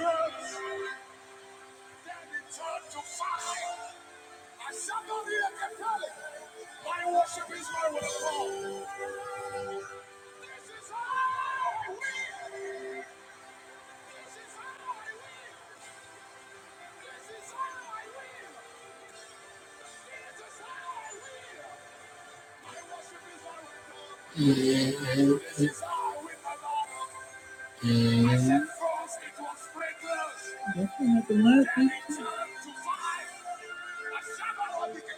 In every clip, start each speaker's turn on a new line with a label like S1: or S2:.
S1: It was Turn to fire. I shall not be again. My worship is my response. This is how I win. This is how I win. This is how I win. This is how I win. My worship is my response. This is how I win, my Lord. I said first it was fragrance, then it turned to fire. I shall not be again.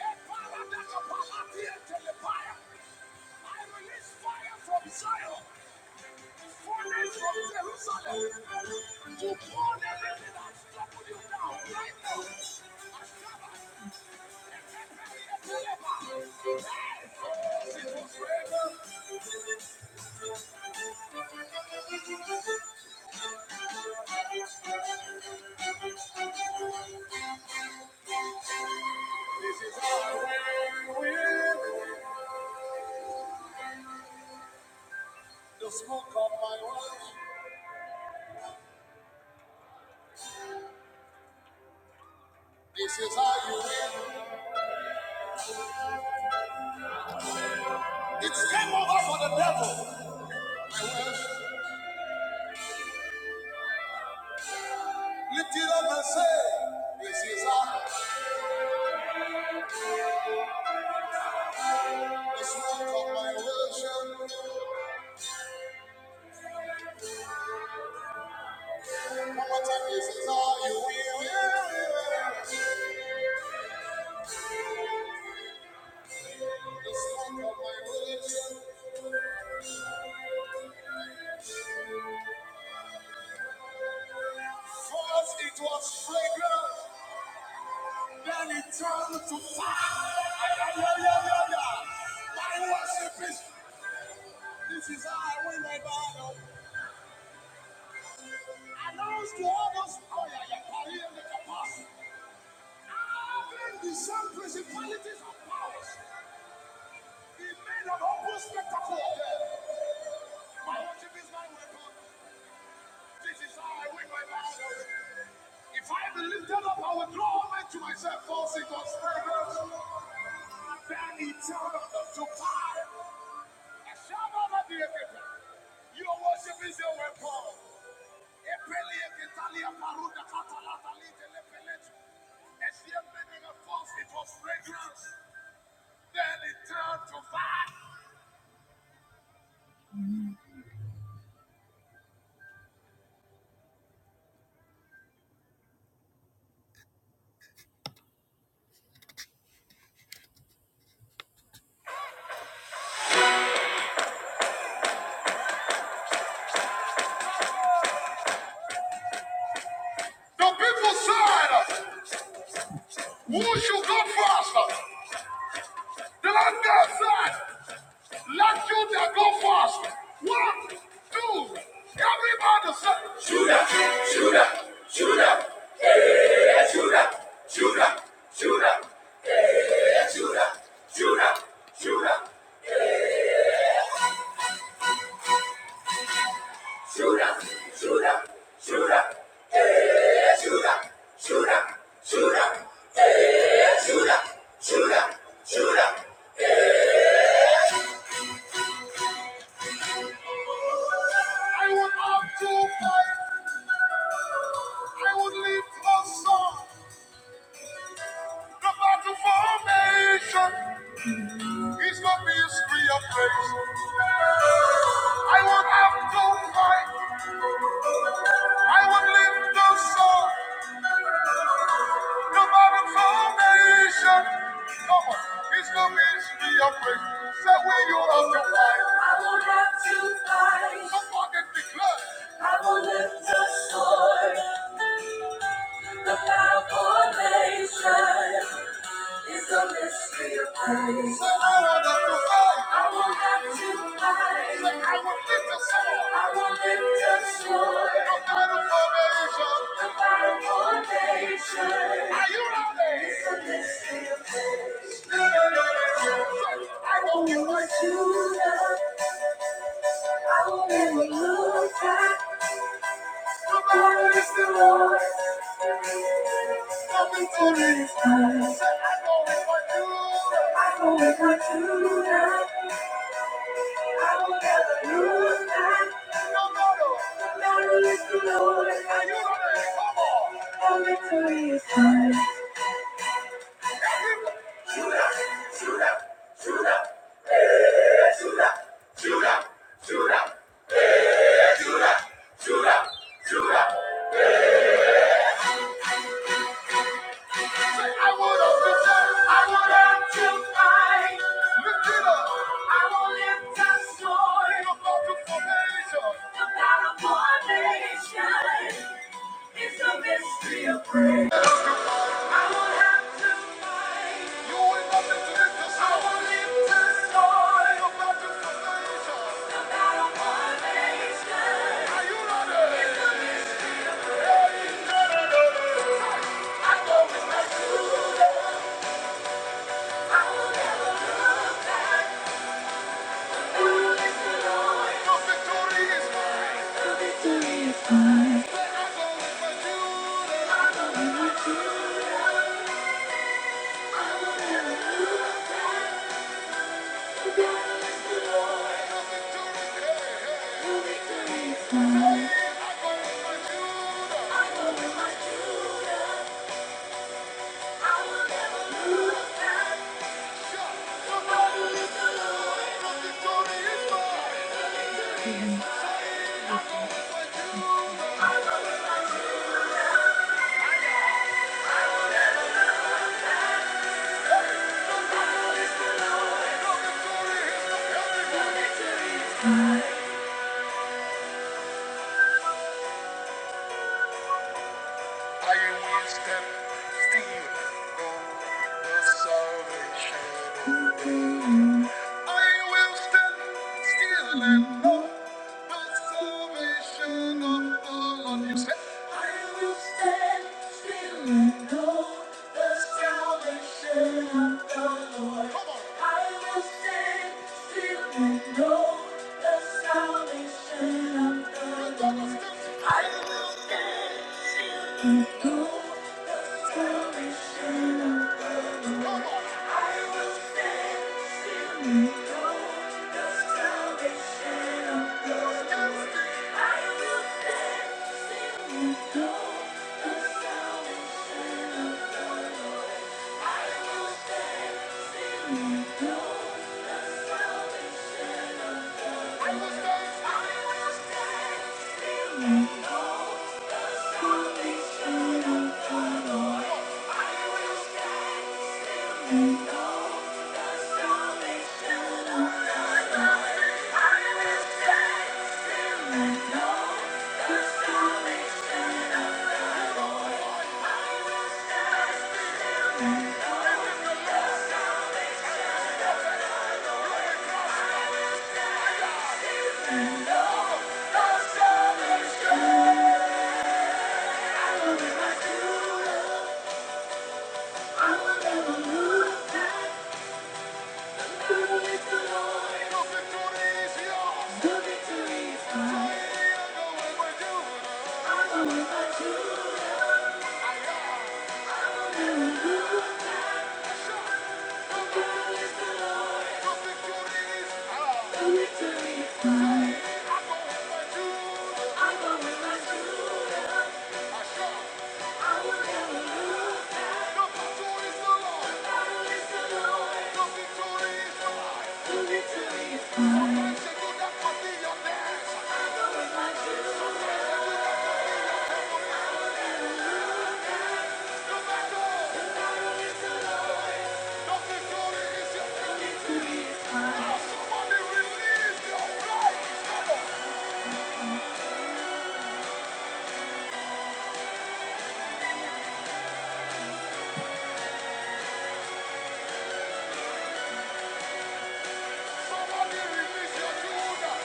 S1: Get power, that's A shadow of the Kepala, Kepala, Dakapala, Telepire. I release fire from Zion, falling from Jerusalem, to burn everything that's troubled you down right now. This is how we win. The smoke of my wife. This is how you win. It's game over for the devil. I will lift it up and say, This is how the smoke of my worship. This is all will. The smoke of my religion. First it was fragrant, then it turned to fire. My worship is, this is how I win my battle. Announce to others, oh yeah, yeah, carry in the capacity. Having the same principalities and powers, the men of humble spectacle My worship is my weapon. This is how I win my battles. If I be lifted up, I will draw all men to myself, false in conspirators. Then he turned up to fire. I shall not be a victim. Your worship is your weapon. Epele ekitalia paruda katalata lite lepeletu. As the men of false, it was fragrance. Then it turned to fire. The people said, Who should go first? The Lord God said. Let Judah go first. One, two, everybody say, Judah, Judah, Judah, yeah, Judah, Judah, Judah, yeah, Judah, Judah, Judah, Judah, Judah, Judah, yeah, Judah, Judah, Judah, yeah, Judah, Judah, Judah. I would up to fight. I would lift a song. The battle formation. His love is free of grace. I won't have to fight. I won't lift the song. No matter foundation. Come on. His love is free of grace. Say where you have to fight. I won't have to fight. Somebody declare. I will lift the sword. The foundation is the mystery of grace. So I want to pray. I will have to fight. Say, I will lift us up. I will lift us up. The battle formation. The battle formation. Are you ready? It's the mystery of grace. No, no, no, no, no. I won't give what you love. I won't ever look back. I want to return. I want to Thank you. I am wisdom, still know know the salvation of the Lord. I will stand still and know the salvation of the Lord. I will stand still and know the salvation of the Lord. I will stand I will stand in the of salvation of the Lord. I know if I do, I know if I do, I know if I you. Somebody release your praise! Come on! Somebody release your Judah!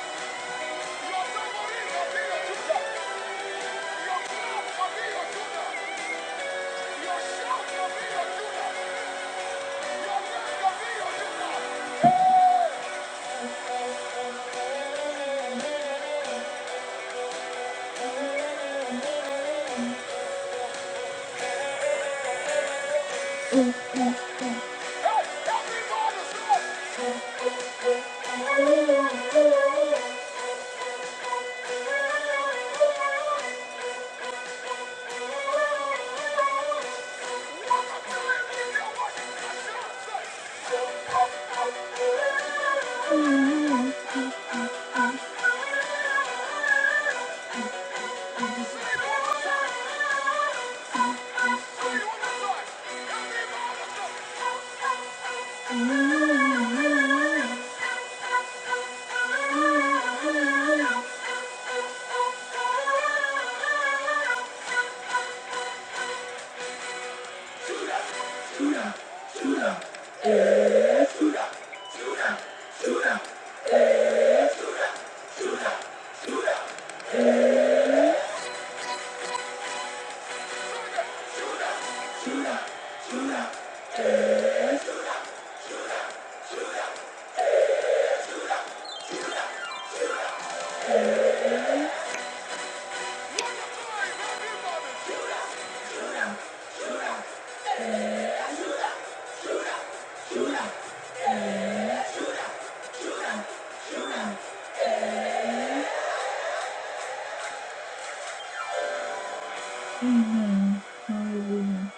S1: Amen. Hallelujah.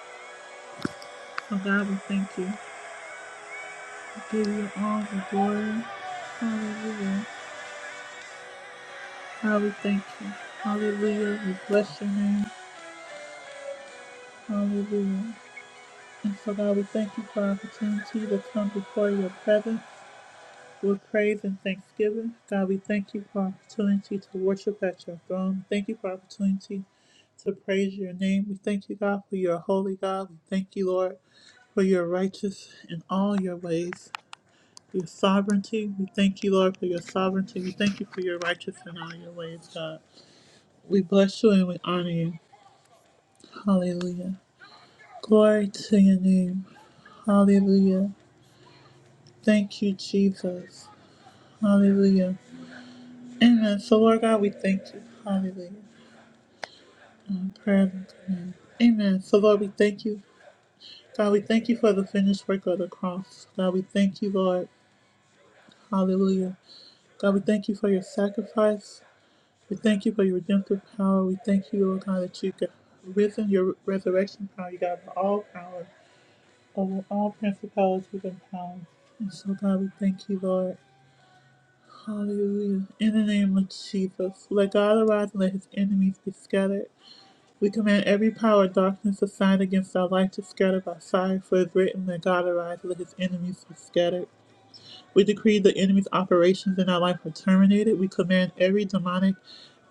S1: Oh God, we thank you. We give you all the glory. Hallelujah. God, we thank you. Hallelujah. We bless your name. Hallelujah. And so, God, we thank you for our opportunity to come before your presence with praise and thanksgiving. God, we thank you for our opportunity to worship at your throne. Thank you for our opportunity to praise your name. We thank you, God, for your holy God. We thank you, Lord, for your righteous in all your ways. Your sovereignty. We thank you, Lord, for your sovereignty. We thank you for your righteous in all your ways, God. We bless you and we honor you. Hallelujah. Glory to your name. Hallelujah. Thank you, Jesus. Hallelujah. Amen. So, Lord God, we thank you. Hallelujah. Um, prayer and command. Amen. So, Lord, we thank you. God, we thank you for the finished work of the cross. God, we thank you, Lord. Hallelujah. God, we thank you for your sacrifice. We thank you for your redemptive power. We thank you, Lord God, that you got risen your resurrection power. You got all power over all principalities and powers. And so, God, we thank you, Lord. Hallelujah. In the name of Jesus, let God arise and let his enemies be scattered. We command every power of darkness assigned against our life to scatter by fire, for it is written, Let God arise and let his enemies be scattered. We decree the enemy's operations in our life are terminated. We command every demonic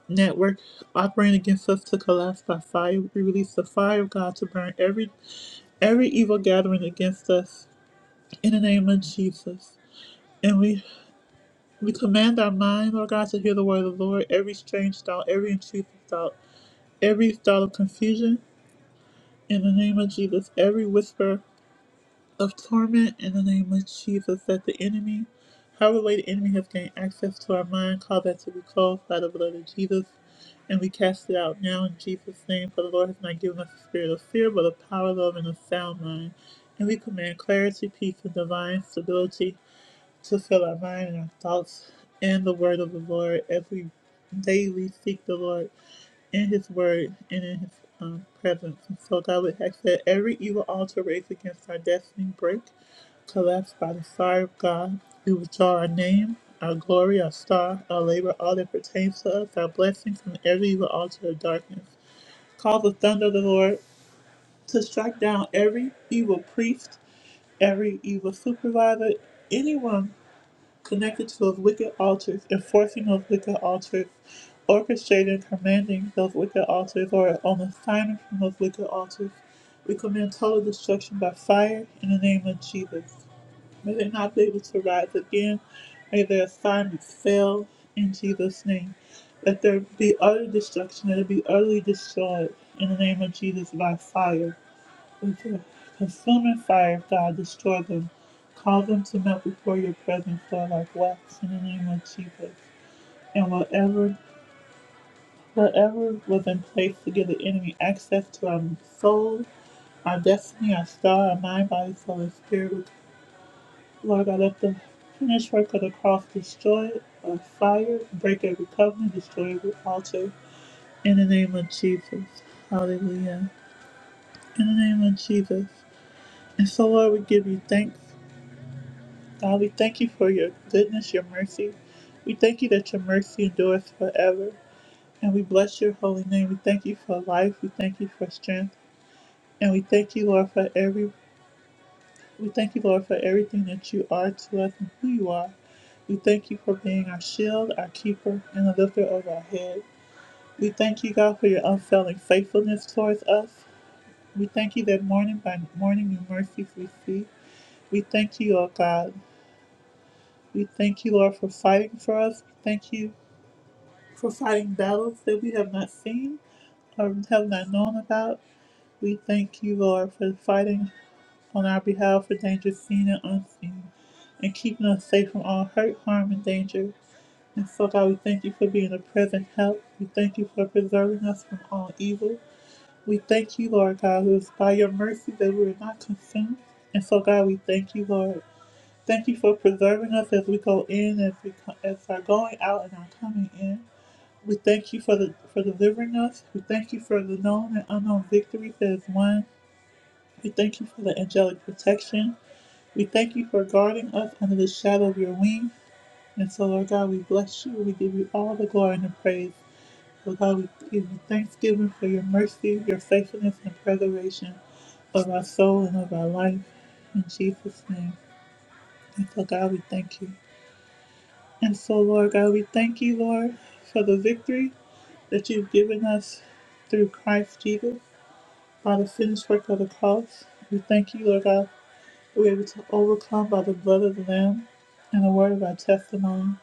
S1: network operating against us to collapse by fire. We release the fire of God to burn every every evil gathering against us in the name of Jesus. and we. We command our mind, Lord God, to hear the word of the Lord, every strange thought, every intrusive thought, every thought of confusion in the name of Jesus, every whisper of torment in the name of Jesus, that the enemy, however way the enemy has gained access to our mind, cause that to be closed by the blood of Jesus. And we cast it out now in Jesus' name, for the Lord has not given us a spirit of fear, but of power, love, and a sound mind. And we command clarity, peace, and divine stability to fill our mind and our thoughts in the word of the Lord as we daily seek the Lord in His word and in His um, presence. And so God would ask that every evil altar raised against our destiny break, collapse by the fire of God. We withdraw our name, our glory, our star, our labor, all that pertains to us, our blessings from every evil altar of darkness. Call the thunder of the Lord to strike down every evil priest, every evil supervisor, anyone connected to those wicked altars, enforcing those wicked altars, orchestrating, commanding those wicked altars, or on assignment from those wicked altars. We command total destruction by fire in the name of Jesus. May they not be able to rise again. May their assignments fail in Jesus' name. Let there be utter destruction. Let it be utterly destroyed in the name of Jesus by fire. Consuming fire, of God, destroy them. Cause them to melt before your presence, Lord, like wax in the name of Jesus. And whatever, whatever was in place to give the enemy access to our soul, our destiny, our star, our mind, body, soul, and spirit, Lord God, let the finished work of the cross destroy it by fire, break every covenant, destroy every altar. In the name of Jesus. Hallelujah. In the name of Jesus. And so, Lord, we give you thanks. God, we thank you for your goodness, your mercy. We thank you that your mercy endures forever. And we bless your holy name. We thank you for life. We thank you for strength. And we thank you, Lord, for every we thank you, Lord, for everything that you are to us and who you are. We thank you for being our shield, our keeper, and the lifter of our head. We thank you, God, for your unfailing faithfulness towards us. We thank you that morning by morning your mercies we see. We thank you, O God. We thank you, Lord, for fighting for us. We thank you for fighting battles that we have not seen or have not known about. We thank you, Lord, for fighting on our behalf for dangers seen and unseen and keeping us safe from all hurt, harm, and danger. And so, God, we thank you for being a present help. We thank you for preserving us from all evil. We thank you, Lord God, it's by your mercy that we are not consumed. And so, God, we thank you, Lord. Thank you for preserving us as we go in, as we co- as are going out and are coming in. We thank you for the for delivering us. We thank you for the known and unknown victories that is won. We thank you for the angelic protection. We thank you for guarding us under the shadow of your wing. And so, Lord God, we bless you. We give you all the glory and the praise. Lord God, we give you thanksgiving for your mercy, your faithfulness, and preservation of our soul and of our life. In Jesus' name. And so, God, we thank you. And so, Lord God, we thank you, Lord, for the victory that you've given us through Christ Jesus by the finished work of the cross. We thank you, Lord God, we're able to overcome by the blood of the Lamb and the word of our testimony.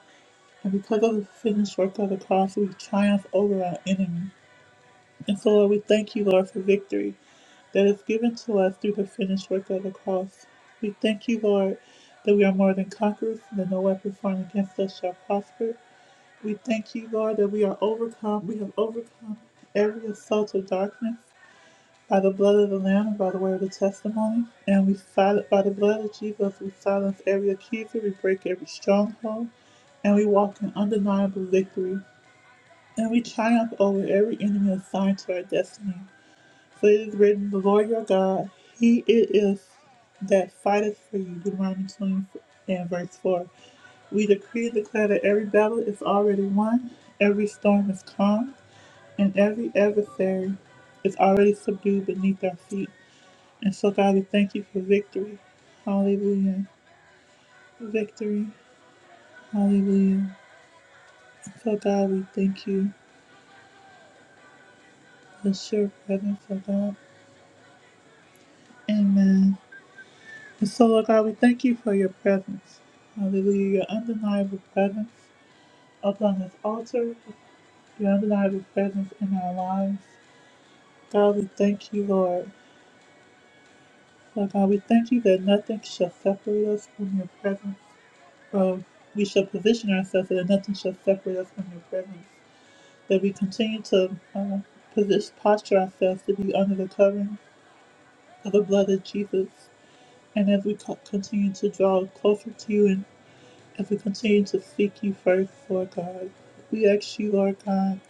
S1: And because of the finished work of the cross, we triumph over our enemy. And so, Lord, we thank you, Lord, for victory that is given to us through the finished work of the cross. We thank you, Lord, that we are more than conquerors, and that no weapon formed against us shall prosper. We thank you, Lord, that we are overcome. We have overcome every assault of darkness by the blood of the Lamb and by the word of the testimony. And we silence by the blood of Jesus, we silence every accuser, we break every stronghold, and we walk in undeniable victory. And we triumph over every enemy assigned to our destiny. For it is written, The Lord your God, He it is that fighteth for you. Deuteronomy 20 and verse 4. We decree and declare that every battle is already won, every storm is calm, and every adversary is already subdued beneath our feet. And so, God, we thank you for victory. Hallelujah. Victory. Hallelujah. So, God, we thank you for sure presence, oh God. Amen. And so, Lord God, we thank you for your presence. Hallelujah. Your undeniable presence upon this altar, your undeniable presence in our lives. God, we thank you, Lord. Lord God, we thank you that nothing shall separate us from your presence. Oh, we shall position ourselves so that nothing shall separate us from your presence. That we continue to uh, position, posture ourselves to be under the covering of the blood of Jesus. And as we co- continue to draw closer to you and as we continue to seek you first, Lord God, we ask you, Lord God.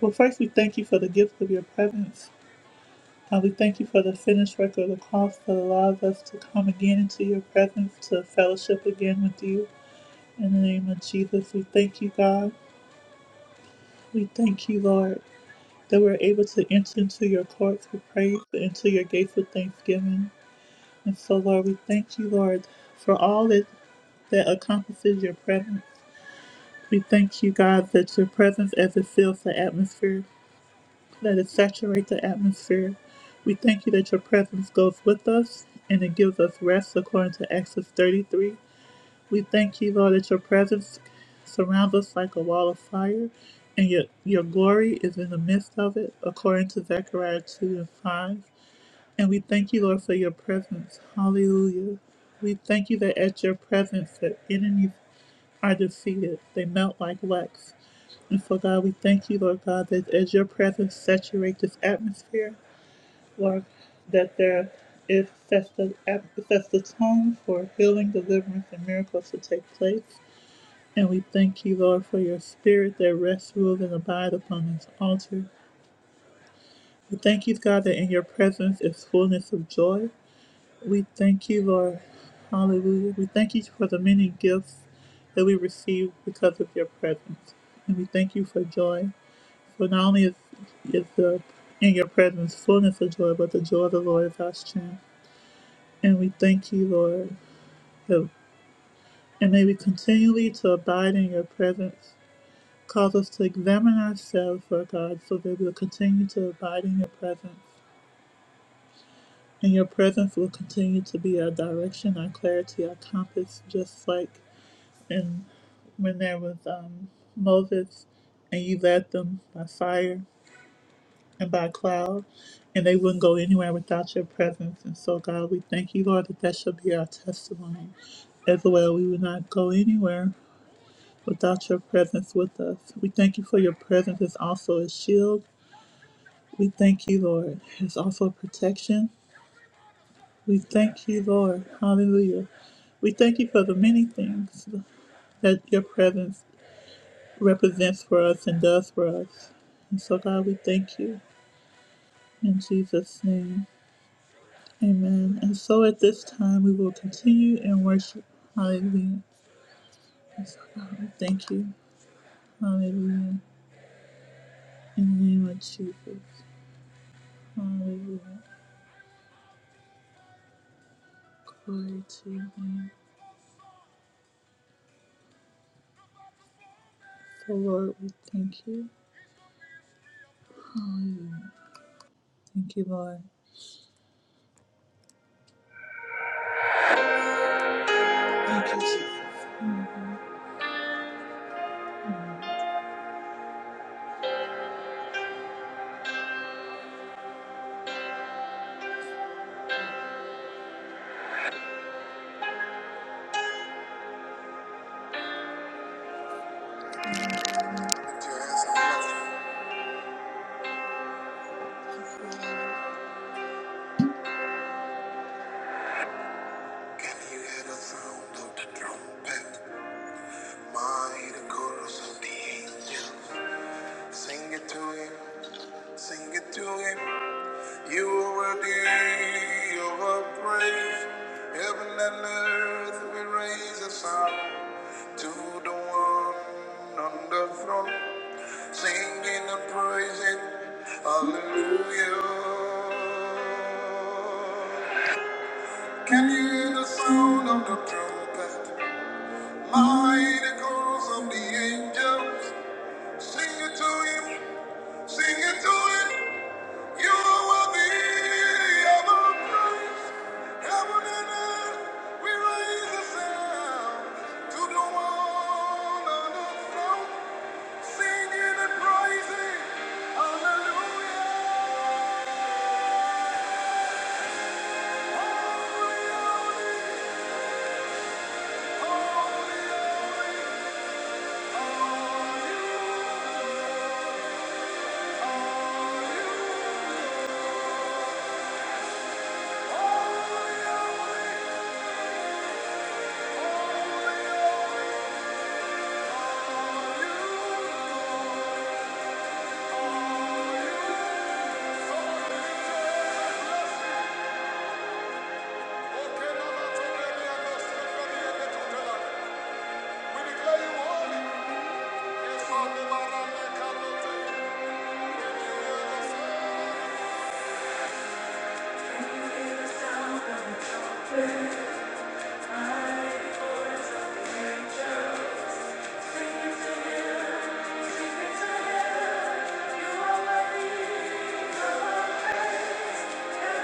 S1: Well, first, we thank you for the gift of your presence. God, we thank you for the finished work of the cross that allows us to come again into your presence to fellowship again with you. In the name of Jesus, we thank you, God. We thank you, Lord, that we're able to enter into your courts with praise and into your gates with thanksgiving. And so, Lord, we thank you, Lord, for all that, that accomplishes your presence. We thank you, God, that your presence as it fills the atmosphere Let it saturate the atmosphere. We thank you that your presence goes with us and it gives us rest according to Exodus 33. We thank you, Lord, that your presence surrounds us like a wall of fire and your, your glory is in the midst of it according to Zechariah 2 and 5. And we thank you, Lord, for your presence. Hallelujah. We thank you that at your presence, the enemies are defeated. They melt like wax. And so, God, we thank you, Lord God, that as your presence saturates this atmosphere, Lord, that there is sets the, sets the tone for healing, deliverance, and miracles to take place. And we thank you, Lord, for your spirit that rests, rules, and abides upon this altar. We thank you, God, that in your presence is fullness of joy. We thank you, Lord. Hallelujah. We thank you for the many gifts that we receive because of your presence. And we thank you for joy. For not only is, is the, in your presence fullness of joy, but the joy of the Lord is our strength. And we thank you, Lord. that- And may we continually to abide in your presence. Cause us to examine ourselves, Lord God, so that we'll continue to abide in your presence. And your presence will continue to be our direction, our clarity, our compass, just like and when there was um, Moses, and you led them by fire and by cloud, and they wouldn't go anywhere without your presence. And so, God, we thank you, Lord, that that shall be our testimony as well. We would not go anywhere without your presence with us. We thank you for your presence is also a shield. We thank you, Lord. It's also protection. We thank you, Lord. Hallelujah. We thank you for the many things that your presence represents for us and does for us. And so, God, we thank you in Jesus' name. Amen. And so at this time, we will continue in worship. Hallelujah. And so, God, we thank you. Hallelujah. In the name of Jesus. Hallelujah. Glory to your name. So, Lord, we thank you. Thank you, Lord. Thank you, Jesus. Lift your hands and love. him. Can you hear the sound of the trumpet? Mighty chorus of the angels. Sing it to him, sing it to him. You are worthy you are brave. Heaven and earth, we raise a sound to the one on the throne. Singing and praising, hallelujah. Can you hear the sound of the trumpet? Mighty chorus of the angels. Sing it to him, sing it to him. You will be ever praised. Heaven and earth, we raise a sound to the one on the throne, singing and praising. Hallelujah. Holy, holy, holy, holy are you. Holy, holy, holy are you. Thank you. are worthy of our praise. Thank you.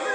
S1: you.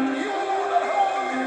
S1: Thank you.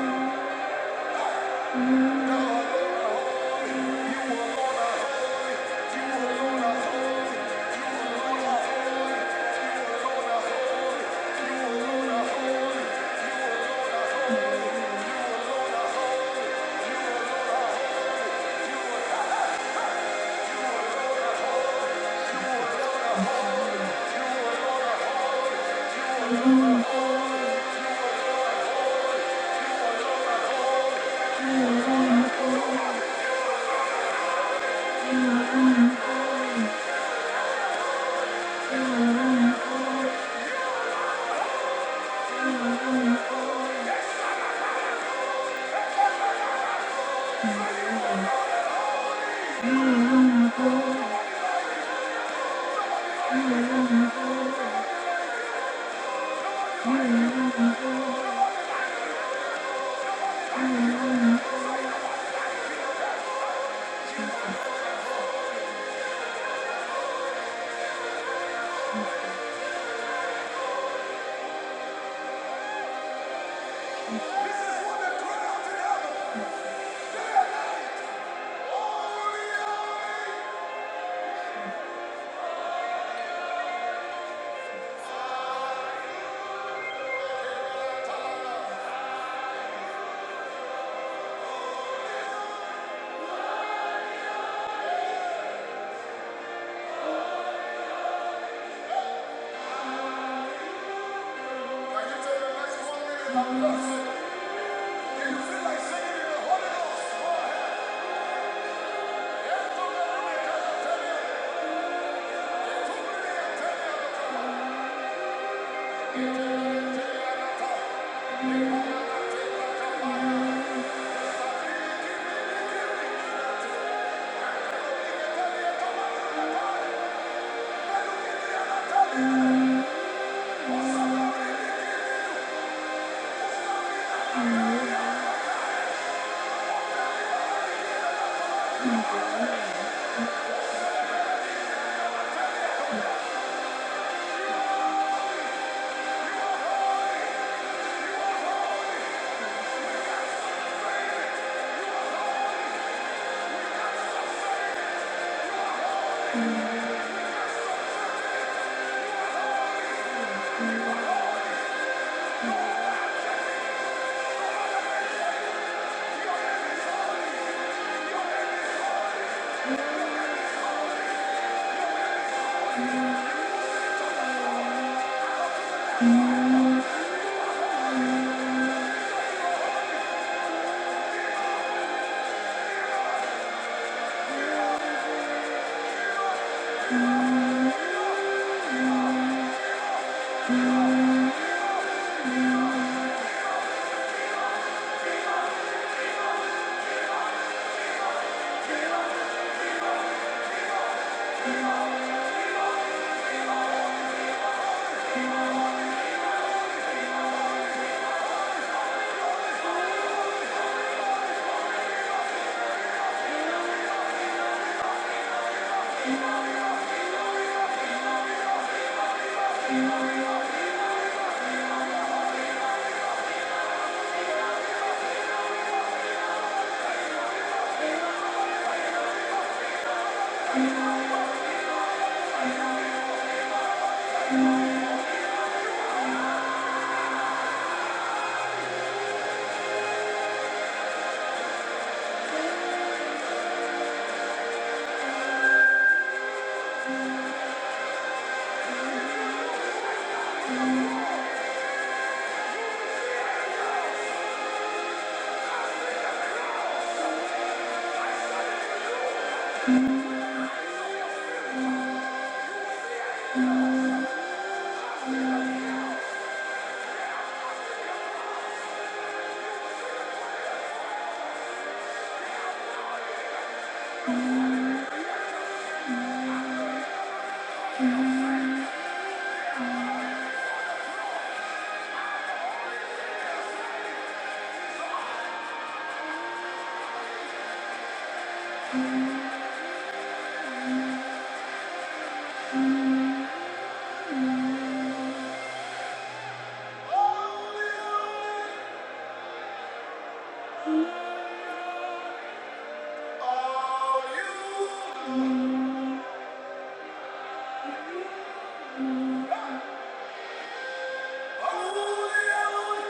S1: Holy, holy,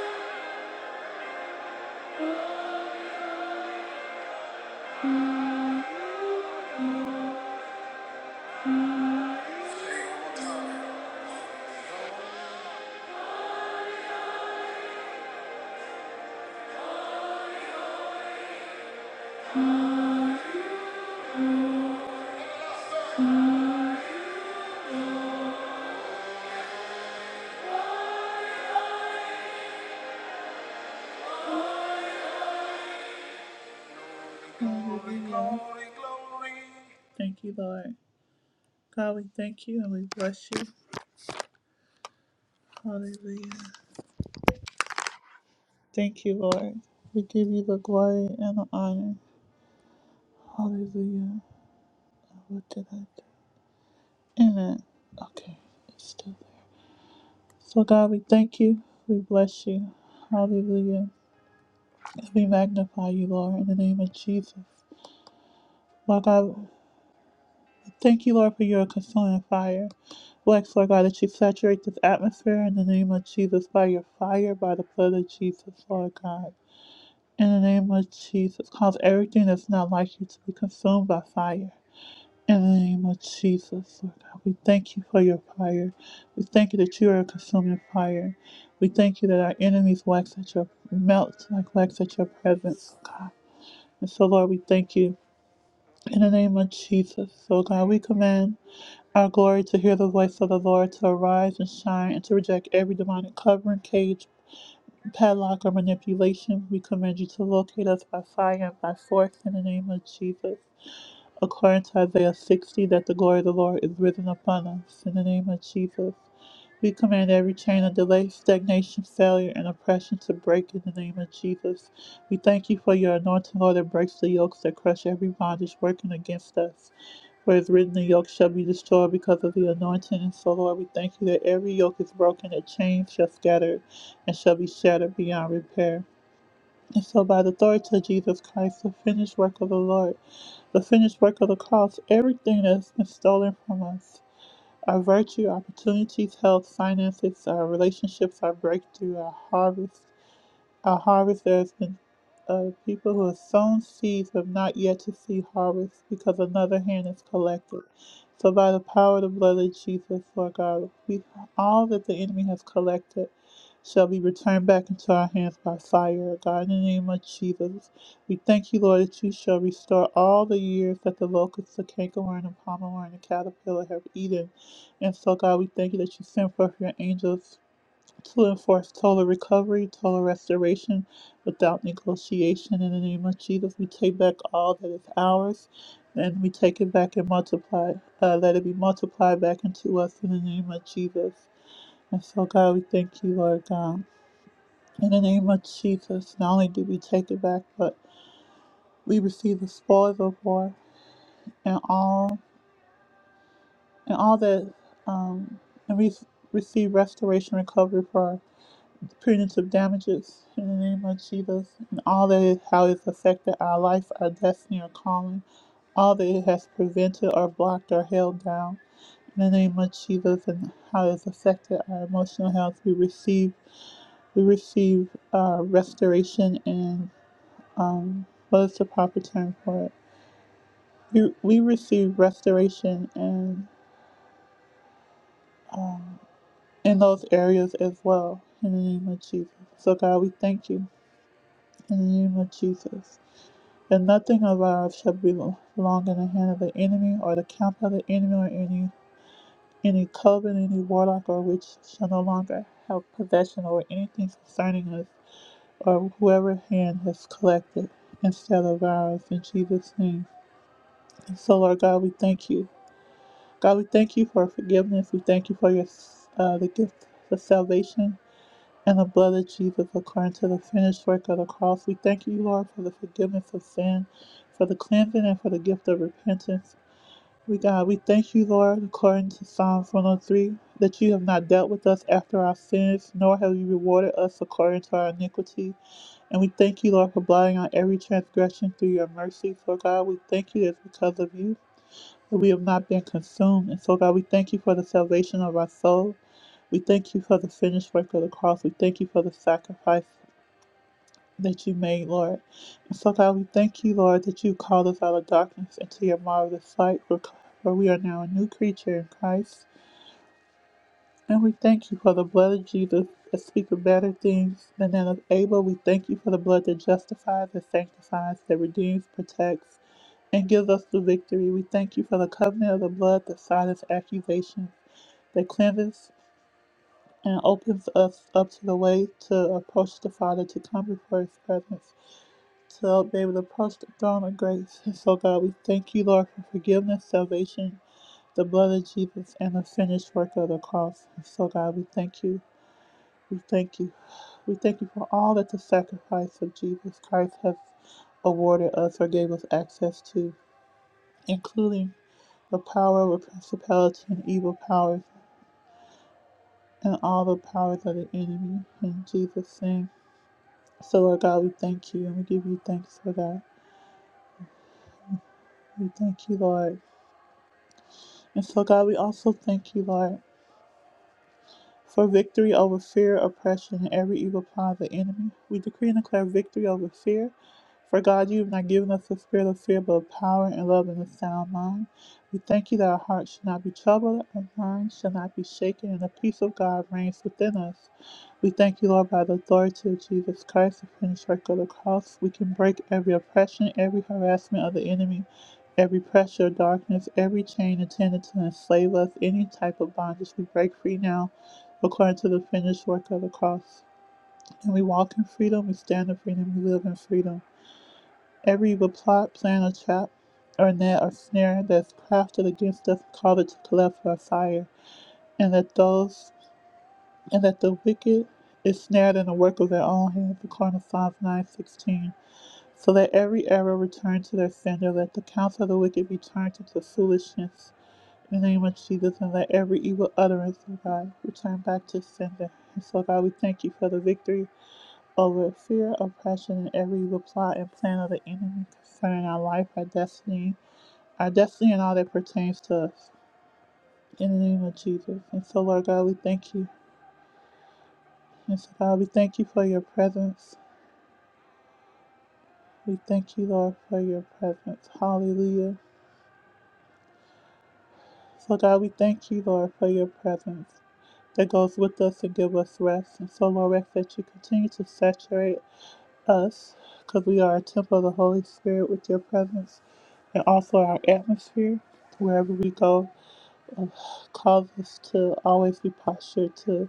S1: Glory, glory. Thank you, Lord. God, we thank you and we bless you. Hallelujah. Thank you, Lord. We give you the glory and the honor. Hallelujah. What did I do? Amen. Okay, it's still there. So, God, we thank you. We bless you. Hallelujah. And we magnify you, Lord, in the name of Jesus. Lord God, Thank you, Lord, for your consuming fire. We ask, Lord God, that you saturate this atmosphere in the name of Jesus by your fire, by the blood of Jesus, Lord God. In the name of Jesus, cause everything that's not like you to be consumed by fire. In the name of Jesus, Lord God, we thank you for your fire. We thank you that you are a consuming fire. We thank you that our enemies wax at your melt like wax at your presence, oh God. And so, Lord, we thank you in the name of Jesus. So, God, we command. Our glory to hear the voice of the Lord, to arise and shine, and to reject every demonic covering, cage, padlock, or manipulation. We command you to locate us by fire and by force in the name of Jesus. According to Isaiah 60, that the glory of the Lord is risen upon us in the name of Jesus. We command every chain of delay, stagnation, failure, and oppression to break in the name of Jesus. We thank you for your anointing, Lord, that breaks the yokes that crush every bondage working against us. For it is written, The yoke shall be destroyed because of the anointing. And so, Lord, we thank you that every yoke is broken, that chains shall scatter and shall be shattered beyond repair. And so, by the authority of Jesus Christ, the finished work of the Lord, the finished work of the cross, everything that has been stolen from us our virtue, opportunities, health, finances, our relationships, our breakthrough, our harvest, a harvesters and uh, people who have sown seeds have not yet to see harvest because another hand is collected. So, by the power of the blood of Jesus, Lord God, we, all that the enemy has collected shall be returned back into our hands by fire, God. In the name of Jesus, we thank you, Lord, that you shall restore all the years that the locusts, the cankerworm, and palmerworm, and caterpillar have eaten. And so, God, we thank you that you send forth your angels to enforce total recovery, total restoration without negotiation. In the name of Jesus, we take back all that is ours and we take it back and multiply. Uh, let it be multiplied back into us in the name of Jesus. And so, God, we thank you, Lord God. In the name of Jesus, not only do we take it back, but we receive the spoils of war and all and all that um, and we receive restoration recovery for. punitive damages in the name of Jesus and all that is how it's affected our life, our destiny, our calling, all that it has prevented or blocked or held down in the name of Jesus and how it's affected our emotional health. We receive we receive uh, restoration and um, what is the proper term for it? We, we receive restoration and um, in those areas as well in the name of Jesus. So God, we thank you in the name of Jesus. And nothing alive shall be long in the hand of the enemy, or the camp of the enemy, or any any coven, any warlock, or witch shall no longer have possession over anything concerning us, or whoever hand has collected instead of ours in Jesus' name. And so, Lord God, we thank you. God, we thank you for forgiveness. We thank you for your uh, the gift of salvation. and the blood of Jesus according to the finished work of the cross. We thank you, Lord, for the forgiveness of sin, for the cleansing, and for the gift of repentance. We God, we thank you, Lord, according to Psalms 103, that you have not dealt with us after our sins, nor have you rewarded us according to our iniquity. And we thank you, Lord, for blotting out every transgression through your mercy. For God, we thank you that it's because of you that we have not been consumed. And so, God, we thank you for the salvation of our soul. We thank you for the finished work of the cross. We thank you for the sacrifice that you made, Lord. And so, God, we thank you, Lord, that you called us out of darkness into your marvelous light, for for we are now a new creature in Christ. And we thank you for the blood of Jesus that speaks of better things than that of Abel. We thank you for the blood that justifies, that sanctifies, that redeems, protects, and give us the victory. We thank you for the covenant of the blood that silence accusation, that cleanses and opens us up to the way to approach the Father, to come before His presence, to be able to approach the throne of grace. And so, God, we thank you, Lord, for forgiveness, salvation, the blood of Jesus, and the finished work of the cross. And so, God, we thank you. We thank you. We thank you for all that the sacrifice of Jesus Christ has awarded us or gave us access to, including the power of principality and evil powers and all the powers of the enemy. In Jesus' name. So, Lord God, we thank you and we give you thanks for that. We thank you, Lord. And so, God, we also thank you, Lord. for victory over fear, oppression, and every evil plan of the enemy. We decree and declare victory over fear. For God, you have not given us the spirit of fear, but of power and love and a sound mind. We thank you that our hearts shall not be troubled, our minds shall not be shaken, and the peace of God reigns within us. We thank you, Lord, by the authority of Jesus Christ, the finished work of the cross. We can break every oppression, every harassment of the enemy, every pressure of darkness, every chain intended to enslave us, any type of bondage. We break free now according to the finished work of the cross. And we walk in freedom, we stand in freedom, we live in freedom. Every evil plot, plan, or trap, or net, or snare that's crafted against us, call it to collect for our fire. And that those, and that the wicked is snared in the work of their own hands, according to Psalms 9:16. So let every arrow return to their sender, let the counsel of the wicked be turned into foolishness. In the name of Jesus, and let every evil utterance, of God, return back to sender. And so, God, we thank you for the victory over fear, oppression, and every evil plot and plan of the enemy concerning our life, our destiny, our destiny, and all that pertains to us. In the name of Jesus. And so, Lord God, we thank you. And so, God, we thank you for your presence. We thank you, Lord, for your presence. Hallelujah. So, God, we thank you, Lord, for your presence that goes with us and give us rest. And so, Lord, we ask that you continue to saturate us, because we are a temple of the Holy Spirit with your presence and also our atmosphere. Wherever we go, cause us to always be postured to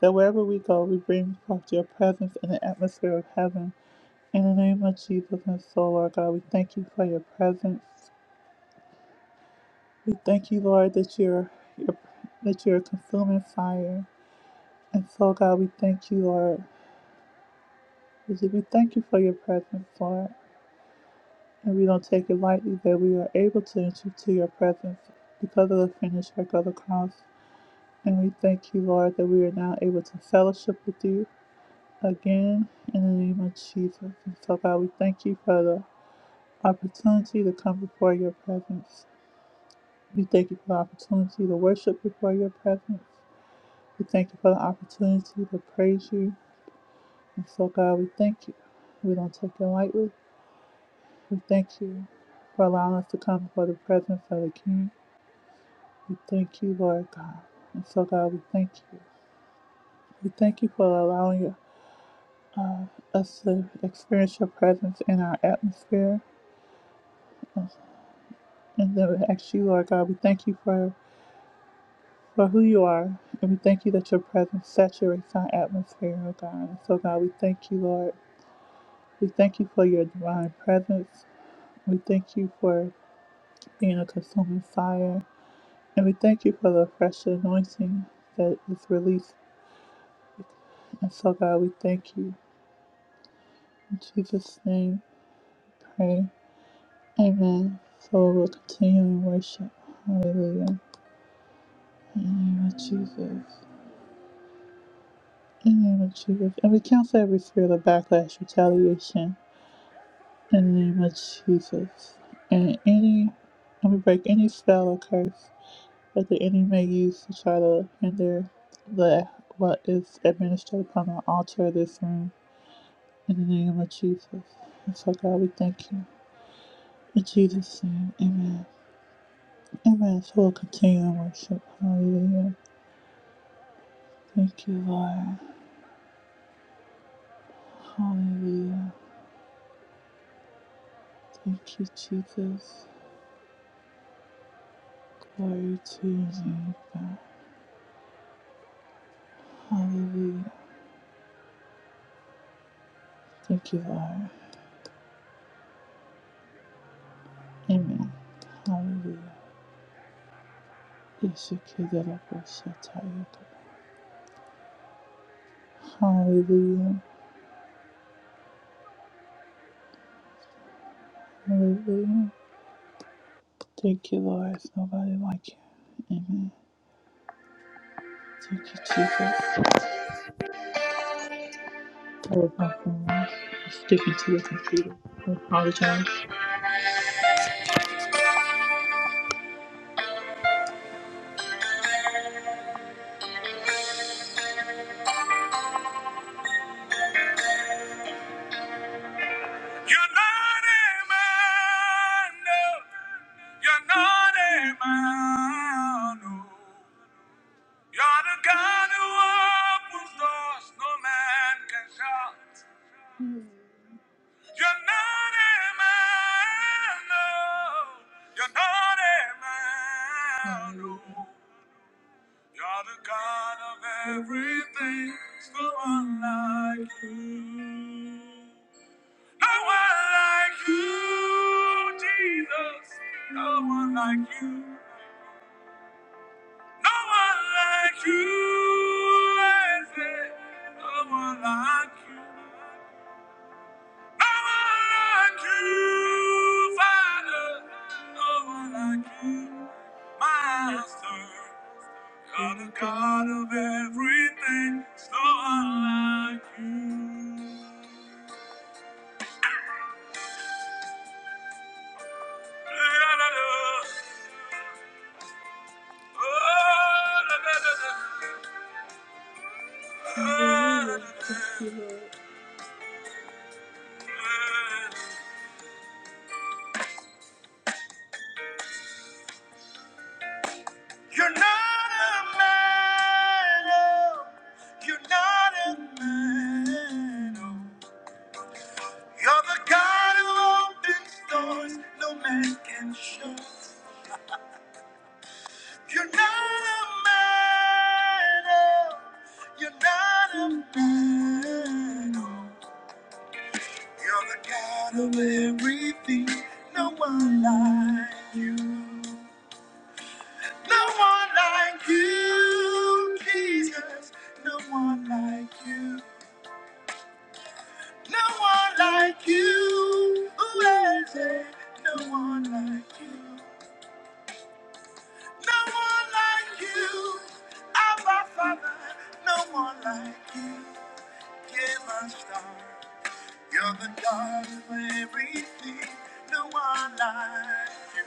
S1: that wherever we go, we bring forth your presence in the atmosphere of heaven. In the name of Jesus and so, Lord God, we thank you for your presence. We thank you, Lord, that you're, you're that you're a consuming fire. And so, God, we thank you, Lord. We thank you for your presence, Lord. and we don't take it lightly that we are able to enter into your presence because of the finished work of the cross. And we thank you, Lord, that we are now able to fellowship with you again in the name of Jesus. And so, God, we thank you for the opportunity to come before your presence. We thank you for the opportunity to worship before your presence. We thank you for the opportunity to praise you. And so, God, we thank you. We don't take it lightly. We thank you for allowing us to come before the presence of the King. We thank you, Lord God. And so, God, we thank you. We thank you for allowing uh, us to experience your presence in our atmosphere. And then we ask you, Lord God, we thank you for, for who you are. And we thank you that your presence saturates our atmosphere, oh God. And so, God, we thank you, Lord. We thank you for your divine presence. We thank you for being a consuming fire. And we thank you for the fresh anointing that is released. And so, God, we thank you. In Jesus' name. Pray. Amen. So we'll continue in worship. Hallelujah. In the name of Jesus. In the name of Jesus. And we cancel every spirit of backlash, retaliation. In the name of Jesus. And any, and we break any spell or curse that the enemy may use to try to hinder the what is administered upon the altar of this room. In the name of Jesus. And so God, we thank you. In Jesus' name, amen. Amen. So we'll continue in worship. Hallelujah. Thank you, Lord. Hallelujah. Thank you, Jesus. Glory to your name, God. Hallelujah. Thank you, Lord. Amen. Hallelujah. Hallelujah. Hallelujah. Thank you, Lord. There's nobody like you. Amen. Thank you, Jesus. That was not from I'm sticking to the computer. I apologize. You're not a man, no. You're not a man, no. You're the God who opens doors no man can shut. You're not a man, no. You're not a man, no. You're the God of everything, so unlike you. No one like you, Jesus. No one like you. No one like you. I say, No one like you. No one like you, Father. No one like you, Master. You're the God of everything. It's No one like you. You're not a man, oh. You're not a man, oh. You're the God who opens doors no man can shut. You're not a man, oh. You're not a man, oh. You're the God of everything, no one like you. No one like you, Jesus. No one like you. No one like you. Ooh, I say, no one like you. No one like you. Abba Father, no one like you. Give us star. You're the God of everything. No one like you.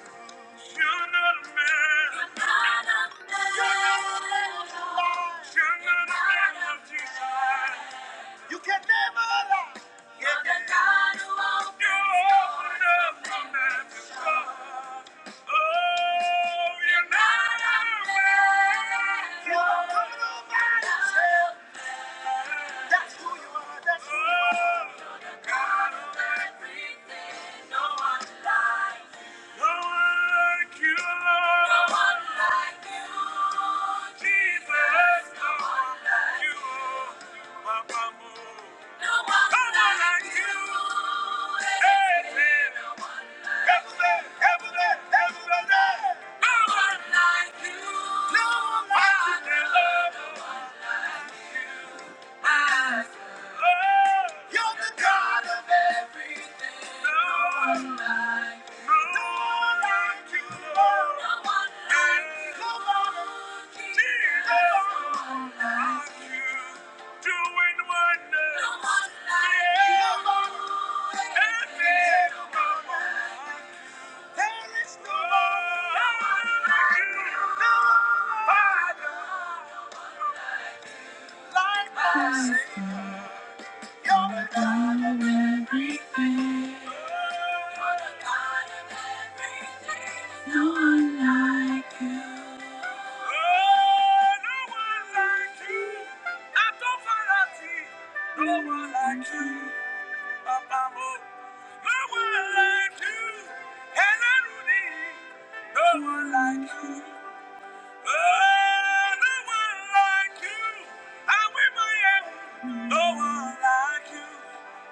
S1: You're not a man. You're not a man. You're not a man of lies. You're not a man of desire. You can never lie. You're the God who opens You're open up the man's door. Oh, you're not a man. You don't come over yourself. That's who you are. That's who you are. Thank you. you No one like you. No one like you, No one like you. No one, like you. Yeah. No like no no one like you. No one like you. No one like you. No one like you, I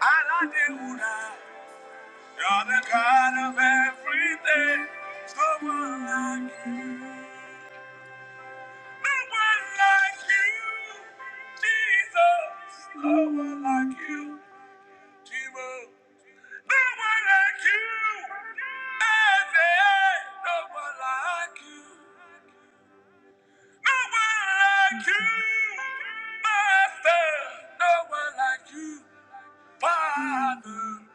S1: Alade Ura. You're the God of everything. There's no one like you. No one like you, Jesus. No one like you, Timo. No one like you. Isaiah. No one like you. No one like you, Master. No one like you, Father.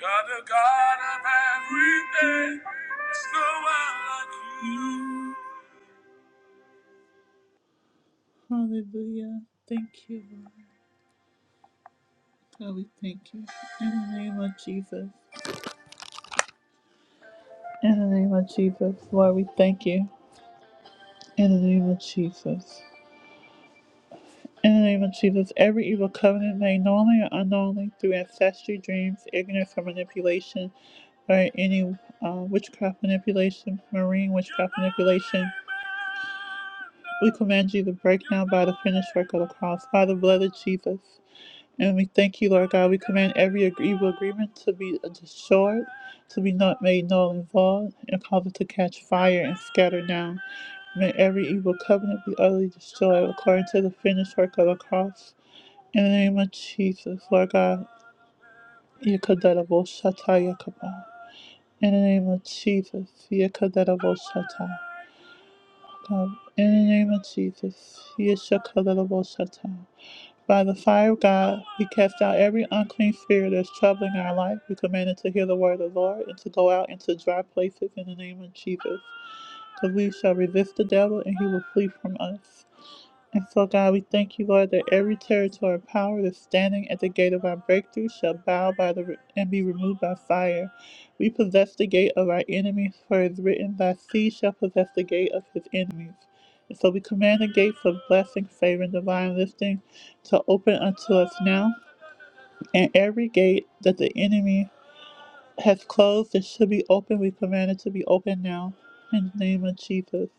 S1: God, the God of everything, there's no one like you. Hallelujah. Thank you, Lord. God, we thank you. In the name of Jesus. In the name of Jesus, Lord, we thank you. In the name of Jesus. In the name of Jesus, every evil covenant made knowingly or unknowingly through ancestry, dreams, ignorance, or manipulation, or any uh, witchcraft manipulation, marine witchcraft manipulation. We command you to break now by the finished work of the cross, by the blood of Jesus. And we thank you, Lord God. We command every evil agreement to be destroyed, to be not made null and void, and cause it to catch fire and scatter now. May every evil covenant be utterly destroyed according to the finished work of the cross. In the name of Jesus, Lord God, Yekadarabo Shata Yakaba. In the name of Jesus, Yekadarabo Shata. In the name of Jesus, Yeshakadarabo Shata. By the fire of God, we cast out every unclean spirit that's troubling our life. We command it to hear the word of the Lord and to go out into dry places in the name of Jesus. Because we shall resist the devil and he will flee from us. And so, God, we thank you, Lord, that every territory of power that's standing at the gate of our breakthrough shall bow by the and be removed by fire. We possess the gate of our enemies, for it is written, Thy seed shall possess the gate of his enemies. And so we command the gates of blessing, favor, and divine lifting to open unto us now. And every gate that the enemy has closed that should be open, we command it to be open now. In the name of Jesus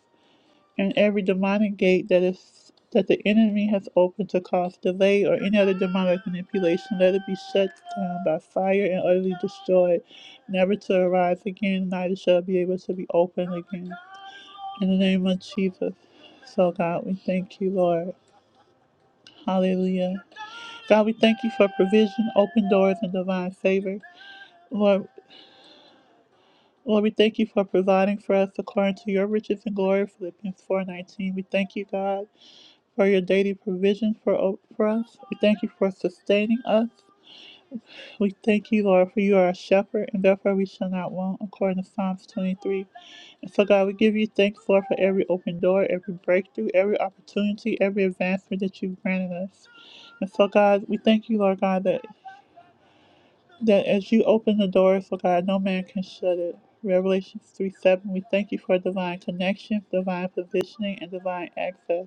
S1: and every demonic gate that is that the enemy has opened to cause delay or any other demonic manipulation, let it be shut down by fire and utterly destroyed, never to arise again, neither shall be able to be opened again. In the name of Jesus. So God, we thank you, Lord. Hallelujah. God, we thank you for provision, open doors, and divine favor. Lord, Lord, we thank you for providing for us according to your riches and glory, Philippians 4.19. We thank you, God for your daily provision for, for us. We thank you for sustaining us. We thank you, Lord, for you are a shepherd, and therefore we shall not want, according to Psalms 23. And so, God, we give you thanks, Lord, for every open door, every breakthrough, every opportunity, every advancement that you've granted us. And so, God, we thank you, Lord God, that, that as you open the doors, Lord God, no man can shut it. Revelations 3 7, we thank you for divine connections, divine positioning, and divine access.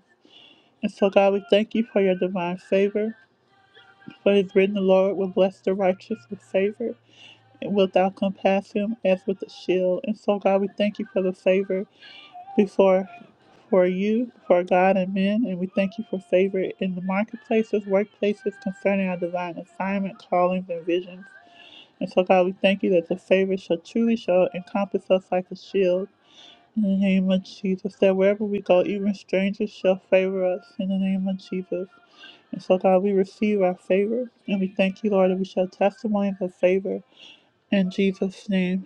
S1: And so, God, we thank you for your divine favor. For it is written, The Lord will bless the righteous with favor, and wilt thou compass him as with a shield. And so, God, we thank you for the favor before for you, for God and men, and we thank you for favor in the marketplaces, workplaces concerning our divine assignment, callings, and visions. And so, God, we thank you that the favor shall truly shall encompass us like a shield. In the name of Jesus, that wherever we go, even strangers shall favor us. In the name of Jesus. And so, God, we receive our favor. And we thank you, Lord, that we shall testimony of favor. In Jesus' name.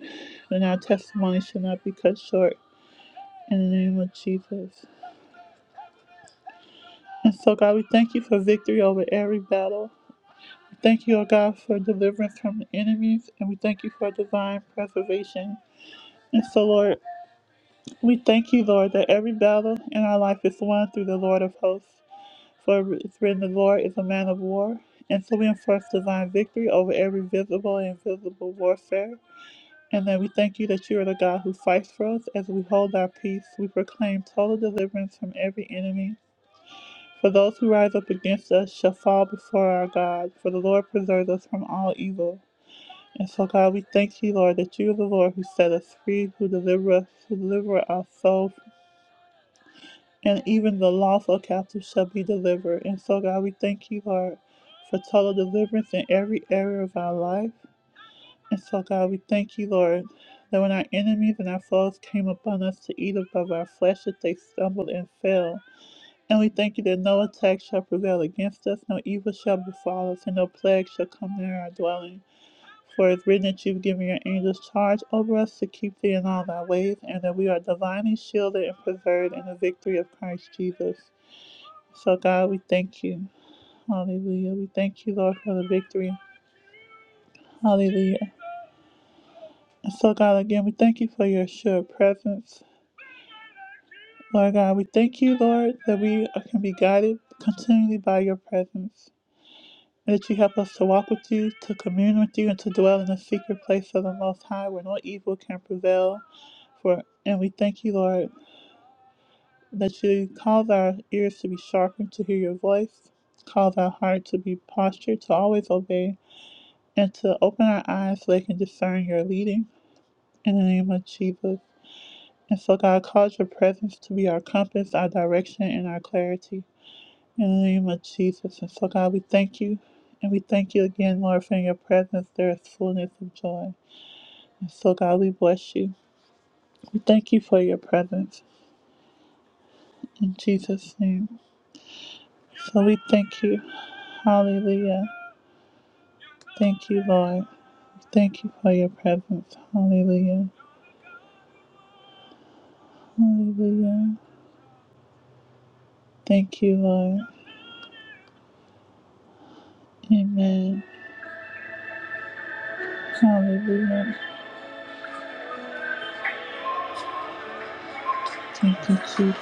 S1: And our testimony shall not be cut short. In the name of Jesus. And so, God, we thank you for victory over every battle. We Thank you, O God, for deliverance from the enemies. And we thank you for divine preservation. And so, Lord, we thank you, Lord, that every battle in our life is won through the Lord of hosts. For it's written, The Lord is a man of war. And so we enforce divine victory over every visible and invisible warfare. And then we thank you that you are the God who fights for us as we hold our peace. We proclaim total deliverance from every enemy. For those who rise up against us shall fall before our God, for the Lord preserves us from all evil. And so, God, we thank you, Lord, that you are the Lord who set us free, who deliver us, who deliver our soul and even the lawful captive shall be delivered. And so, God, we thank you, Lord, for total deliverance in every area of our life. And so, God, we thank you, Lord, that when our enemies and our foes came upon us to eat above our flesh, that they stumbled and fell. And we thank you that no attack shall prevail against us, no evil shall befall us, and no plague shall come near our dwelling. For it's written that you've given your angels charge over us to keep thee in all thy ways, and that we are divinely shielded and preserved in the victory of Christ Jesus. So, God, we thank you. Hallelujah. We thank you, Lord, for the victory. Hallelujah. And so, God, again, we thank you for your sure presence. Lord God, we thank you, Lord, that we can be guided continually by your presence. and That you help us to walk with you, to commune with you, and to dwell in the secret place of the Most High, where no evil can prevail. For and we thank you, Lord, that you cause our ears to be sharpened to hear your voice, cause our heart to be postured to always obey, and to open our eyes so they can discern your leading in the name of Jesus. And so, God, cause your presence to be our compass, our direction, and our clarity in the name of Jesus. And so, God, we thank you. And we thank you again, Lord, for in your presence. There is fullness of joy. And so, God, we bless you. We thank you for your presence in Jesus' name. So, we thank you. Hallelujah. Thank you, Lord. Thank you for your presence. Hallelujah. Hallelujah. Thank you, Lord. Amen. Hallelujah. Thank you, Jesus.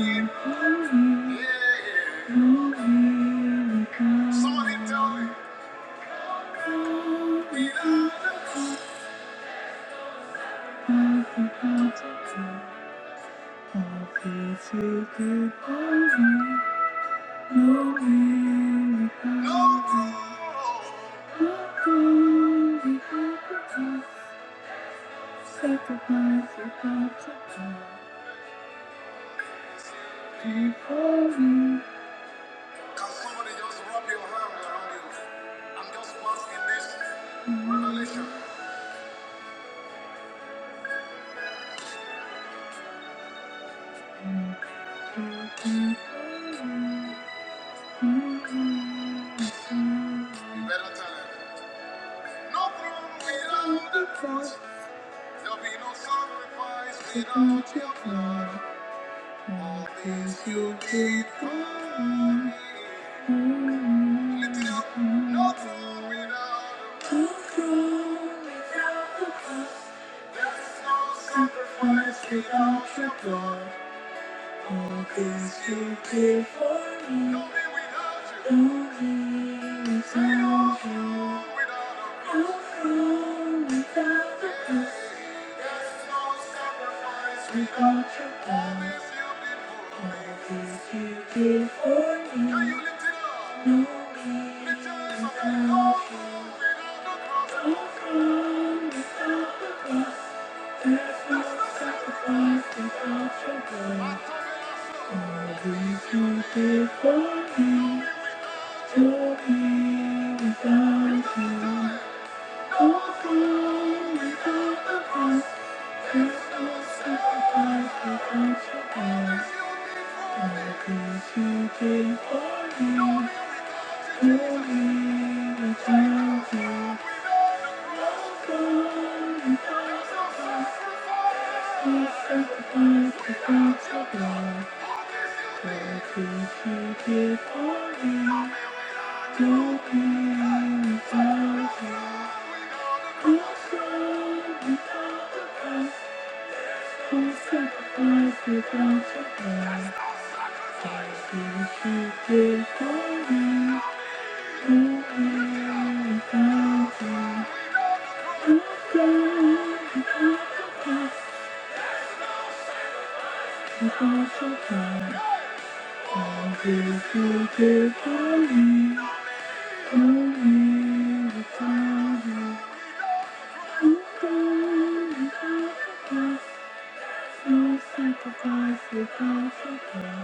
S1: Somebody tell me. we are the Sacrifice No throne without the cross. There'll be no sacrifice without your blood. All this you did for me. Little it No throne without the crown. Sacrifice without your God, you did for me. Lonely without you. How come without the cross Without your God, all that you did for me? Lonely without you. How come without the cross there's no sacrifice without your blood? All that you did for me. To to to be be be without without without the past. There's no sacrifice without your past. All the things you, cause you, cause no no the the There's your your me. me. To be without you. Sacrifice without your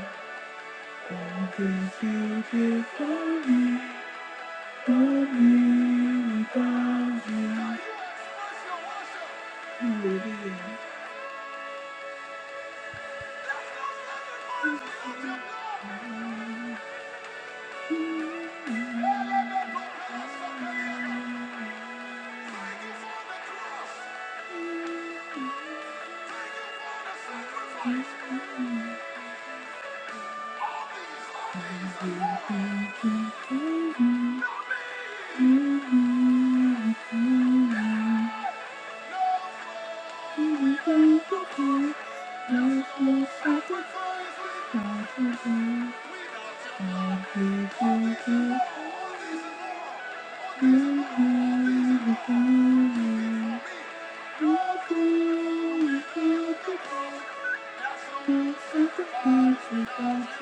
S1: Thank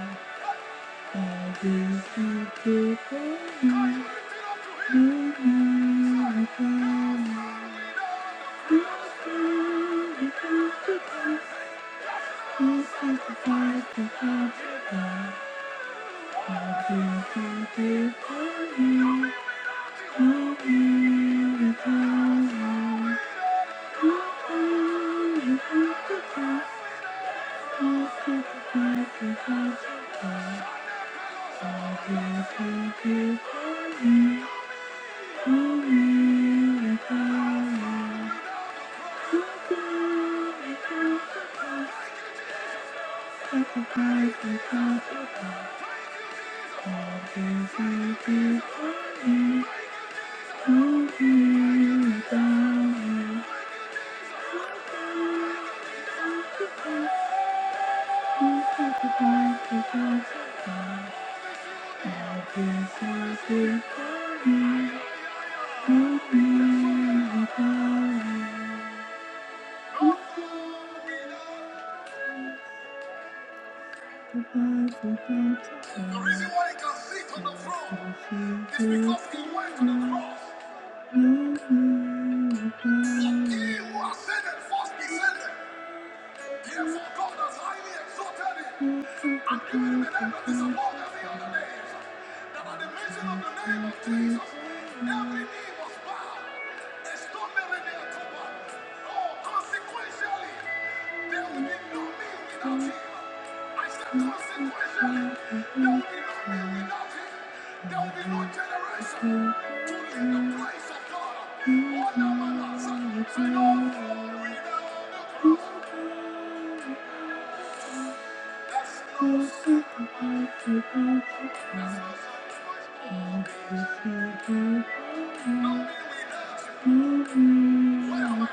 S1: you. Thank you. Thank you. The reason why he can sit on the throne is because he went to the cross. For he who ascended first descended. Yes, God has highly exalted him and given him a name that is above every other name. That at the mention of the name of Jesus, every knee must bow. Extraordinary October. Oh, consequentially, there will be no me without him. I said, consequentially, there will be no me without him. There will be no generation to leave the place of God. Oh, no, no, no. Say, say, no. All things you did for me, no miracle. No thing without the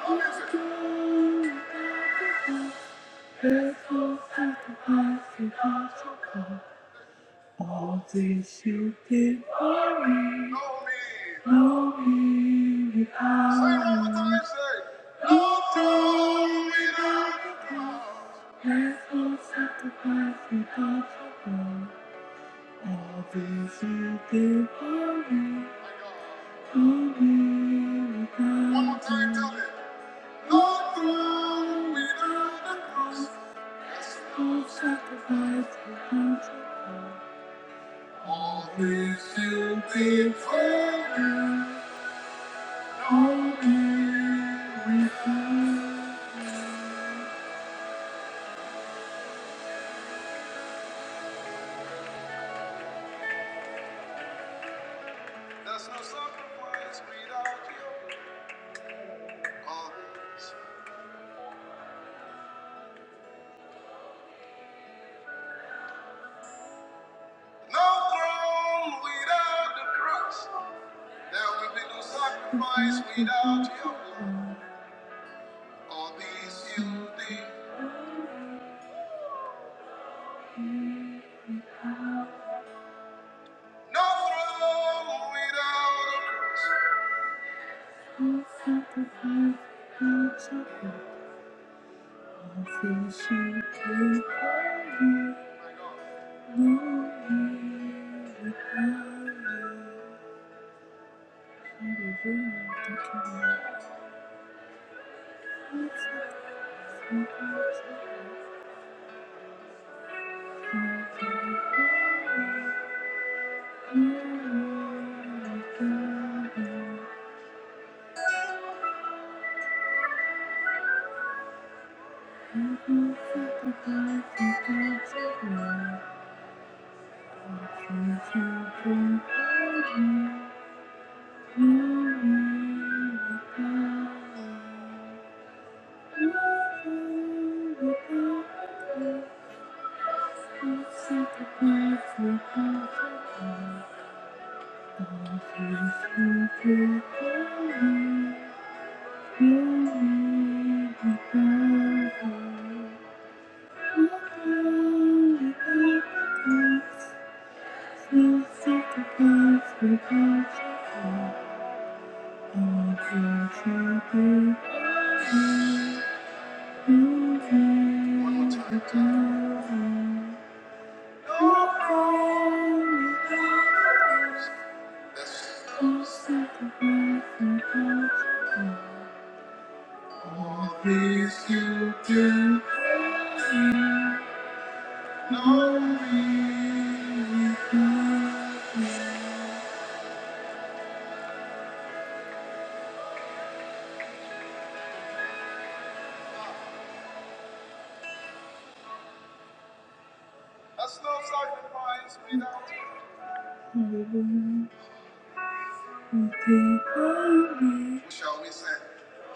S1: cross, there's no sacrifice without the cross. All these you do for me, for me without you. Full sacrifice and for me without you. There's no sacrifice without you. Oh, yes. No throne without the cross. There will be no sacrifice without you. All these you did. No throne without a cross. No sacrifice without sacrifice. Can't hold it. No one without it. Hallelujah, thank you, Lord. No sacrifice without sacrifice. No one without it. No sacrifice without sacrifice. Thank you. Please you do know me. A slow sacrifice without Hallelujah. Okay, holy. Shall we sing?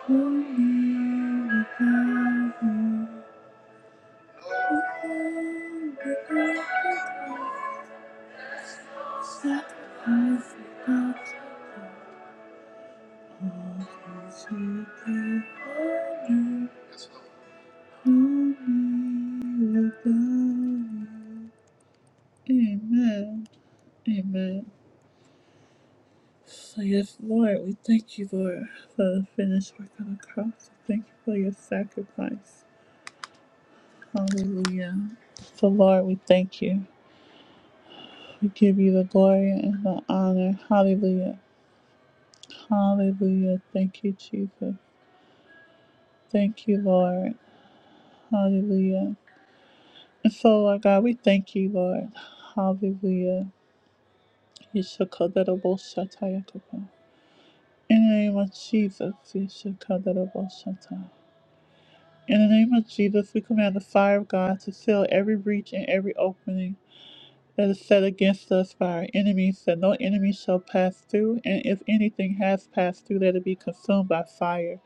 S1: Holy without you. So yes, Lord, we thank you, Lord, for the finished work on the cross. We Thank you for your sacrifice. Hallelujah. So Lord, we thank you. We give you the glory and the honor. Hallelujah. Hallelujah, Jesus. Thank you, Lord. Hallelujah. And so, Lord God, we thank you, Lord. Hallelujah. Ishakadaraboshatayakopa. In the name of Jesus, Ishakadaraboshata. in the name of Jesus, we command the fire of God to fill every breach and every opening that is set against us by our enemies, that no enemy shall pass through, and if anything has passed through, let it be consumed by fire.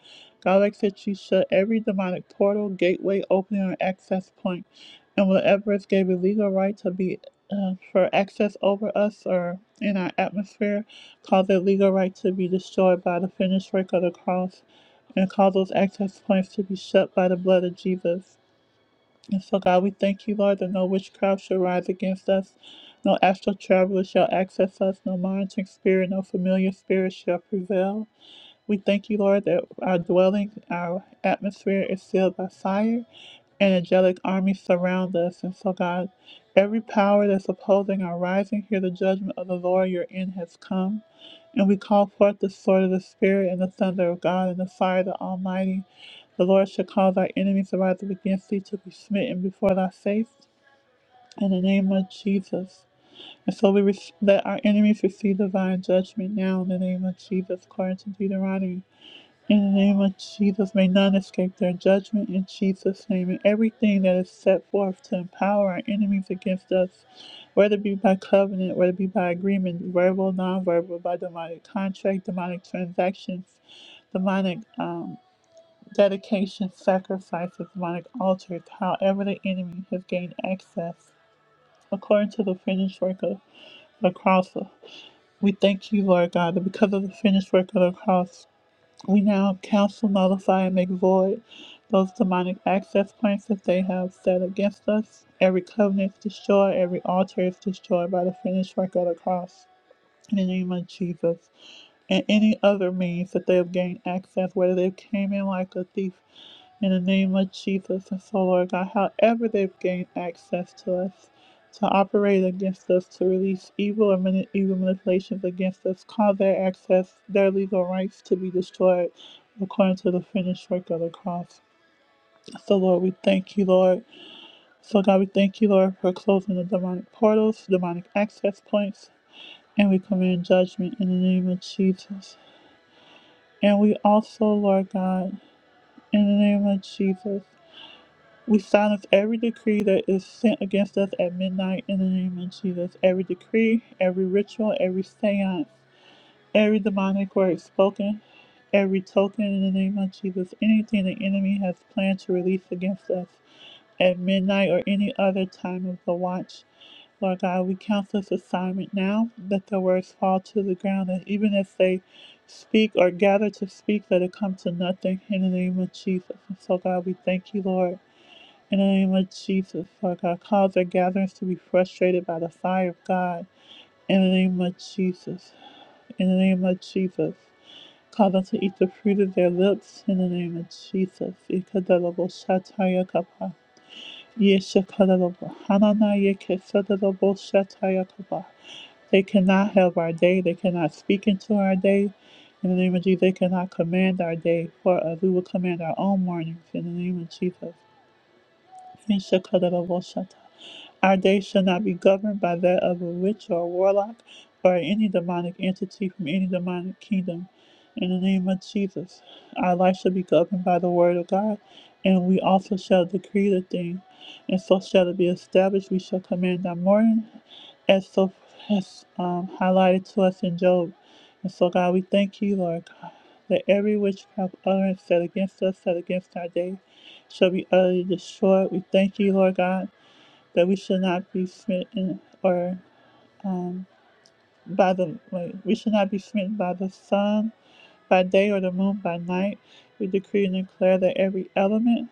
S1: God asks that you shut every demonic portal, gateway, opening, or access point, and whatever is gave a legal right to be uh, for access over us or in our atmosphere, cause that legal right to be destroyed by the finished work of the cross, and cause those access points to be shut by the blood of Jesus. And so, God, we thank you, Lord, that no witchcraft shall rise against us, no astral traveler shall access us, no monitoring spirit, no familiar spirit shall prevail. We thank you, Lord, that our dwelling, our atmosphere is sealed by fire and angelic armies surround us. And so, God, every power that's opposing our rising, hear the judgment of the Lord your end has come. And we call forth the sword of the Spirit and the thunder of God and the fire of the Almighty. The Lord shall cause our enemies to rise up against thee to be smitten before thy face in the name of Jesus. And so we re- let our enemies receive divine judgment now in the name of Jesus, according to Deuteronomy. In the name of Jesus, may none escape their judgment. In Jesus' name, and everything that is set forth to empower our enemies against us, whether it be by covenant, whether it be by agreement, verbal, nonverbal, by demonic contract, demonic transactions, demonic um, dedication, sacrifices, demonic altars, however the enemy has gained access, according to the finished work of the cross. We thank you, Lord God, that because of the finished work of the cross. We now counsel, nullify, and make void those demonic access points that they have set against us. Every covenant is destroyed, every altar is destroyed by the finished work of the cross. In the name of Jesus, and any other means that they have gained access, whether they came in like a thief in the name of Jesus and so, Lord God, however they've gained access to us to operate against us, to release evil or mani- evil manipulations against us, cause their access, their legal rights to be destroyed according to the finished work of the cross. So, Lord, we thank you, Lord. So, God, we thank you, Lord, for closing the demonic portals, demonic access points, and we command judgment in the name of Jesus. And we also, Lord God, in the name of Jesus. We silence every decree that is sent against us at midnight in the name of Jesus. Every decree, every ritual, every seance, every demonic word spoken, every token in the name of Jesus. Anything the enemy has planned to release against us at midnight or any other time of the watch. Lord God, we counsel this assignment now. Let the words fall to the ground, and even if they speak or gather to speak, let it come to nothing in the name of Jesus. And so, God, we thank you, Lord. In the name of Jesus, Lord God, cause their gatherings to be frustrated by the fire of God. In the name of Jesus. In the name of Jesus. Cause them to eat the fruit of their lips. In the name of Jesus. Ikadalabo shataya kapa. Yeshakadalabo hanana yekesadalabo shataya kapa. They cannot help our day. They cannot speak into our day. In the name of Jesus, they cannot command our day for us. We will command our own mornings. In the name of Jesus. Mishakadabashata. Our days shall not be governed by that of a witch or a warlock or any demonic entity from any demonic kingdom. In the name of Jesus, our life shall be governed by the word of God, and we also shall decree the thing, and so shall it be established. We shall command our morning, as so has um, highlighted to us in Job. And so, God, we thank you, Lord God, that every witchcraft utterance set against us, set against our day shall be utterly destroyed. We thank you, Lord God, that we should not be smitten or um, by the wait, we should not be smitten by the sun by day or the moon by night. We decree and declare that every element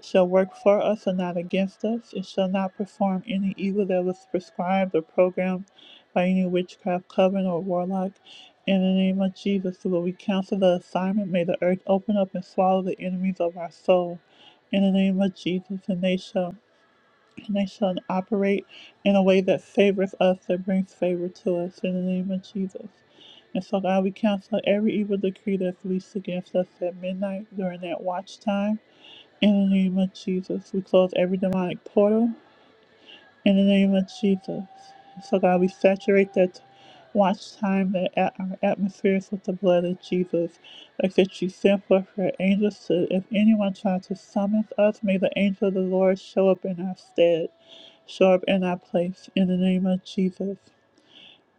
S1: shall work for us and not against us. It shall not perform any evil that was prescribed or programmed by any witchcraft, coven, or warlock. In the name of Jesus, Lord, we cancel the assignment. May the earth open up and swallow the enemies of our soul. In the name of Jesus, and they shall and they shall operate in a way that favors us, that brings favor to us. In the name of Jesus. And so, God, we cancel every evil decree that's released against us at midnight during that watch time. In the name of Jesus, we close every demonic portal. In the name of Jesus. So, God, we saturate that watch time, that at our atmospheres with the blood of Jesus. Like that you send forth your angels to, if anyone tries to summon us, may the angel of the Lord show up in our stead, show up in our place. In the name of Jesus.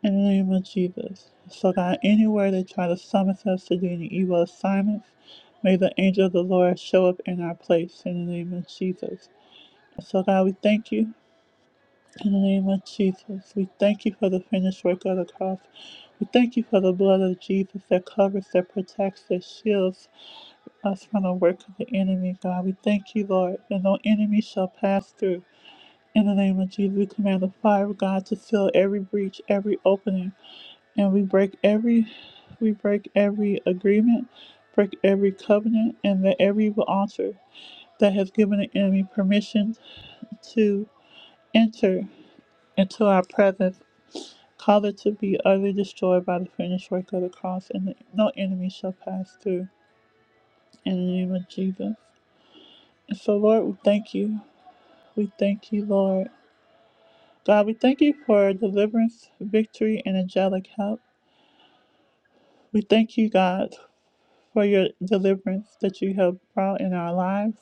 S1: In the name of Jesus. So, God, anywhere they try to summon us to do any evil assignments, May the angel of the Lord show up in our place in the name of Jesus. So, God, we thank you in the name of Jesus. We thank you for the finished work of the cross. We thank you for the blood of Jesus that covers, that protects, that shields us from the work of the enemy, God. We thank you, Lord, that no enemy shall pass through. In the name of Jesus, we command the fire of God to fill every breach, every opening, and we break every we break every agreement, break every covenant, and that every evil altar that has given the enemy permission to enter into our presence, cause it to be utterly destroyed by the finished work of the cross, and no enemy shall pass through. In the name of Jesus. And so, Lord, we thank you. We thank you, Lord. God, we thank you for deliverance, victory, and angelic help. We thank you, God, for your deliverance that you have brought in our lives.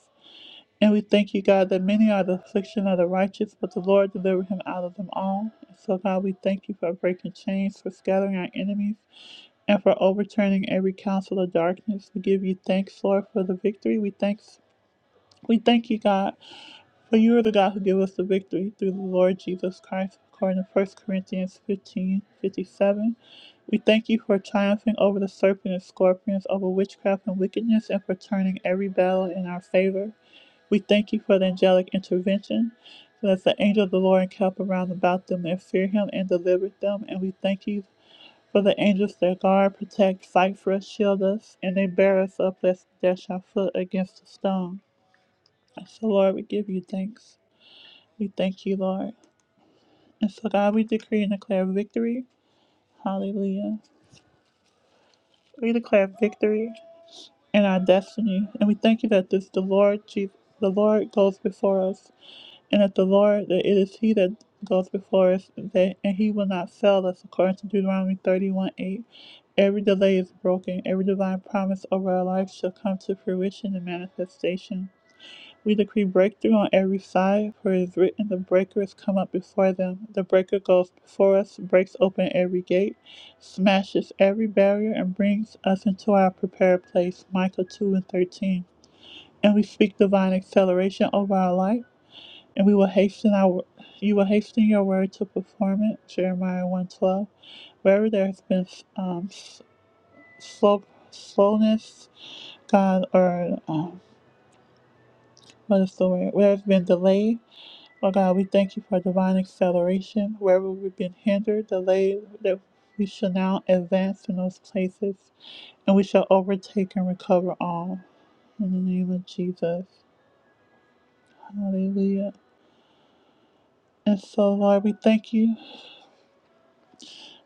S1: And we thank you, God, that many are the affliction of the righteous, but the Lord delivered him out of them all. And so, God, we thank you for breaking chains, for scattering our enemies and for overturning every counsel of darkness. We give you thanks, Lord, for the victory. We thanks we thank you, God, for you are the God who give us the victory through the Lord Jesus Christ, according to 1 Corinthians fifteen fifty seven. We thank you for triumphing over the serpent and scorpions, over witchcraft and wickedness, and for turning every battle in our favor. We thank you for the angelic intervention. So that the angel of the Lord encamp around about them that fear him and delivered them. And we thank you for the angels that guard, protect, fight for us, shield us, and they bear us up lest we dash our foot against a stone. So, Lord, we give you thanks. We thank you, Lord. And so, God, we decree and declare victory. Hallelujah. We declare victory in our destiny, and we thank you that this the Lord Jesus, the Lord goes before us. And that the Lord, that it is He that goes before us, that, and He will not fail us, according to Deuteronomy 31 8. Every delay is broken, every divine promise over our life shall come to fruition and manifestation. We decree breakthrough on every side, for it is written, The breaker has come up before them. The breaker goes before us, breaks open every gate, smashes every barrier, and brings us into our prepared place. Micah 2 and 13. And we speak divine acceleration over our life and we will hasten our you will hasten your word to perform it jeremiah 112 wherever there has been um, s- slow, slowness god or um, what is the word where there's been delay oh god we thank you for divine acceleration wherever we've been hindered delayed that we shall now advance in those places and we shall overtake and recover all in the name of jesus hallelujah and so lord we thank you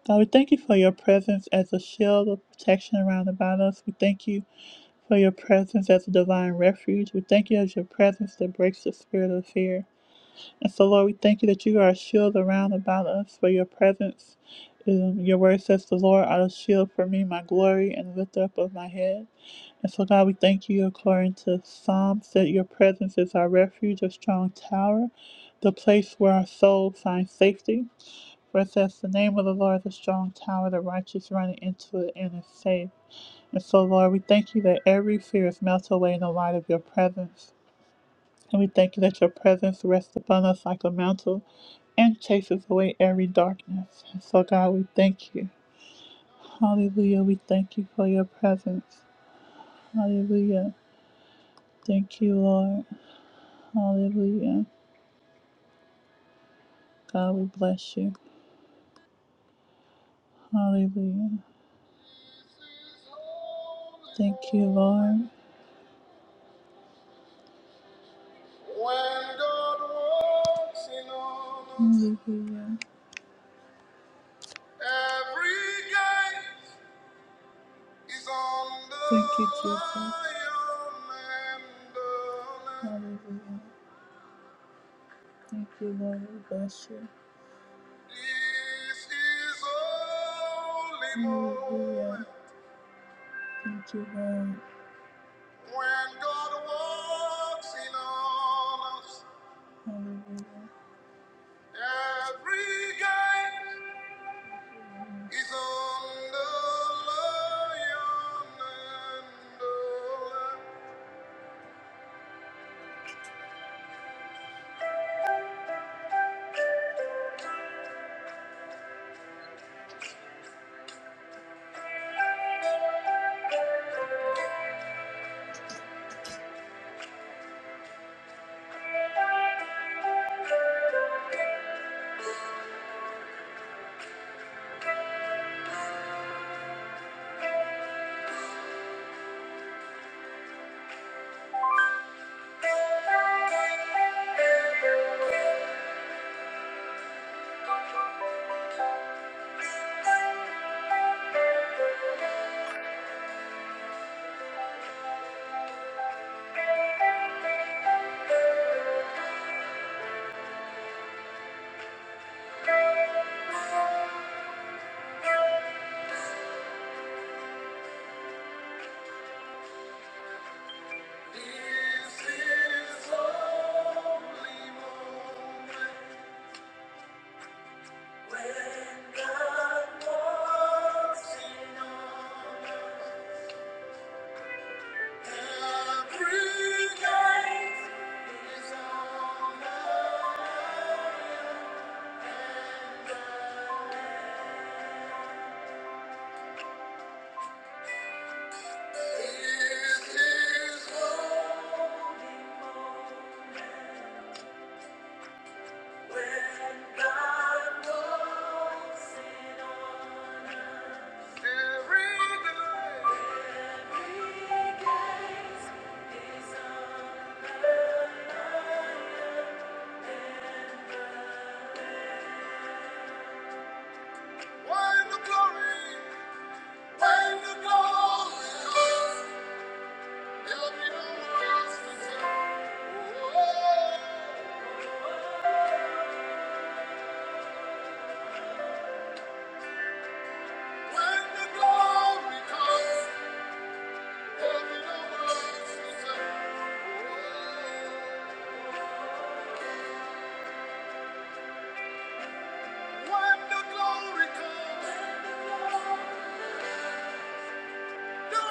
S1: God, we thank you for your presence as a shield of protection around about us. We thank you for your presence as a divine refuge. We thank you as your presence that breaks the spirit of fear. And so, Lord, we thank you that you are a shield around about us for your presence. Um, your word says, The Lord are a shield for me, my glory, and the lifter up of my head. And so, God, we thank you according to Psalms that your presence is our refuge, a strong tower, the place where our soul finds safety. For it says, The name of the Lord is a strong tower, the righteous running into it and is safe. And so, Lord, we thank you that every fear is melted away in the light of your presence. And we thank you that your presence rests upon us like a mantle and chases away every darkness. And so, God, we thank you. Hallelujah. We thank you for your presence. Hallelujah. Thank you, Lord. Hallelujah. God, we bless you. Hallelujah. Thank you, Lord. When God walks in on us, Mm. every gate is on the Thank you, Jesus. lion and the lamb. Hallelujah. This is holy Hallelujah. moment when God walks in on us. Every gate is on the lion and the lamb. When the glory comes. When the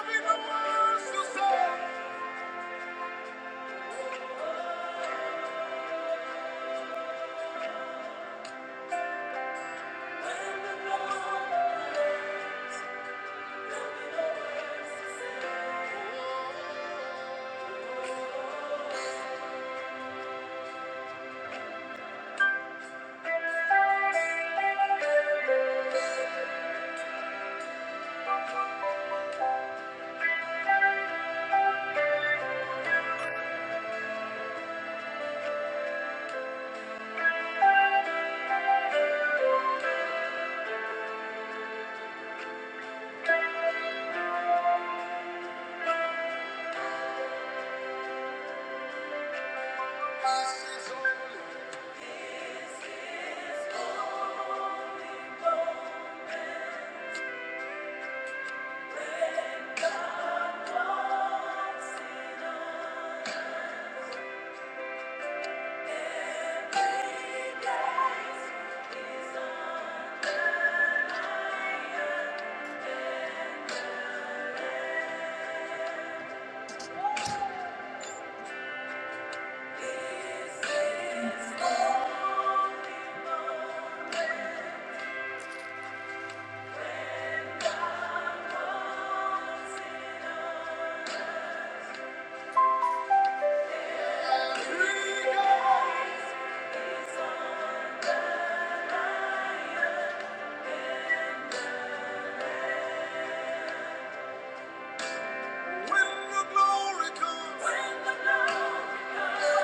S1: glory comes, when the glory comes.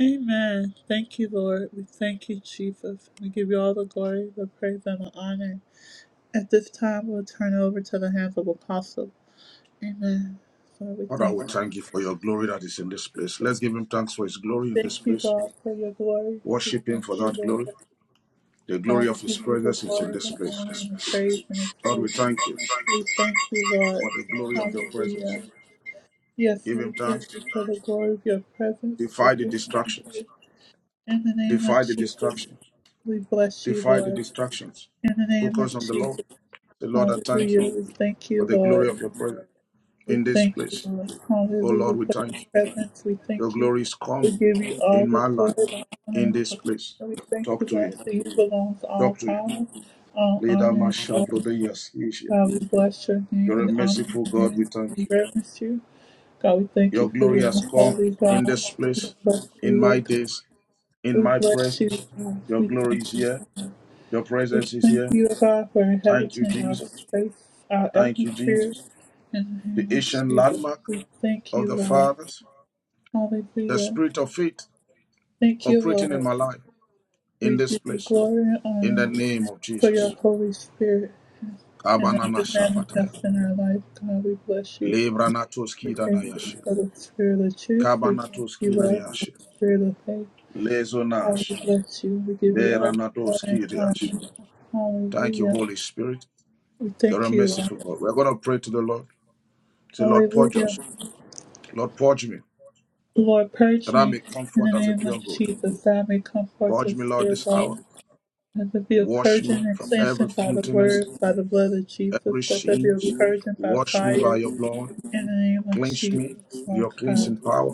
S1: Amen. Thank you, Lord. We thank you, Jesus. We give you all the glory, the praise, and the honor. At this time, we'll turn it over to the hands of Apostle. Amen. So we
S2: Father,
S1: thank
S2: we
S1: you.
S2: thank you for your glory that is in this place. Let's give him thanks for his glory in this
S1: Thank you,
S2: place.
S1: God. Praise We
S2: Worship him
S1: thank
S2: for
S1: you.
S2: that glory. The glory
S1: God, we
S2: of his
S1: give you the
S2: presence is in
S1: glory,
S2: this
S1: the
S2: place.
S1: honor, and the praise, and the
S2: Lord, we thank
S1: praise.
S2: you for
S1: We thank you, Lord.
S2: the glory of your presence.
S1: Hallelujah. Yes,
S2: Give him
S1: Lord, we thank
S2: thanks.
S1: you for the glory of your presence, God.
S2: Defy the
S1: We thank
S2: distractions.
S1: you. In the name of
S2: Defy the
S1: Jesus,
S2: distractions.
S1: we bless you,
S2: Defy the
S1: Lord.
S2: distractions.
S1: In the name of
S2: Focus on the Lord.
S1: Jesus,
S2: The Lord, I thank you
S1: hallelujah. We thank
S2: for
S1: you,
S2: the glory of
S1: Lord.
S2: your presence
S1: We
S2: in this
S1: thank you,
S2: place.
S1: Lord.
S2: Oh Lord,
S1: Hallelujah
S2: we
S1: for your
S2: thank you.
S1: presence. We
S2: Your
S1: thank you.
S2: glory is
S1: We
S2: come
S1: give you all
S2: in
S1: the
S2: my
S1: glory,
S2: life
S1: the
S2: in
S1: honor.
S2: this place.
S1: And we thank
S2: Talk
S1: you,
S2: to
S1: God,
S2: him.
S1: that you belongs all
S2: Talk to him.
S1: power, all
S2: Leader
S1: honor.
S2: Mashavrodeyas Asia.
S1: God, we bless your name.
S2: You're
S1: We
S2: a
S1: honor your
S2: merciful God,
S1: name.
S2: we thank
S1: We
S2: you.
S1: reverence you. God, we thank
S2: Your
S1: you for
S2: glory
S1: being a
S2: has come
S1: holy
S2: in
S1: God.
S2: this
S1: We
S2: place,
S1: Bless you,
S2: in my
S1: Lord God.
S2: days, in
S1: We
S2: my
S1: bless you,
S2: presence.
S1: God.
S2: Your
S1: We
S2: glory
S1: thank
S2: is
S1: you.
S2: here.
S1: God.
S2: Your
S1: We
S2: presence is
S1: thank
S2: here.
S1: you, God, for
S2: Thank you,
S1: inhabiting our
S2: Jesus.
S1: space, our
S2: Thank you,
S1: atmosphere.
S2: Jesus.
S1: In the
S2: The
S1: name of
S2: ancient
S1: Jesus,
S2: landmark
S1: we thank
S2: of
S1: you,
S2: the
S1: Lord.
S2: fathers, the
S1: Hallelujah.
S2: spirit of faith
S1: Thank you,
S2: operating in
S1: Lord.
S2: my life, in
S1: We
S2: this
S1: give you
S2: place,
S1: glory and
S2: in the
S1: honor
S2: name of
S1: for your
S2: Jesus.
S1: Holy Spirit and that
S2: Kabanana
S1: you
S2: Shafataya.
S1: manifest in our life. God, we bless you.
S2: Lebranatos
S1: We thank you
S2: Kidanayashe.
S1: for the spirit of truth. We thank
S2: Kabanatos
S1: you, Lord, for
S2: Kidanayashe.
S1: the spirit of faith. God, we
S2: Lezonash.
S1: bless you. We give you all the glory and
S2: Beranatoskirias.
S1: honor.
S2: Thank you,
S1: Hallelujah.
S2: Holy Spirit.
S1: We
S2: You're a
S1: thank you, Lord.
S2: merciful God. We're going to pray to the Lord. Say, Lord, purge
S1: Hallelujah.
S2: us. Lord, purge me,
S1: Lord, purge
S2: that I
S1: me
S2: may come
S1: in the
S2: forth as a
S1: name
S2: pure
S1: of
S2: gold.
S1: Jesus, that I may come forth
S2: Purge me,
S1: as
S2: Lord,
S1: pure
S2: this hour.
S1: God. Let there be a
S2: Wash me
S1: purging and
S2: from every
S1: cleansing by the
S2: filthiness,
S1: word, by the blood of Jesus.
S2: every
S1: Let there be
S2: sins.
S1: a purging by
S2: Wash me by
S1: fire
S2: your blood.
S1: in the name of
S2: Cleanse me,
S1: Jesus, Lord
S2: your
S1: God.
S2: cleansing power.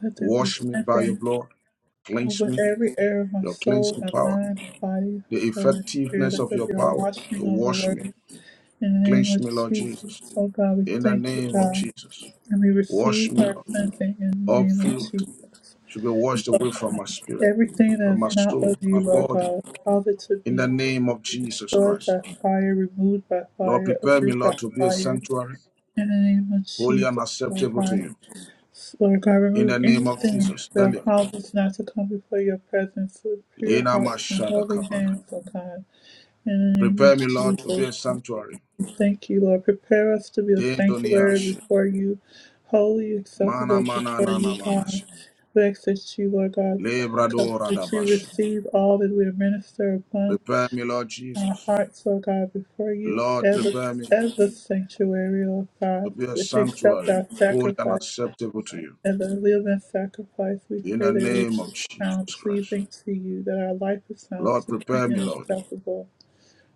S1: Let there be
S2: Wash me by your
S1: cleansing
S2: blood.
S1: Over
S2: Cleanse me,
S1: every area of my
S2: your
S1: soul,
S2: cleansing
S1: my
S2: power.
S1: mind, my body,
S2: The
S1: soul, and spirit,
S2: effectiveness
S1: let
S2: of
S1: there
S2: your
S1: be a
S2: power to
S1: washing of the
S2: wash me.
S1: word. In the name
S2: Cleanse
S1: of
S2: me, Lord
S1: Jesus,
S2: Jesus.
S1: oh God, we
S2: In the
S1: thank you,
S2: name of
S1: God,
S2: Jesus.
S1: and we receive
S2: Wash me,
S1: our
S2: Lord.
S1: cleansing in the
S2: All
S1: name of
S2: filth
S1: Jesus.
S2: should be washed away from my spirit,
S1: Everything that
S2: from
S1: is
S2: my
S1: not of
S2: soul, my
S1: you, Lord
S2: body,
S1: God, cause it to
S2: in the
S1: be
S2: name of Jesus
S1: destroyed
S2: Christ.
S1: by fire, removed by
S2: Lord,
S1: fire,
S2: prepare me,
S1: uprooted
S2: Lord,
S1: by
S2: to be a
S1: fire.
S2: sanctuary,
S1: In the name of
S2: holy
S1: Jesus,
S2: and
S1: Lord
S2: acceptable to
S1: God,
S2: you.
S1: Lord God,
S2: In
S1: remove
S2: the name of
S1: anything
S2: Jesus,
S1: that
S2: tell
S1: will
S2: him,
S1: cause us not to come before your presence with pure
S2: Lena
S1: hearts and
S2: Mashada
S1: holy
S2: Kabana.
S1: hands, O God. In the name of
S2: Prepare me, Lord, to be
S1: Jesus,
S2: a
S1: we
S2: sanctuary.
S1: thank you, Lord. Prepare us to be a sanctuary
S2: Dezoniashi.
S1: before you, holy,
S2: Mana
S1: acceptable
S2: mana
S1: before
S2: na
S1: you, God.
S2: manashi.
S1: We ask that you, Lord God,
S2: Lebradora
S1: that you
S2: dabashi.
S1: receive all that we administer upon
S2: Prepare me, Lord
S1: our
S2: Jesus.
S1: hearts, O God, before you
S2: Lord,
S1: as a,
S2: prepare me
S1: as a sanctuary, O
S2: to
S1: God,
S2: be a
S1: that you accept
S2: sanctuary,
S1: our
S2: holy
S1: sacrifice.
S2: and acceptable to you.
S1: As a living sacrifice, we
S2: In
S1: pray
S2: the
S1: that it
S2: name of
S1: is sound
S2: Jesus Christ.
S1: pleasing to you, that our life is sound
S2: Lord,
S1: pleasing
S2: prepare me,
S1: and
S2: Lord.
S1: acceptable.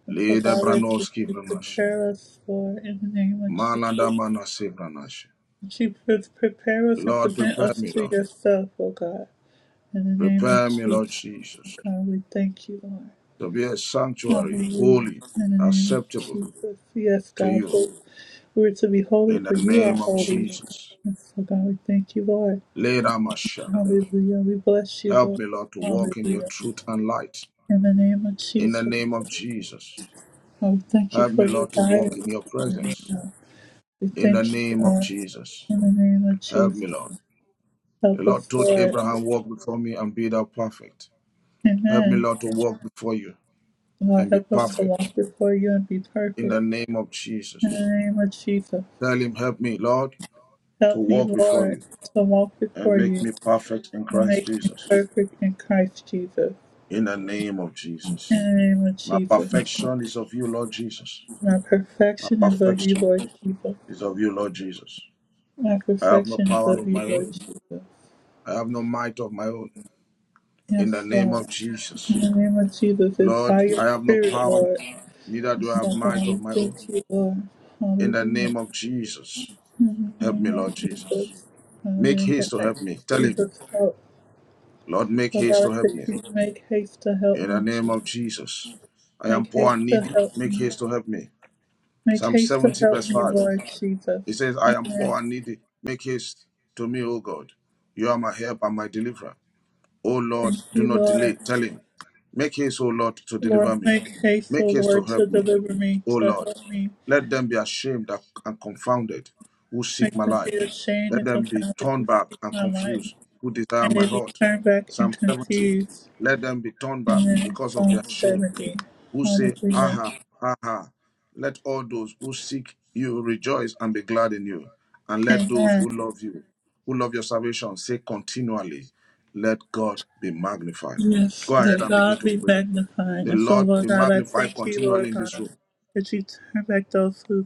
S1: And so,
S2: Leader
S1: God, let you
S2: Branoski
S1: you
S2: Branashi.
S1: prepare us for in the name of
S2: Malada
S1: Jesus.
S2: Manasi Branashi.
S1: That you pre- prepare us and
S2: Lord,
S1: present
S2: prepare
S1: us
S2: me,
S1: to
S2: Lord.
S1: yourself, O God. In the name of
S2: Prepare me, Lord
S1: Jesus,
S2: Jesus,
S1: God, we thank you, Lord.
S2: to be a sanctuary,
S1: Hallelujah.
S2: holy,
S1: In the name of
S2: acceptable
S1: Jesus. Yes,
S2: to
S1: God,
S2: you.
S1: but we're to be holy,
S2: In the
S1: for you are
S2: name of
S1: holy.
S2: Jesus.
S1: And so, God, we thank you, Lord.
S2: Leader Mashadab.
S1: Hallelujah. We bless you,
S2: Help
S1: Lord.
S2: me, Lord, to walk in your
S1: Hallelujah.
S2: truth and light.
S1: In the name of
S2: In the
S1: Jesus,
S2: name of Jesus.
S1: Lord, thank you
S2: Help me,
S1: for your
S2: Lord, to walk
S1: guidance.
S2: in your
S1: Lord
S2: presence.
S1: God. We
S2: In the
S1: thank you,
S2: name of
S1: Lord.
S2: Jesus.
S1: In the name of
S2: Help me,
S1: Jesus,
S2: Lord. The
S1: help
S2: Lord
S1: us,
S2: told
S1: Lord.
S2: Abraham, Walk before me and be thou perfect. Help me,
S1: Amen.
S2: Lord, to walk before you
S1: Lord,
S2: and be
S1: help us to
S2: perfect
S1: walk before you and be
S2: in
S1: perfect.
S2: the name of
S1: In the
S2: Jesus.
S1: name of Jesus,
S2: Tell him, Help me, Lord, to
S1: help me,
S2: walk before
S1: Lord,
S2: you
S1: to walk
S2: and
S1: before
S2: make
S1: you
S2: me perfect in
S1: and
S2: Christ
S1: make me
S2: Jesus
S1: perfect in Christ Jesus.
S2: in the name of Jesus.
S1: In the name of
S2: My
S1: Jesus,
S2: perfection is of you, Lord Jesus.
S1: my
S2: My
S1: perfection is of you,
S2: perfection
S1: Lord Jesus.
S2: is of you, Lord Jesus.
S1: My
S2: I have no
S1: perfection is
S2: power
S1: of
S2: of
S1: you,
S2: my own,
S1: Lord Jesus.
S2: I have no might of my own in the
S1: Yes,
S2: name
S1: Lord.
S2: of Jesus.
S1: In the name of Jesus, it's
S2: Lord,
S1: by your
S2: I have no
S1: spirit,
S2: power,
S1: Lord.
S2: neither
S1: And
S2: do I
S1: So
S2: have
S1: God,
S2: might of
S1: we
S2: my own.
S1: thank you, Lord.
S2: in the
S1: Hallelujah.
S2: name of Jesus.
S1: In the
S2: Help me,
S1: name
S2: Lord
S1: of
S2: Jesus.
S1: Jesus.
S2: Make
S1: Hallelujah.
S2: haste to help me. Tell him,
S1: Jesus, help.
S2: Lord, make
S1: Oh God,
S2: haste to
S1: I
S2: help
S1: said,
S2: me.
S1: please make haste to help
S2: In the
S1: me,
S2: name of
S1: Jesus.
S2: Jesus. I am
S1: Make
S2: poor
S1: haste
S2: and
S1: to
S2: needy.
S1: help
S2: Make
S1: me.
S2: haste to help me.
S1: Make
S2: Psalm
S1: haste to
S2: 70,
S1: help
S2: verse
S1: me,
S2: 5.
S1: Lord Jesus.
S2: It says, I am
S1: Amen.
S2: poor and needy. Make haste to me, O God. You are my help and my deliverer. O
S1: Thank
S2: Lord, do
S1: you,
S2: not delay.
S1: Lord.
S2: Tell him, make haste, O Lord, to
S1: Lord,
S2: deliver me.
S1: make haste, O
S2: Make haste to
S1: Lord, to
S2: help me,
S1: deliver me,
S2: O
S1: to
S2: Lord.
S1: help me.
S2: Let them be ashamed and confounded who seek
S1: Make
S2: my
S1: them be
S2: life.
S1: ashamed
S2: Let
S1: and
S2: them be
S1: confounded who
S2: turned back
S1: seek
S2: and
S1: my life.
S2: confused who
S1: May
S2: desire my
S1: they be
S2: heart.
S1: turned back and
S2: Psalm 70.
S1: confused.
S2: Let them be turned back
S1: And
S2: because of
S1: Psalm
S2: their shame
S1: 70.
S2: who say,
S1: Hallelujah.
S2: Aha, aha. Let all those who seek you rejoice and be glad in you. And let those
S1: Amen.
S2: who love you, who love your salvation, say continually, Let God be magnified.
S1: Yes,
S2: Go ahead
S1: let
S2: and begin
S1: God
S2: to
S1: be
S2: pray.
S1: magnified.
S2: The
S1: And so,
S2: Lord
S1: Lord
S2: be
S1: God, I
S2: magnified
S1: thank you,
S2: continually
S1: Lord
S2: in this
S1: God,
S2: room.
S1: that you turn back those who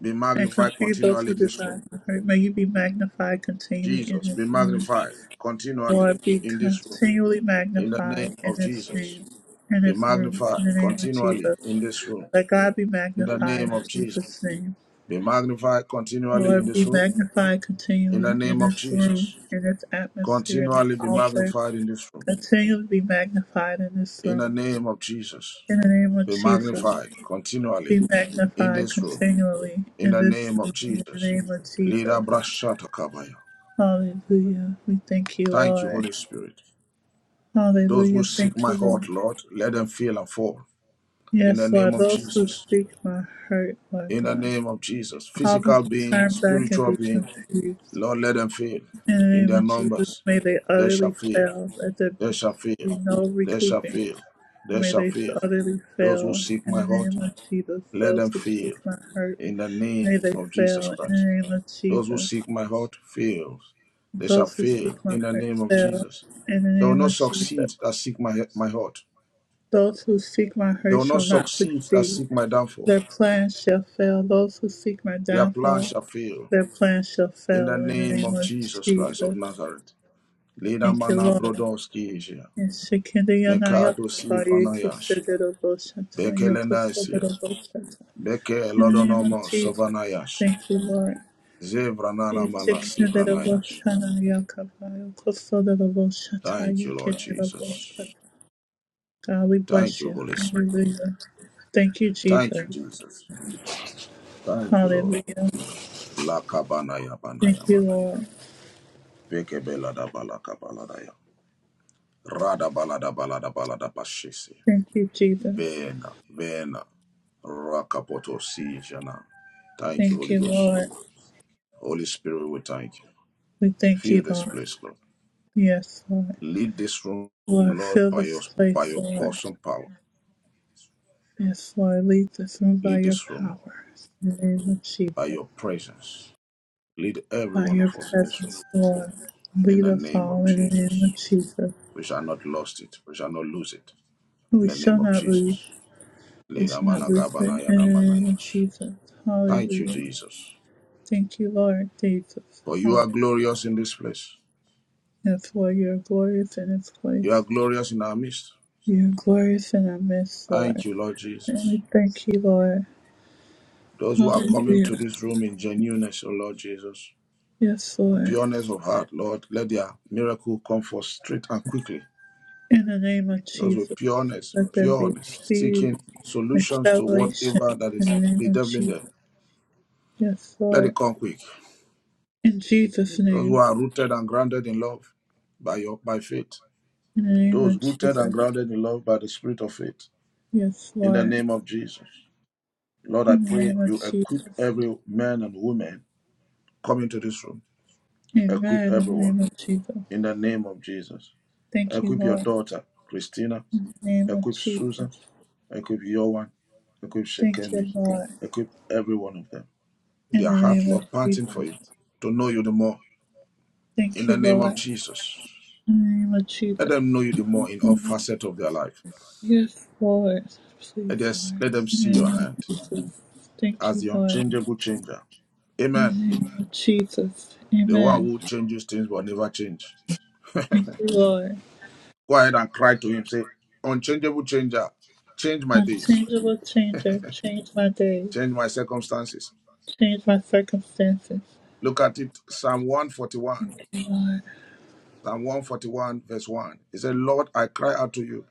S2: Be
S1: and
S2: magnified
S1: confuse those
S2: continually
S1: who
S2: in this room.
S1: desire to hurt. May you be magnified continually in
S2: Jesus, be
S1: this room.
S2: magnified continually
S1: Lord, be
S2: in this room.
S1: continually
S2: In the name
S1: magnified in
S2: of
S1: this
S2: Jesus,
S1: name, in
S2: be
S1: this room,
S2: magnified
S1: in the name of
S2: continually
S1: Jesus.
S2: in this room.
S1: Let God be
S2: In the
S1: magnified
S2: name
S1: in
S2: of Jesus,
S1: Jesus' name.
S2: be magnified continually in
S1: Lord,
S2: this
S1: be
S2: room
S1: magnified
S2: In the
S1: continually in
S2: name of
S1: this room,
S2: Jesus.
S1: in this atmosphere, in this
S2: Continually be
S1: altar.
S2: magnified in this room.
S1: Continue to be magnified in this
S2: In the
S1: room.
S2: name of Jesus.
S1: In the name of
S2: Be
S1: Jesus,
S2: magnified continually
S1: be
S2: in
S1: magnified
S2: this room.
S1: continually
S2: In
S1: in
S2: the
S1: this
S2: name of
S1: room. In the
S2: Jesus.
S1: name of
S2: Leader
S1: Jesus.
S2: Brashata Kabaya.
S1: Hallelujah. We thank you,
S2: Thank you,
S1: Lord.
S2: Holy Spirit. Those who
S1: Hallelujah.
S2: seek
S1: Thank
S2: my
S1: you,
S2: heart,
S1: Lord.
S2: Lord, let them feel and fall. In the
S1: Yes, Lord.
S2: name of
S1: Those who
S2: Jesus.
S1: speak my hurt, Lord
S2: In the
S1: God,
S2: name of Jesus.
S1: cause them
S2: Physical
S1: to
S2: being,
S1: turn back and
S2: spiritual
S1: be
S2: being,
S1: confused.
S2: Lord, let them feel.
S1: In the
S2: In
S1: name
S2: their
S1: of Jesus,
S2: numbers,
S1: may they
S2: they shall
S1: utterly
S2: feel.
S1: fail at the
S2: They
S1: be
S2: shall fail.
S1: no
S2: They shall
S1: recouping.
S2: fail. They
S1: May
S2: shall
S1: they
S2: fail.
S1: utterly
S2: Those who
S1: fail
S2: seek
S1: in
S2: my
S1: the name
S2: heart,
S1: of Jesus.
S2: let
S1: Those
S2: them
S1: who speak
S2: fail
S1: my hurt,
S2: in the
S1: May
S2: name
S1: they
S2: of Jesus
S1: fail in
S2: Christ.
S1: the name of
S2: Those who
S1: Jesus.
S2: seek my heart fail. They shall
S1: Those who
S2: fail
S1: seek my
S2: in the
S1: hurt
S2: name of
S1: fail
S2: Jesus.
S1: in the
S2: They will
S1: name
S2: not
S1: of Jesus.
S2: succeed that seek my, my heart.
S1: Those who seek my
S2: They
S1: hurt
S2: will not
S1: shall not
S2: succeed that
S1: succeed.
S2: seek my downfall.
S1: Their plans shall fail. Those who seek my
S2: Their plans
S1: downfall,
S2: shall fail.
S1: their plans shall
S2: In the
S1: fail in the
S2: name
S1: name
S2: of
S1: of
S2: Jesus Christ of
S1: Jesus.
S2: Nazareth. Lida
S1: Thank you,
S2: mana
S1: Lord.
S2: brodoski Asia.
S1: In Shekinah Yonaya,
S2: Mekado si
S1: Baba,
S2: vanayash.
S1: Yekisedero Boshata,
S2: Bekelenaisia.
S1: Yokosedero Boshata.
S2: Beke
S1: In the name of
S2: Lodonomo
S1: Jesus.
S2: Sovanayash.
S1: Thank you, Lord.
S2: Zevranala
S1: God,
S2: Malasi Vranayash. Thank you, Lord Jesus.
S1: we
S2: Thank
S1: bless
S2: you,
S1: you.
S2: Holy Spirit.
S1: Hallelujah. Thank you,
S2: Thank
S1: Jesus.
S2: you, Jesus. Thank you, Lord.
S1: Hallelujah.
S2: Lakabanaya Banaya
S1: Thank you,
S2: Manaya.
S1: Lord.
S2: Beke Belada Balaka Baladaya. Rada Balada Balada Balada Bashisi.
S1: Thank you, Jesus.
S2: Vena, Vena. Rakapoto Sijana. Thank you,
S1: Thank
S2: Holy
S1: you,
S2: Ghost.
S1: Lord.
S2: Holy Spirit, we thank you.
S1: We thank
S2: Fill
S1: you,
S2: this
S1: Lord.
S2: place, Lord.
S1: Yes, Lord.
S2: Lead this room,
S1: Lord,
S2: Lord,
S1: fill
S2: by
S1: this
S2: your by
S1: place,
S2: your
S1: Lord.
S2: awesome power.
S1: Yes, Lord. Lead this room by
S2: Lead
S1: your
S2: this room,
S1: power.
S2: Lord,
S1: In the name of
S2: by
S1: Jesus.
S2: your presence. Lead every
S1: By
S2: one of
S1: your
S2: us in this room.
S1: presence, Lord.
S2: In
S1: Lead
S2: the
S1: us
S2: name of
S1: all in the name
S2: Jesus.
S1: of Jesus.
S2: We shall not lost it. We shall not lose it. In
S1: We
S2: the name
S1: shall
S2: of
S1: not lose.
S2: Jesus.
S1: We
S2: Lina
S1: shall not
S2: mana
S1: lose in
S2: gabana yana mana
S1: the name of
S2: yash.
S1: Jesus.
S2: Thank you,
S1: Hallelujah.
S2: Jesus.
S1: Thank you, Lord Jesus.
S2: For you
S1: Hallelujah.
S2: are glorious in this place.
S1: And For Your glorious in this
S2: You are
S1: place.
S2: glorious in our midst.
S1: You're glorious in our midst, Lord.
S2: Thank you, Lord
S1: And we
S2: Jesus.
S1: thank you, Lord.
S2: Those who are coming
S1: Hallelujah.
S2: to this room in genuineness, O Lord Jesus.
S1: Yes,
S2: with
S1: Lord.
S2: pureness of heart, Lord. Let their miracle come forth straight and quickly.
S1: In the name of
S2: Those with
S1: Jesus,
S2: pureness,
S1: let there be
S2: pureness,
S1: speed,
S2: seeking solutions to
S1: acceleration.
S2: whatever that
S1: In
S2: is
S1: the name of
S2: bedeviling
S1: Jesus.
S2: them.
S1: Yes,
S2: Let
S1: Lord.
S2: it come quick.
S1: In Jesus'
S2: Those who
S1: name.
S2: are rooted and grounded in love by your by faith.
S1: In the name
S2: Those
S1: of
S2: rooted and
S1: Jesus.
S2: grounded in love by the spirit of faith.
S1: Yes,
S2: In the
S1: Lord.
S2: name of Jesus. Lord, I
S1: In the
S2: pray
S1: name of
S2: you equip
S1: Jesus.
S2: every man and woman coming to this room. Equip
S1: Amen. In the
S2: everyone.
S1: name of Jesus.
S2: In the name of Jesus.
S1: Thank you,
S2: Equip your
S1: Lord.
S2: daughter, Christina.
S1: name of
S2: Equip
S1: Jesus.
S2: Susan Equip your one. Equip
S1: Thank you,
S2: Shekemi.
S1: Lord.
S2: Equip every one of them.
S1: In
S2: Their
S1: the
S2: heart,
S1: name of
S2: Lord, panting for
S1: Jesus.
S2: you to know you the more in
S1: Thank you,
S2: the name
S1: Lord.
S2: of Jesus.
S1: In the name of
S2: Let
S1: Jesus.
S2: them know you the more in all facets of their life.
S1: Yes, Lord.
S2: Let,
S1: Please,
S2: us,
S1: Lord.
S2: let them
S1: In
S2: see
S1: the
S2: your
S1: name of,
S2: hand
S1: thank
S2: as
S1: you,
S2: the
S1: Lord.
S2: unchangeable changer.
S1: In
S2: Amen.
S1: the name of Jesus.
S2: The one
S1: Amen.
S2: who changes things will never change.
S1: Thank you, Lord.
S2: Go ahead and cry to him. Say, unchangeable changer, change my days,
S1: Unchangeable changer. Change my day.
S2: change my circumstances.
S1: Change my circumstances.
S2: Look at it, Psalm 141, Psalm 141, verse 1. He said, Lord, I cry out to you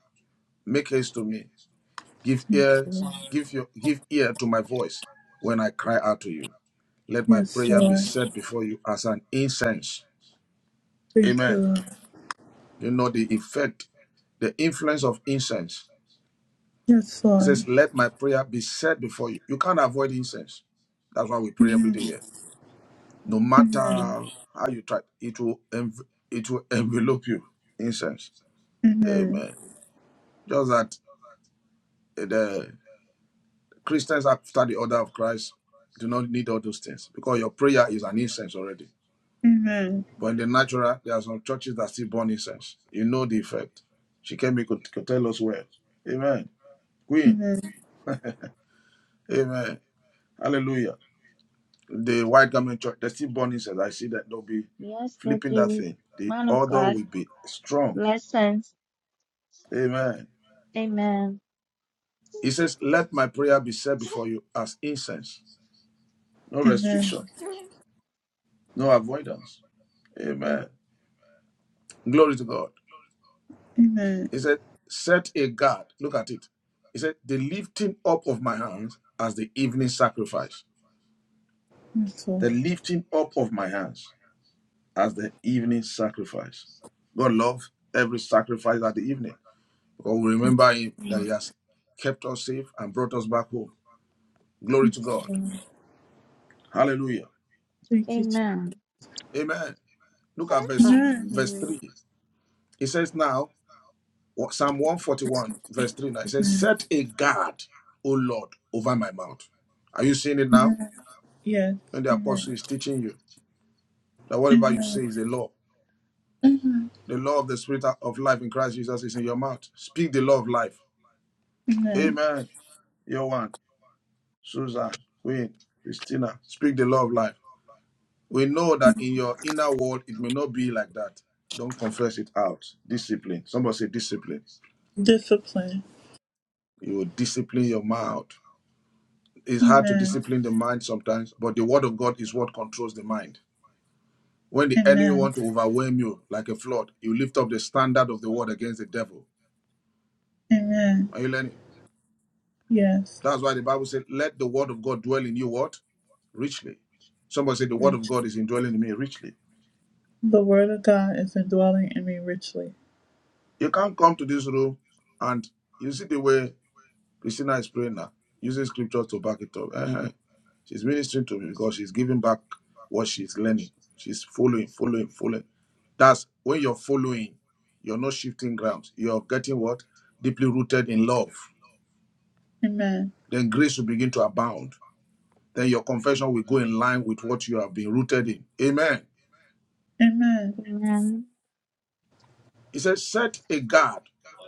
S2: Make haste to me. Give
S1: Thank you,
S2: ears,
S1: Lord.
S2: give your give ear to my voice when I cry out to you. Let my
S1: Yes,
S2: prayer be
S1: Lord.
S2: set before you as an incense.
S1: Thank you,
S2: Amen.
S1: Lord.
S2: You know the effect, the influence of incense.
S1: Yes,
S2: It
S1: Lord.
S2: says, Let my prayer be set before you. You can't avoid incense. That's why we pray every day here. No matter how you try, it will env- it will envelope you. Incense.
S1: Amen.
S2: Amen. Just that eh, the. Christians after the order of Christ do not need all those things because your prayer is an incense already.
S1: Amen.
S2: But in the natural, there are some churches that still burn incense. You know the effect. She can be could, could tell us where. Amen. Queen.
S1: Amen.
S2: Amen. Hallelujah. The white garment church, they still burn incense. I see that they'll be
S3: Yes, that
S2: flipping that
S3: you,
S2: thing. The
S3: man of
S2: order
S3: God.
S2: will be strong.
S3: Blessings.
S2: Amen.
S3: Amen.
S2: He says, Let my prayer be said before you as incense. No
S1: Amen.
S2: restriction, no avoidance. Amen. Glory to God.
S1: Amen.
S2: He said, Set a guard. Look at it. He said, The lifting up of my hands as the evening sacrifice.
S1: Yes,
S2: The
S1: Lord.
S2: lifting up of my hands as the evening sacrifice. God loves every sacrifice at the evening. Because we remember him that he has kept us safe and brought us back home. Glory to God. Hallelujah.
S1: Thank you. Je-
S3: Amen.
S2: Amen. Look at verse verse 3.
S3: Hallelujah.
S2: He says now, Psalm 141, verse 3. Now it says, Set a guard, O Lord, over my mouth. Are you seeing it now?
S1: Yes.
S2: when the
S1: Amen.
S2: apostle is teaching you that whatever you say is a law. The law of the spirit of life in Christ Jesus is in your mouth. Speak the law of life. Amen. Yohan, Susan, Queen, Christina, speak the law of life. We know that in your inner world, it may not be like that. Don't confess it out. Discipline. Somebody say discipline.
S1: Discipline.
S2: You will discipline your mouth. It's hard to
S1: Amen.
S2: discipline the mind sometimes, but the word of God is what controls the mind. When the enemy
S1: Amen.
S2: want to overwhelm you like a flood, you lift up the standard of the word against the devil
S1: Amen.
S2: Are you learning?
S1: Yes.
S2: That's why the Bible said, let the word of God dwell in you what? Richly. Somebody said, the word of
S1: Rich.
S2: God is indwelling in me richly.
S1: The word of God is indwelling in me richly.
S2: You can't come to this room and you see the way Christina is praying now, using scriptures to back it up. Eh, eh. She's ministering to me because she's giving back what she's learning. She's following, following, following. That's when you're following, you're not shifting grounds. You're getting what? Deeply rooted in love.
S1: Amen.
S2: Then grace will begin to abound then your confession will go in line with what you have been rooted in. Amen.
S1: Amen.
S3: Amen.
S2: He says, Set a guard,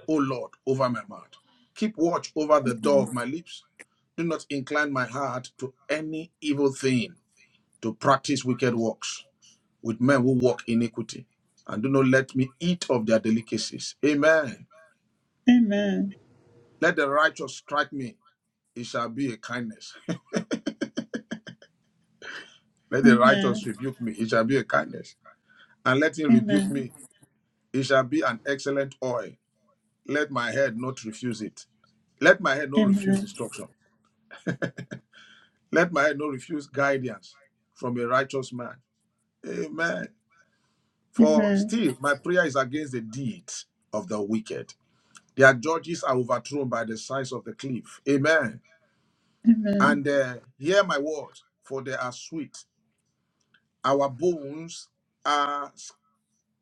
S2: O Lord, over my mouth. Keep watch over the door of my lips. Do not incline my heart to any evil thing, to practice wicked works with men who walk iniquity. And do not let me eat of their delicacies. Amen.
S1: Amen.
S2: Let the righteous strike me, it shall be a kindness. let the righteous
S1: Amen.
S2: rebuke me, it shall be a kindness. And let him rebuke
S1: Amen.
S2: me, it shall be an excellent oil Let my head not refuse it. Let my head not refuse
S1: Amen.
S2: instruction. Let my head not refuse guidance from a righteous man. Amen. For
S1: Amen.
S2: still, my prayer is against the deeds of the wicked. Their judges are overthrown by the sides of the cliff. Amen.
S1: Amen.
S2: And uh, hear my words, for they are sweet. Our bones are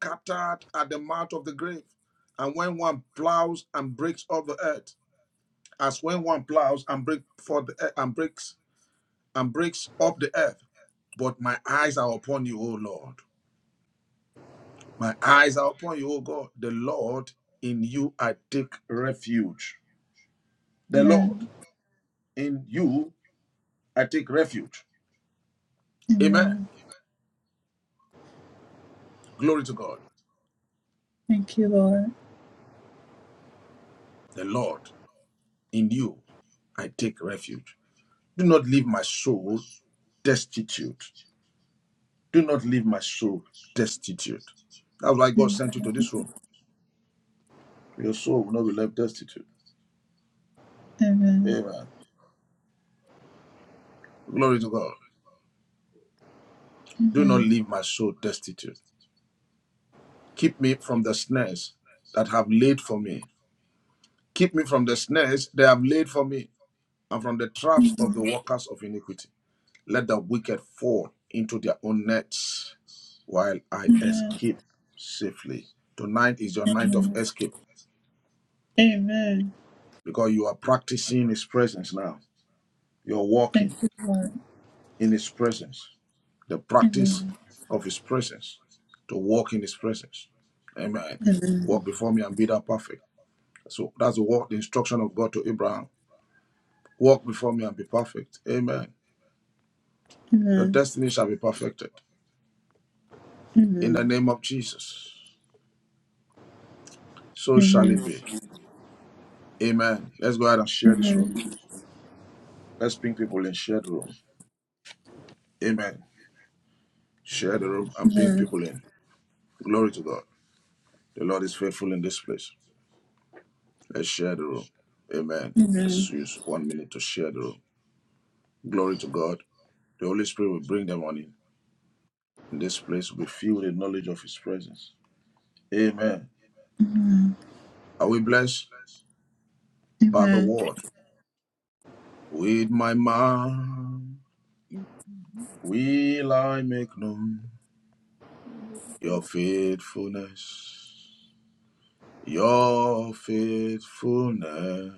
S2: scattered at the mouth of the grave. And when one plows and breaks up the earth, as when one plows and breaks for the earth, and breaks and breaks up the earth. But my eyes are upon you, O Lord. My eyes are upon you, O God. The Lord, in you I take refuge. The Lord, in you I take refuge. Amen. Glory to God. The Lord, in you I take refuge. Do not leave my soul destitute. Do not leave my soul destitute. That's why God sent you to this room. Your soul will not be left destitute. Amen. Glory to God. Do not leave my soul destitute. Keep me from the snares that have laid for me. Keep me from the snares they have laid for me, and from the traps of the workers of iniquity. Let the wicked fall into their own nets while I escape safely. Tonight is your night of escape because you are practicing His presence now. You're walking in His presence, the practice of His presence, to walk in His presence. Amen. Walk before me and be thou perfect. So that's the word, the instruction of God to Abraham Walk before me and be perfect. Amen. Your destiny shall be perfected. In the name of Jesus. So shall
S1: Amen.
S2: it be. Amen. Let's go ahead and
S1: Amen.
S2: share this room. Let's ping people in. Share the room. Amen. Share the room and ping
S1: Amen.
S2: people in. Glory to God. The Lord is faithful in this place. Let's share the room. Amen. Let's
S1: Amen.
S2: use one minute to share the room. Glory to God. The Holy Spirit will bring them on in. In this place will be filled with the knowledge of His presence. Amen.
S1: Amen.
S2: Are we blessed by the word? With my mouth will I make known your
S4: and
S2: faithfulness, your faithfulness.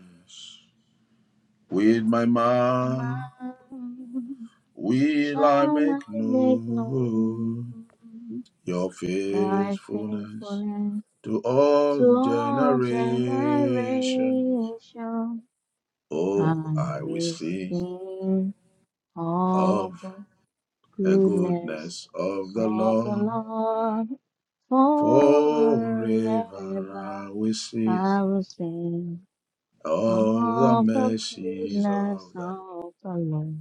S2: With my mouth
S3: Amen.
S2: will I
S3: Shall I
S2: make
S3: make known
S2: known your
S3: thy
S2: faithfulness
S3: faithfulness
S2: to
S3: to
S2: all
S3: all
S2: generations?
S3: generations? I
S2: Oh, I will
S3: will
S2: sing
S3: sing
S2: of
S3: of the
S2: the
S3: goodness
S2: goodness of the
S3: of the
S2: Lord.
S3: Lord. Forever
S2: Forever I will sing
S3: I will sing
S2: of the
S3: of the
S2: mercies
S3: goodness
S2: of the Lord.
S3: of the Lord.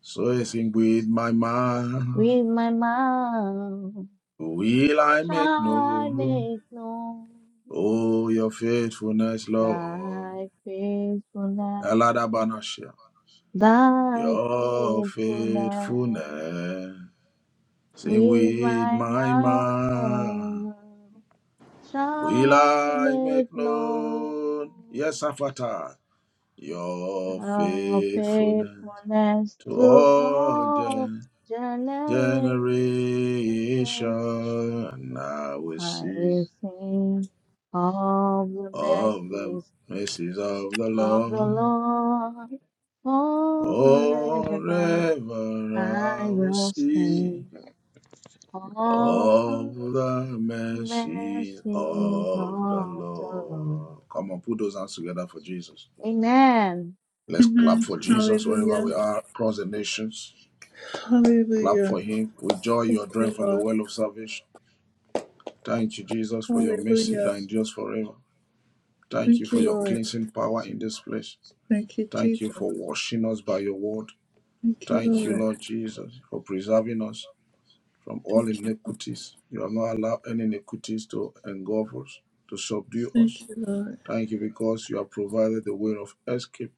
S2: So I sing with my mouth.
S3: With my mouth
S2: Will I
S3: shall
S2: make
S3: I
S2: known,
S3: make known
S2: oh, your faithfulness, Lord?
S3: thy faithfulness,
S2: Aladabanasha,
S3: thy
S2: your
S3: faithfulness.
S2: faithfulness. Sing
S3: With
S2: with
S3: my
S2: my mouth.
S3: mouth shall
S2: Will
S3: I
S2: I make
S3: make known
S2: known, yes, Afata, your
S3: Thou
S2: faithfulness?
S3: faithfulness
S2: to
S3: to
S2: all
S3: all
S2: gen-
S3: generations,
S2: generation. I will
S3: I
S2: see
S3: will sing of the
S2: of the
S3: mercies
S2: mercies of the
S3: of
S2: Lord.
S3: the Lord forever.
S2: Forever
S3: I
S2: I will
S3: will
S2: see
S3: sing of the
S2: of the mercies
S3: mercies
S2: of the
S3: of the Lord.
S2: Lord. Come on, put those hands together for Jesus.
S3: Amen.
S2: Let's clap
S1: Amen.
S2: for Jesus wherever
S1: Hallelujah.
S2: we are across the nations. Clap
S1: Hallelujah.
S2: for him. with joy
S1: Thank
S2: You are dream
S1: you,
S2: from the
S1: Lord.
S2: well of salvation. Thank you, Jesus, for your mercy that
S1: Hallelujah.
S2: endures forever. Thank you
S1: Thank
S2: for
S1: you,
S2: your
S1: Lord.
S2: cleansing power in this place.
S1: Thank you,
S2: Thank you
S1: Jesus.
S2: for washing us by your word.
S1: Thank you,
S2: Thank you,
S1: Lord.
S2: Lord Jesus, for preserving us from all
S1: Thank you.
S2: iniquities. You have not allowed any iniquities to engulf us, to subdue
S1: Thank
S2: us.
S1: you, Lord.
S2: Thank you because you have provided the way of escape.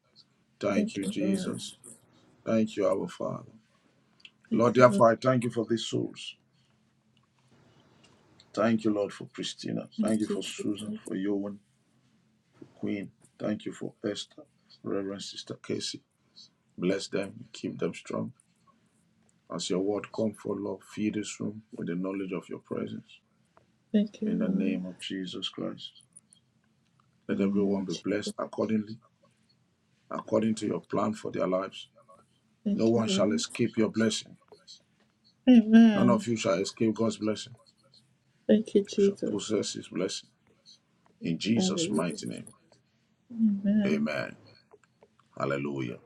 S1: Thank
S2: Thank you,
S1: you, Lord.
S2: Jesus. Thank you, our Father.
S1: Thank
S2: Lord,
S1: you, Lord.
S2: therefore, I thank you for these souls. Thank you, Lord, for Christina. Thank you
S1: Thank you,
S2: for Susan,
S1: Jesus.
S2: for Yohan. Queen. Thank you for Esther, Reverend Sister Casey. Bless them, keep them strong. As your word come for love, feed this room with the knowledge of your presence.
S1: Thank you,
S2: In the
S1: Lord.
S2: name of Jesus Christ. Let everyone be blessed accordingly, according to your plan for their lives. No
S1: Thank you,
S2: one shall
S1: Lord.
S2: escape your blessing. None
S1: Amen.
S2: of you shall escape God's blessing,
S1: Thank you,
S2: You shall
S1: Jesus.
S2: possess his blessing. In Jesus'
S1: Hallelujah.
S2: mighty name.
S1: Amen.
S2: Amen. Hallelujah.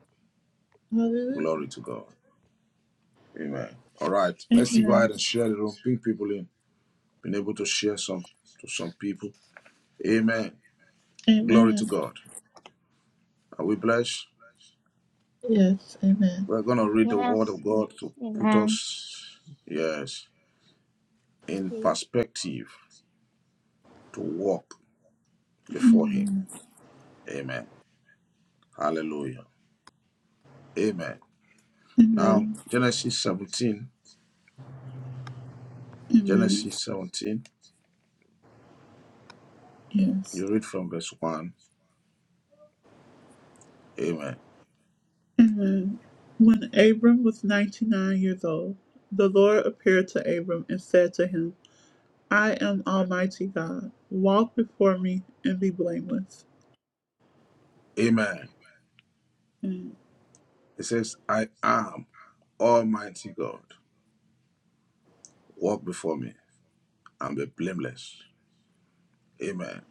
S1: Hallelujah.
S2: Glory to God. Amen. All right. Let's go
S1: Amen.
S2: ahead and share the room. Bring people in. been able to share some to some people. Amen. Glory to
S1: Amen.
S2: God. Are we blessed?
S1: Yes. Amen.
S2: We're gonna read the word
S3: Yes,
S2: of God
S3: yes,
S2: to put
S3: amen,
S2: us, yes, in perspective to walk before Him.
S1: Amen.
S2: Amen. Hallelujah. Amen. Now
S1: Amen.
S2: Genesis 17. Genesis 17.
S1: Yes.
S2: You read from verse 1. Amen.
S1: Amen. When Abram was 99 years old, the Lord appeared to Abram and said to him, I am Almighty God. Walk before me and be blameless.
S2: Amen. It says, I am Almighty God. Walk before me and be blameless. Amen.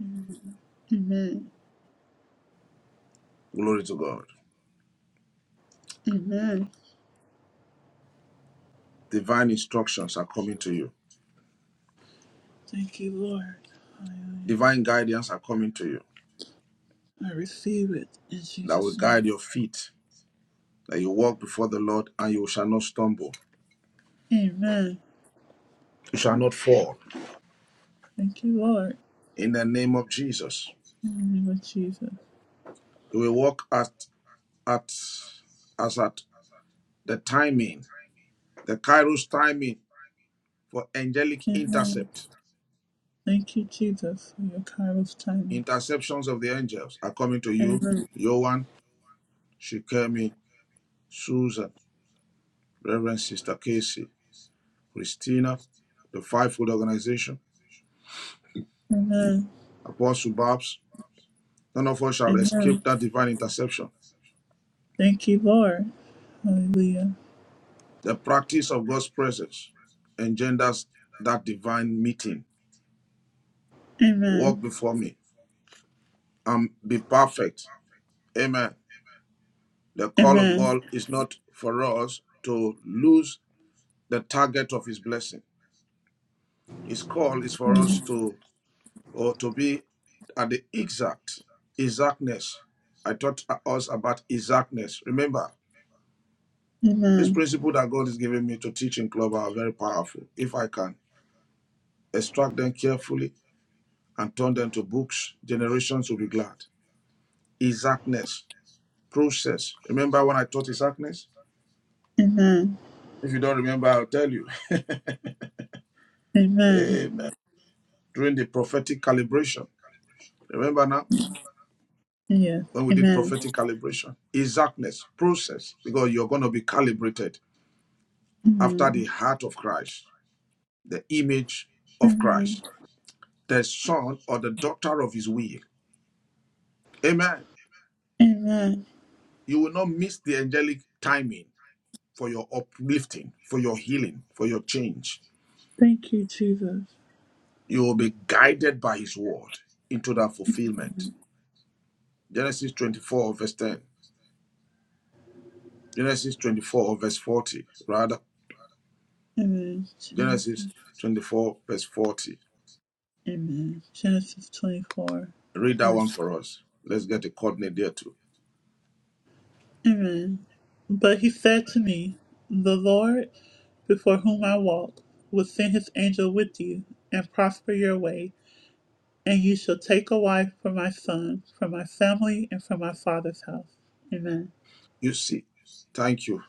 S2: Glory to God. Divine instructions are coming to you.
S1: Thank you, Lord. Hallelujah.
S2: Divine guidance are coming to you
S1: I receive it in
S2: that will
S1: Jesus'
S2: guide
S1: name.
S2: your feet, that you walk before the Lord and you shall not stumble,
S1: Amen.
S2: you shall not fall.
S1: Thank you, Lord.
S2: In the name of Jesus,
S1: In the name of Jesus.
S2: you will walk at at as at the timing, the Kairos timing for angelic
S1: Amen.
S2: intercept.
S1: Thank you, Jesus, for your Kairos timing.
S2: Interceptions of the angels are coming to you,
S1: Amen.
S2: Yohan, Shikemi, Susan, Reverend Sister Casey, Christina, the Fivefold Organization,
S1: Amen.
S2: Apostle Babs, None of us shall
S1: Amen.
S2: escape that divine interception.
S1: Thank you, Lord. Hallelujah.
S2: The practice of God's presence engenders that divine meeting. Walk before me and be perfect. Amen. The call of God is not for us to lose the target of his blessing. His call is for us to or to be at the exact exactness. I taught us about exactness. Remember, this principle that God is giving me to teach in club are very powerful. If I can extract them carefully and turn them to books. Generations will be glad. Exactness, process. Remember when I taught exactness?
S1: Amen.
S2: If you don't remember, I'll tell you.
S1: Amen.
S2: Amen. During the prophetic calibration. Remember now
S1: Yes.
S2: when we did
S1: Amen.
S2: prophetic calibration? Exactness, process, because you're going to be calibrated after the heart of Christ, the image of Christ, the son or the daughter of his will. Amen.
S1: Amen.
S2: You will not miss the angelic timing for your uplifting, for your healing, for your change.
S1: Thank you, Jesus.
S2: You will be guided by his word into that fulfillment. Genesis 24, verse 10. Genesis 24, verse 40. Rather,
S1: Amen.
S2: Genesis
S1: Genesis.
S2: 24, verse 40.
S1: Amen. Genesis 24.
S2: Read that one
S1: Verse.
S2: for us. Let's get a coordinate there too.
S1: Amen. But he said to me, The Lord before whom I walk will send his angel with you and prosper your way. And you shall take a wife for my son, from my family, and from my father's house. Amen.
S2: You see, thank you.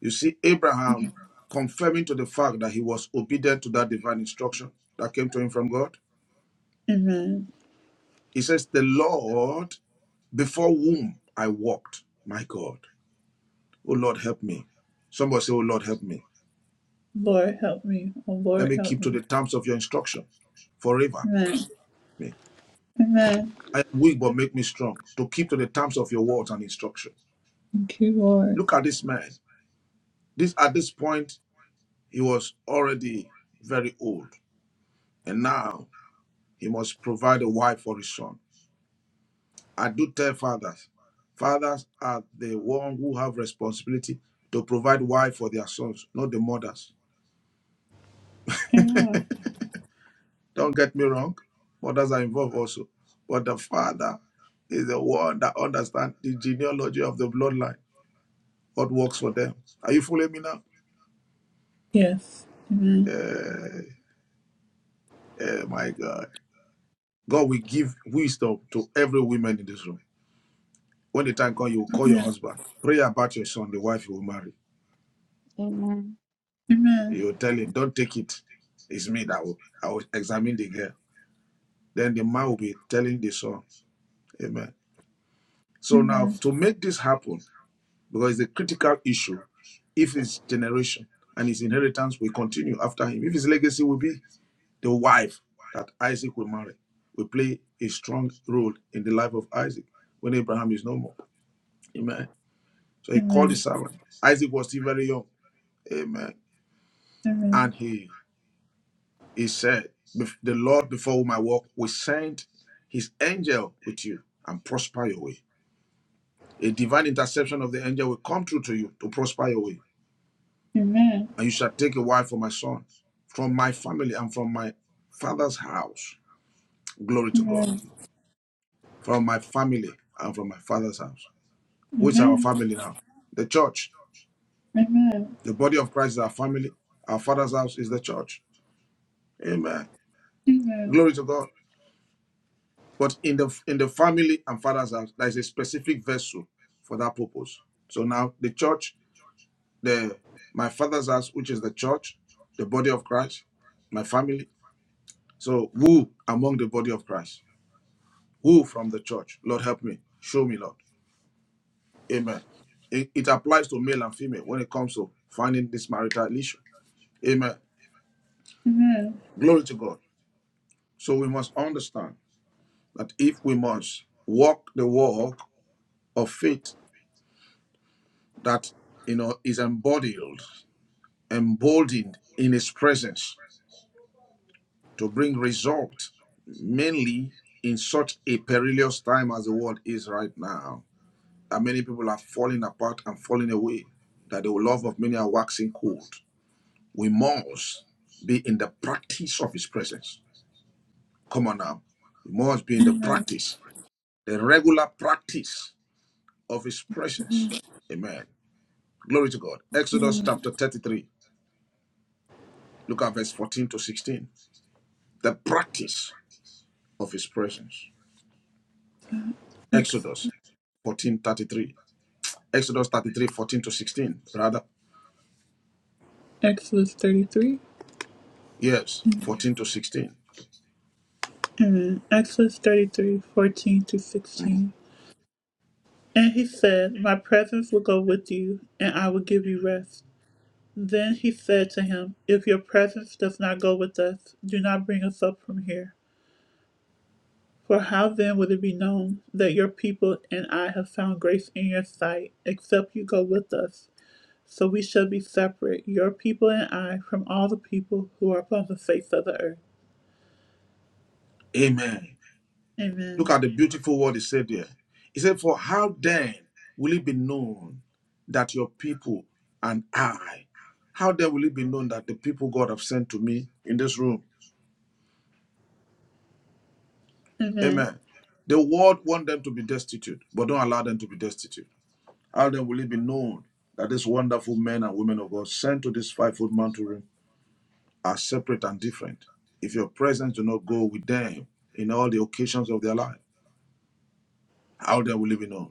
S2: You see, Abraham confirming to the fact that he was obedient to that divine instruction that came to him from God.
S1: Amen.
S2: He says, The Lord before whom I walked, my God. Oh Lord, help me. Somebody say, Oh Lord, help me.
S1: Lord, help me. Oh,
S2: Let
S1: Lord,
S2: me
S1: help
S2: keep
S1: me.
S2: to the terms of your instruction forever.
S1: Amen.
S2: Me.
S1: Amen.
S2: I am weak, but make me strong to keep to the terms of your words and instruction.
S1: Thank you, Lord.
S2: Look at this man. This at this point, he was already very old, and now he must provide a wife for his son. I do tell fathers, fathers are the ones who have responsibility to provide wife for their sons, not the mothers. Don't get me wrong, mothers are involved also. But the father is the one that understands the genealogy of the bloodline, what works for them. Are you following me now?
S1: Yes.
S2: Eh, eh, my God. God will give wisdom to every woman in this room. When the time comes, you will call your husband. Pray about your son, the wife you will marry.
S3: amen,
S1: Amen.
S2: You will tell him, don't take it. It's me that will, I will examine the girl. Then the man will be telling the son, amen. So now,
S1: Amen.
S2: to make this happen, because the critical issue. If his generation and his inheritance will continue after him, if his legacy will be the wife that Isaac will marry, will play a strong role in the life of Isaac when Abraham is no more. Amen. So he called his servant. Isaac was still very young. Amen.
S1: Amen.
S2: And he he said, "Bef- The Lord before whom I walk will send his angel with you and prosper your way. A divine interception of the angel will come through to you to prosper your way
S1: Amen.
S2: and you shall take a wife for my sons from my family and from my father's house. Glory
S1: Amen.
S2: to God.
S1: Amen.
S2: From my family and from my father's house. Who is our family now? The church. The body of Christ is our family. Our father's house is the church. Amen. Glory to God. But in the in the family and father's house, there is a specific vessel for that purpose. So now the church, the my father's house, which is the church, the body of Christ, my family. So who among the body of Christ? Who from the church? Lord, help me. Show me, Lord. Amen. It, it applies to male and female when it comes to finding this marital issue. Amen. Glory to God. So we must understand that if we must walk the walk of faith that you know is embodied, emboldened in his presence to bring result, mainly in such a perilous time as the world is right now, that many people are falling apart and falling away, that the love of many are waxing cold. We must be in the practice of His presence. Come on now. We must be in the practice, the regular practice of His presence. Amen. Glory to God.
S1: Thank you,
S2: Exodus
S1: Lord.
S2: chapter 33. Look at verse 14 to 16. The practice of His presence.
S1: Ex-
S2: Exodus 14 33. Exodus 33 14 to 16. Rather,
S1: Exodus 33.
S2: yes, 14 to 16.
S1: Amen. Exodus 33, 14 to
S2: Mm.
S1: 16. And he said, My presence will go with you, and I will give you rest. Then he said to him, If your presence does not go with us, do not bring us up from here. For how then would it be known that your people and I have found grace in your sight, except you go with us? So we shall be separate, your people and I, from all the people who are upon the face of the earth.
S2: Amen. Look
S1: Amen.
S2: at the beautiful word he said there. He said, For how then will it be known that your people and I, how then will it be known that the people God have sent to me in this room? Amen. The world want them to be destitute, but don't allow them to be destitute. How then will it be known that these wonderful men and women of God sent to this fivefold mountain room are separate and different? If your presence do not go with them in all the occasions of their life, how then will it be known?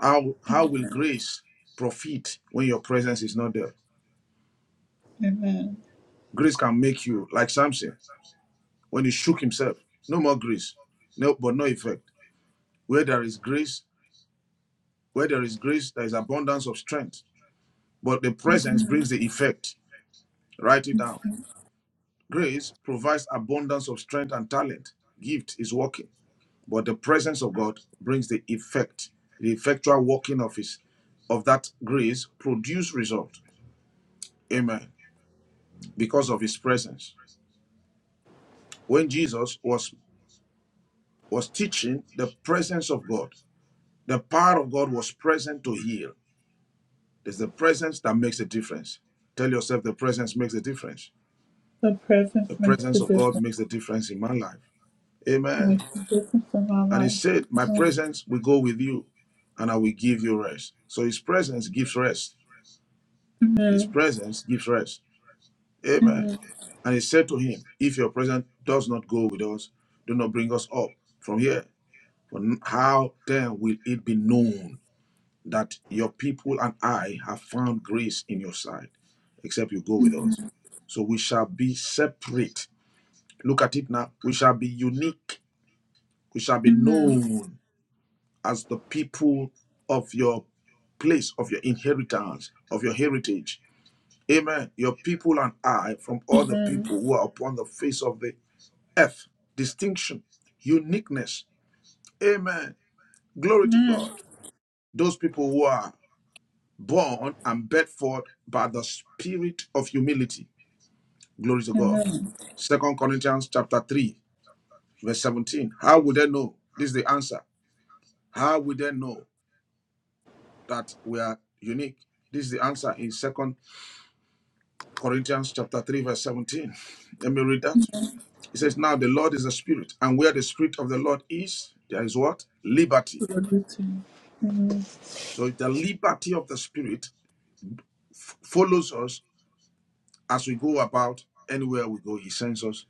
S2: How how will grace profit when your presence is not there?
S1: Amen.
S2: Grace can make you like Samson when he shook himself. No more grace, no, but no effect. Where there is grace, where there is grace, there is abundance of strength. But the presence brings the effect. Write it down. Grace provides abundance of strength and talent. Gift is working, but the presence of God brings the effect. The effectual working of His of that grace produce result. Amen. Because of His presence. when Jesus was was teaching, the presence of God, the power of God was present to heal. It's the presence that makes a difference. Tell yourself the presence makes a difference.
S1: The presence
S2: The
S1: makes the
S2: presence of
S1: difference.
S2: God
S1: It
S2: makes a difference in my life. Amen.
S1: Makes the difference in my
S2: And he
S1: life.
S2: said, My presence will go with you and I will give you rest. So his presence gives rest. His presence gives rest. Amen. And he said to him, If your presence does not go with us, do not bring us up from here. For how then will it be known that your people and I have found grace in your sight, except you go with
S1: Amen.
S2: us. So we shall be separate. Look at it now. We shall be unique. We shall be
S1: Amen.
S2: known as the people of your place, of your inheritance, of your heritage. Amen. Your people and I from all the
S1: Amen.
S2: people who are upon the face of the earth. Distinction, uniqueness. Amen. Glory to
S1: Amen.
S2: God. Those people who are born and bred forth by the spirit of humility. Glory to God.
S1: Amen.
S2: Second Corinthians chapter 3, verse 17. How would they know? This is the answer. How would they know that we are unique? This is the answer in Second Corinthians chapter 3, verse 17. Let me read that. It says, Now the Lord is a spirit, and where the spirit of the Lord is, there is what? Liberty. So the liberty of the spirit follows us as we go about anywhere we go. He sends us.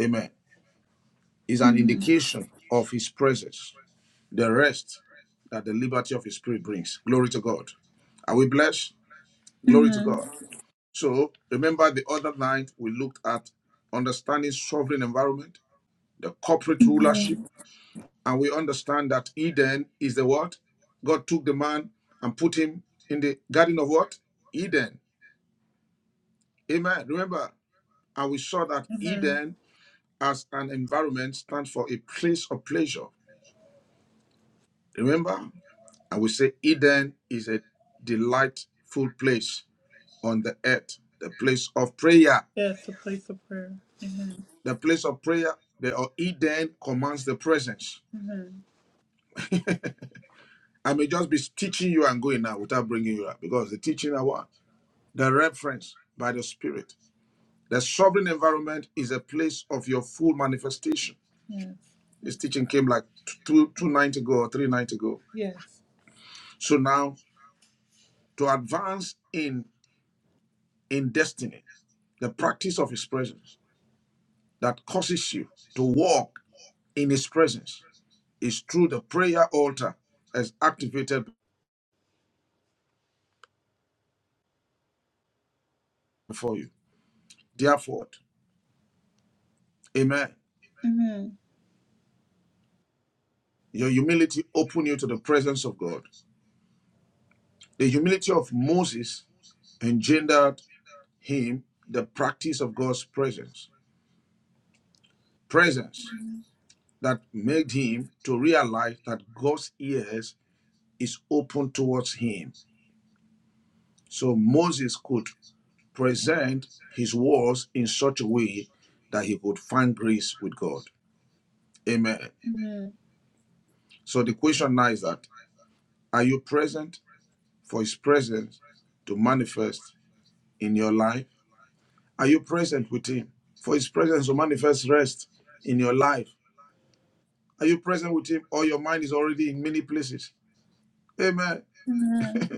S2: Amen. is an
S1: Amen.
S2: indication of his presence, the rest that the liberty of his spirit brings. Glory to God. Are we blessed? Glory to
S1: Amen.
S2: God. So remember the other night we looked at understanding sovereign environment, the corporate rulership, and we understand that Eden is the what? God took the man and put him in the garden of what? Eden. Amen. Remember, and we saw that Eden as an environment stands for a place of pleasure. Remember? I would say Eden is a delightful place on the earth, the place of prayer.
S1: Yes, a place of prayer.
S2: The place of prayer, the or Eden commands the presence. I may just be teaching you and going now without bringing you up because the teaching I want, the reference by the Spirit. The sovereign environment is a place of your full manifestation.
S1: Yes.
S2: This teaching came like two, two nights ago or three nights ago.
S1: Yes.
S2: So now to advance in in destiny, the practice of His presence. that causes you to walk in His presence is through the prayer altar as activated before you. Therefore, amen.
S1: Amen.
S2: Your humility opened you to the presence of God. The humility of Moses engendered him the practice of God's presence. Presence that made him to realize that God's ears is open towards him. So Moses could present his words in such a way that he could find grace with God. Amen.
S1: Amen.
S2: So the question now is that are you present for his presence to manifest in your life? Are you present with him for his presence to manifest rest in your life? Are you present with him or your mind is already in many places? Amen.
S1: Amen.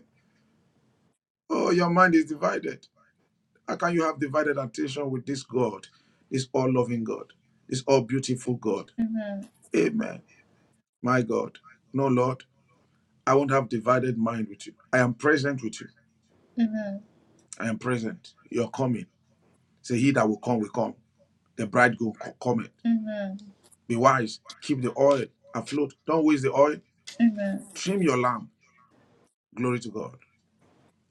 S2: Oh, your mind is divided. How can you have divided attention with this God, this all loving God, this all beautiful God?
S1: Amen.
S2: Amen. My God. No, Lord, I won't have divided mind with you. I am present with you.
S1: Amen.
S2: I am present. You're coming. Say he that will come will come. The bridegroom co- cometh.
S1: Amen.
S2: Be wise. Keep the oil afloat. Don't waste the oil.
S1: Amen.
S2: Trim your lamp. Glory to God.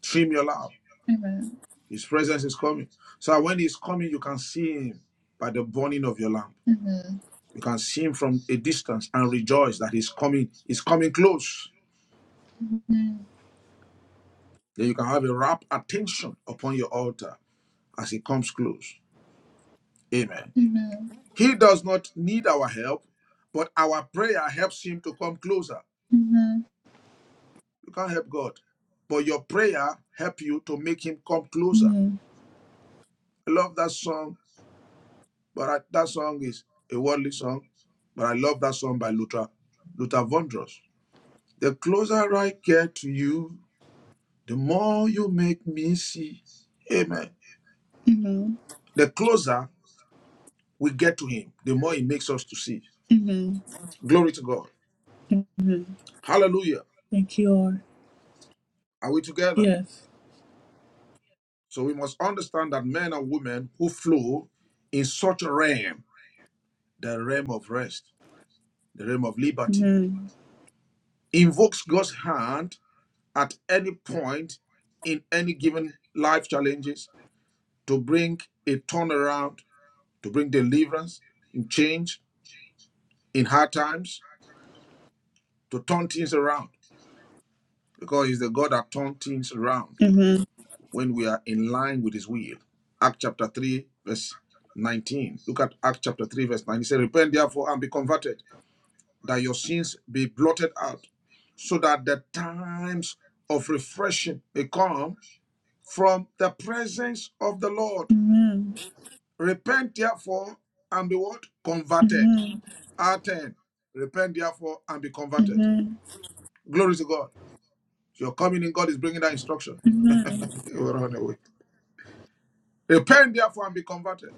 S2: Trim your lamp.
S1: Amen.
S2: His presence is coming. So when he's coming, you can see him by the burning of your lamp.
S1: Amen. Amen.
S2: You can see him from a distance and rejoice that he's coming. He's coming close. Then you can have a rapt attention upon your altar as he comes close. Amen.
S1: Amen. Amen.
S2: He does not need our help, but our prayer helps him to come closer.
S1: Amen.
S2: You can't help God. But your prayer help you to make him come closer.
S1: Amen.
S2: I love that song, but I, that song is a worldly song. But I love that song by Luther, Luther Vandross. The closer I get to you, the more you make me see. Amen. The closer we get to him, the more he makes us to see. Glory to God. Hallelujah.
S1: Thank you, Lord.
S2: Are we together?
S1: Yes.
S2: So we must understand that men and women who flow in such a realm, the realm of rest. the realm of liberty,
S1: Amen.
S2: invokes God's hand at any point in any given life challenges to bring a turnaround, to bring deliverance in change in hard times, to turn things around. Because He's the God that turns things around
S1: Amen.
S2: when we are in line with His will. Act chapter 3, verse 19. Look at Acts chapter 3, verse nineteen. He said, Repent therefore and be converted, that your sins be blotted out, so that the times of refreshing may come from the presence of the Lord.
S1: Amen.
S2: Repent therefore and be what? Converted.
S1: Amen.
S2: R10. Repent therefore and be converted.
S1: Amen.
S2: Glory to God. Your coming in God is bringing that instruction.
S1: Amen.
S2: you will run away. Repent therefore and be converted,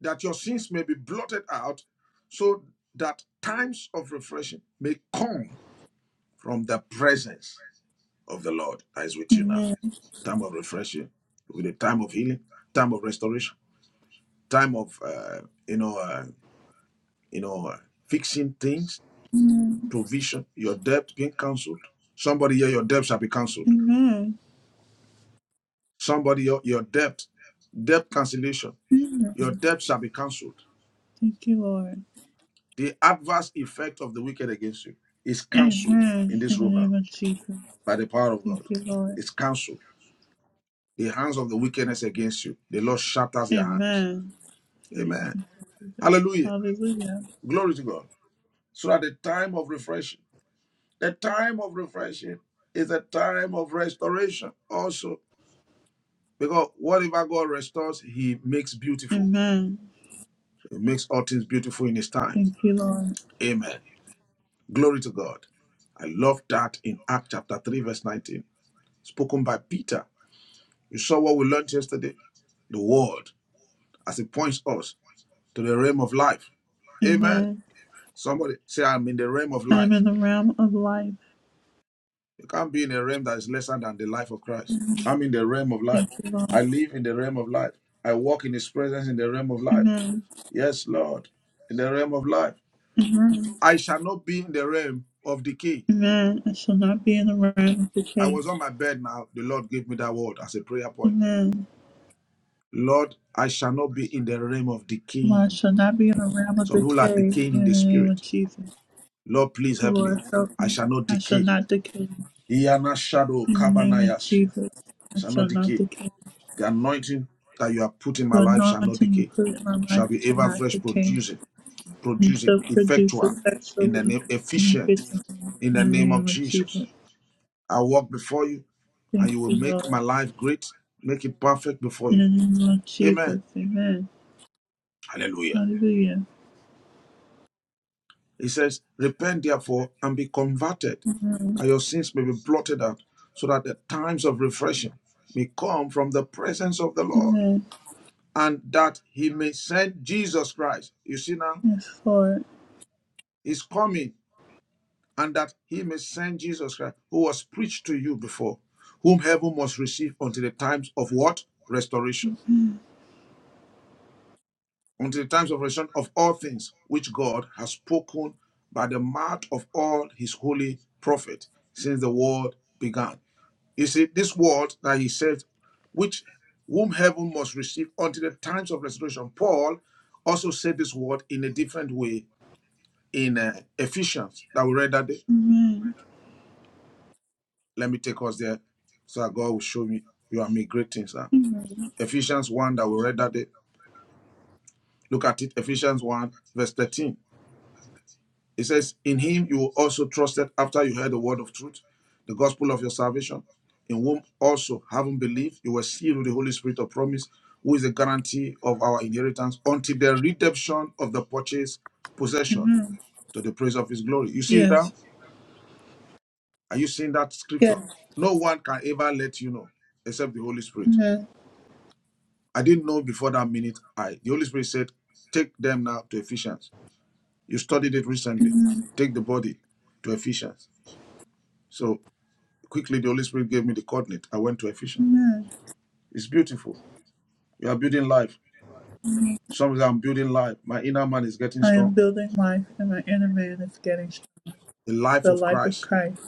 S2: that your sins may be blotted out, so that times of refreshing may come from the presence of the Lord that is with you now.
S1: Amen.
S2: Time of refreshing, with a time of healing, time of restoration, time of uh, you know. uh, you know, uh, fixing things, provision, your debt being cancelled. Somebody here, your debt shall be cancelled.
S1: Amen.
S2: Somebody your, your debt, debt cancellation, your debt shall be cancelled.
S1: Thank you, Lord.
S2: The adverse effect of the wicked against you is cancelled in
S1: Amen. In
S2: this
S1: the
S2: room
S1: name
S2: now
S1: of Jesus.
S2: by the power of God.
S1: Thank you, Lord.
S2: It's cancelled. The hands of the wickedness against you, the Lord shatters their hands.
S1: Amen.
S2: Amen. Hallelujah.
S1: Hallelujah.
S2: Glory to God. So at the time of refreshing, the time of refreshing is a time of restoration also Because whatever God restores, He makes beautiful.
S1: Amen.
S2: He makes all things beautiful in His time.
S1: Thank you, Lord.
S2: Amen. Glory to God. I love that in Act chapter 3, verse 19, spoken by Peter. You saw what we learned yesterday? The word, as it points us to the realm of life. Amen.
S1: Amen.
S2: Somebody say, I'm in the realm of
S1: I am
S2: life.
S1: in the realm of life,
S2: You can't be in a realm that is lesser than the life of Christ. I'm in the realm of life.
S1: Lord.
S2: I live in the realm of life. I walk in His presence in the realm of life.
S1: Amen.
S2: Yes, Lord, in the realm of life.
S1: Amen.
S2: I shall not be in the realm of decay.
S1: Amen. I shall not be in the realm of
S2: I
S1: decay.
S2: was on my bed now. The Lord gave me that word as a prayer point.
S1: Amen.
S2: Lord, I shall not be in the realm of
S1: Well, I
S2: decaying.
S1: shall not be in the realm of
S2: Some people are
S1: decay
S2: decaying in
S1: in
S2: the
S1: the name of
S2: spirit.
S1: Jesus.
S2: Lord, please help me.
S1: Lord, help
S2: I
S1: me.
S2: shall not
S1: I shall
S2: decay.
S1: not decay
S2: Iyana shadow
S1: in the name of
S2: kabanayashia.
S1: Jesus. I
S2: Shall not
S1: shall not
S2: decay.
S1: decay.
S2: The anointing that you have put in my
S1: The
S2: life shall not
S1: anointing you
S2: decay.
S1: put in my
S2: It
S1: life
S2: shall be
S1: shall
S2: ever
S1: not
S2: fresh
S1: decay.
S2: producing,
S1: And
S2: producing,
S1: shall produce
S2: effectual, in the
S1: effectually
S2: name
S1: and
S2: efficient,
S1: efficient
S2: in the
S1: in the
S2: name of
S1: name of
S2: Jesus.
S1: Jesus.
S2: I walk before you and you will
S1: Amen.
S2: make my life great, make it perfect before
S1: In the
S2: you.
S1: name of
S2: Amen.
S1: Jesus. Amen.
S2: Hallelujah.
S1: Yeah.
S2: He says, Repent therefore and be converted, that your sins may be blotted out, so that the times of refreshing may come from the presence of the Lord,
S1: Amen.
S2: and that he may send Jesus Christ. You see now, he's coming, and that he may send Jesus Christ, who was preached to you before, whom heaven must receive until the times of what? Restoration. until the times of resurrection of all things which God has spoken by the mouth of all his holy prophets since the world began. You see, this word that he said, which whom heaven must receive until the times of restoration. Paul also said this word in a different way in uh, Ephesians that we read that day.
S1: Amen.
S2: Let me take us there so that God will show me you and me great things. huh?
S1: Amen.
S2: Ephesians 1 that we read that day. Look at it, Ephesians 1, verse 13. It says, In him you also trusted after you heard the word of truth, the gospel of your salvation, in whom also, having believed, you were sealed with the Holy Spirit of promise, who is the guarantee of our inheritance until the redemption of the purchased possession
S1: Amen.
S2: to the praise of his glory. You see
S1: Yeah.
S2: it now? Are you seeing that
S1: Yeah.
S2: scripture? No one can ever let you know except the Holy Spirit.
S1: Amen.
S2: I didn't know before that minute. I the Holy Spirit said, Take them now to Ephesians. You studied it recently.
S1: Amen.
S2: Take the body to Ephesians. So Quickly, the Holy Spirit gave me the coordinate. I went to Ephesians.
S1: Amen.
S2: It's beautiful. You are building life. Sometimes I'm building life. My inner man is getting
S1: I am
S2: strong.
S1: building life, and my inner man is getting
S2: The life
S1: the
S2: of
S1: life of
S2: Christ,
S1: Christ,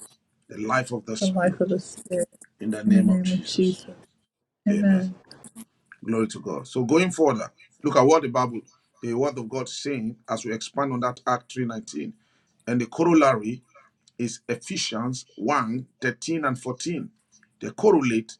S2: the life of the
S1: the life
S2: Spirit.
S1: of the Spirit,
S2: In the
S1: in the
S2: name of
S1: name of
S2: Jesus.
S1: Jesus.
S2: Amen.
S1: Amen.
S2: Glory to God. So going further, look at what the Bible, the word of God is saying as we expand on that Act 319. And the corollary is Ephesians one 13 and 14. They correlate,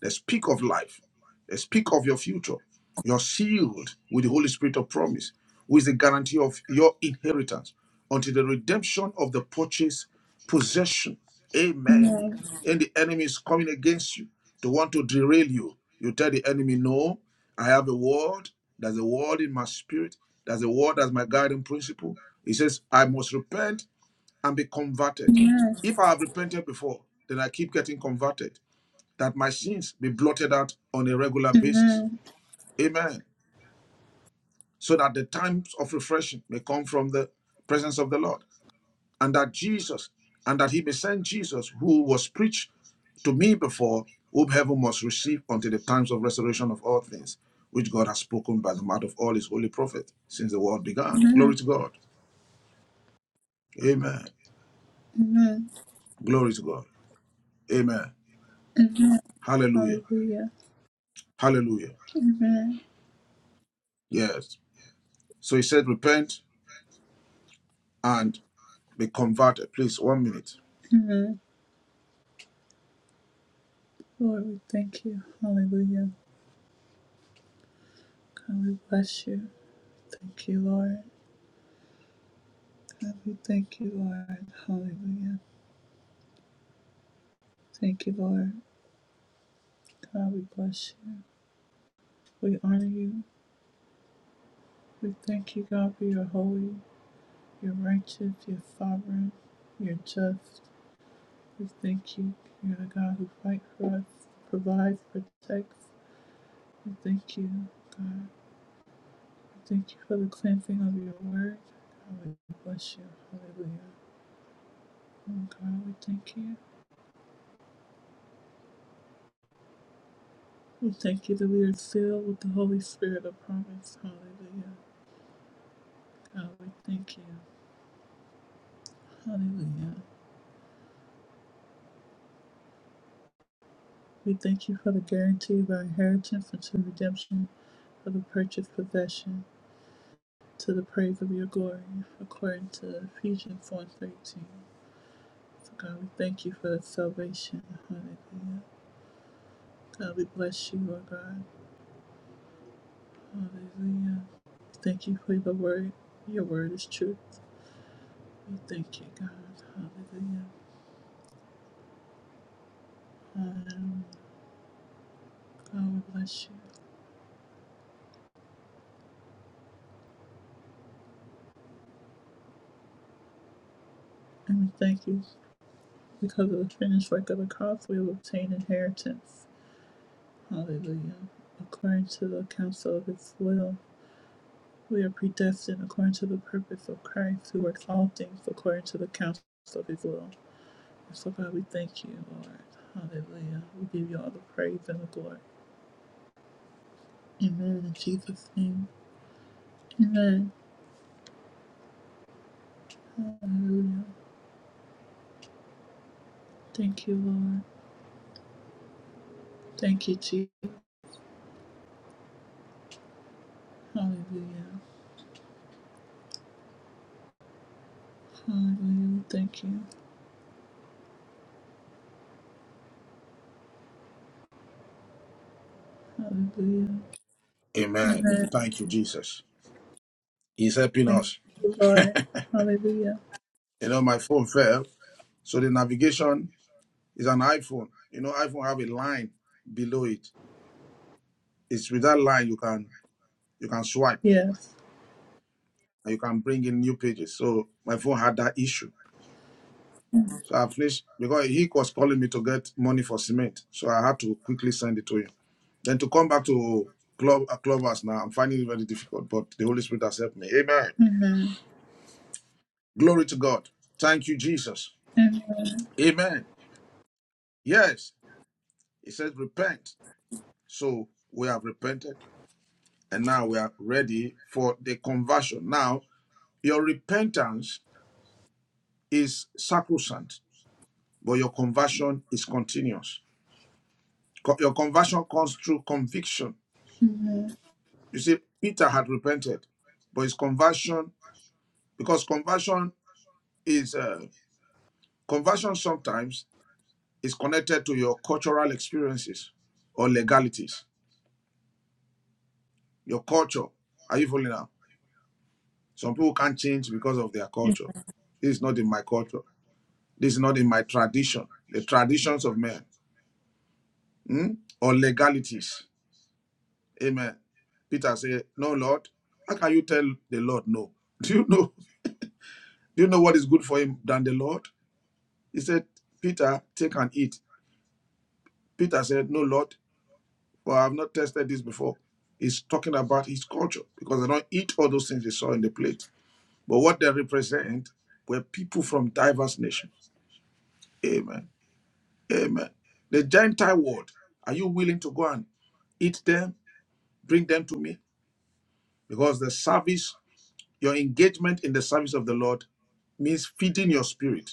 S2: they speak of life, they speak of your future. You're sealed with the Holy Spirit of promise, who is the guarantee of your inheritance until the redemption of the purchased possession. Amen.
S1: Amen.
S2: And the enemy is coming against you to want to derail you. You tell the enemy, No, I have a word. There's a word in my spirit. There's a word as my guiding principle. He says, I must repent and be converted.
S1: Amen.
S2: If I have repented before, then I keep getting converted, that my sins be blotted out on a regular basis.
S1: Amen.
S2: Amen. So that the times of refreshing may come from the presence of the Lord, and that Jesus, and that He may send Jesus, who was preached to me before, whom heaven must receive until the times of restoration of all things, which God has spoken by the mouth of all His holy prophets since the world began. Glory to God. Amen.
S1: Amen.
S2: Glory to God. Amen.
S1: Amen.
S2: Hallelujah.
S1: Hallelujah.
S2: Hallelujah.
S1: Amen.
S2: Yes. So he said, repent and be converted. Please, one minute.
S1: Lord, we thank you. Hallelujah. God, we bless you. Thank you, Lord. God, we thank you, Lord. Hallelujah. Thank you, Lord. God, we bless you. We honor you. We thank you, God, for your holy, your righteous, your sovereign, your just. We thank you, you're the God who fights for us, provides, protects. We thank you. Thank you for it. Bless you. Hallelujah. Oh God, we thank you. We thank you that we are filled with the Holy Spirit of promise. Hallelujah. God, we thank you. Hallelujah. We thank you for the guarantee of our inheritance unto redemption of the purchased possession to the praise of your glory, according to Ephesians 1.13. So God, we thank you for the salvation. Hallelujah. God, we bless you, Lord God. Hallelujah. Thank you for the word. Your word is truth. We thank you, God. Hallelujah. Hallelujah. God, we bless you. And we thank you because of the finished work of the cross, we will obtain inheritance. Hallelujah. According to the counsel of his will, we are predestined according to the purpose of Christ, who works all things according to the counsel of his will. And so, God, we thank you, Lord. Hallelujah. We give you all the praise and the glory. Amen. In Jesus' name. Amen. Thank you, Lord. Thank you, Jesus. Hallelujah. Hallelujah. Thank you. Hallelujah.
S2: Amen. Thank you, Jesus. He's helping
S1: Thank
S2: us.
S1: you.
S2: You know, my phone fell. So the navigation is an iPhone. You know, iPhone have a line below it. It's with that line you can you can swipe
S1: Yes.
S2: and you can bring in new pages. So my phone had that issue. So I finished because he was calling me to get money for cement. So I had to quickly send it to him. Then to come back to club uh, clubhouse now, I'm finding it very difficult. But the Holy Spirit has helped me. Amen.
S1: Amen.
S2: Glory to God. Thank you, Jesus.
S1: Amen.
S2: Amen. Yes, it says repent. So we have repented and now we are ready for the conversion. Now, your repentance is sacrosanct, but your conversion is continuous. Co- Your conversion comes through conviction.
S1: Amen.
S2: You see, Peter had repented, but his conversion, because conversion is, uh, conversion sometimes is connected to your cultural experiences or legalities Your culture. Are you following now? Some people can't change because of their culture. This is not in my culture. This is not in my tradition. The traditions of men hmm? or legalities. Amen. Peter said, No, Lord. How can you tell the Lord no? Do you know? Do you know what is good for him than the Lord? He said, Peter, take and eat. Peter said, No, Lord, for I have not tested this before. He's talking about his culture because they don't eat all those things they saw in the plate. But what they represent were people from diverse nations. Amen. Amen. The Gentile world, are you willing to go and eat them, bring them to me? Because the service, your engagement in the service of the Lord means feeding your spirit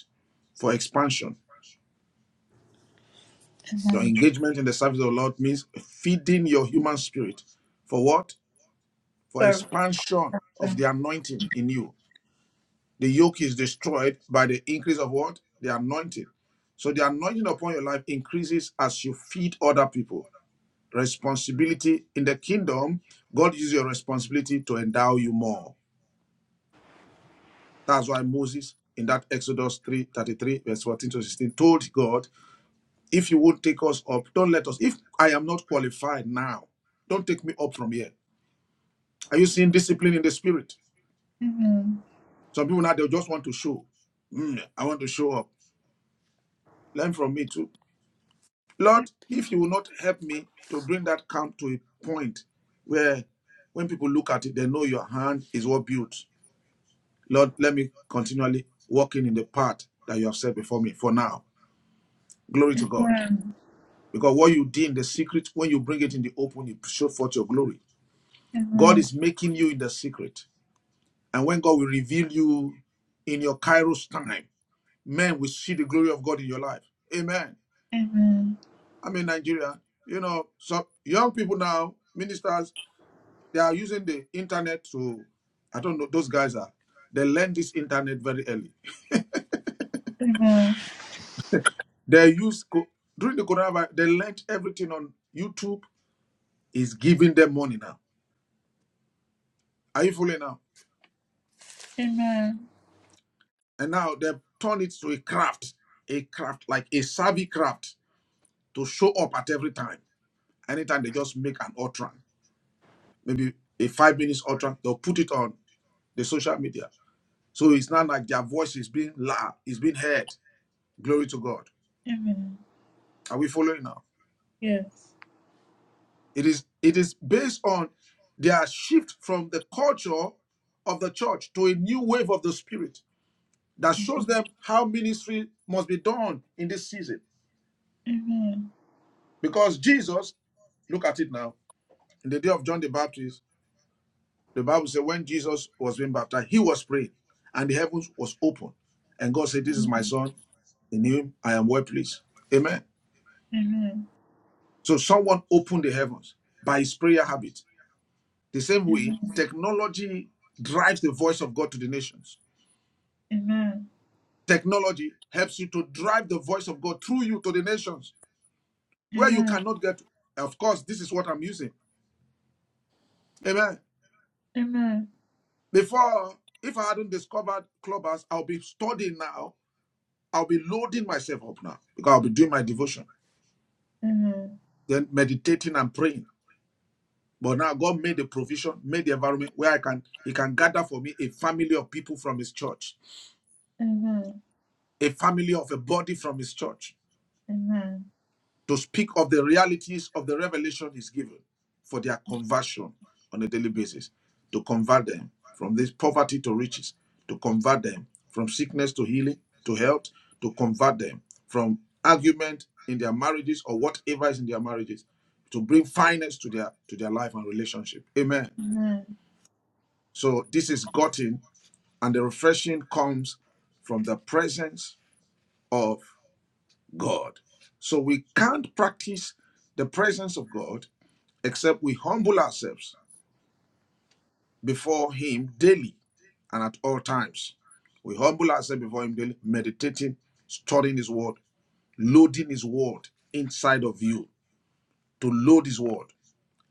S2: for expansion. Your
S1: Amen.
S2: engagement in the service of the Lord means feeding your human spirit for what? For
S1: So
S2: expansion of the
S1: thankful.
S2: anointing in you. The yoke is destroyed by the increase of what? The anointing. So the anointing upon your life increases as you feed other people. Responsibility in the kingdom, God uses your responsibility to endow you more. That's why Moses, in that Exodus 3:33 verse 14 to 16, told God, If you would take us up, don't let us, if I am not qualified now, don't take me up from here. Are you seeing discipline in the spirit?
S1: Amen.
S2: Some people now they just want to show. "Mm, I want to show up. Learn from me too. Lord, if you will not help me to bring that camp to a point where when people look at it, they know your hand is what built. Lord, let me continually walking in the path that you have set before me for now. Glory to God.
S1: Amen.
S2: Because what you did in the secret, when you bring it in the open, you show forth your glory. God
S1: Amen.
S2: is making you in the secret. And when God will reveal you in your Kairos time, men will see the glory of God in your life. Amen.
S1: Amen.
S2: I'm in Nigeria. You know, some young people now, ministers. They are using the internet to, I don't know, those guys are, they learned this internet very early.
S1: Amen.
S2: They use, co- during the coronavirus, they learned everything on YouTube is giving them money now. Are you following now?
S1: Amen.
S2: And now they've turned it to a craft, a craft, like a savvy craft to show up at every time. Anytime they just make an ultra, maybe a five minutes ultra, they'll put it on the social media. So it's not like their voice is being loud, it's being heard. Glory to God.
S1: Amen.
S2: Are we following now?
S1: Yes.
S2: It is it is based on their shift from the culture of the church to a new wave of the spirit that shows them how ministry must be done in this season.
S1: Amen.
S2: Because Jesus, look at it now, in the day of John the Baptist, the Bible said when Jesus was being baptized, he was praying and the heavens was open. And God said, This is my son, in him I am well pleased. Amen.
S1: Amen.
S2: So someone opened the heavens by his prayer habit. The same way,
S1: Amen.
S2: technology drives the voice of God to the nations
S1: Amen.
S2: Technology helps you to drive the voice of God through you to the nations where you
S1: Amen.
S2: cannot get. to. Of course, this is what I'm using. Amen.
S1: Amen.
S2: Before, if I hadn't discovered Clubhouse, I'll be studying now. I'll be loading myself up now because I'll be doing my devotion,
S1: Amen.
S2: then meditating and praying. But now God made the provision, made the environment where I can He can gather for me a family of people from His church,
S1: Amen.
S2: a family of a body from His church.
S1: Amen.
S2: to speak of the realities of the revelation he's given for their conversion on a daily basis, to convert them from this poverty to riches, to convert them from sickness to healing, to health, to convert them from argument in their marriages or whatever is in their marriages, to bring finance to their to their life and relationship. Amen.
S1: Amen.
S2: So this is gotten, and the refreshing comes from the presence of God. So we can't practice the presence of God except we humble ourselves before Him daily and at all times. We humble ourselves before Him daily, meditating, studying His Word, loading His Word inside of you to load His Word.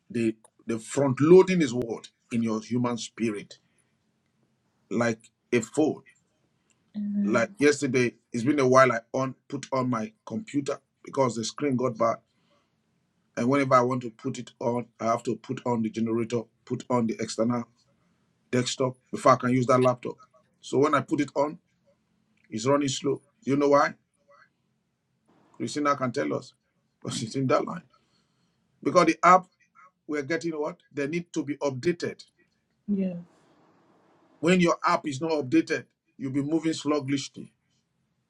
S2: The, the front loading His Word in your human spirit, like a phone. Like
S1: Amen.
S2: yesterday, it's been a while I on put on my computer because the screen got bad. And whenever I want to put it on, I have to put on the generator, put on the external desktop before I can use that laptop. So when I put it on, it's running slow. You know why? Christina can tell us because it's in that line. Because the app we're getting what they need to be updated.
S1: Yes.
S2: When your app is not updated, you'll be moving sluggishly.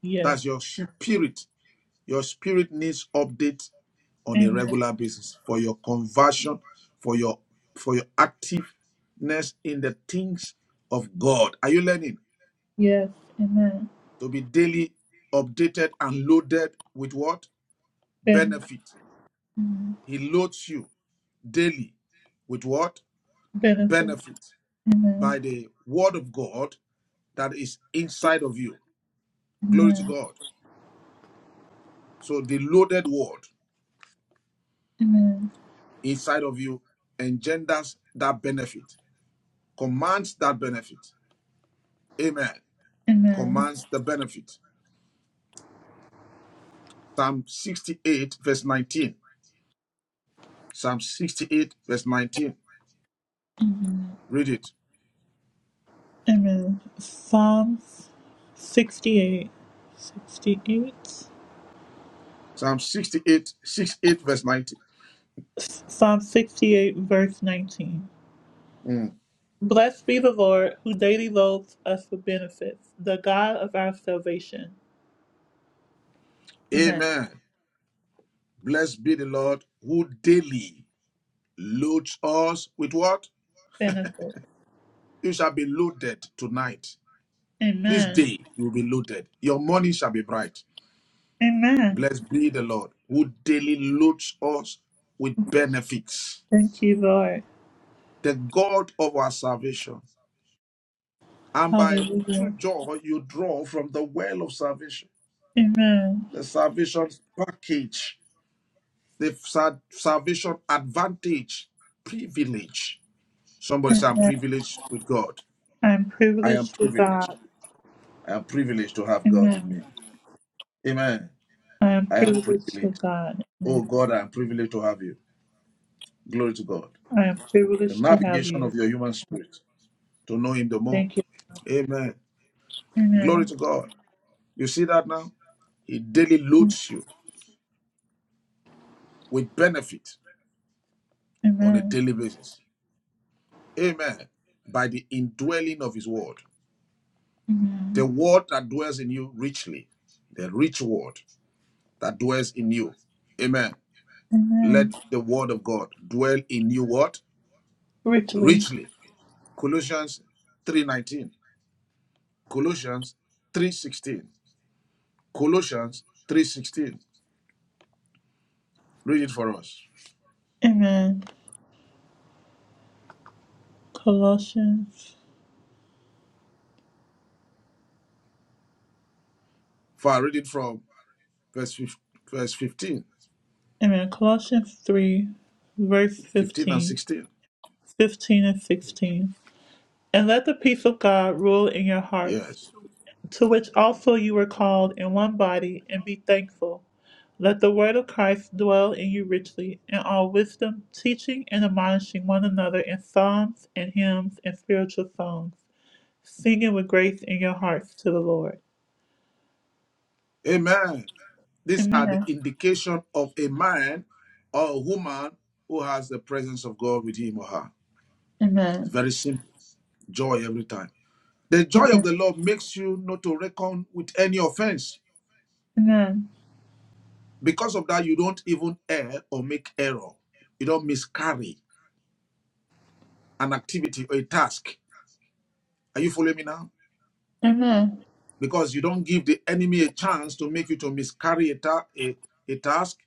S1: Yes.
S2: That's your spirit. Your spirit needs update on a
S1: Amen.
S2: regular basis for your conversion, for your for your activeness in the things of God. Are you learning
S1: Yes. Amen.
S2: to be daily updated and loaded with what?
S1: Ben-
S2: benefit.
S1: Amen.
S2: He loads you daily with what?
S1: Benefits.
S2: Benefit
S1: Amen.
S2: by the word of God that is inside of you. Glory to
S1: Amen.
S2: God. So the loaded word
S1: Amen.
S2: inside of you engenders that benefit, commands that benefit. Amen.
S1: Amen.
S2: Commands the benefit. Psalm 68, verse 19. Psalm 68, verse 19. Read it.
S1: Amen. Psalm 68. 68.
S2: Psalm 68, 68, verse 19.
S1: Psalm 68, verse 19.
S2: Mm.
S1: Blessed be the Lord who daily loads us with benefits, the God of our salvation. Amen.
S2: Amen. Blessed be the Lord who daily loads us with what?
S1: Benefits.
S2: You shall be loaded tonight. This
S1: Amen.
S2: day you will be loaded. Your morning shall be bright.
S1: Amen.
S2: Blessed be the Lord who daily loads us with benefits.
S1: Thank you, Lord.
S2: The God of our salvation. And by
S1: Hallelujah.
S2: true joy you draw from the well of salvation.
S1: Amen.
S2: The salvation package. The sa- salvation advantage. Privilege. Somebody say, I'm
S1: I
S2: privileged with God.
S1: am
S2: I am
S1: privileged with
S2: privileged.
S1: God.
S2: I am privileged to have God
S1: Amen.
S2: in me. Amen.
S1: I am
S2: I am
S1: privileged with
S2: privileged.
S1: God.
S2: Oh God, I am privileged to have you. Glory to God.
S1: I am
S2: The
S1: privileged to have
S2: navigation
S1: you.
S2: of your human spirit to know Him the more.
S1: Thank you.
S2: Amen.
S1: Amen.
S2: Glory to God. You see that now? He daily loads you with benefit on a
S1: Amen.
S2: daily basis. Amen. By the indwelling of His word. The
S1: Amen.
S2: word that dwells in you richly, the rich word that dwells in you. Amen.
S1: Amen.
S2: Let the word of God dwell in you what?
S1: Richly.
S2: Richly Colossians 3:19, Colossians 3:16, Colossians 3:16. Read it for us.
S1: Amen. Colossians.
S2: For I read it from verse fif- verse 15,
S1: Amen. Colossians 3, verse
S2: and
S1: 15.
S2: 16.
S1: 15 and 16. And let the peace of God rule in your hearts,
S2: Yes.
S1: to which also you were called in one body, and be thankful. Let the word of Christ dwell in you richly, in all wisdom, teaching and admonishing one another in psalms and hymns and spiritual songs, singing with grace in your hearts to the Lord.
S2: Amen. These are the
S1: Amen.
S2: indication of a man or a woman who has the presence of God with him or her. It's
S1: Amen.
S2: very simple. Joy every time. The joy of the Lord makes you not to reckon with any offense.
S1: Amen.
S2: Because of that, you don't even err or make error. You don't miscarry. an activity or a task. Are you following me now?
S1: Amen.
S2: Because you don't give the enemy a chance to make you to miscarry a, ta- a, a task,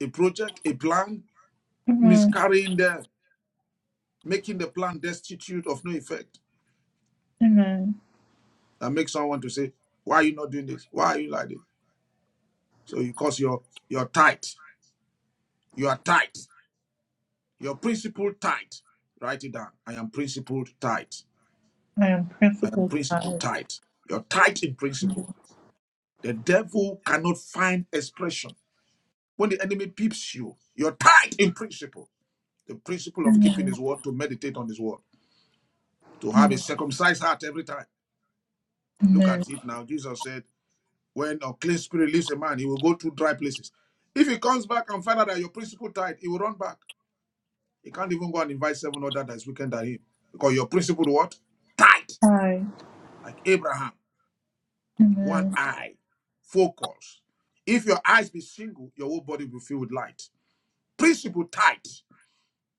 S2: a project, a plan,
S1: Amen.
S2: miscarrying the making the plan destitute of no effect.
S1: Amen.
S2: That makes someone to say, Why are you not doing this? Why are you like this? So because you are you're tight. You are tight. you're principled tight. Write it down. I am principled tight.
S1: I
S2: I am
S1: will.
S2: principled tight. You're tight in principle. The devil cannot find expression When the enemy peeps you, you're tied in principle. The principle of keeping
S1: Amen.
S2: his word, to meditate on his word, to have a
S1: Amen.
S2: circumcised heart every time. Look
S1: Amen.
S2: at it now. Jesus said, when a clean spirit leaves a man, he will go to dry places. If he comes back and finds out that your principle tied, he will run back. He can't even go and invite seven other that's weaker than him. Because your principle what? Tied.
S1: I.
S2: Like Abraham. One
S1: Amen.
S2: eye. Focus. If your eyes be single, your whole body will be filled with light. Principle tight.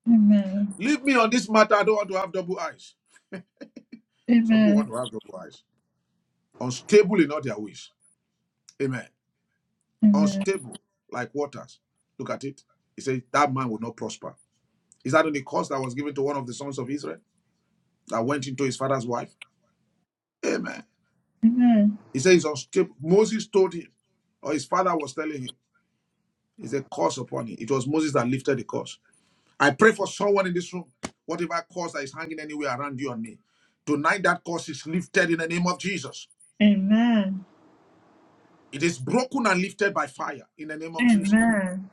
S1: Amen.
S2: Leave me on this matter. I don't want to have double eyes. Some people want
S1: Amen.
S2: to have double eyes. Unstable in all their ways. Amen.
S1: Amen.
S2: Unstable like waters. Look at it. He said, That man will not prosper. Is that on the curse that was given to one of the sons of Israel that went into his father's wife? Amen.
S1: Amen.
S2: He said, He's unstable. Moses told him, or his father was telling him, It's a curse upon him. It was Moses that lifted the curse. I pray for someone in this room, whatever curse that is hanging anywhere around you and me. Tonight, that curse is lifted in the name of Jesus.
S1: Amen.
S2: It is broken and lifted by fire in the name of Jesus.
S1: Amen.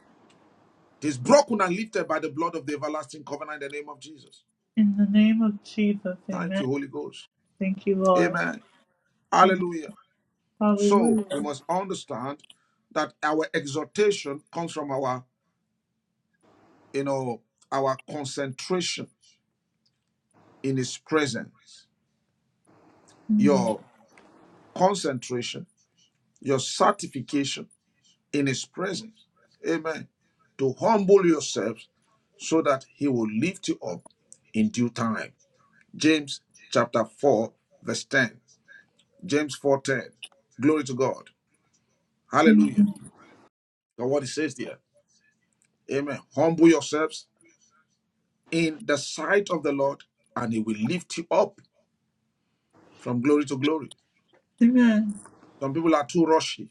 S2: He's broken and lifted by the blood of the everlasting covenant in the name of Jesus.
S1: In the name of Jesus.
S2: Thank
S1: Amen.
S2: you, Holy Ghost.
S1: Thank you, Lord.
S2: Amen.
S1: Amen.
S2: Hallelujah. So
S1: Hallelujah.
S2: we must understand that our exhortation comes from our, you know, our concentration in his presence.
S1: Amen.
S2: Your concentration, your certification in his presence. Amen. To humble yourselves so that he will lift you up in due time. James chapter 4, verse 10. James 4:10. Glory to God. Hallelujah.
S1: Amen.
S2: Now what it says there. Amen. Humble yourselves in the sight of the Lord, and he will lift you up from glory to glory.
S1: Amen.
S2: Some people are too rushy.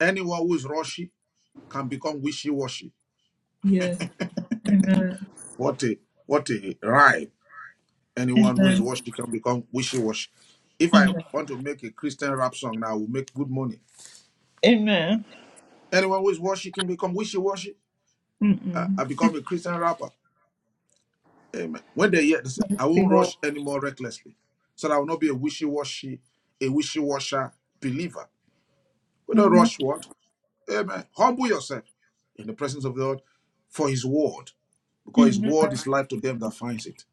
S2: Anyone who is rushy can become wishy-washy.
S1: Yes. Amen.
S2: What a what a rhyme. Anyone who is
S1: Amen.
S2: washy can become wishy-washy. If I
S1: Amen.
S2: want to make a Christian rap song now, I will make good money.
S1: Amen.
S2: Anyone who is washy can become wishy-washy. I,
S1: Mm-mm.
S2: I become a Christian rapper. Amen. When they hear this, I
S1: Thank you,
S2: won't
S1: Lord.
S2: rush anymore recklessly. So that I will not be a wishy-washy, a wishy-washer believer. We don't
S1: Amen.
S2: rush what? Amen. Humble yourself in the presence of the Lord for his word, because his
S1: Amen.
S2: word is life to them that finds it.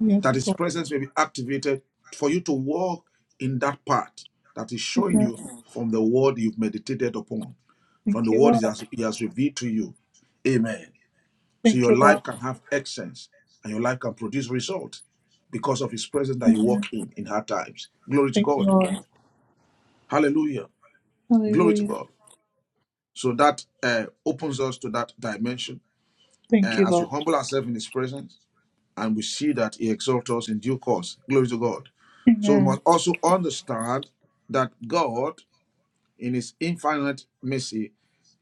S1: Yes,
S2: That his
S1: Lord.
S2: presence may be activated for you to walk in that path that is showing
S1: Amen.
S2: you from the word you've meditated upon, from
S1: Thank
S2: the
S1: you,
S2: word he
S1: Lord.
S2: has, he has revealed to you. Amen. So
S1: Thank
S2: your
S1: you,
S2: life
S1: Lord.
S2: can have excellence and your life can produce results because of his presence that you walk in in hard times. Glory to
S1: Thank you,
S2: God.
S1: Lord.
S2: Hallelujah. Glory to
S1: Hallelujah.
S2: God. So that uh, opens us to that dimension.
S1: Thank
S2: Uh,
S1: you,
S2: as we
S1: Lord.
S2: humble ourselves in his presence and we see that he exalts us in due course. Glory to God. So we
S1: Amen.
S2: must also understand that God, in his infinite mercy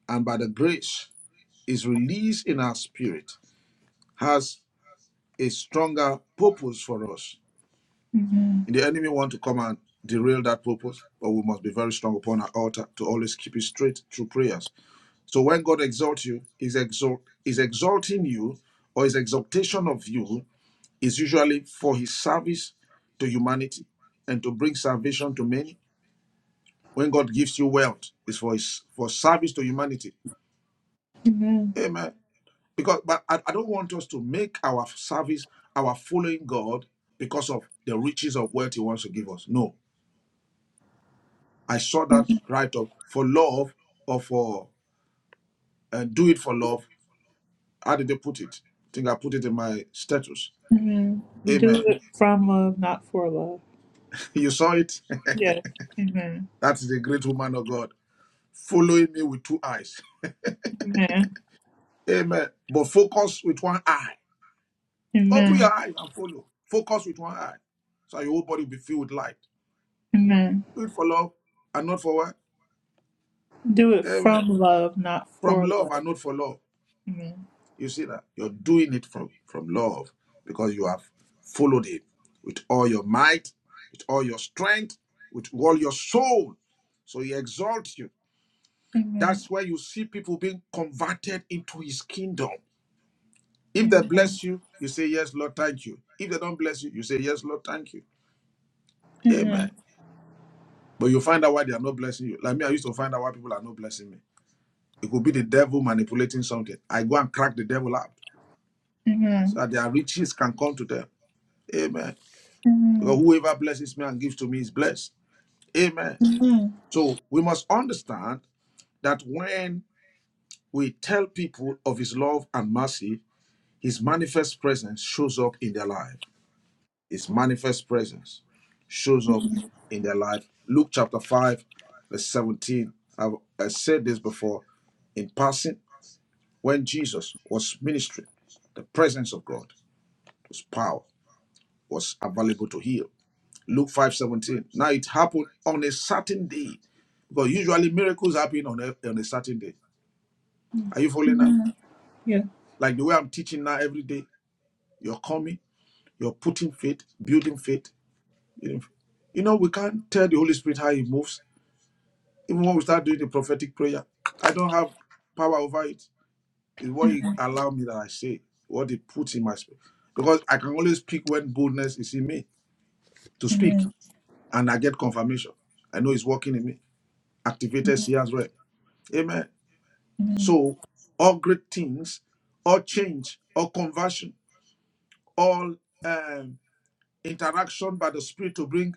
S2: and by the grace, is released in our spirit, has a stronger purpose for us
S1: Amen.
S2: The enemy want to come and derail that purpose, but we must be very strong upon our altar to always keep it straight through prayers. So when God exalts you, is exalt is exalting you, or his exaltation of you is usually for his service to humanity and to bring salvation to many. When God gives you wealth, is for his for service to humanity.
S1: Amen.
S2: Amen. Because but I, I don't want us to make our service, our following God because of the riches of wealth he wants to give us. No I saw that write up for love or for uh, do it for love. How did they put it? I think I put it in my status.
S1: Amen. Do
S2: Amen.
S1: it from love, not for love.
S2: You saw it?
S1: Yes. Amen.
S2: That is a great woman of God following me with two eyes.
S1: Amen.
S2: Amen. But focus with one eye. Open your
S1: Amen.
S2: eyes and follow. Focus with one eye. So your whole body will be filled with light.
S1: Amen.
S2: Do it for love and not for what?
S1: Do it
S2: Amen.
S1: from love, not
S2: From
S1: for
S2: love
S1: love.
S2: and not for love.
S1: Amen.
S2: You see that? You're doing it from, from love because you have followed him with all your might, with all your strength, with all your soul. So he exalts you.
S1: Amen.
S2: That's where you see people being converted into his kingdom. If they
S1: Amen.
S2: bless you, you say, Yes, Lord, thank you. If they don't bless you, you say, Yes, Lord, thank you.
S1: Amen.
S2: Amen. But you find out why they are not blessing you. Like me, I used to find out why people are not blessing me. It could be the devil manipulating something. I go and crack the devil out
S1: Amen.
S2: so that their riches can come to them. Amen. Because
S1: Amen.
S2: whoever blesses me and gives to me is blessed. Amen.
S1: Amen.
S2: So we must understand that when we tell people of his love and mercy, his manifest presence shows up in their life. His manifest presence shows up in their life. Luke chapter 5, verse 17. I've I said this before in passing. When Jesus was ministering, the presence of God, his power was available to heal. Luke 5 17. Now it happened on a certain day. Because usually miracles happen on a, on a certain day. Are you following now?
S1: Yeah.
S2: Like the way I'm teaching now every day, you're coming, you're putting faith, building faith. You know, we can't tell the Holy Spirit how He moves. Even when we start doing the prophetic prayer, I don't have power over it. It's what He allow me that I say, what He puts in my spirit. Because I can only speak when boldness is in me to speak,
S1: Amen.
S2: and I get confirmation. I know He's working in me. Activated seers well. Amen.
S1: Amen.
S2: So all great things, all change, all conversion, all um, interaction by the Spirit to bring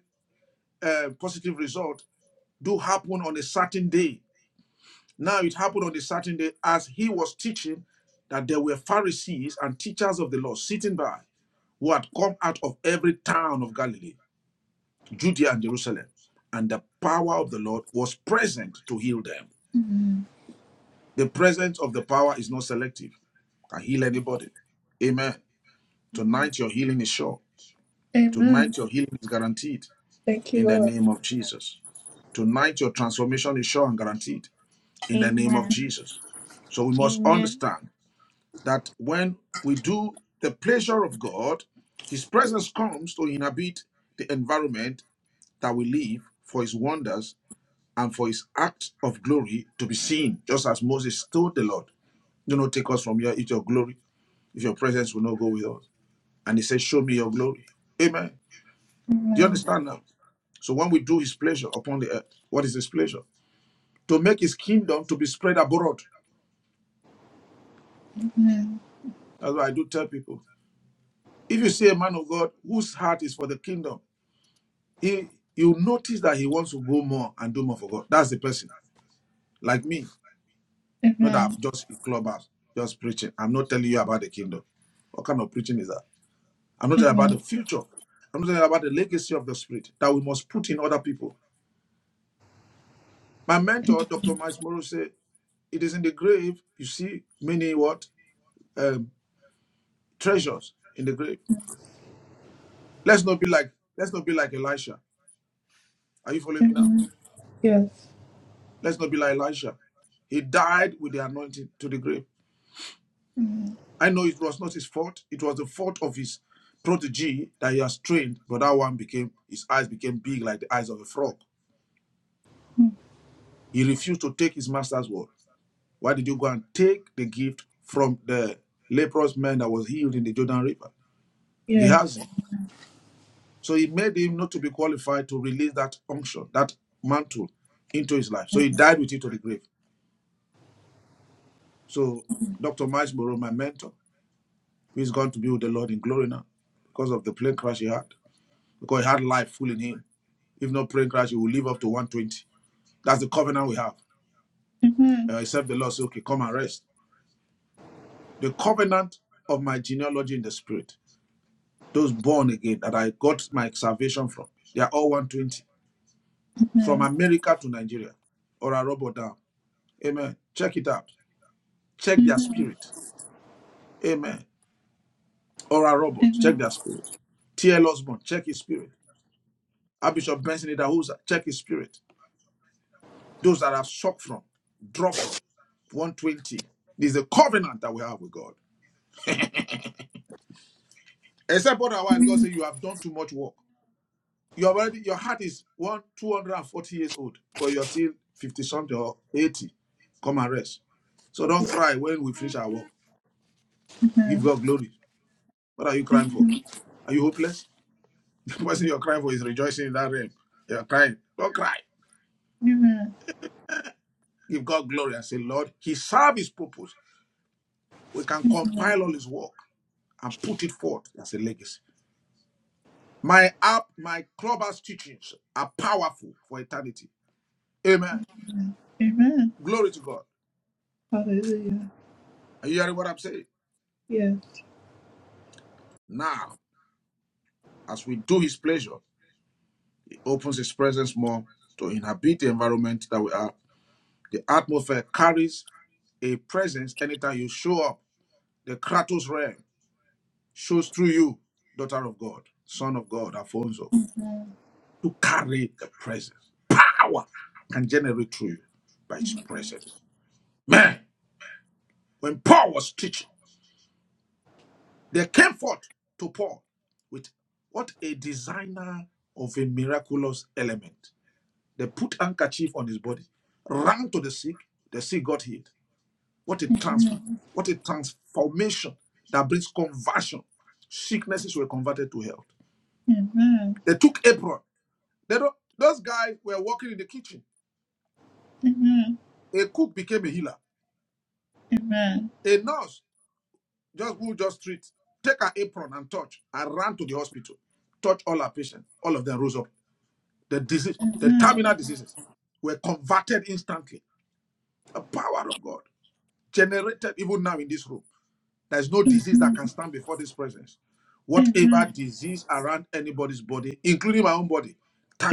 S2: uh, positive result do happen on a certain day. Now it happened on a certain day as he was teaching that there were Pharisees and teachers of the law sitting by who had come out of every town of Galilee, Judea and Jerusalem, and the power of the Lord was present to heal them.
S1: Amen.
S2: The presence of the power is not selective, can heal anybody. Amen.
S1: Amen.
S2: Tonight, your healing is sure.
S1: Amen.
S2: Tonight, your healing is guaranteed
S1: Thank you,
S2: in the
S1: Lord.
S2: name of Jesus. Tonight, your transformation is sure and guaranteed in the name of
S3: amen,
S2: Jesus. So, we must
S3: amen.
S2: understand that when we do the pleasure of God, His presence comes to inhabit the environment that we live for His wonders and for His acts of glory to be seen, just as Moses told the Lord, Do not take us from here, it's your glory, if your presence will not go with us. And He said, Show me your glory. Amen. Do you
S1: Amen.
S2: understand now? So when we do his pleasure upon the earth, what is his pleasure? To make his kingdom to be spread abroad.
S1: Amen.
S2: That's what I do tell people. If you see a man of God whose heart is for the kingdom, he you notice that he wants to go more and do more for God. That's the person. Like me. Not that
S1: Amen.
S2: I'm just in clubhouse, just preaching. I'm not telling you about the kingdom. What kind of preaching is that? I'm not talking about the
S1: Amen.
S2: future. I'm not talking about the legacy of the spirit that we must put in other people. My mentor, Dr. Miles Morrow, said. it is in the grave you see many what um, treasures in the grave let's not be like let's not be like elisha are you following me now
S1: Amen.
S2: let's not be like elisha he died with the anointing to the grave i know it was not his fault it was the fault of his protege that he has trained but that one became his eyes became big like the eyes of a frog he refused to take his master's word why did you go and take the gift from the leprous man that was healed in the jordan river gehazi So he made him not to be qualified to release that unction, that mantle into his life. So he died with it to the grave. So Dr. Miles Burrow, my mentor, who is going to be with the Lord in glory now because of the plane crash he had, because he had life full in him. If not plane crash, he will live up to 120. That's the covenant we have.
S1: Amen.
S2: Uh, except the Lord say, okay, come and rest. The covenant of my genealogy in the spirit, those born again that I got my salvation from, they are all 120. From
S1: Amen.
S2: America to Nigeria or a robot down. Amen. Check it out. check their
S1: Amen.
S2: spirit. Amen. Ora Robert, check
S1: Amen.
S2: their spirit. T.L. Osborne, check his spirit. Archbishop Benson Idahosa, check his spirit. Those that have sucked from, draw from, 120. This is a covenant that we have with God. Except otherwise, God
S1: Amen.
S2: says you have done too much work. You have already, your heart is one, 240 years old, but you're still 50 something or 80. Come and rest. So don't cry when we finish our work. Give God glory. What are you crying for? Are you hopeless? The person you're crying for is rejoicing in that realm. You're crying. Don't cry.
S1: Amen.
S2: Give God glory and say, Lord, He served His purpose. We can compile all His work and put it forth as a legacy. My app, my clubhouse teachings are powerful for eternity. Amen.
S1: Amen.
S2: Glory to God.
S1: Hallelujah.
S2: Are you hearing what I'm saying?
S1: Yes.
S2: Now, as we do His pleasure, He opens His presence more to inhabit the environment that we are. The atmosphere carries a presence anytime you show up. The Kratos realm. shows through you, daughter of God, son of God, Alfonso, to carry the presence. Power can generate through you by his presence. Man, when Paul was teaching, they came forth to Paul with what a designer of a miraculous element. They put handkerchief on his body, ran to the sick, the sick got healed. What a trans
S1: Amen.
S2: what a transformation that brings conversion. Sicknesses were converted to health.
S1: Amen.
S2: They took April They don't, those guys were working in the kitchen.
S1: Amen.
S2: A cook became a healer.
S1: Amen.
S2: A nurse just who just treat, take her apron and touch, and ran to the hospital, touch all her patients. All of them rose up. The disease,
S1: Amen.
S2: the terminal
S1: Amen.
S2: diseases, were converted instantly. The power of God generated even now in this room. There is no disease that can stand before this presence. Whatever
S1: Amen.
S2: disease around anybody's body, including my own body,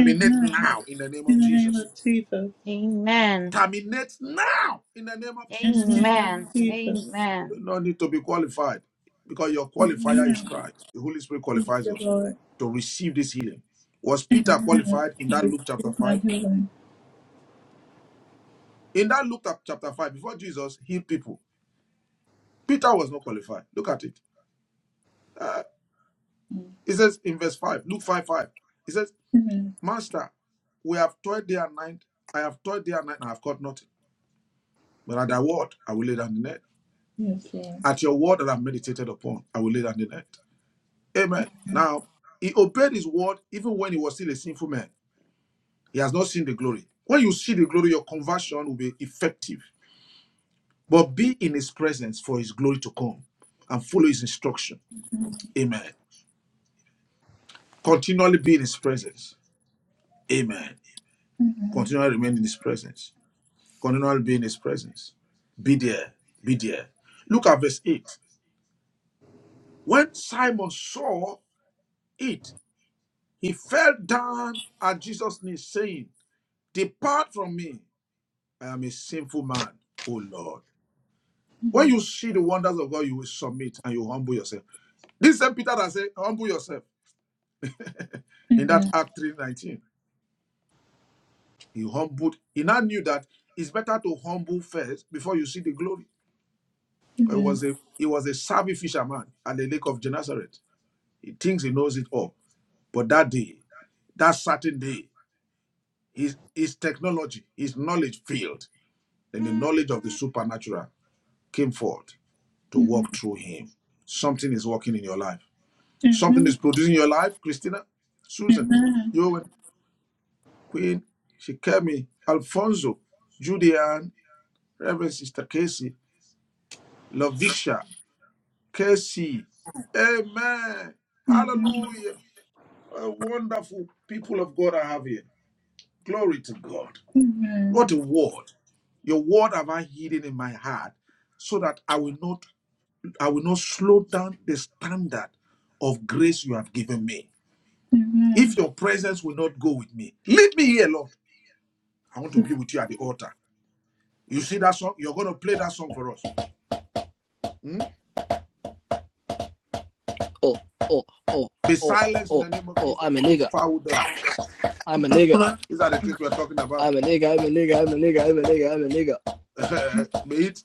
S1: Amen. Amen.
S2: now in the name
S1: In
S2: of
S1: the name of
S2: Jesus.
S1: Jesus.
S3: Amen.
S2: Terminate now in the name of
S1: In the
S2: Jesus
S1: name
S3: Amen.
S1: of Jesus.
S3: Amen.
S2: no need to be qualified because your qualifier is
S1: Amen.
S2: Christ. The Holy Spirit
S1: Thank
S2: qualifies
S1: you,
S2: us
S1: Lord.
S2: to receive this healing. Was Peter
S1: Amen.
S2: qualified in
S1: I
S2: that Luke chapter
S1: receive my
S2: 5?
S1: healing.
S2: In that Luke chap- chapter 5, before Jesus healed people, Peter was not qualified. Look at it. Uh, it says in verse 5, Luke 5 5, it says,
S1: Amen.
S2: Master, we have toiled day and night. I have toiled day and night and I have caught nothing. But at thy word, I will lay down the net.
S1: Yes, Lord.
S2: At your word that I have meditated upon, I will lay down the net. Amen. Now, he obeyed his word even when he was still a sinful man. He has not seen the glory. When you see the glory, your conversion will be effective. But be in his presence for his glory to come and follow his instruction. Amen. Continually be in his presence. Amen.
S1: Amen.
S2: Continually remain in his presence. Continually be in his presence. Be there. Be there. Look at verse 8. When Simon saw it, he fell down at Jesus' knees, saying, Depart from me. I am a sinful man, O Lord. When you see the wonders of God, you will submit and you humble yourself. This same Peter that said, humble yourself in that
S1: Amen.
S2: Act 3.19. He humbled, he now knew that it's better to humble first before you see the glory. It
S1: Amen.
S2: was a it was a savvy fisherman at the lake of Gennesaret. He thinks he knows it all. But that day, that certain day, his his technology, his knowledge failed. Then the knowledge of the supernatural came forth to
S1: Amen.
S2: work through him. Something is working in your life. Something is
S1: Amen.
S2: producing your life, Christina, Susan,
S1: Amen.
S2: Yowen, Queen, Shikemi, Alfonso, Julian, Reverend Sister Casey, Lavisha, Casey. Amen.
S1: Amen.
S2: Hallelujah. What a wonderful people of God I have here. Glory to God. What
S1: Amen.
S2: a word. Your word have I hidden in my heart so that I will not I will not slow down the standard of grace you have given me.
S1: Amen.
S2: If your presence will not go with me, leave me here, Lord. I want to be with you at the altar. You see that song? You're going to play that song for us. Hmm?
S5: oh, oh, oh,
S2: Be
S5: oh,
S2: silenced in
S5: oh,
S2: the name of
S5: oh, I'm a
S2: Jesus. You
S5: nigga.
S2: foul devil.
S5: I'm a
S1: The
S5: nigga.
S1: blood of
S2: These are the things we're talking about.
S5: I'm a nigga. I'm a nigga. I'm a nigga. I'm a nigga. I'm a nigga.
S2: mate,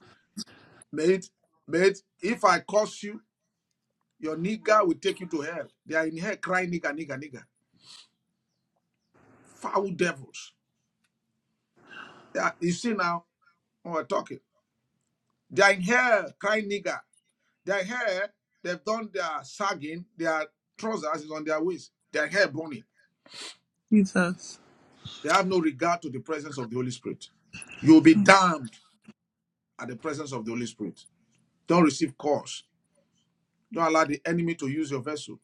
S2: mate, mate, if I curse you, your nigger will take you to hell. They are in hell crying nigger, nigger, nigger. Foul devils. They are, you see now when we're talking. They are in hell crying nigger. They are in hell. They've done their sagging. Their trousers is on their waist. They Their hair burning.
S1: Jesus.
S2: They have no regard to the presence of the Holy Spirit. You will be damned at the presence of the Holy Spirit. Don't receive calls. Don't allow the enemy to use your vessel.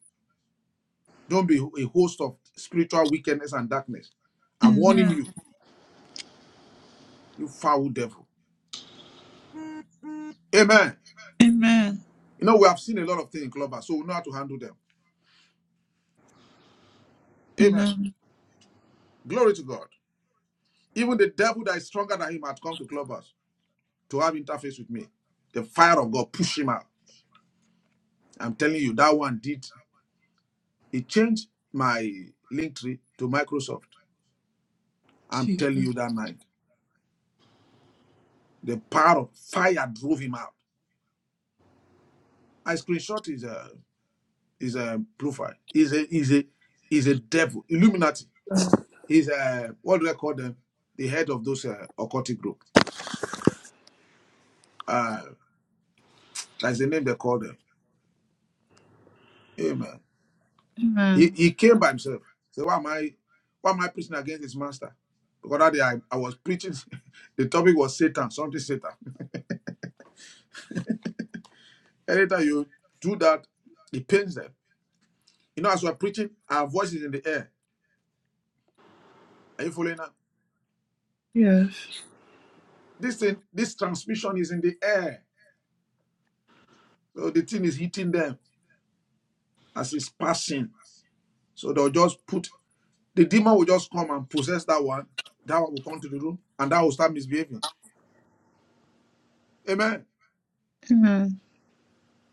S2: Don't be a host of spiritual wickedness and darkness. I'm warning
S1: Amen.
S2: you, you foul devil. Amen.
S1: Amen.
S2: You know, we have seen a lot of things in Clubhouse, so we know how to handle them. Amen.
S1: Amen.
S2: Glory to God. Even the devil that is stronger than him had come to Clubhouse to have interface with me. The fire of God pushed him out. I'm telling you, that one did. It changed my link tree to Microsoft. I'm telling you that night, the power of fire drove him out. I screenshot his uh, his uh, profile. He's a he's a he's a devil, Illuminati. He's a what do they call them? The head of those uh, occultic group. Uh, that's the name they call them. Amen. He
S1: Amen.
S2: he came by himself. So why am I why am I preaching against his master? Because that day I, I was preaching, the topic was Satan, something Satan. Anytime you do that, it pains them. You know, as we're preaching, our voice is in the air. Are you following now?
S1: Yes.
S2: This thing, this transmission is in the air. So the thing is hitting them as it's passing. So they'll just put the demon will just come and possess that one. That one will come to the room and that will start misbehaving. Amen.
S1: Amen.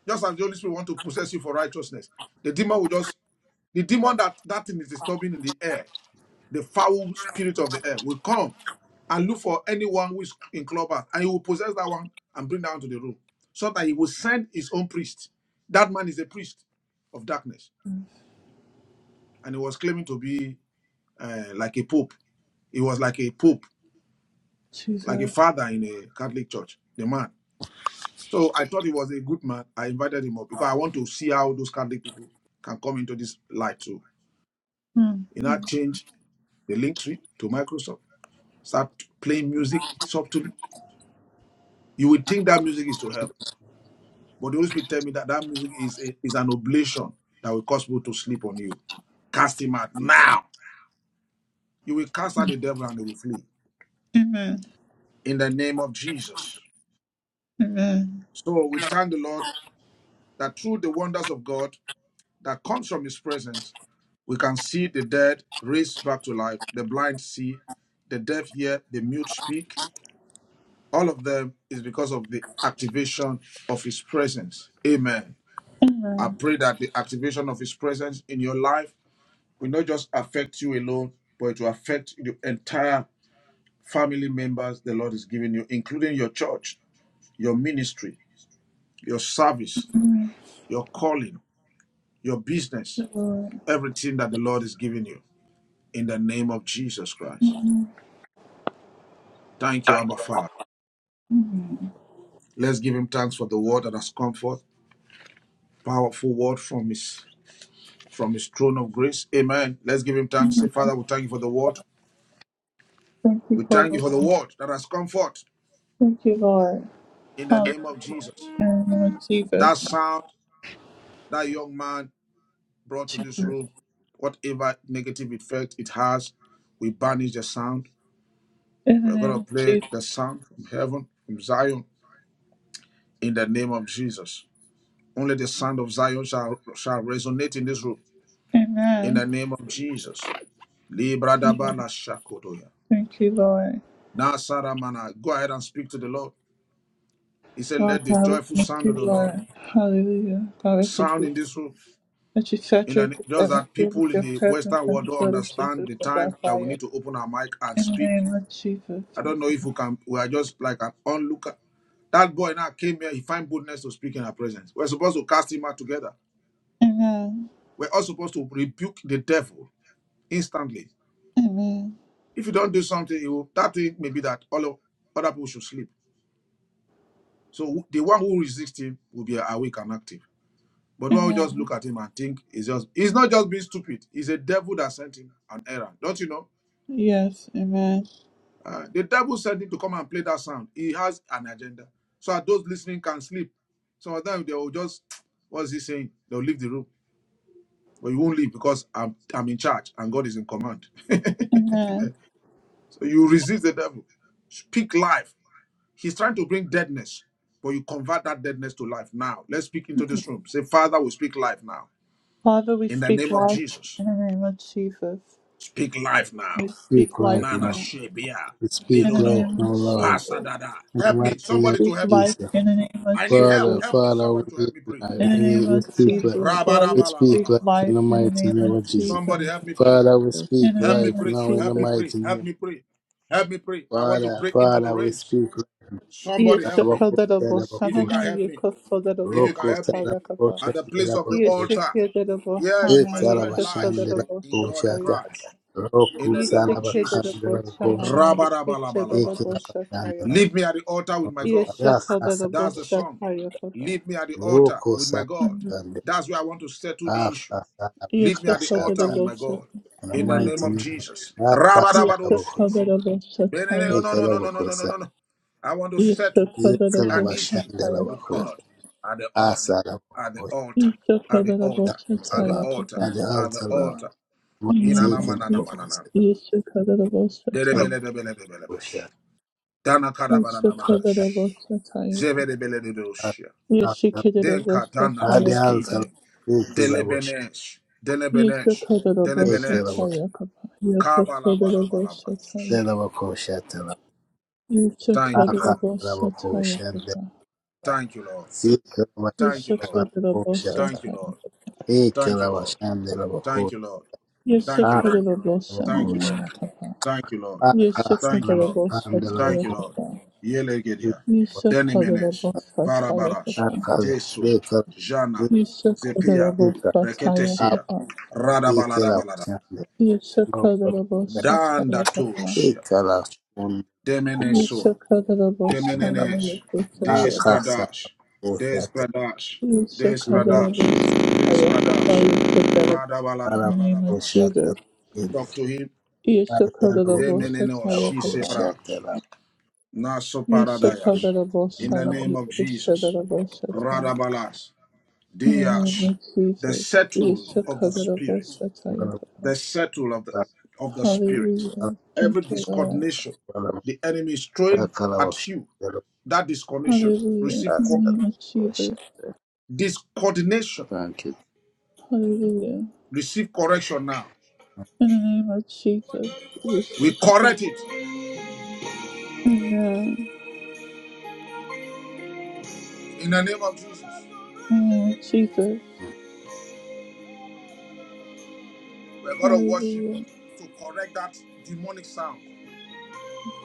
S2: Just as the Holy Spirit want to possess you for righteousness, the demon will just the demon that that thing is disturbing in the air, the foul spirit of the air will come and look for anyone who is in clubhouse and he will possess that one and bring down to the room so that he will send his own priest. That man is a priest of darkness and he was claiming to be uh, like a pope. He was like a pope, like a
S1: Jesus.
S2: father in a Catholic church, the man. So I thought he was a good man. I invited him up because I want to see how those Catholic people can come into this light too.
S1: Mm.
S2: You know, change the link tree to Microsoft, start playing music softly. You would think that music is to help, but the Holy Spirit tell me that that music is, a, is an oblation that will cause people to sleep on you. Cast him out now. You will cast out the devil and he will flee.
S1: Amen.
S2: In the name of Jesus.
S1: Amen.
S2: So we thank the Lord that through the wonders of God that comes from his presence, we can see the dead raised back to life, the blind see, the deaf hear, the mute speak. All of them is because of the activation of his presence. Amen.
S1: Amen.
S2: I pray that the activation of his presence in your life will not just affect you alone, but it will affect the entire family members the Lord is giving you, including your church, your ministry, your service, your calling, your business, everything that the Lord is giving you in the name of Jesus Christ. Thank you, Abba Father. Let's give him thanks for the word that has come forth. Powerful word from his from his throne of grace. Amen. Let's give him thanks. Say, Father, we thank you for the word.
S1: Thank you, Lord. Thank you,
S2: We thank you for
S1: Father.
S2: the word that has come forth
S1: Thank you, Lord.
S2: in the name
S1: Hallelujah.
S2: of Jesus.
S1: In the name of Jesus.
S2: That sound that young man brought to this room, whatever negative effect it has, we banish the sound.
S1: In the
S2: We're
S1: name
S2: gonna
S1: of
S2: play
S1: Jesus.
S2: the sound from heaven, from Zion, in the name of Jesus. Only the sound of Zion shall, shall resonate in this room. In the
S1: Amen.
S2: name of Jesus.
S1: Amen.
S2: Libradabala shakotoya.
S1: Thank you, Lord.
S2: Now, Saramana, go ahead and speak to the Lord. He said,
S1: Lord
S2: Let the
S1: God, we
S2: joyful
S1: thank
S2: sound of
S1: you,
S2: the Lord
S1: Lord. Hallelujah. God, we thank
S2: sound
S1: you.
S2: in this room.
S1: That you
S2: In
S1: saturate
S2: the,
S1: this
S2: just that
S1: atmosphere with
S2: people in
S1: your
S2: the
S1: presence
S2: Western
S1: and
S2: world
S1: the
S2: don't
S1: blood of
S2: understand
S1: Jesus
S2: the
S1: with our
S2: time that we
S1: fire.
S2: need to open our mic and
S1: In the
S2: speak.
S1: name of Jesus,
S2: I
S1: Lord.
S2: don't know if we can, we are just like an onlooker. That boy now came here, he find boldness to speak in our presence. We're supposed to cast him out together.
S1: Amen.
S2: We're all supposed to rebuke the devil instantly.
S1: Amen.
S2: If you don't do something, it will, that thing may be that all of other people should sleep. So the one who resists him will be awake and active. But one who
S1: Amen.
S2: just look at him and think is just he's not just being stupid. He's a devil that sent him an errand. Don't you know?
S1: Yes, amen.
S2: Uh, the devil sent him to come and play that sound. He has an agenda. So that those listening can sleep. Some of them they will just what's he saying? They'll leave the room. But you won't leave because I'm I'm in charge and God is in command.
S1: Amen.
S2: So you resist the devil. Speak life. He's trying to bring deadness, but you convert that deadness to life now. Let's speak into this room. Say, Father, we speak life now.
S1: Father, we
S2: In the
S1: speak
S2: name of
S1: life
S2: Jesus,
S1: in the name of Jesus.
S2: speak life
S1: We
S2: now.
S6: Speak
S1: speak
S6: life,
S1: life
S2: Nana
S6: Lord.
S1: now
S2: Shebia,
S6: We speak
S1: in the
S6: life
S2: Perodo,
S1: name of
S6: now, Lord.
S1: Jesus.
S2: Pasadada.
S6: In the
S2: Help me,
S6: mighty name
S2: somebody to
S1: Speak
S6: of
S2: help me.
S1: life
S6: Jesus.
S1: in the name of
S2: I need help.
S6: Father,
S1: Jesus.
S2: Help me,
S6: Father, we
S2: somebody to help
S6: need
S2: me pray.
S6: life.
S1: In the
S6: We,
S1: name
S6: need, we
S1: of
S7: Yes,
S6: speak life.
S1: Jesus,
S7: ma'am.
S1: Lord,
S6: We
S1: we
S6: speak
S1: speak
S6: life
S2: Rabadabalabalabala.
S6: in
S1: life
S6: the
S1: in the
S6: mighty
S1: name
S6: name
S1: of
S6: of Jesus.
S1: Jesus.
S7: Thank
S2: Somebody help me pray.
S6: Father, we
S7: you.
S6: speak
S1: In the
S2: Help me
S1: name
S6: life
S1: of
S2: pray.
S6: now in the
S2: Help
S1: Jesus.
S2: me pray.
S6: mighty
S2: Help
S6: name.
S2: me pray. Help me pray. I want to
S6: Father,
S2: break into the
S6: Father, we
S2: realms.
S6: speak
S2: Somebody
S6: life.
S2: help me.
S6: Abakosha,
S1: Yeshakadarabo,
S2: If you can
S1: Shanana
S6: Abakosha.
S2: help me. If you
S1: Yekosodarabo,
S2: can
S6: Roko,
S2: help me.
S1: Satayakaba.
S2: At
S6: Sarabakosha,
S2: the place of the
S6: Sarabakosha.
S2: altar.
S1: Yeshakadarabo,
S2: Yes,
S6: It,
S1: Hana
S2: my strength lies
S6: Sarabashan,
S1: Yekosodarabo,
S2: in God and
S6: Sarabakosha.
S1: Satayakaba.
S2: Christ. In
S6: Roku,
S2: the name
S1: Yese
S2: of
S6: Sarabakhan,
S1: kedere
S2: Jesus.
S1: boşa
S6: Sarabakosha.
S1: nana yeke
S6: It,
S1: kedere
S2: Rabarabalabalabala.
S1: boşa taya
S6: Sarabashan,
S1: kaba.
S2: Leave me at the altar with my God.
S1: Yese
S6: Rakasa
S1: kadere
S2: That's the
S1: boşa
S2: song.
S1: taya kaba.
S2: Leave me at the altar
S6: Roko
S2: with my God.
S6: Sarabande
S2: That's where I want to settle the issue.
S6: Rakasa
S2: Leave me
S1: Yese
S2: at the altar
S1: kadere
S6: Kashata
S2: with my
S1: boşa
S2: God.
S6: in the
S2: In the name
S1: Amen.
S6: mighty
S2: of
S6: name of
S2: Jesus.
S6: Rakasa
S1: Yese
S6: Raboko
S2: Rabarabadoskis.
S1: kadere boşa
S2: Bene-
S1: taya
S2: No, no, no, no,
S1: kaba.
S2: no, no, no, no,
S6: Ekalabokosa
S2: no. no. I want to
S1: Yese
S2: settle
S1: kadere
S2: an
S1: boşa
S2: issue
S1: taya
S2: with
S6: Ekalabashandalabako
S1: kaba.
S2: God at the altar, at the
S6: Asalaboko
S2: altar,
S1: Yese
S2: at the
S1: kadere
S2: altar,
S1: boşa
S2: at the
S6: Antala
S1: taya
S2: altar,
S1: kaba.
S2: at the
S6: Adaltala
S2: altar.
S1: Amen.
S6: Mighty
S2: Inana manana manana.
S6: Ekalabokosa
S1: Yese kadere boşa taya.
S2: Derebele debele debele
S6: Rakosha
S2: besh. Dana karabana
S1: Yese
S6: Kashata
S1: kadere
S2: manadash.
S1: boşa taya kaba.
S2: Zeverebele dedoshia.
S1: Yese kedere
S2: Denka
S1: boşa
S2: dana
S1: taya
S6: Adaltala
S1: kaba.
S2: tuskije.
S6: Ekalabosh
S2: Delebenesh.
S1: Yes,
S2: Delebenesh. Delebenesh.
S6: Ekalabosh
S2: Kabala bala bala bash.
S6: Selabako Shatala
S2: Thank you,
S6: Akasa
S2: Lord.
S6: Raboko Shandala
S2: Thank you, Lord. Thank you, Lord.
S6: Sikalabakalabakoshata.
S2: Thank you, Lord. Thank you, Lord.
S6: Ekalabashandelabako.
S2: Thank you, Lord. Thank you, Lord. Thank you,
S6: Akalabakosha.
S2: Lord. Thank you, Lord. Thank you, Lord. Thank you,
S6: Akasalabakandalabako.
S2: Lord. Yelegedia. Denimenesh. Varabarash.
S6: Akazo.
S2: Tesu.
S6: Lekala.
S2: Jana. Zepia.
S6: Lekika.
S2: Reketesia.
S6: Apa.
S2: Radabaladabalada.
S6: Ekalabashande. Okalabashande.
S2: Danda Toshia.
S6: Ekalashundako.
S2: Demenesua.
S6: Indalaba.
S2: Demenenesh. Deskradash.
S6: Akasalabakosata.
S2: Deskradash. Deskradash.
S1: Yeshakadalabos,
S6: Ilabakoshata.
S2: Deskradash.
S1: Ayakapaya, Kedarabos. In the name of
S2: Radabaladabaladabalashia.
S6: Alabakoshata.
S1: Jesus.
S2: Talk to him.
S1: Yeshakadalabos,
S6: Akasalabakosha.
S2: Demenenosh.
S1: Tayakapa.
S2: She
S6: Alabakoshata.
S2: Naso
S6: Thank
S2: Paradayas.
S1: Yeshakadalabos,
S2: In
S6: you.
S2: the
S1: Shana,
S2: name of Jesus.
S1: Yeshadalabos, Tayakapa.
S2: Radabalas.
S1: In the name
S2: Diash.
S1: of
S2: The
S1: Jesus.
S2: settle of the spirit.
S1: Yeshakadalabos,
S2: The
S1: Tayakapa.
S2: settle of the of the spirit.
S1: Hallelujah.
S2: Every
S1: Thank you, Lord.
S2: discoordination the enemy is throwing at you. That discoordination.
S1: Hallelujah.
S2: Receive
S1: In the
S2: co-
S1: name of Jesus.
S2: discoordination.
S1: Hallelujah.
S2: Receive correction now.
S1: In the name of Jesus.
S2: We
S1: Yeshakadalabos.
S2: correct it
S1: Amen.
S2: in the name of Jesus.
S1: In the name of Jesus.
S2: We're gonna worship
S1: Hallelujah.
S2: to correct that demonic sound.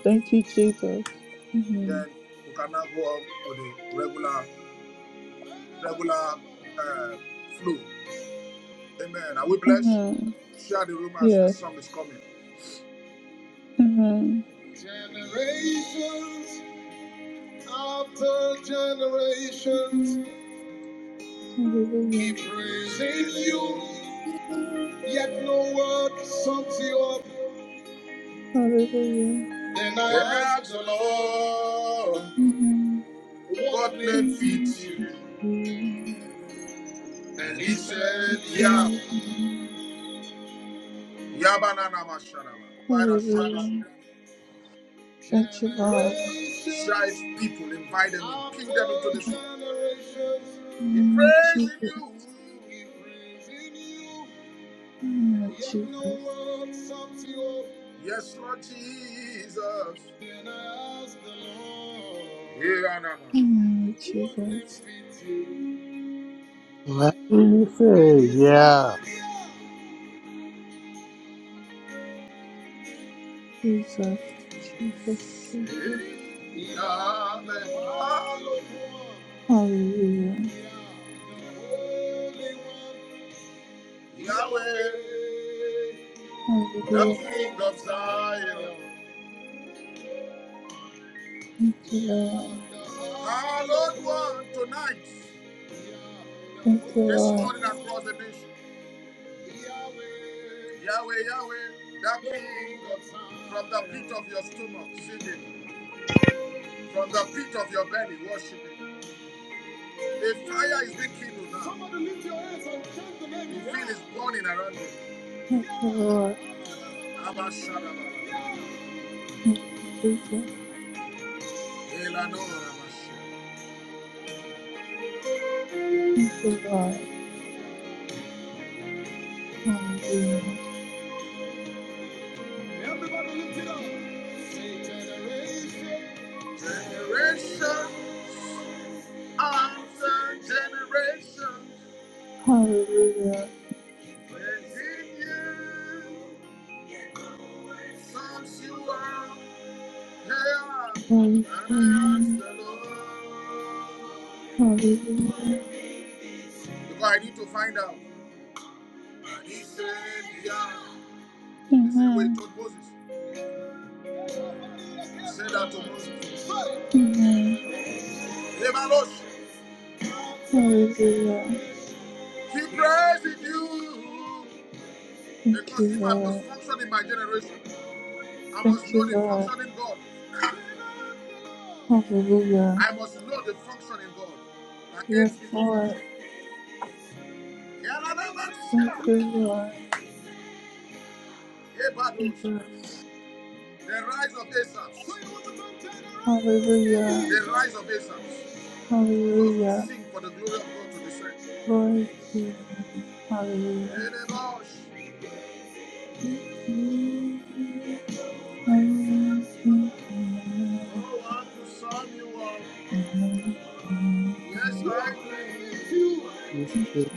S1: Thank you, Jesus. Amen.
S2: Then we can now go on with the regular regular uh, flow. Amen. Are we blessed?
S1: Amen.
S2: Share the room as the
S1: Yes.
S2: song is coming.
S1: Amen.
S2: Generations after generations
S1: Hallelujah.
S2: keep praising you, yet no word sums you up.
S1: Hallelujah.
S2: Then I Yes. asked the Lord,
S1: Amen.
S2: what name
S1: Amen.
S2: fits you? And he said, Yeah.
S1: Jesus.
S2: Yabanana Masharama. Go not and share this room.
S1: Hallelujah.
S2: Strive
S1: Thank you, Lord.
S2: people, invite them, bring them into this room. He
S1: Amen.
S2: prays
S1: Jesus.
S2: in you. He prays in you.
S1: Amen.
S2: Yet no
S1: Jesus.
S2: one sums you up. Yes, Lord Jesus. Then I ask the Lord. Yeah, no, no,
S1: Amen.
S2: no. What name
S1: Jesus.
S2: fits you?
S6: Let me
S2: And
S6: say,
S2: he said,
S6: yeah.
S2: Yeah.
S1: Jesus. Jesus. Jesus.
S2: Yeah, the hallowed one.
S1: Hallelujah.
S2: Yeah, the holy one. Yahweh,
S1: Hallelujah.
S2: the King of Zion.
S1: Thank you, Lord.
S2: Our Lord one tonight,
S1: Thank you,
S2: this
S1: Lord.
S2: morning across the nation. Yahweh, Yahweh, the King of Zion. from the pit of your stomach, singing. From the pit of your belly, worshiping. A fire is being kindled now. Somebody lift your hands and shout the name. You feel Yah. it's burning around you.
S1: Thank you, Lord.
S2: Abba Shadaba.
S1: Jesus.
S2: Elanora Abba Shadaba.
S1: Thank you, Lord. Hallelujah.
S2: Everybody lift it up. Say generation. Generation. After generation.
S1: Hallelujah.
S2: Praise in you. Songs you are. Hey,
S1: Glory to
S2: and
S1: your
S2: I ask
S1: name.
S2: the Lord.
S1: Hallelujah.
S2: Because I need to find out. And he said, yeah. The same way he
S1: Amen.
S2: told Moses. He said that to Moses.
S1: Amen.
S2: Hey, Malos.
S1: Hallelujah.
S2: He praised you.
S1: Thank
S2: Because
S1: you,
S2: if I must
S1: Lord.
S2: function in my generation, I must
S1: Thank you,
S2: know the
S1: Lord.
S2: function in God.
S1: Hallelujah.
S2: I must know the function in God that
S1: Yes,
S2: aids me
S1: Lord.
S2: to function.
S1: Thank
S2: Yalanabasha,
S1: you, Lord.
S2: Ebadosh,
S1: Jesus.
S2: The rise of Asaphs.
S1: Hallelujah.
S2: The rise of Asaphs. Those who
S1: Hallelujah.
S2: sing for the glory of God to descend.
S1: Glory to you. Hallelujah.
S2: Ebadosh. Oh, I to sum you up. Yes, I do.
S6: It's true.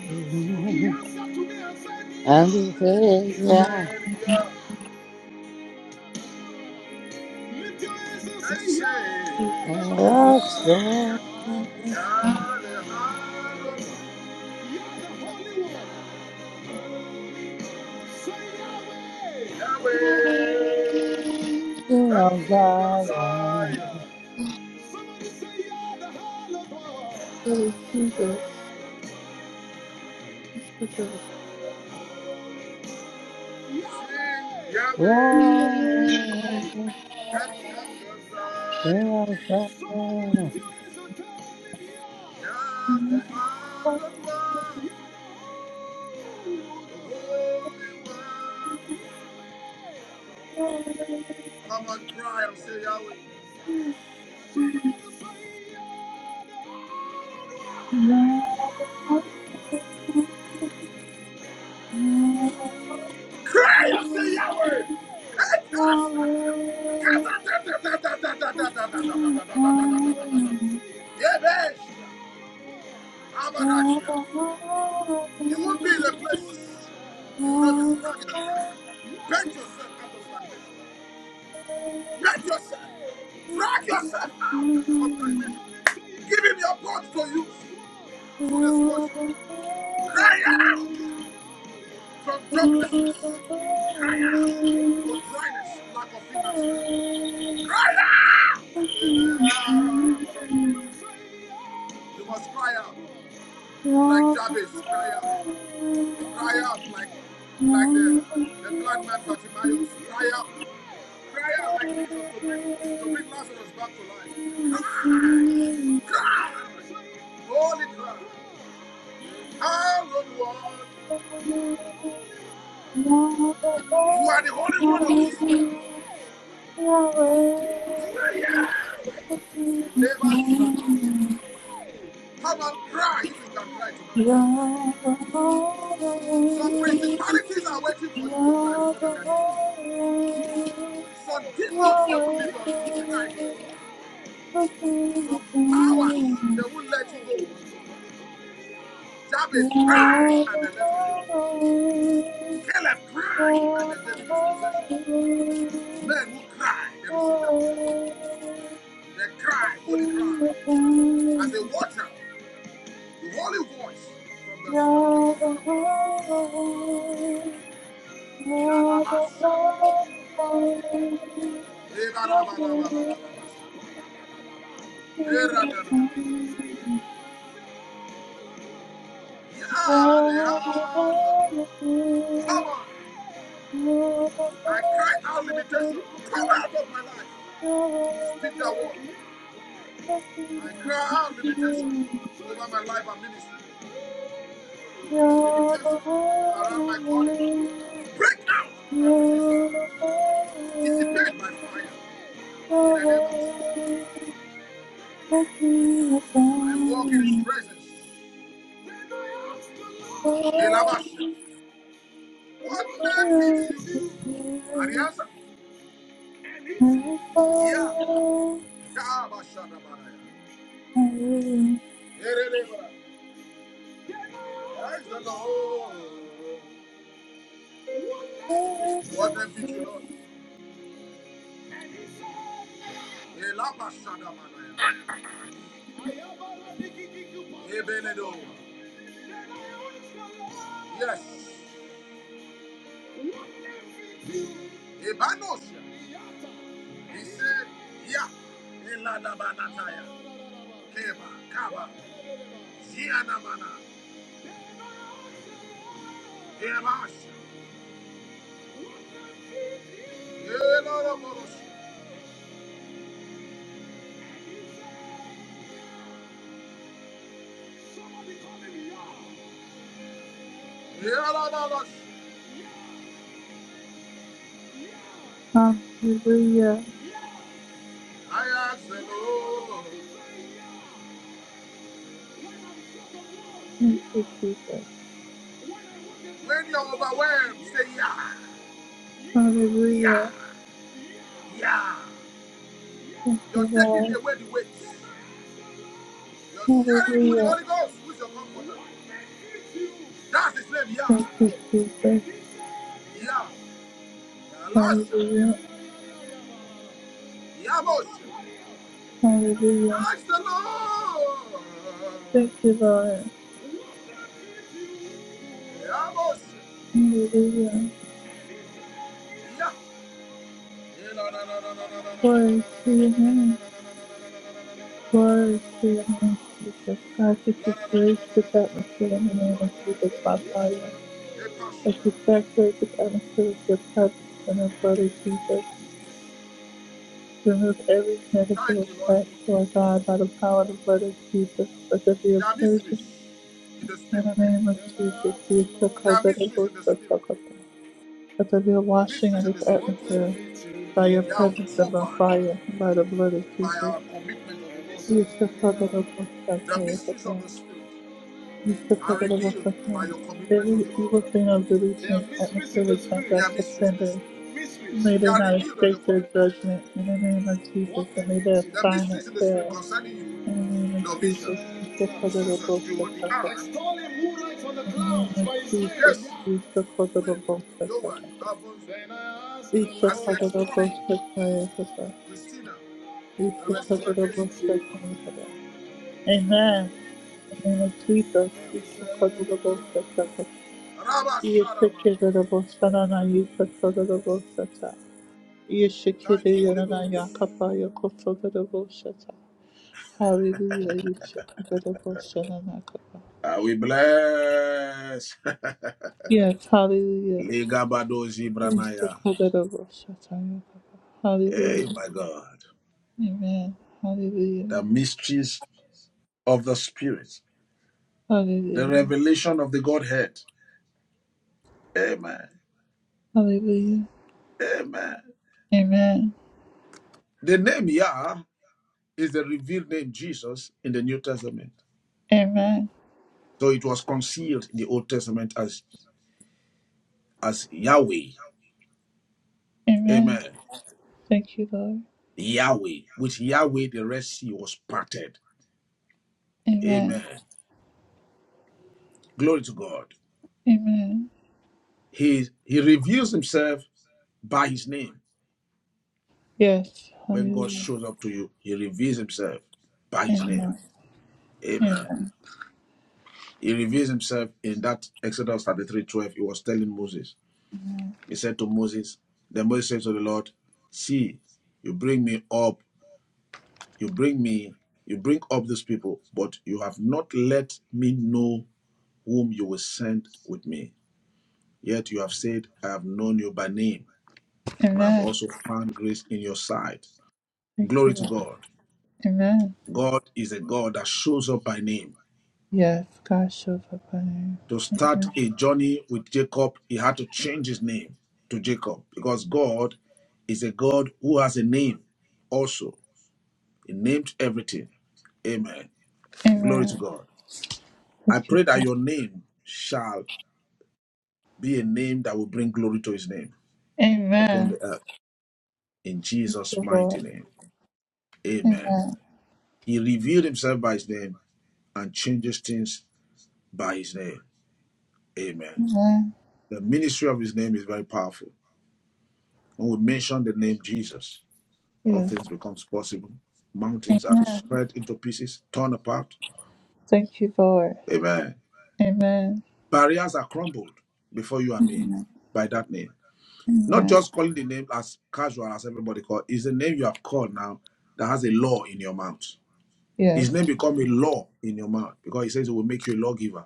S2: He answered to me and said,
S6: And
S2: yeah.
S6: he says, yeah.
S2: Savior. Lift your hands and say, Savior. You're
S6: And that's the
S2: the Holy One. you the Holy One. you the Holy One. Say Yahweh. Yahweh,
S6: thing
S2: the
S6: of
S2: King of
S6: God.
S2: Zion. Somebody say, You're the Holy One. We sing Yahweh,
S6: Yeah. Yeah.
S2: the King of Zion. Somebody
S6: yeah.
S2: lift your hands and tell him, yeah. Yah, the man of love, the Holy One. Come on, cry and say Yahweh. Somebody say Yahweh. Cry and say Yahweh.
S1: Hallelujah.
S2: Yahweh. How about that here? You won't be in a place. You will not be
S1: Yahweh,
S2: stagnant. Bend yourself out of stagnation. Bend yourself. Drag yourself out of stagnation. Give him your God to use through this worship. Cry out from joblessness. Cry out for dryness, lack of finances. Cry out. You must cry out like Jabez. Cry out. Cry out like, like the, the blind man Bartimaeus. Cry out. Cry out like Jesus to bring, to bring Lazarus back to life. Cry! Cry! Holy cry. Hallowed one. You are the Holy One of Israel. You are here. Never shut Come and cry if you can cry tonight.
S1: Yahweh,
S2: Some principalities are waiting for you to cry before they can hear you. Some demons, they will leave until you cry
S1: Yahweh. Thank
S2: Some powers, they will let you go. Jabez cried and they let him go. Caleb cried and they gave him his possession. Men who cry, they receive their possession. They cry, holy cry. As they water, the holy voice from the from the altar of God. Yalabasha. they are Yadehalo. Come on. I cry out limitation. Come out of my life. Speak that word. I cry out limitation over my life and ministry. limitation around my calling break out and be dissolved. Dissipate my fire in the name of Jesus. I walk in His presence. When I ask the Lord,
S1: you.
S2: Elabasha, what name
S1: Hallelujah.
S2: fits you?
S1: Thank
S2: And he answered, and he said, Yeah. Kabashadabaraya. Erelebara. Praise the Lord. What name fits you, Lord? And he said, Yeah. Ebenedo. Yes. Ebanos. He said, Yeah. Eladabanataya. Keba. Kaba. Zianamana. Ebash. Eloroboros. Yarababas. I ask the Lord.
S1: you, Jesus.
S2: When you're overwhelmed, say yeah, yeah,
S1: Hallelujah.
S2: yeah.
S1: Thank
S2: You're
S1: you,
S2: taking
S1: Lord.
S2: away the weight. You're sharing with the
S1: Hallelujah.
S2: Holy Ghost, who's your comforter. That's his name, yeah,
S1: Thank you, Jesus.
S2: yeah. Elisha,
S1: Hallelujah.
S2: Yamos.
S1: Hallelujah.
S2: Ask the Lord.
S1: Thank you, Lord.
S2: Yeah, boss.
S1: Hallelujah.
S2: Yeah. Yeah, No, no, no, no, no, no, no.
S1: Glory to your name. Glory to your name, Jesus. God, that you praise the atmosphere in the name of Jesus, my Father.
S2: Yeah,
S1: That you saturate the atmosphere with your presence and our brother
S2: Thank
S1: Jesus. Remove every negative
S2: you, Lord.
S1: attack toward God by the power of the blood of Jesus. Let there be a
S2: There are mysteries
S1: purging
S2: in the
S1: in
S2: spirit.
S1: the name of Jesus. We shall call
S2: There are
S1: that a
S2: mysteries
S1: ghost
S2: in the
S1: of
S2: spirit.
S1: Sakapa. Let there be a washing of
S2: Mysteries in
S1: this
S2: the spirit.
S1: atmosphere by your
S2: They are
S1: presence and by
S2: uncovered
S1: fire and by the blood of
S2: by
S1: Jesus.
S2: our commitment of
S1: We shall call
S2: the
S1: that
S2: altar.
S1: a ghost of
S2: The mysteries of
S1: Sakapa.
S2: the spirit
S1: We shall call
S2: are
S1: that a ghost of
S2: revealed by
S1: Sakapa.
S2: your commitment of
S1: Every
S2: the
S1: evil
S2: altar.
S1: thing of
S2: There
S1: releasing
S2: are
S1: this
S2: mysteries
S1: atmosphere
S2: in the
S1: returns
S2: spirit. There
S1: back
S2: are
S1: to
S2: mysteries in the
S1: sender.
S2: spirit. Mysteries.
S1: May
S2: They
S1: they
S2: are
S1: not
S2: revealed on your
S1: escape their
S2: commitment.
S1: judgment in the name of Jesus,
S2: What
S1: and may
S2: benefits
S1: their
S2: you? The
S1: assignment
S2: mysteries in the
S1: fail.
S2: spirit concerning you,
S1: In the name of
S2: your vision,
S1: Jesus, we shall
S2: Yeah.
S1: cover the bones
S2: Susan,
S1: of
S2: Giovanni, Anna,
S1: Satan.
S2: Extol him who rides on the
S1: In the name
S2: clouds
S1: of
S2: by his name.
S1: Jesus,
S2: yes,
S1: we shall cover the
S2: Will,
S1: bones of
S2: Johan,
S1: Satan.
S2: Alfonso, Then I asked the
S1: We shall
S2: Lord. as you
S1: cover the
S2: extol
S1: bones of
S2: him,
S1: Satan.
S2: Christina,
S1: We
S2: and my
S1: shall cover
S2: sister
S1: the
S2: Kerry,
S1: bones
S2: benefits
S1: of
S2: you?
S1: Satan. Amen. In the name of Jesus, we shall cover the bones of
S2: yeah.
S1: Satan.
S2: Rabba
S1: You shall
S2: Sharama.
S1: cover the bones of Satan. You shall cover the bones of Satan. You shall cover
S2: Thank you, Holy Ghost.
S1: the bones of Satan. Hallelujah. You shall cover the bones of Satan.
S2: Ah, we bless.
S1: Yes, hallelujah.
S2: Ligabados Ibranaya.
S1: Hallelujah.
S2: Hey, my God.
S1: Amen. Hallelujah.
S2: The mysteries of the Spirit, the
S1: Hallelujah.
S2: revelation of the Godhead. Amen.
S1: Hallelujah.
S2: Amen.
S1: Amen.
S2: The name Yah is the revealed name Jesus in the New Testament.
S1: Amen.
S2: So it was concealed in the Old Testament as, as Yahweh.
S1: Amen.
S2: Amen.
S1: Thank you, Lord.
S2: Yahweh. With Yahweh, the Red Sea was parted.
S1: Amen.
S2: Amen. Glory to God.
S1: Amen.
S2: He, he reveals himself by his name.
S1: Yes.
S2: When God
S1: Hallelujah.
S2: shows up to you, he reveals himself by his name.
S1: Amen.
S2: Amen.
S1: Amen.
S2: He reveals himself in that Exodus 33 12. He was telling Moses, He said to Moses, Then Moses said to the Lord, See, you bring me up, you bring me, you bring up these people, but you have not let me know whom you will send with me. Yet you have said, I have known you by name, and I have
S1: Amen.
S2: also found grace in your sight.
S1: Thank you,
S2: Glory to
S1: Lord.
S2: God.
S1: Amen.
S2: God is a God that shows up by name.
S1: Yes. God shows up on
S2: to
S1: you.
S2: start
S1: Amen.
S2: a journey with Jacob, he had to change his name to Jacob because God is a God who has a name also. He named everything. Amen. Glory to
S1: Amen.
S2: God. I
S1: Thank you,
S2: pray that
S1: Lord.
S2: your name shall be a name that will bring glory to his name upon
S1: Amen.
S2: the earth in
S1: Thank
S2: Jesus'
S1: you,
S2: mighty
S1: Lord.
S2: name. Amen.
S1: Amen.
S2: He revealed himself by his name and changes things by his name. Amen.
S1: Amen.
S2: The ministry of his name is very powerful. When we mention the name Jesus, all
S1: Yes.
S2: things becomes possible. Mountains are
S1: Amen.
S2: spread into pieces, torn apart.
S1: Thank you, Lord.
S2: Amen.
S1: Amen.
S2: Barriers are crumbled before you and me by that name. Not
S1: Amen.
S2: just calling the name as casual as everybody call. It's the name you have called now that has a law in your mouth. His
S1: Yes.
S2: name become a law in your mouth because he says it will make you a lawgiver.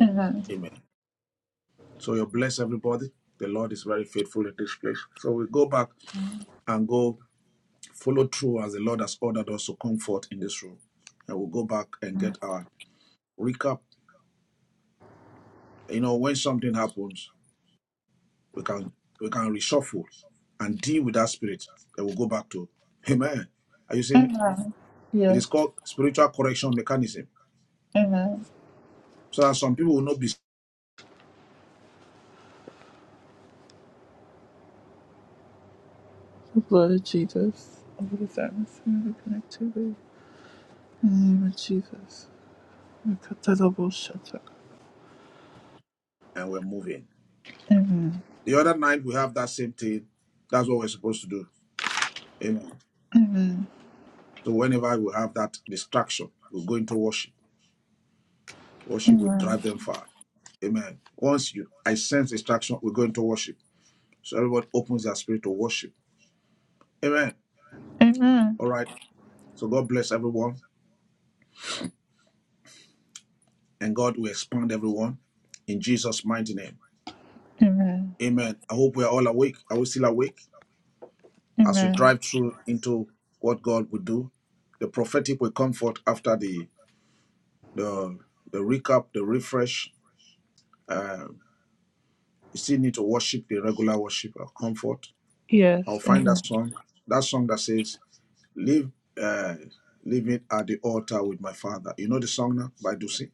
S1: Amen.
S2: Amen. So you bless everybody. The Lord is very faithful in this place. So we go back and go follow through as the Lord has ordered us to come forth in this room. And we'll go back and get our recap You know, when something happens, we can we can reshuffle and deal with that spirit that we'll go back to. Amen. Are you seeing it?
S1: Amen.
S2: It
S1: Yes.
S2: is called spiritual correction mechanism.
S1: Amen.
S2: So that some people will not be s-
S1: The blood of Jesus. Over this atmosphere we connect to the name of Jesus. We cut that double shut up.
S2: and we're moving. The other night we have that same thing. That's what we're supposed to do. Amen. So whenever we have that distraction, we go into worship. Worship will drive
S1: Amen.
S2: them far. Amen. Once you I sense distraction, we are going to worship. So everyone opens their spirit to worship. Amen.
S1: Amen.
S2: All right. So God bless everyone. and God will expand everyone in Jesus' mighty name.
S1: Amen.
S2: Amen. I hope we are all awake. Are we still awake as we
S1: Amen.
S2: drive through into what God will do? The prophetic will comfort after the the the recap, the refresh. Uh, you still need to worship the regular worship of comfort.
S1: Yes.
S2: I'll find that
S1: Amen.
S2: song, that song that says, "Live, uh, leave it at the altar with my Father." You know the song now by Ducey.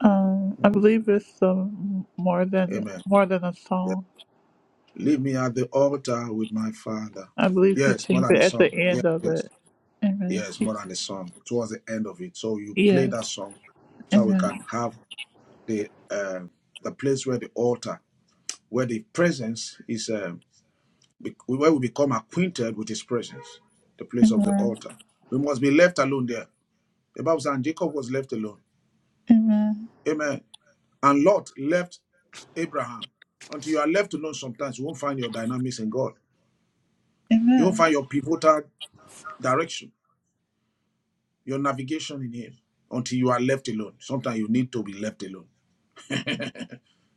S1: Um, I believe it's um, more than
S2: Amen.
S1: more than a song.
S2: Leave me at the altar with my father.
S1: I believe he
S2: Yes, more
S1: sings
S2: than
S1: it
S2: a
S1: at the
S2: song. Yes,
S1: end of
S2: yes,
S1: it. Amen.
S2: yes, more than a song. Towards the end of it, so you play
S1: Yes.
S2: that song, so we can
S1: Amen.
S2: have the uh, the place where the altar, where the presence is, uh, be- where we become acquainted with His presence, the place of the
S1: Amen.
S2: altar. We must be left alone there. The Bible says, and Jacob was left alone.
S1: Amen.
S2: Amen. And Lot left Abraham. Until you are left alone, sometimes you won't find your dynamics in God. You won't
S1: Amen.
S2: find your pivotal direction your navigation in Him until you are left alone. Sometimes you need to be left alone.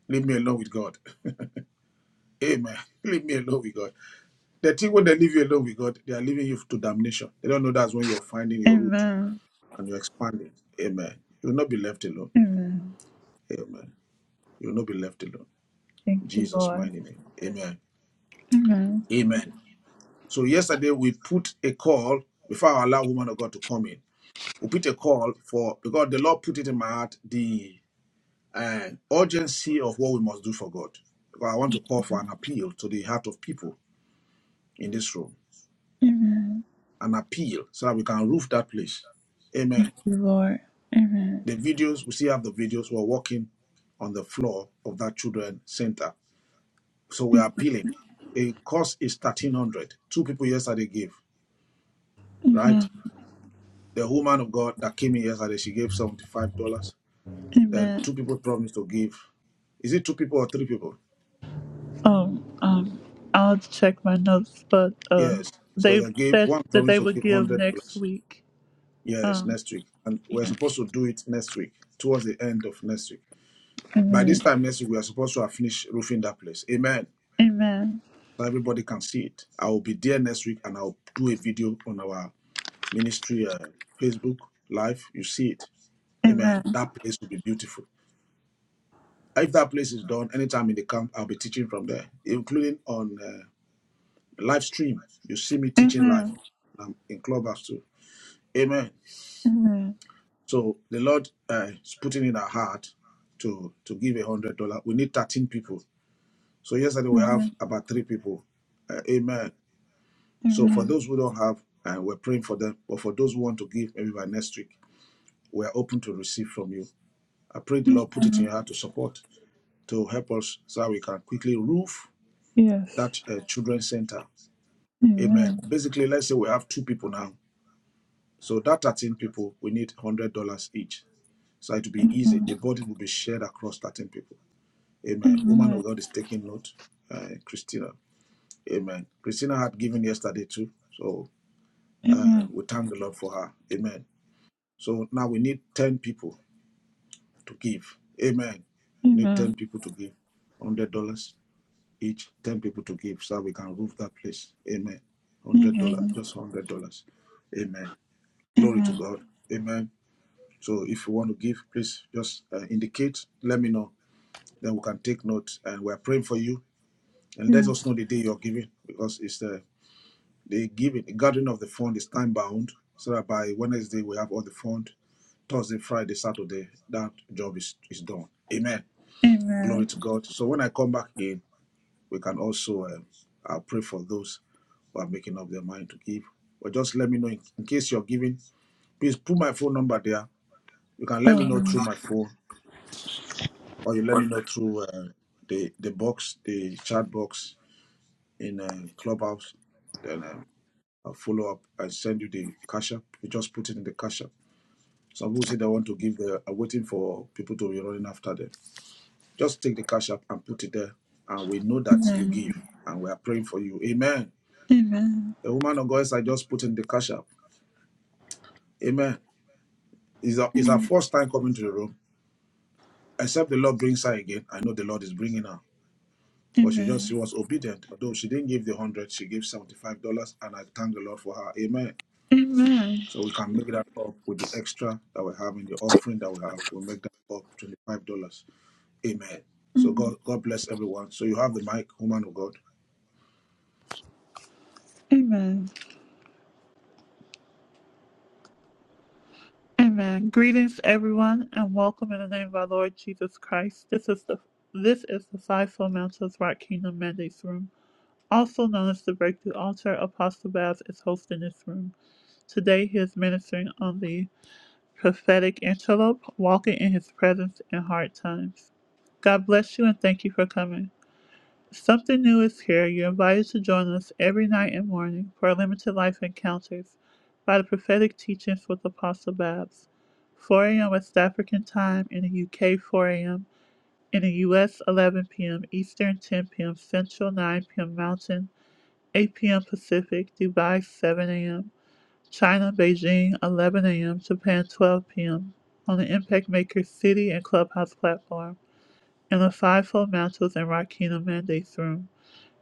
S2: Leave me alone with God. Amen. Leave me alone with God. The thing when they leave you alone with God, they are leaving you to damnation. They don't know that's when you're finding your root
S1: Amen.
S2: and you're expanding. Amen. You will not be left alone.
S1: Amen.
S2: Amen. You will not be left alone.
S1: Thank you,
S2: Jesus'
S1: Lord.
S2: mighty name. Amen.
S1: Amen.
S2: Amen. So yesterday we put a call before I allow woman of God to come in. We put a call for because the Lord put it in my heart. the. and urgency of what we must do for God. I want to call for an appeal to the heart of people in this room,
S1: Amen.
S2: an appeal so that we can roof that place. Amen.
S1: Thank you, Lord. Amen.
S2: The videos, we still have the videos, we're walking on the floor of that children center. So we're appealing. A cost is 1300 Two people yesterday gave, right?
S1: Amen.
S2: The woman of God that came in yesterday, she gave $75. Then
S1: Amen.
S2: two people promised to give. Is it two people or three people?
S1: Um, um, I'll check my notes, but um,
S2: Yes. So
S1: they
S2: they gave
S1: said
S2: one
S1: that
S2: promised
S1: they
S2: to
S1: would
S2: give
S1: give next
S2: $100.
S1: week.
S2: Yes,
S1: Um,
S2: next week. And we're supposed to do it next week, towards the end of next week. By this
S1: amen.
S2: time next week, we are supposed to have finished roofing that place. Amen.
S1: Amen.
S2: So everybody can see it. I will be there next week and I'll do a video on our ministry uh, Facebook live. You see it. Amen.
S1: Amen.
S2: That place will be beautiful. If that place is done, anytime in the camp, I'll be teaching from there, including on uh, live stream. You see me teaching live.
S1: Amen.
S2: I'm in clubhouse too. Amen.
S1: Amen.
S2: So the Lord uh, is putting in our heart to to give a hundred dollar. We need thirteen people. So yesterday we have
S1: Amen.
S2: about three people. Uh, amen. So for
S1: Amen.
S2: those who don't have, uh, we're praying for them. But for those who want to give, maybe by next week, we are open to receive from you. I pray the Lord put it in your
S1: Amen.
S2: heart to support, to help us, so that we can quickly roof
S1: Yes.
S2: that uh, children's center. Amen.
S1: Amen.
S2: Basically, let's say we have two people now. So that 13 people, we need $100 each. So it will be easy. The
S1: Amen.
S2: burden will be shared across 13 people. Amen. Woman of
S1: Amen.
S2: God is taking note. Uh, Christina. Amen. Christina had given yesterday too. So uh,
S1: Amen.
S2: we thank the Lord for her. Amen. So now we need 10 people to give. Amen. We need 10
S1: Amen.
S2: people to give. $100 each. 10 people to give so that we can roof that place. Amen. $100.
S1: Amen.
S2: Just $100. Amen. Glory to
S1: Amen.
S2: God. Amen. So if you want to give, please just uh, indicate. Let me know. Then we can take note. And we're praying for you and let us
S1: Yes.
S2: know the day you're giving because it's the the giving the gathering of the fund is time bound so that by Wednesday we have all the fund Thursday Friday Saturday that job is is done amen glory
S1: Amen.
S2: to God so when I come back in we can also um, I'll pray for those who are making up their mind to give or just let me know in, in case you're giving please put my phone number there you can let me
S1: Um,
S2: know through my phone or you let me
S1: Amen.
S2: know through uh, the the box the chat box in uh, clubhouse then um, I'll follow up and send you the cash app. You just put it in the cash app. Some people say they want to give the are waiting for people to be running after them. Just take the cash app and put it there. And we know that you
S1: Amen.
S2: give. And we are praying for you. Amen.
S1: Amen.
S2: The woman of God I just put in the cash app. Amen. It's our, it's our first time coming to the room. Except the Lord brings her again. I know the Lord is bringing her. But she just she was obedient. Although she didn't give the one hundred, she gave seventy-five dollars, and I thank the Lord for her. Amen.
S1: Amen.
S2: So we can make that up with the extra that we have in the offering that we have. We'll make that up $25. Amen. So
S1: Amen.
S2: God, God bless everyone. So you have the mic, woman of God.
S1: Amen. Amen. Greetings, everyone, and welcome in the name of our Lord Jesus Christ. This is the this is the Five Fundamentals Rock Kingdom Mandates Room, also known as the Breakthrough Altar. Apostle Babs is hosting this room today. He is ministering on the prophetic antelope, walking in His presence in hard times. God bless you, and thank you for coming. Something new is here. You're invited to join us every night and morning for our limited life encounters by the prophetic teachings with Apostle Babs. 4 a.m. West African time in the UK, 4 a.m. in the US, 11 p.m. Eastern, 10 p.m. Central, 9 p.m. Mountain, 8 p.m. Pacific, Dubai, 7 a.m. China, Beijing, 11 a.m. Japan, 12 p.m. on the Impact Maker City and Clubhouse platform in the Fivefold Mantles and Rakina Mandates room.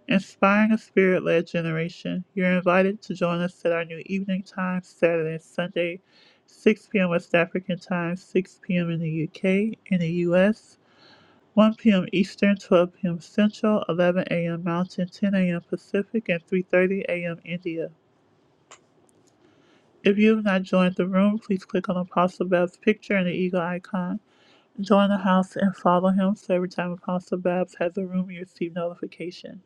S1: Inspiring a Spirit led generation, you're invited to join us at our new evening time, Saturday and Sunday, 6 p.m. West African time, 6 p.m. in the UK and the US, 1 p.m. Eastern, 12 p.m. Central, 11 a.m. Mountain, 10 a.m. Pacific, and 3.30 a.m. India. If you have not joined the room, please click on Apostle Babs' picture and the eagle icon. Join the house and follow him so every time Apostle Babs has a room, you receive notification.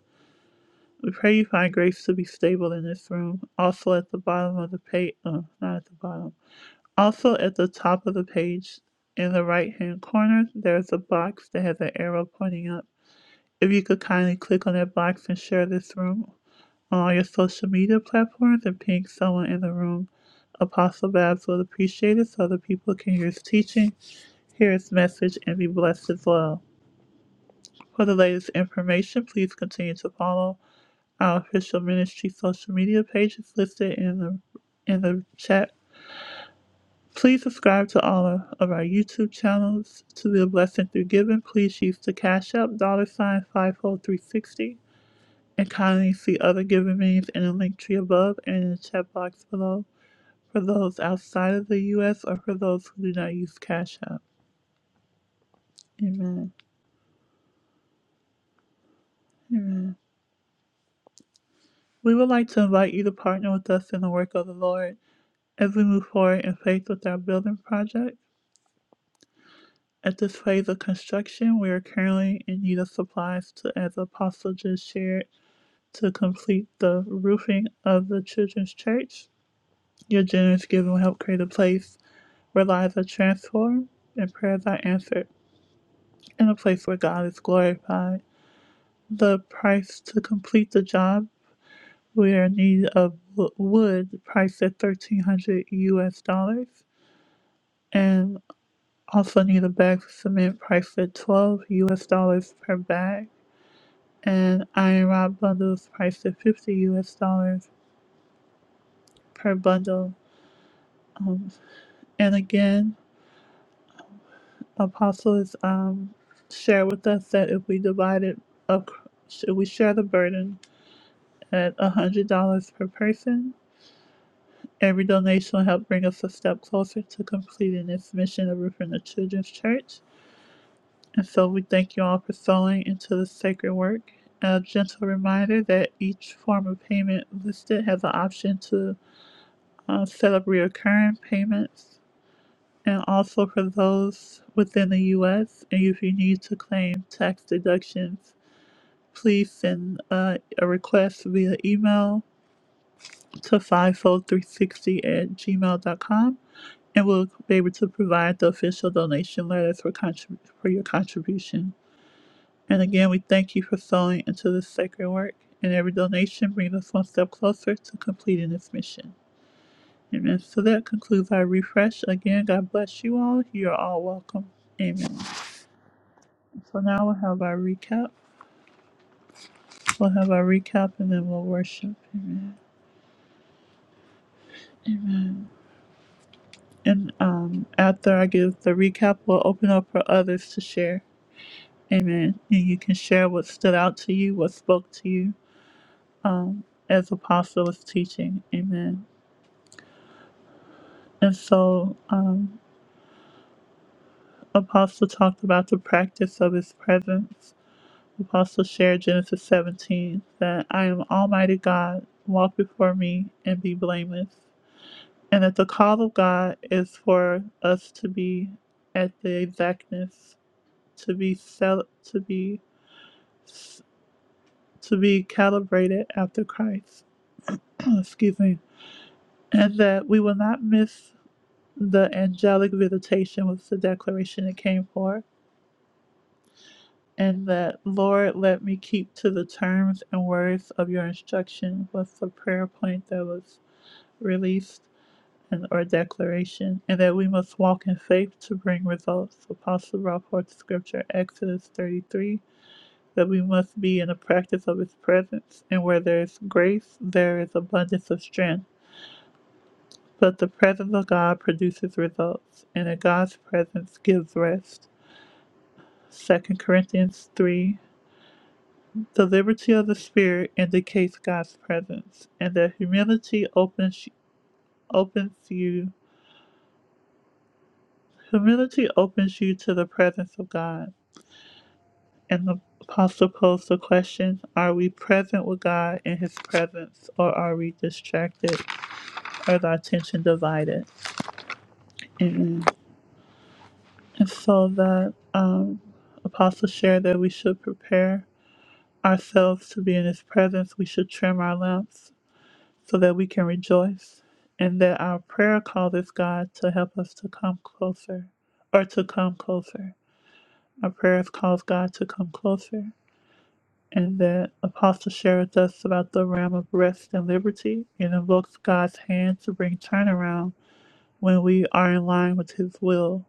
S1: We pray you find grace to be stable in this room. Also at the bottom of the page, uh, not at the bottom. Also at the top of the page, in the right-hand corner, there's a box that has an arrow pointing up. If you could kindly click on that box and share this room on all your social media platforms and ping someone in the room, Apostle Babs will appreciate it so other people can hear his teaching, hear his message, and be blessed as well. For the latest information, please continue to follow. Our official ministry social media page is listed in the in the chat. Please subscribe to all of our YouTube channels to be a blessing through giving. Please use the Cash App dollar sign five four three sixty and kindly see other giving means in the link tree above and in the chat box below for those outside of the U.S. or for those who do not use Cash App. Amen. Amen. We would like to invite you to partner with us in the work of the Lord as we move forward in faith with our building project. At this phase of construction, we are currently in need of supplies to, as Apostle just shared, to complete the roofing of the children's church. Your generous giving will help create a place where lives are transformed and prayers are answered, and a place where God is glorified. The price to complete the job, we are in need of wood priced at thirteen hundred U.S. dollars, and also need a bag of cement priced at twelve U.S. dollars per bag. and iron rod bundles priced at 50 US dollars per bundle. Um, and again, apostles um, shared with us that if we divide it, ac- should we share the burden at $100 per person, every donation will help bring us a step closer to completing this mission of Roof in the Children's Church. And so we thank you all for sowing into this sacred work. A gentle reminder that each form of payment listed has an option to uh, set up recurring payments, and also for those within the U.S. And if you need to claim tax deductions, please send uh, a request via email to 50360 at gmail.com, and we'll be able to provide the official donation letters for, contrib- for your contribution. And again, we thank you for sowing into this sacred work, and every donation brings us one step closer to completing this mission. Amen. So that concludes our refresh. Again, God bless you all. You are all welcome. Amen. So now we'll have our recap. We'll have our recap and then we'll worship. Amen. Amen. And um, after I give the recap, we'll open up for others to share. Amen. And you can share what stood out to you, what spoke to you um, as Apostle was teaching. Amen. And so um, Apostle talked about the practice of his presence We've also shared Genesis 17 that I am Almighty God, walk before me and be blameless. And that the call of God is for us to be at the exactness, to be cel- to be to be calibrated after Christ. Excuse me. And that we will not miss the angelic visitation was the declaration it came for. And that Lord let me keep to the terms and words of your instruction was the prayer point that was release, and or declaration, and that we must walk in faith to bring results. Apostle brought forth the scripture Exodus 33 that we must be in the practice of his presence, and where there is grace, there is abundance of strength. But the presence of God produces results, and in God's presence gives rest. Second Corinthians 3 The liberty of the Spirit indicates God's presence, and that humility opens, opens you. Humility opens you to the presence of God. And the apostle posed the question Are we present with God in his presence, or are we distracted? or is our attention divided? Amen. And so that um, apostle shared that we should prepare ourselves to be in his presence. We should trim our lamps so that we can rejoice, and that our prayer causes God to help us to come closer or to come closer. Our prayers cause God to come closer And that Apostle shared with us about the realm of rest and liberty. It invokes God's hand to bring turnaround when we are in line with His will,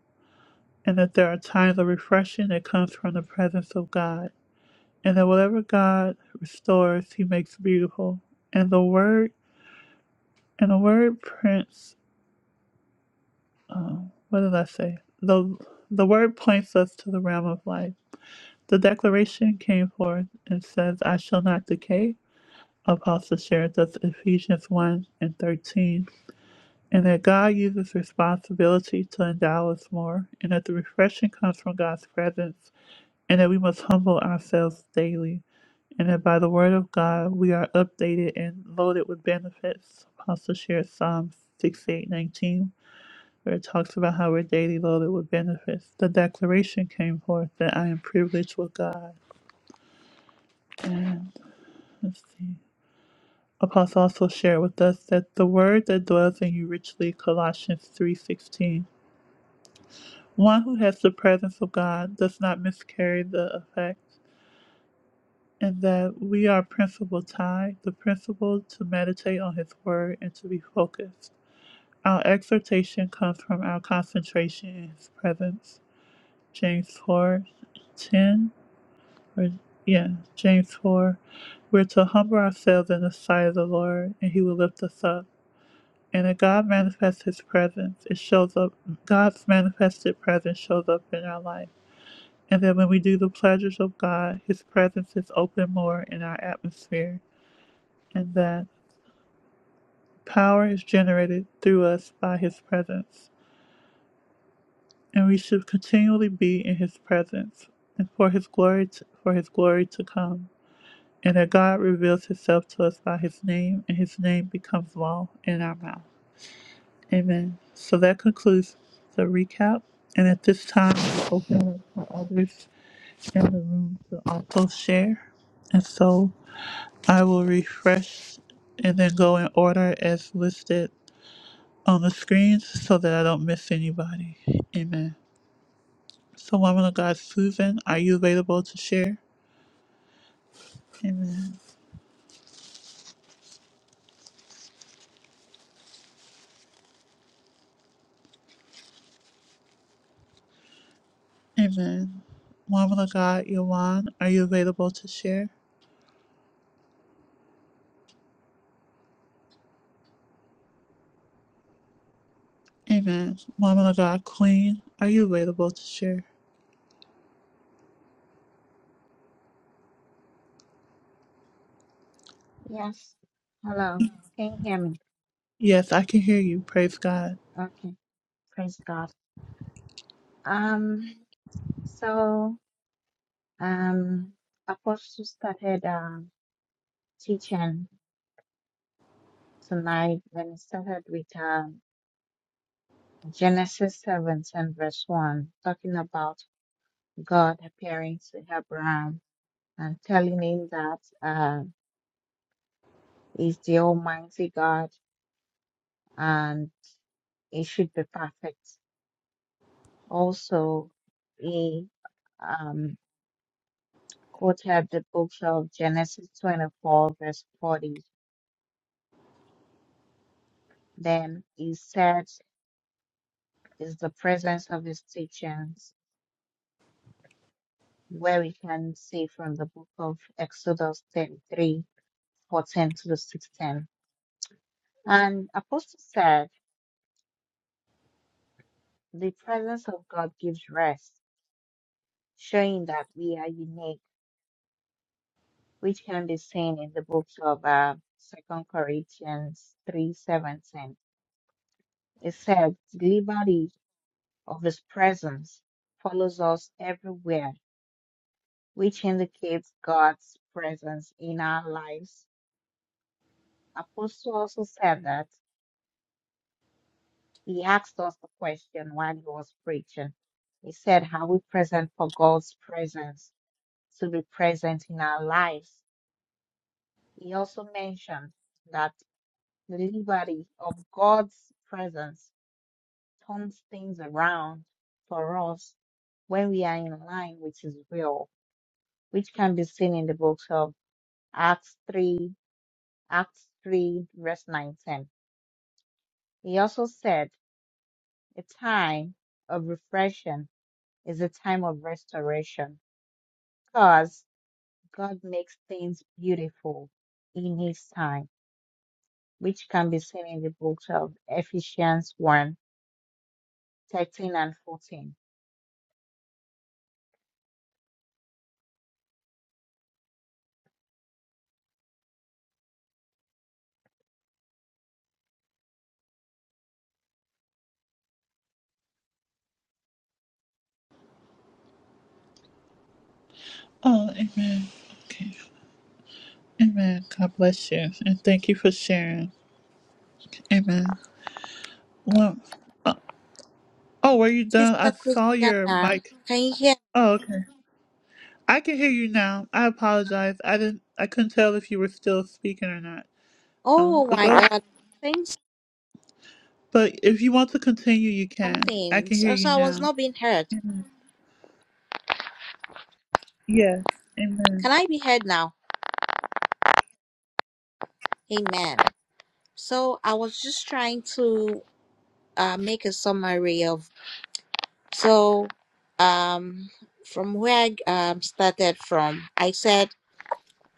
S1: and that there are times of refreshing that comes from the presence of God, and that whatever God restores, He makes beautiful. And the word and the word prints. Um, what did I say? The the word points us to the realm of life. The declaration came forth and says, "I shall not decay." Apostle shares us Ephesians 1 and 13, and that God uses responsibility to endow us more, and that the refreshing comes from God's presence, and that we must humble ourselves daily, and that by the word of God we are updated and loaded with benefits. Apostle shares Psalm 68:19, where it talks about how we're daily loaded with benefits. The declaration came forth that I am privileged with God. And let's see. Apostle also shared with us that the word that dwells in you richly, Colossians 3.16. One who has the presence of God does not miscarry the effect, and that we are principal tied, the principle to meditate on his word and to be focused. Our exhortation comes from our concentration in his presence. James 4:10. 10, or yeah, James 4. We're to humble ourselves in the sight of the Lord, and he will lift us up. And if God manifests his presence, it shows up God's manifested presence shows up in our life. And then when we do the pleasures of God, his presence is open more in our atmosphere. And that power is generated through us by his presence. And we should continually be in his presence and for his glory to, for his glory to come. And that God reveals himself to us by his name and his name becomes law in our mouth. Amen. So that concludes the recap. And at this time, we open up for others in the room to also share. And so I will refresh and then go in order as listed on the screens so that I don't miss anybody. Amen. So, woman of God, Susan, are you available to share? Amen. Amen. Woman of God, Yawan, are you available to share? Amen. Woman of God, Queen, are you available to share?
S3: Yes. Hello. Can you hear me?
S1: Yes, I can hear you. Praise God.
S3: Okay. Praise God. Um, so, um, Apostle started uh, teaching tonight when he started with uh, Genesis 7 and verse 1, talking about God appearing to Abraham and telling him that uh, he's the Almighty God and he should be perfect. Also, we um, quoted the book of Genesis 24, verse 40. Then he said, is the presence of his teachings, where we can see from the book of Exodus 33, 14 to 16. And Apostle said, the presence of God gives rest, showing that we are unique, which can be seen in the books of uh, 2 Corinthians 3:17. It said, of His presence follows us everywhere, which indicates God's presence in our lives. Apostle also said that he asked us the question while he was preaching. He said, Are we present for God's presence to be present in our lives? He also mentioned that the liberty of God's presence turns things around for us when we are in line with His will, which can be seen in the books of Acts 3, Acts 3, verse 19. He also said, a time of refreshing is a time of restoration because God makes things beautiful in his time, which can be seen in the books of Ephesians one, 13, and 14.
S1: Oh, amen. Okay. Amen. God bless you. And thank you for sharing. Amen. Well, uh, oh, were you done?
S3: Sister
S1: I saw your
S3: Christiana,
S1: mic.
S3: can you hear?
S1: Oh, okay. I can hear you now. I apologize. I didn't, I couldn't tell if you were still speaking or not. Um,
S3: Oh
S1: but
S3: my
S1: go
S3: God, saying
S1: But if you want to continue, you can. I
S3: something.
S1: can hear
S3: So, so
S1: you
S3: I
S1: now.
S3: was not being heard.
S1: Amen. Yes. Amen.
S3: Can I be heard now? Amen. So I was just trying to. uh, make a summary of so um, from where I um, started from. I said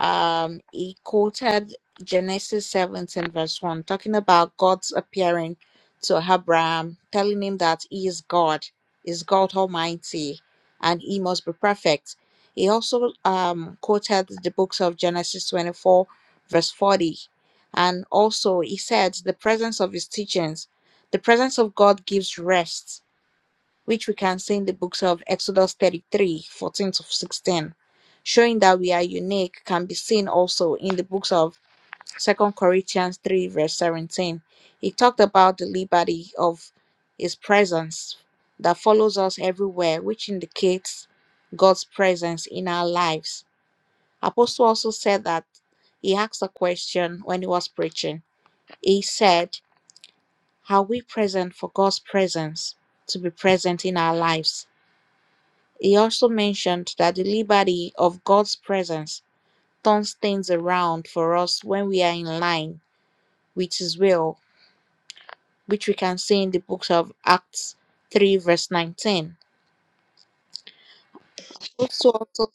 S3: um he quoted Genesis 17 verse 1 talking about God's appearing to Abraham telling him that he is God is God almighty and he must be perfect he also um quoted the books of Genesis 24 verse 40 and also he said the presence of his teachings the presence of God gives rest which we can see in the books of Exodus 33 14 to 16. Showing that we are unique can be seen also in the books of Second Corinthians 3, verse 17. He talked about the liberty of his presence that follows us everywhere, which indicates God's presence in our lives. Apostle also said that he asked a question when he was preaching. He said, Are we present for God's presence to be present in our lives? He also mentioned that the liberty of God's presence turns things around for us when we are in line with His will, which we can see in the books of Acts 3, verse 19. Also, also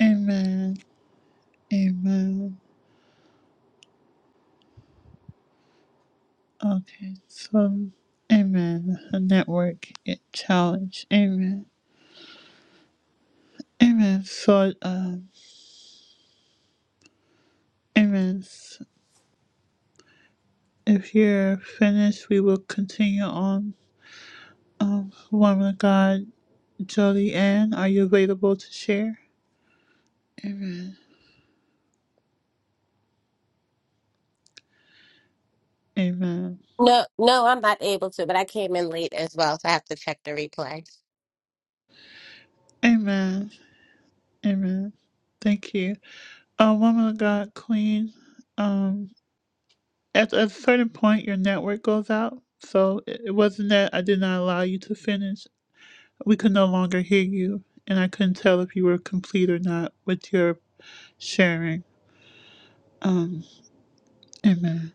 S1: Amen. Amen. Okay, so amen. A network i- challenge. Amen. Amen. So, um, amen. S- If you're finished, we will continue on. Um, woman of God, Jolie Ann, are you available to share? Amen. Amen.
S8: No, no, I'm not able to, but I came in late as well, so I have to check the replay.
S1: Amen. Amen. Thank you. Uh, woman of God, Queen. Um, at a certain point, your network goes out. So it it wasn't that I did not allow you to finish We could no longer hear you, and I couldn't tell if you were complete or not with your sharing. Um, amen.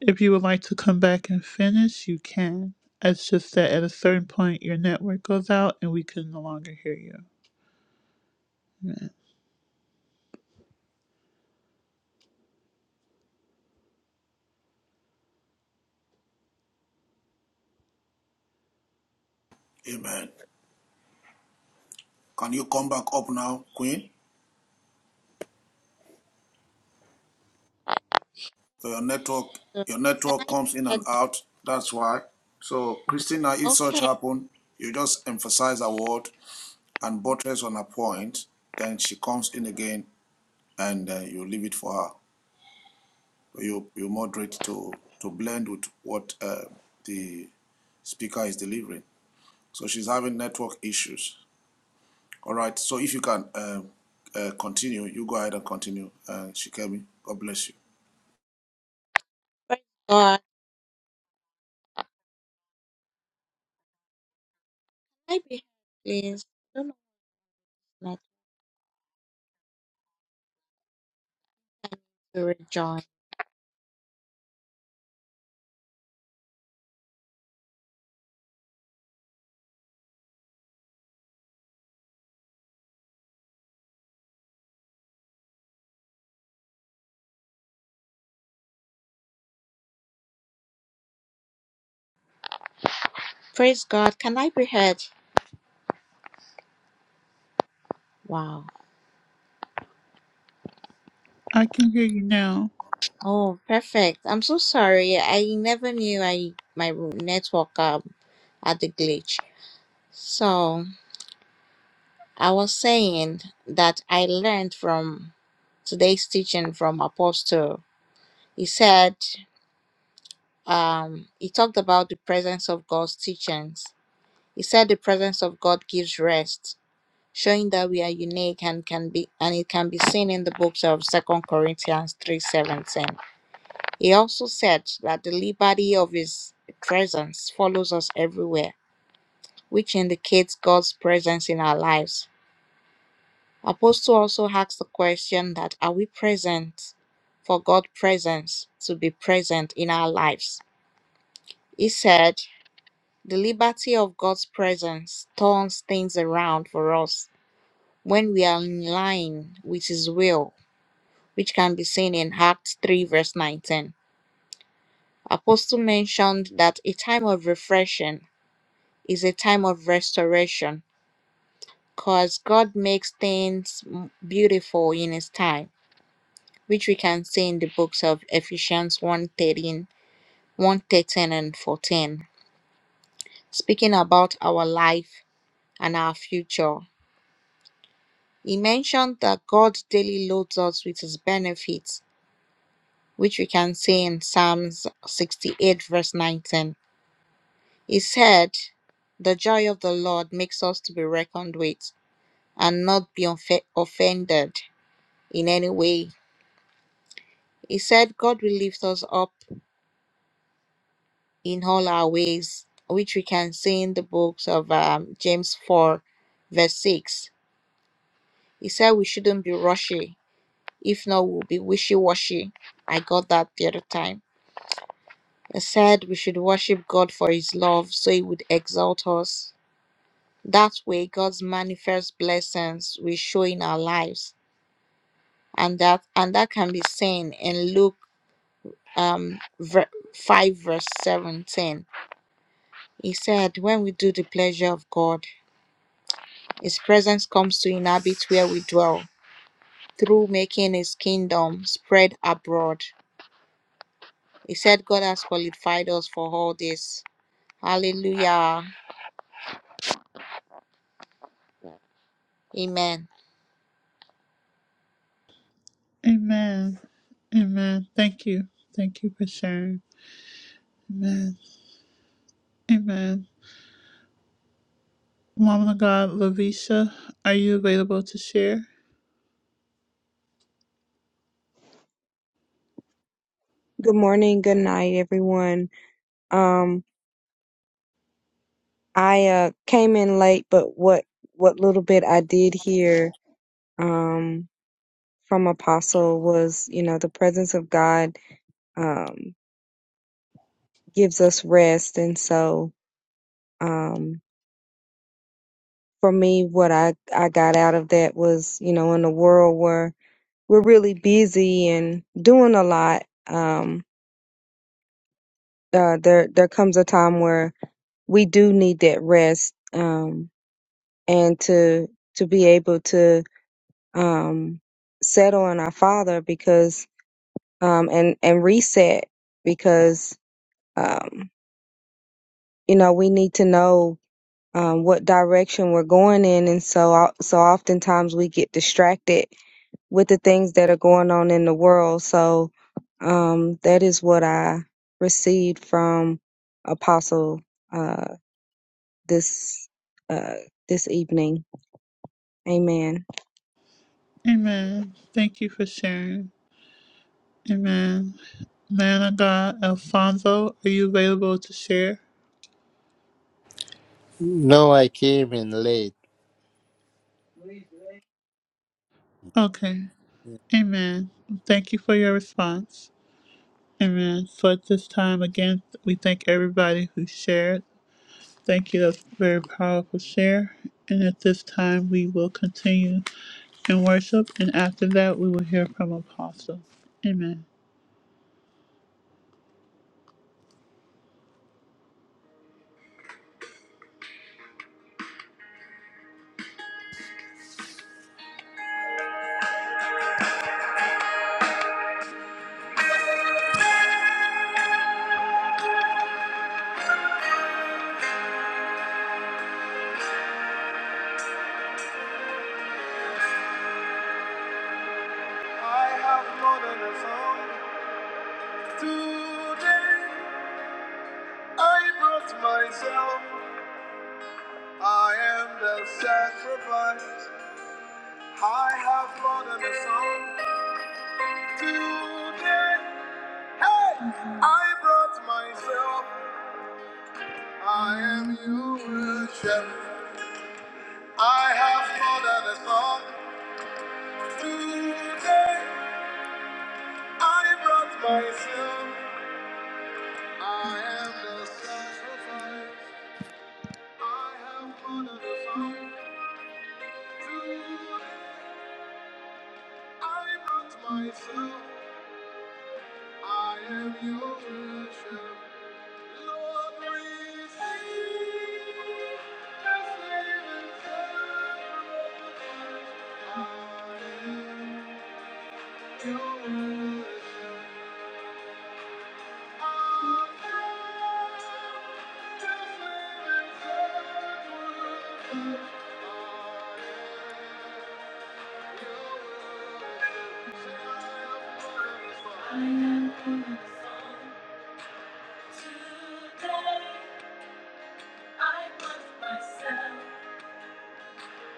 S1: If you would like to come back and finish, you can. It's just that at a certain point, your network goes out and we can no longer hear you.
S9: Amen. Can you come back up now, Queen? So your network,
S3: can
S9: your
S3: I
S9: network
S3: be
S9: comes in and
S3: heard
S9: out. That's why. So
S3: now?
S9: Christina, if such
S3: Okay,
S9: happen, you just emphasize a word and buttress on a point. Then she comes in again, and uh, you leave it for her. You you moderate to to blend with what uh, the speaker is delivering. So she's having network issues. All right. So if you can uh, uh, continue, you go ahead and continue. Uh, Shikemi, God bless you.
S3: praise God. Can I be heard, please? I don't know not to rejoin. Praise God. Can I be heard? Wow.
S1: I can hear you now.
S3: Oh, perfect. I'm so sorry. I never knew I my network um, had a glitch. So. I was saying that I learned from today's teaching from Apostle. He said, um, he talked about the presence of God's teachings. He said the presence of God gives rest, showing that we are unique and can be and it can be seen in the books of Second Corinthians three seventeen. He also said that the liberty of his presence follows us everywhere, which indicates God's presence in our lives Apostle also asks the question that are we present for God's presence to be present in our lives? He said, the liberty of God's presence turns things around for us when we are in line with His will, which can be seen in Acts 3, verse 19. Apostle mentioned that a time of refreshing is a time of restoration because God makes things m- beautiful in His time. which we can see in the books of Ephesians one thirteen, one thirteen and 14, speaking about our life and our future. He mentioned that God daily loads us with his benefits, which we can see in Psalms 68, verse 19. He said, The joy of the Lord makes us to be reckoned with and not be offe- offended in any way. He said, God will lift us up in all our ways, which we can see in the books of um, James 4, verse 6. He said we shouldn't be rushy, if not, we'll be wishy washy. I got that the other time. He said we should worship God for His love so He would exalt us. That way, God's manifest blessings will show in our lives, and that and that can be seen in Luke um ver- five verse seventeen. He said, "When we do the pleasure of God, His presence comes to inhabit where we dwell through making his kingdom spread abroad. He said God has qualified us for all this. Hallelujah. Amen.
S1: Amen. Amen. Thank you. Thank you for sharing. Amen. Amen. Woman of God, Lavisha, are you available to share?
S7: Good morning, good night, everyone. Um, I uh, came in late, but what what little bit I did hear um, from Apostle was, you know, the presence of God um, gives us rest, and so um, for me, what I I got out of that was, you know, in a world where we're really busy and doing a lot, um, uh, there there comes a time where we do need that rest. Um, and to to be able to um, settle in our Father because um, and and reset because um, you know we need to know um, what direction we're going in, and so o- so oftentimes we get distracted with the things that are going on in the world. So um, that is what I received from Apostle uh, this uh, this evening. Amen.
S1: Amen. Thank you for sharing. Amen. Man of God, Alfonso, are you available to share?
S6: No, I came in late.
S1: Okay. Amen. Thank you for your response. Amen. So at this time, again, we thank everybody who shared. Thank you. That's a very powerful share. And at this time, we will continue in worship. And after that, we will hear from Apostle. Amen. I have more a song. Today, I brought myself. I am the sacrifice. I have blood and a song. Today, hey, I brought myself. I am your worship. I have blood and a song. Today, I brought myself. I am the sacrifice. I have blood and a song. Today, I brought myself. I am your worship. I am on the phone today. I love myself.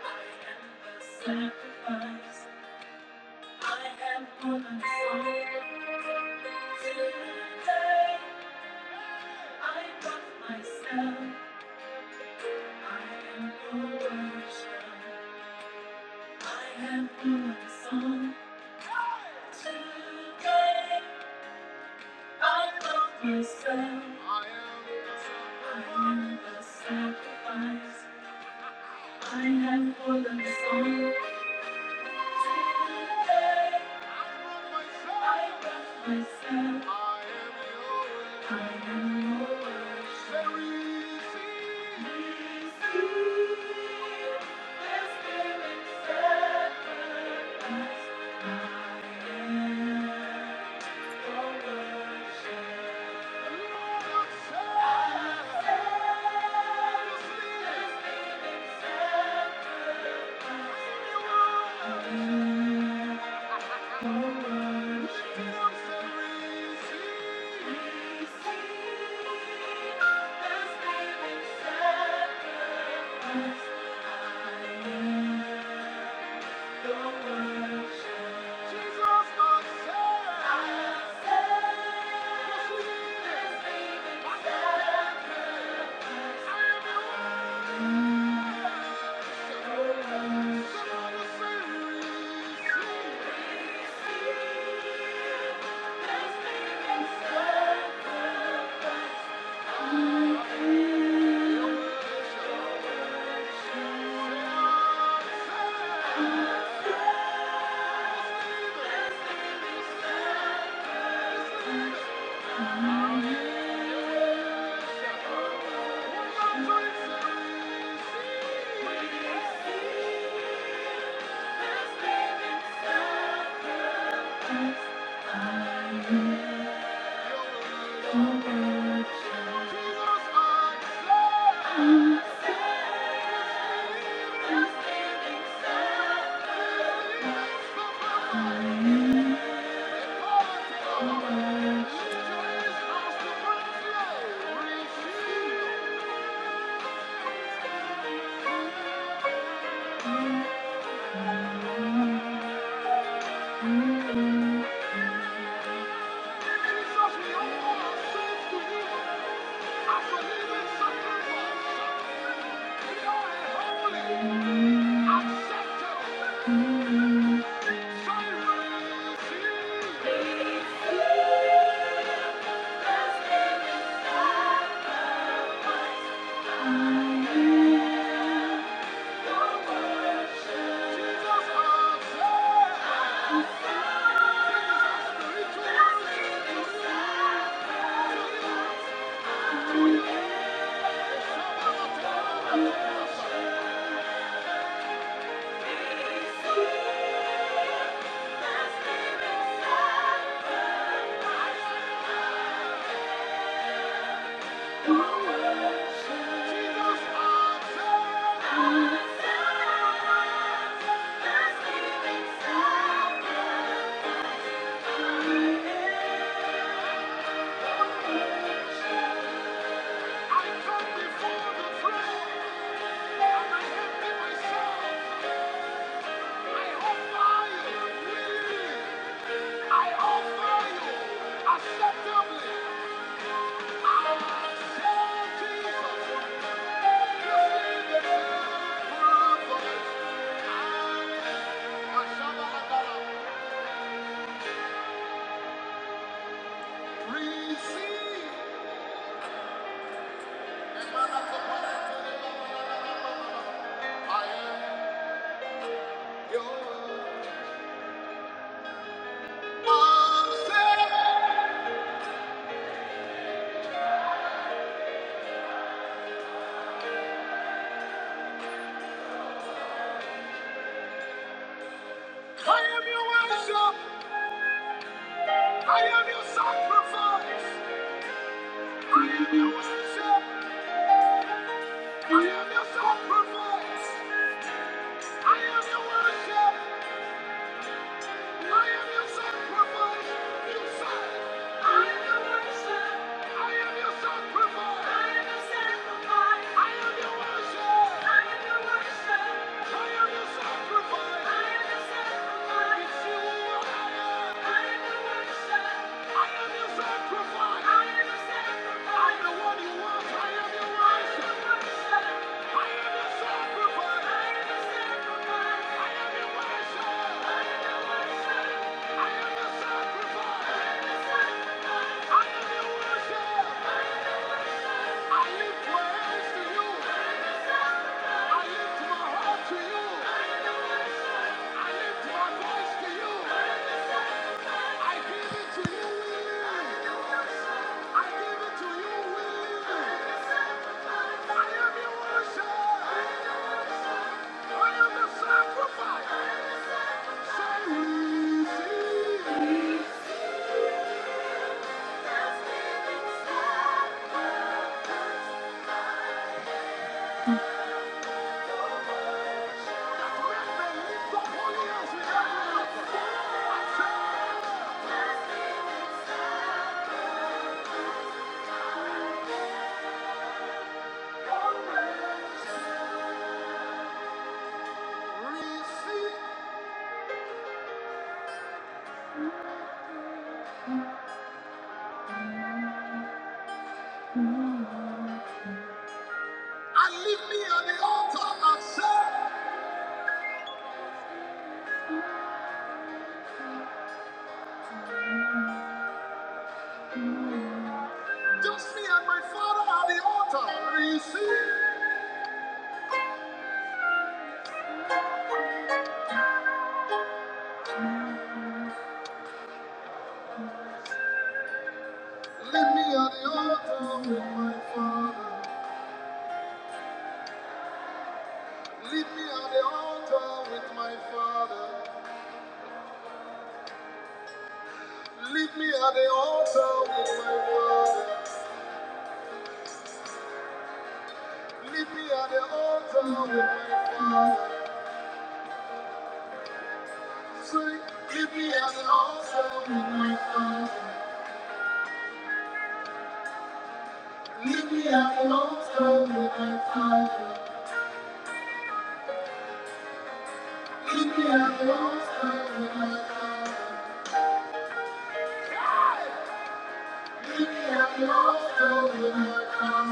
S1: I am the sacrifice. I am on the phone today. I love myself. I am your worship. I have no other song today. I love myself. I am the sacrifice. I have no other song. I Yeah. Thank you. Jesus, my Thank you. Thank you. Acceptably. Receive I am your I I am your worship. I am your sacrifice. I am your worship. I am your sacrifice. I am your worship. Thank you. I leave me at the altar and say, just me and my father at the altar. Receive. Leave me at the altar with my father. Leave me at the altar with my father. Leave me at the altar with my father. Leave me at the altar with my father. Say, leave me at the altar with my father. Leave me at the altar with my father. leave me here. I'm with my father. I shall, so leave me at the altar. With my father,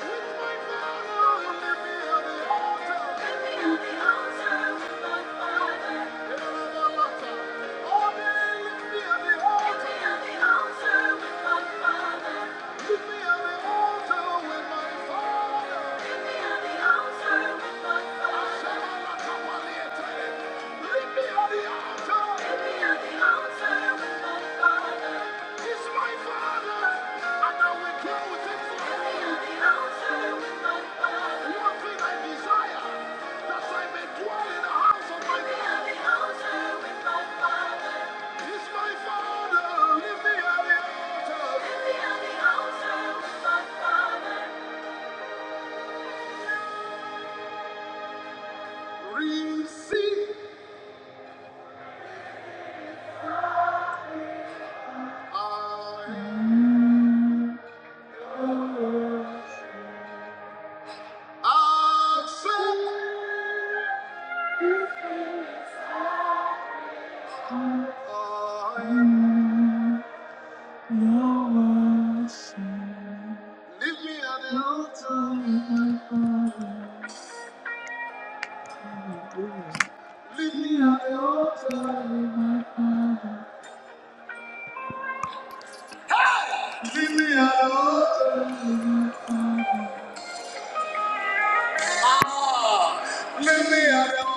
S1: leave me at the altar. Leave me on the altar! with my father. me on the altar. with my father. Accept, I am your worship. Meet me at the altar. Ah, meet me at the altar.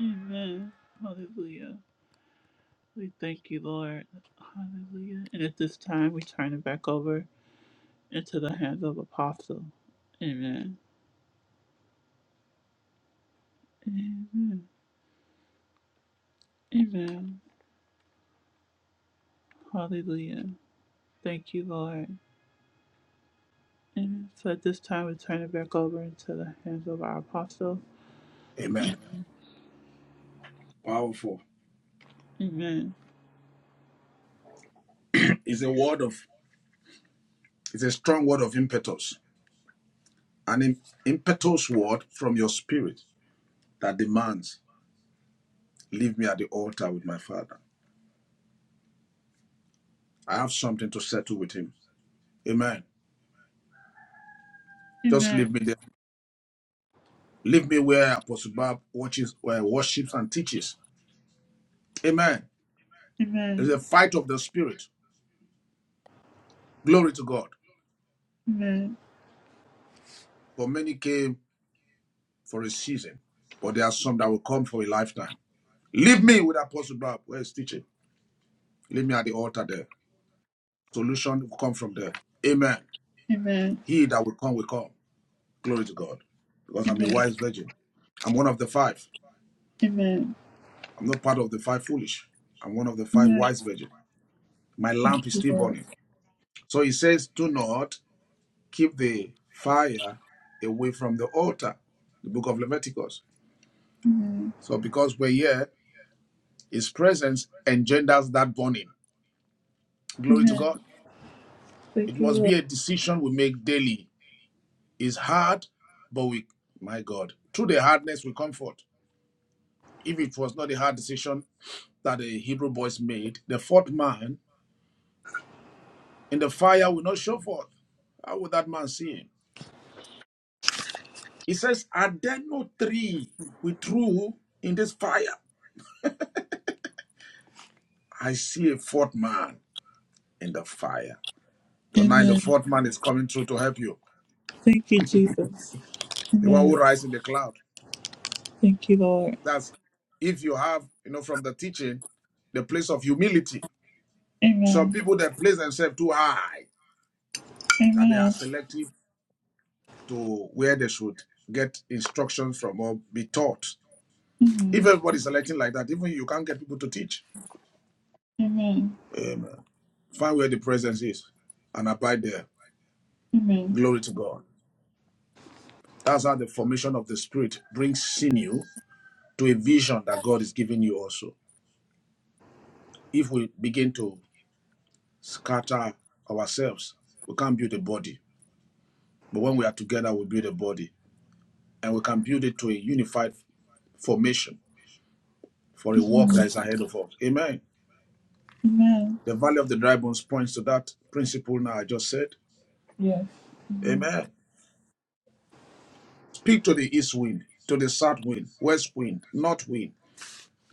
S1: Amen. Hallelujah. We thank you, Lord. Hallelujah. And at this time, we turn it back over into the hands of Apostle. Amen. Amen. Amen. Hallelujah. Thank you, Lord. Amen. So at this time, we turn it back over into the hands of our Apostle.
S2: Amen. Powerful.
S1: Amen.
S2: It's a word of, it's a strong word of impetus. An im- impetus word from your spirit that demands, leave me at the altar with my father. I have something to settle with him. Amen. Just
S1: Amen.
S2: leave me there. Leave me where Apostle Bob watches, where worships and teaches. Amen. It's
S1: Amen.
S2: a fight of the spirit. Glory to God.
S1: Amen.
S2: For many came for a season, but there are some that will come for a lifetime. Leave me with Apostle Bob, where he's teaching. Leave me at the altar there. Solution will come from there. Amen.
S1: Amen.
S2: He that will come will come. Glory to God. Because I'm a
S1: Amen.
S2: wise virgin. I'm one of the five.
S1: Amen.
S2: I'm not part of the five foolish. I'm one of the five
S1: Amen.
S2: wise virgin. My
S1: Thank
S2: lamp is
S1: you,
S2: still
S1: Lord.
S2: burning. So he says, Do not keep the fire away from the altar. The book of Leviticus.
S1: Amen.
S2: So because we're here, His presence engenders that burning. Glory to
S1: Amen.
S2: God.
S1: Thank
S2: It
S1: you,
S2: must
S1: Lord.
S2: be a decision we make daily. It's hard, but we, my God, through the hardness we comfort. If it was not a hard decision that the Hebrew boys made, the fourth man in the fire will not show forth. How would that man see him? He says, Are there no three with true in this fire? I see a fourth man in the fire. Tonight, the
S1: Amen.
S2: fourth man is coming through to help you.
S1: Thank you, Jesus.
S2: The one who
S1: Amen.
S2: rises in the cloud. That's if you have, you know, from the teaching, the place of humility. Some
S1: Amen.
S2: people that place themselves too high, that they are
S1: Amen.
S2: selective to where they should get instructions from or be taught. If
S1: Amen.
S2: everybody's selecting like that, even you can't get people to teach.
S1: Amen.
S2: Amen. Find where the presence is and abide there.
S1: Amen.
S2: Glory to God. That's how the formation of the spirit brings sinew to a vision that God is giving you also. If we begin to scatter ourselves, we can't build a body. But when we are together, we build a body and we can build it to a unified formation for a work that is ahead of us. Amen.
S1: Amen.
S2: The valley of the dry bones points to that principle now I just said. Amen. Speak to the east wind, to the south wind, west wind, north wind,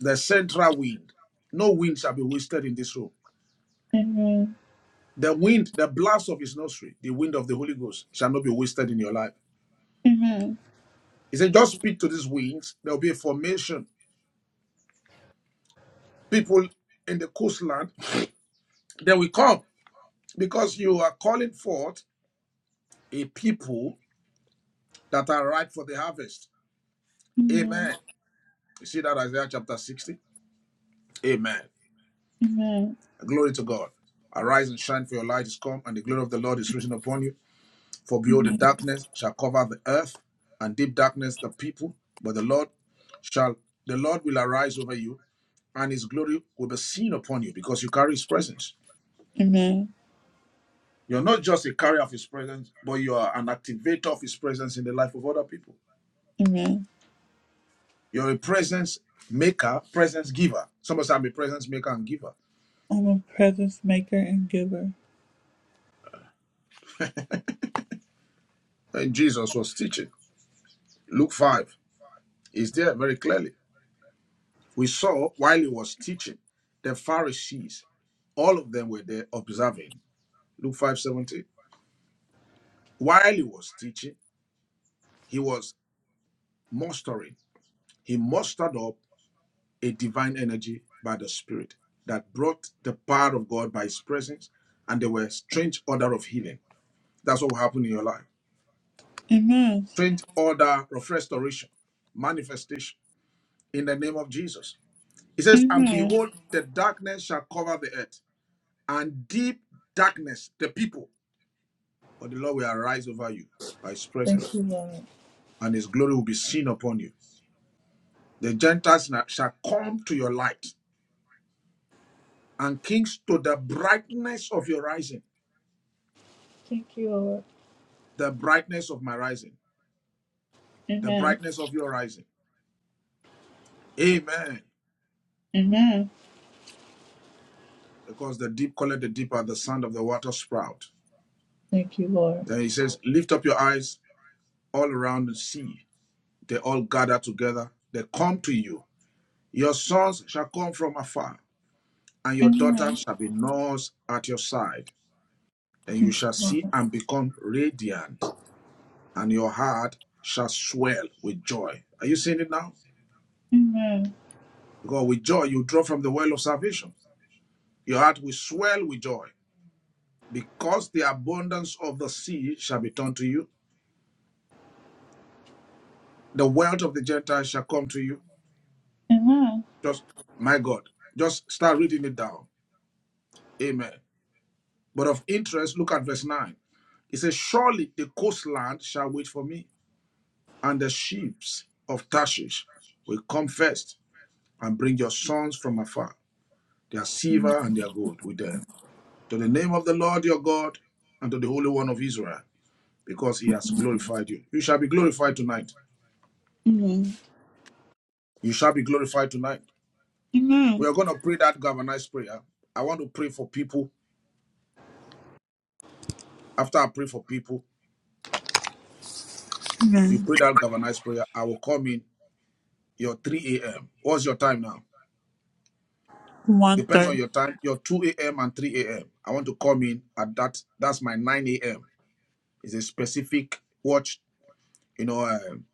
S2: the central wind. No wind shall be wasted in this room.
S1: Amen.
S2: The wind, the blast of his nostril, the wind of the Holy Ghost shall not be wasted in your life.
S1: Amen. Amen.
S2: He said, just speak to these winds. There will be a formation. People in the coastland, they will come because you are calling forth a people that are ripe for the harvest. Amen. You see that Isaiah chapter 60? Amen.
S1: Amen. Amen.
S2: Glory to God. Arise and shine, for your light is come, and the glory of the Lord is risen upon you. For behold, the darkness shall cover the earth, and deep darkness the people. But the Lord shall, the Lord will arise over you, and his glory will be seen upon you, because you carry his presence.
S1: Amen.
S2: You're not just a carrier of his presence, but you are an activator of his presence in the life of other people.
S1: Amen.
S2: You're a presence maker, presence giver. Somebody said, I'm a presence maker and giver.
S1: I'm a presence maker and giver.
S2: And Jesus was teaching. Luke 5 is there very clearly. We saw while he was teaching, the Pharisees, all of them were there observing. Luke 5 17. While he was teaching, he was mustering. He mustered up a divine energy by the Spirit that brought the power of God by his presence, and there were strange order of healing. That's what will happen in your life.
S1: Amen.
S2: strange order of restoration, manifestation in the name of Jesus. He says, And
S1: Amen.
S2: behold, the darkness shall cover the earth, and deep darkness the people. But the Lord will arise over you by his
S1: Thank
S2: presence,
S1: you, Lord.
S2: and his glory will be seen upon you. The Gentiles na- shall come to your light, and kings to the brightness of your rising. The brightness of my rising, the
S1: Amen.
S2: brightness of your rising. Amen.
S1: Amen.
S2: Because the deep calleth the deep at the sound of the water sprout.
S1: Thank you, Lord.
S2: Then he says, Lift up your eyes all around the sea. They all gather together. They come to you. Your sons shall come from afar, and your
S1: Amen.
S2: daughters shall be nurse at your side. And you shall see and become radiant, and your heart shall swell with joy. Are you seeing it now?
S1: Amen.
S2: Because with joy you draw from the well of salvation. Your heart will swell with joy, because the abundance of the sea shall be turned to you. The wealth of the Gentiles shall come to you.
S1: Amen.
S2: Just, my God, just start reading it down. Amen. But of interest, look at verse 9. It says, Surely the coastland shall wait for me, and the ships of Tarshish will come first and bring your sons from afar, their silver and their gold with them, to the name of the Lord your God and to the Holy One of Israel, because he has glorified you. You shall be glorified tonight.
S1: Amen.
S2: You shall be glorified tonight. We
S1: Amen.
S2: are going to pray that galvanized prayer. I want to pray for people. After I pray for people, you pray that galvanized prayer. I will come in your 3 a.m. What's your time now? Depends
S1: 1:30.
S2: on your time, your 2 a.m. and 3 a.m. I want to come in at that. That's my 9 a.m. It's a specific watch, you know, um,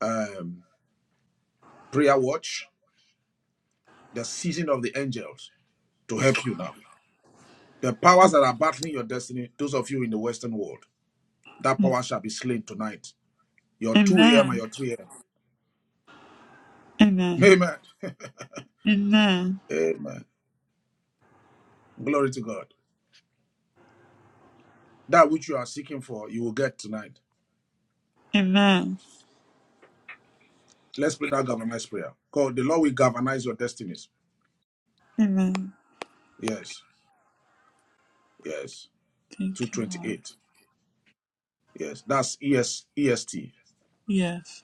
S2: um, prayer watch, the season of the angels to help you now. The powers that are battling your destiny, those of you in the Western world, that
S1: Amen.
S2: power shall be slain tonight. Your 2 a.m. and
S1: Amen.
S2: your 3 a.m.
S1: Amen.
S2: Amen. Amen. Glory to God. That which you are seeking for, you will get tonight.
S1: Amen.
S2: Let's pray that galvanized prayer. God, the Lord will galvanize your destinies.
S1: Amen.
S2: Yes. Yes.
S1: Thank you, Lord.
S2: 228. Yes, that's ES, EST.
S1: Yes.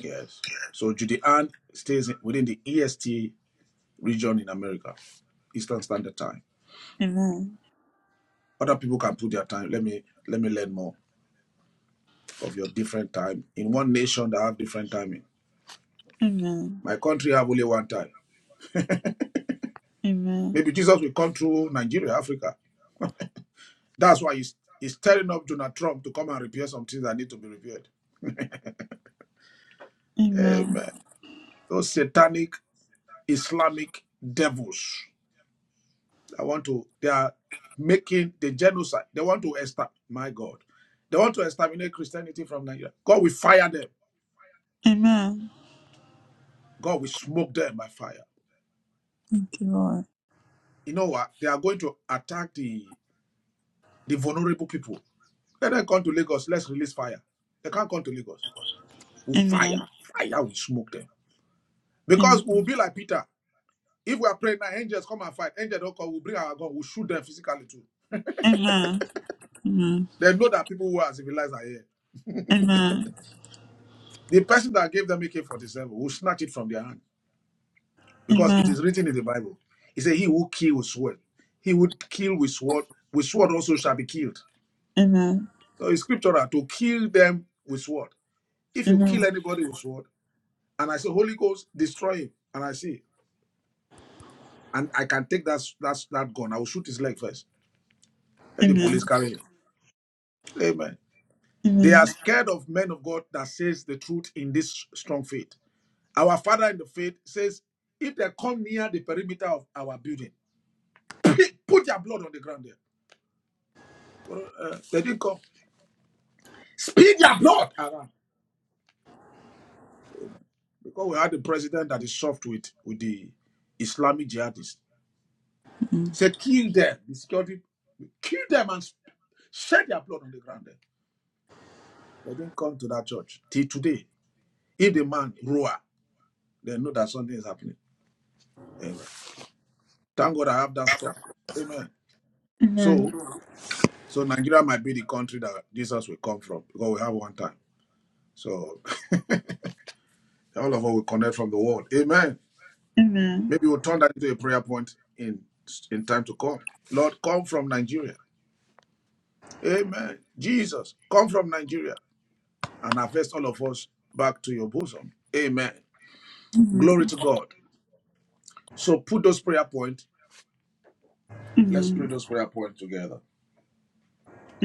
S2: Yes. So Judean stays within the EST region in America, Eastern Standard Time.
S1: Amen.
S2: Other people can put their time. Let me let me learn more of your different time in one nation that have different timing.
S1: Amen.
S2: My country have only one time.
S1: Amen.
S2: Maybe Jesus will come through Nigeria, Africa. That's why he's he's telling up Donald Trump to come and repair some things that need to be repaired.
S1: Amen.
S2: Amen. Those satanic Islamic devils I want to, they are making the genocide. They want to exterminate, my God. They want to exterminate Christianity from Nigeria. God will fire them.
S1: Amen.
S2: God will smoke them by fire.
S1: Thank you, Lord.
S2: You know what? They are going to attack the, the vulnerable people. Let them come to Lagos. Let's release fire. They can't come to Lagos. We'll fire.
S1: Amen.
S2: Fire will smoke them. Because
S1: Amen.
S2: we'll be like Peter. If we are praying now, angels come and fight. Angels don't come. We'll bring our gun. We'll shoot them physically too.
S1: Amen. Amen.
S2: They know that people who are civilized are here.
S1: Amen.
S2: The person that gave them AK 47 will snatch it from their hand because it
S1: Amen.
S2: is written in the Bible. He said, "He who kills with sword, he would kill with sword. With sword also shall be killed." So it's scriptural to kill them with sword. If you kill
S1: Amen.
S2: anybody with sword, and I say, "Holy Ghost, destroy him," and I see, and I can take that that that gun, I will shoot his leg first. Let the police carry him. Amen.
S1: Amen. Amen. Amen.
S2: They
S1: Amen.
S2: are scared of men of God that says the truth in this strong faith. Our father in the faith says, if they come near the perimeter of our building, put your blood on the ground there. Uh, They didn't come. Speed their blood around. Because we had the president that is soft with, with the Islamic jihadists. Say, kill them, the security, kill them and shed their blood on the ground there. They didn't come to that church. Till today, if the man roar, they know that something is happening. Amen. Thank God I have that stock. Amen. So,
S1: Amen.
S2: so Nigeria might be the country that Jesus will come from because we have one time. So all of us will connect from the world. Amen. Maybe we'll turn that into a prayer point in in time to come. Lord, come from Nigeria. Amen. Jesus, come from Nigeria and harvest all of us back to your bosom. Amen. Glory
S1: Amen.
S2: to God. So put those prayer points. Let's pray
S1: Amen.
S2: those prayer points together.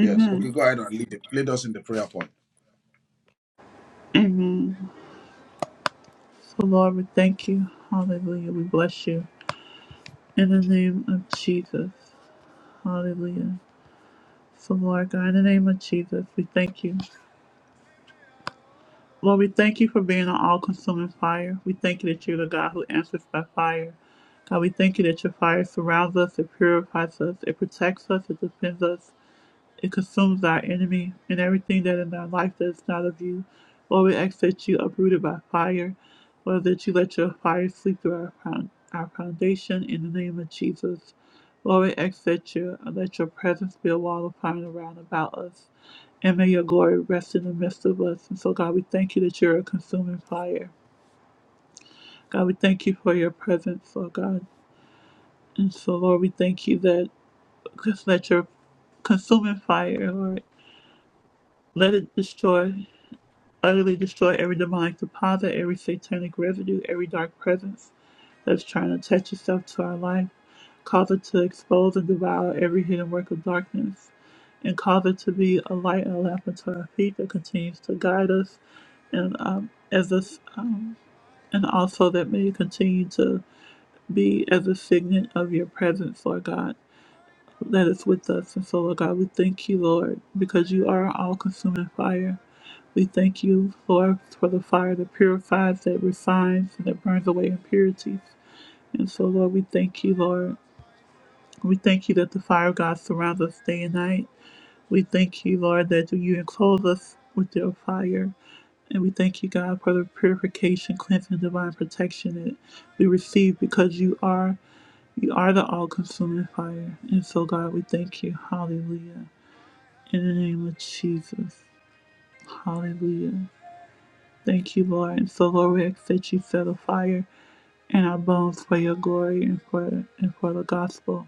S2: Yes. Okay, go ahead and lead, lead us in the prayer point.
S1: So, Lord, we thank you. Hallelujah. We bless you. In the name of Jesus. Hallelujah. So, Lord God, in the name of Jesus, we thank you. Lord, we thank you for being an all consuming fire. We thank you that you're the God who answers by fire. God, we thank you that your fire surrounds us, it purifies us, it protects us, it defends us, it consumes our enemy and everything that in our life that is not of you. Lord, we ask that you uprooted by fire, Lord, that you let your fire sweep through our, our foundation in the name of Jesus. Lord, we ask that you let your presence be a wall of fire around about us. And may your glory rest in the midst of us. And so, God, we thank you that you're a consuming fire. God, we thank you for your presence, Lord God. And so, Lord, we thank you that just let your consuming fire, Lord, let it destroy, utterly destroy every demonic deposit, every satanic residue, every dark presence that's trying to attach itself to our life. Cause it to expose and devour every hidden work of darkness, and cause it to be a light and a lamp unto our feet that continues to guide us, and um, as us, um, and also that may continue to be as a signet of your presence, Lord God. That is with us. And so, Lord God, we thank you, Lord, because you are all consuming fire. We thank you, Lord, for the fire that purifies, that refines, and that burns away impurities. And so, Lord, we thank you, Lord. We thank you that the fire of God surrounds us day and night. We thank you, Lord, that you enclose us with your fire. And we thank you, God, for the purification, cleansing, divine protection that we receive because you are you are the all consuming fire. And so God, we thank you. Hallelujah. In the name of Jesus. Hallelujah. Thank you, Lord. And so Lord, we accept you set a fire in our bones for your glory and for and for the gospel.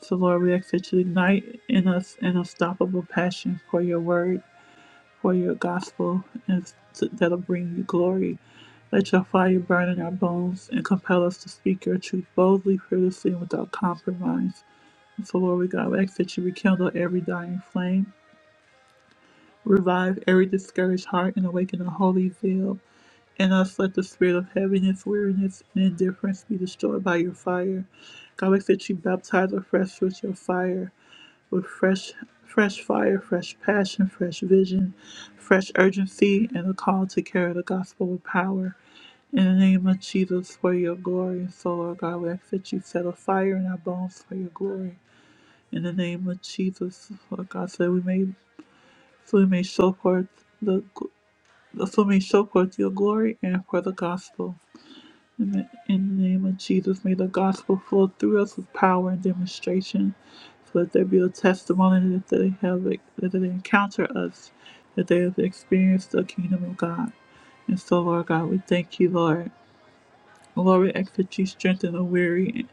S1: So, Lord, we ask that you ignite in us an unstoppable passion for your word, for your gospel, and that'll bring you glory. Let your fire burn in our bones and compel us to speak your truth boldly, fearlessly, and without compromise. And so, Lord, we God, we ask that you rekindle every dying flame, revive every discouraged heart, and awaken a holy zeal. In us, let the spirit of heaviness, weariness, and indifference be destroyed by your fire. God, we ask that you baptize afresh with your fire with fresh fresh fire, fresh passion, fresh vision, fresh urgency, and a call to carry the gospel with power. In the name of Jesus, for your glory. And so, Lord God, we ask that you set a fire in our bones for your glory. In the name of Jesus, Lord God, so we may so we may show forth the so we may show forth your glory and for the gospel. In the, in the name of Jesus, may the gospel flow through us with power and demonstration. So that there be a testimony that they have that they encounter us, that they have experienced the kingdom of God. And so, Lord God, we thank you, Lord. Lord, we ask that you strengthen the weary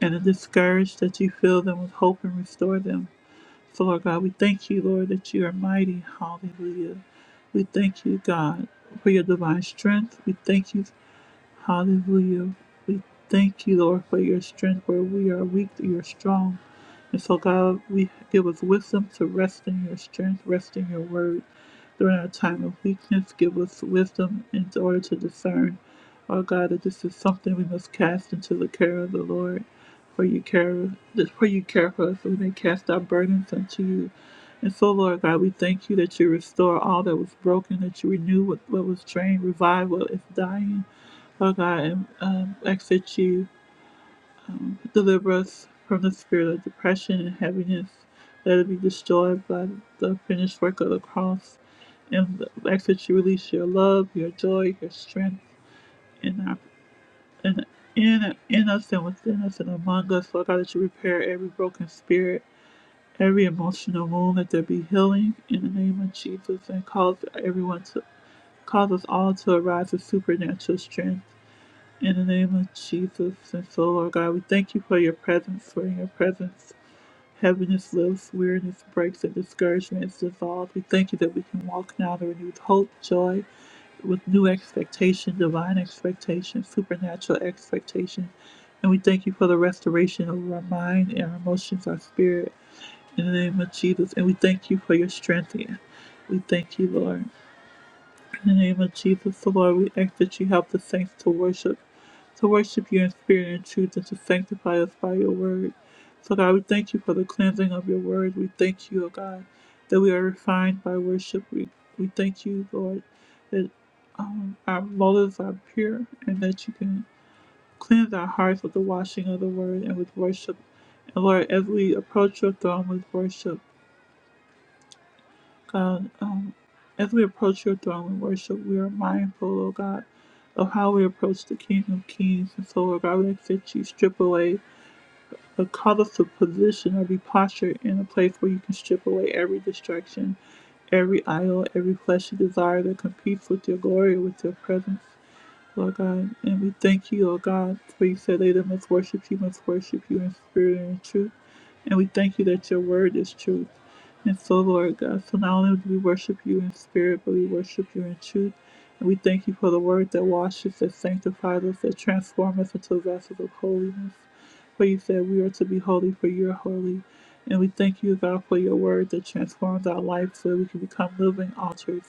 S1: and the discouraged, that you fill them with hope and restore them. So, Lord God, we thank you, Lord, that you are mighty. Hallelujah. We thank you, God, for your divine strength. We thank you Hallelujah. We thank you, Lord, for your strength. Where we are weak, you're strong. And so, God, we give us wisdom to rest in your strength, rest in your word. During our time of weakness, give us wisdom in order to discern, oh God, that this is something we must cast into the care of the Lord. For you care, that- for you care for us, so we may cast our burdens unto you. And so, Lord God, we thank you that you restore all that was broken, that you renew what, what was drained, revive what is dying. Oh God, um, ask that you um, deliver us from the spirit of depression and heaviness. Let it be destroyed by the finished work of the cross. And ask that you release your love, your joy, your strength in our in in, in us and within us and among us. Lord God, that you repair every broken spirit, every emotional wound. That there be healing in the name of Jesus, and cause everyone to cause us all to arise with supernatural strength. In the name of Jesus and so, Lord God, we thank you for your presence, for in your presence. Heaviness lifts, weariness breaks, and discouragement is dissolved. We thank you that we can walk now to renewed hope, joy, with new expectation, divine expectation, supernatural expectation. And we thank you for the restoration of our mind and our emotions, our spirit, in the name of Jesus. And we thank you for your strength. We thank you, Lord. In the name of Jesus, the Lord, we ask that you help the saints to worship, to worship you in spirit and truth, and to sanctify us by your word. So, God, we thank you for the cleansing of your word. We thank you, O God, that we are refined by worship. We, we thank you, Lord, that um, our motives are pure and that you can cleanse our hearts with the washing of the word and with worship. And, Lord, as we approach your throne with worship, God, um, as we approach your throne in worship, we are mindful, oh God, of how we approach the King of Kings. And so, Lord God, we ask that you strip away or cause us to position or be postured in a place where you can strip away every distraction, every idol, every fleshly desire that competes with your glory, with your presence. Lord God, and we thank you, Lord God, for you said they that must worship you must worship you in spirit and in truth. And we thank you that your word is truth. And so, Lord God, so not only do we worship you in spirit, but we worship you in truth. And we thank you for the word that washes, that sanctifies us, that transforms us into vessels of holiness. For you said we are to be holy, for you are holy. And we thank you, God, for your word that transforms our life so that we can become living altars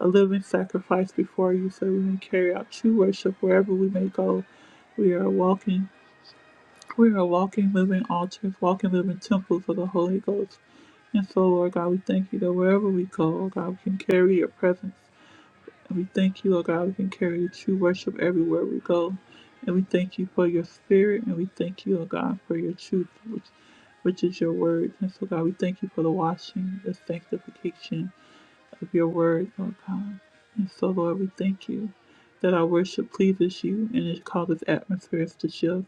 S1: a living sacrifice before you so we may carry out true worship wherever we may go. We are walking, we are walking, living altars, walking, living temples of the Holy Ghost. And so, Lord God, we thank you that wherever we go, Lord God, we can carry your presence. And we thank you, Lord God, we can carry your true worship everywhere we go. And we thank you for your spirit, and we thank you, Lord God, for your truth, which, which is your word. And so, God, we thank you for the washing, the sanctification, of your word, Lord God. And so, Lord, we thank you that our worship pleases you and it causes atmospheres to shift.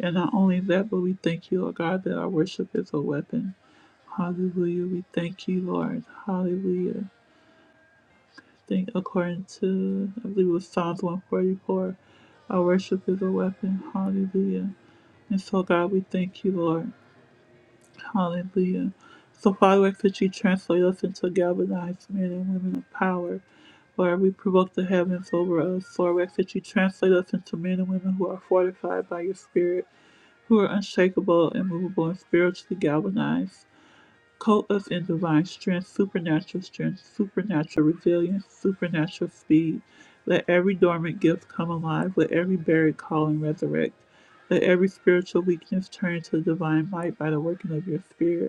S1: And not only that, but we thank you, Lord God, that our worship is a weapon. Hallelujah. We thank you, Lord. Hallelujah. Think according to, I believe it was Psalms 144, our worship is a weapon. Hallelujah. And so, God, we thank you, Lord. Hallelujah. So, Father, we ask that you translate us into galvanized men and women of power. Lord, we provoke the heavens over us. Lord, we ask that you translate us into men and women who are fortified by your Spirit, who are unshakable, immovable, and spiritually galvanized. Coat us in divine strength, supernatural strength, supernatural resilience, supernatural speed. Let every dormant gift come alive. Let every buried calling resurrect. Let every spiritual weakness turn to divine might by the working of your Spirit.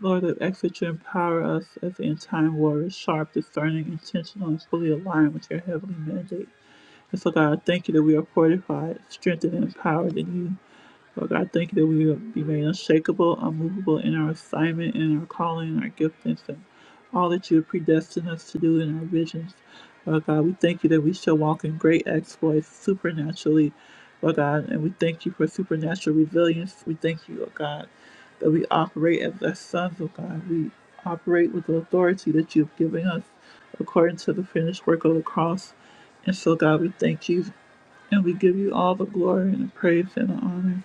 S1: Lord, I ask that empower us as end time warriors, sharp, discerning, intentional, and fully aligned with your heavenly mandate. And so, God, I thank you that we are fortified, strengthened, and empowered in you. Lord God, thank you that we will be made unshakable, unmovable in our assignment, in our calling, in our giftings, and all that you have predestined us to do in our visions. Lord God, we thank you that we shall walk in great exploits supernaturally, Lord God, and we thank you for supernatural resilience. We thank you, Lord God, that we operate as thy sons, Lord God. We operate with the authority that you have given us according to the finished work of the cross. And so, God, we thank you and we give you all the glory and the praise and the honor.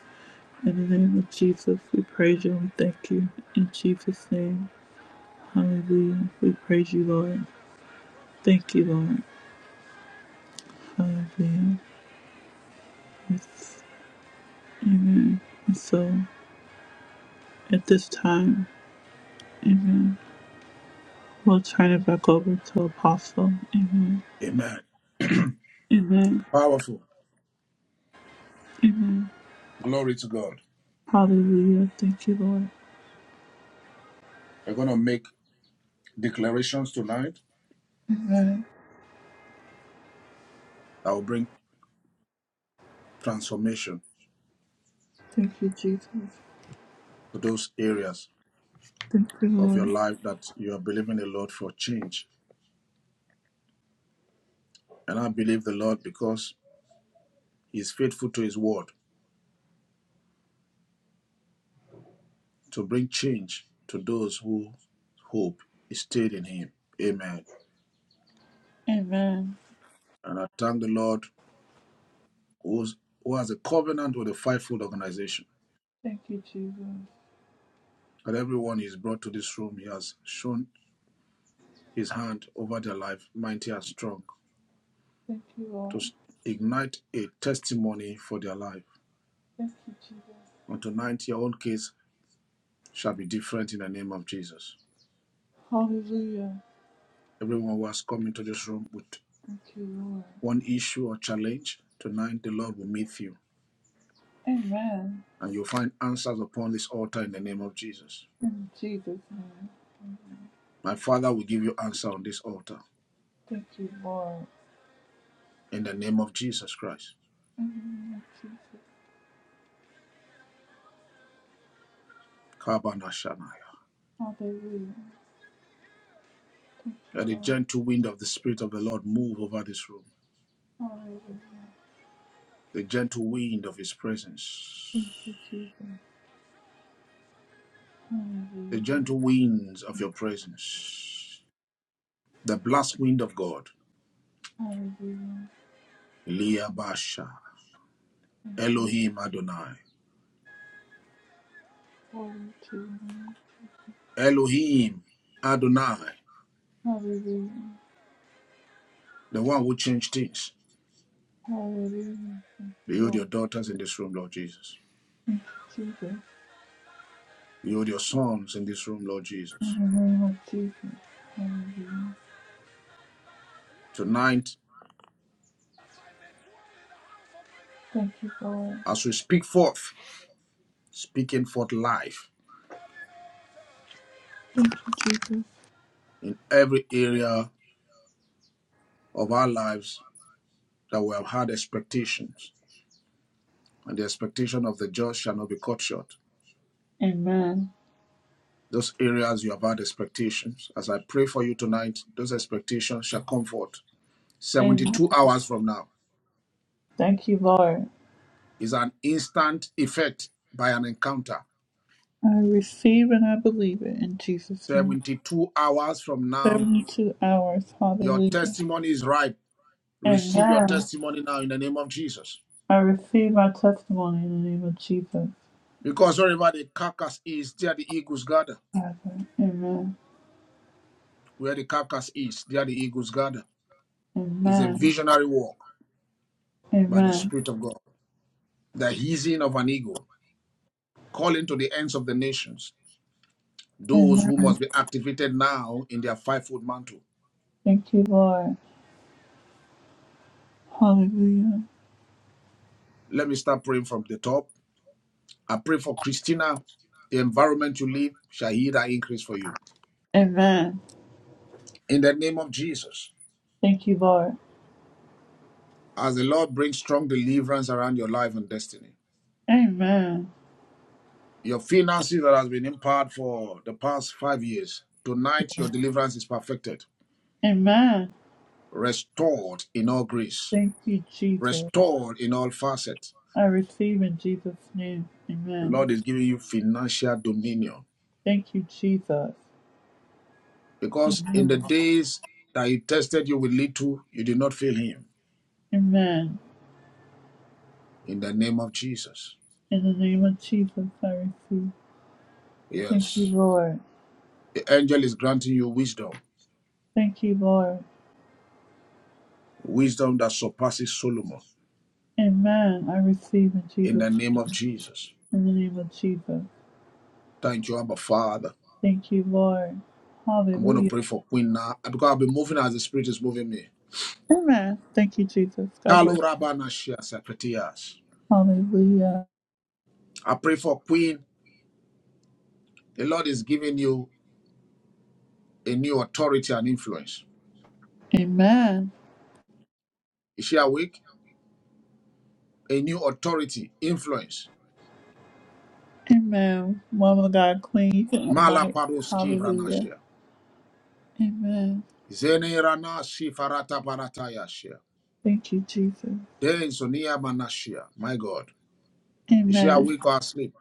S1: In the name of Jesus, we praise you and thank you. In Jesus' name, hallelujah. We praise you, Lord. Thank you, Lord. Hallelujah. Yes. And so, at this time, amen, we'll turn it back over to Apostle. Amen.
S2: Amen.
S1: Amen.
S2: Powerful.
S1: Amen.
S2: Glory to God.
S1: Hallelujah. Thank you, Lord.
S2: We're going to make declarations tonight that will bring transformation
S1: Thank you, Jesus.
S2: to those areas
S1: Thank you,
S2: of your
S1: Lord.
S2: life that you are believing the Lord for change. And I believe the Lord because He's faithful to His word to bring change to those who hope is stayed in him. Amen.
S1: Amen.
S2: And I thank the Lord who's, who has a covenant with the fivefold organization.
S1: Thank you, Jesus.
S2: And everyone he's brought to this room, he has shown his hand over their life, mighty and strong,
S1: Lord.
S2: to ignite a testimony for their life.
S1: Thank you, Jesus.
S2: And tonight, your own case shall be different in the name of Jesus.
S1: Hallelujah.
S2: Everyone who has come into this room with one issue or challenge, tonight the Lord will meet you and you'll find answers upon this altar in the name of Jesus. My Father will give you answer on this altar in the name of Jesus Christ. Kabanashanaya.
S1: Hallelujah.
S2: Let the gentle wind of the Spirit of the Lord move over this room,
S1: Hallelujah.
S2: the gentle wind of His presence, the gentle winds of your presence, the blast wind of God.
S1: Hallelujah.
S2: Liabasha, Elohim Adonai,
S1: Glory to you.
S2: Elohim Adonai,
S1: Hallelujah.
S2: the one who changed things.
S1: Hallelujah.
S2: Behold your daughters in this room, Lord Jesus.
S1: Jesus.
S2: Behold your sons in this room, Lord Jesus.
S1: In the name of Jesus.
S2: Tonight,
S1: Thank
S2: as we speak forth, speaking forth life in every area of our lives that we have had expectations, and the expectation of the just shall not be cut short.
S1: you. Amen.
S2: Those areas you have had expectations, as I pray for you tonight, those expectations shall come forth.
S1: Amen.
S2: 72 hours from now
S1: Thank you, Lord.
S2: is an instant effect by an encounter.
S1: I receive and I believe it in Jesus' name.
S2: 72 hours from now,
S1: 72 hours.
S2: your
S1: Hallelujah.
S2: testimony is ripe. Receive your
S1: Amen.
S2: testimony now in the name of Jesus.
S1: I receive my testimony in the name of Jesus.
S2: Because wherever the carcass is, there the eagles gather.
S1: Father. Amen.
S2: Where the carcass is, there the eagles gather. It's a
S1: Amen.
S2: visionary walk by the
S1: Amen.
S2: Spirit of God. The hissing of an eagle, calling to the ends of the nations, those who
S1: Amen.
S2: must be activated now in their five-fold mantle.
S1: Thank you, Lord. Hallelujah.
S2: Let me start praying from the top. I pray for Christina, the environment you live shall hear that increase for you.
S1: Amen.
S2: In the name of Jesus,
S1: Thank you, Lord.
S2: as the Lord brings strong deliverance around your life and destiny.
S1: Amen.
S2: Your finances that has been impaired for the past five years, tonight your deliverance is perfected,
S1: Amen.
S2: restored in all grace,
S1: Thank you, Jesus.
S2: restored in all facets.
S1: I receive in Jesus' name.
S2: The
S1: Amen.
S2: Lord is giving you financial dominion
S1: Thank you, Jesus.
S2: because in the days that He tested you with little, you did not fail Him.
S1: Amen.
S2: In the name of Jesus.
S1: In the name of Jesus, I receive. Thank you,
S2: Yes.
S1: Lord.
S2: The angel is granting you wisdom,
S1: Thank you, Lord.
S2: wisdom that surpasses Solomon.
S1: Amen. I receive in
S2: In
S1: Jesus.
S2: the name of Jesus.
S1: In the name of Jesus.
S2: Thank you, Abba Father.
S1: Thank you, Lord.
S2: I'm going to
S1: Hallelujah.
S2: pray for Queen now because I've been moving as the Spirit is moving me.
S1: Amen. Thank you, Jesus. God
S2: Kalo
S1: bless.
S2: Rabana Shia Sakatias.
S1: Hallelujah.
S2: I pray for Queen. The Lord is giving you a new authority and influence.
S1: Amen.
S2: Is she awake? A new authority, influence.
S1: Amen. Woman of God, Queen, you can
S2: Mala
S1: unmic.
S2: Paroski
S1: Hallelujah.
S2: Vranashia.
S1: Amen.
S2: Zene Rana Sifarata Baratayashia.
S1: Thank you, Jesus.
S2: Den Sonia Manashia. My God. Is she
S1: Amen.
S2: awake or asleep?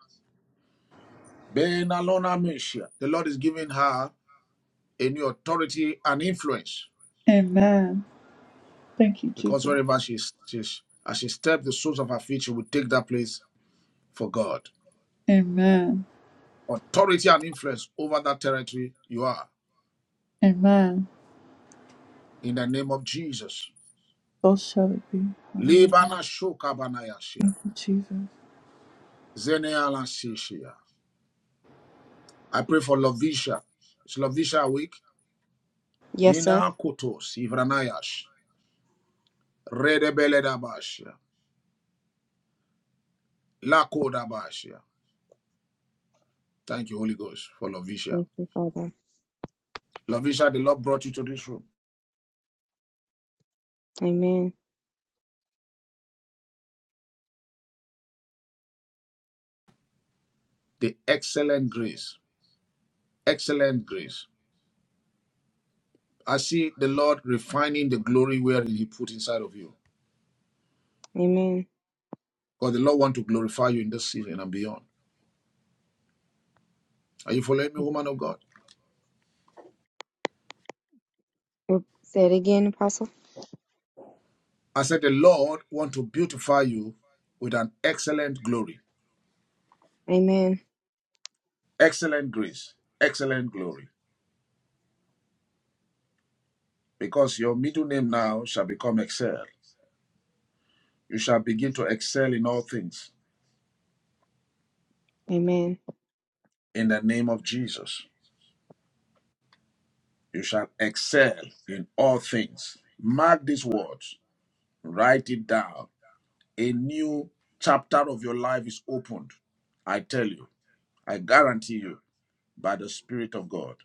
S2: Ben Alona Meshia. The Lord is giving her a new authority and influence.
S1: Amen. Thank you,
S2: Because
S1: Jesus.
S2: wherever she, she as she steps the soles of her feet, she will take that place for God.
S1: Amen.
S2: authority and influence over that territory you are.
S1: Amen.
S2: In the name of Jesus.
S1: So shall it be. In
S2: Libana Shokabanayashia.
S1: Jesus.
S2: Zeneala Sishia. I pray for Lovisha. Is Lovisha awake?
S7: Yes, sir.
S2: Mina Kotos Ivranayash. Redebeledabashia. Lakodabashia. Thank you, Holy Ghost, for Lovisha.
S7: Thank you, Father.
S2: Lovisha, the Lord brought you to this room.
S7: Amen.
S2: The excellent grace. Excellent grace. I see the Lord refining the glory wherein He put inside of you.
S7: Amen.
S2: Because the Lord want to glorify you in this season and beyond. Are you following me, woman of God?
S7: Oop, Say it again, Apostle.
S2: I said, The Lord want to beautify you with an excellent glory,
S7: Amen.
S2: excellent grace, excellent glory, because your middle name now shall become excel. You shall begin to excel in all things
S7: Amen.
S2: in the name of Jesus. You shall excel in all things. Mark these words, write it down. A new chapter of your life is opened. I tell you, I guarantee you by the Spirit of God.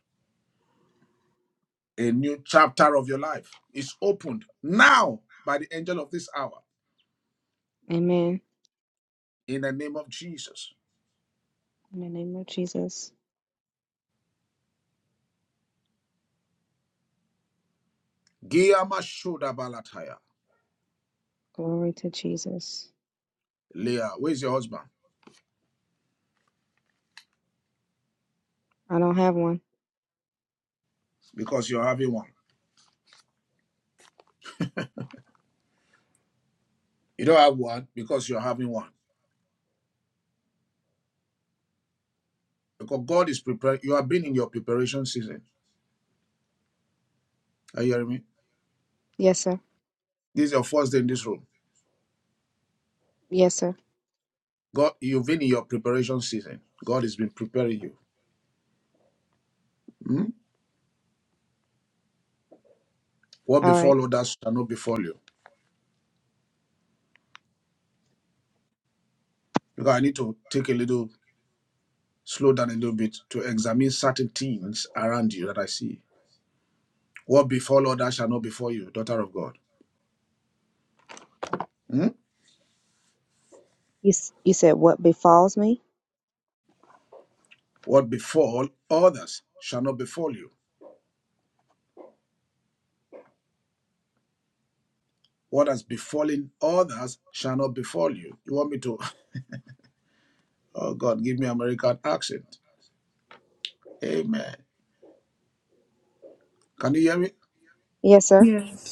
S2: a new chapter of your life is opened now by the angel of this hour
S7: Amen.
S2: in the name of Jesus.
S7: In the name of Jesus.
S2: Giyama Shoda Balataya.
S7: Glory to Jesus.
S2: Leah, where's your husband?
S7: I don't have one.
S2: Because you're having one. You don't have one because you're having one. Because God is preparing. You have been in your preparation season. Are you hearing me?
S7: Yes, sir.
S2: This is your first day in this room.
S7: Yes, sir.
S2: God, you've been in your preparation season. God has been preparing you. Hmm? What
S7: All right.
S2: befall others shall not befall you. Because I need to take a little, slow down a little bit to examine certain things around you that I see. What befall others shall not befall you, daughter of God. Hmm?
S7: You, s- you said what befalls me?
S2: What befall others shall not befall you. What has befallen others shall not befall you. You want me to? Oh God, give me American accent. Amen. Can you hear me?
S7: Yes, sir.
S1: Yes.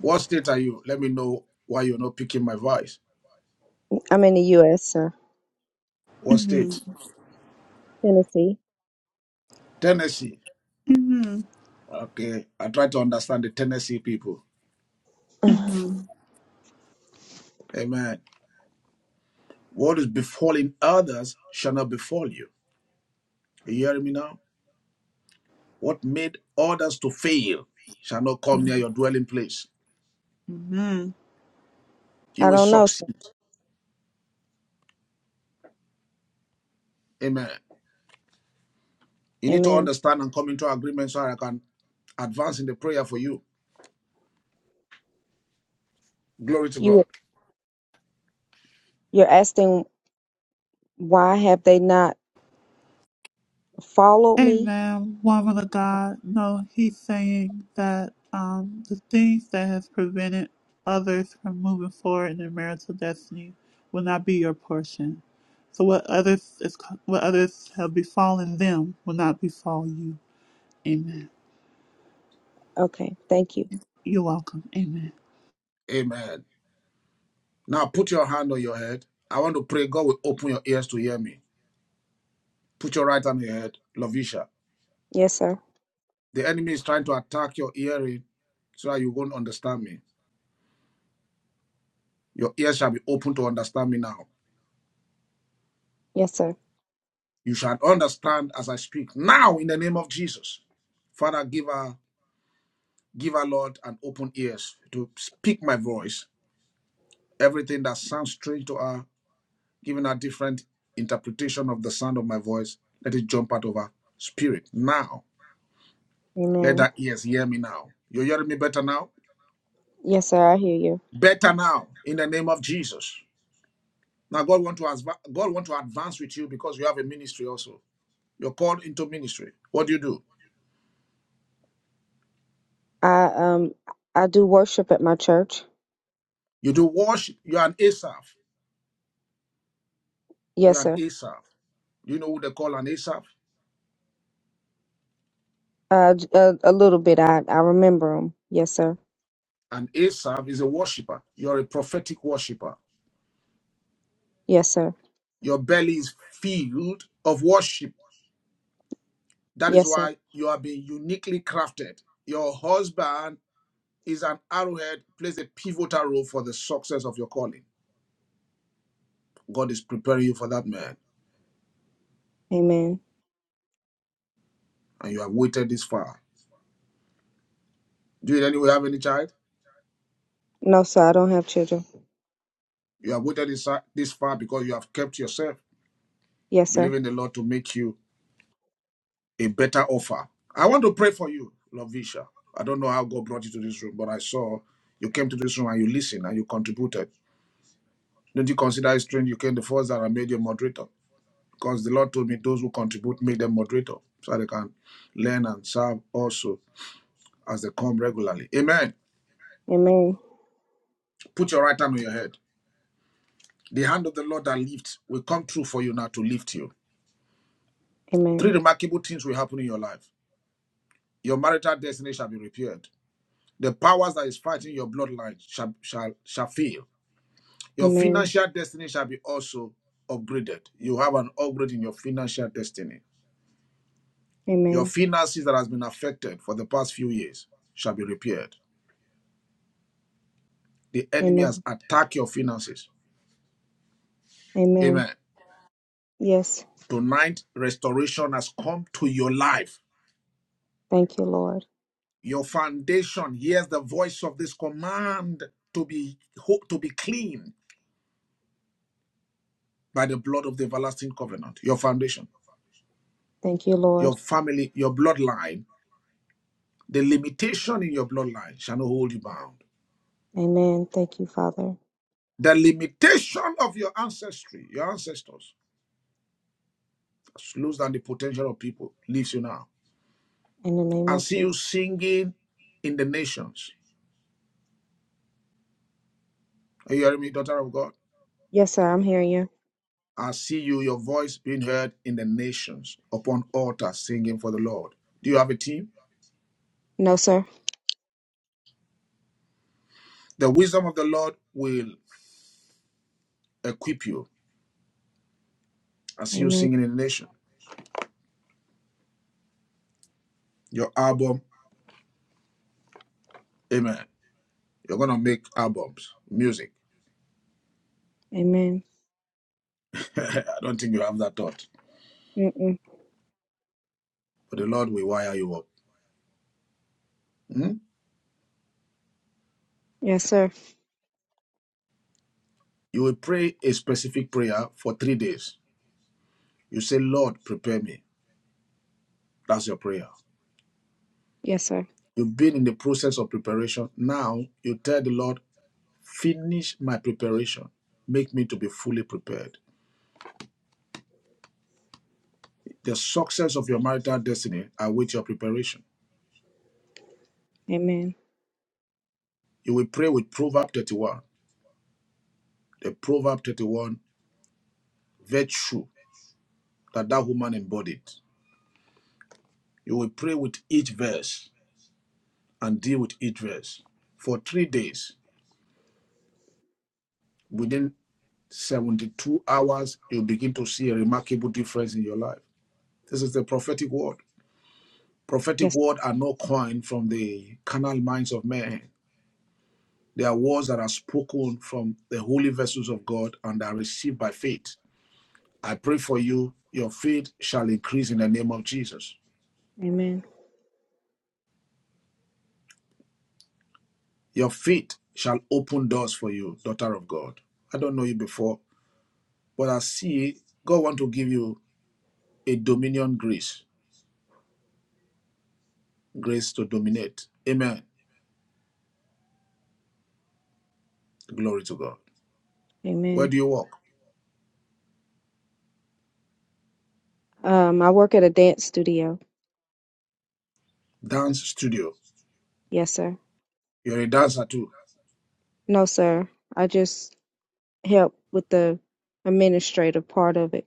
S2: What state are you? Let me know why you're not picking my voice.
S7: I'm in the U.S., sir.
S2: What
S1: Amen.
S2: state?
S7: Tennessee.
S2: Tennessee.
S1: Mm-hmm.
S2: Okay. I try to understand the Tennessee people.
S1: Mm-hmm.
S2: Amen. What is befalling others shall not befall you. Are You hearing me now? What made others to fail shall not come near your dwelling place.
S1: Mm-hmm.
S2: You
S7: I
S2: will
S7: don't know, sir.
S2: succeed. Amen. You need to
S7: Amen.
S2: understand and come into agreement so I can advance in the prayer for you. Glory to
S7: You
S2: God.
S7: you're asking why have they not followed me?
S1: Amen. Woman of God. No, he's saying that um, the things that has prevented others from moving forward in their marital destiny will not be your portion. So what others is what others have befallen them will not befall you. Amen.
S7: Okay, thank you.
S1: You're welcome.
S2: Amen. Now put your hand on your head. I want to pray God will open your ears to hear me. Put your right hand on your head, Lovisha.
S7: Yes, sir.
S2: The enemy is trying to attack your hearing so that you won't understand me. Your ears shall be open to understand me now.
S7: Yes, sir.
S2: You shall understand as I speak now in the name of Jesus. Father, give her Give her, Lord, an open ears to speak my voice. Everything that sounds strange to her, giving her different interpretation of the sound of my voice, let it jump out of her spirit now. Let
S7: Amen.
S2: her ears hear me now. You hearing me better now?
S7: Yes, sir. I hear you.
S2: Better now, in the name of Jesus. Now, God want to adva- God want to advance with you because you have a ministry also. You're called into ministry. What do you do?
S7: I um I do worship at my church.
S2: You do worship. You're an Asaph.
S7: Yes,
S2: You're an
S7: sir.
S2: Asaph. You know who they call an Asaph?
S7: Uh, j- a, a little bit. I I remember them. Yes, sir.
S2: An Asaph is a worshiper. You're a prophetic worshiper.
S7: Yes, sir.
S2: Your belly is filled of worship. That is
S7: Yes, sir.
S2: why you are being uniquely crafted. Your husband is an arrowhead, plays a pivotal role for the success of your calling. God is preparing you for that man,
S7: Amen.
S2: and you have waited this far. Do you anyway have any child?
S7: No, sir. I don't have children.
S2: You have waited this, this far because you have kept yourself,
S7: Yes, sir.
S2: believing the Lord to make you a better offer. I want to pray for you, Lovisha. I don't know how God brought you to this room, but I saw you came to this room and you listened and you contributed. Don't you consider it strange you came the first that I made you moderator? Because the Lord told me those who contribute, make them moderator so they can learn and serve also as they come regularly. Amen.
S7: Amen.
S2: Put your right hand on your head. The hand of the Lord that lifts will come true for you now to lift you. Three
S7: Amen.
S2: remarkable things will happen in your life. Your marital destiny shall be repaired. The powers that is fighting your bloodline shall, shall, shall fail. Your
S7: Amen.
S2: financial destiny shall be also upgraded. You have an upgrade in your financial destiny. Your
S7: Amen.
S2: finances that has been affected for the past few years shall be repaired. The enemy has
S7: Amen.
S2: attacked your finances.
S7: Amen.
S2: Amen.
S7: Yes.
S2: Tonight, restoration has come to your life.
S7: Thank you, Lord.
S2: Your foundation hears the voice of this command to be to be clean by the blood of the everlasting covenant. Your foundation,
S7: Thank you,
S2: your
S7: Lord.
S2: family, your bloodline, the limitation in your bloodline shall not hold you bound.
S7: Amen. Thank you, Father.
S2: The limitation of your ancestry, your ancestors, slows down the potential of people, leaves you now.
S7: In the name
S2: I
S7: of
S2: see
S7: Jesus.
S2: you singing in the nations. Are you hearing me, daughter of God?
S7: Yes, sir. I'm hearing you.
S2: I see you, your voice being heard in the nations upon altars singing for the Lord. Do you have a team?
S7: No, sir.
S2: The wisdom of the Lord will equip you. I see you
S7: Amen.
S2: singing in the nation. Your album, amen. You're going to make albums, music.
S7: Amen.
S2: I don't think you have that thought,
S7: Mm-mm.
S2: but the Lord will wire you up. Hmm?
S7: Yes, sir.
S2: You will pray a specific prayer for three days. You say, Lord, prepare me. That's your prayer.
S7: Yes, sir.
S2: You've been in the process of preparation. Now you tell the Lord, finish my preparation. Make me to be fully prepared. The success of your marital destiny awaits your preparation.
S7: Amen.
S2: You will pray with Proverb 31, the Proverb 31 virtue that that woman embodied. You will pray with each verse and deal with each verse. For three days, within 72 hours, you begin to see a remarkable difference in your life. This is the prophetic word. Prophetic
S7: Yes.
S2: words are not coined from the carnal minds of men. They are words that are spoken from the holy vessels of God and are received by faith. I pray for you, your faith shall increase in the name of Jesus.
S7: Amen.
S2: Your faith shall open doors for you, daughter of God. I don't know you before, but I see God want to give you a dominion grace, grace to dominate. Amen. Glory to God. Where
S7: Amen.
S2: do you work?
S7: Um, I work at a dance studio.
S2: Dance studio.
S7: Yes, sir.
S2: You're a dancer too.
S7: No, sir. I just help with the administrative part of it.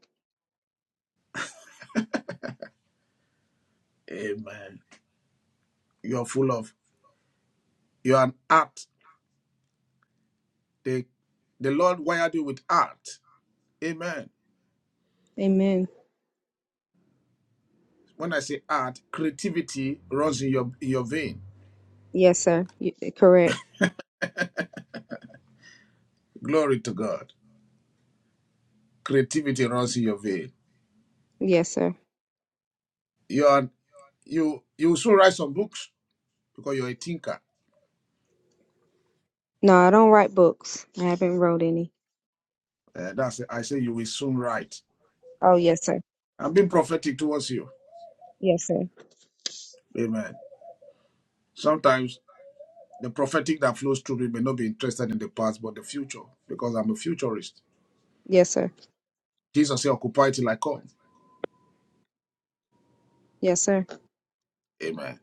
S2: Amen. You're full of You're an art. The, the Lord wired you with art. Amen.
S7: Amen.
S2: When I say art, creativity runs in your in your vein.
S7: Yes, sir. Y- correct.
S2: Glory to God. Creativity runs in your vein.
S7: Yes, sir.
S2: You are you you will soon write some books because you're a thinker.
S7: No, I don't write books. I haven't wrote any.
S2: Uh, that's I say you will soon write.
S7: Oh, yes, sir.
S2: I'm being prophetic towards you.
S7: Yes, sir.
S2: Amen. Sometimes the prophetic that flows through me may not be interested in the past but the future because I'm a futurist.
S7: Yes, sir.
S2: Jesus said, "Occupy till I come."
S7: Yes, sir.
S2: Amen.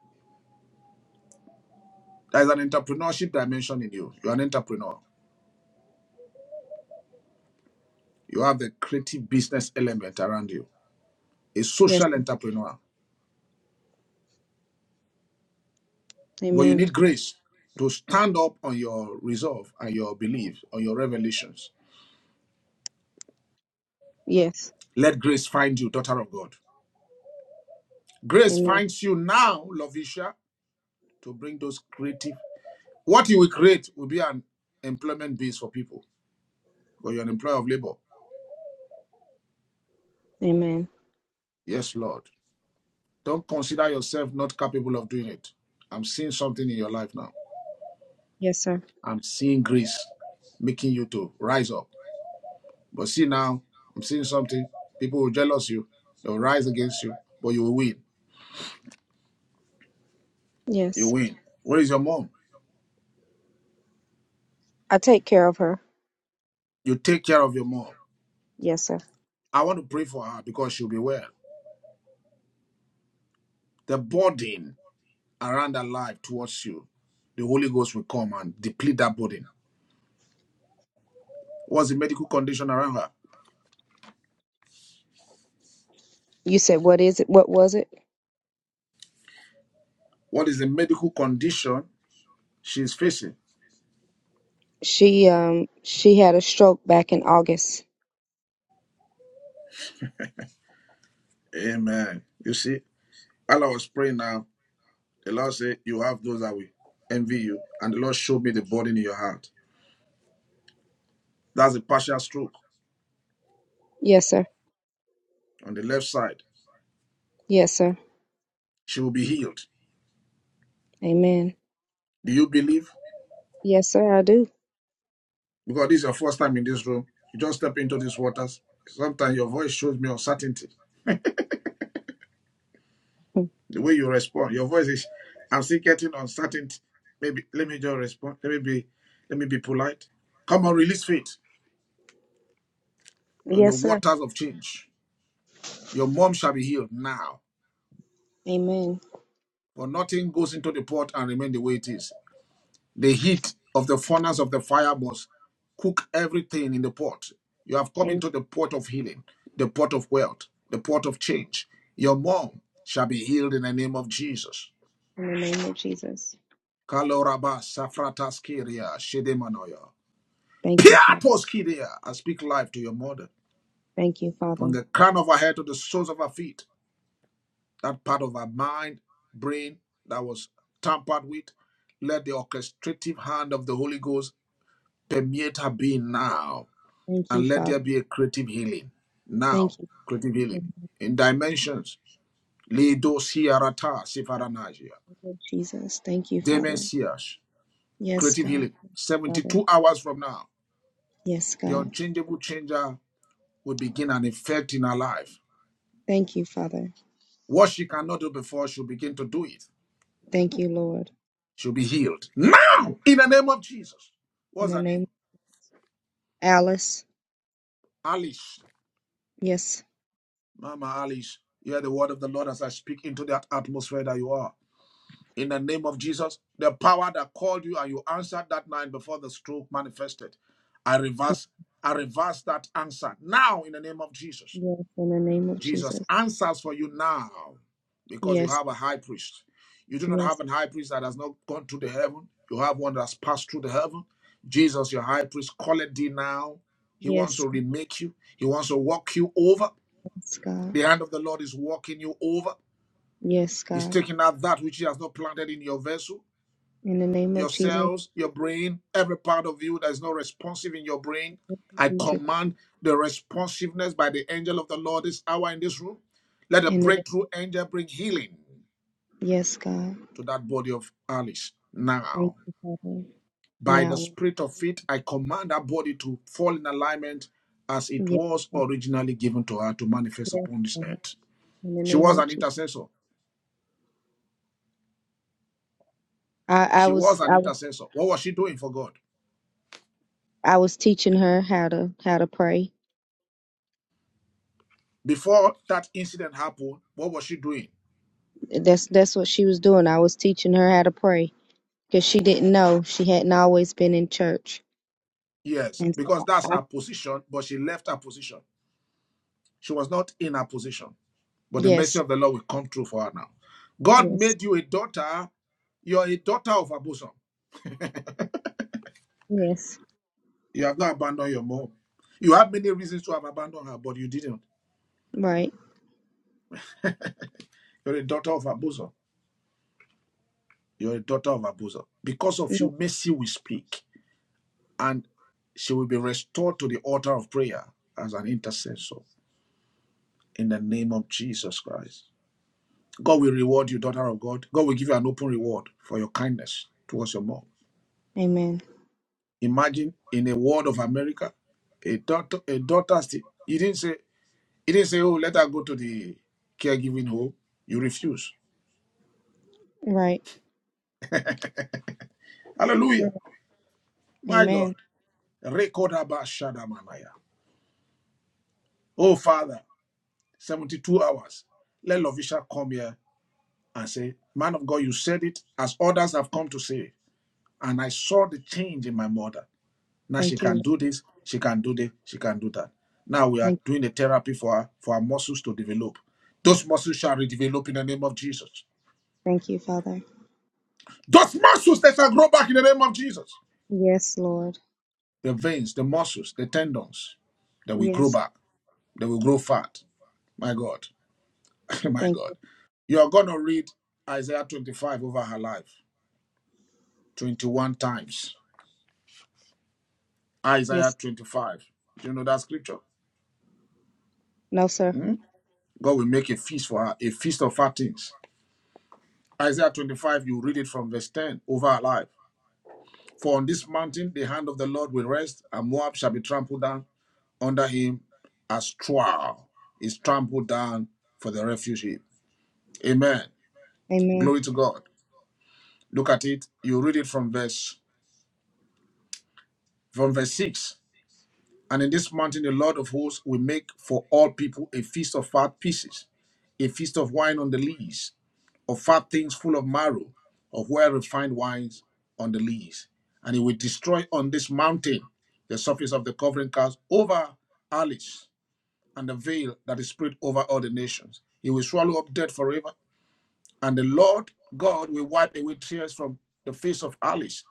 S2: There's an entrepreneurship dimension in you. You're an entrepreneur. You have the creative business element around you, a
S7: Yes,
S2: social
S7: sir.
S2: entrepreneur. But you
S7: Amen.
S2: need grace to stand up on your resolve and your belief, on your revelations.
S7: Yes.
S2: Let grace find you, daughter of God. Grace
S7: Amen.
S2: finds you now, Lovisha, to bring those creative. What you will create will be an employment base for people, but you're an employer of labor.
S7: Amen.
S2: Yes, Lord. Don't consider yourself not capable of doing it. I'm seeing something in your life now.
S7: Yes, sir.
S2: I'm seeing grace making you to rise up. But see now, I'm seeing something. People will jealous you. They'll rise against you, but you will win. You
S7: Yes.
S2: win. Where is your mom?
S7: I take care of her.
S2: You take care of your mom.
S7: Yes, sir.
S2: I want to pray for her because she'll be well. The burden around her life towards you, the Holy Ghost will come and deplete that burden. What's the medical condition around her?
S7: You said what is it? What was it?
S2: What is the medical condition she's facing?
S7: She um she had a stroke back in August.
S2: Amen. You see, while I was praying now, The Lord said, You have those that will envy you. And the Lord showed me the burden in your heart. That's a partial stroke
S7: Yes, sir.
S2: on the left side.
S7: Yes, sir.
S2: She will be healed.
S7: Amen.
S2: Do you believe?
S7: Yes, sir, I do.
S2: Because this is your first time in this room. You just step into these waters. Sometimes your voice shows me uncertainty.
S7: Hmm.
S2: The way you respond, your voice is, I'm still getting uncertainty. Maybe let me just respond. Let me be let me be polite. Come on, release faith. You're in the
S7: Yes, sir.
S2: waters of change. Your mom shall be healed now.
S7: Amen.
S2: But nothing goes into the pot and remain the way it is. The heat of the furnace of the fire must cook everything in the pot. You have come
S7: Amen.
S2: into the pot of healing, the pot of wealth, the pot of change. Your mom shall be healed in the name of Jesus.
S7: In the name of Jesus.
S2: Kaloraba safrataskeria shedemanoya.
S7: Thank you, Father.
S2: Piatoskeria. I speak life to your mother.
S7: Thank you,
S2: From
S7: Father.
S2: the crown of her head to the soles of her feet, that part of her mind, brain that was tampered with, let the orchestrative hand of the Holy Ghost permeate her being now
S7: Thank you,
S2: and let there
S7: Father.
S2: be a creative healing. Now,
S7: Thank you.
S2: creative
S7: In
S2: healing
S7: the
S2: in dimensions. Lido siarata sifaranasia.
S7: name of Jesus. Thank you, Father.
S2: Demencias.
S7: Yes,
S2: Creative
S7: God.
S2: healing.
S7: Father.
S2: 72 hours from now,
S7: Yes,
S2: the
S7: God.
S2: unchangeable changer will begin an effect in her life.
S7: Thank you, Father.
S2: What she cannot do before, she'll begin to do it.
S7: Thank you, Lord.
S2: She'll be healed. Now, in the name of Jesus.
S7: In
S2: What's
S7: the
S2: her
S7: name
S2: name?
S7: of Alice.
S2: Alice.
S7: Yes.
S2: Mama Alice, hear the word of the Lord as I speak into that atmosphere that you are. in the name of Jesus. The power that called you and you answered that night before the stroke manifested. I
S7: Thank
S2: reverse, I reverse that answer now in the name of Jesus.
S7: you. Yes. In the name of
S2: Jesus
S7: Jesus.
S2: answers for you now because you
S7: Yes.
S2: have a high priest. You do not have
S7: Yes.
S2: a high priest that has not gone through the heaven. You have one that has passed through the heaven. Jesus, your high priest, calleth thee now. He wants
S7: Yes.
S2: to remake you. He wants to walk you over.
S7: Yes, God.
S2: The hand of the Lord is walking you over.
S7: Yes,
S2: He's
S7: God.
S2: taking out that which he has not planted in your vessel
S7: In the name of
S2: your
S7: Jesus.
S2: cells, your brain, every part of you that is not responsive in your brain. I
S7: we took-
S2: command the responsiveness by the angel of the Lord this hour in this room. Let the
S7: In the name.
S2: breakthrough angel bring healing
S7: yes, God.
S2: to that body of Alice
S7: Thank
S2: now.
S7: you, Father.
S2: By the
S7: Now,
S2: spirit of it, I command that body to fall in alignment as
S7: yeah,
S2: it
S7: yes,
S2: was
S7: Lord.
S2: originally given to her to manifest
S7: yes,
S2: upon this
S7: Lord.
S2: earth.
S7: in the
S2: She
S7: name
S2: was
S7: of
S2: an
S7: Jesus.
S2: intercessor.
S7: I, I
S2: She
S7: was,
S2: was an
S7: I was,
S2: intercessor. What was she doing for God?
S7: I was teaching her how to, how to pray.
S2: Before that incident happened, what was she doing?
S7: That's, that's what she was doing. I was teaching her how to pray because she didn't know. She hadn't always been in church,
S2: Yes,
S7: and
S2: because
S7: so
S2: that's
S7: I,
S2: her position, but she left her position. She was not in her position. But the mercy
S7: yes,
S2: of the Lord will come true for her now. God
S7: yes,
S2: made you a daughter. You're a daughter of her bosom.
S7: yes,
S2: You have not abandoned your mom. You have many reasons to have abandoned her, but you didn't.
S7: right,
S2: You're a daughter of her bosom. You're a daughter of her bosom. Because of
S7: yeah,
S2: you, mercy will speak, and she will be restored to the altar of prayer as an intercessor in the name of Jesus Christ. God will reward you, daughter of God. God will give you an open reward for your kindness towards your mom.
S7: Amen,
S2: Imagine in a world of America, a daughter, a daughter still. You didn't say, you didn't say, oh, let her go to the caregiving home. You refuse.
S7: right, Yeah.
S2: Hallelujah. My
S7: Amen.
S2: God. Record about Shadamanaya. Oh, Father, 72 hours. Let Lovisha come here and say, Man of God, you said it as others have come to say, it. and I saw the change in my mother. Now she
S7: Thank you,
S2: can
S7: Lord.
S2: do this, she can do this, she can do that. Now we are
S7: thank,
S2: doing the therapy for her, for her muscles to develop. Those muscles shall redevelop in the name of Jesus.
S7: thank you, Father.
S2: Those muscles that shall grow back in the name of Jesus.
S7: Yes, Lord.
S2: The veins, the muscles, the tendons they will grow
S7: Yes,
S2: back, they will grow fat. My God, my
S7: thank
S2: God.
S7: you.
S2: You are going to read Isaiah 25 over her life 21 times. Isaiah
S7: Yes,
S2: 25. Do you know that scripture?
S7: no, sir.
S2: Hmm? God will make a feast for her, a feast of fat things Isaiah 25, you read it from verse 10 over our life. For on this mountain the hand of the Lord will rest, and Moab shall be trampled down under him as straw is trampled down for the refuge heap. Amen.
S7: Amen.
S2: Glory to God. Look at it. You read it from verse from verse 6. And in this mountain the Lord of hosts will make for all people a feast of fat pieces, a feast of wine on the lees, of fat things full of marrow, of well refined wines on the lees. And he will destroy on this mountain the surface of the covering cast over Alice and the veil that is spread over all the nations. He will swallow up death forever. And the Lord God will wipe away tears from the face of Alice,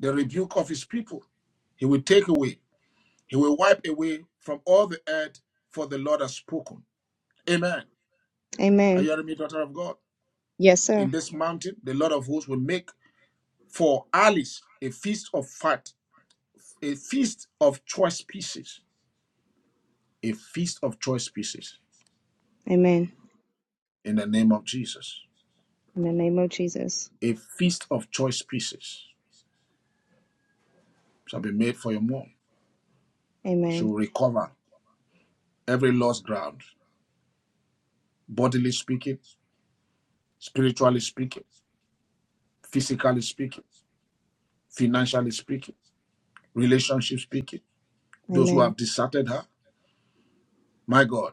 S2: the rebuke of his people. He will take away, he will wipe away from all the earth, for the Lord has spoken. Amen. Are
S7: Amen.
S2: you hearing me, daughter of God?
S7: Yes, sir.
S2: In this mountain, the Lord of hosts will make for Alice, a feast of fat, a feast of choice pieces, a feast of choice pieces
S7: Amen.
S2: in the name of Jesus.
S7: In the name of Jesus.
S2: A feast of choice pieces shall be made for your mom. She
S7: Amen.
S2: will recover every lost ground, bodily speaking, spiritually speaking, physically speaking, financially speaking, relationship speaking. Those who
S7: Amen.
S2: have deserted her, my God,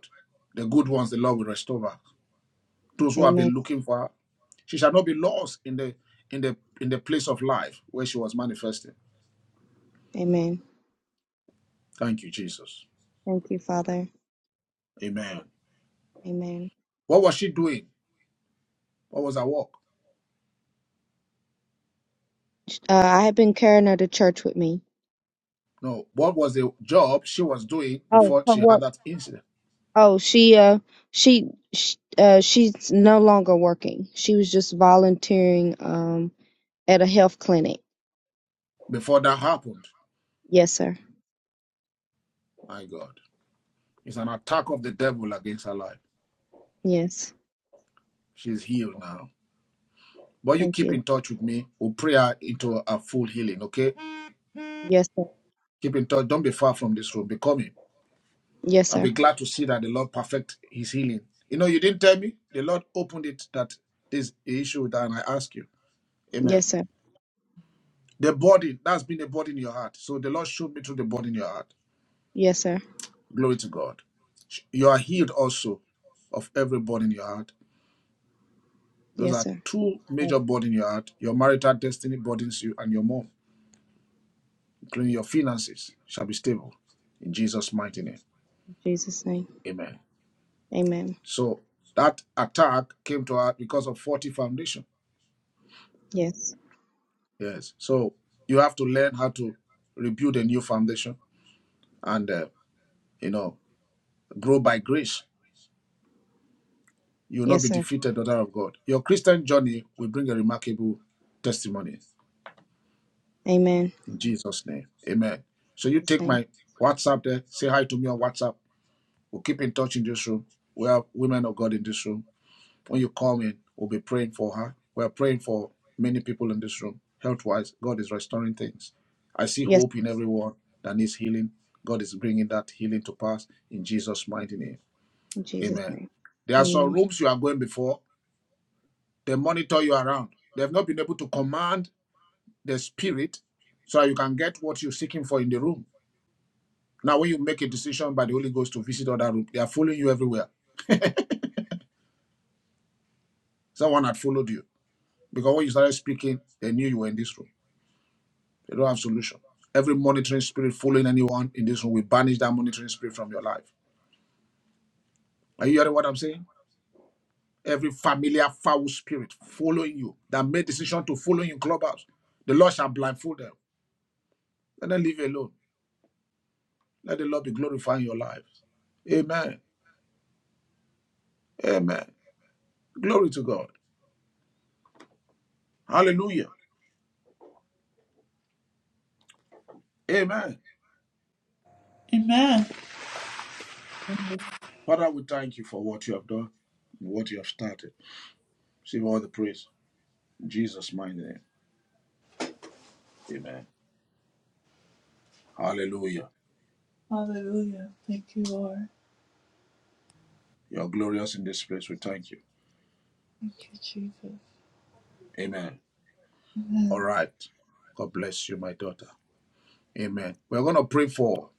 S2: the good ones the Lord will restore. her. those who have
S7: Amen.
S2: been looking for her. She shall not be lost in the in the in the place of life where she was manifested.
S7: Amen.
S2: Thank you, Jesus.
S7: Thank you, Father.
S2: Amen.
S7: Amen.
S2: What was she doing? What was her work?
S7: Uh, I have been carrying her to church with me.
S2: No, what was the job she was doing
S7: Oh,
S2: before
S7: her
S2: she had
S7: work.
S2: that incident?
S7: Oh, she uh she, she uh she's no longer working. She was just volunteering um at a health clinic.
S2: Before that happened?
S7: Yes, sir.
S2: My God. It's an attack of the devil against her life.
S7: Yes.
S2: She's healed now. But you
S7: Thank
S2: keep
S7: you.
S2: in touch with me. We'll pray her into a full healing, okay?
S7: Yes, sir.
S2: Keep in touch. Don't be far from this room. Be coming.
S7: Yes,
S2: I'll be
S7: sir.
S2: glad to see that the Lord perfect his healing. You know, you didn't tell me. The Lord opened it that this issue that I ask you.
S7: Yes,
S2: Amen.
S7: sir.
S2: The burden, that's been a burden in your heart. So the Lord showed me through the burden in your heart.
S7: Yes, sir.
S2: Glory to God. You are healed also of every burden in your heart. Those
S7: Yes,
S2: are
S7: sir.
S2: two
S7: In
S2: major burdens in your heart. Your marital destiny burdens you and your mom, including your finances, shall be stable in Jesus' mighty name.
S7: Jesus' name.
S2: Amen.
S7: Amen.
S2: So that attack came to her because of faulty foundation
S7: Yes.
S2: Yes. So you have to learn how to rebuild a new foundation and, uh, you know, grow by grace. You will not
S7: Yes,
S2: be
S7: sir.
S2: defeated, daughter of God. Your Christian journey will bring a remarkable testimony
S7: Amen. In
S2: in Jesus' name. Amen. So you
S7: Jesus'
S2: take
S7: name.
S2: my WhatsApp there, say hi to me on WhatsApp. We'll keep in touch in this room. We have women of God in this room. When you come in, we'll be praying for her. We're praying for many people in this room. Health wise, God is restoring things. I see
S7: Yes.
S2: hope in everyone that needs healing. God is bringing that healing to pass in Jesus' mighty name.
S7: In Jesus'
S2: Amen.
S7: name.
S2: There are some
S7: Amen.
S2: rooms you are going before, they monitor you around. They have not been able to command the spirit so that you can get what you're seeking for in the room. Now, when you make a decision by the Holy Ghost to visit other room, they are following you everywhere. Someone had followed you because when you started speaking, they knew you were in this room. They don't have solution. Every monitoring spirit following anyone in this room, we banish that monitoring spirit from your life. Are you hearing what I'm saying? Every familiar foul spirit following you that made decision to follow you in clubhouse, the Lord shall blindfold them. Let them leave alone. Let the Lord be glorifying your life. Amen. Amen. Glory to God. Hallelujah. Amen.
S1: Amen.
S7: Amen.
S2: Father, we thank you for what you have done and what you have started. Receive all the praise. In Jesus' mighty name. Amen. Hallelujah.
S1: Hallelujah. Thank you, Lord.
S2: You are glorious in this place. We thank you.
S1: Thank you, Jesus.
S2: Amen. All
S1: Amen.
S2: right. God bless you, my daughter. Amen. We're going to pray for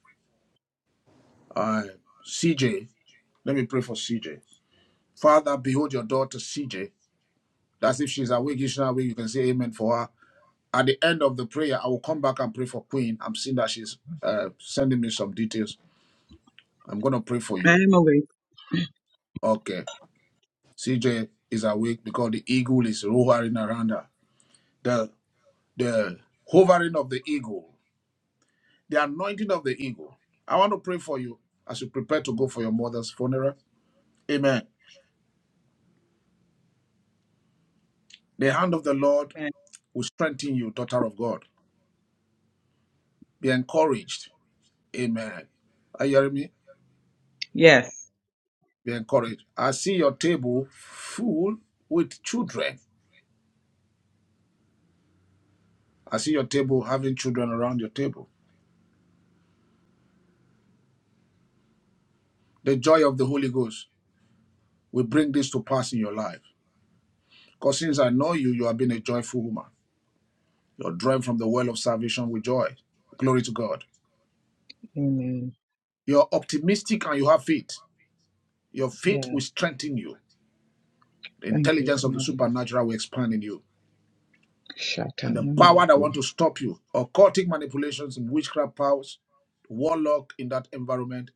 S2: uh, CJ. Let me pray for CJ. Father, behold your daughter CJ. That's if she's awake. If she's not awake, you can say amen for her. At the end of the prayer, I will come back and pray for Queen. I'm seeing that she's uh, sending me some details. I'm going to pray for
S10: I
S2: you.
S10: am awake.
S2: Okay. CJ is awake because the eagle is hovering around her. The, the hovering of the eagle. the anointing of the eagle. I want to pray for you as you prepare to go for your mother's funeral. Amen. The hand of the Lord will strengthen you, daughter of God. Be encouraged. Amen. Are you hearing me?
S10: Yes.
S2: Be encouraged. I see your table full with children. I see your table having children around your table. The joy of the Holy Ghost will bring this to pass in your life. Because since I know you, you have been a joyful woman. You're drawn from the well of salvation with joy. Glory to God.
S10: Amen.
S2: You're optimistic and you have faith. Your faith
S10: Yeah.
S2: will strengthen you. The
S10: Thank you,
S2: intelligence of the
S10: Father.
S2: supernatural will expand in you. And the
S10: Shatananda
S2: power that want
S10: bu-
S2: to stop you, occultic manipulations and witchcraft powers, warlock in that environment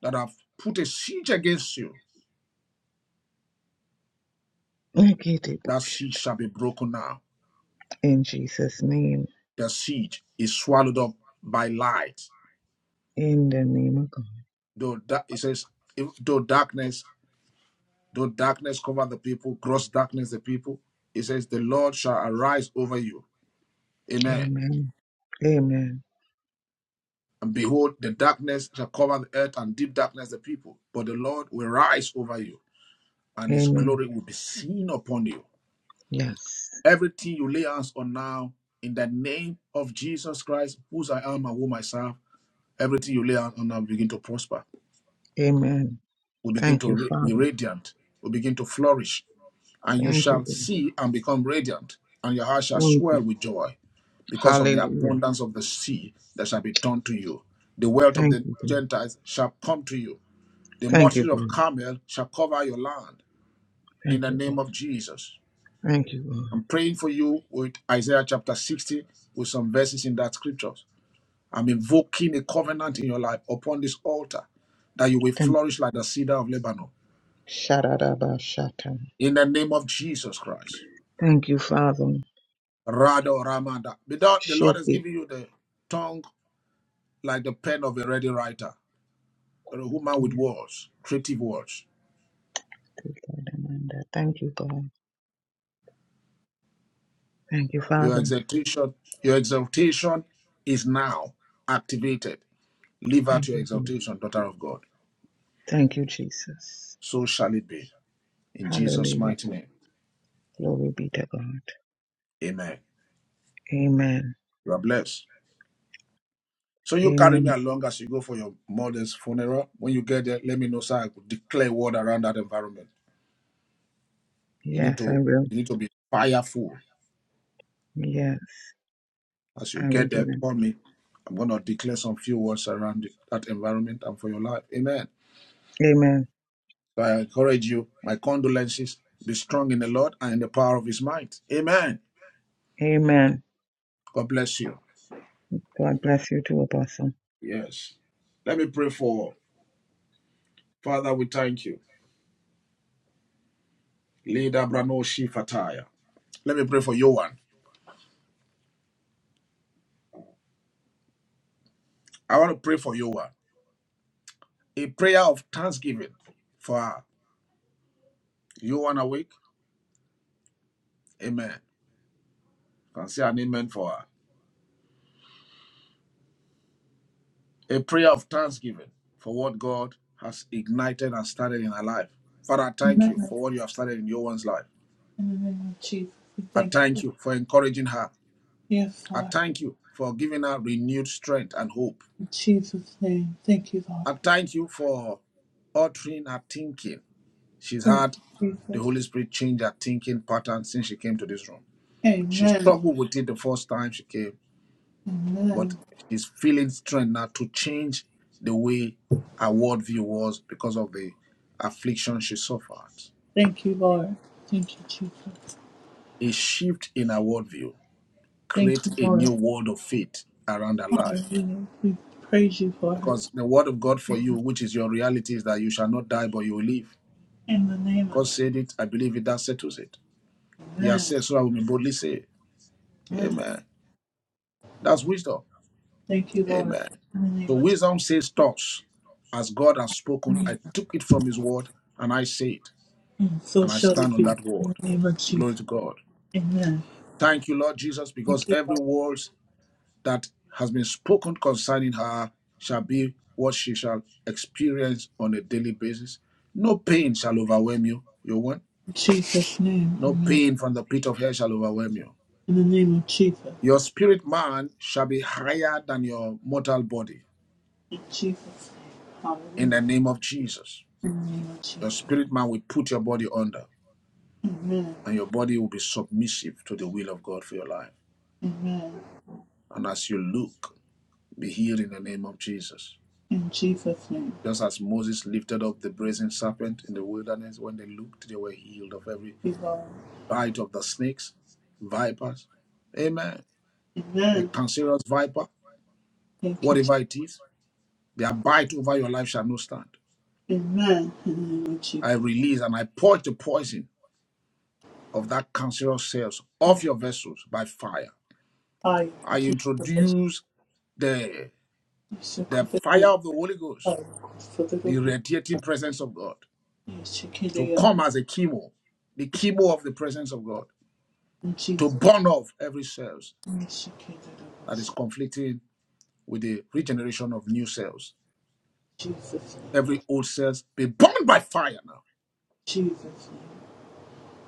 S2: that have put a siege against you,
S10: Nikiti bu-
S2: that siege
S10: shata.
S2: shall be broken now.
S10: In Jesus' name.
S2: The siege is swallowed up by light.
S10: In the name of God.
S2: Though that it says, if, though darkness, though darkness cover the people, gross darkness the people. It says, the Lord shall arise over you. Amen.
S10: Amen. Amen.
S2: And behold, the darkness shall cover the earth and deep darkness the people. But the Lord will rise over you, and his
S10: Amen.
S2: glory will be seen upon you.
S10: Yes.
S2: Everything you lay hands on now, in the name of Jesus Christ, whose I am and whom I serve, everything you lay hands on now will begin to prosper,
S10: Amen.
S2: will begin
S10: Thank
S2: to
S10: you,
S2: ra- be
S10: Father.
S2: radiant, will begin to flourish, and you
S10: Thank
S2: shall
S10: you, God.
S2: see and become radiant, and your heart shall
S10: Thank
S2: swell
S10: you.
S2: with joy because of the
S10: Hallelujah.
S2: abundance of the sea that shall be turned to you. The wealth of
S10: Thank
S2: the
S10: you, God.
S2: Gentiles shall come to you The
S10: Thank you,
S2: multitude of
S10: God.
S2: Carmel shall cover your land in
S10: Thank
S2: the
S10: you,
S2: name
S10: God.
S2: of Jesus.
S10: Thank you, God.
S2: I'm praying for you with Isaiah chapter 60 with some verses in that scriptures. I'm invoking a covenant in your life upon this altar that you will
S10: Thank
S2: flourish like the cedar of Lebanon
S10: Sharadabashata.
S2: in the name of Jesus Christ.
S10: Thank you, Father.
S2: Rado Ramada. The the Lord
S10: Shake
S2: has
S10: it.
S2: given you the tongue like the pen of a ready writer, a woman with words, creative words.
S10: Thank you, God. Thank you,
S2: Your
S10: Father.
S2: exaltation, your exaltation is now activated Live out
S10: Thank
S2: your
S10: you. Jesus.
S2: exaltation, daughter of God.
S10: Thank you, Jesus.
S2: So shall it be. In Jesus'
S10: Hallelujah.
S2: mighty name.
S10: Glory be to God.
S2: Amen.
S10: Amen.
S2: You are blessed. So you carry me
S10: Amen.
S2: along as you go for your mother's funeral. When you get there, let me know so I could declare word around that environment. You need
S10: Yes, I
S2: to
S10: will.
S2: you need to be fireful.
S10: Yes,
S2: As you
S10: I will
S2: get
S10: do
S2: there,
S10: that.
S2: call me. I'm gonna declare some few words around that environment and for your life. Amen.
S10: Amen.
S2: So I encourage you, my condolences. Be strong in the Lord and in the power of his might. Amen.
S10: Amen.
S2: God bless you.
S10: God bless you too, Apostle.
S2: Yes. Let me pray for Father, we thank you. Leader Brano Shifataya. Let me pray for Yohan. I want to pray for Yohan. A prayer of thanksgiving for her. Yohan awake? Amen. You Can say an amen for her. A prayer of thanksgiving for what God has ignited and started in her life. Father, I thank
S1: Amen.
S2: you for what you have started in Yohan's life.
S1: In the name of Jesus, we
S2: I
S1: thank you.
S2: thank you for encouraging her.
S1: Yes,
S2: I
S1: Lord.
S2: thank you for giving her renewed strength and hope.
S1: In Jesus' name. Thank you, Lord.
S2: I thank you for altering her thinking. She's
S1: Thank
S2: had
S1: you,
S2: The
S1: Jesus.
S2: Holy Spirit changed her thinking pattern since she came to this room. She
S1: Amen.
S2: struggled with it the first time she came, but
S1: Amen.
S2: she's feeling strength now to change the way her worldview was because of the affliction she suffered.
S1: Thank you, Lord. Thank you, Jesus.
S2: A shift in her worldview
S1: Thank you,
S2: creates a
S1: Lord.
S2: new world of faith around her life. Because the word of God for you, which is your reality, is that you shall not die, but you will live.
S1: In the name of
S2: God
S1: Jesus.
S2: said it, I believe it, that settles it. He has said, so I will boldly say, Amen. That's wisdom.
S1: Thank you, Lord.
S2: Amen.
S1: In the
S2: So
S1: name of
S2: wisdom says thus, as God has spoken, I took it from his word and I say it,
S1: Jesus. So
S2: and I
S1: shall it
S2: stand
S1: be.
S2: on
S1: In
S2: that word.
S1: the name of Jesus.
S2: Glory to God.
S1: Amen.
S2: Thank you, Lord Jesus, because
S1: Thank you.
S2: every word that has been spoken concerning her shall be what she shall experience on a daily basis. No pain shall overwhelm you, you one.
S1: In Jesus' name.
S2: No pain from the pit of hell shall overwhelm you.
S1: In the name of Jesus.
S2: Your spirit man shall be higher than your mortal body
S1: In Jesus' name.
S2: in
S1: Hallelujah.
S2: the name of Jesus.
S1: In the name of Jesus.
S2: Your spirit man will put your body under,
S1: Amen.
S2: and your body will be submissive to the will of God for your life.
S1: Amen.
S2: And as you look, be healed in the name of Jesus.
S1: In Jesus' name.
S2: Just as Moses lifted up the brazen serpent in the wilderness, when they looked, they were healed of every
S1: Thank you, Lord.
S2: bite of the snakes, vipers. Amen. A
S1: Amen.
S2: cancerous viper,
S1: Thank you, Jesus.
S2: whatever it is, their bite over your life shall not stand.
S1: Amen. In the name of Jesus.
S2: I release and I purge the poison of that cancerous cells off your vessels by fire.
S1: I
S2: I
S1: thank you for the blessing.
S2: introduce the
S1: So
S2: the
S1: could I be
S2: fire
S1: a
S2: of the Holy Ghost,
S1: part of the
S2: the radiating presence of God, to
S1: Shikida
S2: come as a chemo, the chemo of the presence of God,
S1: in
S2: to
S1: Jesus'
S2: burn off every cells
S1: name, Shikida
S2: that is conflicting with the regeneration of new cells.
S1: Jesus' name,
S2: Every old cells be burned by fire now.
S1: Jesus' name,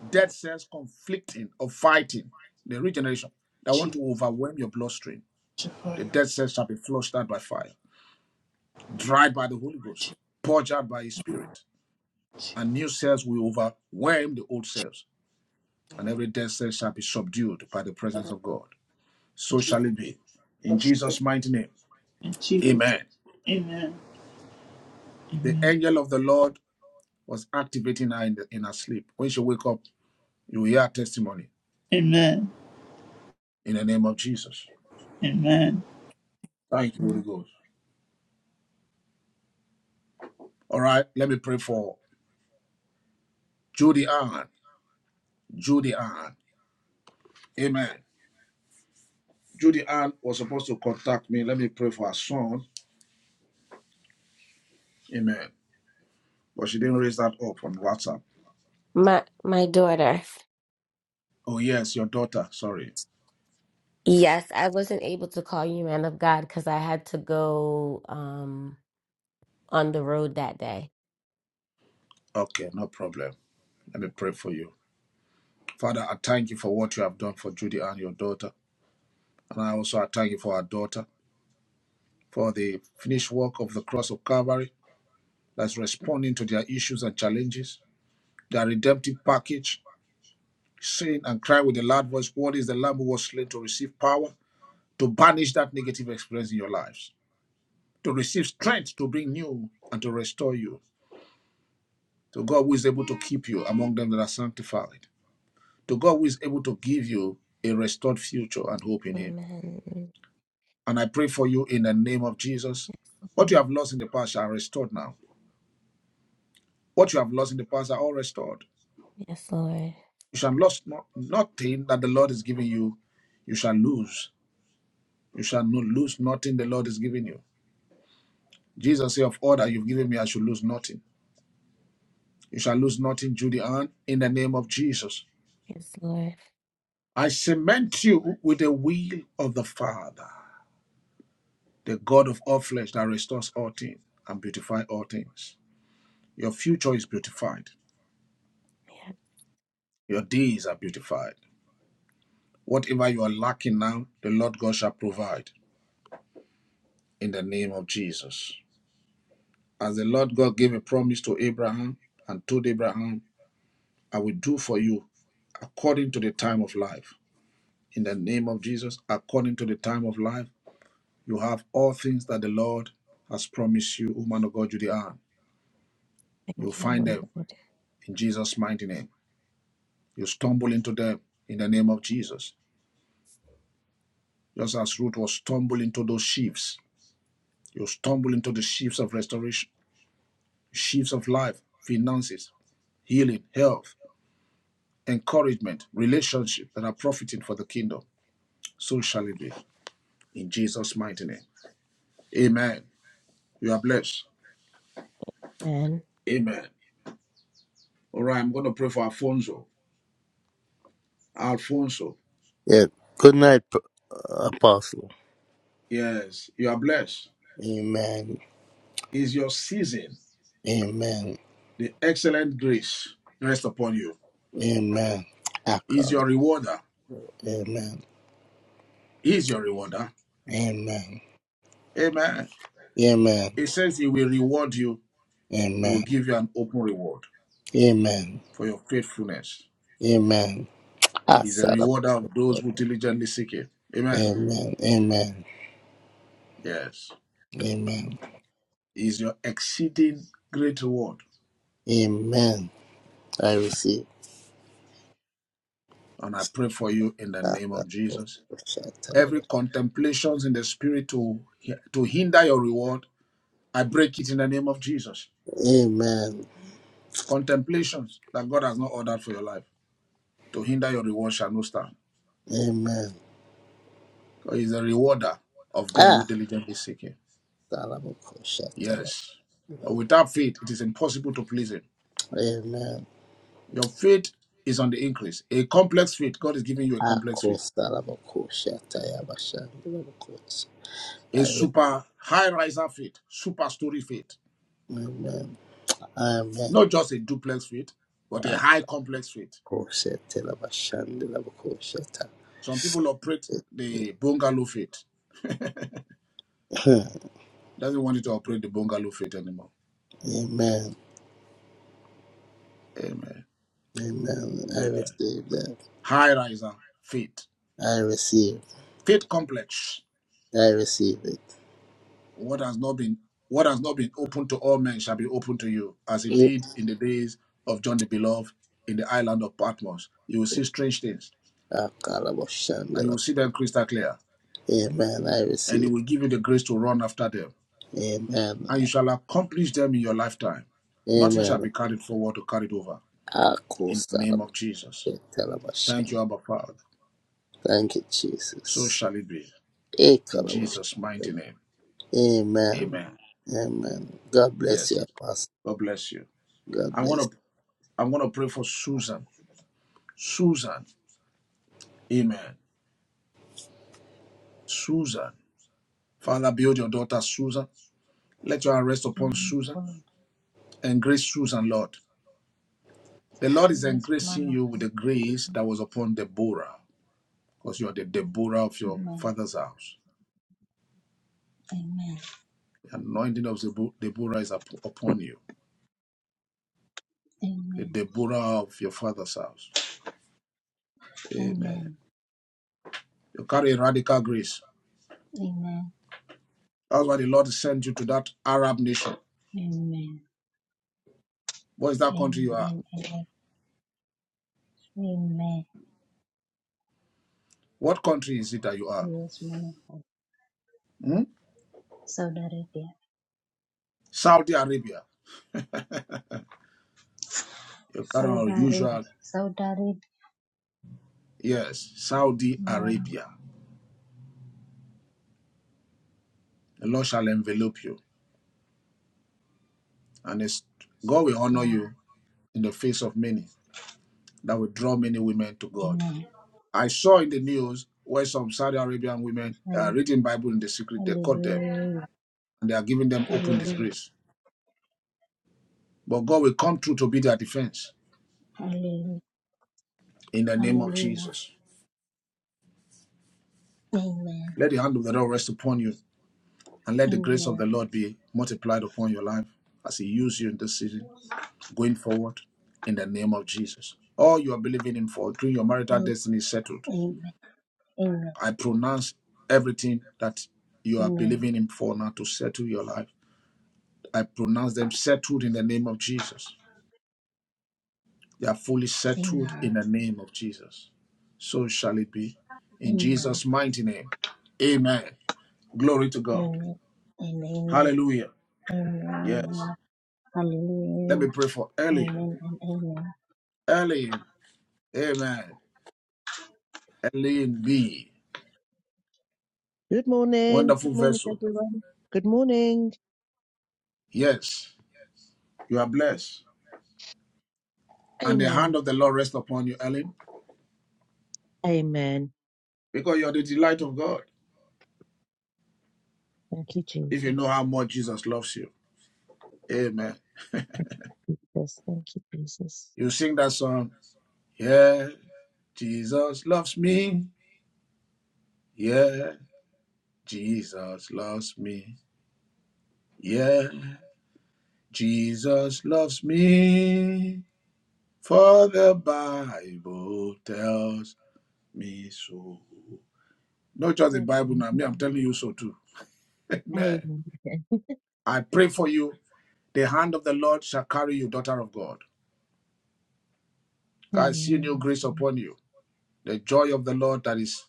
S2: Dead cells conflicting or fighting the regeneration that want
S1: Jesus
S2: to overwhelm your bloodstream.
S1: Jehovah,
S2: The dead cells shall be flushed out by fire, dried by the Holy Ghost, purged out by His Spirit, and new cells will overwhelm the old cells and every desert shall be subdued by the presence of God. So shall it be. In
S1: Jesus
S2: Jesus' mighty name.
S1: in Jesus,
S2: Amen.
S1: Amen,
S2: The angel of the Lord was activating her in, the, in her sleep. When she wake up, you will hear testimony
S1: Amen,
S2: in the name of Jesus.
S1: Amen,
S2: Thank you, Holy Ghost. All right, let me pray for Judy Ann. Judy Ann. Amen. Judy Ann was supposed to contact me. Let me pray for her son. Amen. But she didn't raise that up on WhatsApp.
S8: My my daughter.
S2: Oh, yes, your daughter. Sorry.
S8: Yes, I wasn't able to call you man of God because I had to go um on the road that day.
S2: Okay, no problem. Let me pray for you. Father, I thank you for what you have done for Judy and your daughter. And I also I thank you for our daughter, for the finished work of the cross of Calvary that's responding to their issues and challenges, their redemptive package, saying and cry with a loud voice, What is the Lamb who was slain to receive power, to banish that negative experience in your lives, to receive strength to bring new and to restore you, to God who is able to keep you among them that are sanctified, to God who is able to give you a restored future and hope in Him.
S8: Amen.
S2: And I pray for you in the name of Jesus.
S8: Yes,
S2: What you
S8: Lord.
S2: have lost in the past shall be restored now. What you have lost in the past are all restored.
S8: Yes, Lord.
S2: You shall lose no, nothing that the Lord is giving you. You shall lose. You shall not lose nothing the Lord is giving you. Jesus said, Of all that you've given me, I should lose nothing. You shall lose nothing, Judy Ann, in the name of Jesus.
S8: Yes, Lord.
S2: I cement you with the will of the Father, the God of all flesh that restores all things and beautifies all things. Your future is beautified.
S8: Yeah,
S2: Your days are beautified. Whatever you are lacking now, the Lord God shall provide in the name of Jesus. As the Lord God gave a promise to Abraham and told Abraham, I will do for you according to the time of life. In the name of Jesus, according to the time of life, you have all things that the Lord has promised you, O man of God, you are. You'll
S8: thank you,
S2: find them
S8: Lord.
S2: in Jesus' mighty name. You stumble into them in the name of Jesus. Just as Ruth was stumbled into those sheaves, you stumble into the sheaves of restoration shifts of life, finances, healing, health, encouragement, relationships that are profiting for the kingdom. So shall it be in Jesus' mighty name. Amen. You are blessed.
S8: Amen.
S2: Amen. All right, I'm going to pray for Alfonso. Alfonso,
S6: Yeah. Good night, P- Apostle.
S2: yes, you are blessed.
S6: Amen.
S2: Is your season
S6: Amen.
S2: the excellent grace rest upon you?
S6: Amen.
S2: Is
S6: Echo.
S2: your rewarder?
S6: Amen.
S2: Is your rewarder?
S6: Amen.
S2: Amen.
S6: Amen.
S2: It says he will reward you. He will
S6: Amen.
S2: give you an open reward
S6: Amen.
S2: for your faithfulness.
S6: Amen. I
S2: He's a
S6: celebrate.
S2: rewarder of those who diligently seek it. Amen.
S6: Amen. Amen.
S2: Yes.
S6: Amen.
S2: He's your exceeding great reward.
S6: Amen. I receive.
S2: And I pray for you in the
S6: that.
S2: name
S6: that,
S2: of
S6: that,
S2: Jesus.
S6: that, that, that,
S2: Every
S6: that.
S2: contemplations in the spirit to, to hinder your reward, I break it in the name of Jesus.
S6: that. Amen.
S2: Contemplations that God has not ordered for your life to hinder your reward shall not stand.
S6: Amen.
S2: For is a rewarder of them who
S6: Ah.
S2: diligently seek Him.
S6: Salabuko shatala.
S2: Yes. But without faith, it is impossible to please Him.
S6: Amen.
S2: Your faith is on the increase. A complex faith, God is giving you a complex
S6: Ako
S2: faith,
S6: salabuko shataya bashan. I
S2: a
S6: receive.
S2: super high riser faith, super story faith,
S6: Amen. Amen.
S2: not just a duplex faith, but a high complex faith.
S6: Koshetelamashandelamakosheta.
S2: Some people operate the bungalow faith.
S6: Amen.
S2: Doesn't want you to operate the bungalow faith anymore. Amen.
S6: Amen.
S2: It's
S6: I
S2: a
S6: receive that.
S2: high riser faith,
S6: I receive.
S2: faith complex.
S6: I receive it.
S2: What has not been what has not been open to all men shall be open to you, as it did in the days of John the Beloved in the island of Patmos. You will see strange things and you
S6: Akalamashandela.
S2: will see them crystal clear.
S6: Amen. I
S2: And it
S6: receive.
S2: will give you the grace to run after them.
S6: Amen.
S2: And you shall accomplish them in your lifetime. Nothing shall
S6: Amen.
S2: be carried forward or carried over. In the name of Jesus. Thank
S6: Akosalamashetelamashan.
S2: you, Abba Father.
S6: Thank you,
S2: So
S6: Jesus.
S2: shall it be. In Jesus' mighty
S6: Ekalamashandela.
S2: name.
S6: Amen.
S2: Amen.
S6: Amen. God bless
S2: Yes.
S6: you, Apostle.
S2: God bless you.
S6: God
S2: I
S6: bless. you.
S2: want to I want to pray for Susan. Susan. Amen. Susan. Father, build your daughter Susan. Let your hand rest upon
S11: Man of
S2: Susan.
S11: God.
S2: Engrace Susan, Lord. The Lord is
S11: Yes, man
S2: engracing
S11: of
S2: you with
S11: God.
S2: the grace that was upon Deborah. because you are the Deborah of your
S11: Amen.
S2: father's house.
S11: Amen.
S2: The anointing of Zebo- Deborah is up- upon you, the
S11: Amen.
S2: Deborah of your father's house. Amen.
S11: Amen.
S2: You carry a radical grace.
S11: Amen.
S2: That's why the Lord sent you to that Arab nation.
S11: Amen.
S2: What is that country you are?
S11: Amen. Amen. Amen.
S2: What country is it that you are?
S11: Yes, man of God.
S2: Hmm?
S11: Saudi Arabia.
S2: Saudi Arabia. You carry an
S11: Saudi
S2: unusual,
S11: Arabia. Saudi Arabia.
S2: yes, Saudi
S11: Yeah.
S2: Arabia. The Lord shall envelop you, and it's, God will honor
S11: Yeah.
S2: you in the face of many. That will draw many women to God
S11: Amen.
S2: I saw in the news where some Saudi Arabian women are
S11: Halle-
S2: reading Bible in the secret. They caught them
S11: Hallelujah.
S2: and they are giving them open
S11: Hallelujah.
S2: disgrace. But God will come through to be their defense
S11: Hallelujah.
S2: in the name of
S11: Hallelujah.
S2: Jesus.
S11: Amen.
S2: Let the hand of the Lord rest upon you and let the grace of
S11: Amen.
S2: the Lord be multiplied upon your life as He uses you in this season going forward in the name of Jesus. All you are believing in for during your marital
S11: Am-
S2: destiny is settled.
S11: Amen. Amen. Amen.
S2: I pronounce everything that you are believing in for now to settle your life. I pronounce them settled in the name of Jesus They are fully
S11: Amen.
S2: settled in the name of Jesus. So shall it be. In
S11: Amen.
S2: Jesus' mighty name. Amen. Glory to God.
S11: Amen. And Amen.
S2: Hallelujah. Yes.
S11: Amen.
S2: Let
S11: Hallelujah.
S2: me pray for Ellen.
S11: Amen and amen.
S2: Ellen. Amen. Ellen B.
S12: Good morning.
S2: Wonderful
S12: Good morning,
S2: vessel.
S12: everyone. Good morning.
S2: Yes. You are blessed. And the hand
S12: Amen.
S2: of the Lord rests upon you, Ellen,
S12: Amen.
S2: because you're the delight of God.
S12: Thank you,
S2: If you know
S12: Jesus.
S2: how much Jesus loves you. Amen.
S12: Thank you, Jesus. Thank you, Jesus.
S2: You sing that song. Yeah. Jesus loves me. Yeah. Jesus loves me. Yeah, Jesus loves me. For the Bible tells me so. Not just the
S12: Thank
S2: Bible
S12: you.
S2: now, me, I'm telling you so too. Amen.
S12: Amen.
S2: I pray for you. The hand of the Lord shall carry you, daughter of God. God, see new
S12: Amen.
S2: grace upon you. The joy of the Lord that is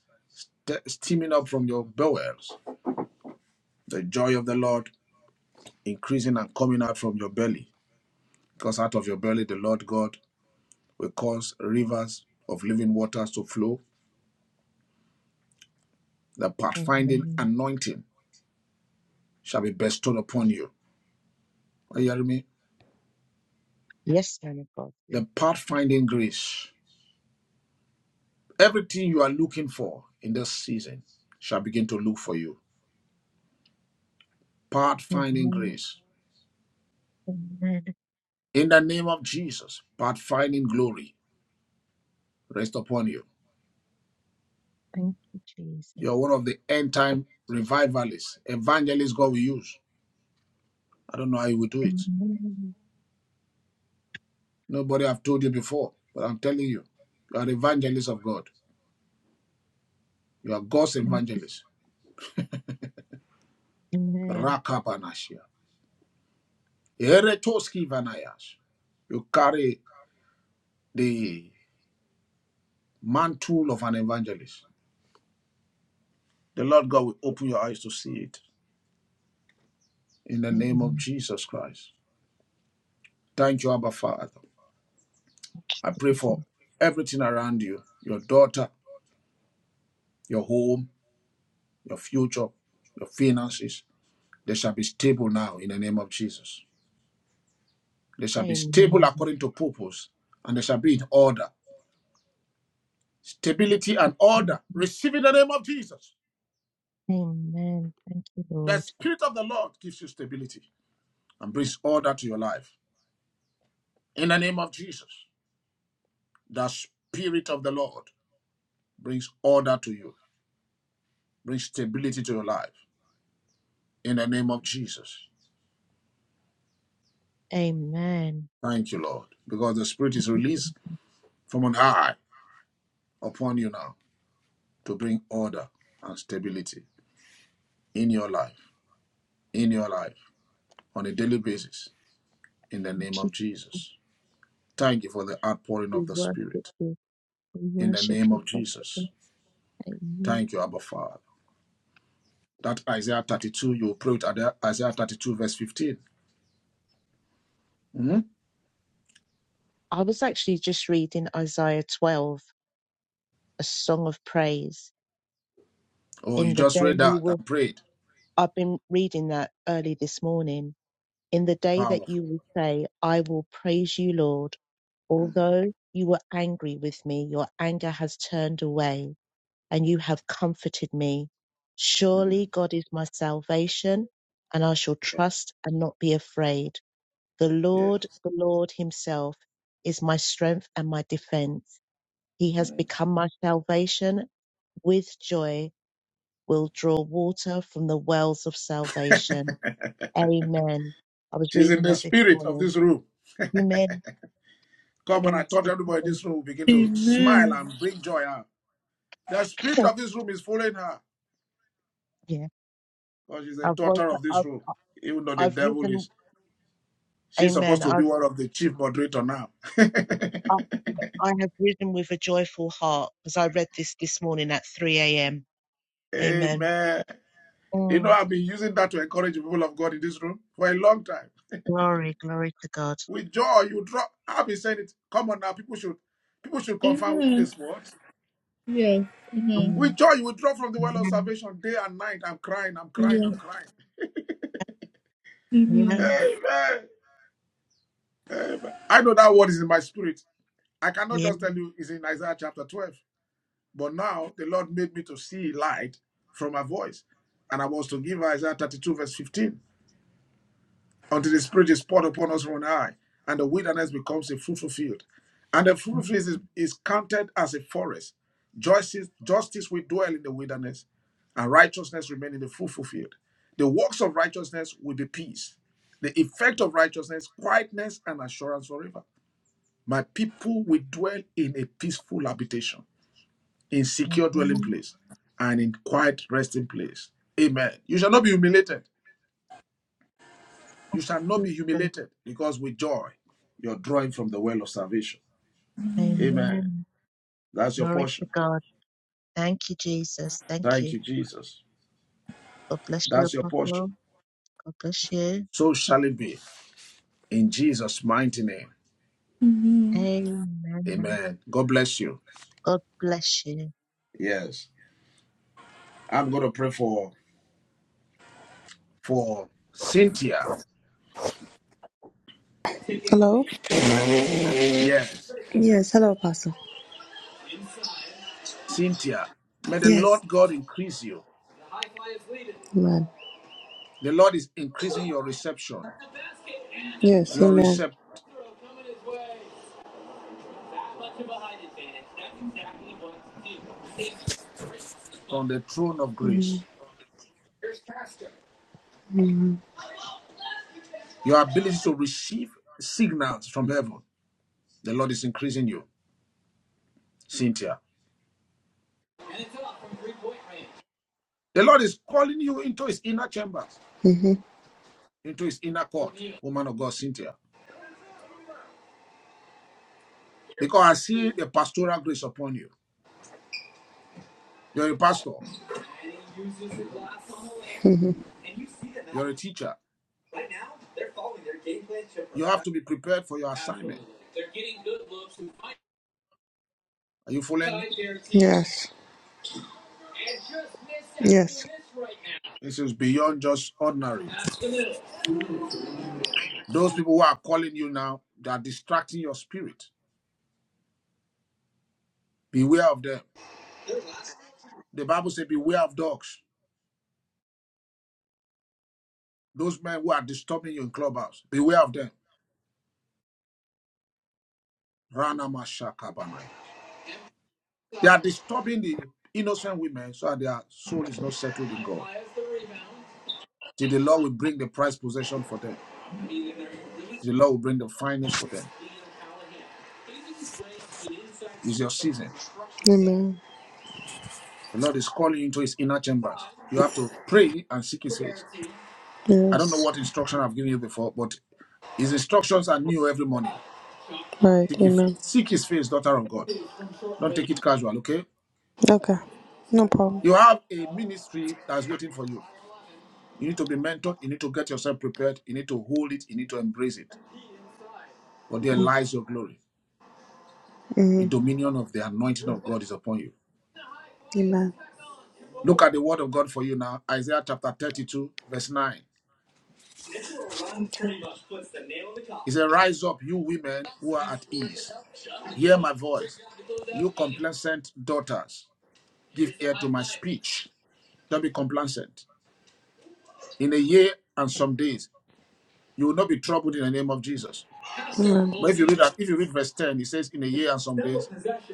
S2: ste- steaming up from your bowels. The joy of the Lord increasing and coming out from your belly. Because out of your belly, the Lord God will cause rivers of living waters to flow. The pathfinding
S12: Amen.
S2: anointing shall be bestowed upon you. Are you hearing me?
S12: Yes, man of God. Yeah.
S2: The pathfinding grace. Everything you are looking for in this season shall begin to look for you. Pathfinding
S12: Amen.
S2: grace.
S12: Amen.
S2: In the name of Jesus, pathfinding glory rest upon you.
S12: Thank you, Jesus.
S2: You are one of the end time revivalists, evangelists God will use. I don't know how you will do
S12: Amen.
S2: it. Nobody have told you before, but I'm telling you, you are evangelists of God. You are God's
S12: Amen.
S2: evangelist.
S12: Amen.
S2: Rakabanashia. Eretoski vanayash. You carry the mantle of an evangelist. The Lord God will open your eyes to see it in the
S12: Thank you,
S2: name of Jesus Christ. Thank you, Abba Father. I pray
S12: Jesus.
S2: for everything around you your daughter, your home, your future, your finances. They shall be stable now in the name of Jesus. They shall be
S12: Amen.
S2: stable according to purpose and they shall be in order. Stability and order. Receive in the name of Jesus.
S12: Amen. Thank you,
S2: The
S12: Lord.
S2: Spirit of the Lord gives you stability and brings order to your life. In the name of Jesus, the Spirit of the Lord brings order to you, brings stability to your life. In the name of Jesus.
S12: Amen.
S2: Thank you, Lord, because the Spirit is released from on high upon you now to bring order and stability in your life, in your life, on a daily basis. In the
S12: Thank
S2: name
S12: you.
S2: of Jesus. Thank you for the outpouring
S12: We
S2: of the
S12: worship
S2: Spirit.
S12: you. We
S2: In the
S12: worship
S2: name
S12: you,
S2: of Jesus.
S12: Father. Amen.
S2: Thank you, Abba Father. That Isaiah 32, you pray with Isaiah 32, verse 15. Mhm.
S12: I was actually just reading Isaiah 12, a song of praise.
S2: Oh, you
S12: In the
S2: just
S12: day
S2: read
S12: you
S2: that
S12: will,
S2: and prayed.
S12: I've been reading that early this morning. In the day that you
S2: Powerful.
S12: will say, I will praise you, Lord, although you were angry with me, your anger has turned away and you have comforted me.
S2: Mm.
S12: Surely God is my salvation and I shall trust and not be afraid. The
S2: Yeah.
S12: Lord, the Lord Himself, is my strength and my defense. He has
S2: Mm.
S12: become my salvation. With joy will draw water from the wells of salvation. Amen. I was
S2: She's in
S12: reading
S2: the
S12: that this
S2: spirit of
S12: morning.
S2: this room.
S12: Amen.
S2: Come and I
S12: Yes,
S2: thought
S12: this
S2: everybody in
S12: morning.
S2: this room will begin to smile
S1: Amen,
S2: and bring joy out. The spirit of this room is following her
S12: yeah.
S2: because she's a
S12: I've woke
S2: daughter
S12: up.
S2: of this
S12: I've,
S2: room. Even though the
S12: I've
S2: devil
S12: risen.
S2: is, she's
S12: Amen.
S2: supposed to be
S12: I've,
S2: one of the chief moderator now.
S12: I, I have risen with a joyful heart because I read this this morning at 3 a.m. Amen.
S2: Amen. You know,
S12: Mm.
S2: I've been using that to encourage the people of God in this room for a long time.
S12: Glory, glory to God.
S2: With joy, you draw. I've been saying it. Come on now, people should people should confirm this word. With
S12: Mm.
S2: joy, you will draw from the well of
S12: Amen.
S2: salvation day and night. I'm crying, I'm crying, I'm crying.
S12: Yeah.
S2: Amen. Amen. I know that word is in my spirit. I cannot
S12: Yes.
S2: just tell you it's in Isaiah chapter 12. But now the Lord made me to see light from my voice. And I was to give Isaiah 32, verse 15. until the Spirit is poured upon us from on high, and the wilderness becomes a fruitful field. And the fruitful field is, is counted as a forest. Justice, justice will dwell in the wilderness, and righteousness remain in the fruitful field. The works of righteousness will be peace. The effect of righteousness, quietness, and assurance forever. My people will dwell in a peaceful habitation, in secure dwelling
S12: Amen.
S2: place, and in quiet resting place. Amen. You shall not be humiliated. You shall not be
S12: Jesus.
S2: humiliated because with joy you're drawing from the well of salvation. Amen.
S12: Amen.
S2: That's your
S12: Glory to
S2: portion.
S12: God. Thank you, Jesus. Thank
S2: Thank
S12: you.
S2: you, Jesus.
S12: God bless you,
S2: That's your portion.
S12: Apostle. God bless you.
S2: So shall it be in Jesus' mighty name.
S1: Amen.
S12: Amen.
S2: Amen. God bless you.
S12: God bless you.
S2: Yes. I'm going to pray for for Cynthia.
S13: Hello?
S2: Yes.
S13: Yes, hello, Apostle.
S2: Cynthia, may the
S13: Yes.
S2: Lord God increase you.
S13: Amen.
S2: The Lord is increasing your reception,
S13: Yes,
S2: your
S13: amen.
S2: recept from the throne of grace, your ability to receive signals from heaven The Lord is increasing you, Cynthia. The Lord is calling you into his inner chambers,
S13: Mm-hmm.
S2: into his inner court, woman of God, Cynthia. Because I see a pastoral grace upon you. You're a pastor, you're a teacher. You have to be prepared for your assignment. Are you following me?
S13: Yes. Yes.
S2: This is beyond just ordinary. Those people who are calling you now, they are distracting your spirit. Beware of them. The Bible says, Beware of dogs. Those men who are disturbing you in clubhouse, beware of them. Rana Mashakabanayas. They are disturbing the innocent women so that their soul is not settled in God. Till the Lord will bring the prized possession for them. Till the Lord will bring the finest for them. It's your season.
S13: Amen.
S2: The Lord is calling you into his inner chambers. You have to pray and seek his face. I don't know
S13: Yes.
S2: what instruction I've given you before, but his instructions are new every morning.
S13: Right,
S2: Seek his,
S13: amen.
S2: seek his face, daughter of God. Don't take it casual, okay?
S13: Okay. No problem.
S2: You have a ministry that's waiting for you. You need to be mentored. You need to get yourself prepared. You need to hold it. You need to embrace it. For there lies your glory. The
S13: Mm-hmm.
S2: dominion of the anointing of God is upon you.
S13: Amen.
S2: Look at the word of God for you now. Isaiah chapter 32, verse 9. It says, Rise up, you women who are at ease. Hear my voice. You complacent daughters, give ear to my speech. Don't be complacent. In a year and some days, you will not be troubled in the name of Jesus.
S13: Amen.
S2: But if you read that, if you read verse 10, it says, In a year and some days,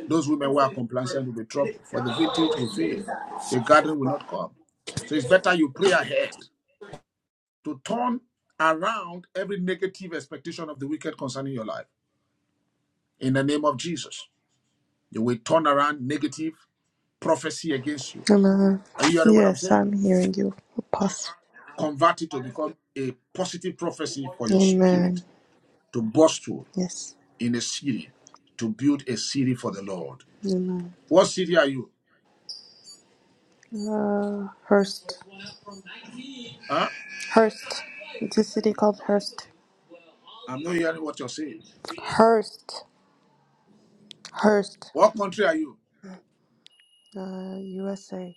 S2: those women who are complacent will be troubled, for the vintage will fail, the gathering will not come. So it's better you pray ahead to turn around every negative expectation of the wicked concerning your life. In the name of Jesus, you will turn around negative prophecy against you.
S13: Amen.
S2: Are you hearing what I'm
S13: Yes,
S2: saying?
S13: I'm hearing you, Apostle.
S2: Convert it to become a positive prophecy for your spirit
S13: Amen.
S2: to burst through
S13: Yes.
S2: in a city, to build a city for the Lord.
S13: Amen.
S2: What city are you?
S13: Uh, Hurst.
S2: Huh?
S13: Hurst. It's a city called Hurst.
S2: I'm not hearing what you're saying.
S13: Hurst. Hurst.
S2: What country are you?
S13: Uh, USA.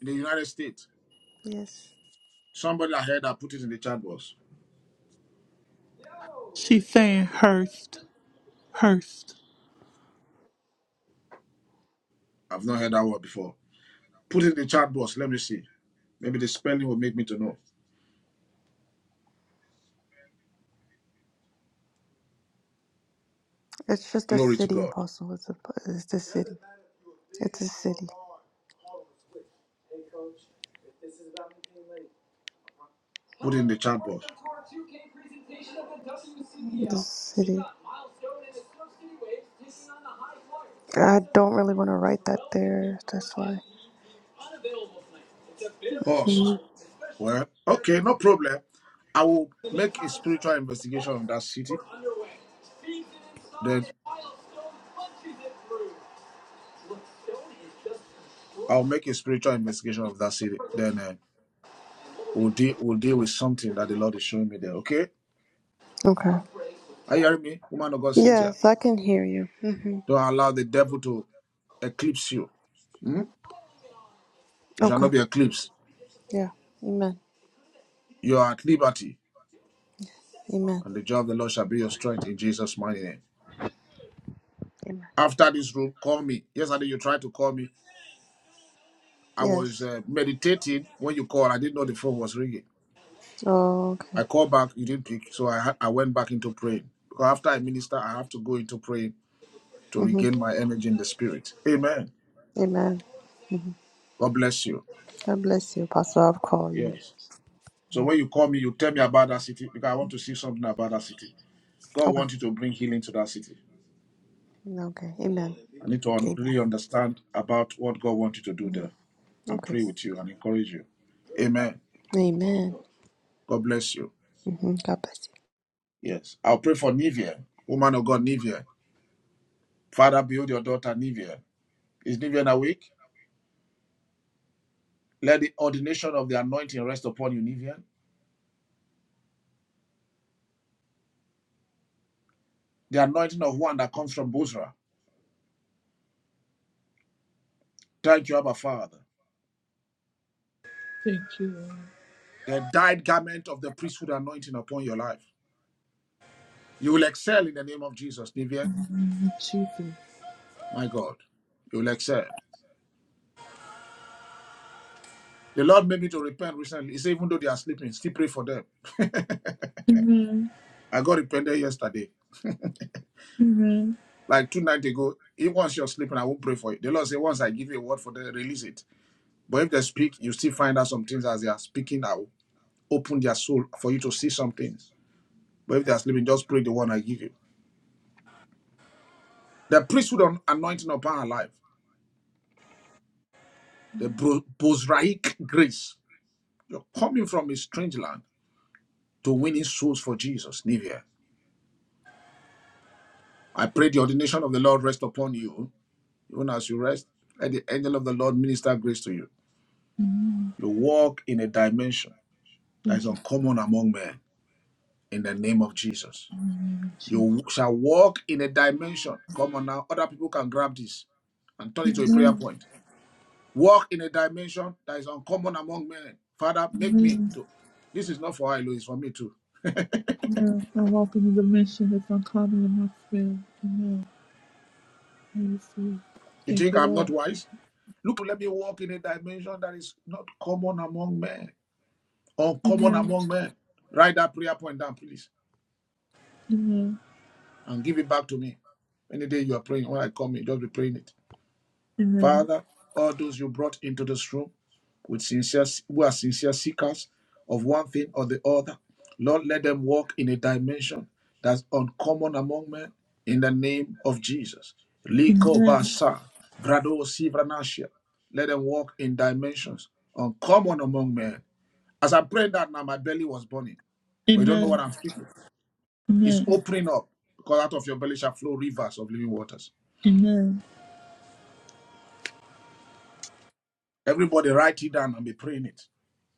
S2: In the United States.
S13: Yes.
S2: Somebody I heard that put it in the chat box.
S1: She's saying Hurst, Hurst.
S2: I've not heard that word before. Put it in the chat box. Let me see. Maybe the spelling will make me to know.
S13: It's just a
S2: Glory to
S13: city,
S2: God.
S13: Apostle. It's a, it's the city. It's a city.
S2: Put it in the chat box.
S13: The city. I don't really want to write that there. That's why.
S2: Host.
S13: Mhm.
S2: Well, okay, no problem. I will make a spiritual investigation of that city. Then I'll make a spiritual investigation of that city. Then uh, we'll deal we'll deal with something that the Lord is showing me there. Okay?
S13: Okay.
S2: Are you hearing me, woman of God, Cynthia?
S13: Yes, I can hear you. hmm
S2: Don't allow the devil to eclipse you. Hmm? You shall
S13: Okay.
S2: not be eclipsed.
S13: Yeah. Amen.
S2: You are at liberty,
S13: Amen.
S2: and the joy of the Lord shall be your strength in Jesus' mighty name.
S13: Amen.
S2: After this room, call me. Yesterday you tried to call me. I was
S13: Yes.
S2: uh, meditating when you called. I didn't know the phone was ringing.
S13: Oh, okay.
S2: I called back, you didn't pick, so I had, I went back into praying. Because after I minister, I have to go into praying to
S13: hmm
S2: regain my energy in the spirit. Amen.
S13: Amen.
S2: God bless you.
S13: God bless you, Pastor. I'll call you.
S2: Yes. So when you call me, you tell me about that city because I want to see something about that city. God
S13: Okay.
S2: wants you to bring healing to that city.
S13: Okay. Amen.
S2: I need to un-
S13: Amen.
S2: really understand about what God wants you to do there and
S13: Okay.
S2: pray with you and encourage you. Amen.
S13: Amen.
S2: God bless you.
S13: hmm God bless you.
S2: Yes. I'll pray for Nivea, woman of God, Nivea. Father, build your daughter Nivian. Is Nivian awake? Let the ordination of the anointing rest upon you, Nivian. The anointing of one that comes from Bozrah. Thank you, Abba Father.
S1: Thank you, Lord.
S2: The dyed garment of the priesthood anointing upon your life. You will excel in the name of Jesus, Nivian. My God, you will excel. The Lord made me to repent recently. He said, even though they are sleeping, still pray for them. I got repented yesterday, like two nights ago. If once you're sleeping, I won't pray for you. The Lord said, once I give you a word for them, release it. But if they speak, you still find out some things as they are speaking. I open their soul for you to see something. But if they are sleeping, just pray the one I give you. The priesthood on anointing upon our life, the bro- Bozraic grace. You're coming from a strange land to winning souls for Jesus, Nivea. I pray the ordination of the Lord rest upon you, even as you rest. Let the angel of the Lord minister grace to you. You walk in a dimension that is uncommon among men in the name of Jesus. You shall walk in a dimension. Come on now, other people can grab this and turn it to a prayer point. Walk in a dimension that is uncommon among men. Father, make me to. This is not for I, Lord, it's for me too.
S1: I walk in the mission that's uncommon in my spirit.
S2: You
S1: Thank
S2: think
S1: you,
S2: I'm not
S1: Lord.
S2: wise? Look, let me walk in a dimension that is not common among men, uncommon among men. Write that prayer point down, please, and give it back to me. Any day you are praying, when I come in, just be praying it. Father, all those you brought into this room with sincere, who are sincere seekers of one thing or the other, Lord, let them walk in a dimension that's uncommon among men in the name of Jesus. Liko basa, grado sivranashia. Let them walk in dimensions uncommon among men. As I prayed that now, my belly was burning, but you don't know what I'm speaking. It's
S1: Amen,
S2: opening up because out of your belly shall flow rivers of living waters.
S1: Amen.
S2: Everybody write it down and be praying it.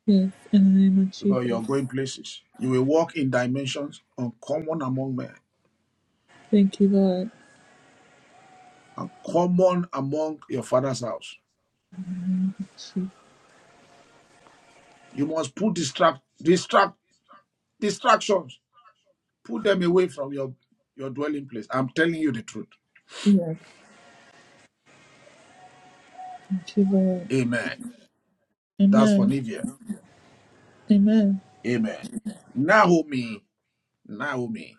S1: Yes, in the name of
S2: because you're
S1: Jesus.
S2: going places. You will walk in dimensions uncommon among men
S1: Thank you, Lord.
S2: and common among your father's house.
S1: Jesus.
S2: You must put distract, distract, distractions, put them away from your, your dwelling place. I'm telling you the truth.
S1: Yes, thank you, Lord.
S2: Amen. That's for
S1: Amen,
S2: Nivea.
S1: Amen.
S2: Amen. Naomi, Naomi,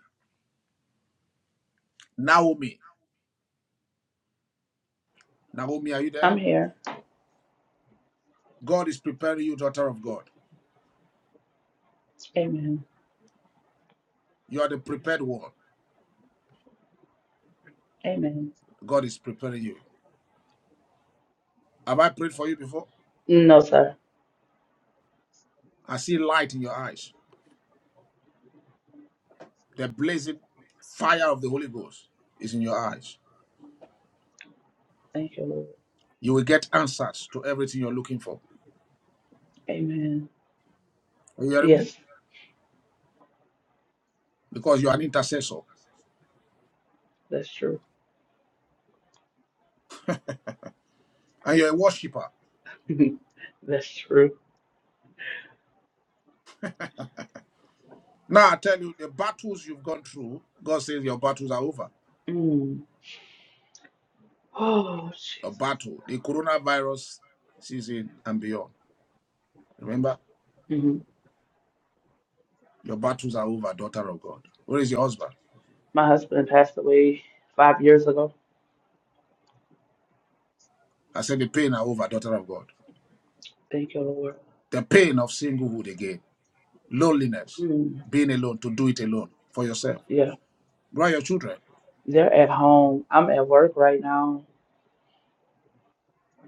S2: Naomi, Naomi, are you
S14: I'm
S2: there?
S14: here.
S2: God is preparing you, daughter of God.
S14: Amen.
S2: You are the prepared one.
S14: Amen.
S2: God is preparing you. Have I prayed for you before?
S14: No, sir.
S2: I see light in your eyes. The blazing fire of the Holy Ghost is in your eyes.
S14: Thank you, Lord.
S2: You will get answers to everything you're looking for.
S14: Amen.
S2: Are you hearing me?
S14: Yes,
S2: Because you're an intercessor
S14: that's true.
S2: and you're a worshiper.
S14: that's true.
S2: Now I tell you, the battles you've gone through, God says your battles are over.
S14: Mm. Oh,
S2: Your
S14: Jesus.
S2: battle, the coronavirus season and beyond. Remember,
S14: hmm
S2: your battles are over, daughter of God. Where is your husband?
S14: My husband passed away five years ago.
S2: I said the pain are over, daughter of God.
S14: Thank you, Lord.
S2: The pain of singlehood again, loneliness,
S14: Mm.
S2: being alone, to do it alone for yourself.
S14: Yeah,
S2: Where are your children?
S14: they're at home. I'm at work right now.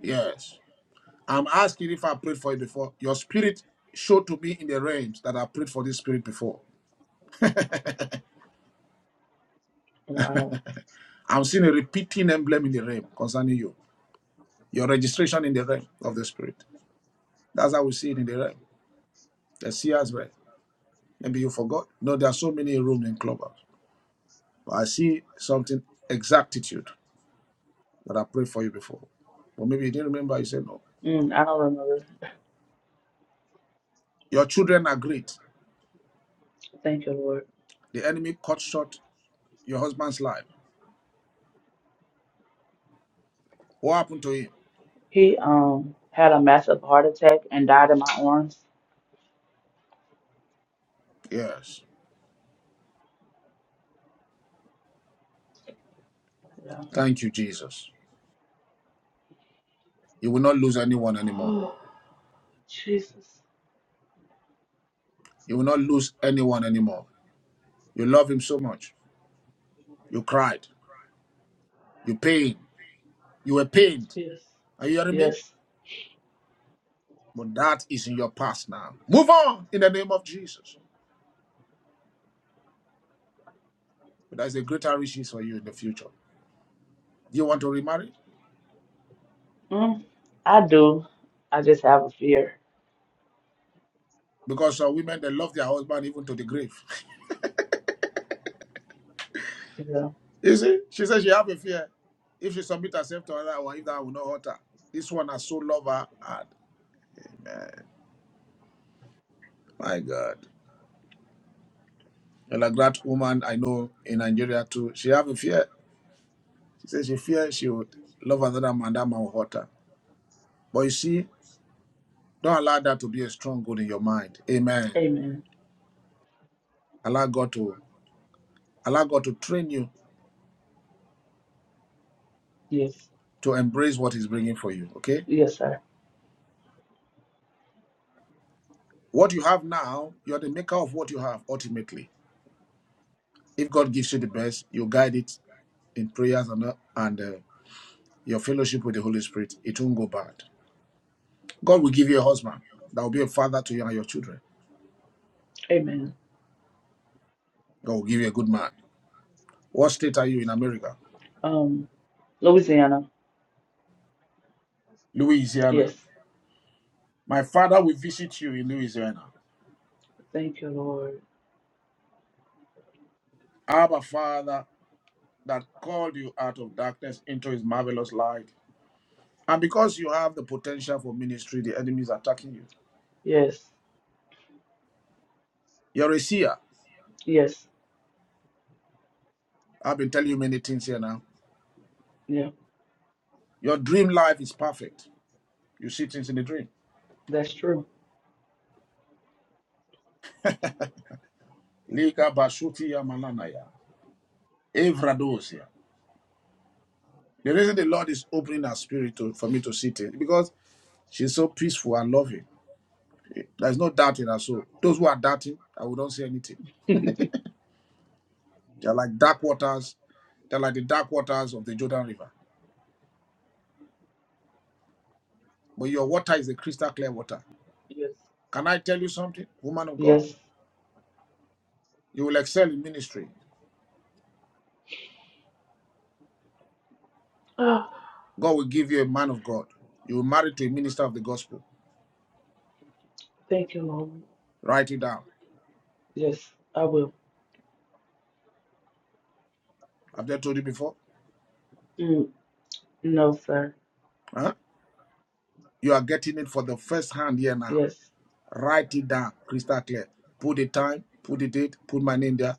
S2: Yes. I'm asking if I prayed for it before. Your spirit showed to me in the realms that I prayed for this spirit before.
S14: Wow.
S2: I'm seeing a repeating emblem in the realm concerning you. Your registration in the realm of the spirit. That's how we see it in the realm. The seer's realm. Maybe you forgot. No, there are so many rooms in clubhouse. But I see something exactitude that I prayed for you before. But maybe you didn't remember. You said no.
S14: Mm, I don't remember.
S2: Your children are great.
S14: Thank you, Lord.
S2: The enemy cut short your husband's life. What happened to him?
S14: He um had a massive heart attack and died in my arms.
S2: Yes.
S14: Yeah.
S2: Thank you, Jesus. You will not lose anyone anymore.
S14: Oh, Jesus.
S2: You will not lose anyone anymore. You love him so much. You cried. You pained. You were pained.
S14: Yes.
S2: Are you hearing me?
S14: Yes.
S2: But that is in your past now. Move on in the name of Jesus. But there's a greater riches for you in the future. Do you want to remarry?
S14: Mm, I do. I just have a fear.
S2: Because uh, women they love their husband even to the grave.
S14: Yeah.
S2: you see, she says she have a fear. If she submit herself to another one, if that will not hurt her. This one has so loved her hard. My God. And like that woman I know in Nigeria too, she have a fear. She says she fears she would love another man, that man will hurt her. But you see, don't allow that to be a stronghold in your mind. Amen.
S14: Amen.
S2: Allow God to allow God to train you
S14: Yes.
S2: to embrace what He's bringing for you. Okay.
S14: Yes, sir.
S2: What you have now, you are the maker of what you have. Ultimately, if God gives you the best, you guide it in prayers and uh, and uh, your fellowship with the Holy Spirit. It won't go bad. God will give you a husband that will be a father to you and your children.
S14: Amen.
S2: God will give you a good man. What state are you in America?
S14: Um, Louisiana.
S2: Louisiana.
S14: Yes.
S2: My Father will visit you in Louisiana.
S14: Thank you, Lord.
S2: Abba, Father, that called you out of darkness into his marvelous light. And because you have the potential for ministry, the enemy is attacking you.
S14: Yes.
S2: You're a seer.
S14: Yes.
S2: I've been telling you many things here now.
S14: Yeah.
S2: Your dream life is perfect. You see things in the dream.
S14: That's true.
S2: Liga bashutia malanaya. Evradosia. The reason the Lord is opening her spirit to, for me to see things because she's so peaceful and loving. There's no doubt in her soul. Those who are doubting, I will not say anything. They're like dark waters. They're like the dark waters of the Jordan River. But your water is a crystal clear water.
S14: Yes.
S2: Can I tell you something, woman of God?
S14: Yes.
S2: You will excel in ministry.
S14: Oh,
S2: God will give you a man of God. You will marry to a minister of the gospel.
S14: thank you, Lord.
S2: Write it down.
S14: Yes, I will.
S2: Have I told you before?
S14: Mm, no, sir.
S2: Huh? You are getting it for the first hand here now.
S14: Yes.
S2: Write it down, crystal clear. Put the time, put the date, put my name there.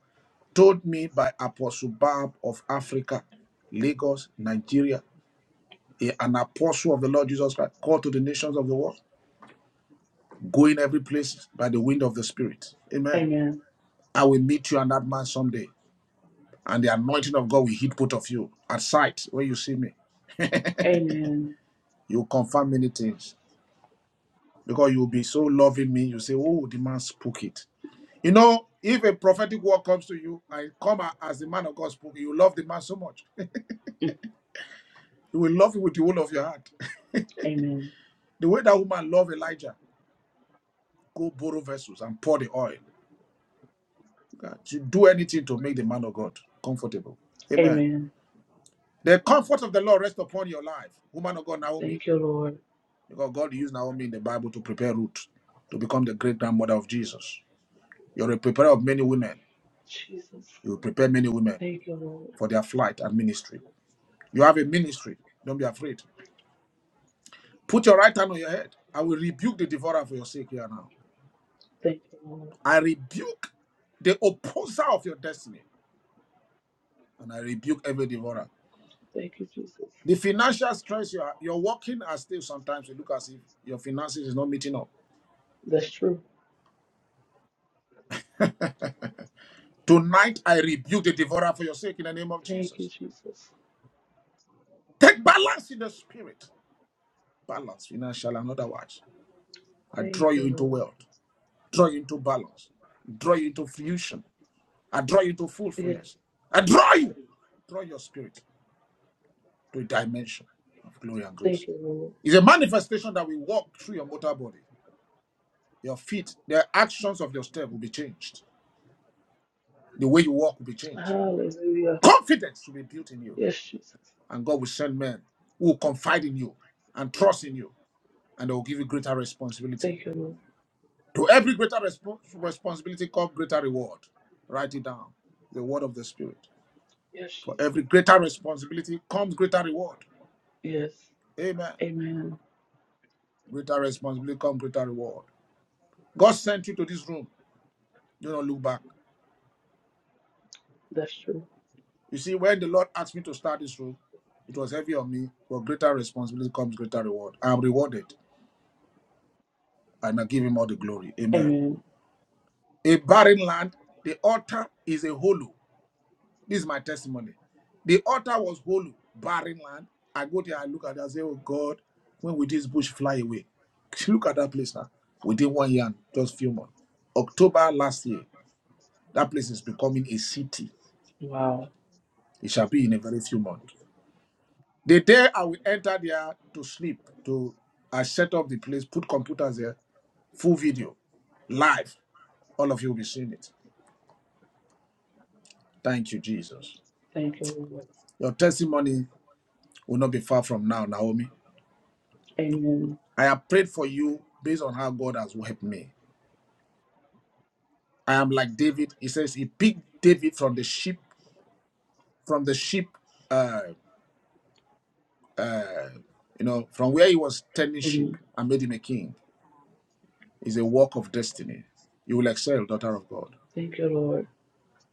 S2: Told me by Apostle Barb of Africa, Lagos, Nigeria, a- an apostle of the Lord Jesus Christ, called to the nations of the world. going every place by the wind of the Spirit. Amen.
S14: Amen.
S2: I will meet you and that man someday, and the anointing of God will hit both of you at sight when you see me.
S14: Amen.
S2: You'll confirm many things because you'll be so loving me. You say, Oh, the man spoke it. You know, if a prophetic word comes to you and come as the man of God spoke, you love the man so much.
S14: Mm,
S2: You will love him with the whole of your heart.
S14: Amen.
S2: The way that woman loved Elijah, go borrow vessels and pour the oil. You do anything to make the man of God comfortable. Amen.
S14: Amen.
S2: The comfort of the Lord rest upon your life, woman of God, Naomi,
S14: Thank you, Lord.
S2: because God used Naomi in the Bible to prepare Ruth to become the great grandmother of Jesus. You're a preparer of many women.
S14: Jesus.
S2: You will prepare many women
S14: Thank you, Lord.
S2: for their flight and ministry. You have a ministry. Don't be afraid. Put your right hand on your head. I will rebuke the devourer for your sake here now.
S14: Thank you, Lord.
S2: I rebuke the opposer of your destiny, and I rebuke every devourer.
S14: Thank you, Jesus.
S2: The financial stress you are, you're working as still sometimes you look as if your finances is not meeting up
S14: That's true.
S2: Tonight, I rebuke the devourer for your sake in the name of
S14: Thank you,
S2: Jesus.
S14: Jesus.
S2: Take balance in the spirit, balance, financial and otherwise. I draw
S14: Thank
S2: you
S14: you,
S2: into
S14: Lord.
S2: wealth, draw you into balance, draw you into fusion, I draw you into
S14: Yes.
S2: fullfulness. I draw you, draw your spirit to a dimension of glory and
S14: Thank
S2: grace.
S14: you, Lord.
S2: It's a manifestation that we walk through your mortal body. Your feet, the actions of your step will be changed. The way you walk will be changed.
S14: Hallelujah.
S2: Confidence will be built in you,
S14: Yes, Jesus.
S2: and God will send men who will confide in you and trust in you and I will give you greater responsibility.
S14: Thank you, Lord.
S2: To every greater respo- responsibility, come greater reward. Write it down. The word of the Spirit.
S14: Yes,
S2: For
S14: Jesus.
S2: every greater responsibility comes greater reward.
S14: Yes.
S2: Amen.
S14: Amen.
S2: Greater responsibility comes greater reward. God sent you to this room. Do not look back.
S14: That's true.
S2: You see, when the Lord asked me to start this room, it was heavy on me, but greater responsibility comes greater reward. I am rewarded, and I give Him all the glory. Amen.
S14: Amen.
S2: A barren land, the altar is a hollow This is my testimony. The altar was hollow, barren land. I go there, I look at it, I say, Oh God, when will this bush fly away? Look at that place now. Within one year, just few months. October last year, that place is becoming a city.
S14: Wow.
S2: It shall be in a very few months. The day I will enter there to sleep, to I set up the place, put computers there, full video, live. All of you will be seeing it. Thank you, Jesus.
S14: Thank you, Lord.
S2: Your testimony will not be far from now, Naomi.
S14: Amen.
S2: I have prayed for you based on how God has helped me. I am like David. He says he picked David from the sheep, from the sheep, uh, uh, you know, from where he was tending sheep
S14: Amen.
S2: and made him a king. It's a work of destiny. You will excel, daughter of God.
S14: Thank you, Lord.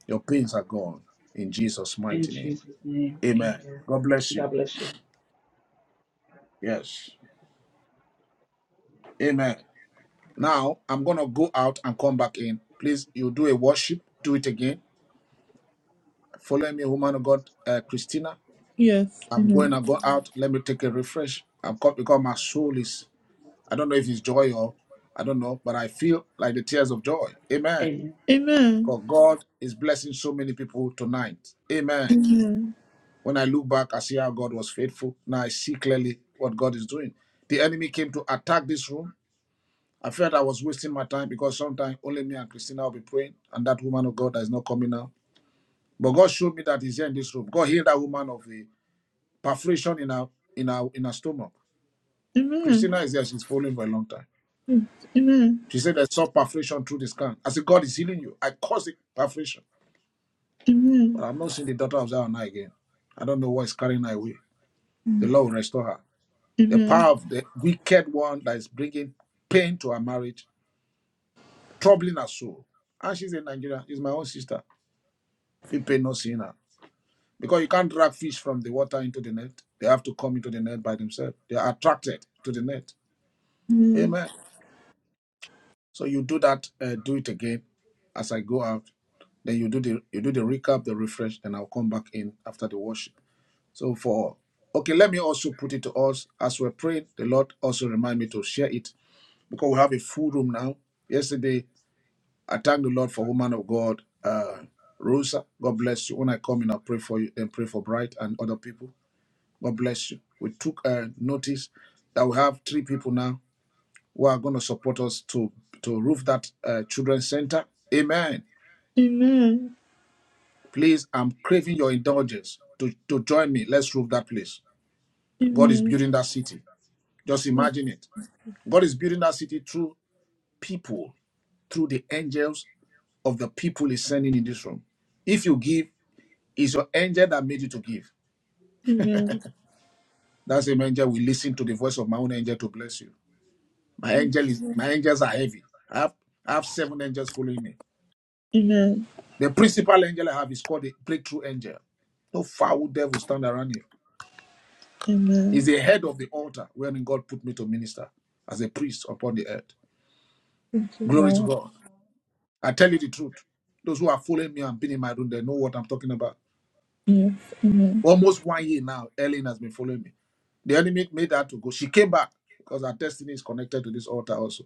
S2: Your pains are gone in Jesus'
S14: In
S2: mighty name.
S14: Jesus' name.
S2: Amen.
S14: Amen.
S2: God bless you.
S14: God bless you.
S2: Yes. Amen. Now I'm gonna go out and come back in. Please, you do a worship. Do it again. Follow me, woman of God, uh, Christina.
S1: Yes,
S2: I'm going
S1: Amen,
S2: to go out. Let me take a refresh. I'm caught because my soul is, I don't know if it's joy or, I don't know, but I feel like the tears of joy. Amen.
S14: Amen.
S1: Amen.
S2: Because God is blessing so many people tonight. Amen.
S1: Amen.
S2: When I look back, I see how God was faithful. Now I see clearly what God is doing. The enemy came to attack this room. I felt I was wasting my time because sometimes only me and Christina will be praying, and that woman of God that is not coming now. But God showed me that He's here in this room. God healed that woman of a perforation in her in her in her stomach.
S1: Amen.
S2: Christina is there. She's following for a long time.
S1: Amen.
S2: She said, I saw perforation through the scan. I said, God is healing you. I caused it, perforation.
S1: Amen.
S2: But I'm not seeing the daughter of Zion again. I don't know what is carrying her away. The
S1: Amen.
S2: Lord will restore her. The power of the wicked one that is bringing pain to her marriage, troubling her soul. And she's in Nigeria. She's my own sister. Feel pain not seeing her. Because you can't drag fish from the water into the net. They have to come into the net by themselves. They are attracted to the net.
S1: Amen.
S2: Amen. So you do that, uh, do it again as I go out. Then you do the you do the recap, the refresh, and I'll come back in after the worship. So for okay, let me also put it to us as we're praying. The Lord also remind me to share it because we have a full room now. Yesterday, I thank the Lord for woman of God, uh, Rosa. God bless you. When I come in, I'll pray for you and pray for Bright and other people. God bless you. We took uh, notice that we have three people now who are going to support us to to roof that uh, children's center. Amen.
S1: Amen.
S2: Please, I'm craving your indulgence to to join me. Let's roof that place. God is
S1: Amen.
S2: building that city. Just imagine it. God is building that city through people, through the angels of the people He's sending in this room. If you give, it's your angel that made you to give.
S1: Amen.
S2: That same angel will listen to the voice of my own angel to bless you. My angel is my angels are heavy. I have I have seven angels following me
S1: Amen.
S2: The principal angel I have is called the breakthrough angel. No foul devil stand around you. He's
S1: Amen.
S2: the head of the altar wherein God put me to minister as a priest upon the earth.
S1: Thank you,
S2: Glory to
S1: Lord.
S2: God. I tell you the truth. Those who are following me and been in my room, they know what I'm talking about.
S1: Yes. Amen.
S2: Almost one year now, Ellen has been following me. The enemy made her to go. She came back because her destiny is connected to this altar also.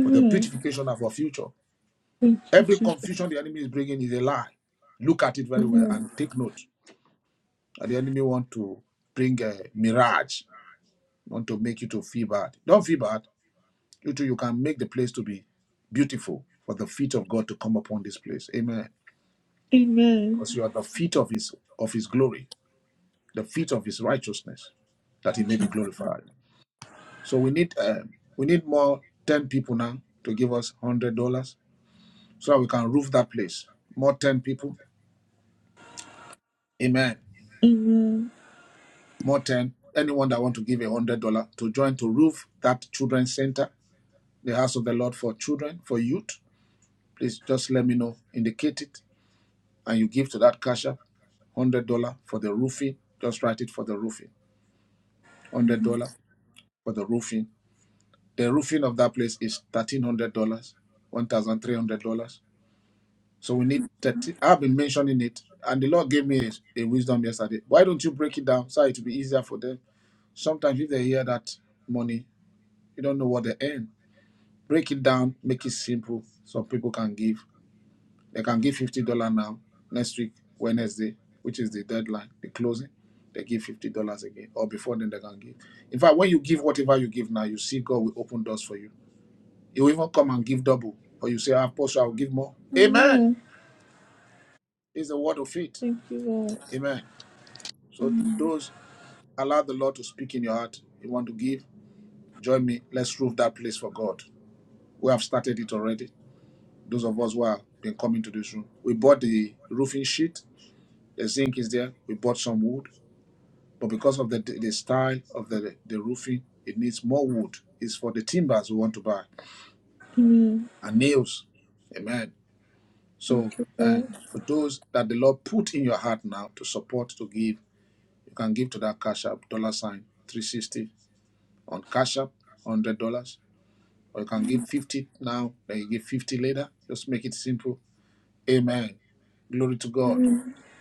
S2: For the beautification of her future. Every confusion the enemy is bringing is a lie. Look at it very well and take note. the enemy want to bring a mirage not to make you to feel bad. Don't feel bad. You too, you can make the place to be beautiful for the feet of God to come upon this place. Amen. Because you are the feet of his of his glory, the feet of his righteousness, that he may be glorified. So we need um, we need more ten people now to give us hundred dollars so that we can roof that place. More ten people. Amen. More ten. Anyone that want to give a hundred dollar to join to roof that children's center, the house of the Lord for children, for youth please just let me know. Indicate it, and you give to that cash app one hundred dollar for the roofing. Just write it for the roofing. one Hundred dollar for the roofing. The roofing of that place is thirteen hundred dollars, one thousand three hundred dollars. So we need thirty. I've been mentioning it, and the Lord gave me a, a wisdom yesterday. Why don't you break it down so it will be easier for them? Sometimes if they hear that money, you don't know what they earn. Break it down, make it simple, so people can give. They can give fifty dollar now. Next week, Wednesday, which is the deadline, the closing, they give fifty dollars again. Or before then, they can give. In fact, when you give whatever you give now, you see God will open doors for you. He will even come and give double, or you say, "Apostle, I will give more." Amen.
S1: Amen.
S2: It's the word of faith.
S1: Thank you, Lord.
S2: Amen. So those allow the Lord to speak in your heart. You want to give? Join me. Let's roof that place for God. We have started it already. Those of us who have been coming to this room, we bought the roofing sheet. The zinc is there. We bought some wood. but because of the the style of the the roofing, it needs more wood. It's for the timbers we want to buy and nails. Amen. So uh,
S1: Lord.
S2: for those that the Lord put in your heart now to support to give, you can give to that cash app dollar sign three sixty on cash app one hundred dollars, or you can give fifty now, then you give fifty later. Just make it simple. Amen. Glory to God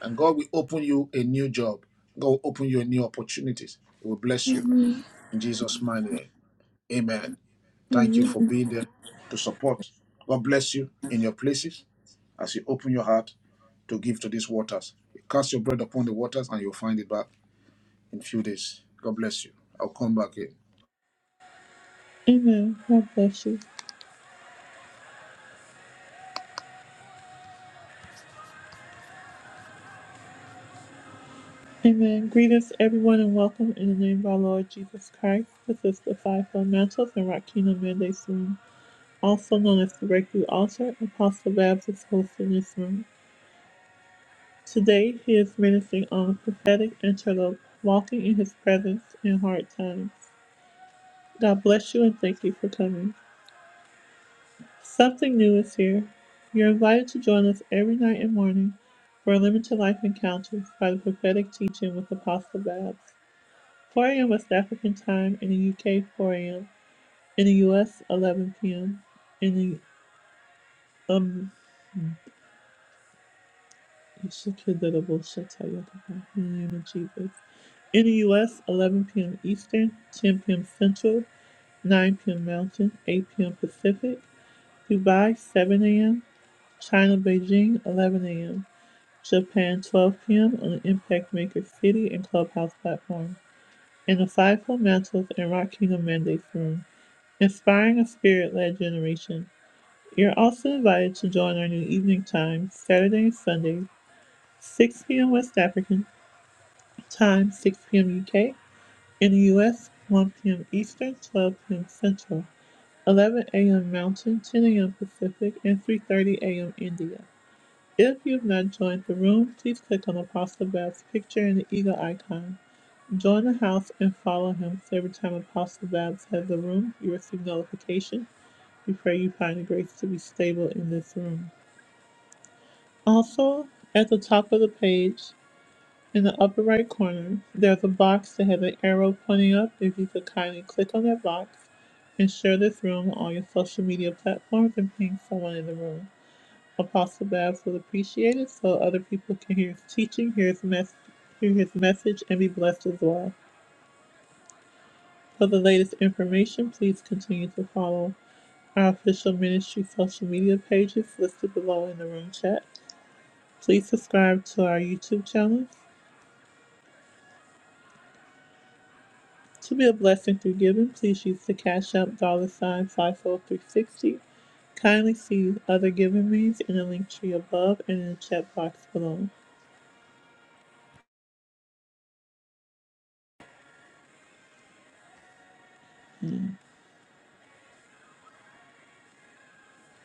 S2: and God will open you a new job. God will open you new opportunities. He will bless you in Jesus' mighty name. Amen. Thank you for being there to support. God bless you in your places as you open your heart to give to these waters. Cast your bread upon the waters and you'll find it back in few days. God bless you. I'll come back in.
S1: Amen. God bless you. Amen. Greetings, everyone, and welcome in the name of our Lord Jesus Christ. This is the Fivefold Mantles and Rock Kingdom Mandates Room, also known as the Breakthrough Altar. Apostle Babs is hosting this room. Today, he is ministering on prophetic interlope, walking in his presence in hard times. God bless you and thank you for coming. Something new is here. You're invited to join us every night and morning for limited life encounters by the prophetic teaching with Apostle Babs. 4 a.m. West African time in the UK, 4 a.m. In the US, 11 p.m. In the um, in the name of Jesus. In the U.S., 11 p.m. Eastern, 10 p.m. Central, 9 p.m. Mountain, 8 p.m. Pacific. Dubai, 7 a.m. China, Beijing, 11 a.m. Japan, 12 p.m. on the Impact Maker City and Clubhouse platform. in the Five Fundamentals and Rock Kingdom Mandates Room, inspiring a spirit-led generation. You're also invited to join our new evening time, Saturday and Sunday, 6 p.m. West African time, 6 p.m. UK, In the U.S., 1 p.m. Eastern, 12 p.m. Central, 11 a.m. Mountain, 10 a.m. Pacific, and 3.30 a.m. India. If you've not joined the room, please click on Apostle Babs' picture and the eagle icon. Join the house and follow him so every time Apostle Babs has a room, you receive notification. We pray you find the grace to be stable in this room. Also, at the top of the page, In the upper right corner, there's a box that has an arrow pointing up. If you could kindly click on that box and share this room on your social media platforms and ping someone in the room. Apostle Babs would appreciate it so other people can hear his teaching, hear his, mes- hear his message, and be blessed as well. For the latest information, please continue to follow our official ministry social media pages listed below in the room chat. Please subscribe to our YouTube channel To be a blessing through giving, please use the Cash App dollar sign 54360. Kindly see other giving means in the link tree above and in the chat box below.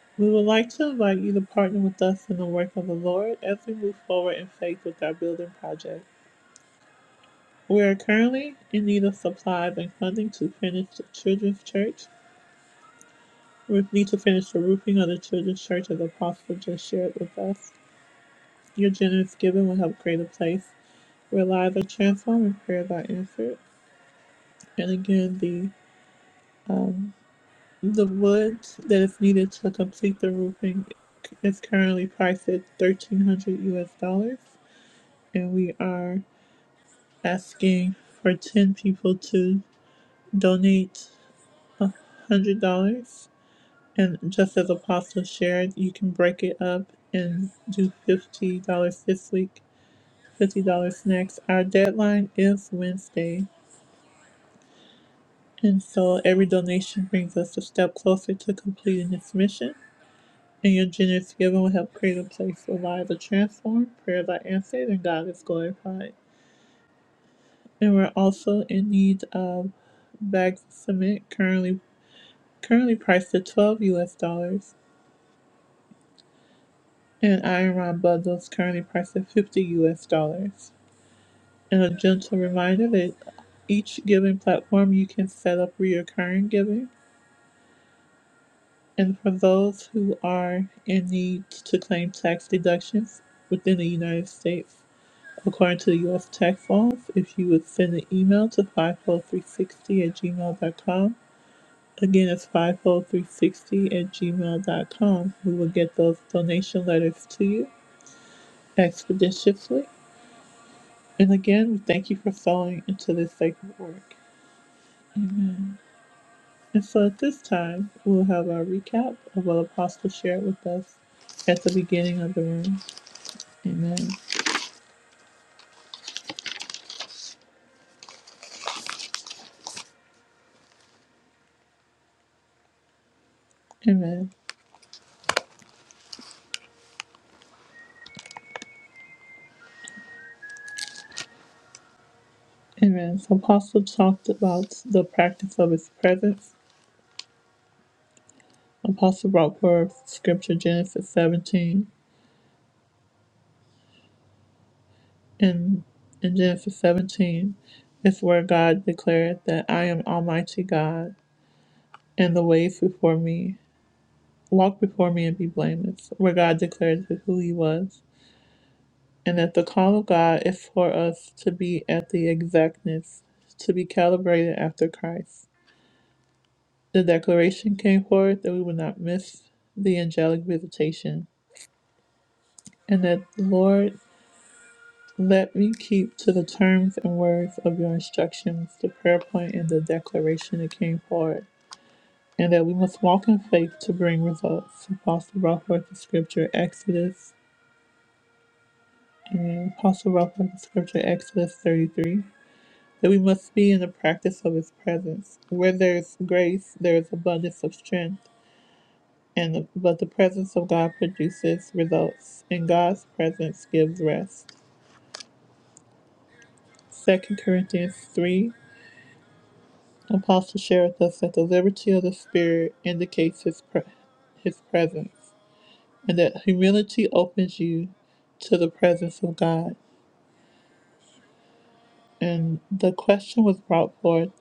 S1: We would like to invite you to partner with us in the work of the Lord as we move forward in faith with our building project. We are currently in need of supplies and funding to finish the children's church. We need to finish the roofing of the children's church as the Apostle just shared with us. Your generous giving will help create a place rely the transform and pair by insert. And again, the um, the wood that is needed to complete the roofing is currently priced at thirteen hundred U.S. dollars, and we are asking for ten people to donate one hundred dollars. And just as Apostle shared, you can break it up and do fifty dollars this week, fifty dollars next. Our deadline is Wednesday And so every donation brings us a step closer to completing this mission. And your generous giving will help create a place where lives are transformed, prayers are answered, and God is glorified. And we're also in need of bags of cement, currently currently priced at 12 US dollars, and iron rod bundles, currently priced at 50 US dollars. And a gentle reminder that each giving platform you can set up recurring giving And for those who are in need to claim tax deductions within the United States, according to the U.S. tax laws, if you would send an email to 50360 at gmail dot com, again, it's 50360 at gmail dot com, we will get those donation letters to you expeditiously. And again, we thank you for sowing into this sacred work. And so at this time, we'll have our recap of what Apostle shared with us at the beginning of the room. Amen. Amen. Amen. So Apostle talked about the practice of his presence. Apostle brought forth scripture Genesis 17. And in Genesis 17, it's where God declared that I am Almighty God and the ways before me. Walk before me and be blameless, where God declared who he was. And that the call of God is for us to be at the exactness, to be calibrated after Christ. The declaration came forth that we would not miss the angelic visitation, and that, Lord, let me keep to the terms and words of your instructions, the prayer point, and the declaration that came forth, and that we must walk in faith to bring results. Apostle Ralph wrote the scripture Exodus, and Apostle Ralph wrote the scripture Exodus 33. That we must be in the practice of his presence. Where there's grace, there is abundance of strength. and the, but the presence of God produces results, and God's presence gives rest. Second Corinthians 3 Apostle share us that the liberty of the Spirit indicates his, pre- his presence, and that humility opens you to the presence of God. And the question was brought forth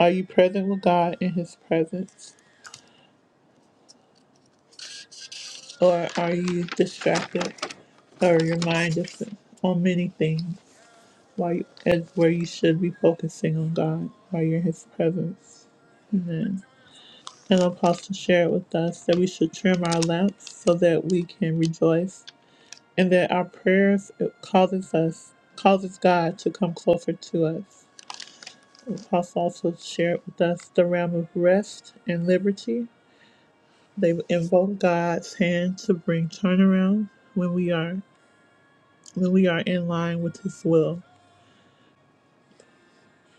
S1: Are you present with God in His presence, or are you distracted, or your mind is on many things? while you, and where you should be focusing on God while you're in His presence. Amen. And Apostle shared with us that we should trim our lamps so that we can rejoice, and that our prayers it causes us causes God to come closer to us. Apostle also shared with us the realm of rest and liberty. They invoke God's hand to bring turnaround when we are when we are in line with His will.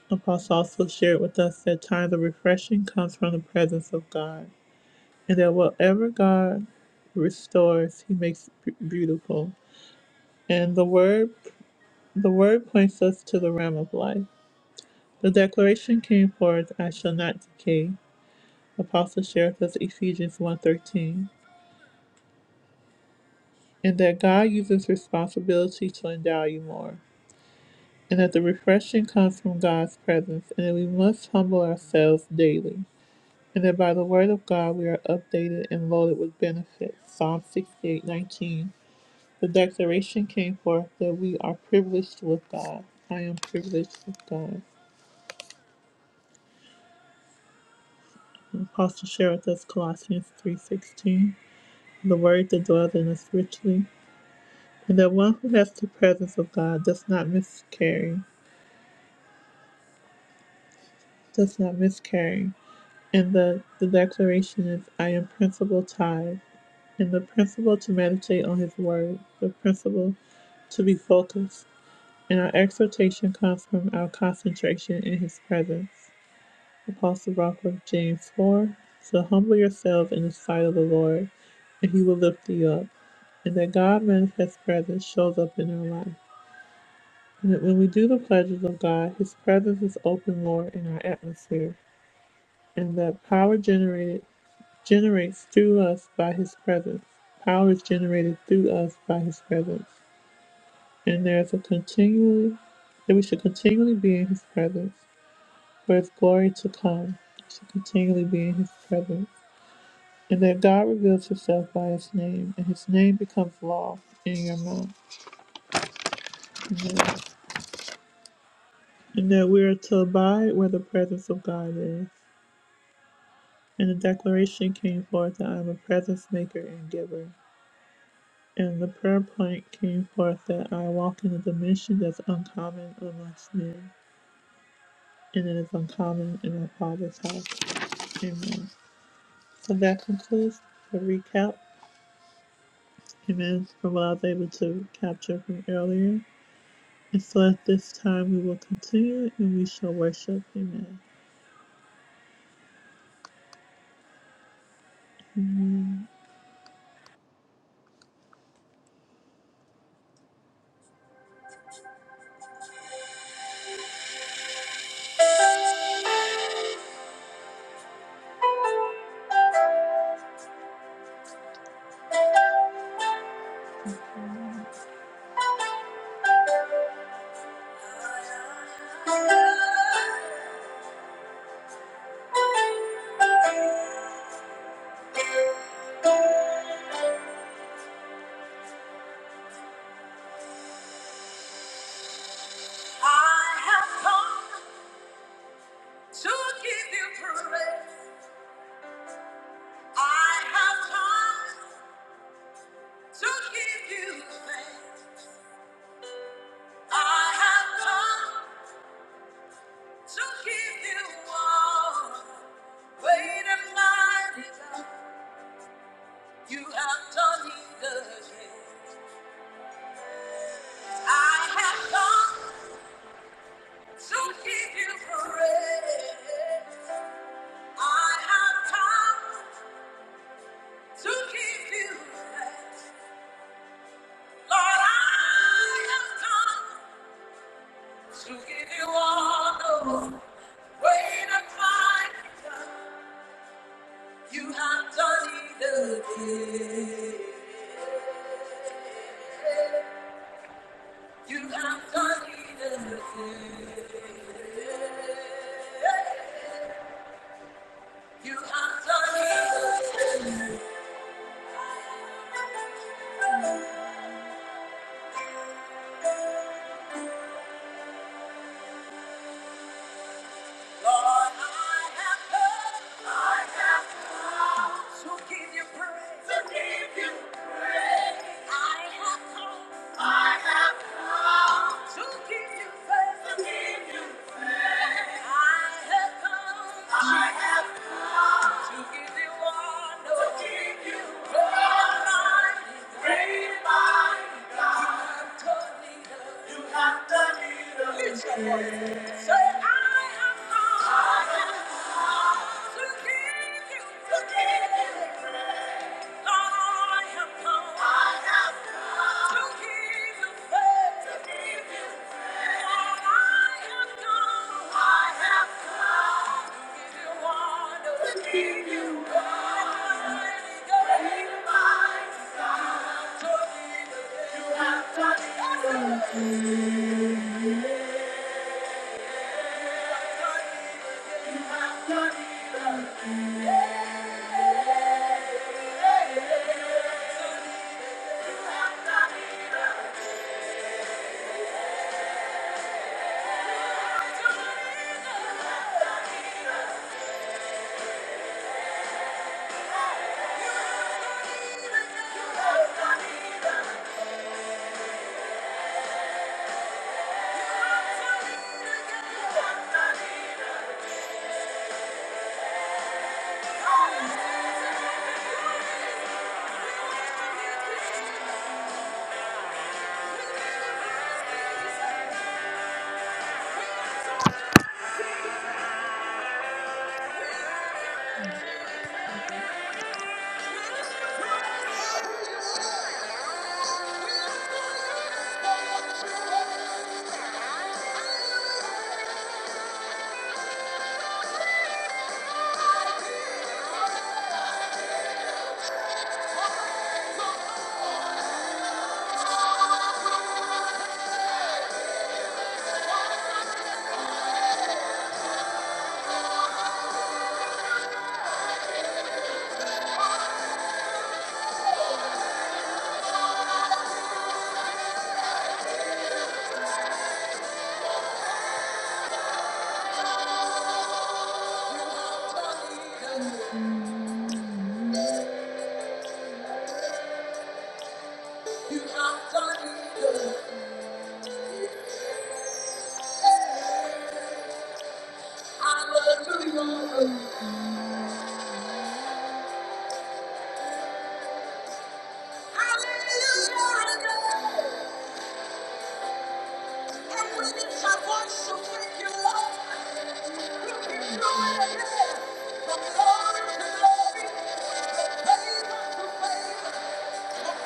S1: Apostle also shared with us that times of refreshing comes from the presence of God, and that whatever God restores, He makes b- beautiful. And the word, the word points us to the realm of life. The declaration came forth, "I shall not decay." Apostle shared with us Ephesians one thirteen, and that God uses responsibility to endow you more, and that the refreshing comes from God's presence, and that we must humble ourselves daily. and that by the word of God we are updated and loaded with benefits. Psalm 68:19. The declaration came forth that we are privileged with God. I am privileged with God. And Apostle shared with us Colossians 3:16, the word that dwells in us richly, and that one who has the presence of God does not miscarry, does not miscarry. And the, the declaration is, I am principal tithe, and the principle to meditate on His word, the principle to be focused and our exhortation comes from our concentration in His presence. Apostle Rockworth, James 4. So humble yourselves in the sight of the Lord, and He will lift you up. And that God manifest presence shows up in our life. And that when we do the pleasures of God, His presence is open, more in our atmosphere. And that power generated generates through us by His presence. Power is generated through us by His presence. And there's a continually that we should continually be in His presence for his glory to come to continually be in his presence, and that God reveals himself by his name, and his name becomes law in your mouth. Amen. And that we are to abide where the presence of God is. And the declaration came forth that I am a presence maker and giver. And the prayer point came forth that I walk in a dimension that's uncommon amongst men, and it is uncommon in my Father's house. Amen. So that concludes the recap Amen. From what I was able to capture from earlier. And so at this time, we will continue and we shall worship. Amen. I have come to give you all. Great and mighty God, you have done it again. I have come to give you praise. I have come to give you thanks. Lord, I have come. To give you all the weight of my love, You have done either thing. You have done either thing. You have done either thing. Lord, I have come. I have come. To give you praise. To give you praise. I have come. To give you praise. To give you praise. I have come. I have give you. I'd Hallelujah. Come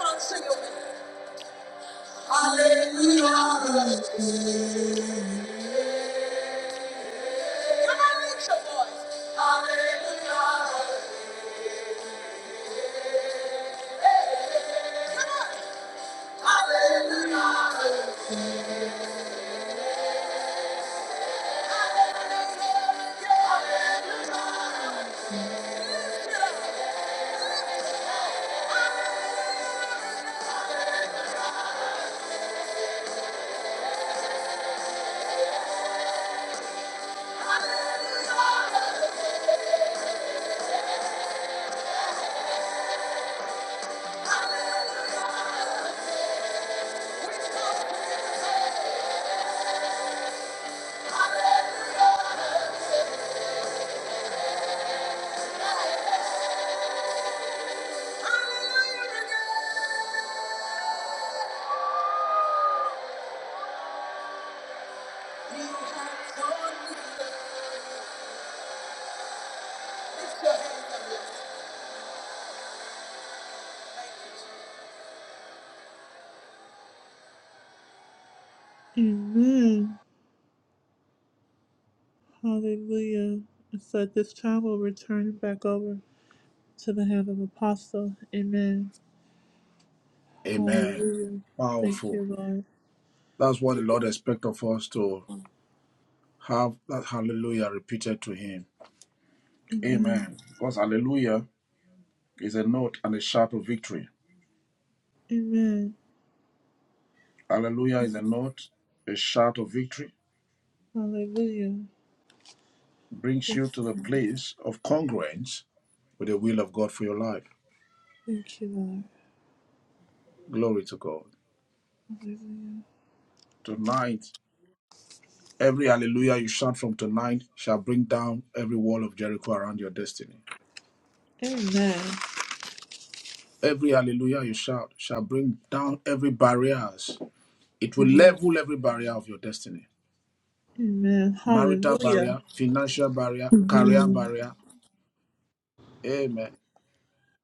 S1: on, sing with me. Hallelujah. Come on, lift your voice. Hallelujah. Come Hallelujah. And so at this time, we'll return back over to the hand of Apostle. Amen.
S2: Amen.
S1: Hallelujah. Thank
S2: Powerful.
S1: you, Lord.
S2: That's what the Lord expects of us to have that hallelujah repeated to Him.
S1: Amen.
S2: Amen. Because hallelujah is a note and a shout of victory.
S1: Amen.
S2: Hallelujah is a note, a shout of victory.
S1: Hallelujah.
S2: Brings
S1: Thank,
S2: you to the place of congruence with the will of God for your life.
S1: thank you, Lord.
S2: Glory to God. Tonight, every hallelujah you shout from tonight shall bring down every wall of Jericho around your destiny.
S1: Hallelujah. Amen.
S2: Every hallelujah you shout shall bring down every barriers. It will level every barrier of your destiny.
S1: Amen.
S2: Marital
S1: Hallelujah.
S2: barrier, financial barrier, career
S1: Mhm.
S2: barrier. Amen.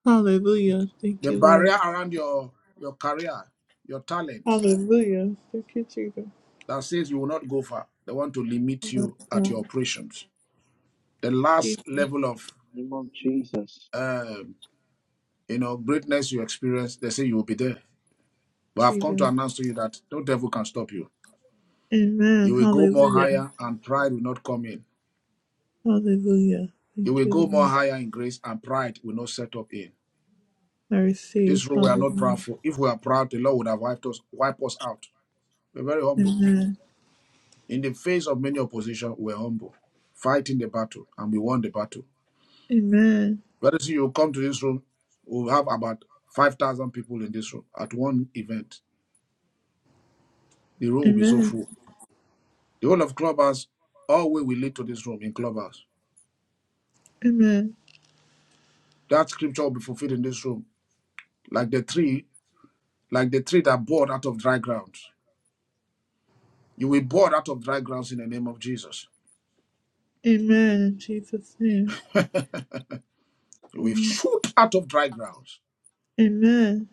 S1: Hallelujah. Thank
S2: The
S1: you, Lord.
S2: barrier around your your career, your talent
S1: Hallelujah. Thank you, Jesus.
S2: that says you will not go far. They want to limit you at your
S1: God.
S2: operations. The last
S1: Jesus.
S2: level of
S15: name of Jesus.
S2: uh, You know, greatness you experience, they say you will be there. But I've come to
S1: Jesus.
S2: announce to you that no devil can stop you. You
S1: Amen.
S2: will go more
S1: Hallelujah.
S2: higher and pride will not come in.
S1: Hallelujah.
S2: You
S1: Thank
S2: will
S1: you,
S2: go more
S1: Lord.
S2: higher in grace and pride will not set up in.
S1: I receive.
S2: This room we are not
S1: Hallelujah.
S2: proudful. If we are proud, the Lord would have wiped us, wiped us out. We're very humble. In the face of many opposition, we're humble, fighting the battle, and we won the battle.
S1: Amen.
S2: Very soon you will come to this room, we'll have about 5,000 people in this room at one event. The room will be so
S1: Amen.
S2: full The whole of Clubhouse, all way we lead to this room in Clubhouse.
S1: Amen.
S2: That scripture will be fulfilled in this room. Like the tree, like the tree that bore out of dry grounds. You will bore out of dry grounds in the name of Jesus.
S1: Amen. In Jesus' name.
S2: You will
S1: Amen.
S2: shoot out of dry grounds
S1: Amen.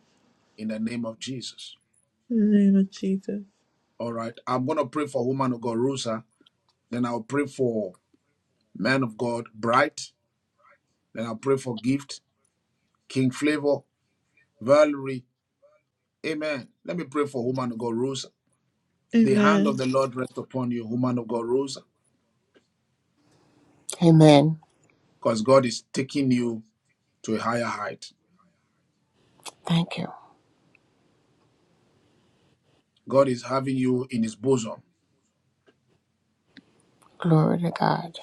S2: in the name of Jesus.
S1: In the name of Jesus.
S2: All right. I'm gonna pray for woman of God, Rosa. Then I'll pray for man of God, Bright. Then I'll pray for Gift, King Flavor, Valerie. Amen. Let me pray for woman of God, Rosa. The hand
S1: Amen.
S2: of the Lord rest upon you, woman of God, Rosa.
S16: Amen.
S2: because God is taking you to a higher height.
S16: Thank you.
S2: God is having you in his bosom.
S16: Glory to God.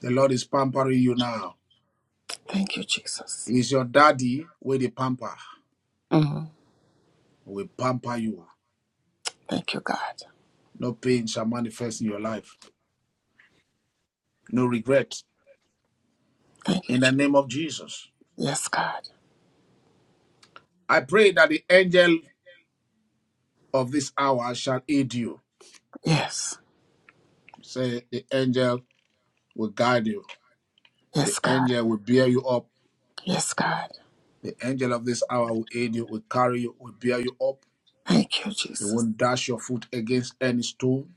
S2: The Lord is pampering you now.
S16: Thank you, Jesus.
S2: It is your daddy with a pamper.
S16: Mhm.
S2: Will pamper you.
S16: Thank you, God.
S2: No pain shall manifest in your life. No regret.
S16: Thank you,
S2: In the
S16: Jesus.
S2: name of Jesus.
S16: Yes, God.
S2: I pray that the angel of this hour shall aid you.
S16: Yes.
S2: Say the angel will guide you. The
S16: Yes, God.
S2: angel will bear you up.
S16: Yes, God.
S2: The angel of this hour will aid you, will carry you, will bear you up.
S16: Thank you,
S2: You
S16: Jesus.
S2: won't dash your foot against any stone.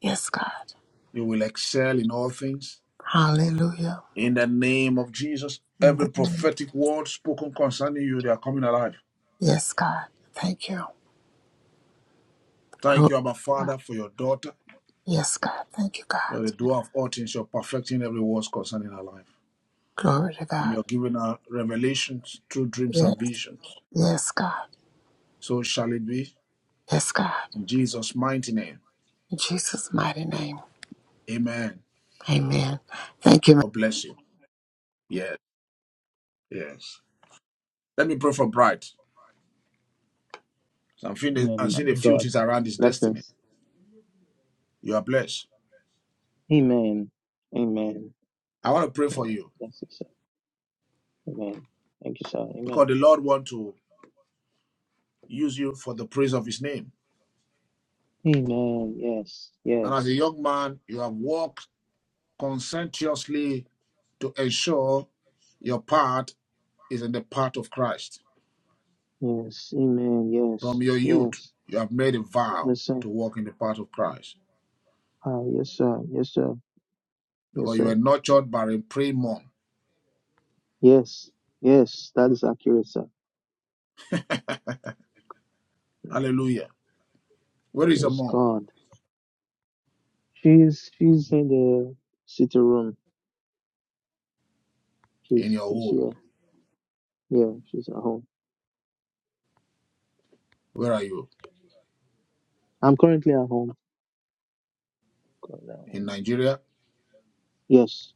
S16: Yes, God.
S2: You will excel in all things.
S16: Hallelujah.
S2: In the name of Jesus,
S16: In the
S2: every
S16: name of-
S2: prophetic word spoken concerning you, they are coming alive.
S16: Yes, God. Thank you.
S2: Thank
S16: Glory.
S2: you, Abba
S16: to
S2: Father,
S16: God.
S2: for your daughter.
S16: Yes, God. Thank you,
S2: You're the
S16: God.
S2: doer of all things. You're perfecting every word concerning her life.
S16: Glory to
S2: And you're
S16: God.
S2: giving her revelations through dreams
S16: Yes.
S2: and visions.
S16: Yes, God.
S2: So shall it be.
S16: Yes, God.
S2: In Jesus' mighty name.
S16: In Jesus' mighty name.
S2: Amen.
S16: Amen. Thank you.
S2: God bless you. Yes, yes. Let me pray for Bright. I'm seeing the, I'm
S15: Amen, my
S2: seeing the few
S15: God.
S2: things around his destiny.
S15: Blessings.
S2: You are blessed.
S15: Amen. Amen.
S2: I want to pray for
S15: Amen.
S2: you
S15: Blessings, sir. Amen. Thank you, sir. Amen.
S2: because the Lord wants to use you for the praise of his name.
S15: Amen. Yes.
S2: And as a
S15: Yes.
S2: young man, you have worked conscientiously to ensure your part is in the path of Christ.
S15: Yes. Amen.
S2: From
S15: Yes.
S2: your youth,
S15: Yes.
S2: you have made a vow
S15: Yes, sir.
S2: to walk in the path of Christ
S15: Ah, yes, sir. Yes, sir. Yes,
S2: because you
S15: sir.
S2: were nurtured by a praying mom.
S15: Yes. Yes. That is accurate, sir. Mm.
S2: Hallelujah. Where is your
S15: Praise
S2: mom?
S15: God. She's she's in the sitting room.
S2: In
S15: She's
S2: your
S15: she's
S2: home.
S15: here. Yeah, she's at home.
S2: Where are you?
S15: I'm currently at home. Currently at
S2: In
S15: home.
S2: Nigeria.
S15: Yes.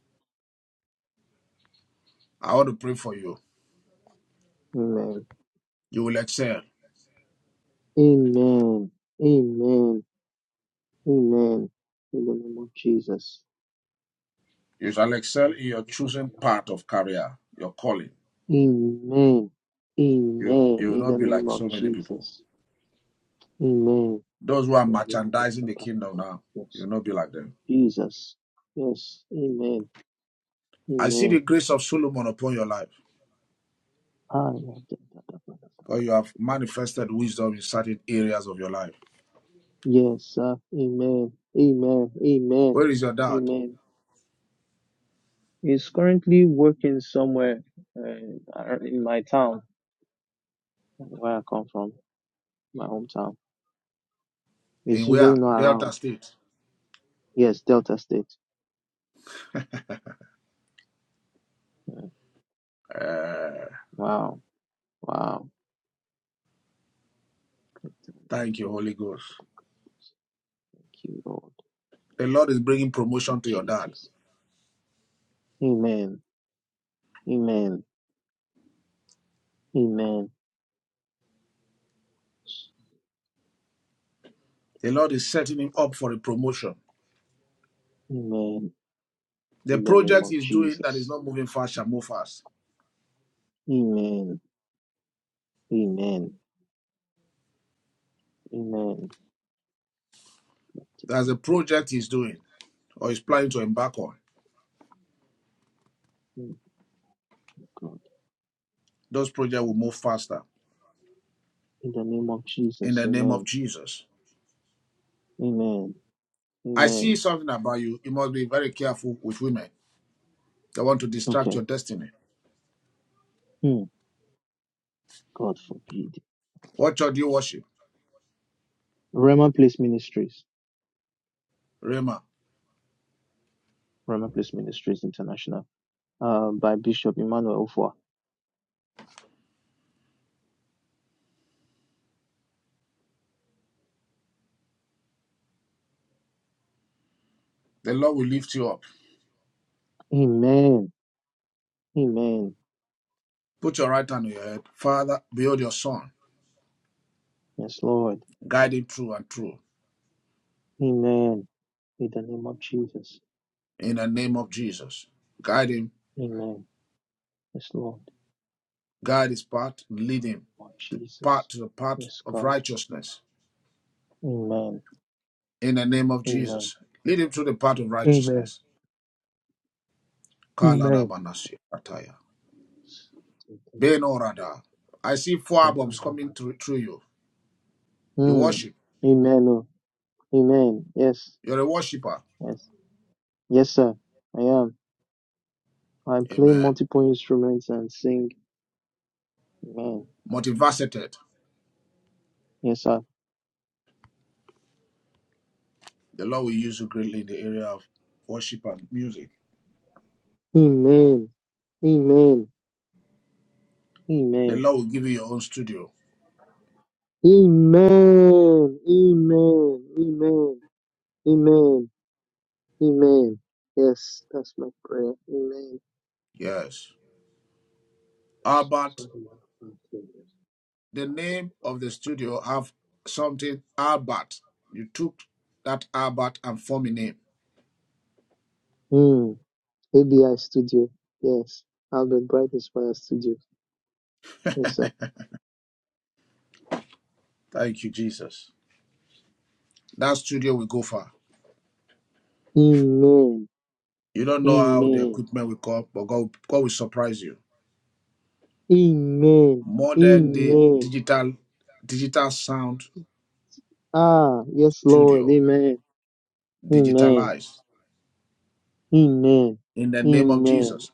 S2: I want to pray for you.
S15: Amen.
S2: You will excel.
S15: Amen. Amen. Amen. In the name of Jesus.
S2: You shall excel in your chosen part of career, your calling.
S15: Amen. Amen.
S2: You you will
S15: In
S2: not
S15: the
S2: be
S15: name
S2: like
S15: of
S2: so many people.
S15: Jesus. Amen.
S2: Those who are merchandising the kingdom now,
S15: Yes.
S2: you'll not be like them.
S15: Jesus. Yes. Amen.
S2: I see
S15: Amen.
S2: the grace of Solomon upon your life, because you have manifested wisdom in certain areas of your life.
S15: Yes, sir. Amen. Amen. Amen.
S2: Where is your dad?
S15: Amen. He's currently working somewhere uh, in my town, where I come from. my hometown. He's
S2: In where?
S15: usually not
S2: Delta
S15: around.
S2: State.
S15: Yes, Delta State. Yeah.
S2: Uh,
S15: Wow. Wow. Thank
S2: thank you, Holy Ghost.
S15: you, Lord.
S2: The Lord is bringing
S15: Thank you,
S2: promotion to your dad.
S15: Jesus. Amen. Amen. Amen.
S2: The Lord is setting him up for a promotion.
S15: Amen.
S2: The
S15: In the name
S2: project
S15: of
S2: he's doing that is
S15: Jesus.
S2: not moving fast shall move fast.
S15: Amen. Amen. Amen.
S2: There's a
S15: Thank
S2: project he's doing or is planning to embark on.
S15: you, God.
S2: Those projects will move faster
S15: In the name of
S2: in
S15: Jesus.
S2: the name of
S15: Amen.
S2: Jesus.
S15: Amen.
S2: I see
S15: Amen.
S2: something about you. You must be very careful with women. They want to distract
S15: Okay.
S2: your destiny.
S15: Hmm. God forbid.
S2: What church do you worship?
S15: Rema Place Ministries.
S2: Rema.
S15: Roma Place Ministries International, uh, by Bishop Emmanuel Ofua.
S2: The Lord will lift you up.
S15: Amen. Amen.
S2: Put your right hand on your head. Father, build your son.
S15: Yes, Lord.
S2: Guide him true and true.
S15: Amen. In the name of Jesus.
S2: In the name of Jesus. Guide him.
S15: Amen. Yes, Lord.
S2: Guide his path. Lead him
S15: Lord
S2: to
S15: Jesus.
S2: path to the path
S15: Yes,
S2: of
S15: God.
S2: righteousness.
S15: Amen.
S2: In the name of
S15: Amen.
S2: Jesus. Lead him to the path of
S15: Amen.
S2: righteousness. Kalada
S15: Amen.
S2: manasi ataya. Ben orada. I see four albums coming through, through you. You
S15: Mm.
S2: worship.
S15: Amen. oh. Amen. Yes.
S2: You're a worshiper.
S15: Yes. Yes, sir. I am. I play
S2: Amen.
S15: multiple instruments and sing. Amen.
S2: Multifaceted.
S15: Yes, sir.
S2: The Lord will use you greatly in the area of worship and music.
S15: Amen. Amen.
S2: The
S15: Amen.
S2: Lord will give you your own studio.
S15: Amen. Amen. Amen. Amen. Amen. Yes, that's my prayer. Amen.
S2: Yes. Albert,
S15: Sorry, my phone is
S2: the
S15: powerful.
S2: name of the studio have something Albert. You took that Albert and formed a name.
S15: Mm. ABI Studio. Yes. Albert Bright Inspire Studio. Yes, sir.
S2: Thank you, Jesus. That studio will go far.
S15: Amen.
S2: You don't know how the
S15: Amen.
S2: equipment will come, but God, God will surprise you.
S15: Amen.
S2: More than the
S15: Amen.
S2: digital digital sound
S15: Ah, yes, Lord.
S2: studio
S15: Amen. Amen.
S2: digitalized
S15: Amen.
S2: in the name of
S15: Amen.
S2: Jesus.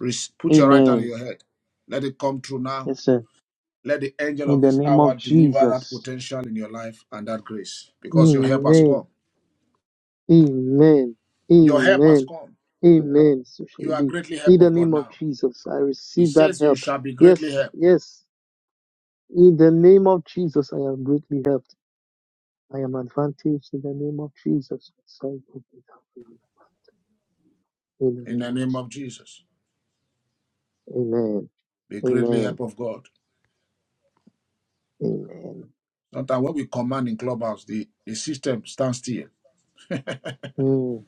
S2: Res- Put your right hand on
S15: Amen.
S2: your head. Let it come true now.
S15: Yes, sir.
S2: Let the angel
S15: In
S2: of
S15: the
S2: this
S15: name
S2: hour
S15: of
S2: deliver that
S15: Jesus.
S2: potential in your life and that grace because your help has
S15: Amen.
S2: come.
S15: Amen.
S2: Your help has
S15: Amen.
S2: come.
S15: Amen. So shall
S2: You
S15: it
S2: are
S15: be.
S2: greatly help
S15: In the
S2: of God
S15: name of
S2: now.
S15: Jesus, I
S2: He
S15: receive that
S2: says you
S15: help.
S2: shall be greatly
S15: Yes,
S2: help
S15: yes. In the name of Jesus, I am greatly helped. I am advantaged in the name of Jesus. So help me, help me. In the
S2: in the
S15: name of
S2: name of Jesus.
S15: Jesus. Amen.
S2: Be greatly
S15: Amen.
S2: help of God.
S15: Amen.
S2: Sometimes when we command in clubhouse, the, the system stands still.
S15: Mm,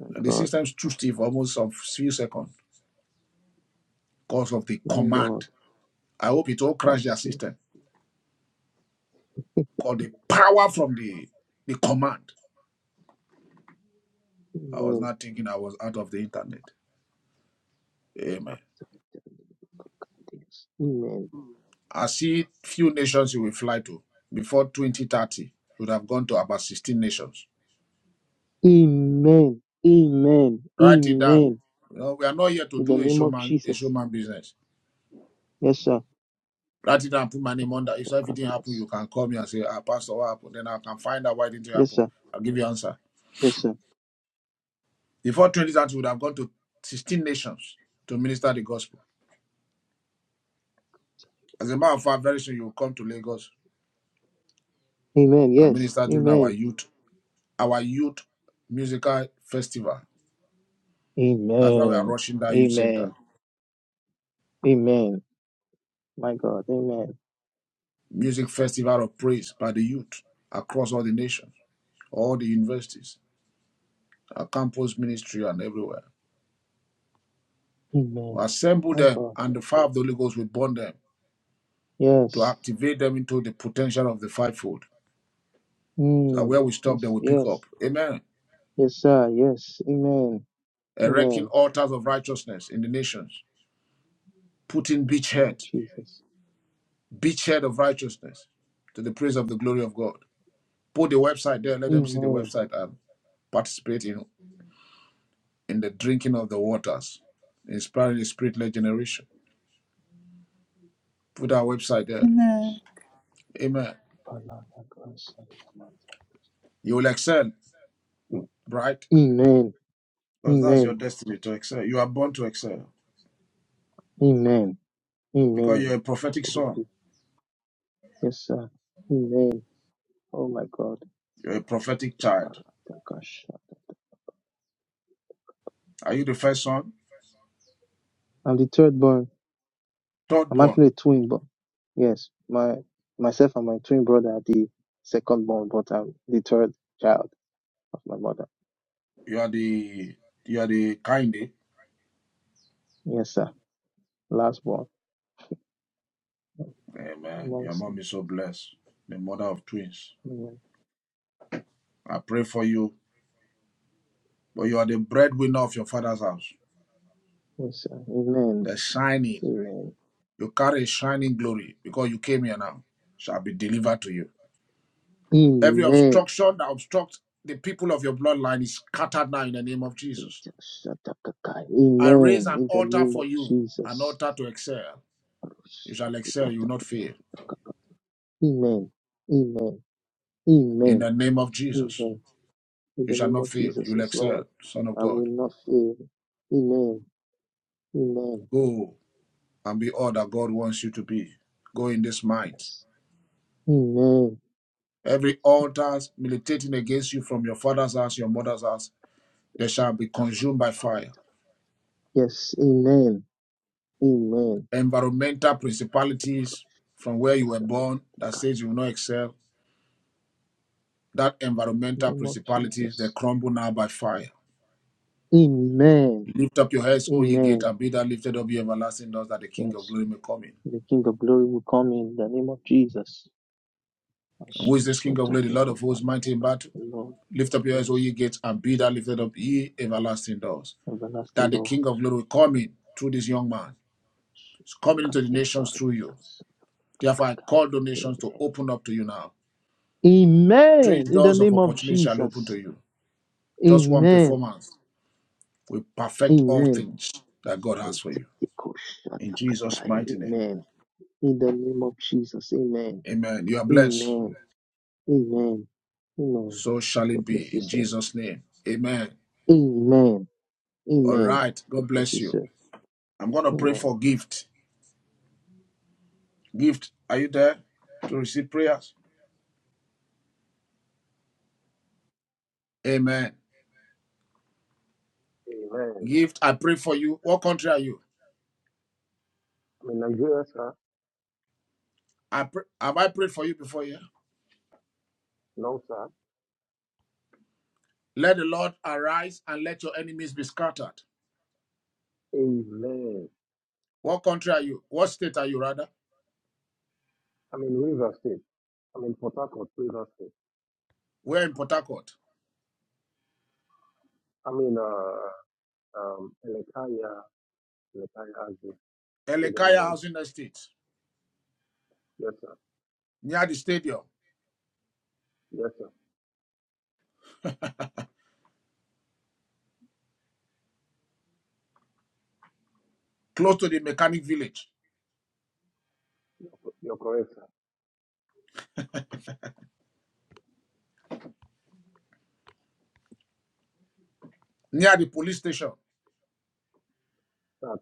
S15: my
S2: The
S15: God.
S2: system's too stiff almost of few seconds because of the
S15: My Lord.
S2: command. I hope it all crashed their
S15: Mercy.
S2: system. Called the power from the, the command. I was
S15: Amen.
S2: not thinking I was out of the internet. Amen.
S15: Amen.
S2: I see few nations you will fly to before 2030. You would have gone to about 16 nations.
S15: Amen. Amen.
S2: Write it down.
S15: Amen.
S2: You know, we are not here to
S15: In the
S2: do a
S15: name of
S2: showman a
S15: Jesus.
S2: showman business.
S15: Yes, sir.
S2: Write it down, put my name under. If something happened,
S15: Yes.
S2: you can call me and say, ah, Pastor, what happened? Then I can find out why didn't it
S15: Yes,
S2: happen.
S15: sir.
S2: I'll give you answer.
S15: Yes, sir.
S2: Before 2030, you would have gone to 16 nations to minister the gospel. As a matter of fact, very soon you will come to Lagos
S15: Amen.
S2: and
S15: Yes.
S2: minister during our
S15: Amen.
S2: youth, our youth musical festival That's why we are
S15: Amen.
S2: rushing that youth center.
S15: Amen. Amen. My God. Amen.
S2: Music festival of praise by the youth across all the nations, all the universities, our campus ministry, and everywhere.
S15: Amen.
S2: We assemble
S15: My
S2: them,
S15: God.
S2: and the fire of the Holy Ghost will burn them to
S15: Yes.
S2: activate them into the potential of the fivefold. So
S15: Mm.
S2: where we stop, they
S15: Yes.
S2: will pick up.
S15: Yes.
S2: Amen.
S15: Yes, sir. Yes. Amen.
S2: Erecting
S15: Amen. In
S2: altars of righteousness in the nations, putting
S15: the name of
S2: beachhead,
S15: Jesus.
S2: beachhead of righteousness to the praise of the glory of God. Put the website there. Let them see the
S15: Amen.
S2: website and participate in in the drinking of the waters, inspiring the spirit led generation. Put our website there.
S1: Amen.
S2: Amen.
S15: Amen.
S2: You will excel, right? Because that's your
S15: Amen.
S2: destiny to excel. You are born to excel
S15: Amen.
S2: because you're
S15: Amen.
S2: a
S15: It
S2: prophetic
S15: shall
S2: son,
S15: be. Yes, sir. Amen. Oh my God.
S2: you're a prophetic child.
S15: Parakakasha.
S2: Are you the first son?
S15: I'm the third born.
S2: Third
S15: I'm
S2: born.
S15: actually a twin born. Yes, my myself and my twin brother are the second born, but I'm the third child of my mother.
S2: You are the you are the kindy.
S15: Yes, sir. Last born
S2: Amen. Your
S15: amongst them.
S2: mom is so blessed, the mother of twins.
S15: Amen.
S2: I pray for you, but you are the breadwinner of your father's house.
S15: Yes, sir. Amen.
S2: The shining.
S15: Amen.
S2: You carry a shining glory because you came here now. Shall be delivered to you Every
S15: Amen.
S2: obstruction that obstructs the people of your bloodline is scattered now in the name of Jesus.
S15: Jesus. Shatakakai.
S2: I raise
S15: Amen.
S2: an
S15: In the
S2: altar
S15: name
S2: for
S15: of
S2: you, an
S15: Jesus.
S2: altar to excel. You shall excel, you will not fail.
S15: Amen. Amen.
S2: In
S15: Amen.
S2: the name of Jesus,
S15: Amen. In
S2: you
S15: the
S2: shall
S15: name
S2: not
S15: of
S2: fail, you
S15: Jesus,
S2: will
S15: yes, Lord.
S2: excel, Son of
S15: I will
S2: God.
S15: not fail. Amen. Amen.
S2: Go and be all that God wants you to be. Go in this mind.
S15: Yes. Amen.
S2: Every altar militating against you from your father's house, your mother's house, they shall be consumed by fire.
S15: Yes. Amen. Amen.
S2: Environmental principalities from where you were born that says you will not excel, that
S15: In the
S2: environmental
S15: name of
S2: principalities they
S15: Jesus.
S2: crumble now by fire.
S15: Amen.
S2: Lift up your heads, O ye gate,
S15: Amen.
S2: and be that lifted up your everlasting doors, that the King of
S15: Yes.
S2: glory may come in.
S15: The King of Glory will come in the name of Jesus.
S2: And who is this King of glory? The Lord of hosts, mighty in battle.
S15: Lord,
S2: Lift up your heads, O
S15: yes.
S2: ye gates, and be that lifted up ye everlasting doors,
S15: Everlasting
S2: that the
S15: door.
S2: King of glory will come in through this young man. He's coming into the nations through you. Therefore, I call the nations
S15: Amen.
S2: to open up to you now. Strange
S15: Amen. In the
S2: doors of
S15: name of
S2: opportunity shall open
S15: Jesus.
S2: to you. Just one
S15: Amen.
S2: performance will perfect all
S15: Amen.
S2: things that God has for you. In Jesus' mighty name.
S15: Amen. In the name of Jesus. Amen.
S2: Amen. You are blessed.
S15: Amen. Amen. Amen.
S2: So shall
S15: God
S2: it
S15: bless
S2: be
S15: you,
S2: in
S15: sir.
S2: Jesus' name. Amen.
S15: Amen.
S2: All
S15: Amen.
S2: right.
S15: God
S2: God
S15: bless
S2: bless
S15: you,
S2: you.
S15: sir.
S2: I'm going to pray
S15: Amen.
S2: for gift. Gift, are you there to receive prayers? Amen.
S17: Amen.
S2: Gift, I pray for you. What country are you?
S17: I mean, Nigeria, sir.
S2: I pray, have I prayed for you before here?
S17: No, sir.
S2: Let the Lord arise and let your enemies be scattered.
S17: Amen.
S2: What country are you? What state are you, rather?
S17: I mean, River State. I mean, Port Harcourt, River State.
S2: We're in Port Harcourt,
S17: I mean, uh, um, Elekaya, Elekaya has this stadium
S2: Elekaya
S17: road.
S2: Housing Estate,
S17: Yes, sir.
S2: near the stadium,
S17: Yes, sir.
S2: close to the mechanic village,
S17: You're correct, sir.
S2: near the police station,
S17: That's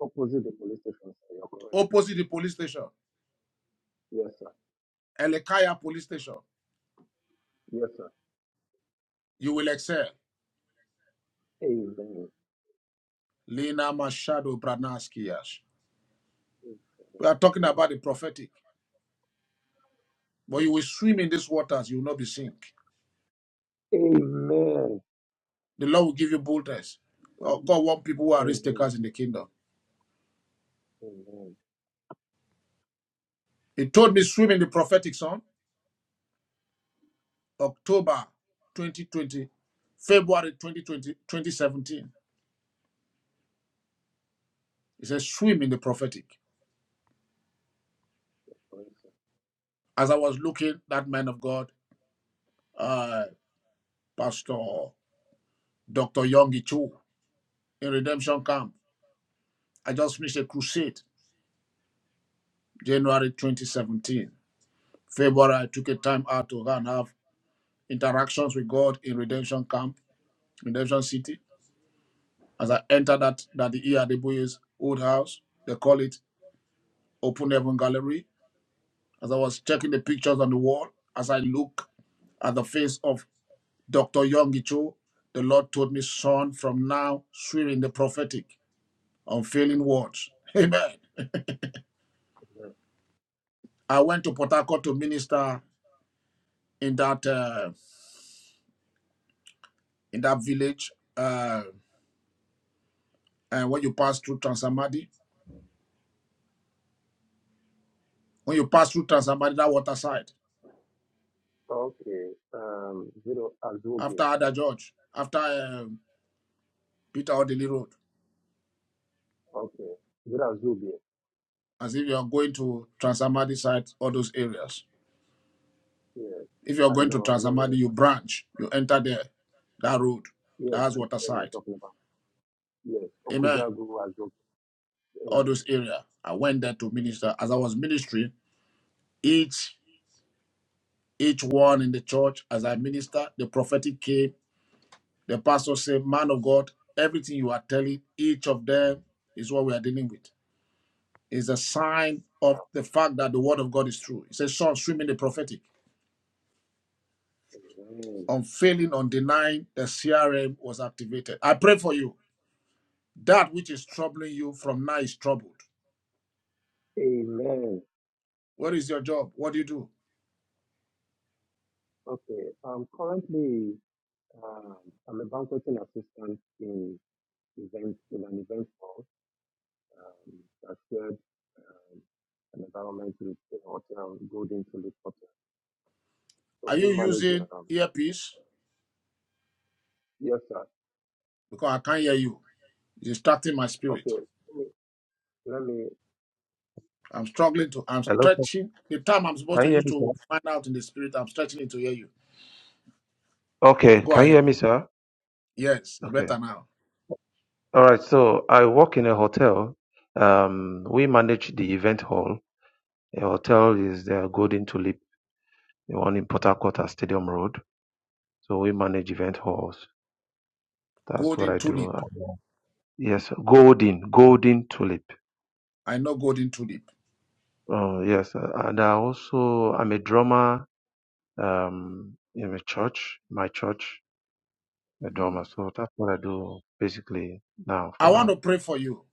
S17: opposite the police station, sir. You're correct.
S2: opposite the police station.
S17: Yes, sir.
S2: Elekaya Police Station.
S17: Yes, sir.
S2: You will excel.
S17: Amen.
S2: Lena Mashado Branaskias. We are talking about the prophetic, but you will swim in these waters. You will not be sink.
S17: Amen.
S2: The Lord will give you boldness. Oh, God want people who are risk
S17: Amen.
S2: takers in the kingdom.
S17: Amen.
S2: He told me swim in the prophetic, son. October 2020, February 2020, 2017. He said swim in the prophetic.
S17: Correct, sir.
S2: As I was looking, that man of God, uh, Pastor Dr. Young Cho in Redemption Camp, I just finished a crusade January 2017. February, I took a time out to go and have interactions with God in Redemption Camp, Redemption City. As I entered that, that the Iadibuye's old house, they call it Open Heaven Gallery. As I was checking the pictures on the wall, as I look at the face of Dr. Yongi Cho, the Lord told me, son, from now, swear in the prophetic, unfailing words. Amen.
S17: Amen.
S2: I went to Port Harcourt to minister in that uh, in that village. uh, And when you pass through Transamadi, when you pass through Transamadi, that water side,
S17: Okay. Um, Zero Azubi.
S2: after Ada George, after um, Peter Odili Road,
S17: Okay. Zero Azubi.
S2: as if you are going to Transamadi side, all those areas.
S17: Yes,
S2: If you are
S17: I
S2: going to
S17: know, I know where
S2: Transamadi, you branch, you enter there, that road,
S17: yes, I
S2: that's
S17: know
S2: water
S17: where you're
S2: side.
S17: talking about. Yes,
S2: Amen.
S17: Okujagu has well.
S2: All
S17: Amen.
S2: those area. I went there to minister. As I was ministering, each each one in the church, as I minister, the prophetic came, the pastor said, Man of God, everything you are telling, each of them is what we are dealing with. is a sign of the fact that the word of God is true. It says, Sean swimming the prophetic,
S17: Amen.
S2: unfailing, undenying, the CRM was activated. I pray for you. That which is troubling you from now is troubled.
S17: Amen.
S2: What is your job? What do you do?
S17: Okay. Um currently um I'm a banqueting assistant in event in an event hall. Um that shared um, an environment with the hotel, Golden Tulip Hotel. So
S2: Are
S17: we
S2: you
S17: manage
S2: using
S17: um
S2: earpiece?
S17: yes sir.
S2: Because I can't hear you. It's distracting my spirit.
S17: Okay, let me let me
S2: I'm struggling to, I'm
S17: Hello, sir.
S2: stretching. The time I'm supposed
S17: Can
S2: to
S17: you hear
S2: use
S17: me, sir?
S2: to find out in the spirit, I'm stretching it to hear you.
S17: Okay,
S2: Go
S17: can you
S2: ahead.
S17: hear me, sir?
S2: Yes, it's
S17: Okay.
S2: better now.
S17: All right, so I work in a hotel. Um, we manage the event hall. The hotel is the Golden Tulip, the one in Port Harcourt at Stadium Road. So we manage event halls. That's what
S2: Golden
S17: I do.
S2: tulip.
S17: Uh, Yes, Golden, Golden Tulip.
S2: I know golden tulip.
S17: Uh, yes, uh, and I also I'm a drummer um, in a church, my church, a
S2: Mm.
S17: drummer. So that's what I do basically now for
S2: I want
S17: now.
S2: to pray for you.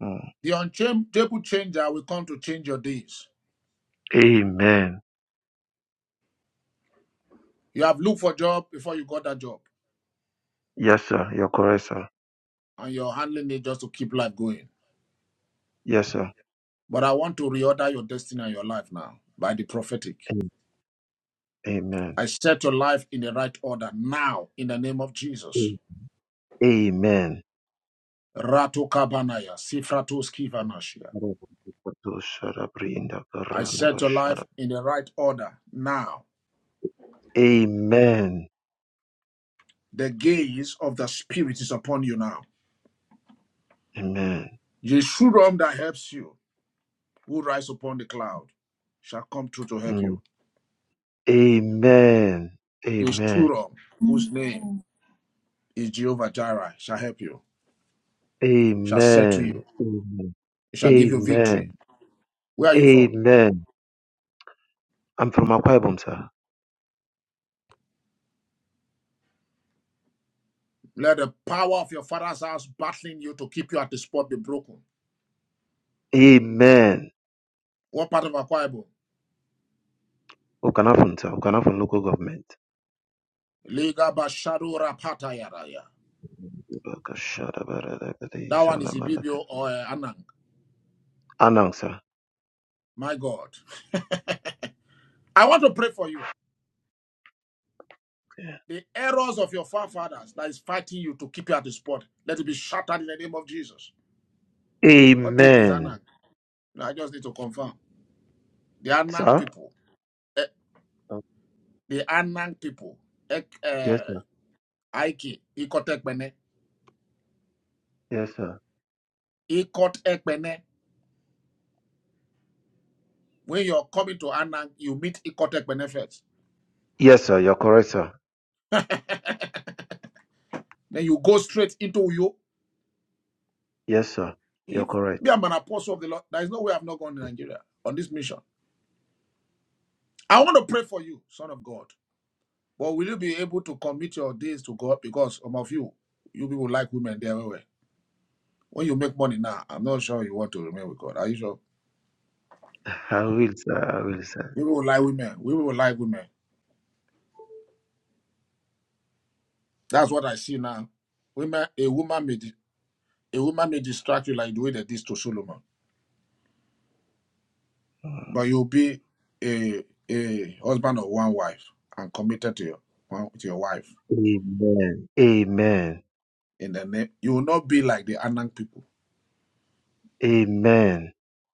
S17: Mm.
S2: The unchangeable changer will come to change your days.
S17: Amen.
S2: You have looked for a job before you got that job,
S17: Yes, sir. You're correct, sir.
S2: and you're handling it just to keep life going.
S17: Yes, sir.
S2: But I want to reorder your destiny and your life now by the prophetic.
S17: Am- Amen.
S2: I set your life in the right order now in the name of Jesus.
S17: Amen.
S2: Rato kabanaya, sifratos kivanashia.
S17: Amen.
S2: I set your life in the right order now. The gaze of the Spirit is upon you now.
S17: Amen.
S2: Yeshurun that helps you, who rise upon the cloud, shall come through to help you.
S17: Mm. Amen.
S2: is
S17: Amen.
S2: Shuram, whose name
S1: Amen.
S2: is Jehovah Jireh, shall help you, shall settle
S17: Amen.
S2: you,
S17: Amen.
S2: it shall give you
S17: Amen.
S2: victory. Where are you from?
S17: Amen. I'm from Akwa Ibom, sir.
S2: Let the power of your father's house battling you to keep you at the spot be broken.
S17: Amen.
S2: What part of Akwa Ibom?
S17: Okanafon, sir. Okanafon local government.
S2: Liga Basharu Rapata Yaraya. That one is Ibibio or uh, Anang.
S17: Anang, sir.
S2: My God. I want to pray for you. The errors of your forefathers that is fighting you to keep you at the spot, let it be shattered in the name of Jesus. God told me it's
S17: Amen.
S2: Anang. I just need to confirm. The Anang
S17: Sir?
S2: people. the Anang people, Ek-
S17: Yes,
S2: eh,
S17: sir.
S2: Aiki, Ikot Ekpene.
S17: Yes, sir.
S2: Ikot Ekpene. When you're coming to Anang, you meet Ikot Ekpene first.
S17: Yes, sir. You're correct, sir.
S2: then you go straight into Uyo.
S17: Yes, sir. You're
S2: If me,
S17: correct.
S2: I'm an apostle of the Lord, there is no way I've not gone to Nigeria on this mission. I want to pray for you, son of God. But will you be able to commit your days to God? Because some of you, you people like women, they're everywhere. When you make money now, I'm not sure you want to remain with God. Are you sure?
S17: I will, sir. I will, sir.
S2: We will like women. We will like women. That's what I see now. Women, a woman may di- a woman may distract you like the way they did to Solomon,
S17: Mm.
S2: but you'll be a a husband of one wife and committed to your one, to your wife.
S17: Amen. Amen.
S2: In the name, you will not be like the Anang people,
S17: Amen.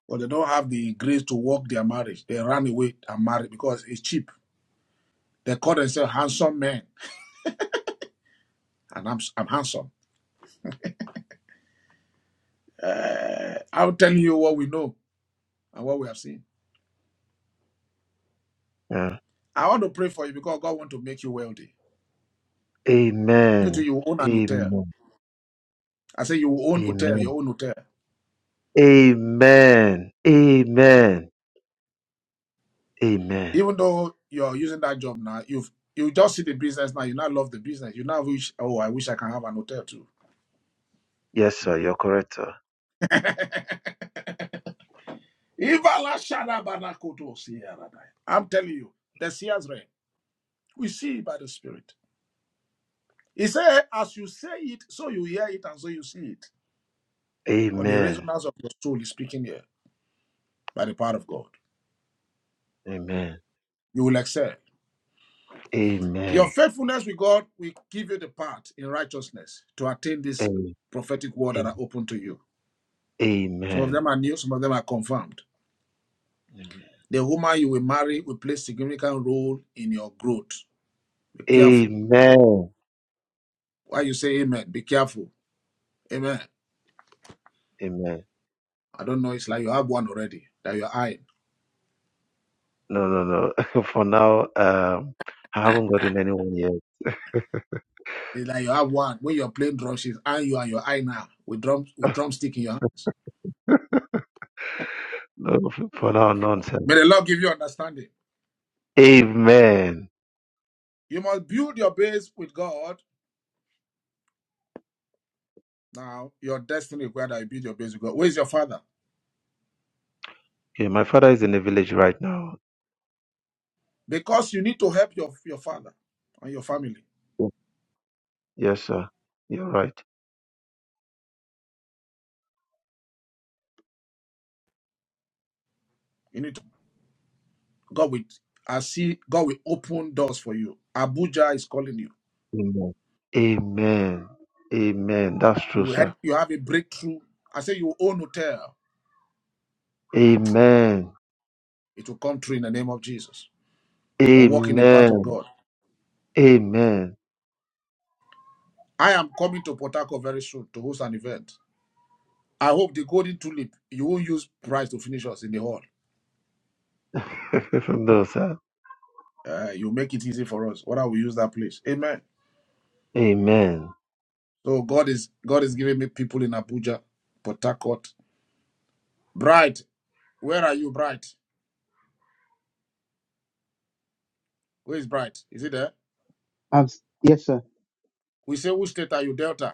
S2: but they don't have the grace to work their marriage. They run away and marry because it's cheap. They call themselves handsome men, and I'm I'm handsome. Eh, I'm telling you what we know and what we have seen.
S17: Yeah.
S2: I want to pray for you because God want to make you wealthy. You too,
S17: Amen.
S2: you own an hotel.
S17: Amen.
S2: I say you will own hotel,
S17: Amen.
S2: your own hotel.
S17: Amen. Amen. Amen.
S2: Even though you're using that job now, you've you just see the business now, you now love the business. You now wish, oh, I wish I can have an hotel too.
S17: Yes, sir. You're correct, sir.
S2: Ivala shada bana siya radai. I'm telling you, the seer's realm. We see it by the spirit. He said, as you say it, so you hear it and so you see it. Because the
S17: Amen.
S2: resonance of your soul is speaking here by the power of God.
S17: Amen.
S2: You will excel. Your
S17: Amen.
S2: faithfulness with God will give you the path in righteousness to attain this
S17: Amen.
S2: prophetic word that are
S17: Amen.
S2: open to you. Some of
S17: Amen.
S2: them are new, some of them are confirmed. The woman you will marry will play a significant role in your growth. Be careful.
S17: Amen.
S2: Why you say amen? Be careful. Amen.
S17: Amen.
S2: I don't know. It's like you have one already that you're eyeing.
S17: No, no, no. For now, um, I haven't gotten anyone
S2: It's like you have one. When you're playing drums, she's eyeing you and your eye now with drum with drumstick in your hands.
S17: yet. No, f- for now, nonsense.
S2: May the Lord give you understanding.
S17: Amen.
S2: You must build your base with God. Now, your destiny requires that you build your base with God. Where is your father?
S17: Okay, my father is in the village right now.
S2: Because you need to help your, your father and your family.
S17: Yes, sir. You're right.
S2: You need to. God will I see God will open doors for you. Abuja is calling you.
S17: Amen. Amen. Amen. That's
S2: You
S17: true,
S2: will
S17: sir.
S2: have, you have a breakthrough. I say you will own hotel.
S17: Amen.
S2: It will come true in the name of Jesus. But walk in the path of
S17: Amen.
S2: God.
S17: Amen.
S2: I am coming to Port Harcourt very soon to host an event. I hope the golden tulip, you won't use price to finish us in the hall.
S17: From those, sir.
S2: Uh, you make it easy for us. What I will use that place. Amen.
S17: Amen.
S2: So God is God is giving me people in Abuja, Port Harcourt. Bright, where are you, Bright? Where is Bright? Is it there?
S15: I'm, yes, sir.
S2: We say, which state are you, Delta?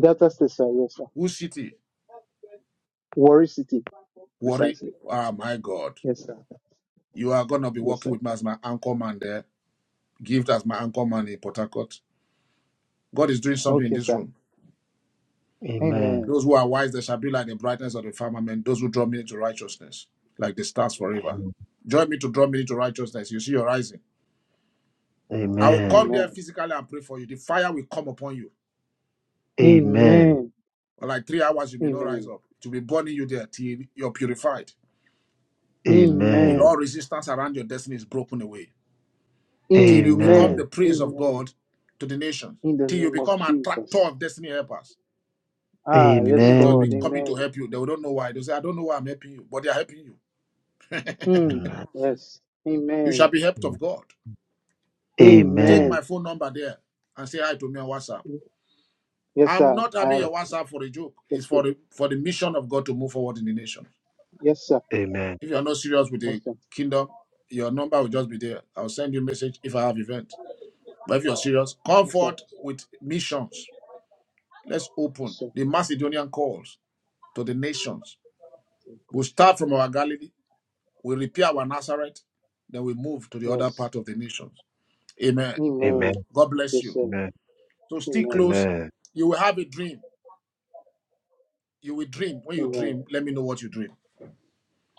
S15: Delta State, sir. Yes, sir.
S2: Whose city?
S15: Warri City.
S2: Worry.
S15: Precisely.
S2: Ah, my God.
S15: Yes, sir.
S2: You are going to be
S15: Yes,
S2: working
S15: sir.
S2: with me as my anchor man there. Gift as my anchor man in Port Harcourt. God is doing something in
S15: Okay,
S2: this
S15: sir.
S2: room.
S17: Amen.
S15: Amen.
S2: Those who are wise, they shall be like the brightness of the firmament. Those who draw me into righteousness, like the stars forever. Join me to draw me into righteousness. You see your rising. I will
S17: Amen.
S2: come there
S15: Amen.
S2: physically and pray for you. The fire will come upon you.
S17: Amen.
S15: Amen.
S2: For like three hours, you may not rise
S15: Amen.
S2: up. To be burning you there till you're purified. Till
S17: Amen.
S15: Amen.
S2: all resistance around your destiny is broken away. till you become
S17: Amen.
S15: Amen.
S2: the praise of
S15: Amen.
S2: God to the nations,
S15: In the
S2: till you
S15: name of
S2: become an attractor
S15: Jesus.
S2: of destiny helpers.
S15: Ah,
S2: People
S15: yes,
S2: will just be
S15: God.
S17: Amen.
S2: coming to
S15: Amen.
S2: help you. They will don't know why. They say, I don't know why I'm helping you, but they are helping you.
S15: Mm,
S17: Amen.
S15: yes.
S2: You shall
S15: Amen.
S2: be helped of God.
S17: Amen.
S2: Take
S17: Amen.
S15: Amen.
S2: my phone number there and say hi to me on WhatsApp.
S15: Yes,
S2: I'm
S15: sir.
S2: not
S15: I
S2: having
S15: have.
S2: your WhatsApp for a joke. It's for the for the mission of God to move forward in the nation.
S15: Yes, sir.
S17: Amen.
S2: If you are not serious with
S15: Yes,
S2: the
S15: sir.
S2: kingdom, your number will just be there. I'll send you a message if I have event. But if you're serious,
S15: Yes, sir.
S2: comfort with missions. Let's
S15: Yes,
S2: open
S15: sir.
S2: the Macedonian calls to the nations.
S15: Thank you.
S2: We'll start from our Galilee, we repair our Nazareth, then we move to the other
S15: Yes.
S2: part of the nations. Amen.
S15: Amen.
S17: Amen.
S2: God bless
S15: Yes,
S2: you.
S15: sir.
S2: So stay
S15: Amen.
S2: close.
S17: Amen.
S2: You will have a dream. You will dream. When you
S15: Amen.
S2: dream, let me know what you dream.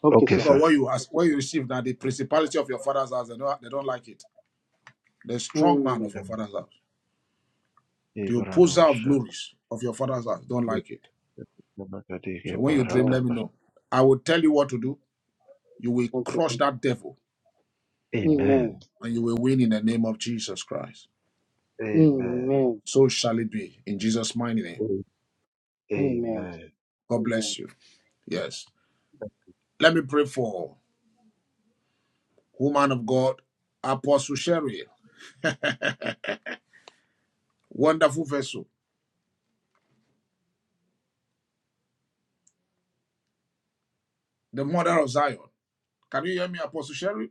S15: Okay,
S17: Okay,
S15: sir.
S2: Because
S17: sir.
S2: what you ask,
S15: Okay,
S2: what
S15: sir.
S2: you receive now, the principality of your father's house, they don't, they don't like it. The strong man
S15: Mm,
S2: of your father's house, the opposer of
S17: Ibaradosha.
S2: glories of your father's house, don't like it. So when you dream, let
S15: God.
S2: me know. I will tell you what to do. You will
S15: Okay,
S2: crush
S15: sir.
S2: that devil
S15: Amen.
S17: Amen.
S2: and you will win in the name of Jesus Christ.
S17: Amen.
S15: Amen.
S2: So shall it be in Jesus' mighty name.
S15: Amen.
S17: Amen.
S2: God
S15: Amen.
S2: bless you. Yes. Let me pray for woman of God, Apostle Sherry, wonderful vessel, the mother of Zion. Can you hear me, Apostle Sherry?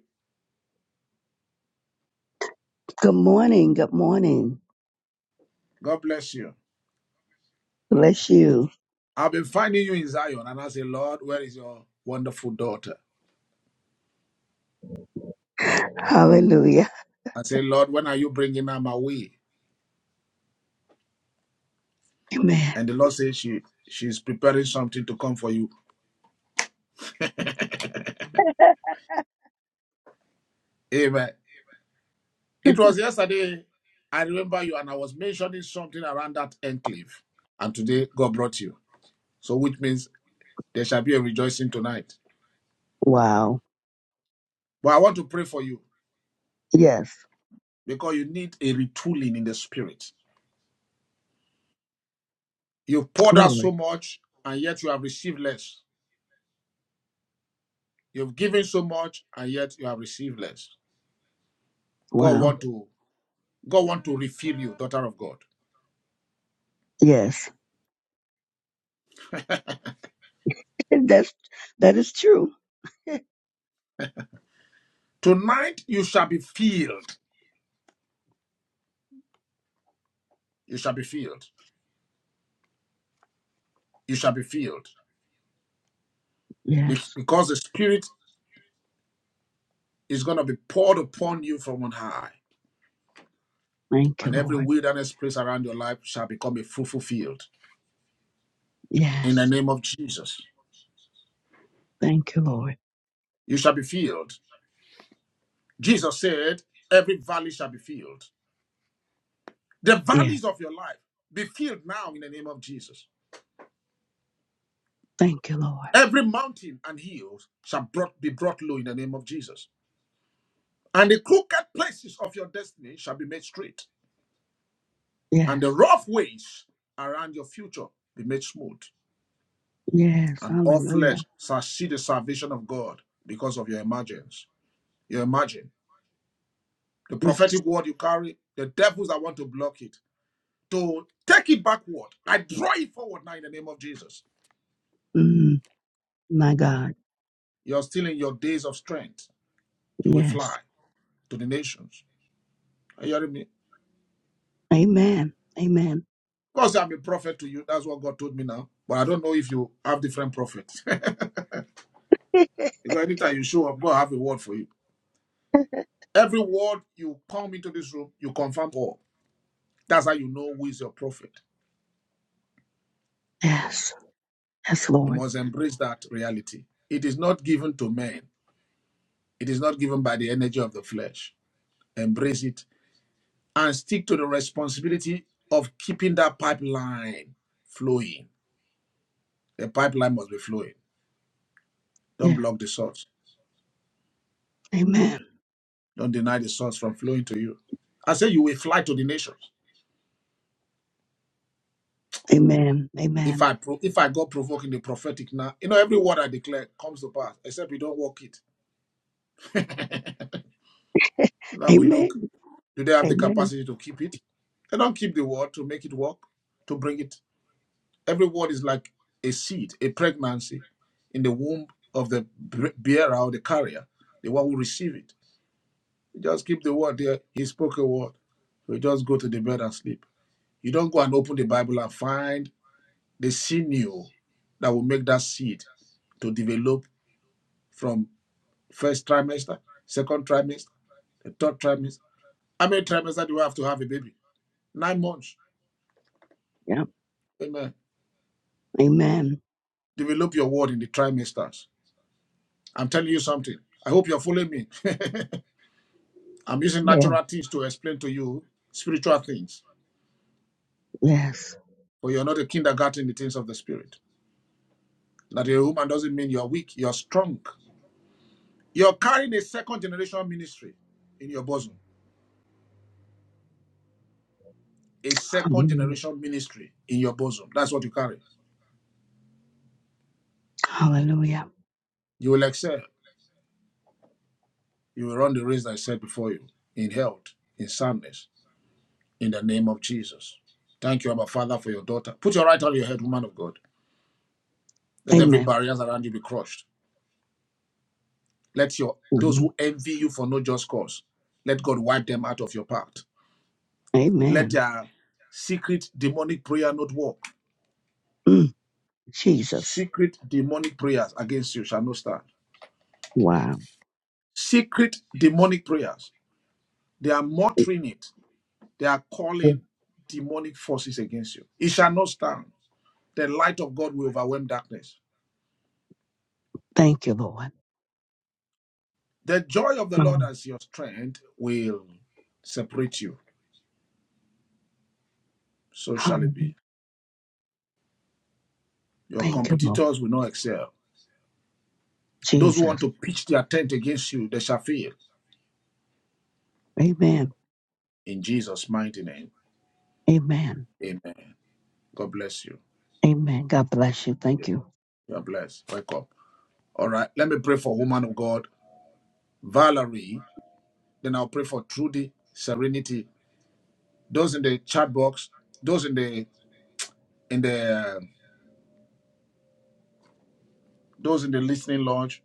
S18: Good morning. Good morning.
S2: God bless you.
S18: Bless you.
S2: I've been finding you in Zion, and I say, Lord, where is your wonderful daughter?
S18: Hallelujah.
S2: I say, Lord, when are you bringing her my way?
S18: Amen.
S2: And the Lord says she she's preparing something to come for you. Amen. It was yesterday. I remember you, and I was mentioning something around that enclave. And today, God brought you. So, which means there shall be a rejoicing tonight.
S18: Wow.
S2: But I want to pray for you
S18: Yes.
S2: because you need a retooling in the spirit. You've poured out so
S18: Glory.
S2: much and yet you have received less. You've given so much and yet you have received less. God
S18: Wow.
S2: want to God want to refill you, daughter of God.
S18: Yes. That's that is true.
S2: Tonight you shall be filled. You shall be filled. You shall be filled
S18: Yes.
S2: because the spirit is going to be poured upon you from on high,
S18: Thank you,
S2: and every
S18: Lord.
S2: wilderness place around your life shall become a fruitful field in the
S18: Yes.
S2: name of Jesus.
S18: Thank you, Lord.
S2: you shall be filled. Jesus said, Every valley shall be filled. The
S18: Yeah.
S2: valleys of your life be filled now in the name of Jesus.
S18: Thank you, Lord.
S2: Every mountain and hill shall brought, be brought low in the name of Jesus. And the crooked places of your destiny shall be made straight, and the
S18: Yes.
S2: rough ways around your future be made smooth.
S18: Yes.
S2: And all
S18: Hallelujah.
S2: flesh shall see the salvation of God because of your emergence. You imagine the
S18: Yes.
S2: prophetic word you carry, the devils that want to block it, to take it backward. I draw it forward now in the name of Jesus.
S18: Mm, my God.
S2: You're still in your days of strength. You will
S18: Yes.
S2: fly to the nations. Are you hearing me?
S18: Amen. Amen.
S2: because I'm a prophet to you. That's what God told me now. But I don't know if you have different prophets. because anytime you show up, God have a word for you. Every word you come into this room, you confirm all. That's how you know who is your prophet.
S18: Yes. Yes,
S2: You
S18: Lord.
S2: must embrace that reality. It is not given to men. It is not given by the energy of the flesh. Embrace it and stick to the responsibility of keeping that pipeline flowing. The pipeline must be flowing. Don't
S18: Yeah.
S2: block the source.
S18: Amen.
S2: Don't deny the source from flowing to you. I say you will fly to the nations.
S18: Amen.
S2: If
S18: Amen.
S2: I pro- if I go provoking the prophetic now, you know every word I declare comes to pass, except we don't walk it. So now we look.
S18: Amen.
S2: Do they have the
S18: Amen.
S2: capacity to keep it? They don't keep the word to make it work, to bring it. Every word is like a seed, a pregnancy in the womb of the bearer or the carrier, the one who receives it You just keep the word there. He spoke a word. So you just go to the bed and sleep. You don't go and open the Bible and find the sinew that will make that seed to develop from first trimester, second trimester, the third trimester. How many trimesters do you have to have a baby? Nine months.
S18: Yeah.
S2: Amen.
S18: Amen.
S2: Develop your word in the trimesters. I'm telling you something. I hope you're following me. I'm using
S18: Yeah.
S2: natural things to explain to you spiritual things,
S18: Yes.
S2: but you're not a kindergarten in the things of the spirit. That you're a woman doesn't mean you're weak, you're strong. You're carrying a second generation ministry in your bosom. A second
S18: Hallelujah.
S2: generation ministry in your bosom. That's what you carry.
S18: Hallelujah.
S2: You will excel. You will run the race that I set before you in health, in soundness, in the name of Jesus. Thank you, Abba Father, for your daughter. Put your right hand on your head, woman of God. Let every
S18: Amen.
S2: barrier around you be crushed. Let your those
S18: Mhm.
S2: who envy you for no just cause, let God wipe them out of your path. Let
S18: Amen.
S2: their secret demonic prayer not work
S18: Mm. Jesus.
S2: Secret demonic prayers against you shall not stand.
S18: Wow.
S2: Secret demonic prayers. They are muttering it. They are
S18: Yeah.
S2: calling demonic forces against you. It shall not stand. The light of God will overwhelm darkness.
S18: Thank you, Lord.
S2: The joy of the Lord
S18: Mm.
S2: as your strength will separate you. So shall it
S18: Hallelujah.
S2: be. Your
S18: Thank you, Lord.
S2: competitors will not excel. Those who want
S18: Jesus.
S2: to pitch their tent against you, they shall fail.
S18: Amen.
S2: In Jesus' mighty name.
S18: Amen.
S2: Amen. God bless you.
S18: Amen. God bless you. Thank you.
S2: You are blessed. Wake up. All right. Let me pray for woman of God. Valerie, then I'll pray for Trudy, Serenity, those in the chat box, those in the in the uh, those in the listening lounge.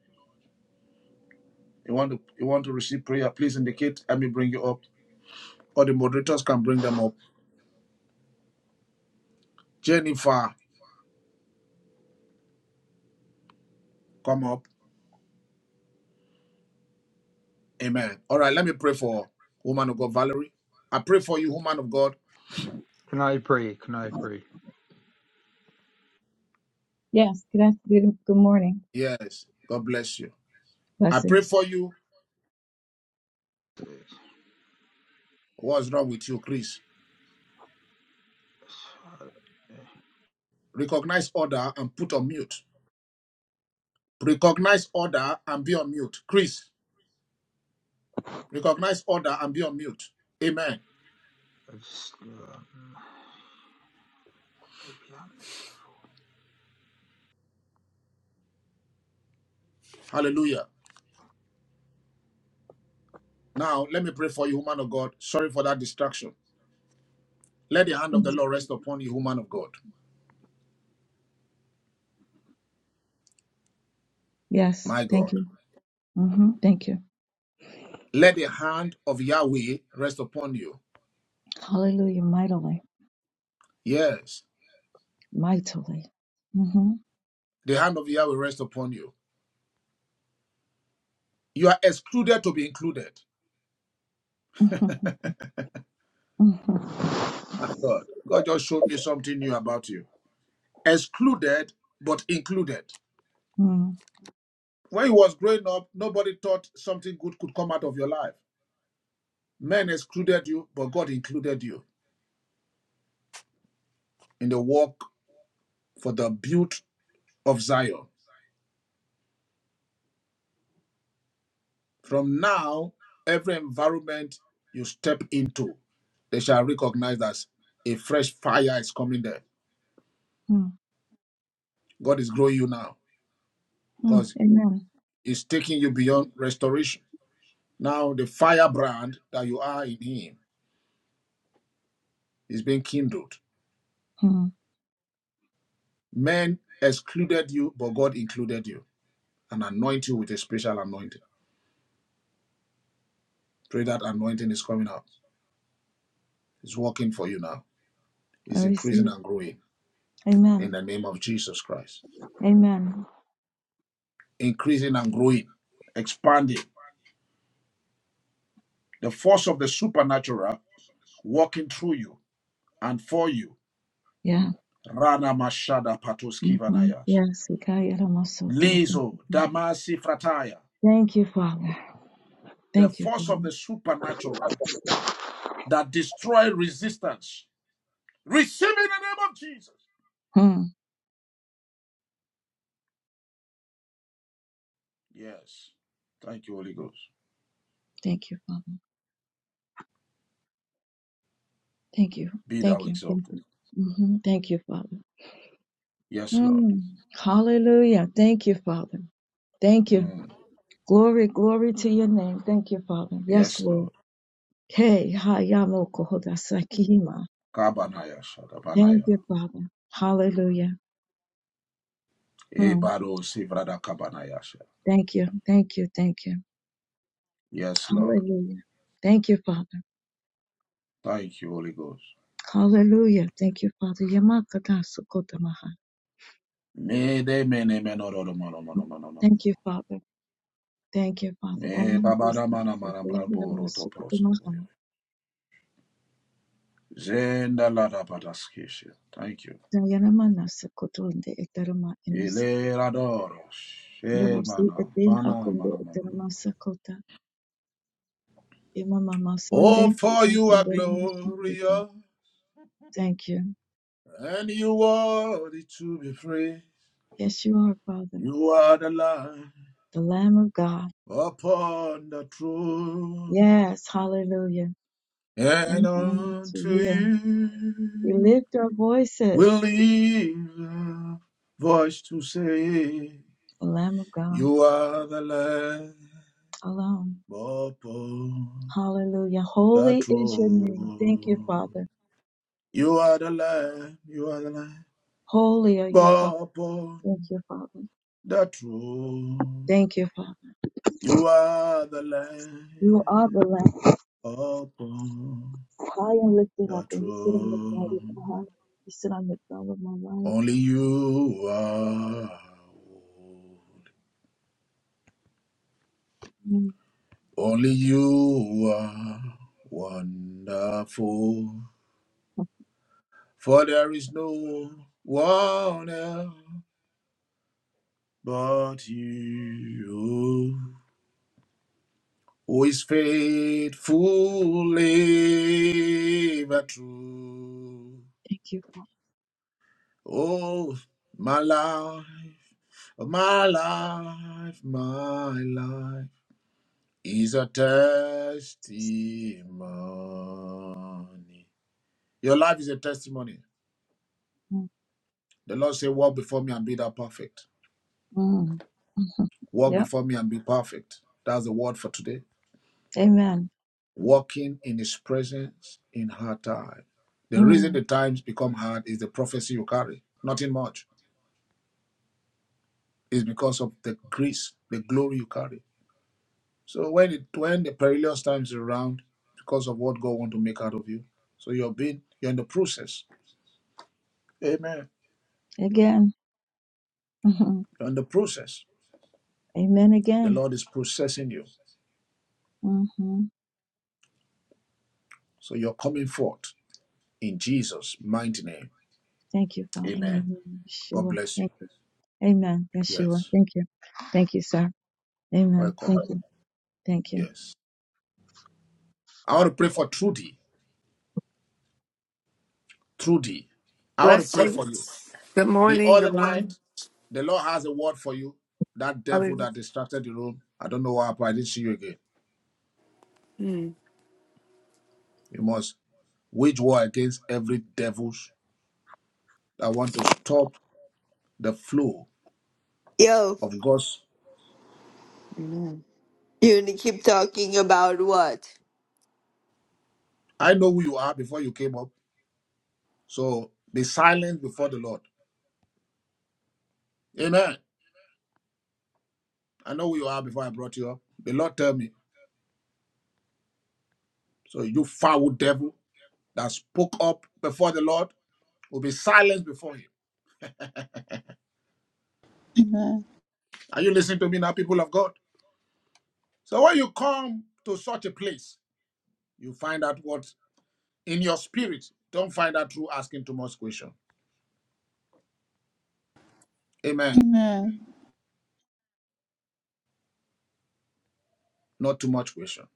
S2: You want to you want to receive prayer? Please indicate. Let me bring you up, or the moderators can bring them up. Jennifer, come up. Amen. All right, let me pray for woman of God, Valerie. I pray for you, woman of God.
S19: Can I pray? Can I pray?
S20: Yes, good afternoon, good morning.
S2: Yes, God bless you. I pray
S20: Blessings.
S2: for you.
S19: I
S2: What's wrong with you, Chris? Recognize order and put on mute. Recognize order and be on mute, Chris. Recognize order and be on mute. Amen.
S19: just, um, maybe I made that.
S2: Hallelujah. Now, let me pray for you, woman of God. Sorry for that distraction. Let the hand of the
S20: Yes,
S2: Lord rest upon you, woman of God.
S20: Yes,
S2: My
S20: thank
S2: God.
S20: you. hmm Thank you.
S2: Let the hand of Yahweh rest upon you.
S20: Hallelujah, mightily,
S2: Yes.
S20: mightily. hmm
S2: The hand of Yahweh rest upon you. You are excluded to be included.
S20: hmm
S2: My God. God just showed me something new about you. Excluded, but included.
S20: Mm,
S2: When you was growing up, nobody thought something good could come out of your life. Men excluded you, but God included you in the work for the build of Zion. From now, every environment you step into, they shall recognize that a fresh fire is coming there.
S20: mm,
S2: God is growing you now
S20: mm.
S2: because
S20: Amen.
S2: He's taking you beyond restoration. Now, the firebrand that you are in Him is being kindled.
S20: Mm,
S2: Men excluded you, but God included you and anointed you with a special anointing. Pray that anointing is coming out. It's working for you now.
S20: I
S2: It's
S20: receive.
S2: increasing and growing in the
S20: Amen.
S2: name of Jesus Christ.
S20: Amen.
S2: increasing and growing, expanding. The force of the supernatural working through you and for you.
S20: Yeah.
S2: Rana Mashada
S20: Mm-hmm.
S2: Patoskivanayash.
S20: Yes. okay, I so
S2: Lezo Damasi Frataya.
S20: Thank you, Father.
S2: The
S20: Thank you,
S2: force of
S20: Father.
S2: the supernatural that destroy resistance. Receive in the name of Jesus.
S20: Thank you, Father. Mm,
S2: Yes. Thank you, Holy Ghost.
S20: Thank you, Father. Thank you.
S2: Be thou
S20: Thank you. Thank
S2: exalted.
S20: you. hmm Thank you, Father.
S2: Yes, Lord.
S20: Mm, hallelujah. Thank you, Father. Thank you.
S2: Mm.
S20: Glory, glory to your name. Thank you, Father. Yes,
S2: Yes,
S20: Lord.
S2: Lord.
S20: Hey, ha, ya, mo, ko,
S2: Kabanayasha Kabanaya
S20: Thank you, Father. Hallelujah.
S2: Shadabanaya.
S20: Mm,
S2: Ebaro Sivrada Kabanaya
S20: thank you. Thank you. Thank you.
S2: Yes, Lord.
S20: Hallelujah. Thank you, Father.
S2: Thank you, Holy Ghost.
S20: Hallelujah. Thank you, Father. Yama, ka, da,
S2: Me de me ne me no ro ro mo ro mo no no no no.
S20: Thank you,
S2: no.
S20: Father. Thank you, Father. O,
S2: Me
S20: ma,
S2: babada
S20: ni,
S2: ba
S20: si,
S2: da ma na
S20: ko,
S2: ma na
S20: te, hi,
S2: bra
S20: ra,
S2: bo
S20: ma,
S2: ro to
S20: su, ko, ta,
S2: prosko Zenda la da ba Thank you.
S20: e,
S2: Ele ra She ma
S20: Devosi
S2: na
S20: ete
S2: ma na ma
S20: rakunde eteramasa kota. Imama
S2: Oh,
S20: masande
S2: for you are
S20: edankunderamasa
S2: glorious,
S20: Thank you.
S2: and you worthy to be free.
S20: Yes, you are, Father,
S2: You are the Lamb
S20: the Lamb of God.
S2: upon the throne,
S20: Yes, hallelujah.
S2: and
S20: And to
S2: unto
S20: you. We
S2: you.
S20: lift our
S2: will
S20: voices,
S2: leave a voice to say,
S20: the Lamb of God
S2: You are the Lamb
S20: alone.
S2: upon
S20: Hallelujah.
S2: the
S20: Holy is your name. Thank you,
S2: throne.
S20: Father.
S2: You are the Lamb, you are the Lamb
S20: Holy are you, Father.
S2: upon
S20: Thank you, Father.
S2: the throne.
S20: Thank you, Father.
S2: You are the
S20: You are
S2: Lamb
S20: the Lamb,
S2: upon
S20: high and lifted
S2: the
S20: up, and you sit on the throne of
S2: throne.
S20: my heart. You sit on the throne of my life.
S2: Only you are.
S20: Mm.
S2: Only you are wonderful,
S20: Oh,
S2: for there is no one else but you who is faithful ever true.
S20: Thank you. Fa-
S2: Oh, my life, oh, my life, my life is a testimony. Your life is a testimony.
S20: Mm.
S2: The Lord said, Walk before me and be thou perfect.
S20: Mm. Mhm.
S2: Walk
S20: Yep.
S2: before me and be perfect. That's the word for today.
S20: Amen.
S2: Walking in his presence in hard time. The reason
S20: Mm.
S2: the times become hard is the prophecy you carry. Nothing much. It's because of the grace, the glory you carry. So when it when the perilous times are around, because of what God want to make out of you. So you're being you're in the process. Amen.
S20: Again. Mhm.
S2: You're in the process.
S20: Amen
S2: The
S20: again.
S2: Lord is processing you.
S20: hmm
S2: So you're coming forth in Jesus' mighty name.
S20: Thank you, Father. In the
S2: Amen.
S20: name of
S2: God
S20: Yeshua.
S2: bless you.
S20: Thank you. Amen. Yeshua.
S2: Yes.
S20: Thank you. Thank you, sir. Amen.
S2: Welcome.
S20: Thank you. Thank you.
S2: Yes. I want to pray for Trudy. Trudy. I want to
S21: Bless
S2: pray
S21: you.
S2: for you.
S21: Good
S2: The
S21: morning. Good
S2: other night,
S21: morning.
S2: the Lord has a word for you. That devil
S21: Hallelujah.
S2: that distracted the room. I don't know what happened. I didn't see you again.
S21: Mm,
S2: You must wage war against every devils that want to stop the flow
S22: Yo,
S2: of God's.
S21: amen.
S22: you need to keep talking about what?
S2: I know who you are before you came up. So be silent before the Lord. Amen. I know who you are before I brought you up. The Lord tell me. So you foul devil. that spoke up before the Lord will be silenced before him.
S1: Amen.
S2: Are you listening to me now, people of God? So when you come to such a place, you find out what in your spirit. Don't find out through asking too much question. Amen.
S1: Amen.
S2: Not too much question.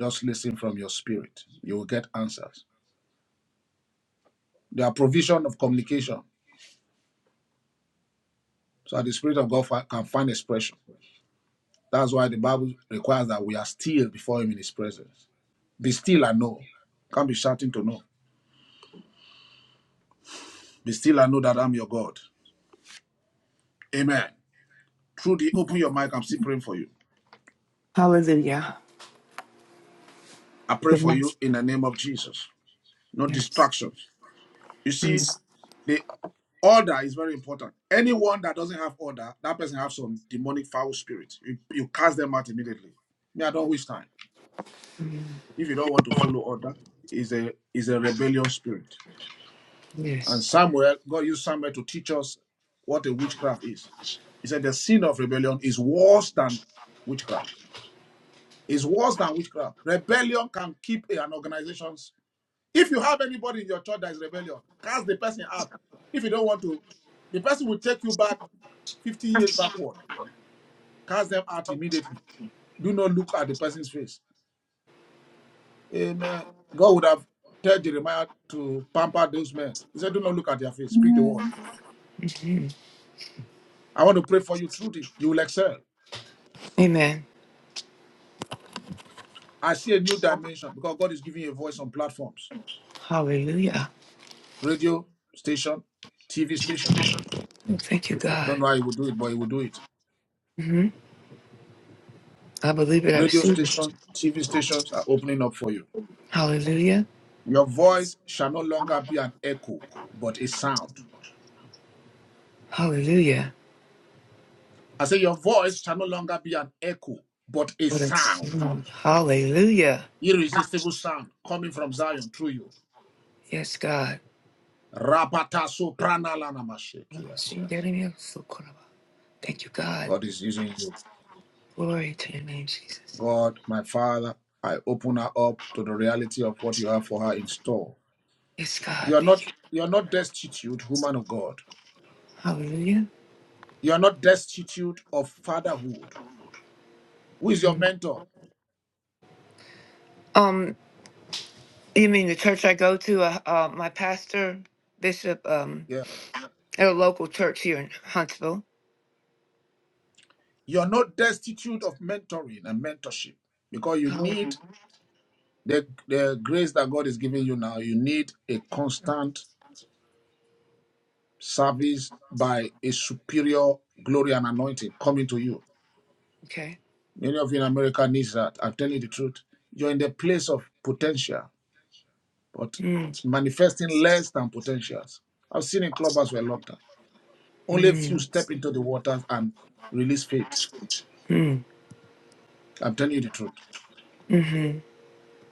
S2: Just listen from your spirit. You will get answers. There are provision of communication so that the spirit of God fi- can find expression. That's why the Bible requires that we are still before him in his presence. Be still and know. Can't be shouting to know. Be still and know that I'm your God. Amen. Trudy, open your mic. I'm still praying for you.
S21: Hallelujah.
S2: I pray
S21: Good
S2: for
S21: morning.
S2: you in the name of Jesus. No
S21: Yes.
S2: distractions. You see,
S21: Mm,
S2: the order is very important. Anyone that doesn't have order, that person has some demonic foul spirit. You, you cast them out immediately. Me, I don't waste time. If you don't want to follow order, is a is a rebellion spirit. And
S21: Yes.
S2: Samuel, God used Samuel to teach us what a witchcraft is. He said the sin of rebellion is worse than witchcraft. It's worse than witchcraft. Rebellion can keep an organization's If you have anybody in your church that is rebellion, cast the person out. If you don't want to, the person will take you back 50 years backward. Cast them out immediately. Do not look at the person's face. Amen. God would have told Jeremiah to pamper those men. He said, Do not look at their face. Speak the word.
S1: Amen.
S2: I want to pray for you, truly. You will excel.
S21: Amen.
S2: I see a new dimension because God is giving you a voice on platforms,
S21: Hallelujah.
S2: radio station, TV stations.
S21: Oh, Thank you,
S2: I
S21: God.
S2: Don't know how He will do it, but He will do it.
S21: hmm I believe it. I
S2: Radio
S21: receive it.
S2: station, TV stations are opening up for you.
S21: Hallelujah.
S2: Your voice shall no longer be an echo, but a sound.
S21: Hallelujah.
S2: I say, Your voice shall no longer be an echo, but a
S21: What a
S2: sound.
S21: song. Hallelujah.
S2: Irresistible sound coming from Zion through you.
S21: Yes, God.
S2: Rapata soprana lana mashekias.
S21: Thank you, God.
S2: God is using you.
S21: Glory to your name, Jesus.
S2: God, my Father, I open her up to the reality of what you have for her in store.
S21: Yes, God.
S2: You're
S21: Thank
S2: not
S21: you.
S2: you're not destitute, woman of God.
S21: Hallelujah.
S2: You're not destitute of fatherhood. Who is your mentor?
S21: Um. You mean the church I go to? Uh, uh, my pastor, bishop, um,
S2: Yeah.
S21: at a local church here in Huntsville.
S2: You're not destitute of mentoring and mentorship because you
S21: Oh,
S2: need the, the grace that God is giving you now. You need a constant service by a superior glory and anointing coming to you.
S21: okay.
S2: Many of you in America need that. I'm telling you the truth. You're in the place of potential, but
S21: Mm,
S2: manifesting less than potentials. I've seen in clubbers for a long time. Only a few
S21: mm,
S2: step into the waters and release faith.
S21: mm,
S2: I'm telling you the truth.
S21: Hmm.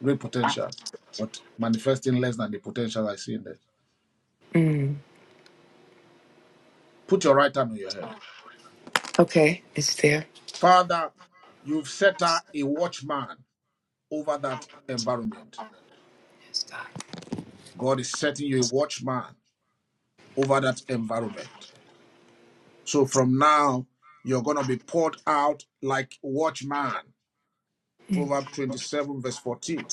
S2: great potentials, but manifesting less than the potential I see in them.
S21: mm.
S2: Put your right hand on your head.
S21: Okay, it's there.
S2: Father, you've set her a watchman over that environment.
S21: Yes, God.
S2: God is setting you a watchman over that environment. So from now, you're going to be poured out like watchman.
S21: Mm,
S2: Proverb 27, verse 14.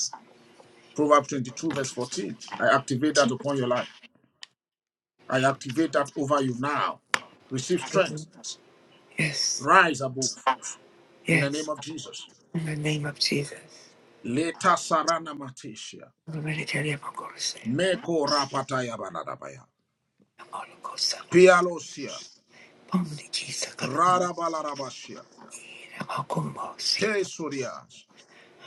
S2: Proverb 22, verse 14. I activate that upon your life. I activate that over you now. Receive
S21: mhm.
S2: strength.
S21: Yes,
S2: Rise above in the name
S21: yes.
S2: of Jesus.
S21: In the name of Jesus.
S2: Leta sarana matishia.
S21: I'm ready to tell you about God to save. I'm
S2: Meko rapataya banadabaya.
S21: all go side.
S2: Pialosia.
S21: I'm the keys of God. I'm
S2: Rarabalarabashia.
S21: all go more sing
S2: Te
S21: it.
S2: surias.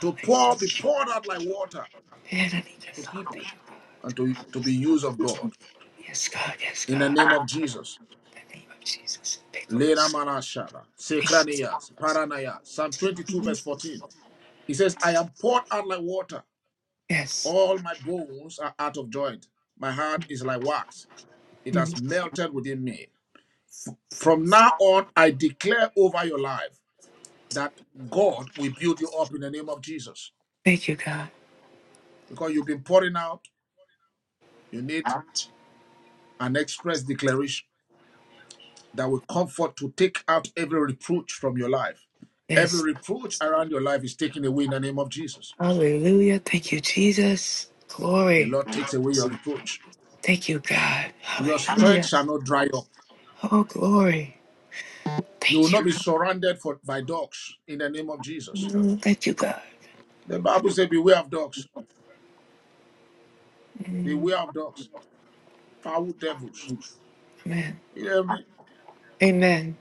S2: To pour, be poured out like water
S21: And I need to
S2: to
S21: thank
S2: people
S21: you.
S2: and to, to be used of God.
S21: Yes, God. Yes,
S2: In the
S21: God.
S2: name of Jesus.
S21: In the name of Jesus. Pickles.
S2: Lena manashara.
S21: Yes.
S2: Sekranias. Paranaya. Psalm 22 verse 14. He says, I am poured out like water.
S21: Yes.
S2: All my bones are out of joint. My heart is like wax. It has
S21: Mm.
S2: melted within me. From now on, I declare over your life that God will build you up in the name of Jesus.
S21: Thank you, God.
S2: Because you've been pouring out, you need an express declaration that will comfort to take out every reproach from your life. Every
S21: Yes.
S2: reproach around your life is taken away in the name of Jesus.
S21: Hallelujah. Thank you, Jesus.
S2: The
S21: Glory.
S2: Lord takes away your reproach.
S21: Thank you, God.
S2: Your strength
S21: Hallelujah.
S2: shall not dry up.
S21: Oh, glory.
S2: You will
S21: Thank
S2: not
S21: you.
S2: be surrounded for, by dogs in the name of Jesus.
S21: Mm. Thank you, God.
S2: The Bible says, Beware of dogs,
S21: Mm.
S2: beware of dogs, foul devils.
S21: Amen.
S2: You hear me?
S21: Amen.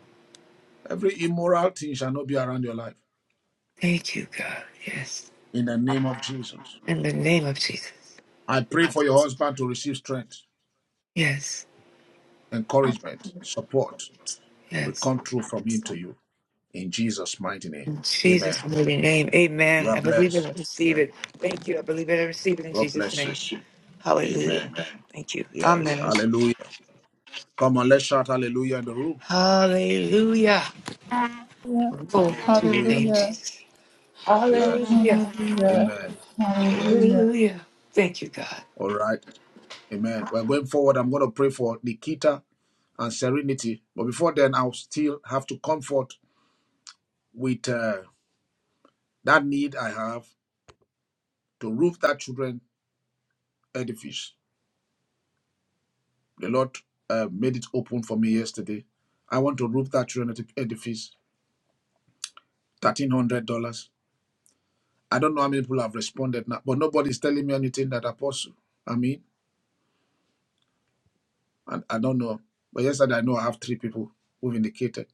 S2: Every immoral thing shall not be around your life.
S21: Thank you, God. Yes.
S2: In the name of Jesus.
S21: In the name of Jesus.
S2: I pray for your husband to receive strength,
S21: Yes.
S2: encouragement, support will
S21: Yes.
S2: come through from him to you. In Jesus' mighty name.
S21: In Jesus'
S2: Amen.
S21: holy name.
S2: You
S21: Amen.
S2: are
S21: I believe it.
S2: blessed.
S21: I receive
S2: Yeah.
S21: it. Thank you. I believe it. I receive it in
S2: God
S21: Jesus'
S2: bless
S21: name.
S2: you.
S21: Hallelujah.
S2: Amen.
S21: Amen. Thank you.
S2: Yes.
S21: Amen.
S2: Hallelujah. Come on, let's shout hallelujah in the room.
S21: Hallelujah. Glory to your
S2: Hallelujah.
S21: name,
S1: Hallelujah.
S21: Jesus.
S2: Yes.
S21: Hallelujah.
S1: Hallelujah.
S2: Amen. Yes.
S1: Hallelujah.
S21: Hallelujah. Thank you, God.
S2: All right. Amen. We're going forward. I'm going to pray for Nikita and Serenity. But before then, I'll still have to comfort with uh, that need I have to roof that children edifice. The Lord uh, made it open for me yesterday. I want to roof that children edif- edifice, thirteen hundred dollars. I don't know how many people have responded now, but nobody's telling me anything that apostle. I mean, and I don't know. But yesterday I know I have three people who've indicated.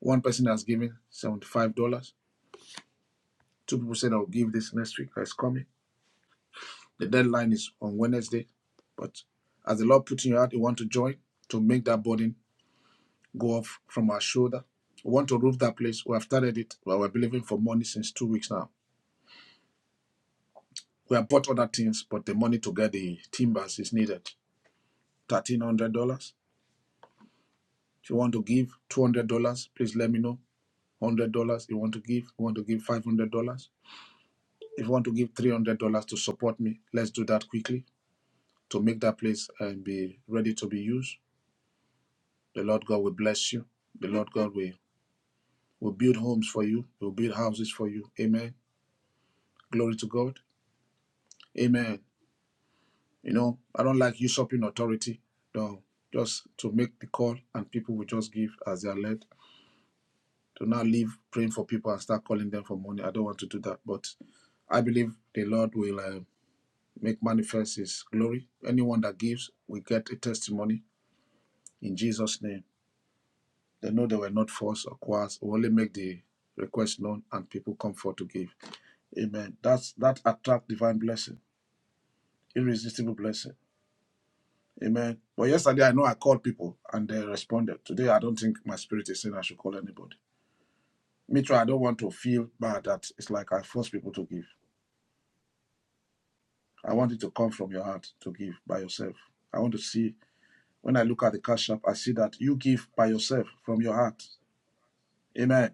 S2: One person has given seventy-five dollars. Two people said I'll give this next week. It's coming. The deadline is on Wednesday, but as the Lord put in your heart, you want to join to make that burden go off from our shoulder. We want to roof that place. We have started it, but we're believing for money since two weeks now. We have bought other things, but the money to get the timbers is needed. Thirteen hundred dollars. If you want to give two hundred dollars, please let me know. one Hundred dollars. You want to give? You want to give five hundred dollars? If you want to give three hundred dollars to support me, let's do that quickly to make that place and be ready to be used. The Lord God will bless you. The Lord God will will build homes for you. Will build houses for you. Amen. Glory to God. Amen. You know, I don't like usurping authority. No, just to make the call and people will just give as they are led. To not leave praying for people and start calling them for money. I don't want to do that. But I believe the Lord will uh, make manifest His glory. Anyone that gives will get a testimony in Jesus' name. They know they were not forced or coerced. We only make the request known and people come forth to give. Amen. That's that attract divine blessing, irresistible blessing. Amen. But yesterday, I know I called people and they responded. Today, I don't think my spirit is saying I should call anybody. Me too, I don't want to feel bad that it's like I force people to give. I want it to come from your heart to give by yourself. I want to see, when I look at the cash app, I see that you give by yourself from your heart. Amen.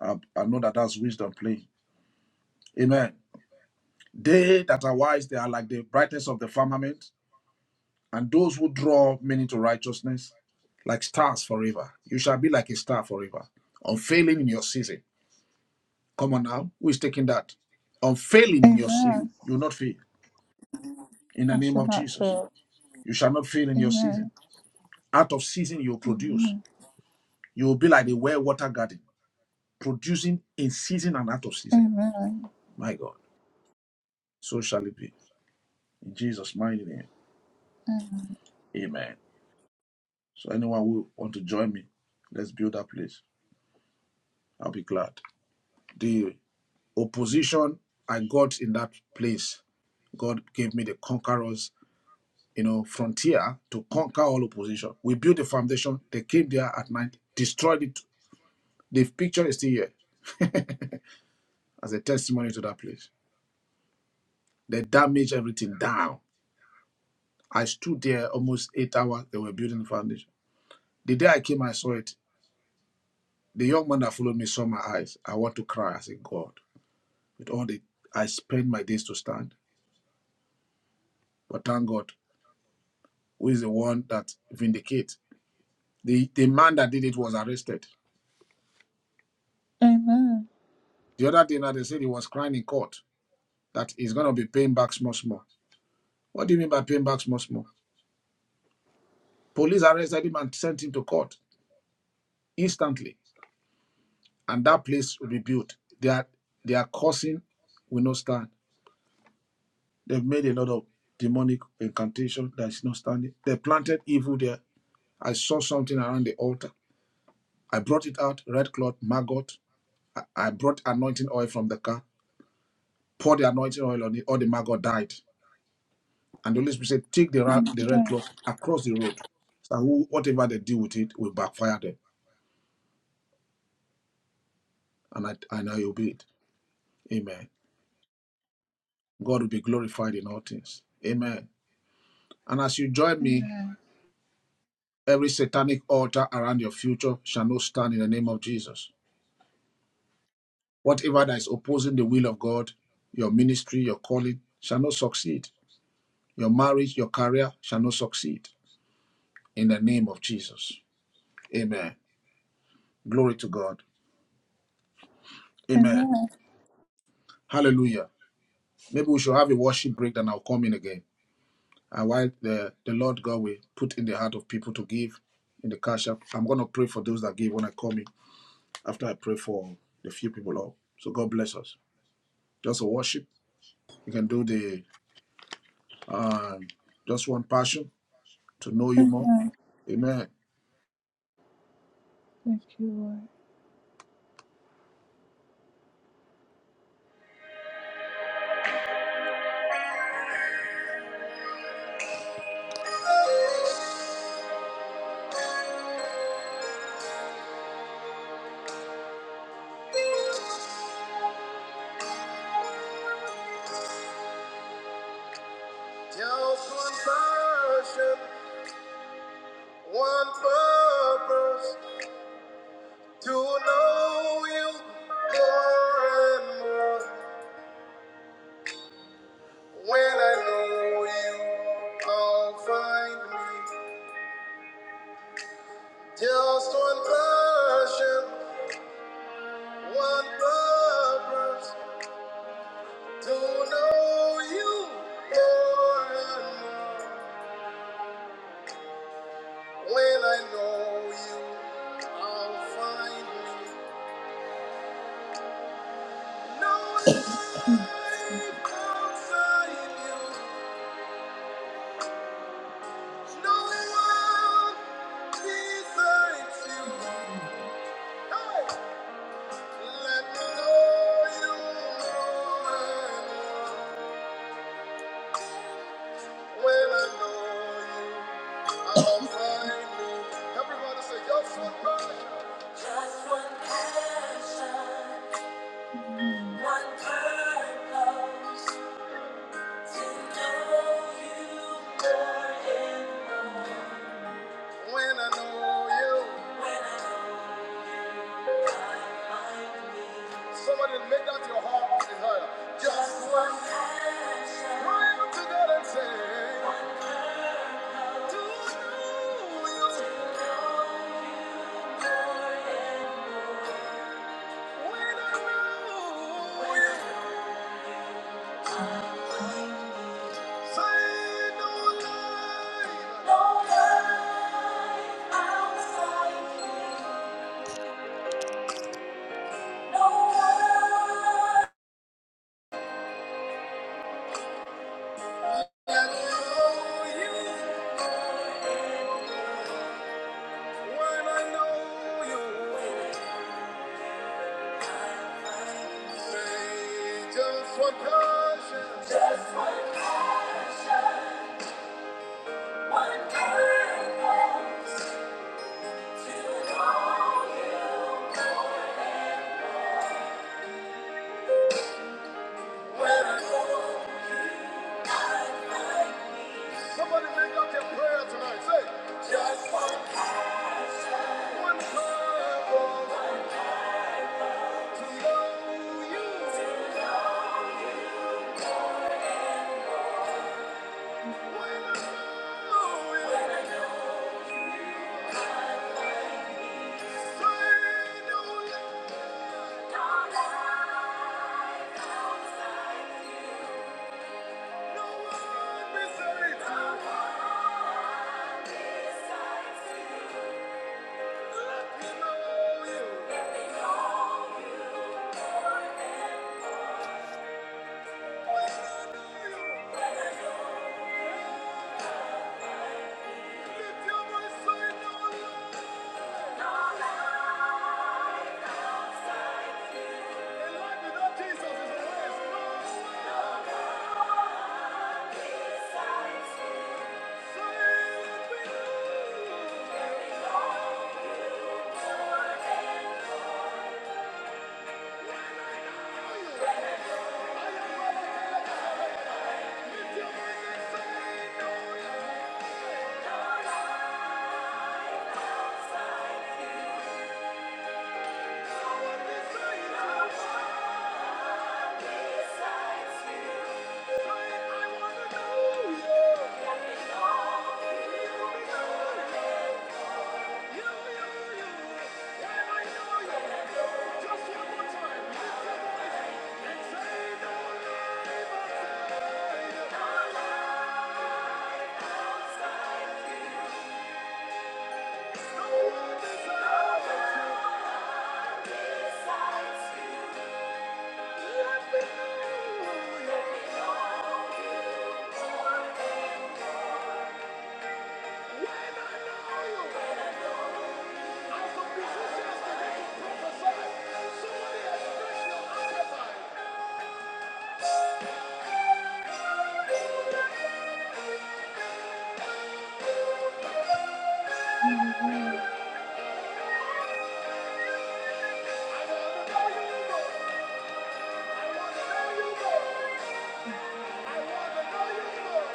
S2: I, I know that that's wisdom playing. Amen. They that are wise, they are like the brightness of the firmament. And those who draw many to righteousness, like stars forever. You shall be like a star forever, unfailing in your season. Come on now, who is taking that? Unfailing in your season.
S1: Amen.
S2: You will not fail. In the
S1: I
S2: name
S1: shall
S2: of
S1: not
S2: Jesus,
S1: fail.
S2: you shall not fail in your season.
S1: Amen.
S2: Out of season, you will produce.
S1: Amen.
S2: You will be like the well watered garden, producing in season and out of season.
S1: Amen.
S2: My God, so shall it be. In Jesus' mighty name,
S1: Amen.
S2: amen. So, anyone who want to join me, let's build that place. I'll be glad. The opposition, I got in that place. God gave me the conquerors, you know, frontier to conquer all opposition. We built the foundation. They came there at night, destroyed it. The picture is still here as a testimony to that place. They damaged everything down. I stood there almost eight hours. They were building the foundation. The day I came, I saw it. The young man that followed me saw my eyes. I want to cry. I said, God, with all the I spend my days to stand, but thank God, who is the one that vindicates The the man that did it was arrested.
S1: Amen.
S2: The other thing that they said he was crying in court that he's gonna be paying back small small. What do you mean by paying back small small? Police arrested him and sent him to court instantly, and that place rebuilt. They are they are cursing, will not stand. They've made a lot of demonic incantation that is not standing. They planted evil there. I saw something around the altar. I brought it out, red cloth, maggot. I, I brought anointing oil from the car, poured the anointing oil on it, all the maggot died. And the Holy Spirit said, Take the, ra- the red cloth
S1: Amen.
S2: across the road. So who, whatever they do with it will backfire them. And I, and I obey it. Amen. God will be glorified in all things. Amen. And as you join me,
S1: Amen.
S2: every satanic altar around your future shall not stand in the name of Jesus. Whatever that is opposing the will of God, your ministry, your calling shall not succeed. Your marriage, your career shall not succeed in the name of Jesus. Amen. Glory to God. Amen.
S1: Amen.
S2: Hallelujah. Maybe we should have a worship break, then I'll come in again. And while the, the Lord God will put in the heart of people to give in the cash app, I'm going to pray for those that give when I come in after I pray for the few people up. So God bless us. Just a worship. You can do the um, just one passion to know you more. Amen.
S1: Thank you, Lord. Just one person. One purpose to know you more and more. When I know you, I'll find me. Just one passion, one purpose to know you more and more. When I know you, I'll find me. No life outside you. No one besides you. Hey! Let me know you when I know you. I'll find you. Everybody say, just one passion. one purpose, to know you more When I know you. Somebody make that your heart desire. Just one cry out to God and say, Do you when I know you say no lie? I know you when I know you say just one passion. Somebody make that your prayer tonight. Say one cry out to know you. I want to know you more.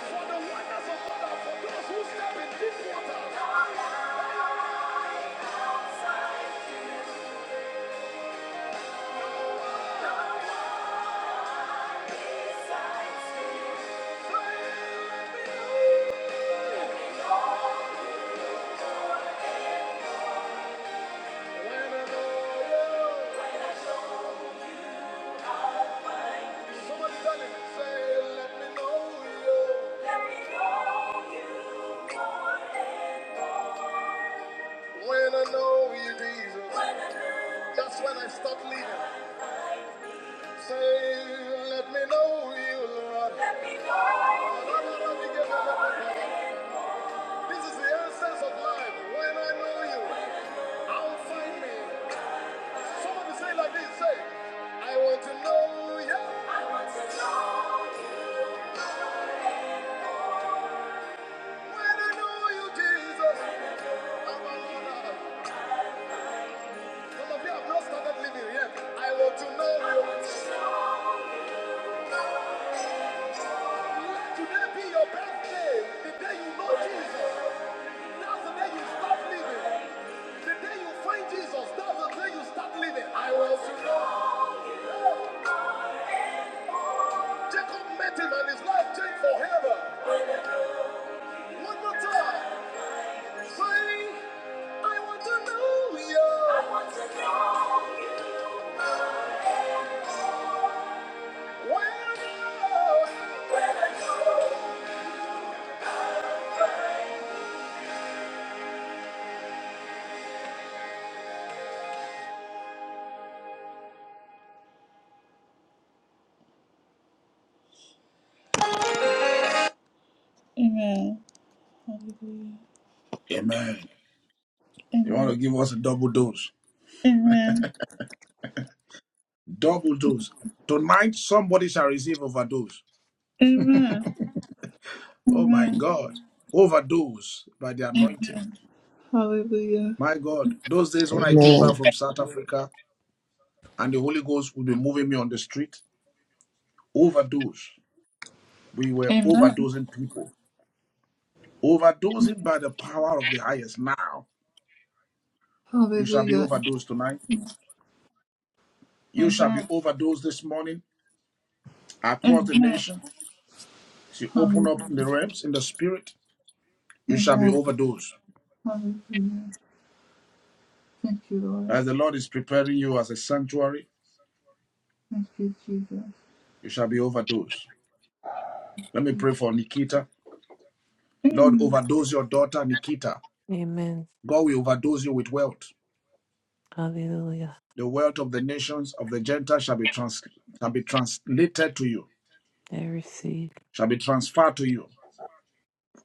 S1: For the wonders of God for those who step in deep When I know you, Jesus, that's when I stop leaving. Say, let me know you, Lord. This is the essence of life. When I know you, I'll find me. Somebody say like this, say, I want to know you. When I know you, Jesus, I'm a Lord. Some of you have not started living yet. I want to know you. Today be your best day. The day you know Jesus. That's the day you stop living. The day you find Jesus. That's the day you start living. I was to know. Jacob met him and his life changed forever. One more time. Say, I want to know you. Well, Amen. Hallelujah.
S2: Amen. You want to
S1: Amen.
S2: give us a double dose.
S1: Amen.
S2: Double dose. Tonight, somebody shall receive overdose.
S1: Amen. Amen.
S2: Oh my
S1: Amen.
S2: God. Overdose by the anointing
S1: Hallelujah.
S2: My God, those days when I came back
S16: ma'am.
S2: from South Africa and the Holy Ghost would be moving me on the street, overdose. We were
S1: Amen.
S2: overdosing people, overdosing by the power of the highest. Now, you shall be
S1: Hallelujah.
S2: overdosed tonight. You shall be
S1: Amen.
S2: overdosed this morning across the
S1: Amen.
S2: nation. As you open up
S1: Hallelujah.
S2: in the realms, in the spirit, you shall be
S1: Amen.
S2: overdosed.
S1: Hallelujah. Thank you, Lord.
S2: As the Lord is preparing you as a sanctuary,
S1: Thank you, Jesus.
S2: you shall be overdosed. Let me pray for Nikita. Lord,
S1: Amen.
S2: overdose your daughter, Nikita.
S23: Amen.
S2: God will overdose you with wealth.
S23: Hallelujah.
S2: The wealth of the nations of the Gentiles shall be, trans- shall be translated to you,
S23: I receive.
S2: shall be transferred to you.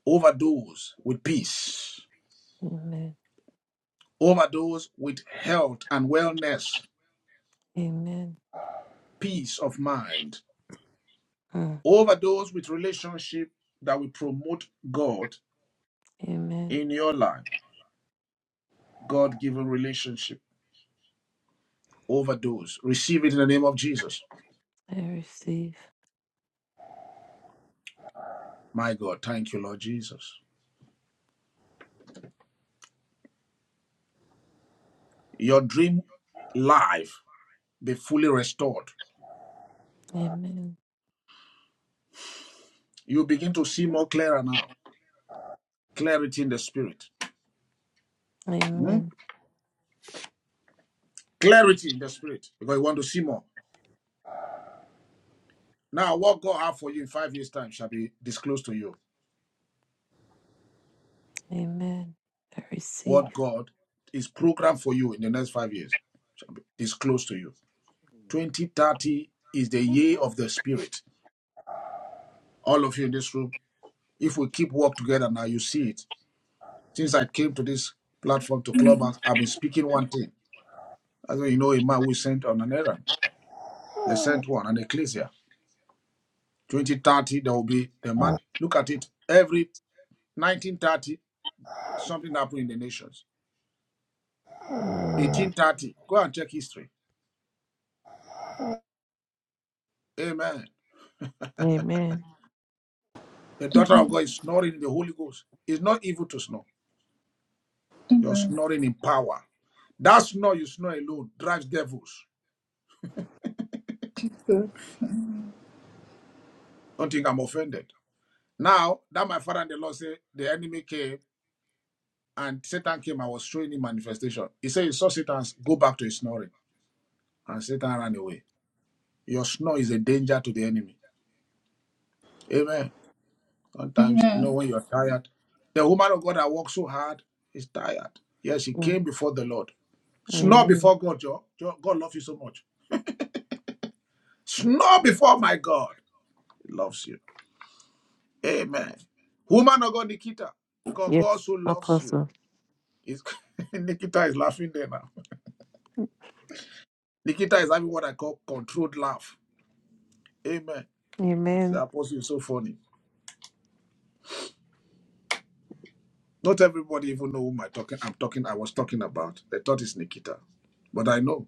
S2: Overdose with peace,
S23: Amen.
S2: overdose with health and wellness,
S23: Amen.
S2: peace of mind,
S23: Mm.
S2: overdose with relationship that will promote God
S23: Amen.
S2: in your life, God given relationship. Overdose. Receive it in the name of Jesus.
S23: I receive.
S2: My God, thank you, Lord Jesus. Your dream life be fully restored.
S23: Amen.
S2: You begin to see more clearer now Clarity in the spirit. Hmm?
S23: Amen.
S2: Clarity in the spirit. Because you want to see more. Now, what God has for you in five years' time shall be disclosed to you.
S23: Amen. I receive.
S2: What God is programmed for you in the next five years is disclosed to you. 2030 is the year of the spirit. All of you in this room, if we keep work together now, you see it. Since I came to this platform to Clubhouse, I've been speaking one thing. As you know, a man we sent on an errand. They sent one, an ecclesia. 2030, there will be a man. Look at it. Every 1930, something happened in the nations.
S16: Amen.
S2: 1830, go and check history. Amen.
S23: Amen.
S2: The daughter of God is snoring in the Holy Ghost. It's not evil to snore. You're
S1: Amen.
S2: snoring in power. That snore you snore alone drives devils. Don't think I'm offended. Now, that my father and the Lord say the enemy came and Satan came and was showing him manifestation. He said he saw Satan go back to his snoring and Satan ran away. Your snore is a danger to the enemy. Amen. Sometimes, you know,
S1: Amen.
S2: when you're tired, the woman of God that worked so hard is tired. Yes, she
S23: Mm.
S2: came before the Lord. Snore
S23: Amen.
S2: before God, Joe. Joe, God loves you so much. Snore before my God. He loves you. Amen. Woman of God, Nikita, because God
S23: Yes,
S2: so loves you.
S23: Apostle.
S2: Is Nikita is laughing there now. Nikita is having what I call controlled laugh. Amen. The
S23: Amen.
S2: apostle is so funny. Not everybody even know whom I talking. I'm talking. I was talking about. They thought it's Nikita, but I know.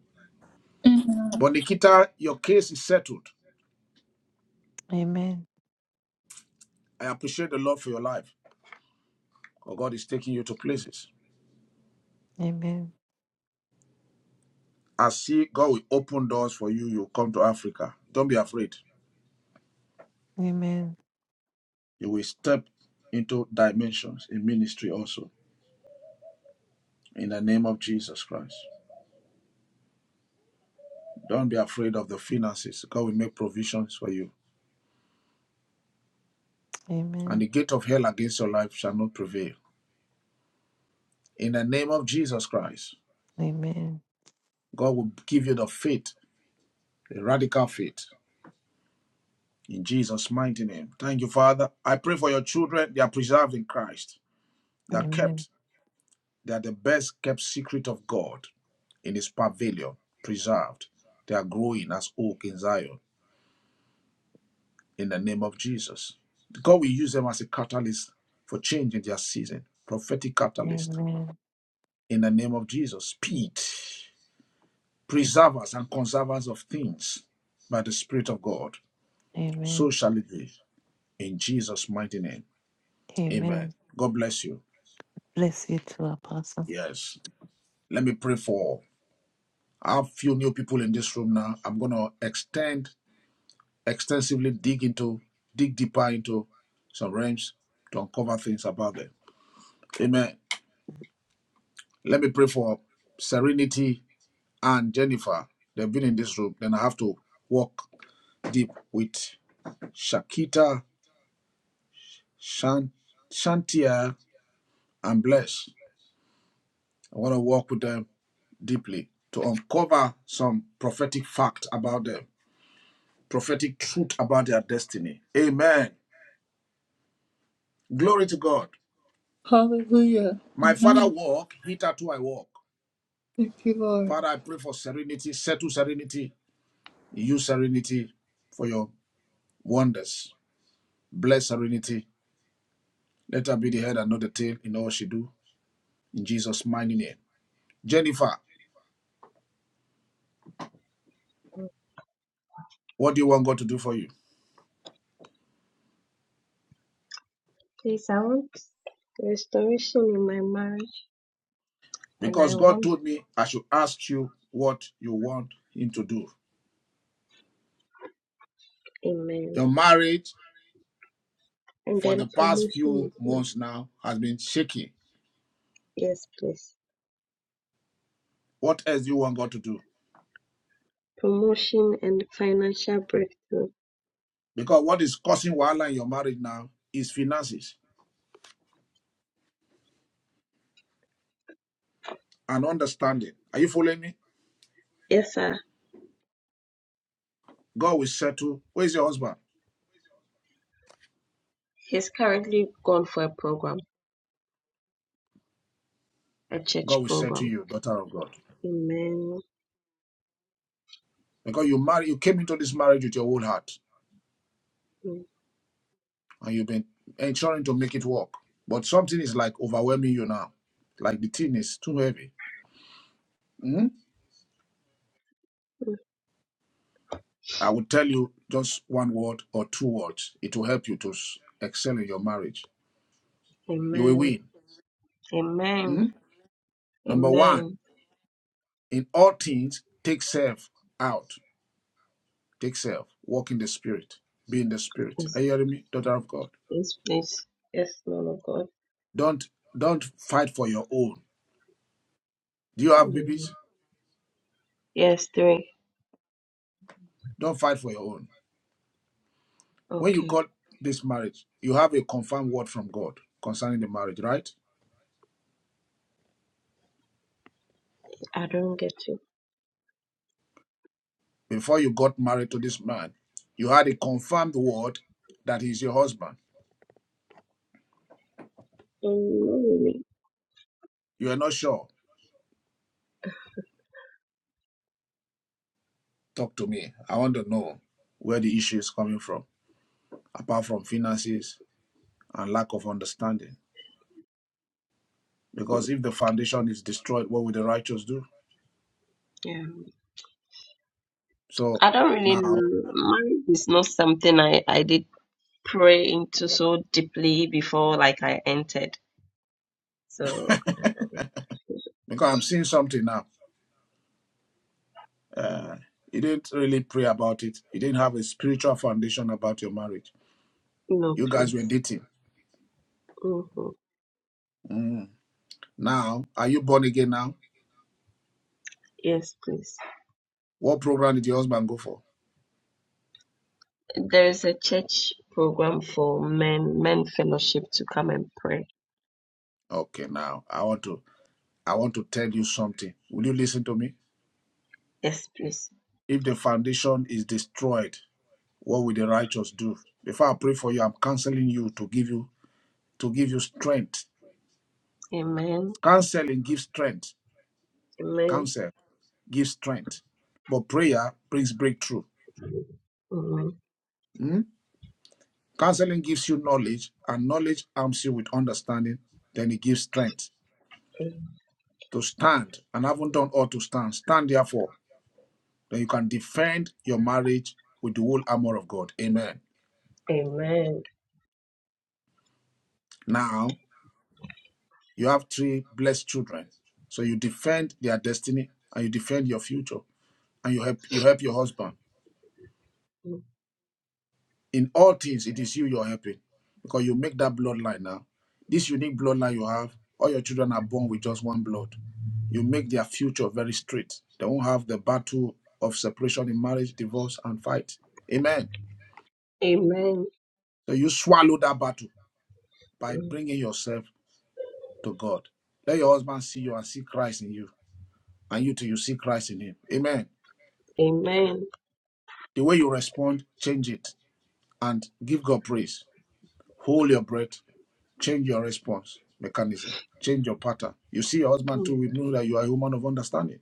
S1: Amen.
S2: But Nikita, your case is settled.
S23: Amen.
S2: I appreciate the Lord for your life. Oh, God is taking you to places.
S23: Amen.
S2: I see God will open doors for you. You come to Africa. Don't be afraid.
S23: Amen.
S2: You will step into dimensions in ministry also. In the name of Jesus Christ. Don't be afraid of the finances. God will make provisions for you.
S23: Amen.
S2: And
S23: Amen.
S2: the gate of hell against your life shall not prevail. In the name of Jesus Christ,
S23: Amen.
S2: God will give you the faith, the radical faith. In Jesus' mighty name. Thank you, Father. I pray for your children. They are preserved in Christ. They are kept They are the best kept secret of God in his pavilion, preserved. They are growing as oak in Zion in the name of Jesus. God will use them as a catalyst for change in their season, prophetic catalyst
S23: Amen.
S2: in the name of Jesus. Speed, preservers and conservers of things by the Spirit of God. So
S23: Amen.
S2: shall it be in Jesus' mighty name. Amen.
S23: Amen.
S2: God bless you.
S23: Bless you too, Apostle.
S2: Yes. Let me pray for a few new people in this room now. I'm going to extend extensively dig into, dig deeper into some realms to uncover things about them. Amen. Let me pray for Serenity and Jennifer. They've been in this room. Then I have to walk deep with Shakita, Shan, Shantia, and Bless. I want to walk with them deeply to uncover some prophetic fact about them, prophetic truth about their destiny. Amen. Glory to God.
S1: Hallelujah.
S2: My father
S1: Amen.
S2: walk, hitherto I walk.
S1: Thank you, Lord.
S2: Father, I pray for serenity, settle serenity, use serenity for your wonders. Bless serenity. Let her be the head and not the tail in all she do. In Jesus' mighty name. Jennifer, what do you want God to do for you?
S24: Please, I want restoration in my marriage and I
S2: Because God
S24: want
S2: told me I should ask you what you want Him to do.
S24: a man.
S2: Your marriage
S24: And
S2: for
S24: then
S2: the past
S24: promotion,
S2: few
S24: please.
S2: months now has been shaky.
S24: Yes, please.
S2: What else do you want God to do?
S24: Promotion and financial breakthrough.
S2: Because what is causing wahala in your marriage now is finances and understanding. Are you following me?
S24: Yes, sir.
S2: God will settle. Where is your husband?
S24: He's currently gone for a program, a
S2: God
S24: church
S2: will settle
S24: program.
S2: you, daughter of God.
S24: Amen.
S2: Because you marry, you came into this marriage with your whole heart, and you've been ensuring to make it work. But something is like overwhelming you now. Like the thing is too heavy. Mhm. I will tell you just one word or two words. It will help you to s- excel in your marriage. You will
S24: Amen.
S2: win.
S24: Amen.
S2: Mhm. Number one,
S24: Amen.
S2: in all things, take self out. Take self. Walk in the spirit. Be in the spirit.
S24: Yes,
S2: Are you hearing me, daughter of God?
S24: yes please. Yes, man of God.
S2: Don't don't fight for your own. Do you have babies?
S24: Amen. Yes, three.
S2: Don't fight for your own. When you
S24: Okay.
S2: got this marriage, you have a confirmed word from God concerning the marriage, right?
S24: I don't get you.
S2: Before you got married to this man, you had a confirmed word that he's your husband.
S24: Um, not really.
S2: You are not sure. Talk to me. I want to know where the issue is coming from, apart from finances and lack of understanding. Because
S24: Mm,
S2: if the foundation is destroyed, what will the righteous do?
S24: Yeah.
S2: So
S24: I don't really
S2: now,
S24: know. Marriage is not something I, I did pray into so deeply before like I entered. So
S2: because
S24: uh,
S2: I'm seeing something now. Uh, you didn't really pray about it. You didn't have a spiritual foundation about your marriage.
S24: no,
S2: You guys
S24: please.
S2: were dating.
S24: hmm
S2: Mm. Now, are you born again now?
S24: Yes, please.
S2: What program did your husband go for?
S24: There is a church program for men, men fellowship to come and pray.
S2: Okay, now I want to I want to tell you something. Will you listen to me?
S24: Yes, please.
S2: If the foundation is destroyed, what will the righteous do? Before I pray for you, I'm counseling you to give you to give you strength.
S24: Amen.
S2: Counseling gives strength.
S24: Amen.
S2: Counsel gives strength. But prayer brings breakthrough.
S24: Amen.
S2: Hmm? Counseling gives you knowledge, and knowledge arms you with understanding. Then it gives strength to stand. And having done all to stand, stand therefore. Then you can defend your marriage with the whole armor of God. Amen.
S24: Amen.
S2: Now, you have three blessed children. So you defend their destiny and you defend your future. And you help you help your husband. In all things, it is you you're helping. Because you make that bloodline now. This unique bloodline you have, all your children are born with just one blood. You make their future very straight. They won't have the battle of separation in marriage, divorce, and fight. Amen.
S24: Amen.
S2: So you swallow that battle by bringing yourself to God. Let your husband see you and see Christ in you, and you too, you see Christ in him. Amen.
S24: Amen.
S2: The way you respond, change it and give God praise. Hold your breath, change your response mechanism, change your pattern. You see your husband too, we know that you are a woman of understanding.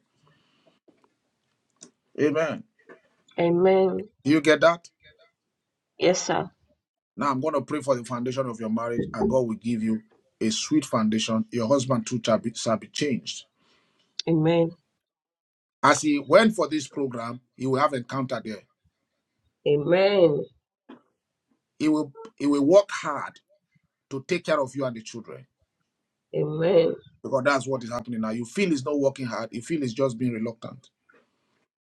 S2: Amen.
S24: Amen.
S2: Do you get that?
S24: Yes, sir.
S2: Now I'm going to pray for the foundation of your marriage, and God will give you a sweet foundation. Your husband too shall be, shall be changed.
S24: Amen.
S2: As he went for this program, he will have encounter there.
S24: Amen.
S2: He will he will work hard to take care of you and the children
S24: Amen.
S2: because that's what is happening now. You feel he's not working hard. You feel he's just being reluctant.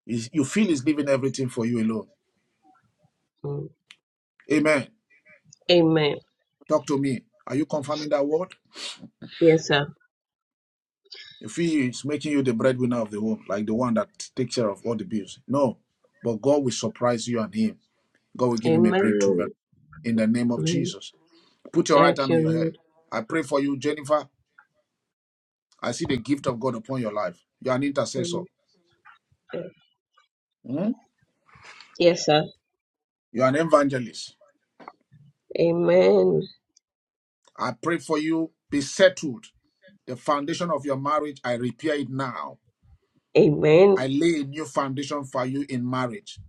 S2: He's- you feel he's leaving everything for you alone.
S24: Mm-hmm.
S2: Amen.
S24: Amen.
S2: Talk to me. Are you confirming that word?
S24: Yes, sir.
S2: You feel he's making you the breadwinner of the home, like the one that takes care of all the bills. No, but God will surprise you and him God will give him a breakthrough
S24: Amen.
S2: in the name of
S24: Amen.
S2: Jesus. Put your right
S24: Thank
S2: hand on your
S24: you,
S2: head. I pray for you, Jennifer. I see the gift of God upon your life. You're an
S24: Lord.
S2: intercessor,
S24: Mm.
S2: Mhm.
S24: Yes, sir.
S2: you're an evangelist.
S24: Amen.
S2: I pray for you. Be settled. The foundation of your marriage, I repair it now.
S24: Amen.
S2: I lay a new foundation for you in marriage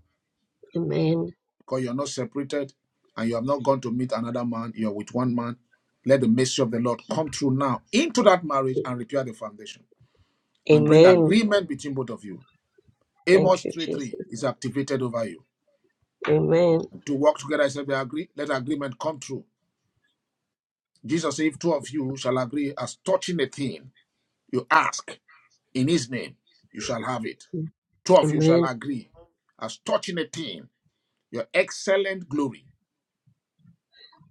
S24: Amen.
S2: because you're not separated and you have not gone to meet another man. You're with one man. Let the mercy of the Lord come through now into that marriage and repair the foundation and bring
S24: Amen.
S2: agreement between both of you
S24: Thank
S2: Amos
S24: you,
S2: 3 3
S24: Jesus.
S2: is activated over you.
S24: Amen.
S2: To work together, I said, we agree, let agreement come true. Jesus said, if two of you shall agree as touching a thing you ask in his name, you shall have it. Two of you shall
S24: Amen.
S2: agree as touching a thing, your excellent glory,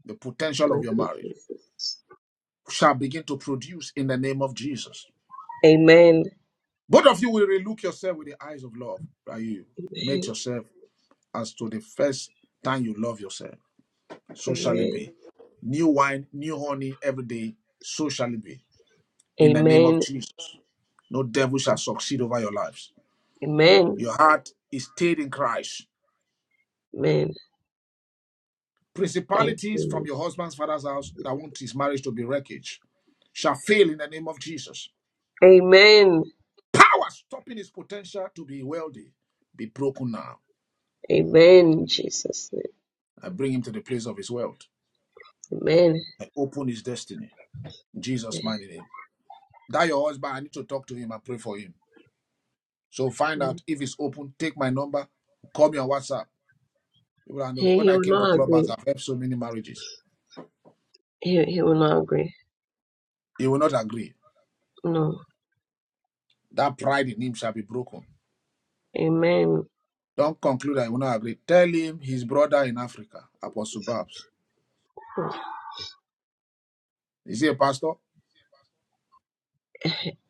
S2: the potential of
S24: Thank
S2: your
S24: you,
S2: marriage,
S24: Jesus.
S2: shall begin to produce in the name of Jesus.
S24: Amen.
S2: Both of you will relook yourself with the eyes of love that you made
S24: Amen.
S2: yourself as to the first time you love yourself. so shall it
S24: Amen.
S2: be. New wine, new honey every day, so shall it be. In the name of
S24: Amen.
S2: Jesus, no devil shall succeed over your lives.
S24: Amen.
S2: Your heart is stayed in Christ.
S24: Amen. Thank
S2: Principalities from
S24: you.
S2: your husband's father's house that want his marriage to be wreckage shall fail in the name of Jesus.
S24: Lord. Amen.
S2: Power stopping his potential to be wealthy be broken now.
S24: Amen. in Jesus. name.
S2: I bring him to the place of his wealth.
S24: Amen.
S2: I open his destiny. In Jesus' mighty name. That your husband, I need to talk to him and pray for him. So find
S24: Amen.
S2: out if it's open. Take my number. Call me on WhatsApp. People are know-
S24: He,
S2: When
S24: he
S2: I
S24: will
S2: came to
S24: not
S2: Clubhouse,
S24: agree.
S2: I've helped so many marriages.
S24: He, he will not agree.
S2: He will not agree.
S24: No.
S2: That pride in him shall be broken.
S24: Amen.
S2: Don't conclude that he will not agree. Tell him his brother in Africa, Apostle Babs. Is he a pastor?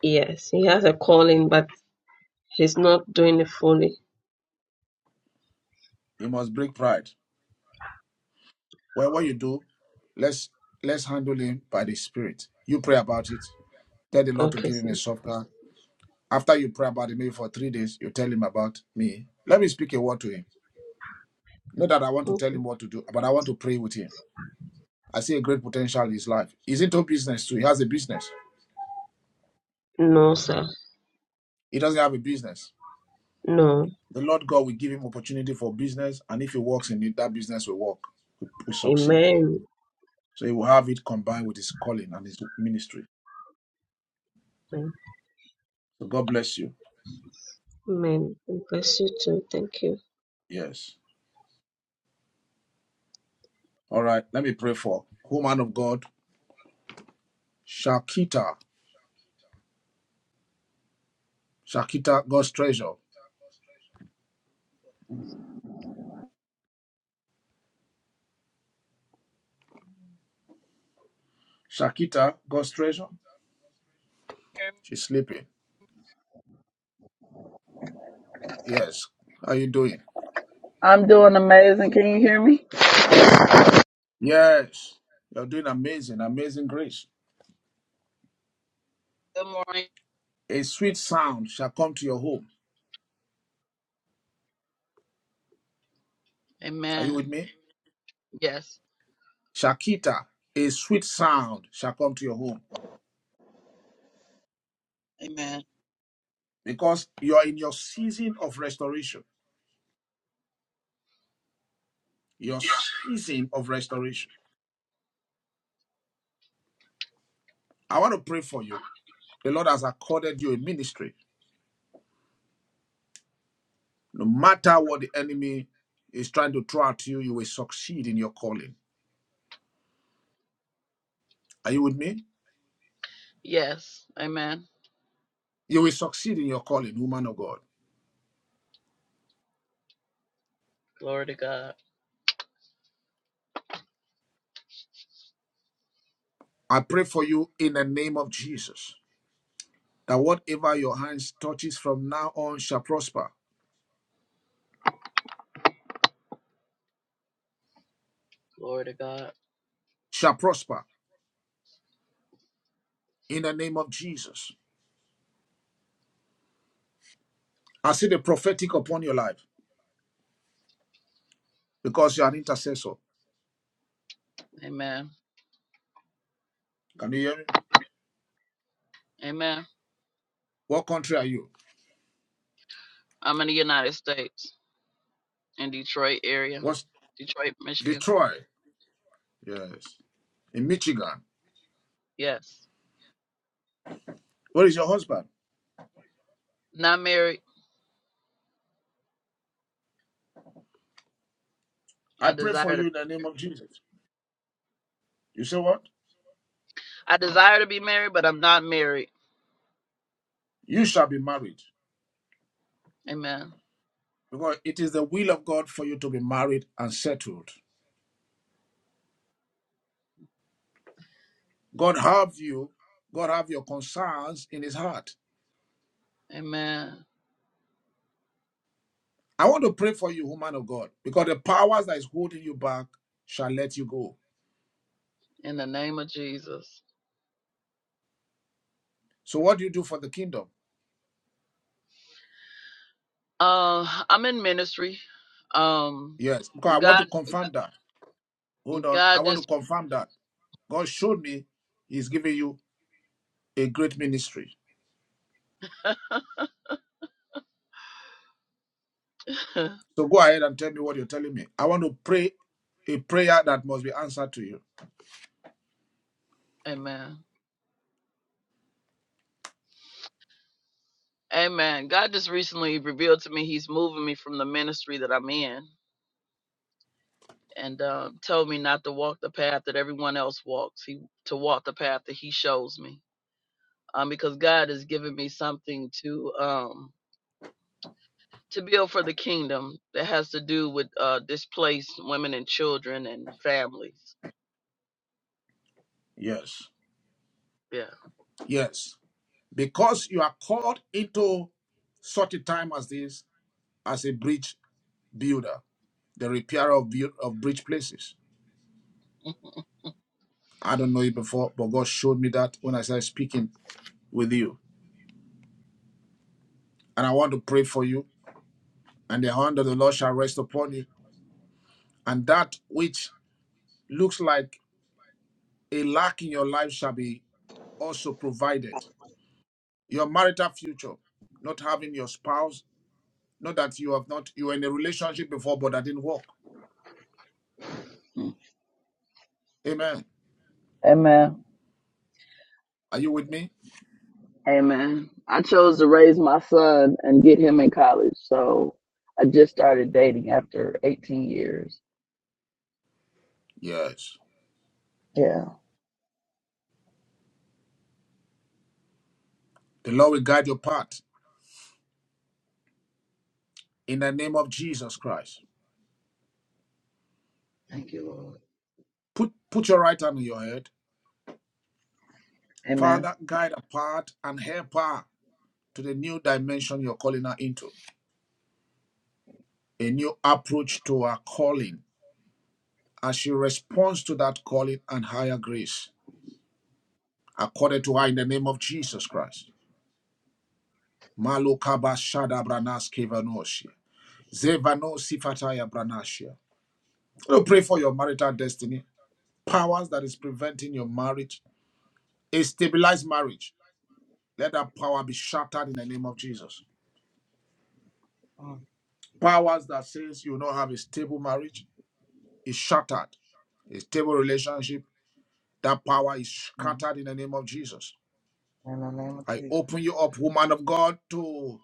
S24: Yes, he has a calling, but he's not doing it fully.
S2: He must break pride. Well, what you do, let's let's handle him by the Spirit. You pray about it. Tell the Lord to
S24: Okay,
S2: give him
S24: sir.
S2: a soft heart. After you pray about it, maybe for three days, you tell him about me. Let me speak a word to him. Not that I want to tell
S24: Okay.
S2: him what to do, but I want to pray with him. I see a great potential in his life. He's into business too. He has a business.
S24: No, sir.
S2: He doesn't have a business.
S24: No.
S2: The Lord God will give him opportunity for business, and if he works in it, that business will work, will, will succeed.
S24: Amen.
S2: So he will have it combined with his calling and his ministry. So God bless you.
S24: Amen. God Bless you too. Thank you.
S2: Yes. All right. Let me pray for woman of God, Shakita. Shakita, God's treasure. Shakita, God's treasure.
S25: hear me?
S2: She's sleeping. Yes. How are you doing?
S25: I'm doing amazing. Can you hear me?
S2: Yes. You're doing amazing, amazing grace.
S25: Good morning.
S2: A sweet sound shall come to your home Are you
S25: Amen.
S2: with me?
S25: Yes.
S2: Shakita, a sweet sound shall come to your home
S25: Amen.
S2: because you are in your season of restoration. Your season of restoration. I want to pray for you. The Lord has accorded you a ministry. No matter what the enemy is trying to throw at you, you will succeed in your calling. Are you with me?
S25: Yes. Amen.
S2: You will succeed in your calling, woman of God.
S25: Glory to God.
S2: I pray for you in the name of Jesus that whatever your hands touches from now on shall prosper,
S25: Glory to God.
S2: shall prosper in the name of Jesus. I see the prophetic upon your life because you're an intercessor.
S25: Amen.
S2: Can you hear me?
S25: Amen.
S2: What country are you?
S25: I'm in the United States, in Detroit area,
S2: What's
S25: Detroit, Michigan.
S2: Detroit? Yes. In Michigan.
S25: Yes.
S2: Where is your husband?
S25: Not married.
S2: I
S25: I
S2: pray for
S25: desire to.
S2: you in the name of Jesus. You say what?
S25: I desire to be married, but I'm not married.
S2: You shall be married.
S25: Amen.
S2: Because it is the will of God for you to be married and settled. God have you. God have your concerns in his heart.
S25: Amen.
S2: I want to pray for you, woman of God, because the powers that is holding you back shall let you go.
S25: In the name of Jesus.
S2: So what do you do for the kingdom?
S25: Uh, I'm in ministry. Um,
S2: Yes, because I want
S25: God,
S2: to confirm that. Hold on. I
S25: God
S2: want to
S25: just.
S2: confirm that. God showed me He's giving you a great ministry. So go ahead and tell me what you're telling me. I want to pray a prayer that must be answered to you.
S25: Amen. Amen. God just recently revealed to me He's moving me from the ministry that I'm in, and um, told me not to walk the path that everyone else walks. He to walk the path that He shows me, um, because God has given me something to um to build for the kingdom that has to do with uh displaced women and children and families.
S2: Yes.
S25: Yeah.
S2: Yes. Because you are called into such a time as this as a bridge builder, the repairer of, bu- of bridge places. I don't know it before, but God showed me that when I started speaking with you. And I want to pray for you, and the hand of the Lord shall rest upon you. And that which looks like a lack in your life shall be also provided. Your marital future, not having your spouse, not that you have not, you were in a relationship before, but that didn't work. Amen.
S25: Amen.
S2: Are you with me?
S25: Amen. I chose to raise my son and get him in college, so I just started dating after 18 years.
S2: Yes.
S25: Yeah.
S2: The Lord will guide your path in the name of Jesus Christ.
S25: Thank you, Lord.
S2: Put, put your right hand on your head.
S25: Amen.
S2: Father, guide a path and help her to the new dimension you're calling her into, a new approach to her calling as she responds to that calling and higher grace, according to her in the name of Jesus Christ. Malokaba Shada Branaske Vanoshia. Zevano Sifataya Branashia. Lord, pray for your marital destiny. Powers that is preventing your marriage, a stabilized marriage. Let that power be shattered in the name of Jesus. Powers that says you will not have a stable marriage is shattered. A stable relationship, that power is
S25: Mhm.
S2: scattered in the name of Jesus.
S25: In the name of
S2: I
S25: Jesus.
S2: open you up, woman of God, to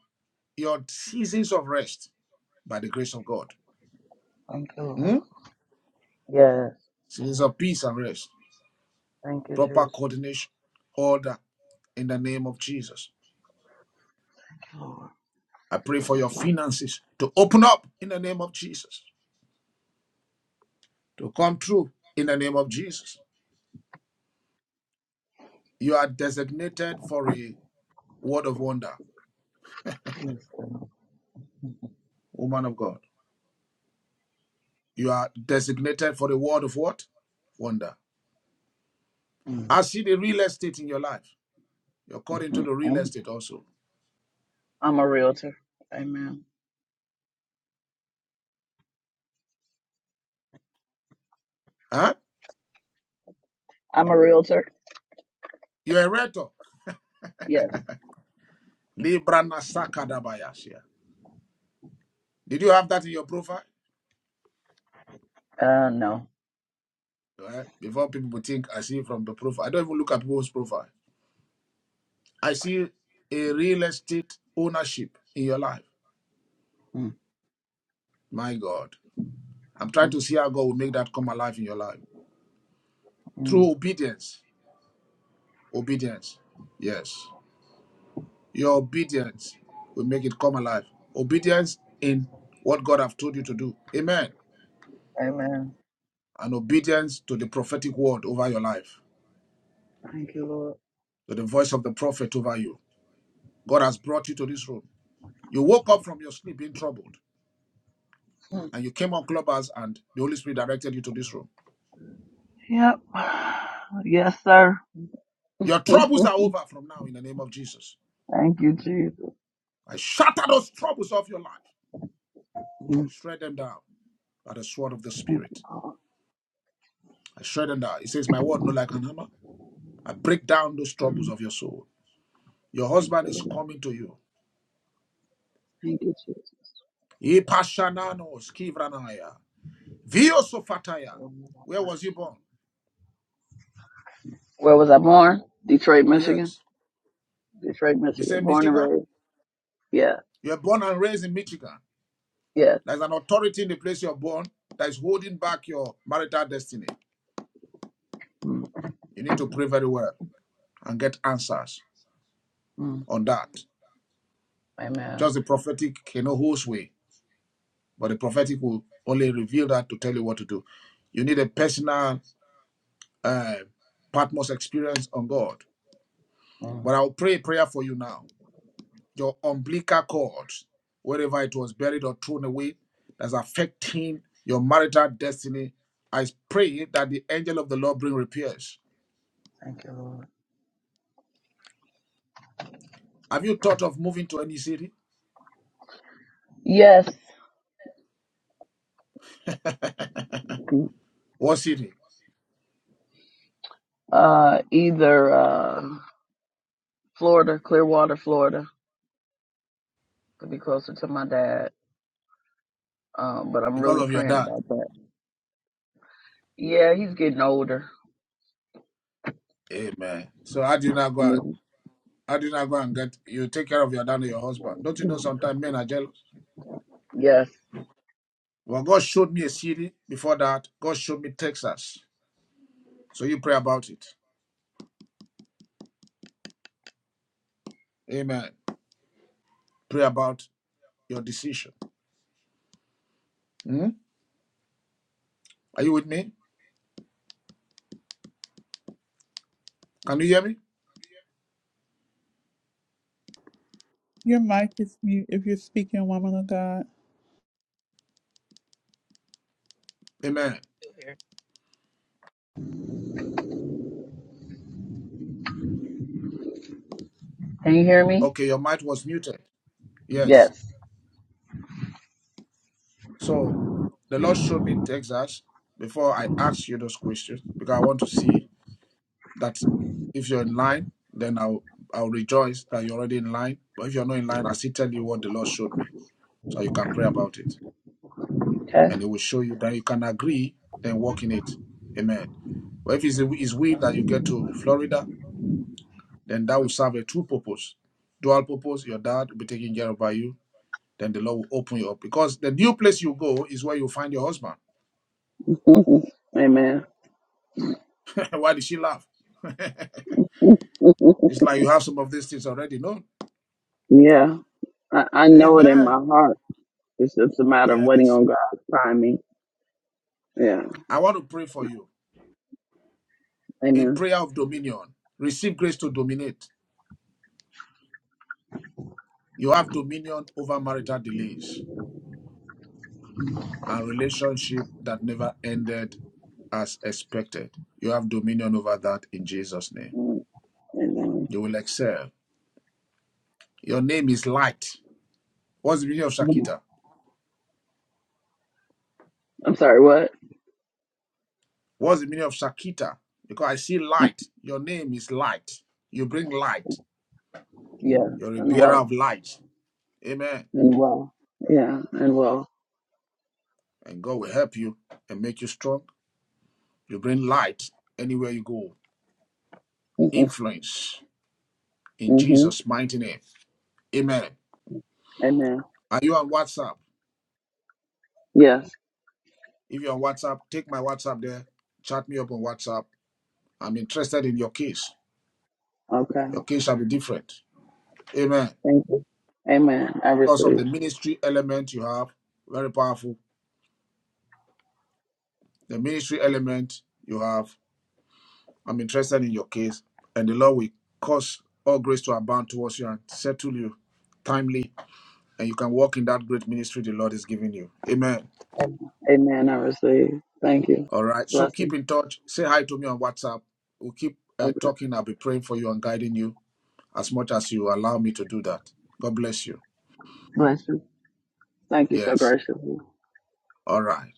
S2: your seasons of rest by the grace of God.
S25: Thank you,
S2: Hmm?
S25: Lord. Yes.
S2: Seasons of peace and rest.
S25: Thank you,
S2: proper
S25: Jesus.
S2: coordination, order in the name of Jesus.
S25: Thank you, Lord.
S2: I pray for your finances to open up in the name of Jesus, to come true in the name of Jesus. You are designated for a word of wonder,
S25: Please, Lord. Mhm.
S2: woman of God. You are designated for the word of what? Wonder.
S25: Mhm.
S2: I see the real estate in your life. You're called into the real
S25: Mhm.
S2: estate also.
S25: I'm a realtor. Amen.
S2: Huh?
S25: I'm a realtor.
S2: You're a rector.
S25: Yes.
S2: Libra Nasakadabayasia. Did you have that in your profile?
S25: Uh, no.
S2: Right? Before people think I see from the profile. I don't even look at people's profile. I see a real estate ownership in your life.
S25: Mhm.
S2: My God. I'm trying
S25: Mhm.
S2: to see how God will make that come alive in your life through
S25: mm.
S2: obedience. Obedience. Yes. Your obedience will make it come alive. Obedience in what God have told you to do. Amen.
S25: Amen.
S2: And obedience to the prophetic word over your life,
S25: Thank you, Lord.
S2: to the voice of the prophet over you. God has brought you to this room. You woke up from your sleep being troubled,
S25: Mhm.
S2: and you came on clubhouse, and the Holy Spirit directed you to this room.
S25: Yep. Yes, sir.
S2: Your
S25: Mm.
S2: troubles are over from now in the name of Jesus.
S25: Thank you, Jesus.
S2: I shatter those troubles of your life.
S25: Mhm.
S2: Shred them down by the sword of the
S25: Thank you,
S2: Spirit.
S25: Lord.
S2: I shred them down. It says, My word, no like an hammer. I break down those troubles of your soul. Your
S25: Thank
S2: husband
S25: you,
S2: is
S25: Lord.
S2: coming to you.
S25: Thank you, Jesus.
S2: Ipashananos kivranaya. Viosofataya.
S25: Oh,
S2: Where was you born?
S25: Where was I born? Detroit, Michigan.
S2: Yes.
S25: Detroit,
S2: The
S25: Michigan,
S2: same
S25: born and
S2: Michigan?
S25: raised. Yeah,
S2: You're born and raised in Michigan.
S25: yes.
S2: There's an authority in the place you're born that is holding back your marital destiny.
S25: Mm,
S2: You need to pray very well and get answers
S25: mm.
S2: on that.
S25: Amen.
S2: Just the prophetic cannot host way, but the prophetic will only reveal that to tell you what to do. You need a personal uh, Patmos experience on God.
S25: Mm.
S2: But I'll pray a prayer for you now. Your umbilical cord, wherever it was buried or thrown away, that's affecting your marital destiny. I pray that the angel of the Lord bring repairs.
S25: Thank you, Lord.
S2: Have you thought of moving to any city?
S25: Yes,
S2: What city?
S25: uh, either uh, Florida, Clearwater, Florida, to be closer to my dad. Um, but I'm really
S2: Because of your
S25: praying
S2: dad.
S25: about that. Yeah, he's getting older.
S2: Amen. So how do you now go? out? I did not go and get you take care of your dad and your husband. Don't you know sometimes men are jealous?
S25: Yes.
S2: Well, God showed me a city before that. God showed me Texas. So you pray about it. Amen. Pray about your decision. Hmm? Are you with me? Can you hear me?
S1: Your mic is mute if you're speaking, woman of God.
S2: Amen.
S25: Can you hear me?
S2: Okay, your mic was muted. Yes.
S25: Yes.
S2: So the Lord showed me Texas before I asked you those questions because I want to see that if you're in line, then I'll I'll rejoice that you're already in line. But if you're not in line, I still tell you what the Lord showed me. So you can pray about it.
S25: Okay.
S2: And it will show you that you can agree and walk in it. Amen. But if it's his will that you get to Florida, then that will serve a true purpose. Dual purpose, your dad will be taken care of by you. Then the Lord will open you up. Because the new place you go is where you find your husband.
S25: Amen.
S2: Why did she laugh? It's like you have some of these things already known.
S25: yeah, I, I know it in my
S2: Amen.
S25: heart. It's just a matter of waiting
S2: Yes.
S25: on God to find me. Yeah.
S2: I want to pray for you. A
S25: Amen.
S2: prayer of dominion. Receive grace to dominate. You have dominion over marital delays. and relationship that never ended as expected. You have dominion over that in Jesus' name.
S25: Mm, And then,
S2: You will excel. Your name is light. What's the meaning of
S25: mm,
S2: Shakita?
S25: I'm sorry, what?
S2: What's the meaning of Shakita? Because I see light. Your name is light. You bring light.
S25: Yeah,
S2: You're a
S25: and
S2: bearer
S25: well,
S2: of light. Amen.
S25: and well, yeah, and well.
S2: And God will help you and make you strong. You bring light anywhere you go.
S25: Mm-hmm.
S2: Influence in
S25: hmm
S2: Jesus' mighty name. Amen.
S25: Amen.
S2: Are you on WhatsApp?
S25: Yes.
S2: If you're on WhatsApp, take my WhatsApp there. Chat me up on WhatsApp. I'm interested in your case.
S25: Okay.
S2: Your case shall be different. Amen.
S25: Thank you. Amen. I
S2: Because of
S25: receive.
S2: the ministry element you have, very powerful. The ministry element you have, I'm interested in your case. And the Lord will cause all grace to abound towards you and settle you timely. And you can walk in that great ministry the Lord is giving you. Amen.
S25: Amen. Amen. I receive. Thank you.
S2: All right. So
S25: Blessing.
S2: keep in touch. Say hi to me on WhatsApp. We'll keep uh,
S25: Okay.
S2: talking. I'll be praying for you and guiding you as much as you allow me to do that. God bless you.
S25: Bless you. Thank you so
S2: Yes.
S25: graciously.
S2: All right.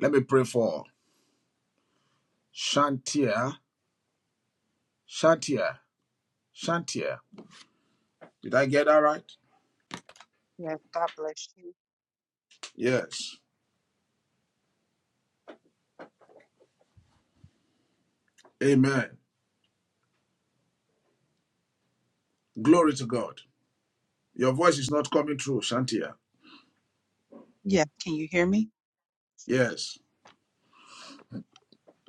S2: Let me pray for Shantia. Shantia. Shantia. Did I get that right?
S26: Yes, God bless you.
S2: Yes. Amen. Glory to God. Your voice is not coming through, Shantia.
S26: Yeah, can you hear me?
S2: Yes.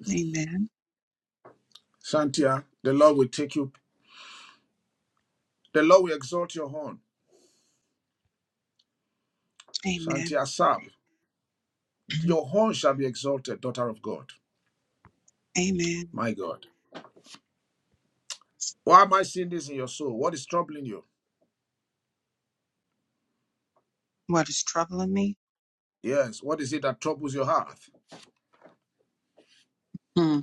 S26: Amen.
S2: Shantia, the Lord will take you. The Lord will exalt your horn.
S26: Amen.
S2: Shantia Sab,
S26: Mhm.
S2: your horn shall be exalted, daughter of God.
S26: Amen.
S2: My God. Why am I seeing this in your soul? What is troubling you?
S26: What is troubling me?
S2: Yes. What is it that troubles your heart?
S26: Hmm.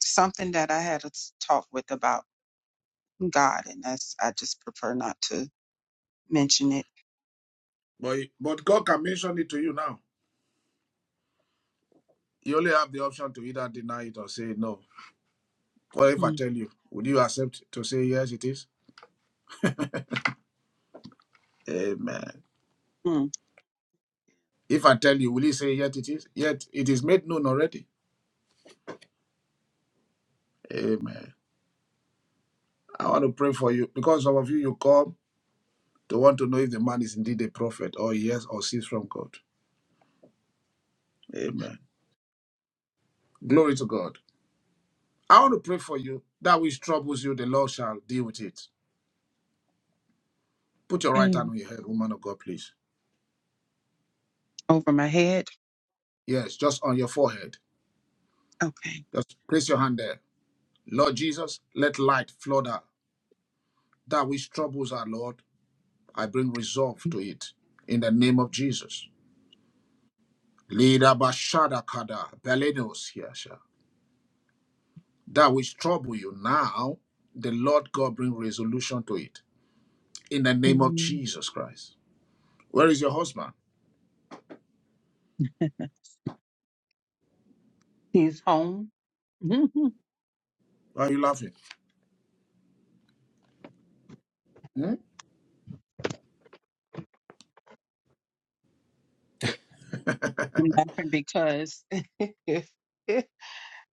S26: Something that I had a s- talk with about God, and that's I just prefer not to mention it.
S2: But but God can mention it to you now. You only have the option to either deny it or say no. Or if I
S26: Hmm.
S2: tell you, would you accept to say yes it is? Amen.
S26: Hmm.
S2: If I tell you, will you say yet it is? Yet it is made known already. Amen. I want to pray for you because some of you you come to want to know if the man is indeed a prophet or yes or sees from God. Amen. Glory to God. I want to pray for you. That which troubles you, the Lord shall deal with it. Put your right hand
S26: Amen.
S2: on your head, woman of God, please.
S26: Over my head.
S2: Yes, just on your forehead.
S26: Okay.
S2: Just place your hand there. Lord Jesus, let light flood out. That which troubles our Lord, I bring resolve to it. In the name of Jesus. Lida bashada kada belenos yasha. That which trouble you now, the Lord God bring resolution to it. In the name of
S26: Amen.
S2: Jesus Christ. Where is your husband?
S26: He's home.
S2: Why are you laughing? Hmm?
S26: I'm laughing because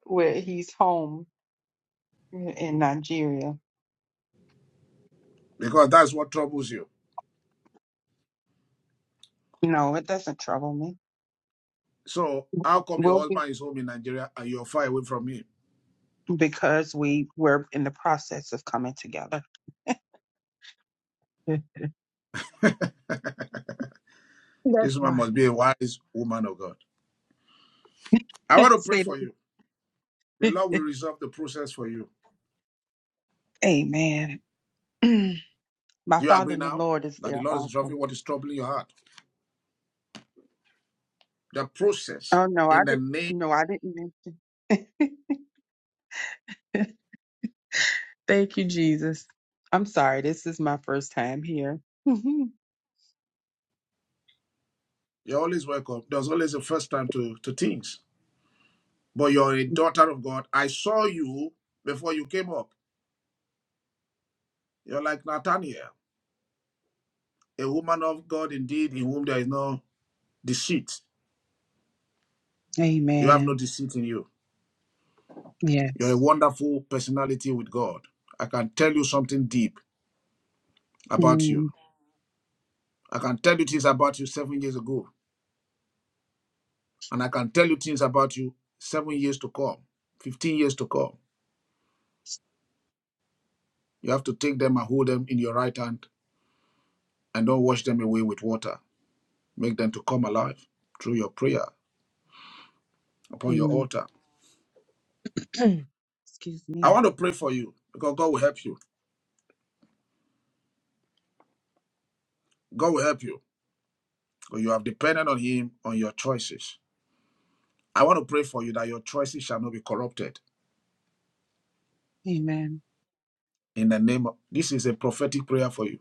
S26: where he's home in Nigeria.
S2: Because that's what troubles you.
S26: No, it doesn't trouble me.
S2: So how come your
S26: We'll be.
S2: husband is home in Nigeria and you're far away from him?
S26: because we were in the process of coming together. That's
S2: This woman
S26: why.
S2: must be a wise woman of God. I want to pray
S26: Say
S2: for you. The Lord will
S26: that.
S2: resolve the process for you.
S26: Amen. My
S2: Do you
S26: Father
S2: agree
S26: in the
S2: now
S26: Lord is
S2: that
S26: there
S2: the Lord is
S26: also.
S2: resolving what is troubling your heart? The process
S26: Oh no, I
S2: in the
S26: did
S2: name,
S26: not no, I didn't mention. Thank you, Jesus. I'm sorry, this is my first time here. Mhm.
S2: you're always welcome. There's always a first time to, to things. But you're a daughter of God. I saw you before you came up. You're like Nathaniel, a woman of God indeed, in whom there is no deceit. You have no
S26: Amen.
S2: deceit in you. You're a
S26: Yes.
S2: wonderful personality with God. I can tell you something deep about you.
S26: Mm,
S2: I can tell you things about you seven years ago. And I can tell you things about you seven years to come, 15 years to come. You have to take them and hold them in your right hand and don't wash them away with water. Make them to come alive through your prayer upon your
S26: mm.
S2: altar.
S26: Excuse
S2: I
S26: me.
S2: want to pray for you because God will help you. God will help you because you have depended on Him on your choices. I want to pray for you that your choices shall not be corrupted
S26: Amen.
S2: in the name of this is a prophetic prayer for you.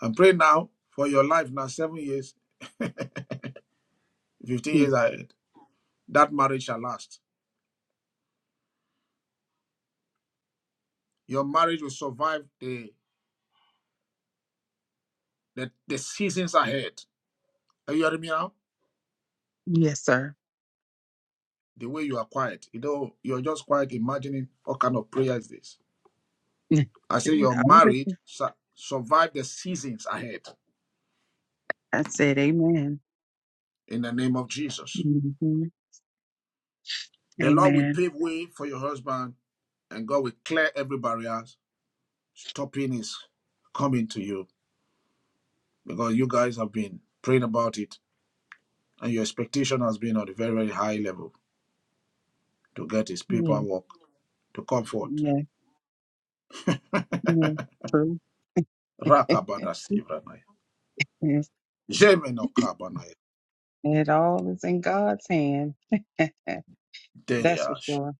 S2: And pray now for your life now, seven years, 15 years
S26: Mm.
S2: ahead. That marriage shall last. Your marriage will survive the, the, the seasons ahead. Are you hearing me now?
S26: Yes, sir.
S2: the way you are quiet. You know, you're just quiet imagining what kind of prayer is this.
S26: I'm
S2: I say your marriage
S26: listening.
S2: su- survive the seasons ahead
S26: I said amen.
S2: in the name of Jesus. The Lord will
S26: Amen.
S2: pave way for your husband and God will clear every barrier stopping his coming to you because you guys have been praying about it and your expectation has been on a very, very high level to get his
S26: Yes,
S2: paperwork to comfort.
S26: yes, yes. True.
S2: Rakabada Sivranaya.
S26: yes.
S2: Jemeno Kabanaya.
S26: It all is in God's hand. That's for
S2: Deria
S26: sure.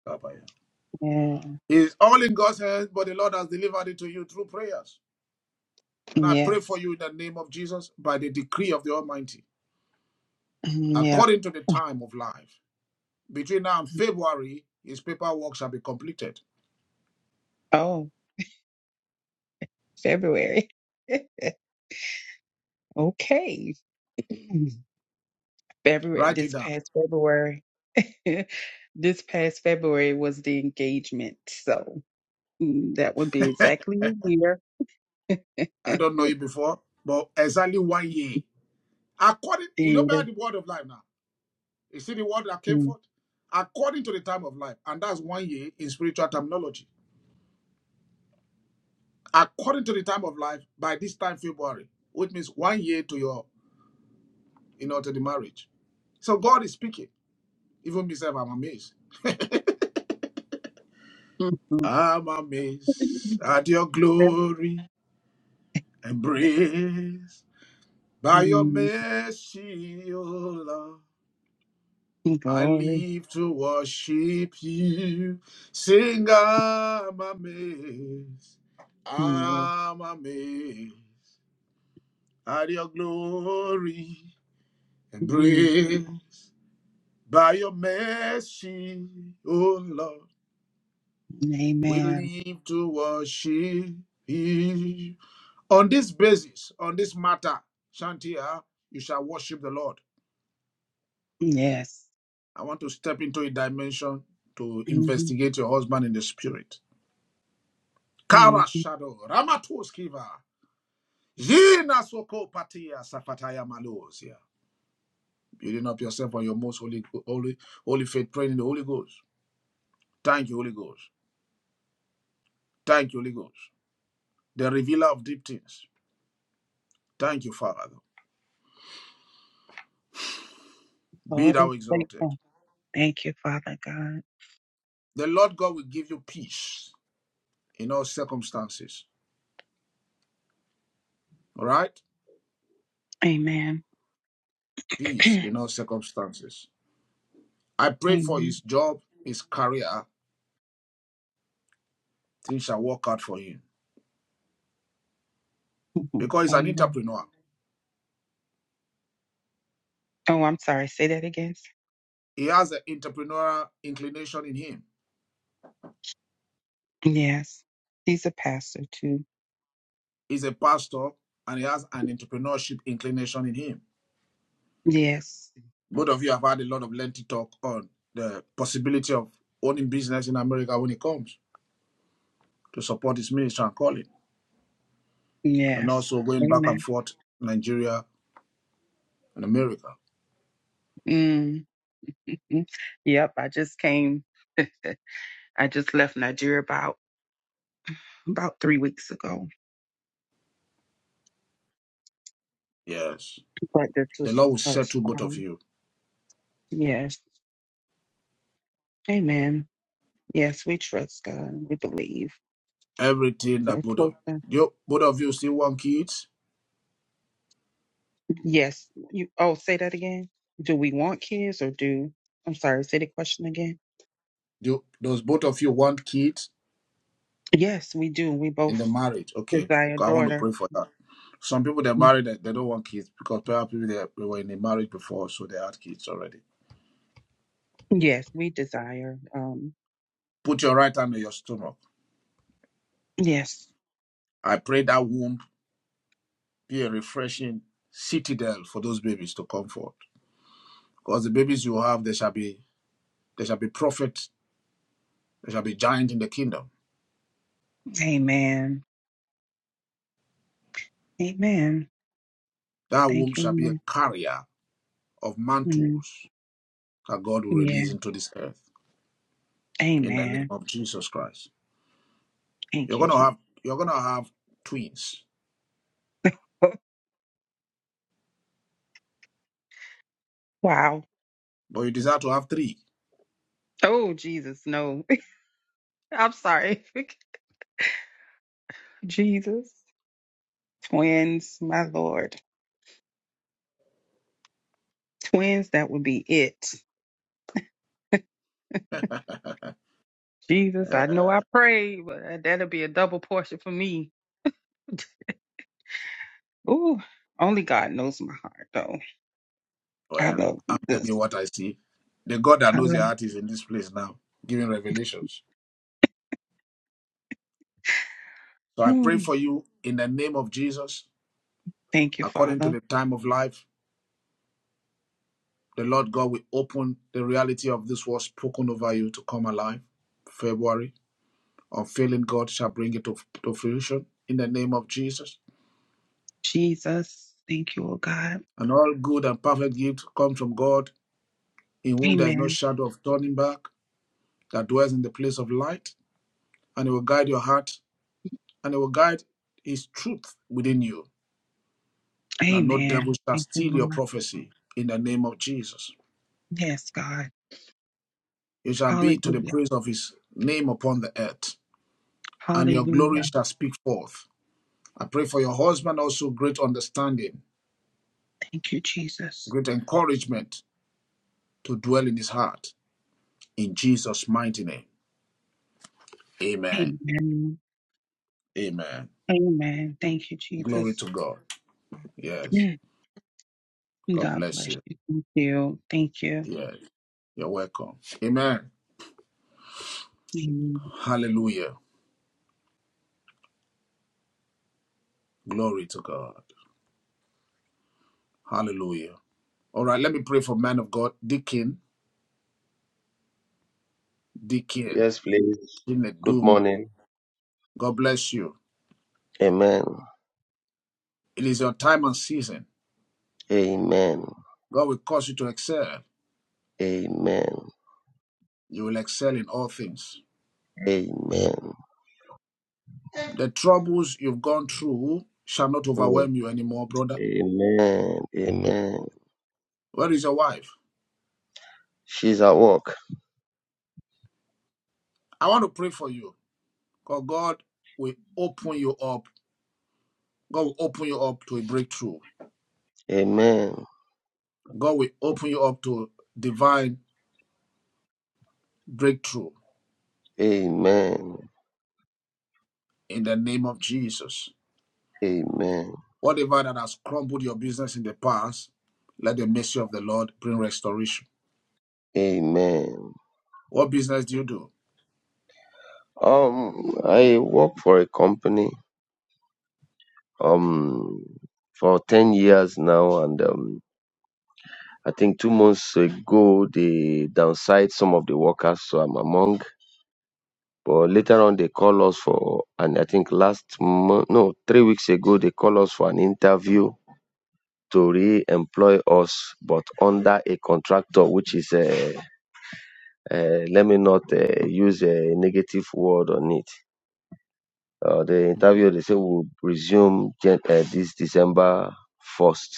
S26: Yeah.
S2: It's all in God's hands, but the Lord has delivered it to you through prayers. And I pray for
S26: Yes.
S2: you in the name of Jesus by the decree of the Almighty,
S26: Mm, Yep.
S2: according to the time of life. Between now and February, his paperwork shall be completed.
S26: Oh, February. okay. February
S2: Write it
S26: this
S2: down.
S26: past February. this past February was the engagement. So mm, that would be exactly a year.
S2: I don't know it before, but exactly one year. According, you don't
S26: yeah.
S2: matter the word of life now. You see the word that came
S26: Mm.
S2: forth? According to the time of life, and that's one year in spiritual terminology. According to the time of life, by this time February, which means one year to your, you know, to the marriage So God is speaking. Even myself, I'm amazed.
S26: Mhm.
S2: I'm amazed at your glory and praise. By your
S26: Mm,
S2: mercy, O Lord, I
S26: Glory.
S2: live to worship you. Sing, I'm amazed.
S26: Yeah.
S2: I'm amazed at your glory and
S26: Mhm.
S2: praise. By your mercy, O Lord. We
S26: Amen.
S2: live to worship you. On this basis, on this matter, Shantia, you shall worship the Lord.
S26: Yes.
S2: I want to step into a dimension to
S26: Mm-hmm.
S2: investigate your husband in the spirit. Kara
S26: Mm-hmm.
S2: Shadow, Ramatuskiva, Yina Soko Patia Safataya Malosia. Building up yourself on your most holy, holy, holy faith, praying in the Holy Ghost. Thank you, Holy Ghost. Thank you, Holy Ghost. The revealer of deep things. Thank you, Father. Be
S26: Lord is
S2: thou exalted.
S26: faithful. Thank you, Father God.
S2: The Lord God will give you peace in all circumstances. All right?
S26: Amen.
S2: Peace in all circumstances. I pray for
S26: Amen.
S2: his job, his career, things shall work out for him because he's an
S26: Amen.
S2: entrepreneur.
S26: Oh, I'm sorry. Say that again.
S2: He has an entrepreneurial inclination in him.
S26: Yes. He's a pastor too.
S2: He's a pastor and he has an entrepreneurship inclination in him.
S26: Yes.
S2: Both of you have had a lot of lengthy talk on the possibility of owning business in America when it comes to support his ministry and calling, and
S26: Yes.
S2: also going back and
S26: Amen.
S2: forth Nigeria and America.
S26: mm mm. Yep. I just came. I just left Nigeria about about three weeks ago.
S2: Yes.
S26: But this
S2: The
S26: was
S2: Lord will
S26: us.
S2: settle both of
S26: Um,
S2: you.
S26: yes. Amen. Yes, we trust God. We believe.
S2: Everything that
S26: Yes.
S2: both of
S26: Closer.
S2: you, both of you still want kids.
S26: Yes. You. Oh, say that again. Do we want kids or do? I'm sorry. Say the question again.
S2: Do does both of you want kids
S26: Yes, we do. We
S2: in
S26: both
S2: the marriage? Okay,
S26: desire a
S2: I want to
S26: daughter.
S2: pray for that. Some people they're married and they don't want kids because perhaps people they they were in a marriage before, so they had kids already.
S26: Yes, we desire. Um.
S2: Put your right hand on your stomach.
S26: Yes.
S2: I pray that womb be a refreshing citadel for those babies to come forth. Because the babies you have, there shall be there shall be prophets. there shall be giants in the kingdom.
S26: Amen. Amen.
S2: That
S26: Thank
S2: womb
S26: you.
S2: shall be a
S26: Lord.
S2: carrier of
S26: Mm,
S2: mantles. that God will
S26: Yeah.
S2: release into this earth in the name
S26: Amen.
S2: of Jesus Christ. You're
S26: Thank you,
S2: gonna
S26: Jesus.
S2: have you're gonna have twins,
S26: Wow.
S2: but you desire to have three.
S26: Oh, Jesus. No. I'm sorry. Jesus. Twins, my Lord. Twins. That would be it. Jesus,
S2: Uh,
S26: I know I prayed, but uh, that'll be a double portion for me. Ooh, only God knows my heart, though. I
S2: well,
S26: love
S2: I'm telling you
S26: this.
S2: what I see. The God that
S26: I
S2: knows
S26: love.
S2: your heart is in this place now, giving revelations. So I pray
S26: Hmm.
S2: for you in the name of Jesus,
S26: Thank you,
S2: according to
S26: Father.
S2: the time of life. The Lord God will open the reality of this word spoken over you to come alive. February, unfailing God shall bring it to, to fruition in the name of Jesus.
S26: Jesus, thank you, oh God.
S2: And all good and perfect gift comes from God in whom there is no
S26: Amen.
S2: shadow of turning back, that dwells in the place of light, and he will guide your heart, and he will guide his truth within you, that no devil
S26: Amen.
S2: shall
S26: Thank you,
S2: steal your
S26: Lord.
S2: prophecy in the name of Jesus.
S26: Yes, God.
S2: It shall be to the
S26: Hallelujah.
S2: praise of his name upon the earth, and your glory
S26: Hallelujah.
S2: shall speak forth. I pray for your husband also great understanding,
S26: Thank you, Jesus.
S2: great encouragement to dwell in his heart. In Jesus' mighty name. Amen.
S26: Amen.
S2: Amen.
S26: Amen. Thank you,
S2: Glory
S26: Jesus.
S2: to God. Yes.
S26: Mm.
S2: God
S26: God
S2: bless
S26: bless
S2: you.
S26: you. Thank you. Thank you.
S2: Yes. You're welcome. Amen.
S26: Amen.
S2: Hallelujah. Glory to God. Hallelujah. All right, let me pray for man of God, Deacon, Deacon,
S27: Yes, please. Good
S2: Chinedum.
S27: morning.
S2: God bless you.
S27: Amen.
S2: It is your time and season.
S27: Amen.
S2: God will cause you to excel.
S27: Amen.
S2: You will excel in all things.
S27: Amen.
S2: The troubles you've gone through shall not
S27: Mm.
S2: overwhelm you anymore, brother.
S27: Amen. Amen.
S2: Where is your wife?
S27: She's at work.
S2: I want to pray for you because God will open you up. God will open you up to a breakthrough.
S27: Amen.
S2: God will open you up to divine breakthrough.
S27: Amen.
S2: in the name of Jesus.
S27: Amen.
S2: Whatever that has crumbled your business in the past, let the mercy of the Lord bring restoration.
S27: Amen.
S2: What business do you do?
S27: Um, I work for a company. Um, for ten years now, and um, I think two months ago they downsized some of the workers, so I'm among But later on, they call us for, and I think last month, no, three weeks ago, they call us for an interview to re-employ us, but under a contractor, which is, uh, uh, let me not uh, use a negative word on it. Uh, the interview, they say, will resume gen- uh, this December 1st.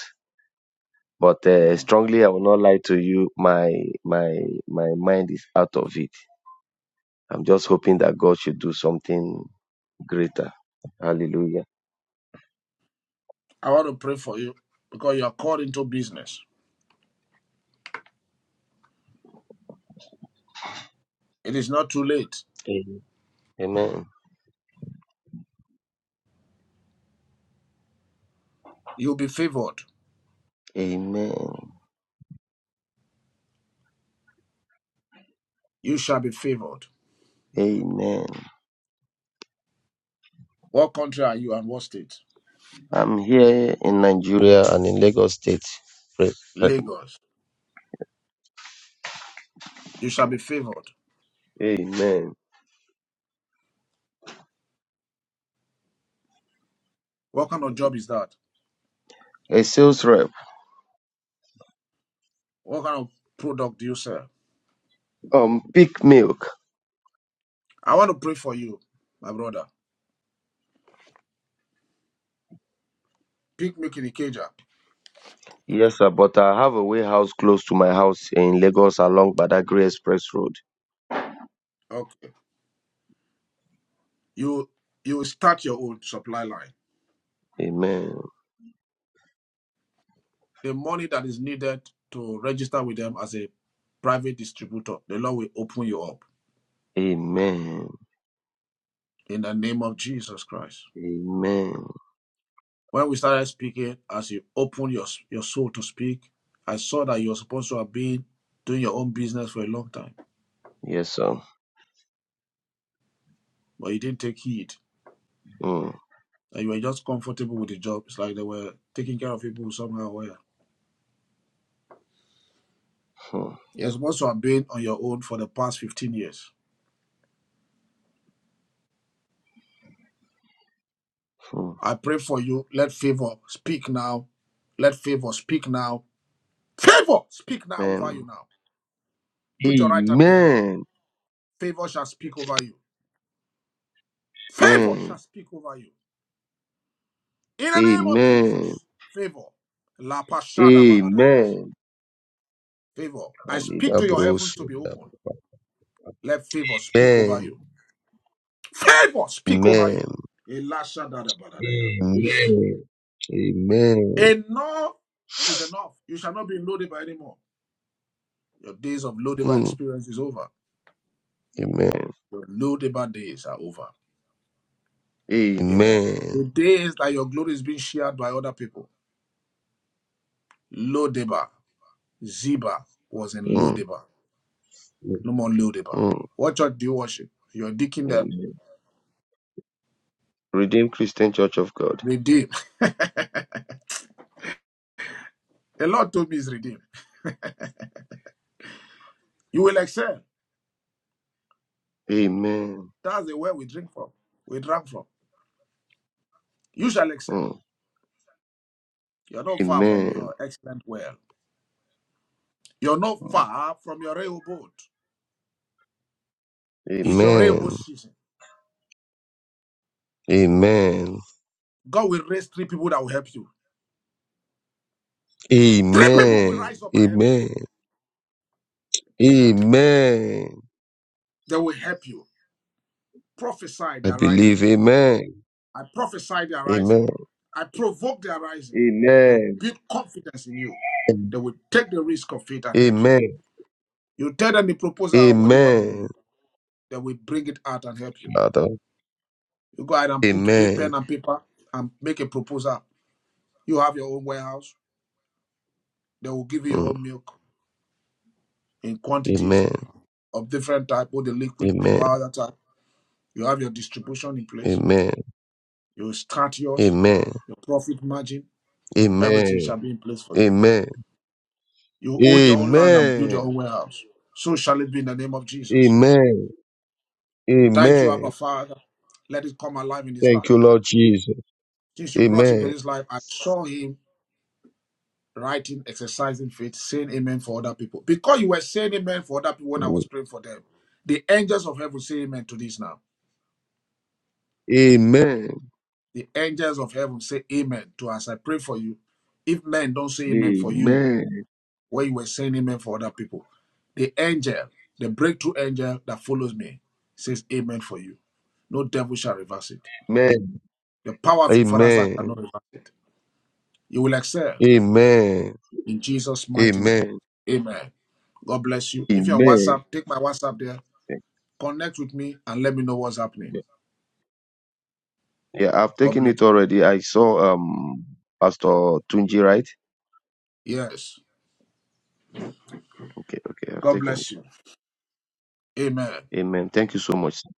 S27: But uh,
S2: Mm.
S27: strongly, I will not lie to you. My my my mind is out of it. I'm just hoping that God should do something greater. Hallelujah.
S2: I want to pray for you because you are called into business. It is not too late.
S27: Amen.
S2: You'll be favored.
S27: Amen.
S2: You shall be favored.
S27: Amen.
S2: What country are you and what state?
S27: I'm here in Nigeria and in Lagos State. Pray- pray.
S2: Lagos. You shall be favored.
S27: Amen.
S2: What kind of job is that?
S27: A sales rep.
S2: What kind of product do you sell?
S27: Um, pick milk.
S2: I want to pray for you, my brother. Pick me in the cage up.
S27: Yes, sir, but I have a warehouse close to my house in Lagos along Badagry Express Road.
S2: Okay. You you will start your own supply line.
S27: Amen.
S2: the money that is needed to register with them as a private distributor, the Lord will open you up
S27: Amen.
S2: in the name of Jesus Christ.
S27: Amen.
S2: When we started speaking, as you open your, your soul to speak, I saw that you were supposed to have been doing your own business for a long time,
S27: Yes, sir.
S2: but you didn't take heed.
S27: Mm,
S2: And you were just comfortable with the job. It's like they were taking care of people somehow. Where you're
S27: mm,
S2: Yep. supposed to have been on your own for the past 15 years.
S27: mm.
S2: I pray for you. Let favor speak now. Let favor speak now. Favor speak now over you
S27: Amen.
S2: now Put your right hand on your head. Favor shall speak over you. Favor
S27: Amen.
S2: shall speak over you. In the name of
S27: Amen.
S2: Jesus, favor. La Pashada Baladayas.
S27: Amen.
S2: Favor. I speak to your
S27: Amen.
S2: heavens to be open. Let favor speak
S27: Amen.
S2: over you. Favor speak over
S27: Amen.
S2: you. Elashadada Baladaya.
S27: Amen. Amen.
S2: Enough is enough. You shall not be in Lodiba anymore. Your days of Lodiba
S27: Mm.
S2: experience is over.
S27: Amen.
S2: Your Lodiba days are over. Amen.
S27: Amen.
S2: The days that your glory is being shared by other people. Lodiba. Ziba was in
S27: Mm.
S2: Lodiba, no more Lodiba.
S27: Mm.
S2: What church do you worship? You're digging the
S27: Amen. Redeemed Christian Church of God.
S2: redeemed. the Lord told me is redeemed. You will excel.
S27: Amen.
S2: That's the well we drink from. We drank from. You shall excel.
S27: Mm.
S2: You're not far from
S27: Amen.
S2: your excellent well. You're not
S27: Mm.
S2: far from your railroad. It's your railroad
S27: Amen.
S2: season.
S27: Amen.
S2: God will raise three people that will help you. Three people will
S27: Amen.
S2: rise up and help you.
S27: Amen.
S2: Prophetic.
S27: Amen.
S2: They will help you. Prophesy
S27: I
S2: their rising.
S27: believe. Amen.
S2: I prophesy their rising.
S27: Amen.
S2: I provoke their rising. They'll
S27: Amen.
S2: build confidence in you. They will take the risk of faith and help you.
S27: Amen.
S2: You tell them the proposal of what you want to do.
S27: Amen.
S2: They will bring it out and help you.
S27: Father.
S2: You go ahead and put
S27: Amen.
S2: pen and paper and make a proposal. You have your own warehouse. They will give you your
S27: Mm.
S2: own milk in quantities
S27: Amen.
S2: of different type, both the liquid, the
S27: Amen.
S2: powder type. You have your distribution in place.
S27: Amen.
S2: You will start yours,
S27: Amen.
S2: your profit margin. Everything
S27: Amen.
S2: shall be in place for you.
S27: Amen.
S2: You own your own land and build your
S27: Amen.
S2: own warehouse. So shall it be in the name of Jesus.
S27: Amen.
S2: Thank you, Abba
S27: Amen.
S2: Father. Let it come alive in his
S27: Thank
S2: life.
S27: you, Lord Jesus.
S2: Since you brought him to
S27: Amen.
S2: this life, I saw him writing, exercising faith, saying amen for other people. Because you were saying amen for other people when I
S27: Amen.
S2: was praying for them, the angels of heaven say amen to this now.
S27: Amen.
S2: The angels of heaven say amen to us. I pray for you. If men don't say amen for you, where you were saying amen for other people, the angel, the breakthrough angel that follows me, says amen for you. No devil shall reverse it.
S27: Amen.
S2: The power of your father's house shall not
S27: Amen.
S2: reverse it. You will excel
S27: Amen.
S2: in Jesus' mighty name.
S27: Amen.
S2: Amen. God bless you. If you're on
S27: Amen.
S2: WhatsApp, take my WhatsApp there.
S27: Thank
S2: Connect with me and let me know what's happening.
S27: you. Yeah, I've
S2: God
S27: taken
S2: bless
S27: it already. I saw um Pastor Tunji, right?
S2: you. Yes.
S27: Okay, okay, I've
S2: God
S27: taken
S2: bless you. Amen.
S27: it. Amen. Thank you so much. sir.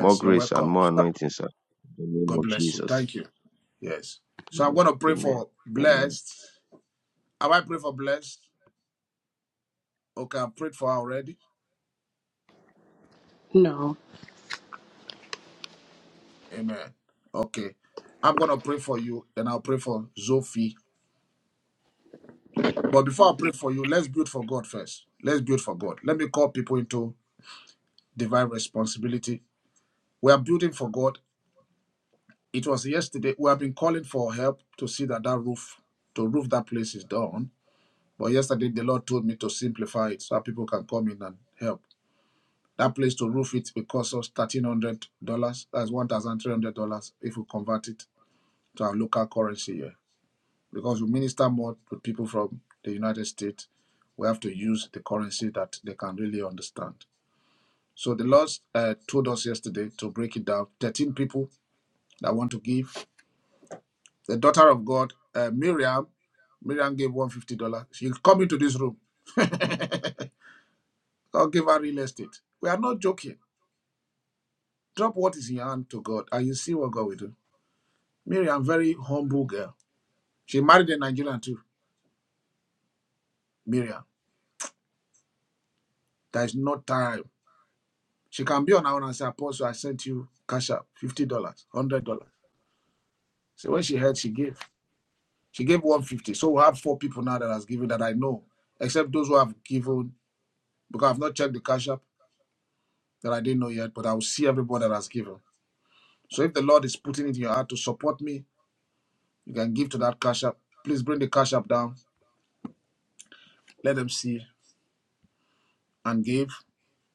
S27: More
S2: you're
S27: grace and
S2: welcome.
S27: more anointing, sir. In the name
S2: God
S27: of
S2: bless you.
S27: Jesus.
S2: Thank you. Yes. So I'm
S27: Amen.
S2: going to pray
S27: Amen.
S2: for
S27: Amen.
S2: blessed. Have I prayed for blessed? Okay, I prayed for her already.
S28: No.
S2: Amen. Okay. I'm going to pray for you, then I'll pray for Zophie. But before I pray for you, let's build for God first. Let's build for God. Let me call people into divine responsibility. We are building for God. It was yesterday. We have been calling for help to see that that roof, to roof that place is done. But yesterday, the Lord told me to simplify it so that people can come in and help. That place to roof it will cost us thirteen hundred dollars. That's one thousand three hundred dollars if we convert it to our local currency here. because we minister more to people from the United States, we have to use the currency that they can really understand. So the Lord uh, told us yesterday to break it down. 13 people that want to give. The daughter of God, uh, Miriam, Miriam gave $150. She'll come into this room. God give her real estate. We are not joking. Drop what is in your hand to God and you see what God will do. Miriam, very humble girl. She married a Nigerian too, Miriam. There is no time She can be on her own and say, Apostle, I sent you cash up, $50, $100. So when she heard, she gave. She gave 150 So we have four people now that has given that I know, except those who have given, because I've not checked the cash up that I didn't know yet, but I will see everybody that has given. So if the Lord is putting it in your heart to support me, you can give to that cash up. Please bring the cash up down. Let them see and give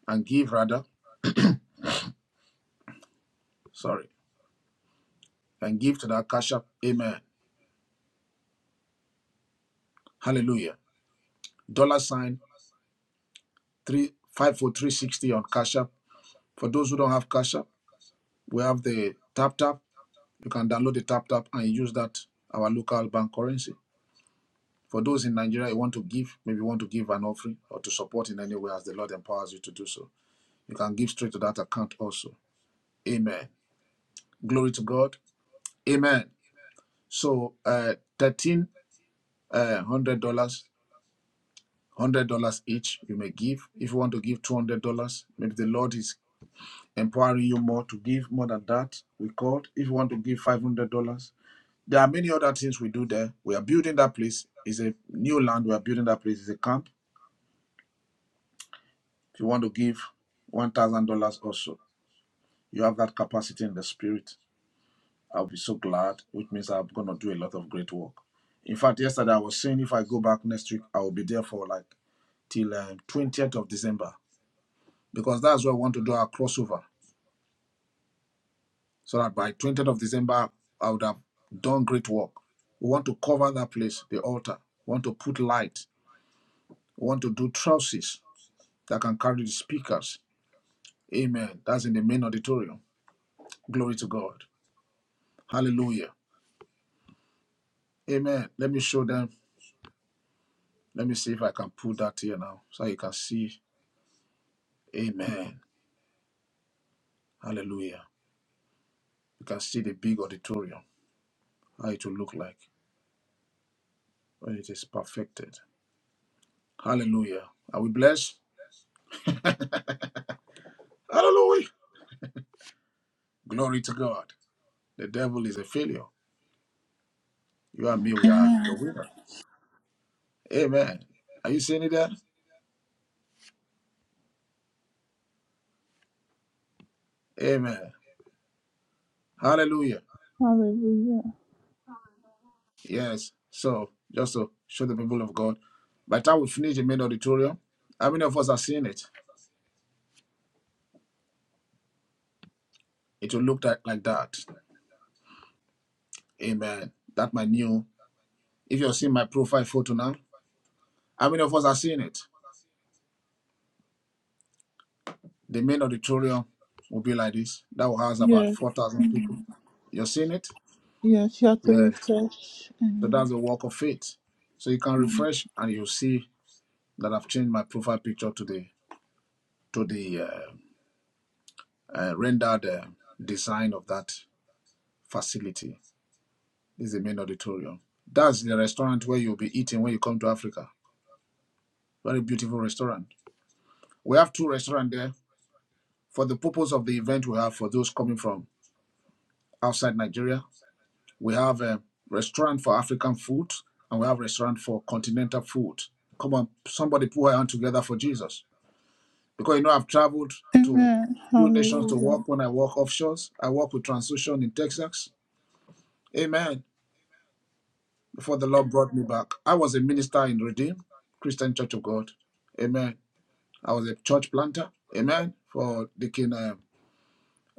S2: and give rather. Sorry. And give to that cash up. Amen. Hallelujah. Dollar sign three five four three sixty on cash up For those who don't have Cash App, we have the Tap Tap. You can download the Tap Tap and use that our local bank currency. For those in Nigeria you want to give, maybe you want to give an offering or to support in any way as the Lord empowers you to do so, you can give straight to that account also. Amen. Glory to God. Amen. So uh, thirteen uh, hundred dollars, one hundred dollars each you may give. If you want to give two hundred dollars, maybe the Lord is empowering you more to give more than that. We called. If you want to give $500, There are many other things we do there. We are building that place. It's a new land. We are building that place. It's a camp. If you want to give $1,000 also, you have that capacity in the spirit. I'll be so glad, which means I'm going to do a lot of great work. In fact, yesterday I was saying if I go back next week, I will be there for like till um, 20th of December because that's where I want to do our crossover. So that by 20th of December, I would have done great work. We want to cover that place, the altar. We want to put light. We want to do trousers. that can carry the speakers. Amen. That's in the main auditorium. Glory to God. Hallelujah. Amen. Let me show them. Let me see if I can put that here now so you can see. Amen. Hallelujah. You can see the big auditorium, how it will look like when it is perfected. Hallelujah. Are we blessed? Hallelujah. Glory to God. The devil is a failure. You and me, we are the
S1: Amen.
S2: winner. Amen. Are you seeing it there? Amen. Hallelujah.
S1: Hallelujah.
S2: Yes. So just to show the people of God, by the time we finish the main auditorium, how many of us have seen it? It will look like, like that. Amen. That my new. If you're seeing my profile photo now, how many of us have seen it? The main auditorium will be like this. That will house about
S1: Yes.
S2: four thousand people. You're seeing it?
S1: Yes. You have to
S2: Yes.
S1: refresh.
S2: So
S1: Amen.
S2: that's the work of faith. So you can refresh and you'll see that I've changed my profile picture to the to the uh, uh, rendered uh, design of that facility This is the main auditorium. That's the restaurant where you'll be eating when you come to Africa. Very beautiful restaurant. We have two restaurants there. For the purpose of the event, we have for those coming from outside Nigeria, we have a restaurant for African food and we have a restaurant for continental food. Come on, somebody put her hand together for Jesus. Because you know, I've traveled to
S1: Amen.
S2: few nations to
S1: Hallelujah.
S2: work when I work offshores. I work with Transocean in Texas. Amen. Before the Lord brought me back, I was a minister in Redeem Christian Church of God. Amen. I was a church planter, amen, for Deacon uh,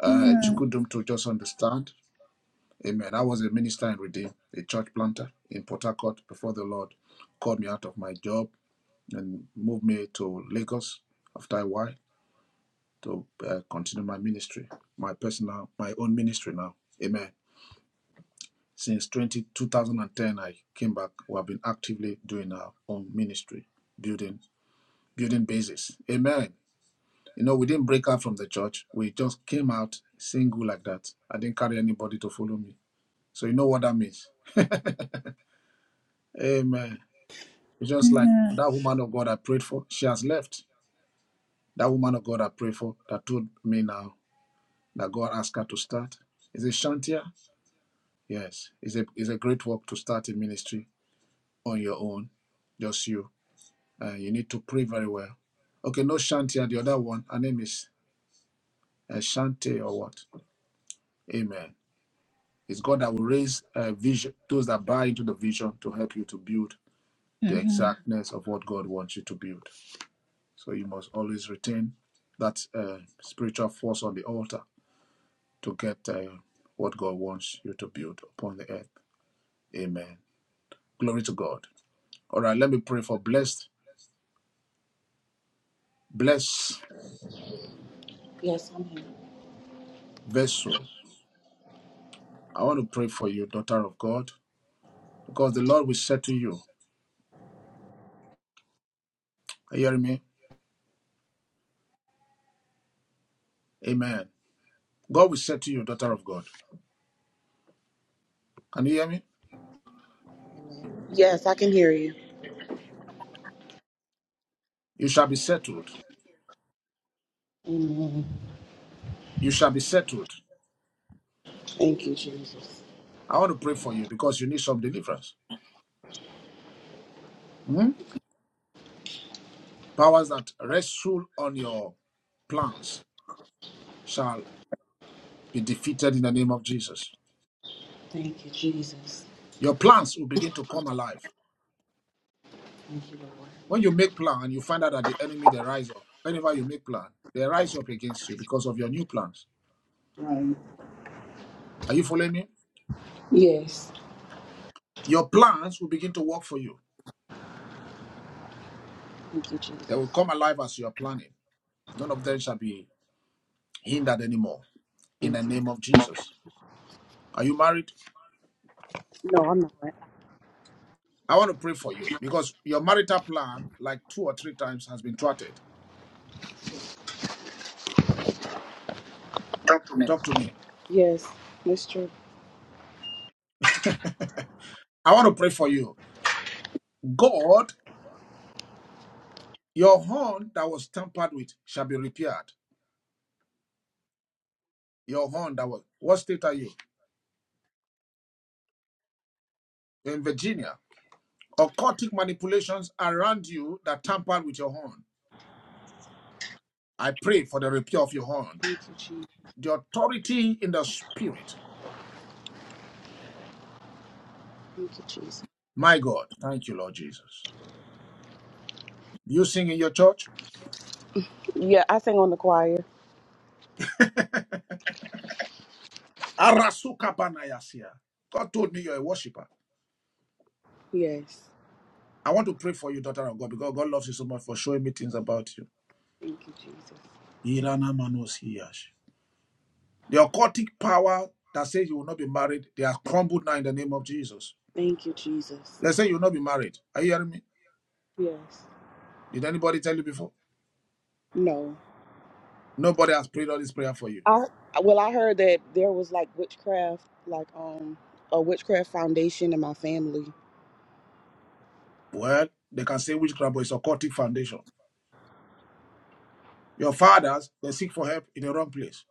S2: uh,
S1: Amen.
S2: Chikudum to just understand, amen. I was a minister in Redeem, a church planter in Port Harcourt before the Lord called me out of my job and moved me to Lagos after a while to uh, continue my ministry, my personal, my own ministry now, amen. Since 20 2010, I came back. We have been actively doing our own ministry, building building bases, amen. You know, we didn't break out from the church. We just came out single like that. I didn't carry anybody to follow me. So you know what that means. Amen. It's just like
S1: Amen.
S2: that woman of God I prayed for, she has left. That woman of God I prayed for that told me now that God asked her to start. Is it Shantia? Yes. It's a it's a great work to start a ministry on your own. Just you. Uh, you need to pray very well. Okay, no Shantia, the other one. Her name is uh, Shante or what? Amen. It's God that will raise uh, vision, those that buy into the vision to help you to build the
S1: Amen.
S2: exactness of what God wants you to build. So you must always retain that uh, spiritual force on the altar to get uh, what God wants you to build upon the earth. Amen. Glory to God. All right, let me pray for blessed, blessed
S28: Yes, I'm here.
S2: vessel. I want to pray for you, daughter of God, because the Lord will say to you, are you hearing me? Amen. God will say to you, daughter of God. Can you hear me?
S28: Yes, I can hear you.
S2: You shall be settled.
S28: Amen.
S2: You shall be settled.
S28: Thank you, Jesus.
S2: I want to pray for you because you need some deliverance. Mhm. Powers that wrestle on your plans shall be defeated in the name of Jesus.
S28: Thank you, Jesus.
S2: Your plans will begin to come alive.
S28: Thank you, Lord.
S2: When you make plan and you find out that the enemy they rise up, whenever you make plan, they rise up against you because of your new plans.
S28: Right.
S2: Are you following me?
S28: Yes.
S2: Your plans will begin to work for you.
S28: Thank you,
S2: They will
S28: Jesus.
S2: come alive as you are planning. None of them shall be hindered anymore. In the
S28: Thank you.
S2: name of Jesus. Are you married?
S28: No, I'm not.
S2: I want to pray for you because your marital plan, like two or three times, has been thwarted.
S28: Document.
S2: Talk to me.
S28: Yes, that's true.
S2: I want to pray for you. God, your horn that was tampered with shall be repaired. Your horn that was. What state are you? You're in Virginia. Occultic manipulations around you that tampered with your horn. I pray for the repair of your horn.
S28: Thank you, Jesus.
S2: The authority in the spirit.
S28: Thank you, Jesus.
S2: My God. Thank you, Lord Jesus. You sing in your church?
S28: Yeah, I sing on the choir.
S2: Arasuka Banayasia. God told me you're a worshiper.
S28: Yes.
S2: I want to pray for you, daughter of God, because God loves you so much for showing me things about you.
S28: Thank you, Jesus.
S2: The occultic power that says you will not be married, they are crumbled now in the name of Jesus.
S28: Thank you, Jesus.
S2: They say you will not be married. Are you hearing me?
S28: Yes.
S2: Did anybody tell you before?
S28: No.
S2: Nobody has prayed all this prayer for you.
S28: I well, I heard that there was like witchcraft, like um a witchcraft foundation in my family.
S2: Well, they can say witchcraft, but it's occultic foundation. Your fathers, they seek for help in the wrong place.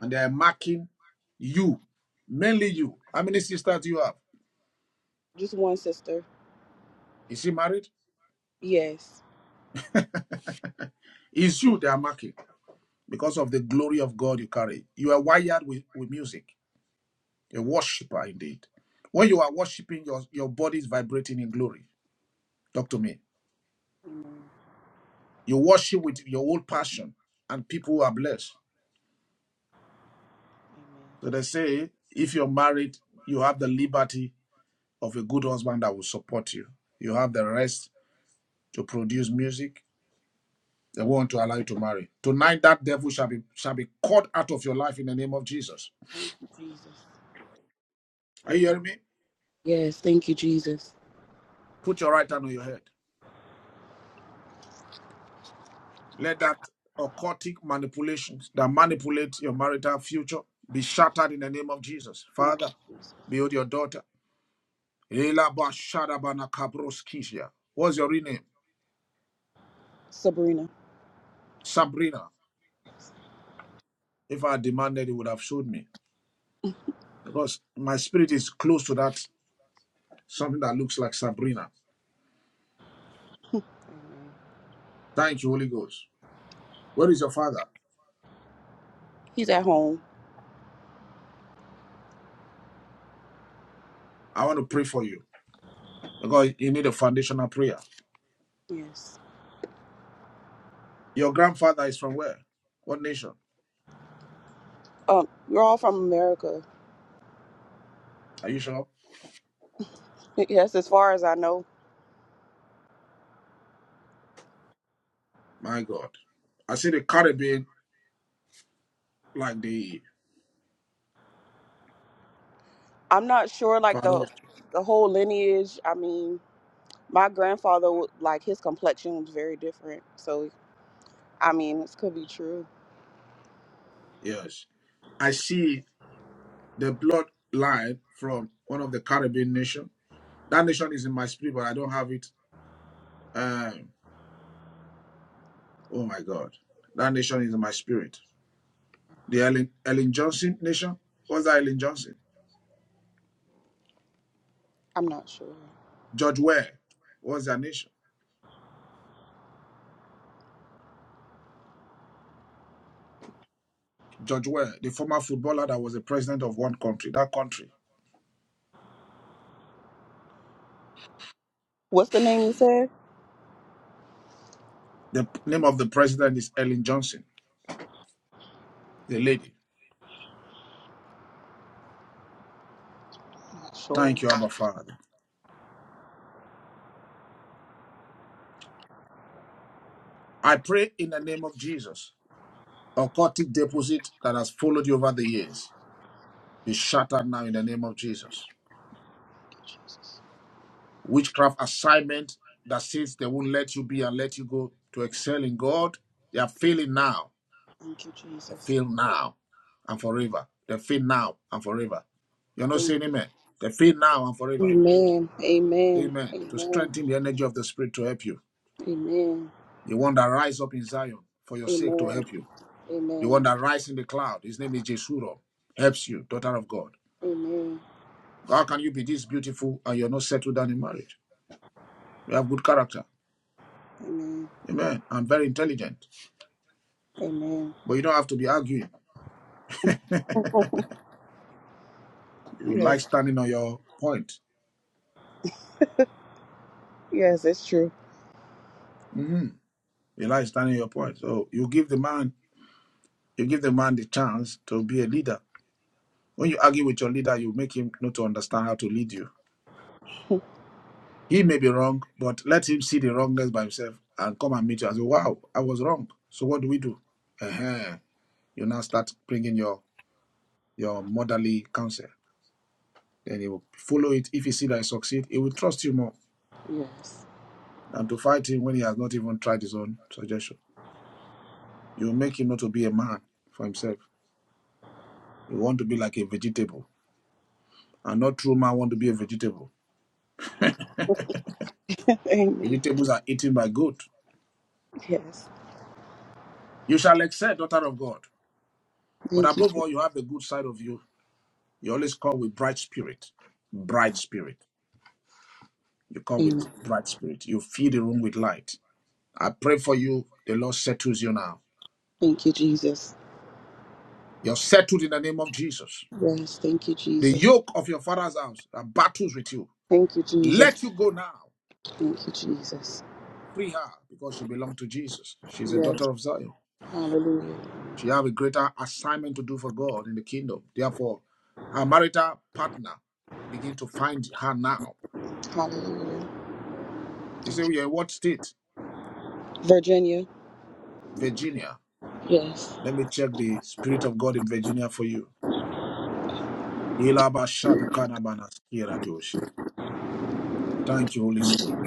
S2: And they are marking you, mainly you. How many sisters do you have?
S28: Just one sister.
S2: Is she married?
S28: Yes.
S2: It's you they are marking. because of the glory of God you carry. You are wired with, with music, a worshiper indeed. When
S28: Yeah.
S2: you are worshiping, your, your body is vibrating in glory. Talk to Me,
S28: Amen.
S2: you worship with your whole passion, and people are blessed.
S28: Amen.
S2: So they say, if you're married, you have the liberty of a good husband that will support you. You have the rest to produce music. They want to allow you to marry. Tonight, that devil shall be shall be caught out of your life in the name of Jesus.
S28: Thank you, Jesus.
S2: Are
S28: Thank
S2: you hearing me?
S28: you. Yes. Thank you, Jesus.
S2: Put your right hand on your head. Let that occultic manipulations that manipulate your marital future be shattered in the name of Jesus.
S28: Thank you,
S2: Father,
S28: Jesus.
S2: behold your daughter. What's your real name?
S28: Sabrina.
S2: Sabrina. If I demanded, it would have showed me. Because my spirit is close to that, something that looks like Sabrina.
S28: Amen.
S2: Thank you, Holy Ghost. Where is your father?
S28: He's at home.
S2: I want to pray for you because you need a foundational prayer.
S28: Yes.
S2: Your grandfather is from where? What nation?
S28: Um, we're all from America.
S2: Are you sure?
S28: Yes, as far as I know.
S2: My God. I see the Caribbean like the
S28: I'm not sure, like the
S2: pharaohs.
S28: the whole lineage. I mean, my grandfather, wa- like his complexion was very different. So, I mean, this could be true.
S2: Yes, I see the bloodline from one of the Caribbean nation. That nation is in my spirit, but I don't have it. Um, oh my God, that nation is in my spirit. The Ellen, Ellen Johnson nation. What's that Ellen Johnson?
S28: I'm not sure.
S2: George Ware. What's that nation? George Ware, the former footballer that was the president of one country. That country.
S28: What's the name you said?
S2: The p- name of the president is Ellen Johnson, the lady.
S28: Not sure.
S2: Thank you, Abba
S28: Thank
S2: Father. I pray in the name of Jesus Occultic deposit that has followed you over the years be shattered now in the name of Jesus.
S28: you, Jesus.
S2: Witchcraft assignment that says they won't let you be and let you go to excel in God, they are failing now.
S28: Thank you,
S2: They fail
S28: Jesus.
S2: now and forever. They fail now and forever. You're not saying amen. They fail now and forever.
S28: Amen. Amen.
S2: Amen. To
S28: Amen.
S2: strengthen the energy of the Spirit to help you.
S28: Amen.
S2: The one that rise up in Zion for your sake to
S28: Amen.
S2: help you. The one
S28: Amen.
S2: that rise in the cloud, his name is Jesurun, helps you, daughter of God.
S28: Amen.
S2: How can you be this beautiful and you're not settled down in marriage? You have good character.
S28: Amen.
S2: Amen. I'm very intelligent.
S28: Amen.
S2: But you don't have to be arguing. You like
S28: Yes.
S2: standing on your point.
S28: Yes, it's true.
S2: hmm You like standing on your point. So you give the man you give the man the chance to be a leader. When you argue with your leader, you make him not to understand how to lead you. He may be wrong, but let him see the wrongness by himself and come and meet you and say, Wow, I was wrong. So what do we do? uh You now start bringing your your motherly counsel. Then he will follow it. If he see that he succeed, he will trust you more
S28: Yes.
S2: than to fight him when he has not even tried his own suggestion. You will make him not to be a man for himself. You want to be like a vegetable. And not true man want to be a vegetable.
S28: Amen.
S2: Vegetables are eaten by good.
S28: Yes.
S2: You shall excel, daughter of God. But
S28: Thank you.
S2: above
S28: Jesus.
S2: all, you have the good side of you. You always come with bright spirit. Bright spirit. You come with
S28: Amen.
S2: bright spirit. You fill the room with light. I pray for you. The Lord settles you now.
S28: Thank you, Jesus.
S2: You're settled in the name of Jesus.
S28: Yes. Thank you,
S2: The
S28: Jesus.
S2: yoke of your father's house that battles with you,
S28: Thank you, Jesus.
S2: let you go now.
S28: Thank you, Jesus.
S2: Free her because she belongs to Jesus. She's a
S28: Yes.
S2: daughter of Zion.
S28: Hallelujah.
S2: She have a greater assignment to do for God in the kingdom. Therefore, her marital partner begin to find her now.
S28: Hallelujah.
S2: You say, "We are in what state?
S28: Virginia.
S2: Virginia.
S28: Yes.
S2: Let me check the spirit of God in Virginia for you. Ilabashatakanabanaskiradoshia. Thank you, Holy Spirit.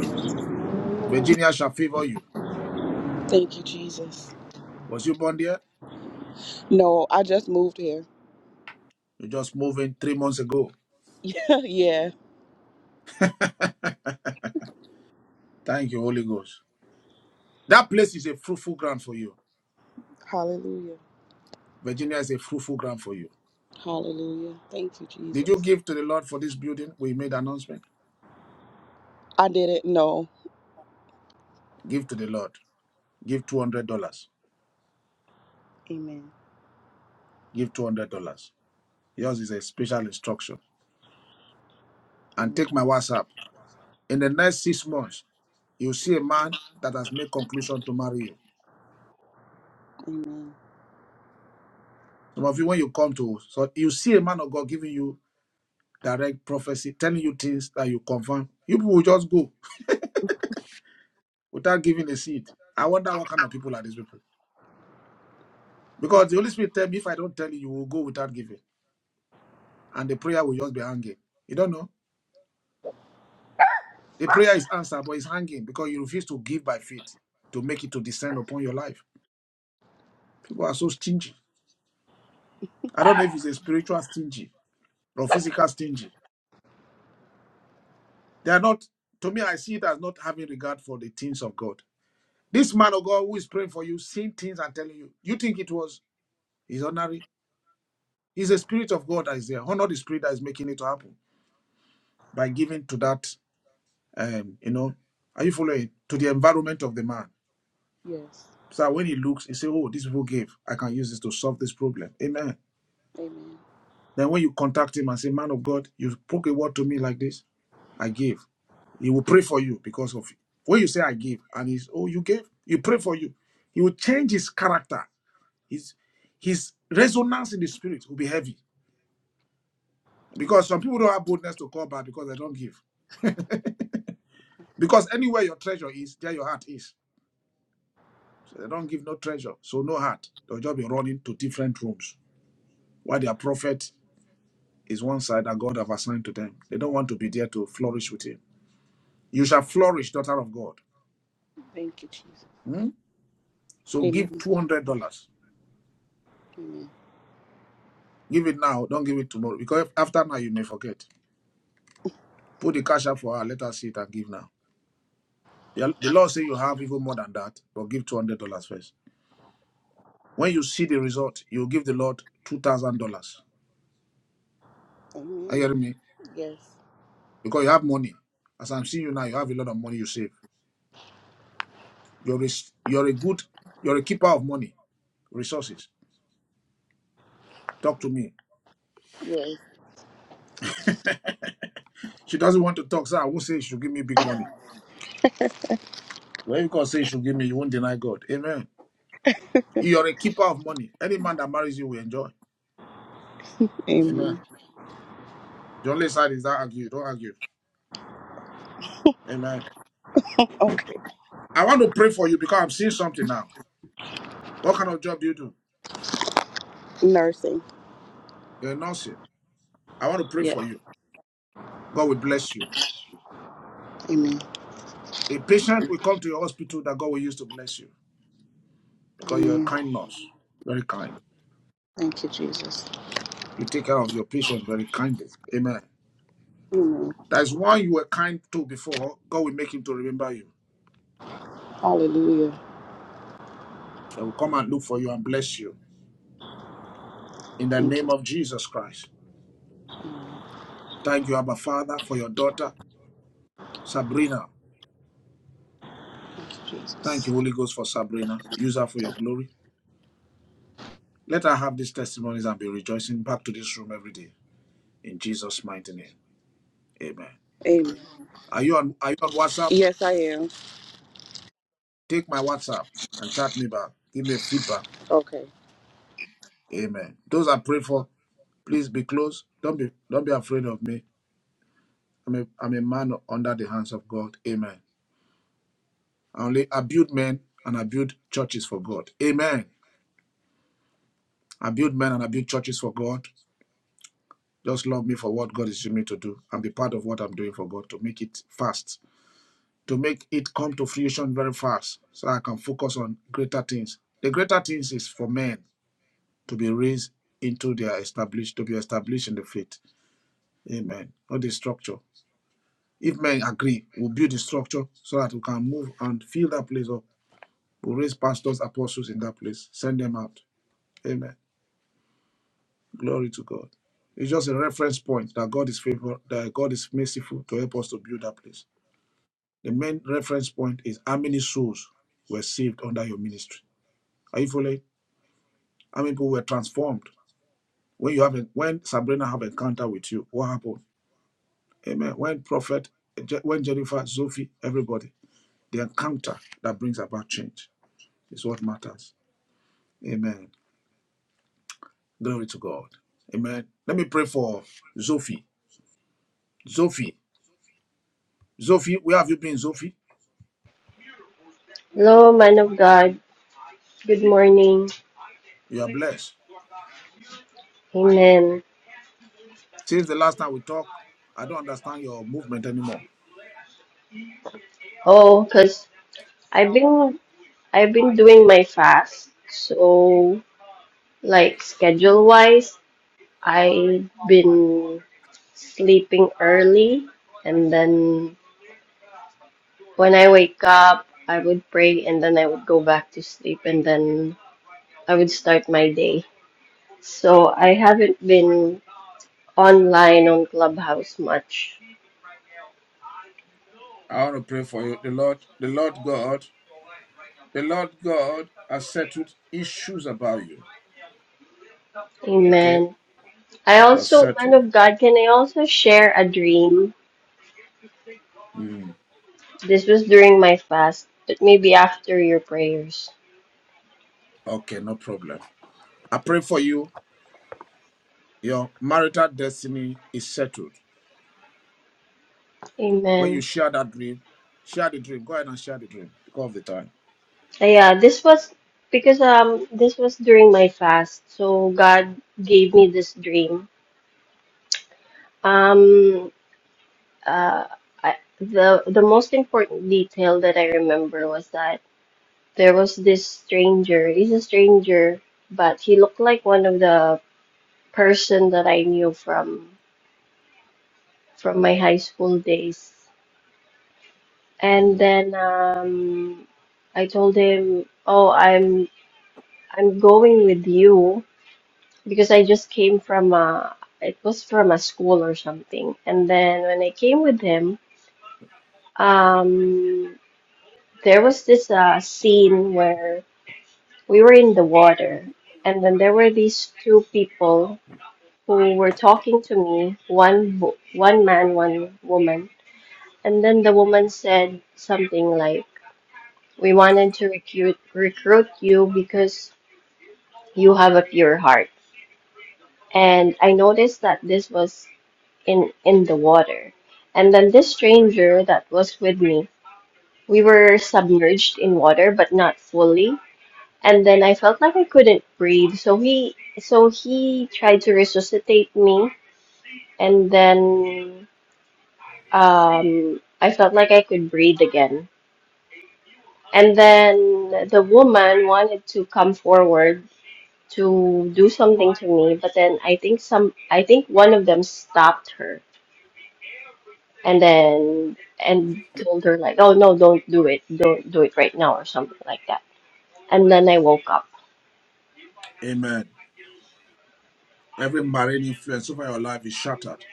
S2: Virginia shall favor you.
S28: Thank you, Jesus.
S2: Was you born there?
S28: No, I just moved here.
S2: You just moved in three months ago.
S28: yeah.
S2: Thank you, Holy Ghost. That place is a fruitful ground for you.
S28: Hallelujah.
S2: Virginia is a fruitful ground for you.
S28: Hallelujah. Thank you,
S2: Did you
S28: Jesus.
S2: give to the Lord for this building? We made announcement.
S28: I didn't know.
S2: Give to the Lord. Give two hundred dollars.
S28: Amen.
S2: Give two hundred dollars. Yours is a special instruction. And
S28: Amen.
S2: take my WhatsApp. In the next six months, you see a man that has made conclusion to marry you.
S28: Amen.
S2: Some of you, when you come to, so you see a man of God giving you direct prophecy, telling you things that you confirm. You people will just go without giving a seed. I wonder what kind of people are these people. Because the Holy Spirit tell me if I don't tell you, you will go without giving. And the prayer will just be hanging. You don't know. The prayer is answered, but it's hanging because you refuse to give by faith to make it to descend upon your life. People are so stingy. I don't know if it's a spiritual stingy or physical stingy. They are not, to me, I see it as not having regard for the things of God. This man of God who is praying for you, seeing things and telling you, you think it was his honorary? It's the spirit of God that is there. Honor the spirit that is making it to happen by giving to that. Um, you know, are you following to the environment of the man?
S28: Yes.
S2: So when he looks, he say, "Oh, these people gave. I can use this to solve this problem." Amen.
S28: Amen.
S2: Then when you contact him and say, "Man of God, you spoke a word to me like this. I gave." He will pray for you because of it. when you say, "I give," and he's, "Oh, you gave." You pray for you. He will change his character. His his resonance in the spirit will be heavy
S28: Amen.
S2: because some people don't have boldness to call back because they don't give. Because anywhere your treasure is, there your heart is. They don't give no treasure, so no heart. They'll just be running to different rooms. While their prophet is one side that God have assigned to them. They don't want to be there to flourish with him. You shall flourish, daughter of God.
S28: Thank you, Jesus.
S2: Hmm? So
S28: Amen.
S2: give two hundred dollars.
S28: Amen.
S2: Give it now. Don't give it tomorrow because after now you may forget. Put the cash up for her. Let her see it and give now. The, the Lord say you have even more than that, but give two hundred dollars first. When you see the result, you give the Lord two thousand dollars. Are you
S28: Amen.
S2: hearing me?
S28: Yes.
S2: Because you have money. As I'm seeing you now, you have a lot of money you save. You're a s- you're a good, you're a keeper of money, resources. Talk to me.
S28: Yes.
S2: She doesn't want to talk, sir. I won't say she should give me big money. When you can say she should give me, you won't deny God. Amen. You're a keeper of money. Any man that marries you will enjoy. Amen.
S28: Amen.
S2: The only side is that argue. Don't argue. Amen.
S28: Okay.
S2: I want to pray for you because I'm seeing something now. What kind of job do you do?
S28: Nursing.
S2: You're a nursing. I want to pray
S28: Yes.
S2: for you. God will bless you.
S28: Amen.
S2: A patient will come to your hospital that God will use to bless you because you're a
S28: Amen.
S2: kind nurse. Very kind.
S28: Thank you, Jesus.
S2: You take care of your patient very kindly. Amen.
S28: Amen.
S2: There's one you were kind to before, God will make him to remember you.
S28: Hallelujah.
S2: They will come and look for you and bless you. In the
S28: Thank you.
S2: name of Jesus Christ.
S28: Amen.
S2: Thank you, Abba Father, for your daughter, Sabrina.
S28: Thank you,
S2: Thank you,
S28: Jesus.
S2: Holy Ghost, for Sabrina. Use her for your glory. Let her have these testimonies and be rejoicing back to this room every day. In Jesus' mighty name. Amen.
S28: Amen.
S2: Are you on are you on WhatsApp?
S28: Yes, I am.
S2: Take my WhatsApp and chat me back. Give me feedback.
S28: Okay.
S2: Amen. Those I pray for, please be close. Don't be don't be afraid of me. I'm a, I'm a man under the hands of God. Amen. I only I build men and I build churches for God. Amen. I build men and I build churches for God. Just love me for what God is using me to do and be part of what I'm doing for God to make it fast, to make it come to fruition very fast so I can focus on greater things. The greater things is for men to be raised into their established, to be established in the faith. Amen. Not the structure. If men agree, we'll build the structure so that we can move and fill that place up We'll raise pastors, apostles in that place. Send them out. Amen. Glory to God. It's just a reference point that God is favor, that God is merciful to help us to build that place. The main reference point is how many souls were saved under your ministry. Are you following? How many people were transformed when you have a, when Sabrina have encounter with you? What happened? Amen. When prophet, Je- when Jennifer, Sophie, everybody, the encounter that brings about change is what matters. Amen. Glory to God. Amen. Let me pray for Sophie. Sophie. Sophie, where have you been, Sophie?
S29: Hello, man of God. Good morning.
S2: You are blessed.
S29: Amen.
S2: Since the last time we talked, I don't understand your movement anymore.
S29: Oh, cause I've been I've been doing my fast. So like schedule wise, I've been sleeping early and then when I wake up, I would pray and then I would go back to sleep and then I would start my day. So I haven't been online on Clubhouse much.
S2: I want to pray for you. The Lord, the Lord God, the Lord God has settled issues about you. Okay?
S29: Amen. I
S2: You're
S29: also, man
S2: settled.
S29: of God, can I also share a dream?
S2: Mm,
S29: This was during my fast, but maybe after your prayers.
S2: Okay, no problem. I pray for you. Your marital destiny is settled. When you
S29: Amen.
S2: share that dream, share the dream. Go ahead and share the dream because of the time.
S29: Uh, yeah, this was because um this was during my fast, so God gave me this dream. Um uh I, the the most important detail that I remember was that there was this stranger. He's a stranger, but he looked like one of the person that I knew from from my high school days And
S2: Mm.
S29: then um, I told him, "Oh, I'm I'm going with you because I just came from a it was from a school or something." And then when I came with him, um, there was this uh, scene where we were in the water, and then there were these two people who were talking to me, one wo- one man, one woman, and then the woman said something like. We wanted to recruit recruit you because you have a pure heart. And I noticed that this was in in the water. And then this stranger that was with me, we were submerged in water but not fully. And then I felt like I couldn't breathe. So he so he tried to resuscitate me and then um I felt like I could breathe again. And then the woman wanted to come forward to do something to me but then i think some i think one of them stopped her and then and told her like oh no don't do it don't do it right now or something like that and then i woke up
S2: Amen. Every marine influence over your life is shattered.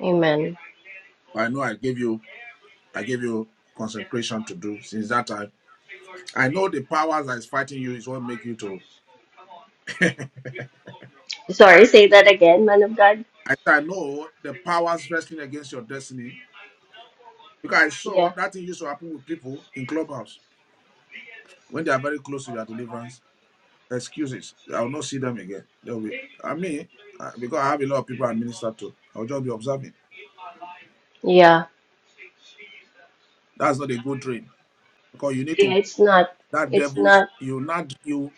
S29: amen
S2: I know I gave you I gave you concentration to do since that time. I know the powers that is fighting you is what make you to
S29: sorry say that again man of god
S2: I I know the powers wrestling against your destiny. Because I saw
S29: yeah
S2: that thing used to happen with people in clubhouse when they are very close to their deliverance. Excuses. I will not see them again. They'll be I mean uh, because I have a lot of people I minister to. I'll just be observing.
S29: yeah
S2: That's not a good dream because you need
S29: yeah
S2: to
S29: it's not
S2: that
S29: it's
S2: devils
S29: not
S2: you not you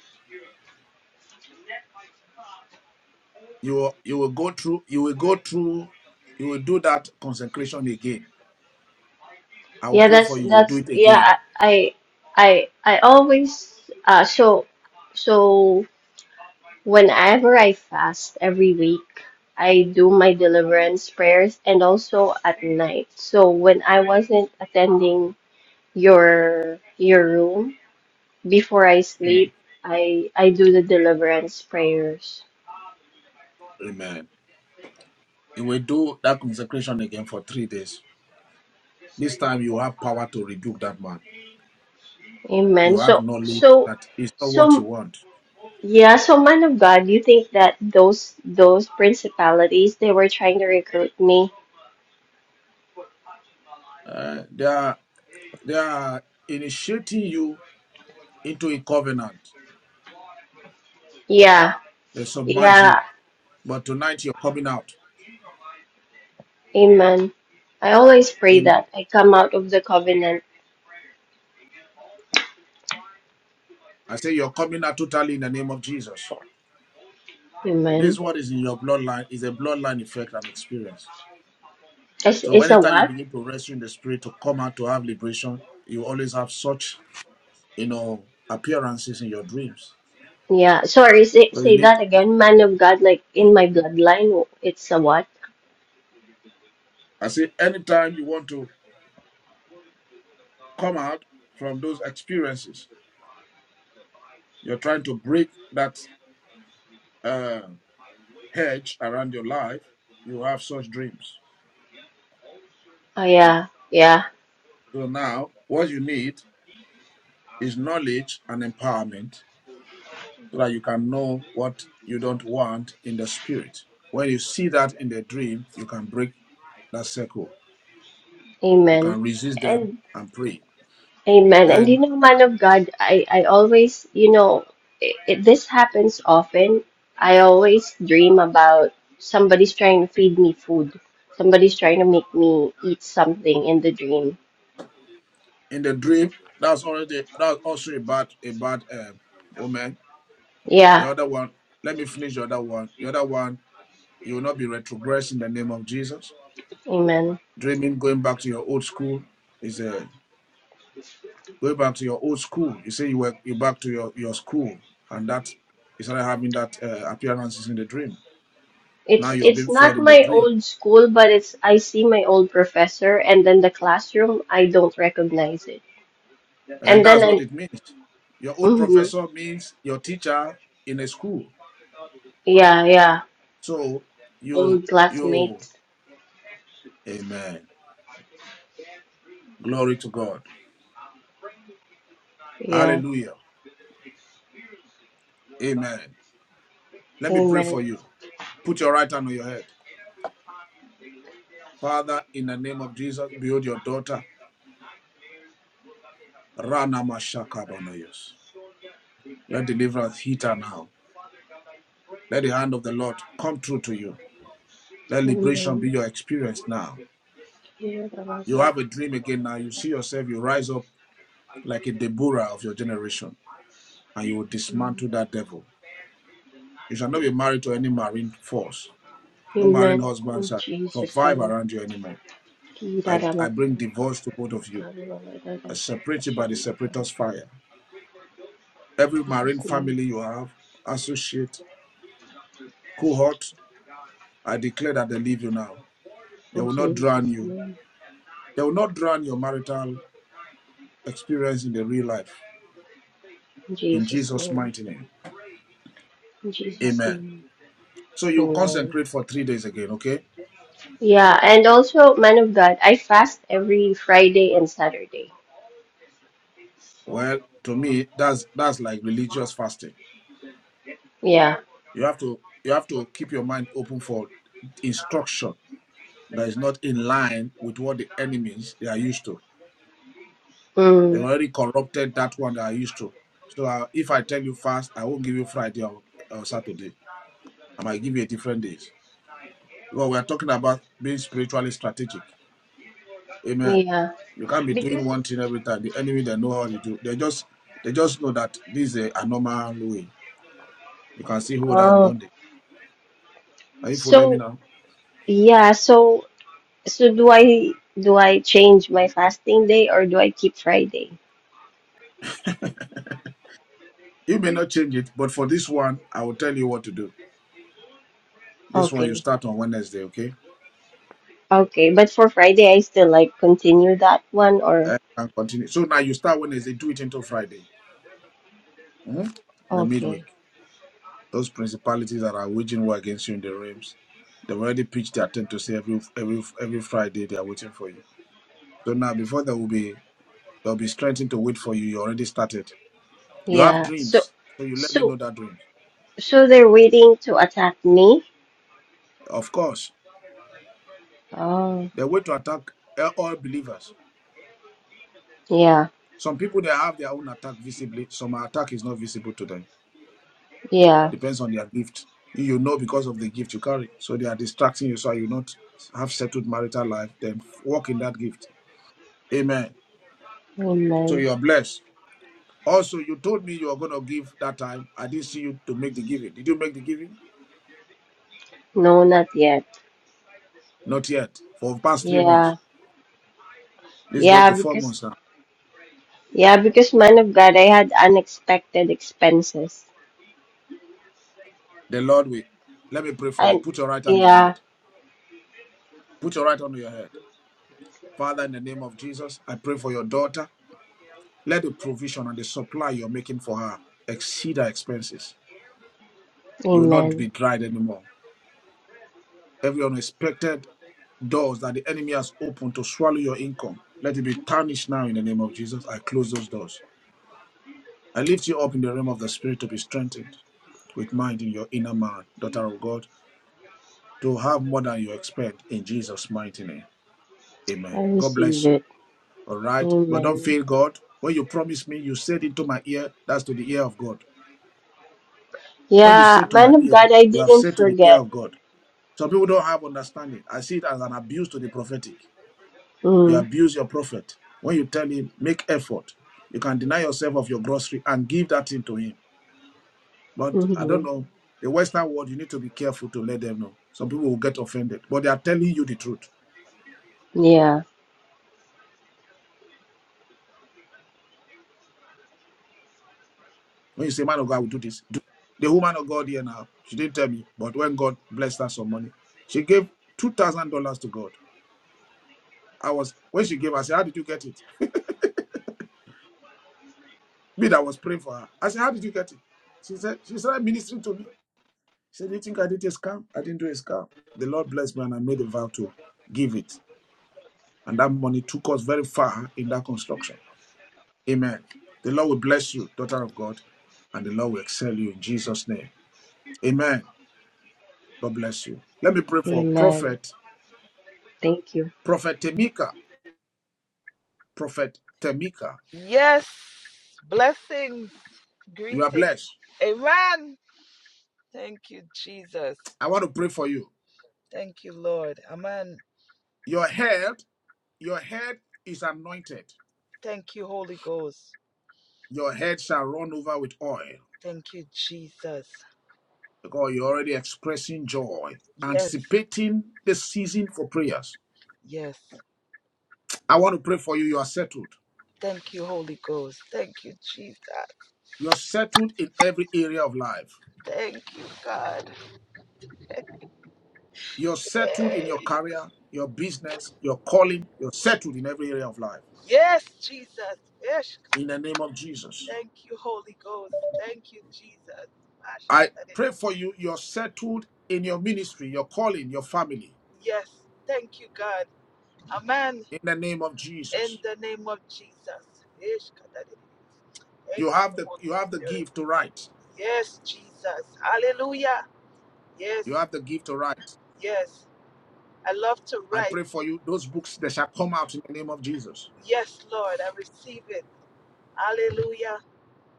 S2: you you will go through you will go through you will do that consecration again. I will
S29: yeah
S2: pray
S29: that's
S2: for you. You do
S29: that's
S2: it again.
S29: yeah i i i, I always uh so so Whenever I fast every week, I do my deliverance prayers and also at night. So when I wasn't attending your your room before I
S2: Mm.
S29: sleep, I I do the deliverance prayers.
S2: Amen. You will do that consecration again for three days. This time you have power to rebuke that man.
S29: Amen.
S2: You have
S29: So
S2: knowledge
S29: so
S2: that it's not what you
S29: so
S2: want.
S29: yeah, so man of God, you think that those those principalities they were trying to recruit me?
S2: Uh, they are they are initiating you into a covenant.
S29: Yeah,
S2: They submerge you,
S29: yeah,
S2: but tonight you're coming out.
S29: amen. I always pray that I come out of the covenant.
S2: I say you're coming out totally in the name of Jesus. This is
S29: Amen.
S2: what is in your bloodline is a bloodline effect and experience.
S29: It's,
S2: So
S29: it's a
S2: anytime you
S29: what?
S2: begin to wrestle in the spirit to come out to have liberation, you always have such you know appearances in your dreams.
S29: Yeah, sorry, say,
S2: So you
S29: say
S2: need
S29: that again. Man of God, like in my bloodline, it's a what?
S2: I say anytime you want to come out from those experiences, you're trying to break that uh, hedge around your life, you have such dreams.
S29: Oh, yeah, yeah,
S2: So now what you need is knowledge and empowerment so that you can know what you don't want in the spirit. When you see that in the dream, you can break that circle. You
S29: amen.
S2: can resist them
S29: And
S2: and pray.
S29: amen. And you
S2: Then
S29: know, man of God, I, I always, you know, it, it, this happens often. I always dream about somebody's trying to feed me food, somebody's trying to make me eat something in the dream.
S2: in the dream, that's already that's also a bad a bad uh, omen.
S29: Yeah
S2: The other one, let me finish the other one. The other one, you will not be retrogressed in the name of Jesus.
S29: Amen.
S2: Dreaming going back to your old school is a going back to your old school. You say you were you back to your your school, and that you started having that uh, appearances in the dream Now
S29: It's
S2: you're
S29: it's
S2: being fed
S29: not
S2: in the
S29: my
S2: dream.
S29: old school, but it's I see my old professor, and then the classroom I don't recognize it,
S2: And
S29: and then
S2: that's what
S29: I,
S2: it means. Your old
S29: mhm.
S2: professor means your teacher in a school.
S29: yeah, yeah,
S2: So you
S29: old
S2: you
S29: classmates.
S2: amen. Glory to God.
S29: Yeah.
S2: Hallelujah. Amen. Let me pray
S29: Amen.
S2: for you. Put your right hand on your head. Father, in the name of Jesus, behold your daughter. Rana Mashakabanoyos. Let deliverance hit her now. Let the hand of the Lord come true to you. Let liberation
S29: Amen.
S2: be your experience now. You have a dream again now. You see yourself, you rise up like a Deborah of your generation, and you will dismantle that devil. You shall not be married to any marine force. No marine
S29: Amen.
S2: husband
S29: In
S2: shall
S29: Jesus'
S2: survive
S29: name.
S2: around you anymore.
S29: Jesus'
S2: I, I
S29: name.
S2: bring divorce to both of you. I separate you by the separator's fire. Every marine family you have, associate, cohort, I declare that they leave you now. They
S29: In
S2: will not drown
S29: Jesus'
S2: you.
S29: name.
S2: They will not drown your marital experience in the real life.
S29: In
S2: In
S29: Jesus'
S2: Jesus'
S29: name.
S2: mighty name.
S29: In Jesus'
S2: Amen.
S29: name.
S2: So you
S29: Amen.
S2: consecrate for three days again, okay?
S29: Yeah, and also, man of God, I fast every Friday and Saturday.
S2: Well, to me, that's that's like religious fasting.
S29: Yeah.
S2: You have to you have to keep your mind open for instruction that is not in line with what the enemies they are used to. They
S29: Mm,
S2: already corrupted that one they are used to. So uh, if I tell you fast, I won't give you Friday or, or Saturday. I might give you a different days. Well, we are talking about being spiritually strategic. Amen.
S29: yeah.
S2: You can't be doing
S29: Because
S2: one thing every time. The enemy they know how you do. They just they just know that this is a normal way. You can see who they are in
S29: oh,
S2: bondage. Are you following me
S29: so
S2: now?
S29: yeah, so so do I do I change my fasting day or do I keep Friday?
S2: You may not change it, but for this one, I will tell you what to do. This one you
S29: Okay.
S2: start on Wednesday, okay?
S29: Okay, but for Friday, I still like continue that one or
S2: Uh, And continue. So now you start Wednesday, do it until Friday, hmm the
S29: okay.
S2: midweek. Those principalities that are waging war against you in the realms, they've already pitched their tent to say every every every Friday they are waiting for you. So now before there will be there'll be strengthened to wait for you. You already started. You have
S29: Yeah. So,
S2: dreams, so you let me
S29: so,
S2: know that dreams.
S29: so they're waiting to attack me?
S2: Of course,
S29: Oh,
S2: they wait to attack uh, all believers.
S29: yeah,
S2: Some people they have their own attack visibly. Some attack is not visible to them
S29: yeah.
S2: Depends on their gift. You know because of the gift you carry. So they are distracting you so you not have settled marital life, then walk in that gift. Amen. So
S29: Amen.
S2: you are blessed. Also, you told me you were going to give that time. I didn't see you to make the giving. Did you make the giving?
S29: No, not yet.
S2: Not yet. For the past three
S29: Yeah,
S2: months. This is going to
S29: yeah,
S2: four
S29: because,
S2: months now.
S29: yeah, because man of God, I had unexpected expenses.
S2: The Lord will. Let me pray for you.
S29: And
S2: Put your right hand on your
S29: yeah,
S2: head. Put your right hand on your head. Father, in the name of Jesus, I pray for your daughter. Let the provision and the supply you're making for her exceed her expenses You will not
S29: amen.
S2: be tried anymore. Every unexpected doors that the enemy has opened to swallow your income, let it be tarnished now in the name of Jesus. I close those doors. I lift you up in the realm of the spirit to be strengthened with mind in your inner man, daughter of God, to have more than you expect in Jesus' mighty name. Amen.
S29: I
S2: God
S29: receive
S2: bless you.
S29: it.
S2: All right. But don't
S29: Amen.
S2: fail God. When you promised me, you said into my ear, that's to the ear of God. When you
S29: Yeah,
S2: said to my
S29: man of
S2: ear,
S29: God, I
S2: you have
S29: didn't
S2: said to the ear
S29: forget.
S2: of God. Some people don't have understanding. I see it as an abuse to the prophetic. You
S29: Mm,
S2: abuse your prophet. When you tell him, make effort, you can deny yourself of your grocery and give that thing to him. But I don't
S29: mm-hmm.
S2: know. The Western world, you need to be careful to let them know. Some people will get offended, but they are telling you the truth.
S29: Yeah,
S2: When you say, man of God, I will do this. Do. The woman of God here now, she didn't tell me, but when God blessed her some money, she gave $2,000 to God. I was, when she gave, I said, how did you get it? Me that was praying for her. I said, how did you get it? She said, she started ministering to me. He said, Do you think I did a scam? I didn't do a scam. The Lord blessed me and I made a vow to give it. And that money took us very far in that construction. Amen. The Lord will bless you, daughter of God, and the Lord will excel you in Jesus' name. Amen. God bless you. Let me pray for
S29: amen.
S2: Prophet,
S29: Thank you.
S2: Prophet Temika. Prophet Temika,
S30: Yes, blessings,
S2: you are
S30: greeting.
S2: blessed.
S30: Amen. Thank you, Jesus.
S2: I want to pray for you.
S30: Thank you, Lord. Amen.
S2: Your head, your head is anointed.
S30: Thank you, Holy Ghost.
S2: Your head shall run over with oil.
S30: Thank you, Jesus.
S2: because you're already expressing joy,
S30: Yes,
S2: anticipating the season for prayers.
S30: yes.
S2: I want to pray for you. You are settled.
S30: Thank you, Holy Ghost. Thank you, Jesus.
S2: You're settled in every area of life.
S30: Thank you, God.
S2: You're settled in your
S30: Hey.
S2: career, your business, your calling. You're settled in every area of life.
S30: Yes, Jesus. Yes.
S2: In the name of Jesus.
S30: Thank you, Holy Ghost. Thank you, Jesus. Ash,
S2: I
S30: let it-
S2: pray for you. You're settled in your ministry, your calling, your family.
S30: Yes. Thank you, God. Amen.
S2: In the name of
S30: In
S2: Jesus.
S30: the name of Jesus. Thank
S2: You
S30: you,
S2: have the
S30: Holy
S2: you have the
S30: Spirit.
S2: gift to write.
S30: Yes, Jesus. Hallelujah. Yes,
S2: You have the gift to write.
S30: yes. I love to
S2: I
S30: write.
S2: pray for you. Those books that shall come out in the name of Jesus.
S30: Yes, Lord. I receive it. Hallelujah.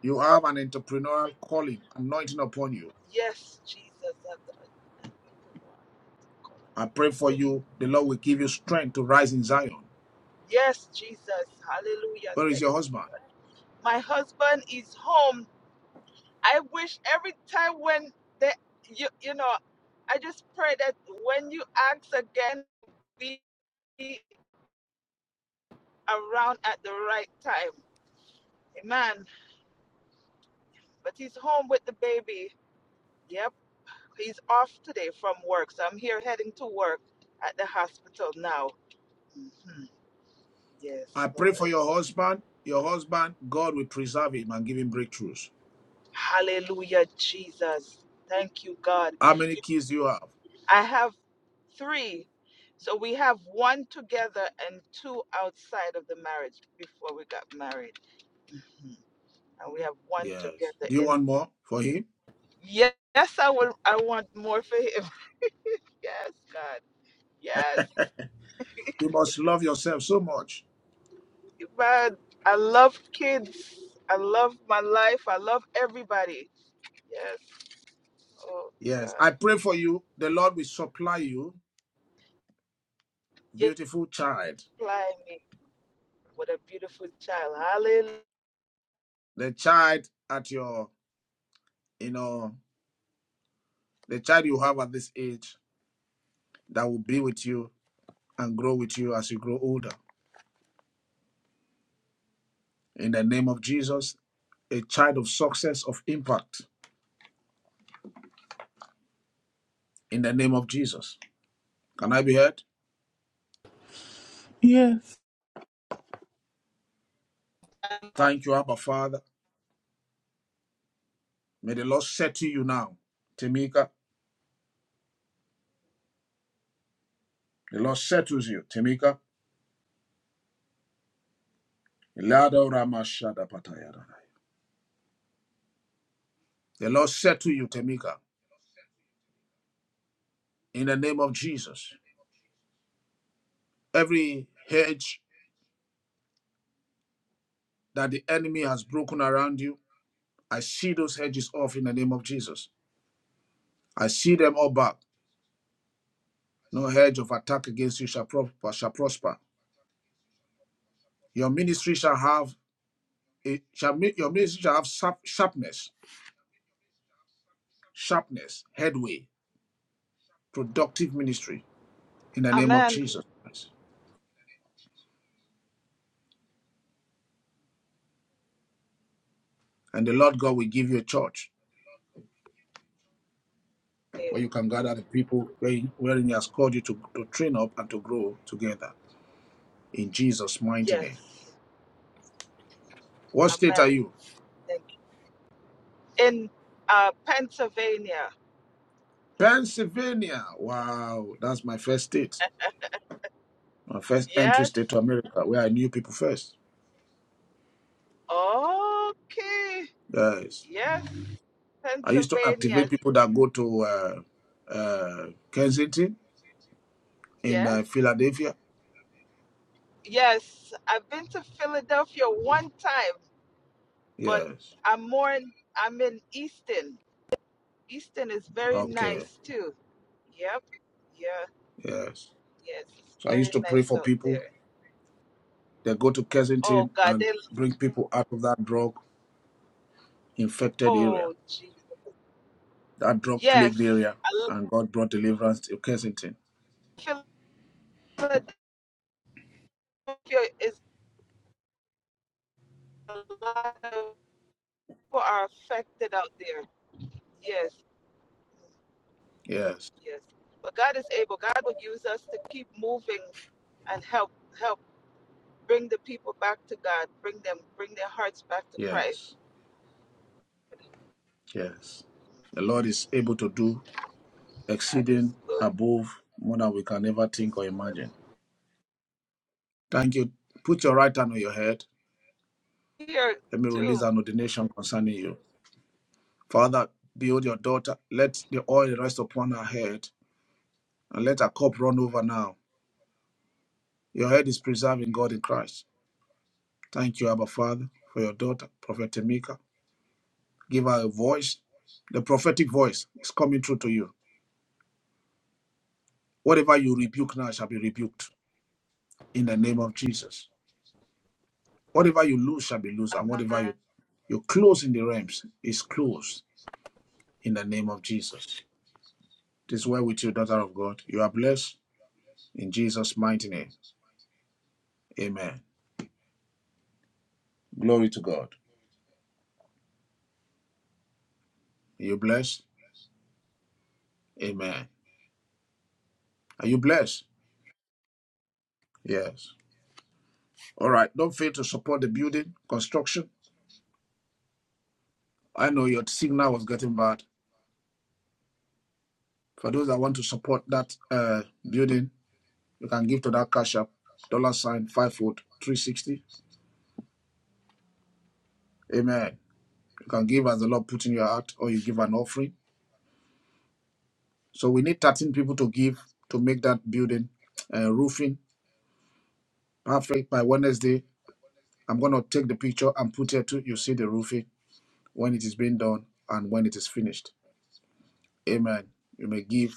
S2: You have an entrepreneurial calling, anointing upon you.
S30: Yes, Jesus. I- I- I-
S2: I pray for you. The Lord will give you strength to rise in Zion.
S30: Yes, Jesus. Hallelujah.
S2: Where is
S30: Thank-
S2: your husband?
S30: My husband is home. I wish every time when they, you, you know, I just pray that when you ask again, be around at the right time. Amen. but he's home with the baby. Yep, he's off today from work, so I'm here heading to work at the hospital now. hmm Yes,
S2: I pray
S30: Lord.
S2: for your husband. Your husband, God will preserve him and give him breakthroughs.
S30: Hallelujah, Jesus. Thank you, God.
S2: How many kids do you have?
S30: I have three. So we have one together and two outside of the marriage before we got married. Mhm. And we have one
S2: Yes.
S30: together
S2: Do you
S30: in
S2: want more for him?
S30: yes, I would I want more for him. Yes, God. Yes.
S2: You must love yourself so much.
S30: man, I love kids. I love my life. I love everybody. Yes. Oh
S2: Yes. I
S30: God.
S2: pray for you. The Lord will supply you,
S30: Yes,
S2: beautiful child.
S30: supply me with a beautiful child. Hallelujah.
S2: The child at your, you know, the child you have at this age that will be with you and grow with you as you grow older. in the name of Jesus, a child of success, of impact, in the name of Jesus. Can I be heard?
S1: Yes.
S2: Thank you, Abba Father. May the Lord settle you now, Tamika. The Lord settles you, Tamika. The Lord settle you, Tamika, in the name of Jesus. Every hedge that the enemy has broken around you, I see those hedges off in the name of Jesus. I see them all back. No hedge of attack against you shall prosper. Shall prosper. Your ministry shall have It shall make your ministry shall have sharp, sharpness, sharpness, headway, productive ministry in the name of
S30: Amen.
S2: Jesus Christ. And the Lord God will give you a church where you can gather the people wherein wherein He has called you to, to train up and to grow together in Jesus' mighty name.
S30: Yes.
S2: What state are
S30: Amen.
S2: you?
S30: Thank you. In uh, Pennsylvania.
S2: Pennsylvania. Wow, that's my first state, my first entry
S30: Yes.
S2: state to America, where I knew people first.
S30: Okay.
S2: Yes,
S30: Yes.
S2: I used to
S30: Pennsylvania.
S2: activate people that go to uh, uh, Kensington in
S30: Yes.
S2: uh, Philadelphia.
S30: Yes. I've been to Philadelphia one time. but
S2: Yes.
S30: I'm more in, I'm in Easton. Easton is very
S2: Okay.
S30: nice too. Yep. Yeah.
S2: Yes.
S30: Yes. It's
S2: So I
S30: very
S2: used to pray
S30: nice
S2: for
S30: out
S2: people.
S30: there.
S2: They go to
S30: Oh
S2: Kensington
S30: God. They,
S2: and bring people out of that drug infected area,
S30: oh gee.
S2: that drug plagued
S30: Yes.
S2: area,
S30: I
S2: and God brought deliverance to Kensington.
S30: l- Philadelphia is a lot of people are affected out there. Yes.
S2: Yes.
S30: Yes. But God is able. God will use us to keep moving and help help bring the people back to God. Bring them bring their hearts back to Christ.
S2: Yes. Yes. The Lord
S30: Mm-hmm.
S2: is able to do
S30: God is
S2: exceeding
S30: good.
S2: above more than we can ever think
S30: Is
S2: or
S30: good.
S2: imagine. Thank you. Put your right hand on your head.
S30: Here
S2: Let me
S30: too.
S2: release an ordination concerning you. Father, build your daughter. Let the oil rest upon her head and let our cup run over now. Your head is preserved in God in Christ. Thank you, Abba Father, for your daughter, Prophet Tamika. Give her a voice. The prophetic voice is coming through to you. Whatever you rebuke now shall be rebuked in the name of Jesus. Whatever you lose shall be loose, and whatever
S30: Amen.
S2: you, you close in the realms is closed in the name of Jesus. This way with you, daughter of God. You are blessed in Jesus' mighty name. Amen. Glory to God. Are you blessed? Amen. Are you blessed? Yes. All right. Don't fail to support the building construction. I know your signal was getting bad. For those that want to support that uh, building, you can give to that cash app, dollar sign five foot three sixty. Amen. You can give as the Lord put in your heart, or you give an offering. So we need thirteen people to give to make that building uh, roofing perfect by Wednesday. I'm gonna take the picture and put it to you see the roofing when it is being done and when it is finished. Amen. You may give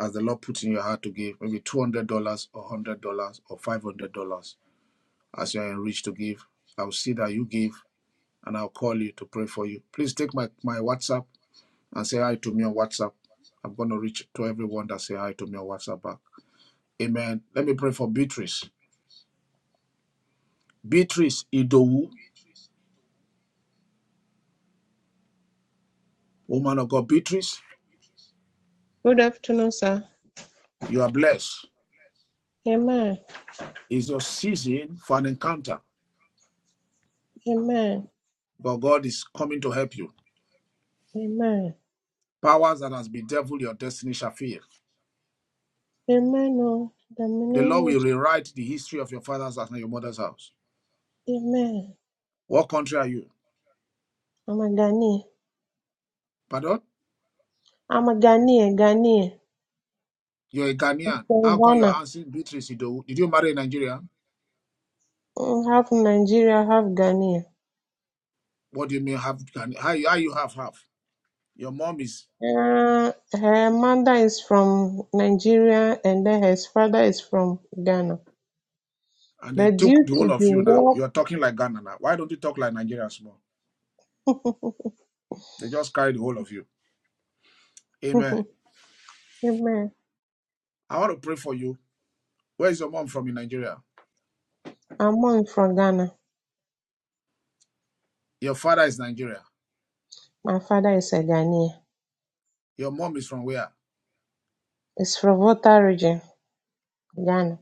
S2: as the Lord puts in your heart to give, maybe $200 or $100 or $500 as you are enriched to give. I'll see that you give and I'll call you to pray for you. Please take my, my WhatsApp and say hi to me on WhatsApp. I'm going to reach to everyone that say hi to me on WhatsApp back. Amen. Let me pray for Beatrice. Beatrice Idowu, woman of God, Beatrice,
S31: Good afternoon, sir.
S2: you are blessed.
S31: Amen.
S2: It's your season for an encounter,
S31: Amen.
S2: but God is coming to help you.
S31: Amen.
S2: Powers that has bedeviled your destiny shall fear.
S31: Amen. Oh, the
S2: The
S31: name
S2: Lord
S31: of
S2: will rewrite the history of your father's house and your mother's house.
S31: Je- Amen.
S2: What country are you?
S31: I'm a Ghanaian.
S2: Pardon?
S31: I'm a Ghanaian. Ghanaian.
S2: You're a Ghanaian.
S31: From
S2: How come your
S31: Ghana.
S2: auntie Beatrice Idowu? Did you marry a Nigerian?
S31: Mm, Half Nigeria, half Ghanaian.
S2: What do you mean have Ghana? How, how you have half? Your mom is,
S31: Uh, her mother is from Nigeria, and then her father is from Ghana.
S2: and they
S31: But
S2: took
S31: due
S2: the
S31: to
S2: whole
S31: the
S2: of you now.
S31: war,
S2: You're talking like Ghana now. Why don't you talk like Nigerians more? They just carry the whole of you. Amen.
S31: Amen.
S2: I want to pray for you. Where is your mom from in Nigeria?
S31: I'm one from Ghana.
S2: Your father is Nigeria.
S31: My father is a Ghanaian.
S2: Your mom is from where?
S31: It's from Volta region, Ghana.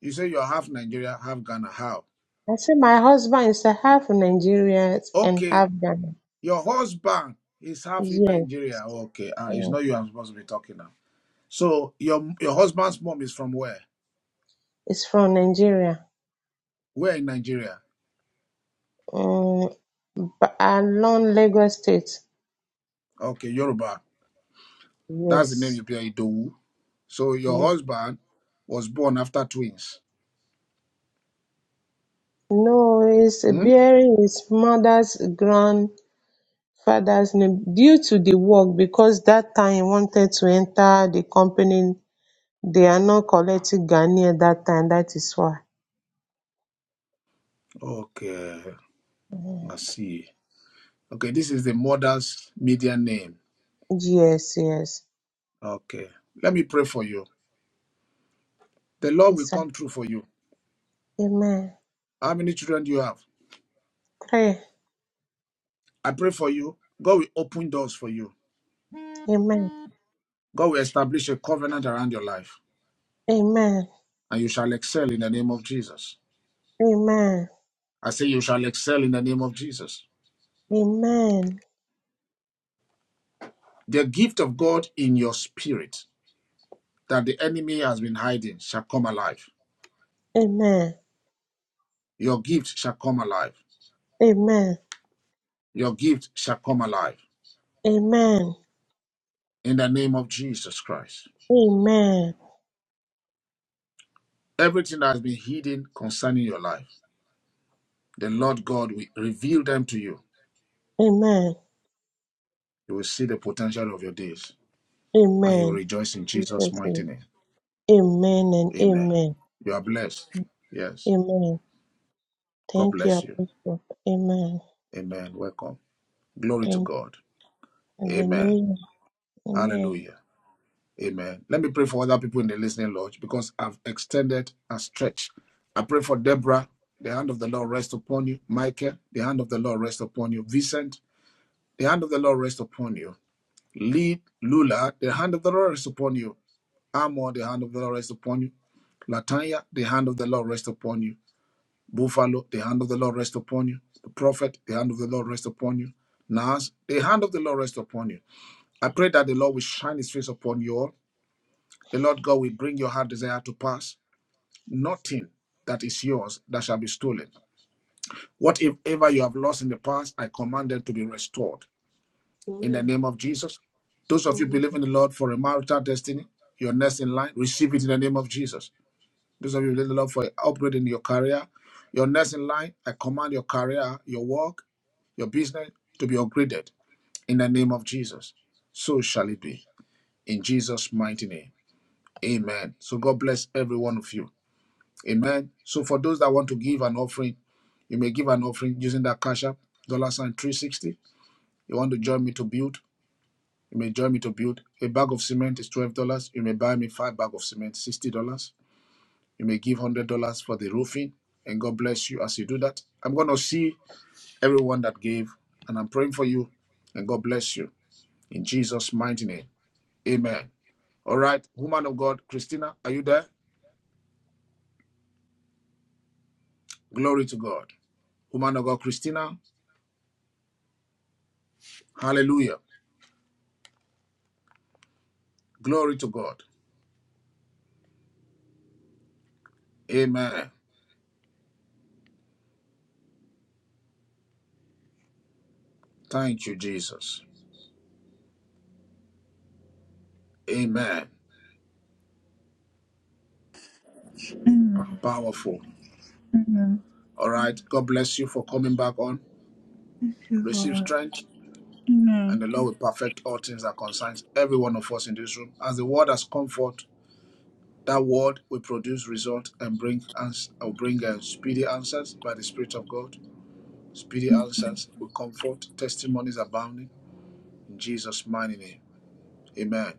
S2: You say you're half Nigeria, half Ghana. How?
S31: I say my husband is a half Nigerian and
S2: Okay,
S31: half Ghana.
S2: Your husband is half in
S31: Yes,
S2: Nigeria. Okay, uh, it's
S31: yeah.
S2: not you I'm supposed to be talking now. So your your husband's mom is from where?
S31: It's from Nigeria.
S2: Where in Nigeria?
S31: Mm, but along Lagos State.
S2: Okay, Yoruba. That's the name
S31: Yes,
S2: you play Idowu. So your
S31: yes.
S2: husband was born after twins.
S31: No, it's
S2: Hmm?
S31: bearing his mother's grandfather's name due to the work because that time he wanted to enter the company. They are not collecting Ghanaian that time. That is why.
S2: Okay, I see. Okay, this is the mother's median name.
S31: Yes, yes.
S2: Okay, let me pray for you. The Lord
S31: Yes,
S2: will
S31: sir.
S2: come through for you.
S31: Amen.
S2: How many children do you have?
S31: Pray.
S2: I pray for you. God will open doors for you.
S31: Amen.
S2: God will establish a covenant around your life.
S31: Amen.
S2: and you shall excel in the name of Jesus.
S31: Amen.
S2: I say, you shall excel in the name of Jesus.
S31: Amen.
S2: The gift of God in your spirit that the enemy has been hiding shall come alive.
S31: Amen.
S2: Your gift shall come alive.
S31: Amen.
S2: Your gift shall come alive
S31: Amen.
S2: in the name of Jesus Christ.
S31: Amen.
S2: Everything that has been hidden concerning your life, the Lord God will reveal them to you.
S31: Amen.
S2: You will see the potential of your days and you will
S31: Amen.
S2: rejoice in Jesus'
S31: Jesus name.
S2: mighty name.
S31: Amen and
S2: Amen.
S31: amen.
S2: You are blessed. Yes.
S31: Amen.
S2: God
S31: Thank you,
S2: bless you.
S31: Apostle. Amen.
S2: Amen. Welcome. Glory to
S31: Thank
S2: God.
S31: you.
S2: Amen.
S31: Hallelujah. Amen.
S2: Hallelujah. Amen. Let me pray for other people in the listening lodge because I've extended and stretched. I pray for Deborah. The hand of the Lord rest upon you. Michael, the hand of the Lord rest upon you. Vincent, the hand of the Lord rest upon you. Lee, Lula, the hand of the Lord rest upon you. Amor, the hand of the Lord rest upon you. Latanya, the hand of the Lord rest upon you. Buffalo, the hand of the Lord rest upon you. The prophet, the hand of the Lord rest upon you. Nas, the hand of the Lord rest upon you. I pray that the Lord will shine his face upon you all The Lord God will bring your heart desire to pass. Nothing that is yours that shall be stolen. Whatever you have lost in the past, I command them to be restored. In the
S31: Amen.
S2: name of Jesus. Those of you
S31: Amen.
S2: believe in the Lord for a marital destiny, your next in line, receive it in the name of Jesus. Those of you believe in the Lord for upgrading in your career, your next in line, I command your career, your work, your business to be upgraded in the name of Jesus. So shall it be. In Jesus' mighty name. Amen. So God bless every one of you. Amen. So for those that want to give an offering, you may give an offering using that cash app, dollar sign 360. You want to join me to build, you may join me to build. A bag of cement is $12. You may buy me five bags of cement, $60. You may give $100 for the roofing. And God bless you as you do that. I'm going to see everyone that gave, and I'm praying for you. And God bless you in Jesus' mighty name. Amen. All right, woman of God, Christina, are you there? Glory to God. Woman of God, Christina, hallelujah. Glory to God. Amen. Thank you, Jesus. Amen.
S1: Amen.
S2: Powerful.
S1: Amen.
S2: All right. God bless you for coming back on.
S1: Thank you,
S2: Receive
S1: Lord.
S2: strength, and
S1: Amen.
S2: the Lord will perfect all things that concerns every one of us in this room. As the word has come forth, that word will produce result and bring ans- or bring uh, speedy answers by the Spirit of God. Speedy answers will comfort. Testimonies abounding in Jesus' mighty name. Amen.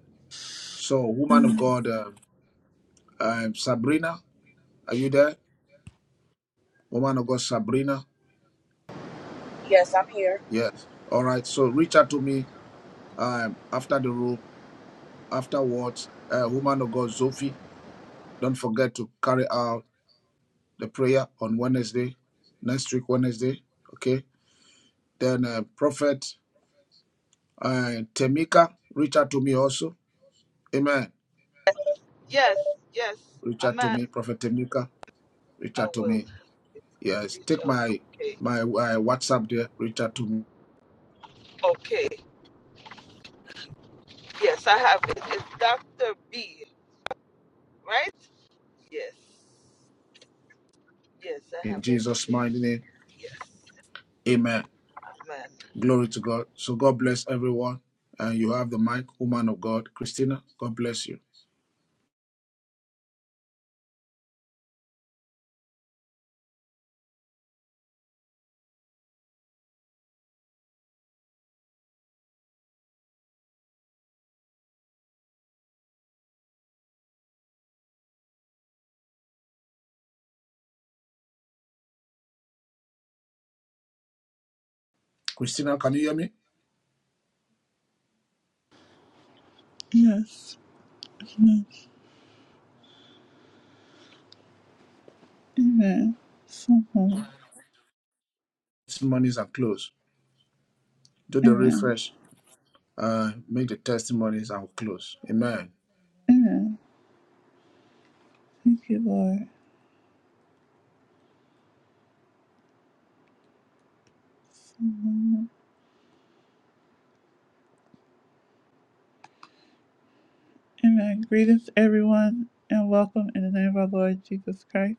S2: So, woman of God, uh, um, Sabrina, are you there? Woman of God, Sabrina.
S28: Yes, I'm here.
S2: Yes. All right. So reach out to me um, after the room, afterwards. Uh, woman of God, Sophie, don't forget to carry out the prayer on Wednesday, next week, Wednesday. Okay. Then uh, Prophet uh, Temika, reach out to me also. Amen.
S30: Yes, yes.
S2: Reach out to
S30: Amen.
S2: me, Prophet Temika. Reach
S30: I
S2: out to
S30: will.
S2: me.
S30: It's a
S2: Yes.
S30: reach
S2: Take
S30: out.
S2: my
S30: Okay.
S2: my uh, WhatsApp there. Reach out to me
S30: Okay. Yes, I have it. It's Doctor B. Right? Yes. Yes, I
S2: in
S30: have
S2: Jesus'
S30: everything.
S2: mighty name.
S30: Yes.
S2: Amen.
S30: Amen.
S2: Glory to God. So God bless everyone. And you have the mic, woman of God, Christina. God bless you. Christina, can you hear me?
S1: Yes. Amen. Amen. Someone.
S2: Testimonies are closed. Do the
S1: Amen.
S2: refresh. Uh, make the testimonies and we'll close. Amen.
S1: Amen. Thank you, Lord. Amen. Greetings, everyone, and welcome in the name of our Lord Jesus Christ.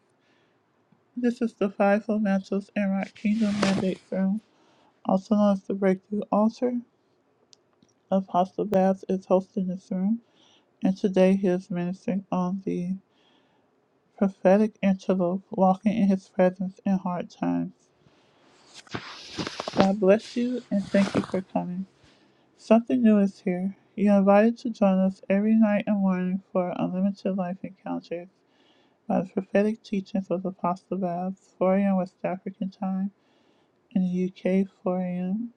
S1: This is the Fivefold Mantles and Rock Kingdom Mandate Room, also known as the Breakthrough Altar. Apostle Babs is hosting this room, and today he is ministering on the prophetic antelope, walking in his presence in hard times. God bless you, and thank you for coming. Something new is here. You're invited to join us every night and morning for unlimited life encounters. by the prophetic teachings of Apostle Babs, 4 a.m. West African time, in the UK, 4 a.m.,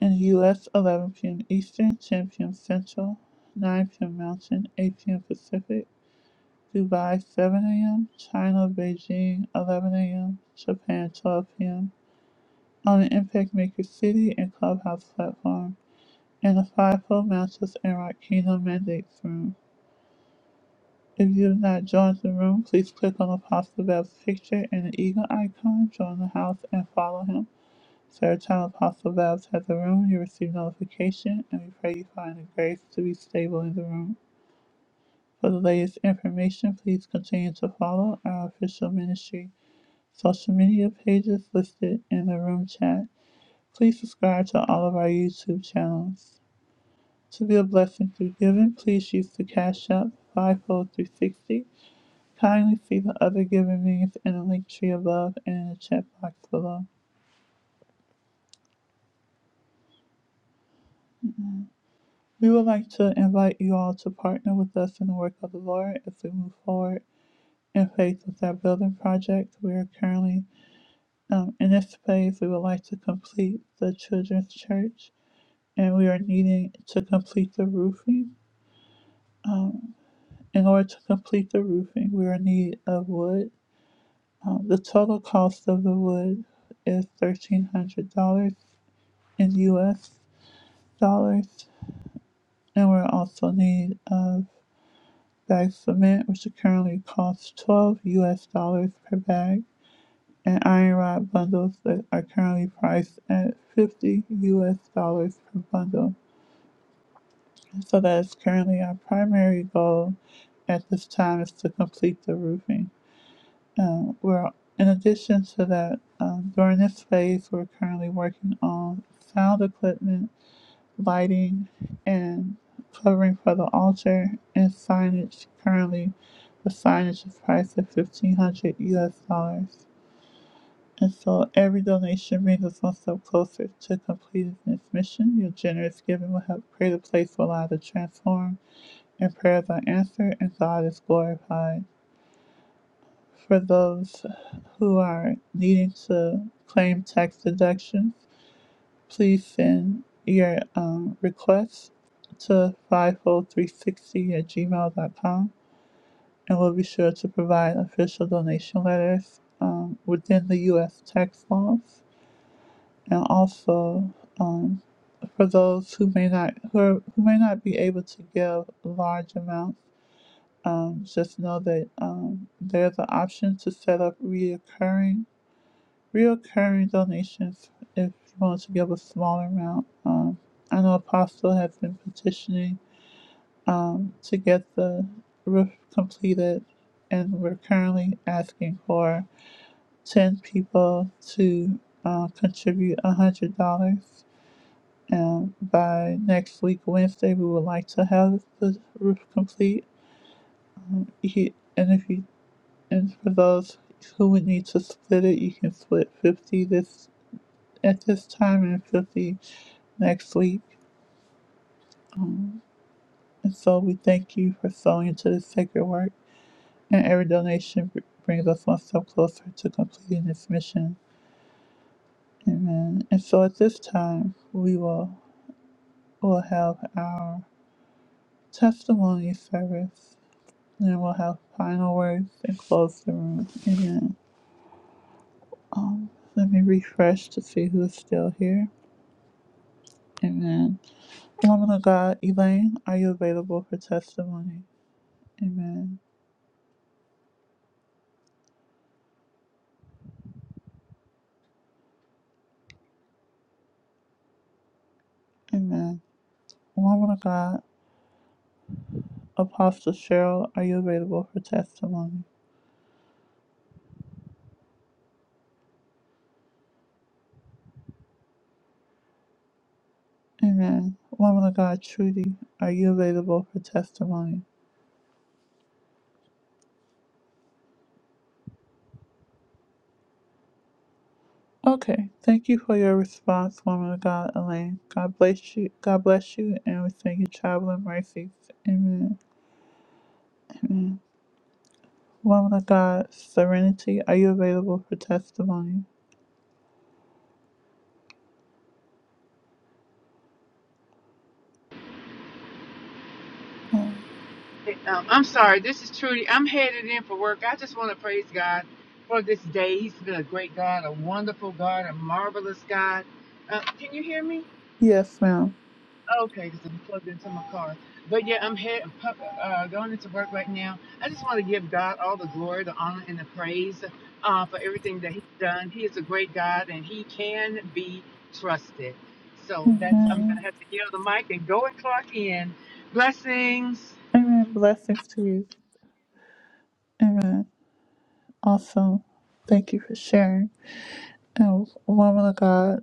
S1: in the US, 11 p.m. Eastern, 10 p.m. Central, 9 p.m. Mountain, 8 p.m. Pacific, Dubai, 7 a.m., China, Beijing, 11 a.m., Japan, 12 p.m., on the Impact Maker City and Clubhouse platform, and the Fivefold Mantles and Rock Kingdom Mandates room. If you have not joined the room, please click on Apostle Val's picture and the eagle icon, join the house, and follow him. So every time Apostle Babs has a room, you receive notification, and we pray you find the grace to be stable in the room. For the latest information, please continue to follow our official ministry social media pages listed in the room chat. Please subscribe to all of our YouTube channels. To be a blessing through giving, please use the Cash App 54360 Kindly see the other given means in the link tree above and in the chat box below. We would like to invite you all to partner with us in the work of the Lord as we move forward in faith with our building project. We are currently um, in this phase. We would like to complete the children's church and we are needing to complete the roofing. Um, in order to complete the roofing, we are in need of wood. Um, the total cost of the wood is $1,300 in US dollars. And we're also in need of bag cement, which currently costs 12 US dollars per bag, and iron rod bundles that are currently priced at 50 US dollars per bundle. So that is currently our primary goal at this time is to complete the roofing. Um, we're in addition to that, um, during this phase, we're currently working on sound equipment lighting, and covering for the altar and signage. Currently, the signage is priced at fifteen hundred U.S. dollars. And so every donation brings us one step closer to completing this mission. Your generous giving will help create a place where lives are transformed and prayers are answered and God is glorified. For those who are needing to claim tax deductions, please send your um, requests to 50360 at gmail.com and we'll be sure to provide official donation letters um, within the U.S. tax laws. And also, um, for those who may not who, are, who may not be able to give large amounts, um, just know that um, there's an option to set up reoccurring reoccurring donations if you want to give a smaller amount. Um, I know Apostle has been petitioning um, to get the roof completed, and we're currently asking for 10 people to uh, contribute $100. And by next week, Wednesday, we would like to have the roof complete. He, and if you, and for those who would need to split it, you can split 50 this at this time, and it could be next week. Um, and so we thank you for sowing into this sacred work, and every donation brings us one step closer to completing this mission. Amen. And so at this time, we will will have our testimony service, and then we'll have final words and close the room. Amen. Um, let me refresh to see who's still here. Amen. Woman of God, Elaine, are you available for testimony? Amen. Amen. Woman of God, Apostle Cheryl, are you available for testimony? Amen. Woman of God, Trudy, are you available for testimony? Okay. Thank you for your response, woman of God, Elaine. God bless you. God bless you, and we thank you, traveling mercies. Amen. Amen. Woman of God, Serenity, are you available for testimony? Oh,
S21: Um, I'm sorry. This is Trudy. I'm headed in for work. I just want to praise God for this day. He's been a great God, a wonderful God, a marvelous God. Uh, can you hear me?
S1: yes, ma'am.
S21: Okay, because I'm plugged into my car. But yeah, I'm head, uh, going into work right now. I just want to give God all the glory, the honor, and the praise uh, for everything that He's done. He is a great God, and He can be trusted. So that's I'm
S1: Amen.
S21: gonna have to yield the mic and go and clock in. Blessings.
S1: Amen. Blessings to you. Amen. Awesome. Thank you for sharing. And woman of God.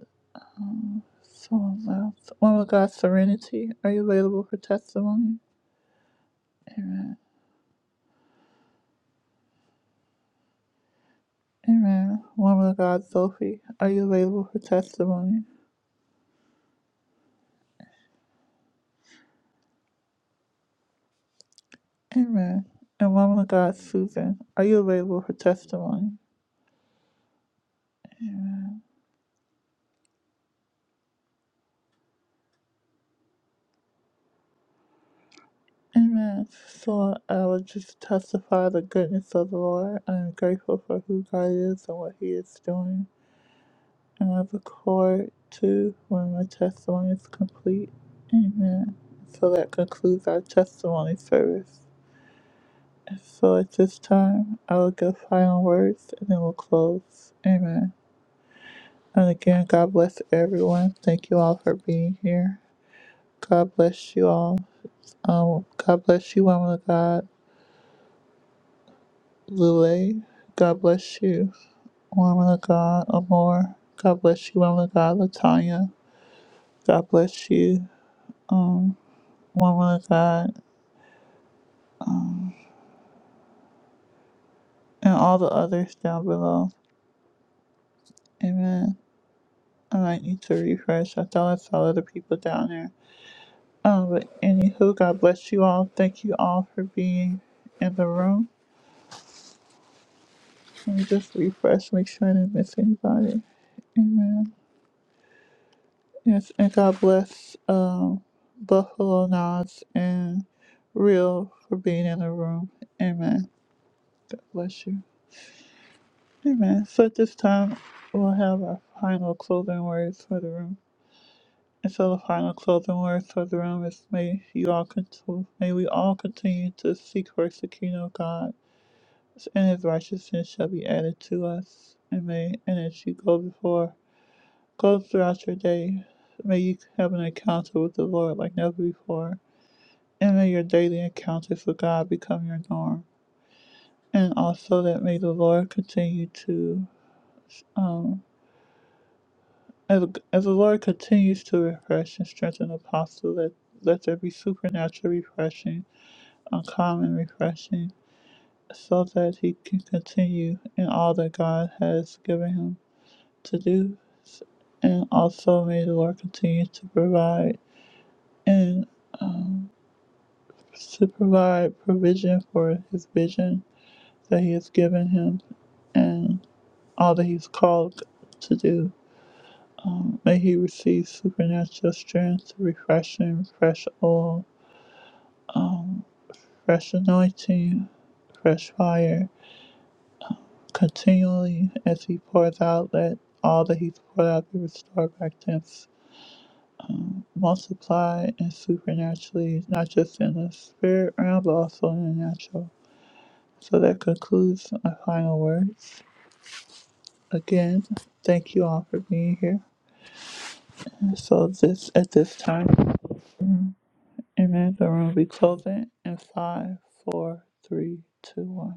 S1: Someone left. Woman of God, Serenity, are you available for testimony? Amen. Woman of God, Sophie, are you available for testimony? Amen. And woman of God, Susan, are you available for testimony? Amen. So I will just testify the goodness of the Lord. I am grateful for who God is and what He is doing. And I look forward to when my testimony is complete. Amen. So that concludes our testimony service. So at this time, I will give final words and then we'll close. Amen. And again, God bless everyone. Thank you all for being here. God bless you all. Um, God bless you, woman of God, Lule. God bless you, woman of God, Amor. God bless you, woman of God, Latanya. God bless you, um, woman of God, and all the others down below. Amen. I might need to refresh. I thought I saw other people down there. Um, but anywho, God bless you all. Thank you all for being in the room. Let me just refresh, make sure I didn't miss anybody. Amen. Yes, and God bless um, Buffalo Nods and Real for being in the room. Amen. God bless you. Amen. So at this time, we'll have our final closing words for the room. And so the final closing words for the room is may you all continue, may we all continue to seek first the kingdom of God and his righteousness shall be added to us. And may, And as you go before, go throughout your day. May you have an encounter with the Lord like never before. And may your daily encounters with God become your norm. And also that may the Lord continue to, um, as, as the Lord continues to refresh and strengthen the apostle, let, let there be supernatural refreshing, uncommon refreshing, so that he can continue in all that God has given him to do, and also may the Lord continue to provide and um, to provide provision for his vision that He has given him and all that He's called to do. Um, may He receive supernatural strength, refreshing, fresh oil, um, fresh anointing, fresh fire continually as He pours out. Let all that He's poured out be restored back to Him multiply and supernaturally, not just in the spirit realm, but also in the natural. So that concludes my final words. Again, thank you all for being here. And So this at this time, amen. The room will be closing in five, four, three, two, one.